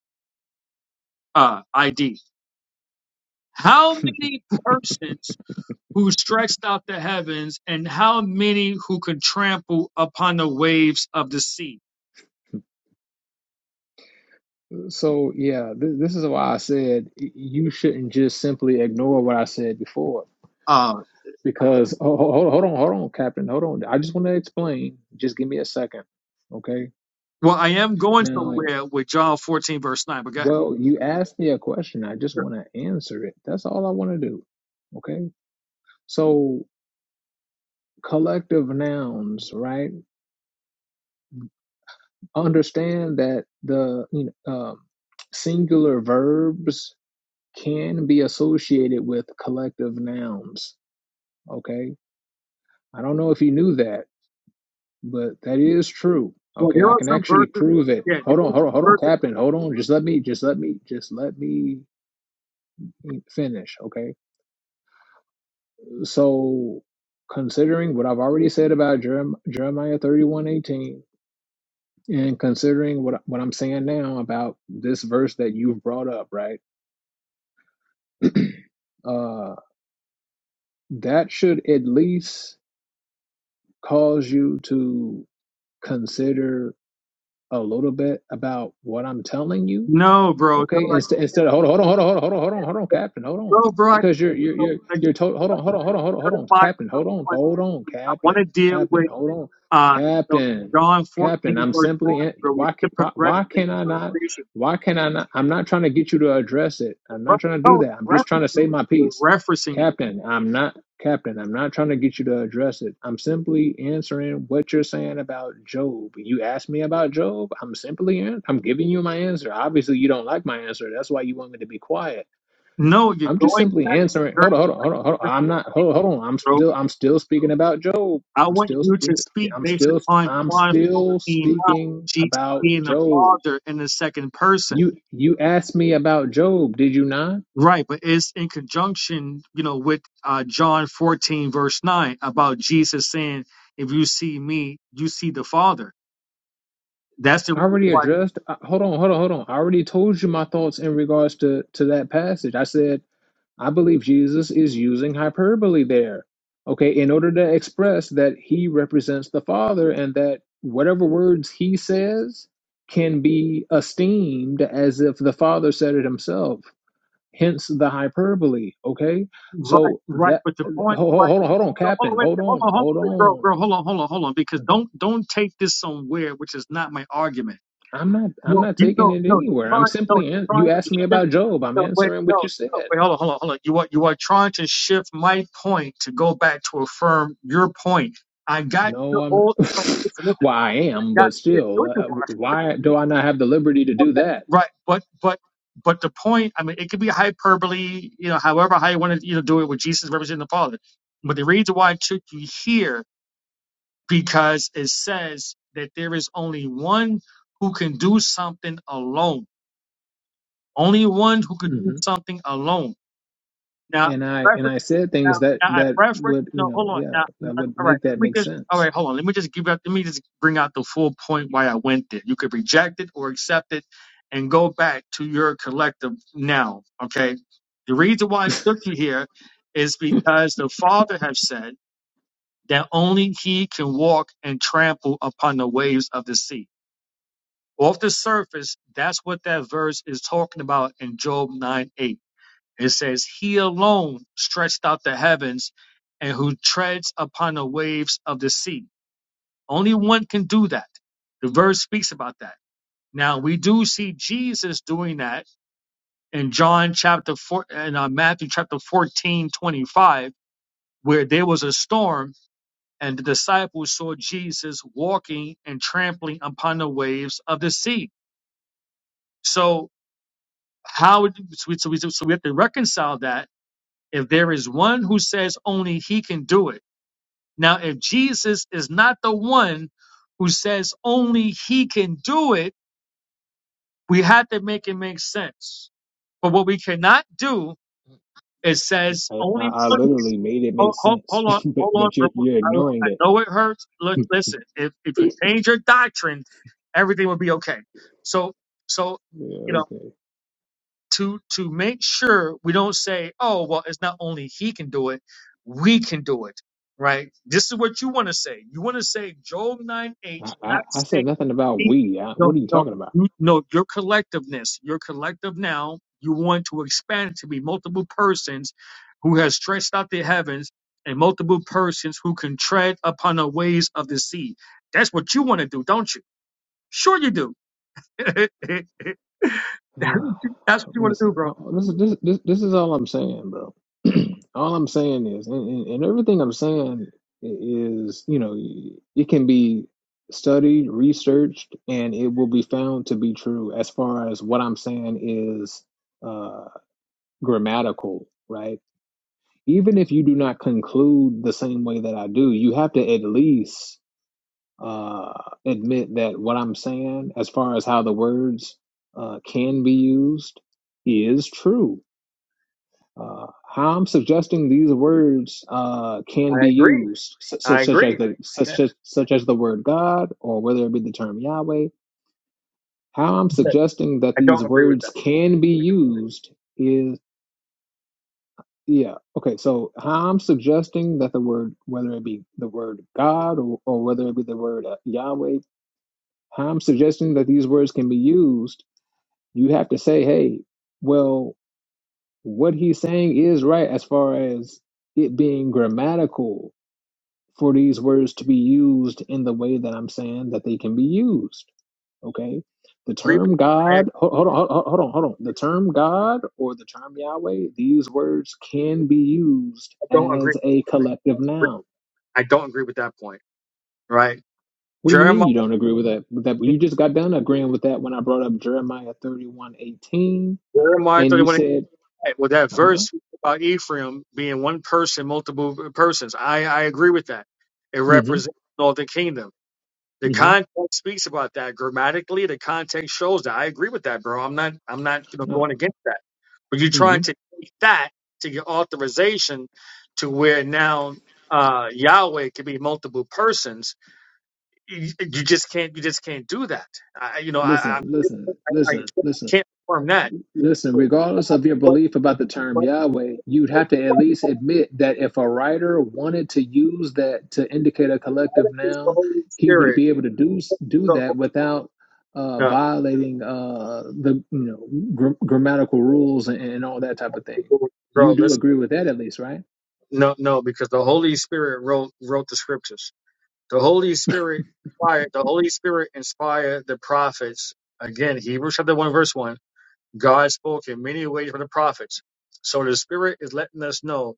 uh, ID, how many persons who stretched out the heavens and how many who could trample upon the waves of the sea?
So yeah, th- this is why I said y- you shouldn't just simply ignore what I said before.
Uh,
Because oh, ho- ho- hold on, hold on, Captain, hold on. I just want to explain. Just give me a second, okay?
well, I am going
Now.
somewhere with John 14, verse 9, but go ahead.
Well, you asked me a question. I just want to answer it. That's all I want to do. Okay. So collective nouns, right? Understand that the you know, um, singular verbs can be associated with collective nouns. Okay. I don't know if you knew that, but that is true.
Well,
Okay.
there
I
are
can
some
actually
verses.
prove it.
Yeah, there
Hold on.
are
Hold on.
some
Hold on,
verses.
Captain. Hold on. Just let me, just let me, just let me mm, finish. Okay. So, considering what I've already said about Jerem- Jeremiah thirty-one eighteen, and considering what, what I'm saying now about this verse that you've brought up, right? uh, that should at least cause you to consider a little bit about what I'm telling you
No, bro.
Okay,
No,
instead, instead of hold on, hold on, hold on, hold on, hold on, hold on, hold on, Captain, hold on,
Well, bro, I, I,
because you're you're you're
I,
you're told. Hold on,
to
hold on, hold on, hold on, hold on, Captain, hold on,
someone?
hold on,
I want
Captain,
to deal
Captain,
with
hold on,
uh, so
Captain,
John 14,
Captain. I'm
verse 9,
simply in,
bro. We
why
have
ca-
to
why
progress
why
in
can I
the
not?
conversation.
Why can I not? I'm not trying to get you to address it. I'm
Bro,
not trying to do
No,
that. I'm
you're
just trying to
referencing
say
it.
my
You're
piece,
referencing it.
Captain. I'm not. Captain, I'm not trying to get you to address it. I'm simply answering what you're saying about Job. You asked me about Job. I'm simply an- I'm giving you my answer. Obviously, you don't like my answer. That's why you want me to be quiet.
No, you're
I'm just
going to
simply answering. Hold on,
verse
hold on, hold on, hold on. I'm not.
14,
Hold, hold on. I'm
bro.
still. I'm still speaking about Job.
I
I'm
want
still
you to
speaking.
speak
I'm
based
still.
upon
I'm
John
still
fourteen nine, 9,
speaking
Jesus
about
being the
Job.
Father in the second person.
You you asked me about Job. Did you not?
Right, but it's in conjunction, you know, with uh, John 14, verse 9, about Jesus saying, If you see me, you see the Father. That's the
I
reason
already
why,
addressed. Uh, hold on, hold on, hold on. I already told you my thoughts in regards to to that passage. I said I believe Jesus is using hyperbole there. Okay, in order to express that he represents the Father and that whatever words he says can be esteemed as if the Father said it himself. Hence the hyperbole. Okay,
right,
so
right.
that
But the
hold,
point, right,
hold on, hold on,
no, hold
Captain.
on, wait,
Hold
wait, hold
on,
on, hold on,
hold
wait, girl,
on.
girl, hold on, hold on, hold on, because don't don't take this somewhere, which is not my argument.
I'm not I'm
No,
not
you
taking
know,
it
no, you're
anywhere. I'm
trying, no,
simply
you're
an-
trying
you
to
asked me
shift,
about Job. I'm
no, wait,
answering
no,
what you said.
no, wait, hold on, hold on, hold on. You are, you are trying to shift my point to go back to affirm your point. I got your
No, I'm
whole, listen, listen.
well, I am,
got
but
shit
still,
good to
uh,
watch.
why do I not have the liberty to do
Okay.
that?
Right, but but but the point, I mean, it could be hyperbole, you know, however how you want to you know do it with Jesus representing the Father. But the reason why it took you here because it says that there is only one who can do something alone. Only one who could do
hmm
something alone. Now,
And I and I said
Now
things that
now I
that
reference.
would you
No, hold
know
on.
yeah
Now,
that
uh,
would
all right.
make
Let
that
me
make
just. All
sense.
right, hold on. Let me just give up. Let me just bring out the full point why I went there. You could reject it or accept it, and go back to your collective now. Okay. The reason why I took you here is because the Father has said that only He can walk and trample upon the waves of the sea. Off the surface, that's what that verse is talking about in Job nine eight. It says, He alone stretched out the heavens and who treads upon the waves of the sea. Only one can do that. The verse speaks about that. Now we do see Jesus doing that in John chapter four and uh, Matthew chapter 14, 25, where there was a storm and the disciples saw Jesus walking and trampling upon the waves of the sea. So how would- so we, so we so we have to reconcile that if there is one who says only he can do it Now, if Jesus is not the one who says only he can do it, we have to make it make sense. But what we cannot do is says
I, I,
only
I
one.
literally made it
Hold,
make
hold,
sense,
hold on,
but
hold on.
but
bro.
you're you're
I,
ignoring
I
it.
know it hurts. Look, listen. If if you change your doctrine, everything will be okay. So so.
Yeah, okay.
to to make sure we don't say, oh well, it's not only he can do it, we can do it, right? This is what you want to say. You want to say Job nine
I,
H,
I,
not
I said
say
nothing about
he.
we. I,
No,
what are you
no,
talking about?
you, no. Your collectiveness, your collective now. You want to expand it to be multiple persons who has stretched out the heavens and multiple persons who can tread upon the ways of the sea. That's what you want to do, don't you? Sure, you do. That's what
Uh,
you want to do,
listen,
bro.
uh, this is this, this this is all I'm saying, bro. all I'm saying is, and, and, and everything I'm saying i- is, you know, it can be studied, researched, and it will be found to be true. As far as what I'm saying is uh, grammatical, right? even if you do not conclude the same way that I do, you have to at least uh, admit that what I'm saying, as far as how the words uh, can be used, is true. Uh, how I'm suggesting these words uh, can
I
be
agree.
used, such,
I
such, as
agree.
the
Yeah.
such as such as the word God, or whether it be the term Yahweh. How I'm suggesting that
I
these
don't agree with
words
that.
can be used is. Yeah. Okay. So how I'm suggesting that the word, whether it be the word God or, or whether it be the word uh, Yahweh, how I'm suggesting that these words can be used, you have to say, hey, well, what he's saying is right as far as it being grammatical for these words to be used in the way that I'm saying that they can be used. Okay. The
Agree with,
term
I,
God,
I
ho- hold on, ho- hold on, hold on. The term God or the term Yahweh, these words can be used
don't agree.
as a collective noun.
I don't agree with that point. Right.
What do you mean
Jeremiah
you don't agree with that? With that you just got done agreeing with that when I brought up Jeremiah thirty-one eighteen,
Jeremiah
and you
31
said,
well that
huh?
verse about Ephraim being one person, multiple persons. I, I agree with that. It
Mm-hmm.
represents the northern kingdom. The
Mm-hmm.
context speaks about that grammatically. The context shows that. I agree with that, bro. I'm not. I'm not you know,
No,
going against that. But you're
mm-hmm.
trying to take that to your authorization to where now uh, Yahweh could be multiple persons. You, you just can't. You just can't do that. I, you know, I,
Listen,
I,
listen,
I I
listen, listen.
can't confirm that.
Listen,
But,
regardless of your
but,
belief about the term
but
Yahweh, you'd have to at least admit that if a writer wanted to use that to indicate a collective
the
noun,
Holy
he would
Spirit.
be able to do do that without uh,
No,
violating uh, the you know gr- grammatical rules and, and all that type of thing. You
bro.
do
Listen.
agree with that, at least, right?
No, no, because the Holy Spirit wrote wrote the scriptures. The Holy Spirit inspired, the Holy Spirit inspired the prophets. Again, Hebrews chapter one, verse one. God spoke in many ways from the prophets. So the Spirit is letting us know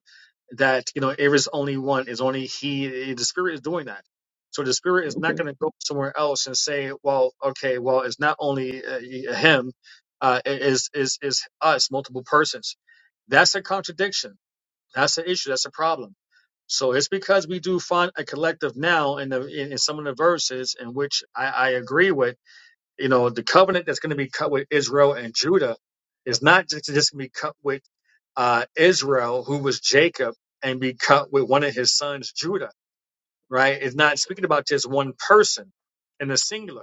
that you know there is only one is only he the spirit is doing that so the spirit is not
Okay.
going to go somewhere else and say well okay well it's not only uh, him uh it is is is us multiple persons that's a contradiction that's an issue. That's a problem. So it's because we do find a collective now in the in, in some of the verses in which I, I agree with. You know, the covenant that's going to be cut with Israel and Judah is not just just going to be cut with uh, Israel, who was Jacob, and be cut with one of his sons, Judah. Right? It's not speaking about just one person in the singular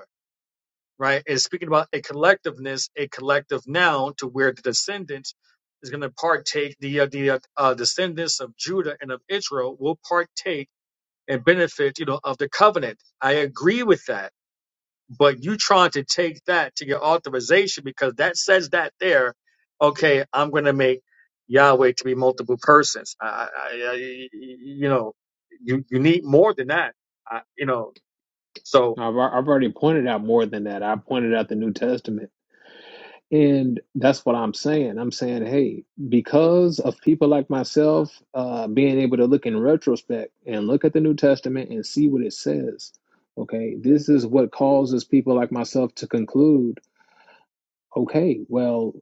right? It's speaking about a collectiveness, a collective noun to where the descendants is going to partake, the, uh, the uh, uh, descendants of Judah and of Israel will partake and benefit, you know, of the covenant. I agree with that. But you trying to take that to your authorization because that says that there, okay, I'm going to make Yahweh to be multiple persons. I, I, I, you know, you, you need more than that, I, you know, so,
I've, al- I've already pointed out more than that. I pointed out the New Testament. And that's what I'm saying. I'm saying, hey, because of people like myself uh, being able to look in retrospect and look at the New Testament and see what it says, okay, this is what causes people like myself to conclude. Okay, well,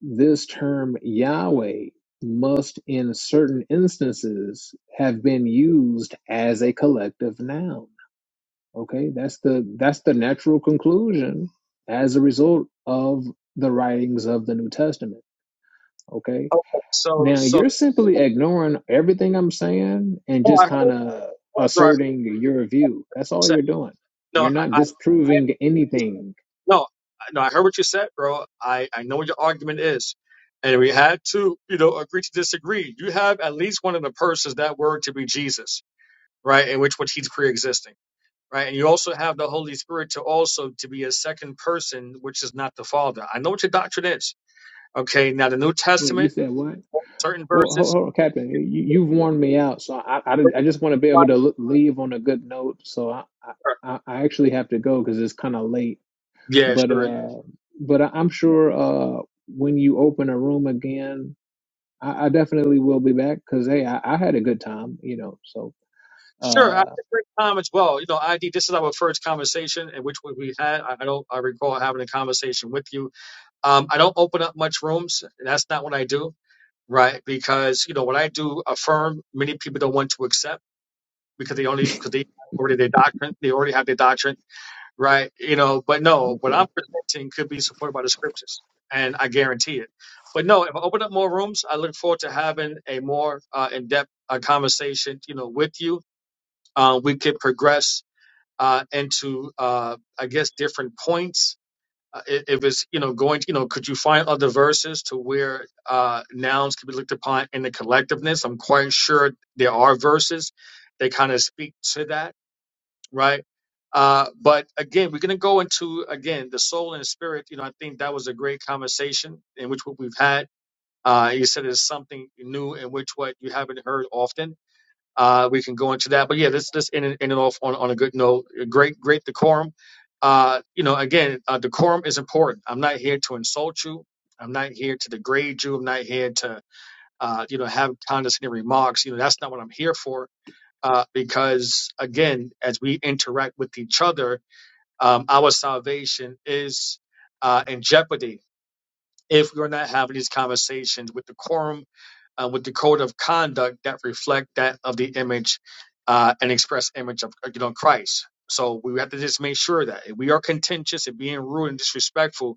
this term Yahweh must in certain instances have been used as a collective noun. Okay, that's the that's the natural conclusion as a result of the writings of the New Testament. Okay.
okay, so,
Now
so,
you're simply ignoring everything I'm saying and
oh,
just
I
kind of
heard,
asserting your view. That's all
said.
you're doing.
No,
You're
I,
not
I
disproving anything.
no, I- no. I heard what you said, bro. I I know what your argument is, and we had to, you know, agree to disagree. You have at least one of the persons that word to be Jesus, right? In which which he's pre-existing, right? And you also have the Holy Spirit to also to be a second person, which is not the Father. I know what your doctrine is. Okay, now the New
Wait, you
Testament,
said what?
certain
Well, hold,
verses.
hold, Captain, you, you've worn me out, so I, I, I just want to be able to l- leave on a good note. So I, I, I actually have to go because it's kind of late.
Yeah,
But Yeah.
sure.
uh, but I, I'm sure uh, when you open a room again, I, I definitely will be back because hey, I, I had a good time, you know. So
Sure, I had
uh,
a great time as well. You know, ID, this is our first conversation in which we we had. I I don't I recall having a conversation with you. Um, I don't open up much rooms. and That's not what I do, right? Because, you know, what I do affirm, many people don't want to accept because they only, because they already their doctrine, they already have their doctrine, right? You know, but no, what
Okay.
I'm presenting could be supported by the scriptures, and I guarantee it. But no, if I open up more rooms, I look forward to having a more uh, in-depth uh, conversation, you know, with you uh, we could progress uh, and to uh, I guess different points. Uh, it, it was you know going to, you know could you find other verses to where uh, nouns could be looked upon in the collectiveness? I'm quite sure there are verses that kind of speak to that, right? Uh, but again, we're going to go into again the soul and spirit. You know, I think that was a great conversation in which what we've had. Uh, you said it's something new in which what you haven't heard often uh, we can go into that, but yeah, this this ended, ended off on, on a good note. Great, great decorum. Uh, you know, again, uh, decorum is important. I'm not here to insult you. I'm not here to degrade you. I'm not here to uh, you know have condescending remarks. You know, that's not what I'm here for. Uh, because again, as we interact with each other, um, our salvation is uh, in jeopardy if we're not having these conversations with decorum uh, with the code of conduct that reflect that of the image uh, and express image of you know Christ. So we have to just make sure that if we are contentious and being rude and disrespectful,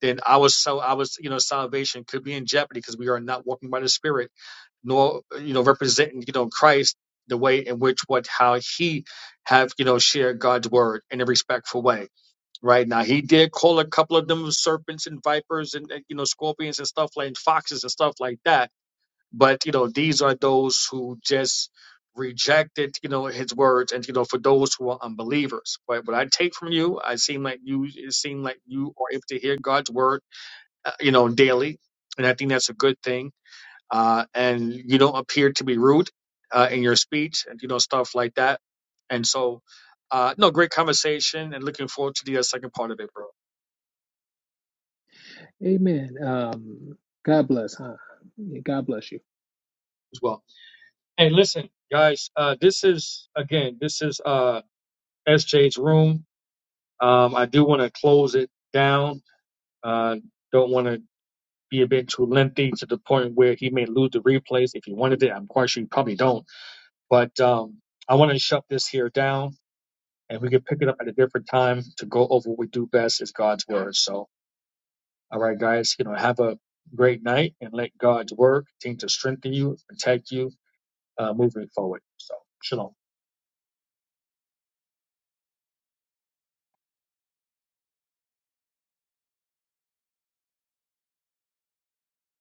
then our so our you know salvation could be in jeopardy because we are not walking by the Spirit, nor you know representing you know Christ the way in which what how he have you know shared God's word in a respectful way. Right now, he did call a couple of them serpents and vipers and uh, you know scorpions and stuff like foxes and stuff like that but you know these are those who just rejected you know his words and you know for those who are unbelievers but what i take from you i seem like you it seem like you are able to hear god's word uh, you know daily and i think that's a good thing uh and you don't appear to be rude uh in your speech and you know stuff like that and so uh no great conversation and looking forward to the uh, second part of it bro
amen. Um, God bless, huh? Yeah, God bless you.
as well hey listen guys uh this is again this is uh sj's room Um, I do want to close it down. Uh, don't want to be a bit too lengthy to the point where he may lose the replays if he wanted it. I'm quite sure you probably don't. But um, I want to shut this here down and we can pick it up at a different time to go over what we do best is God's word. So, all right, guys, you know, have a great night and let God's word continue to strengthen you, protect you uh, moving forward. So, shalom.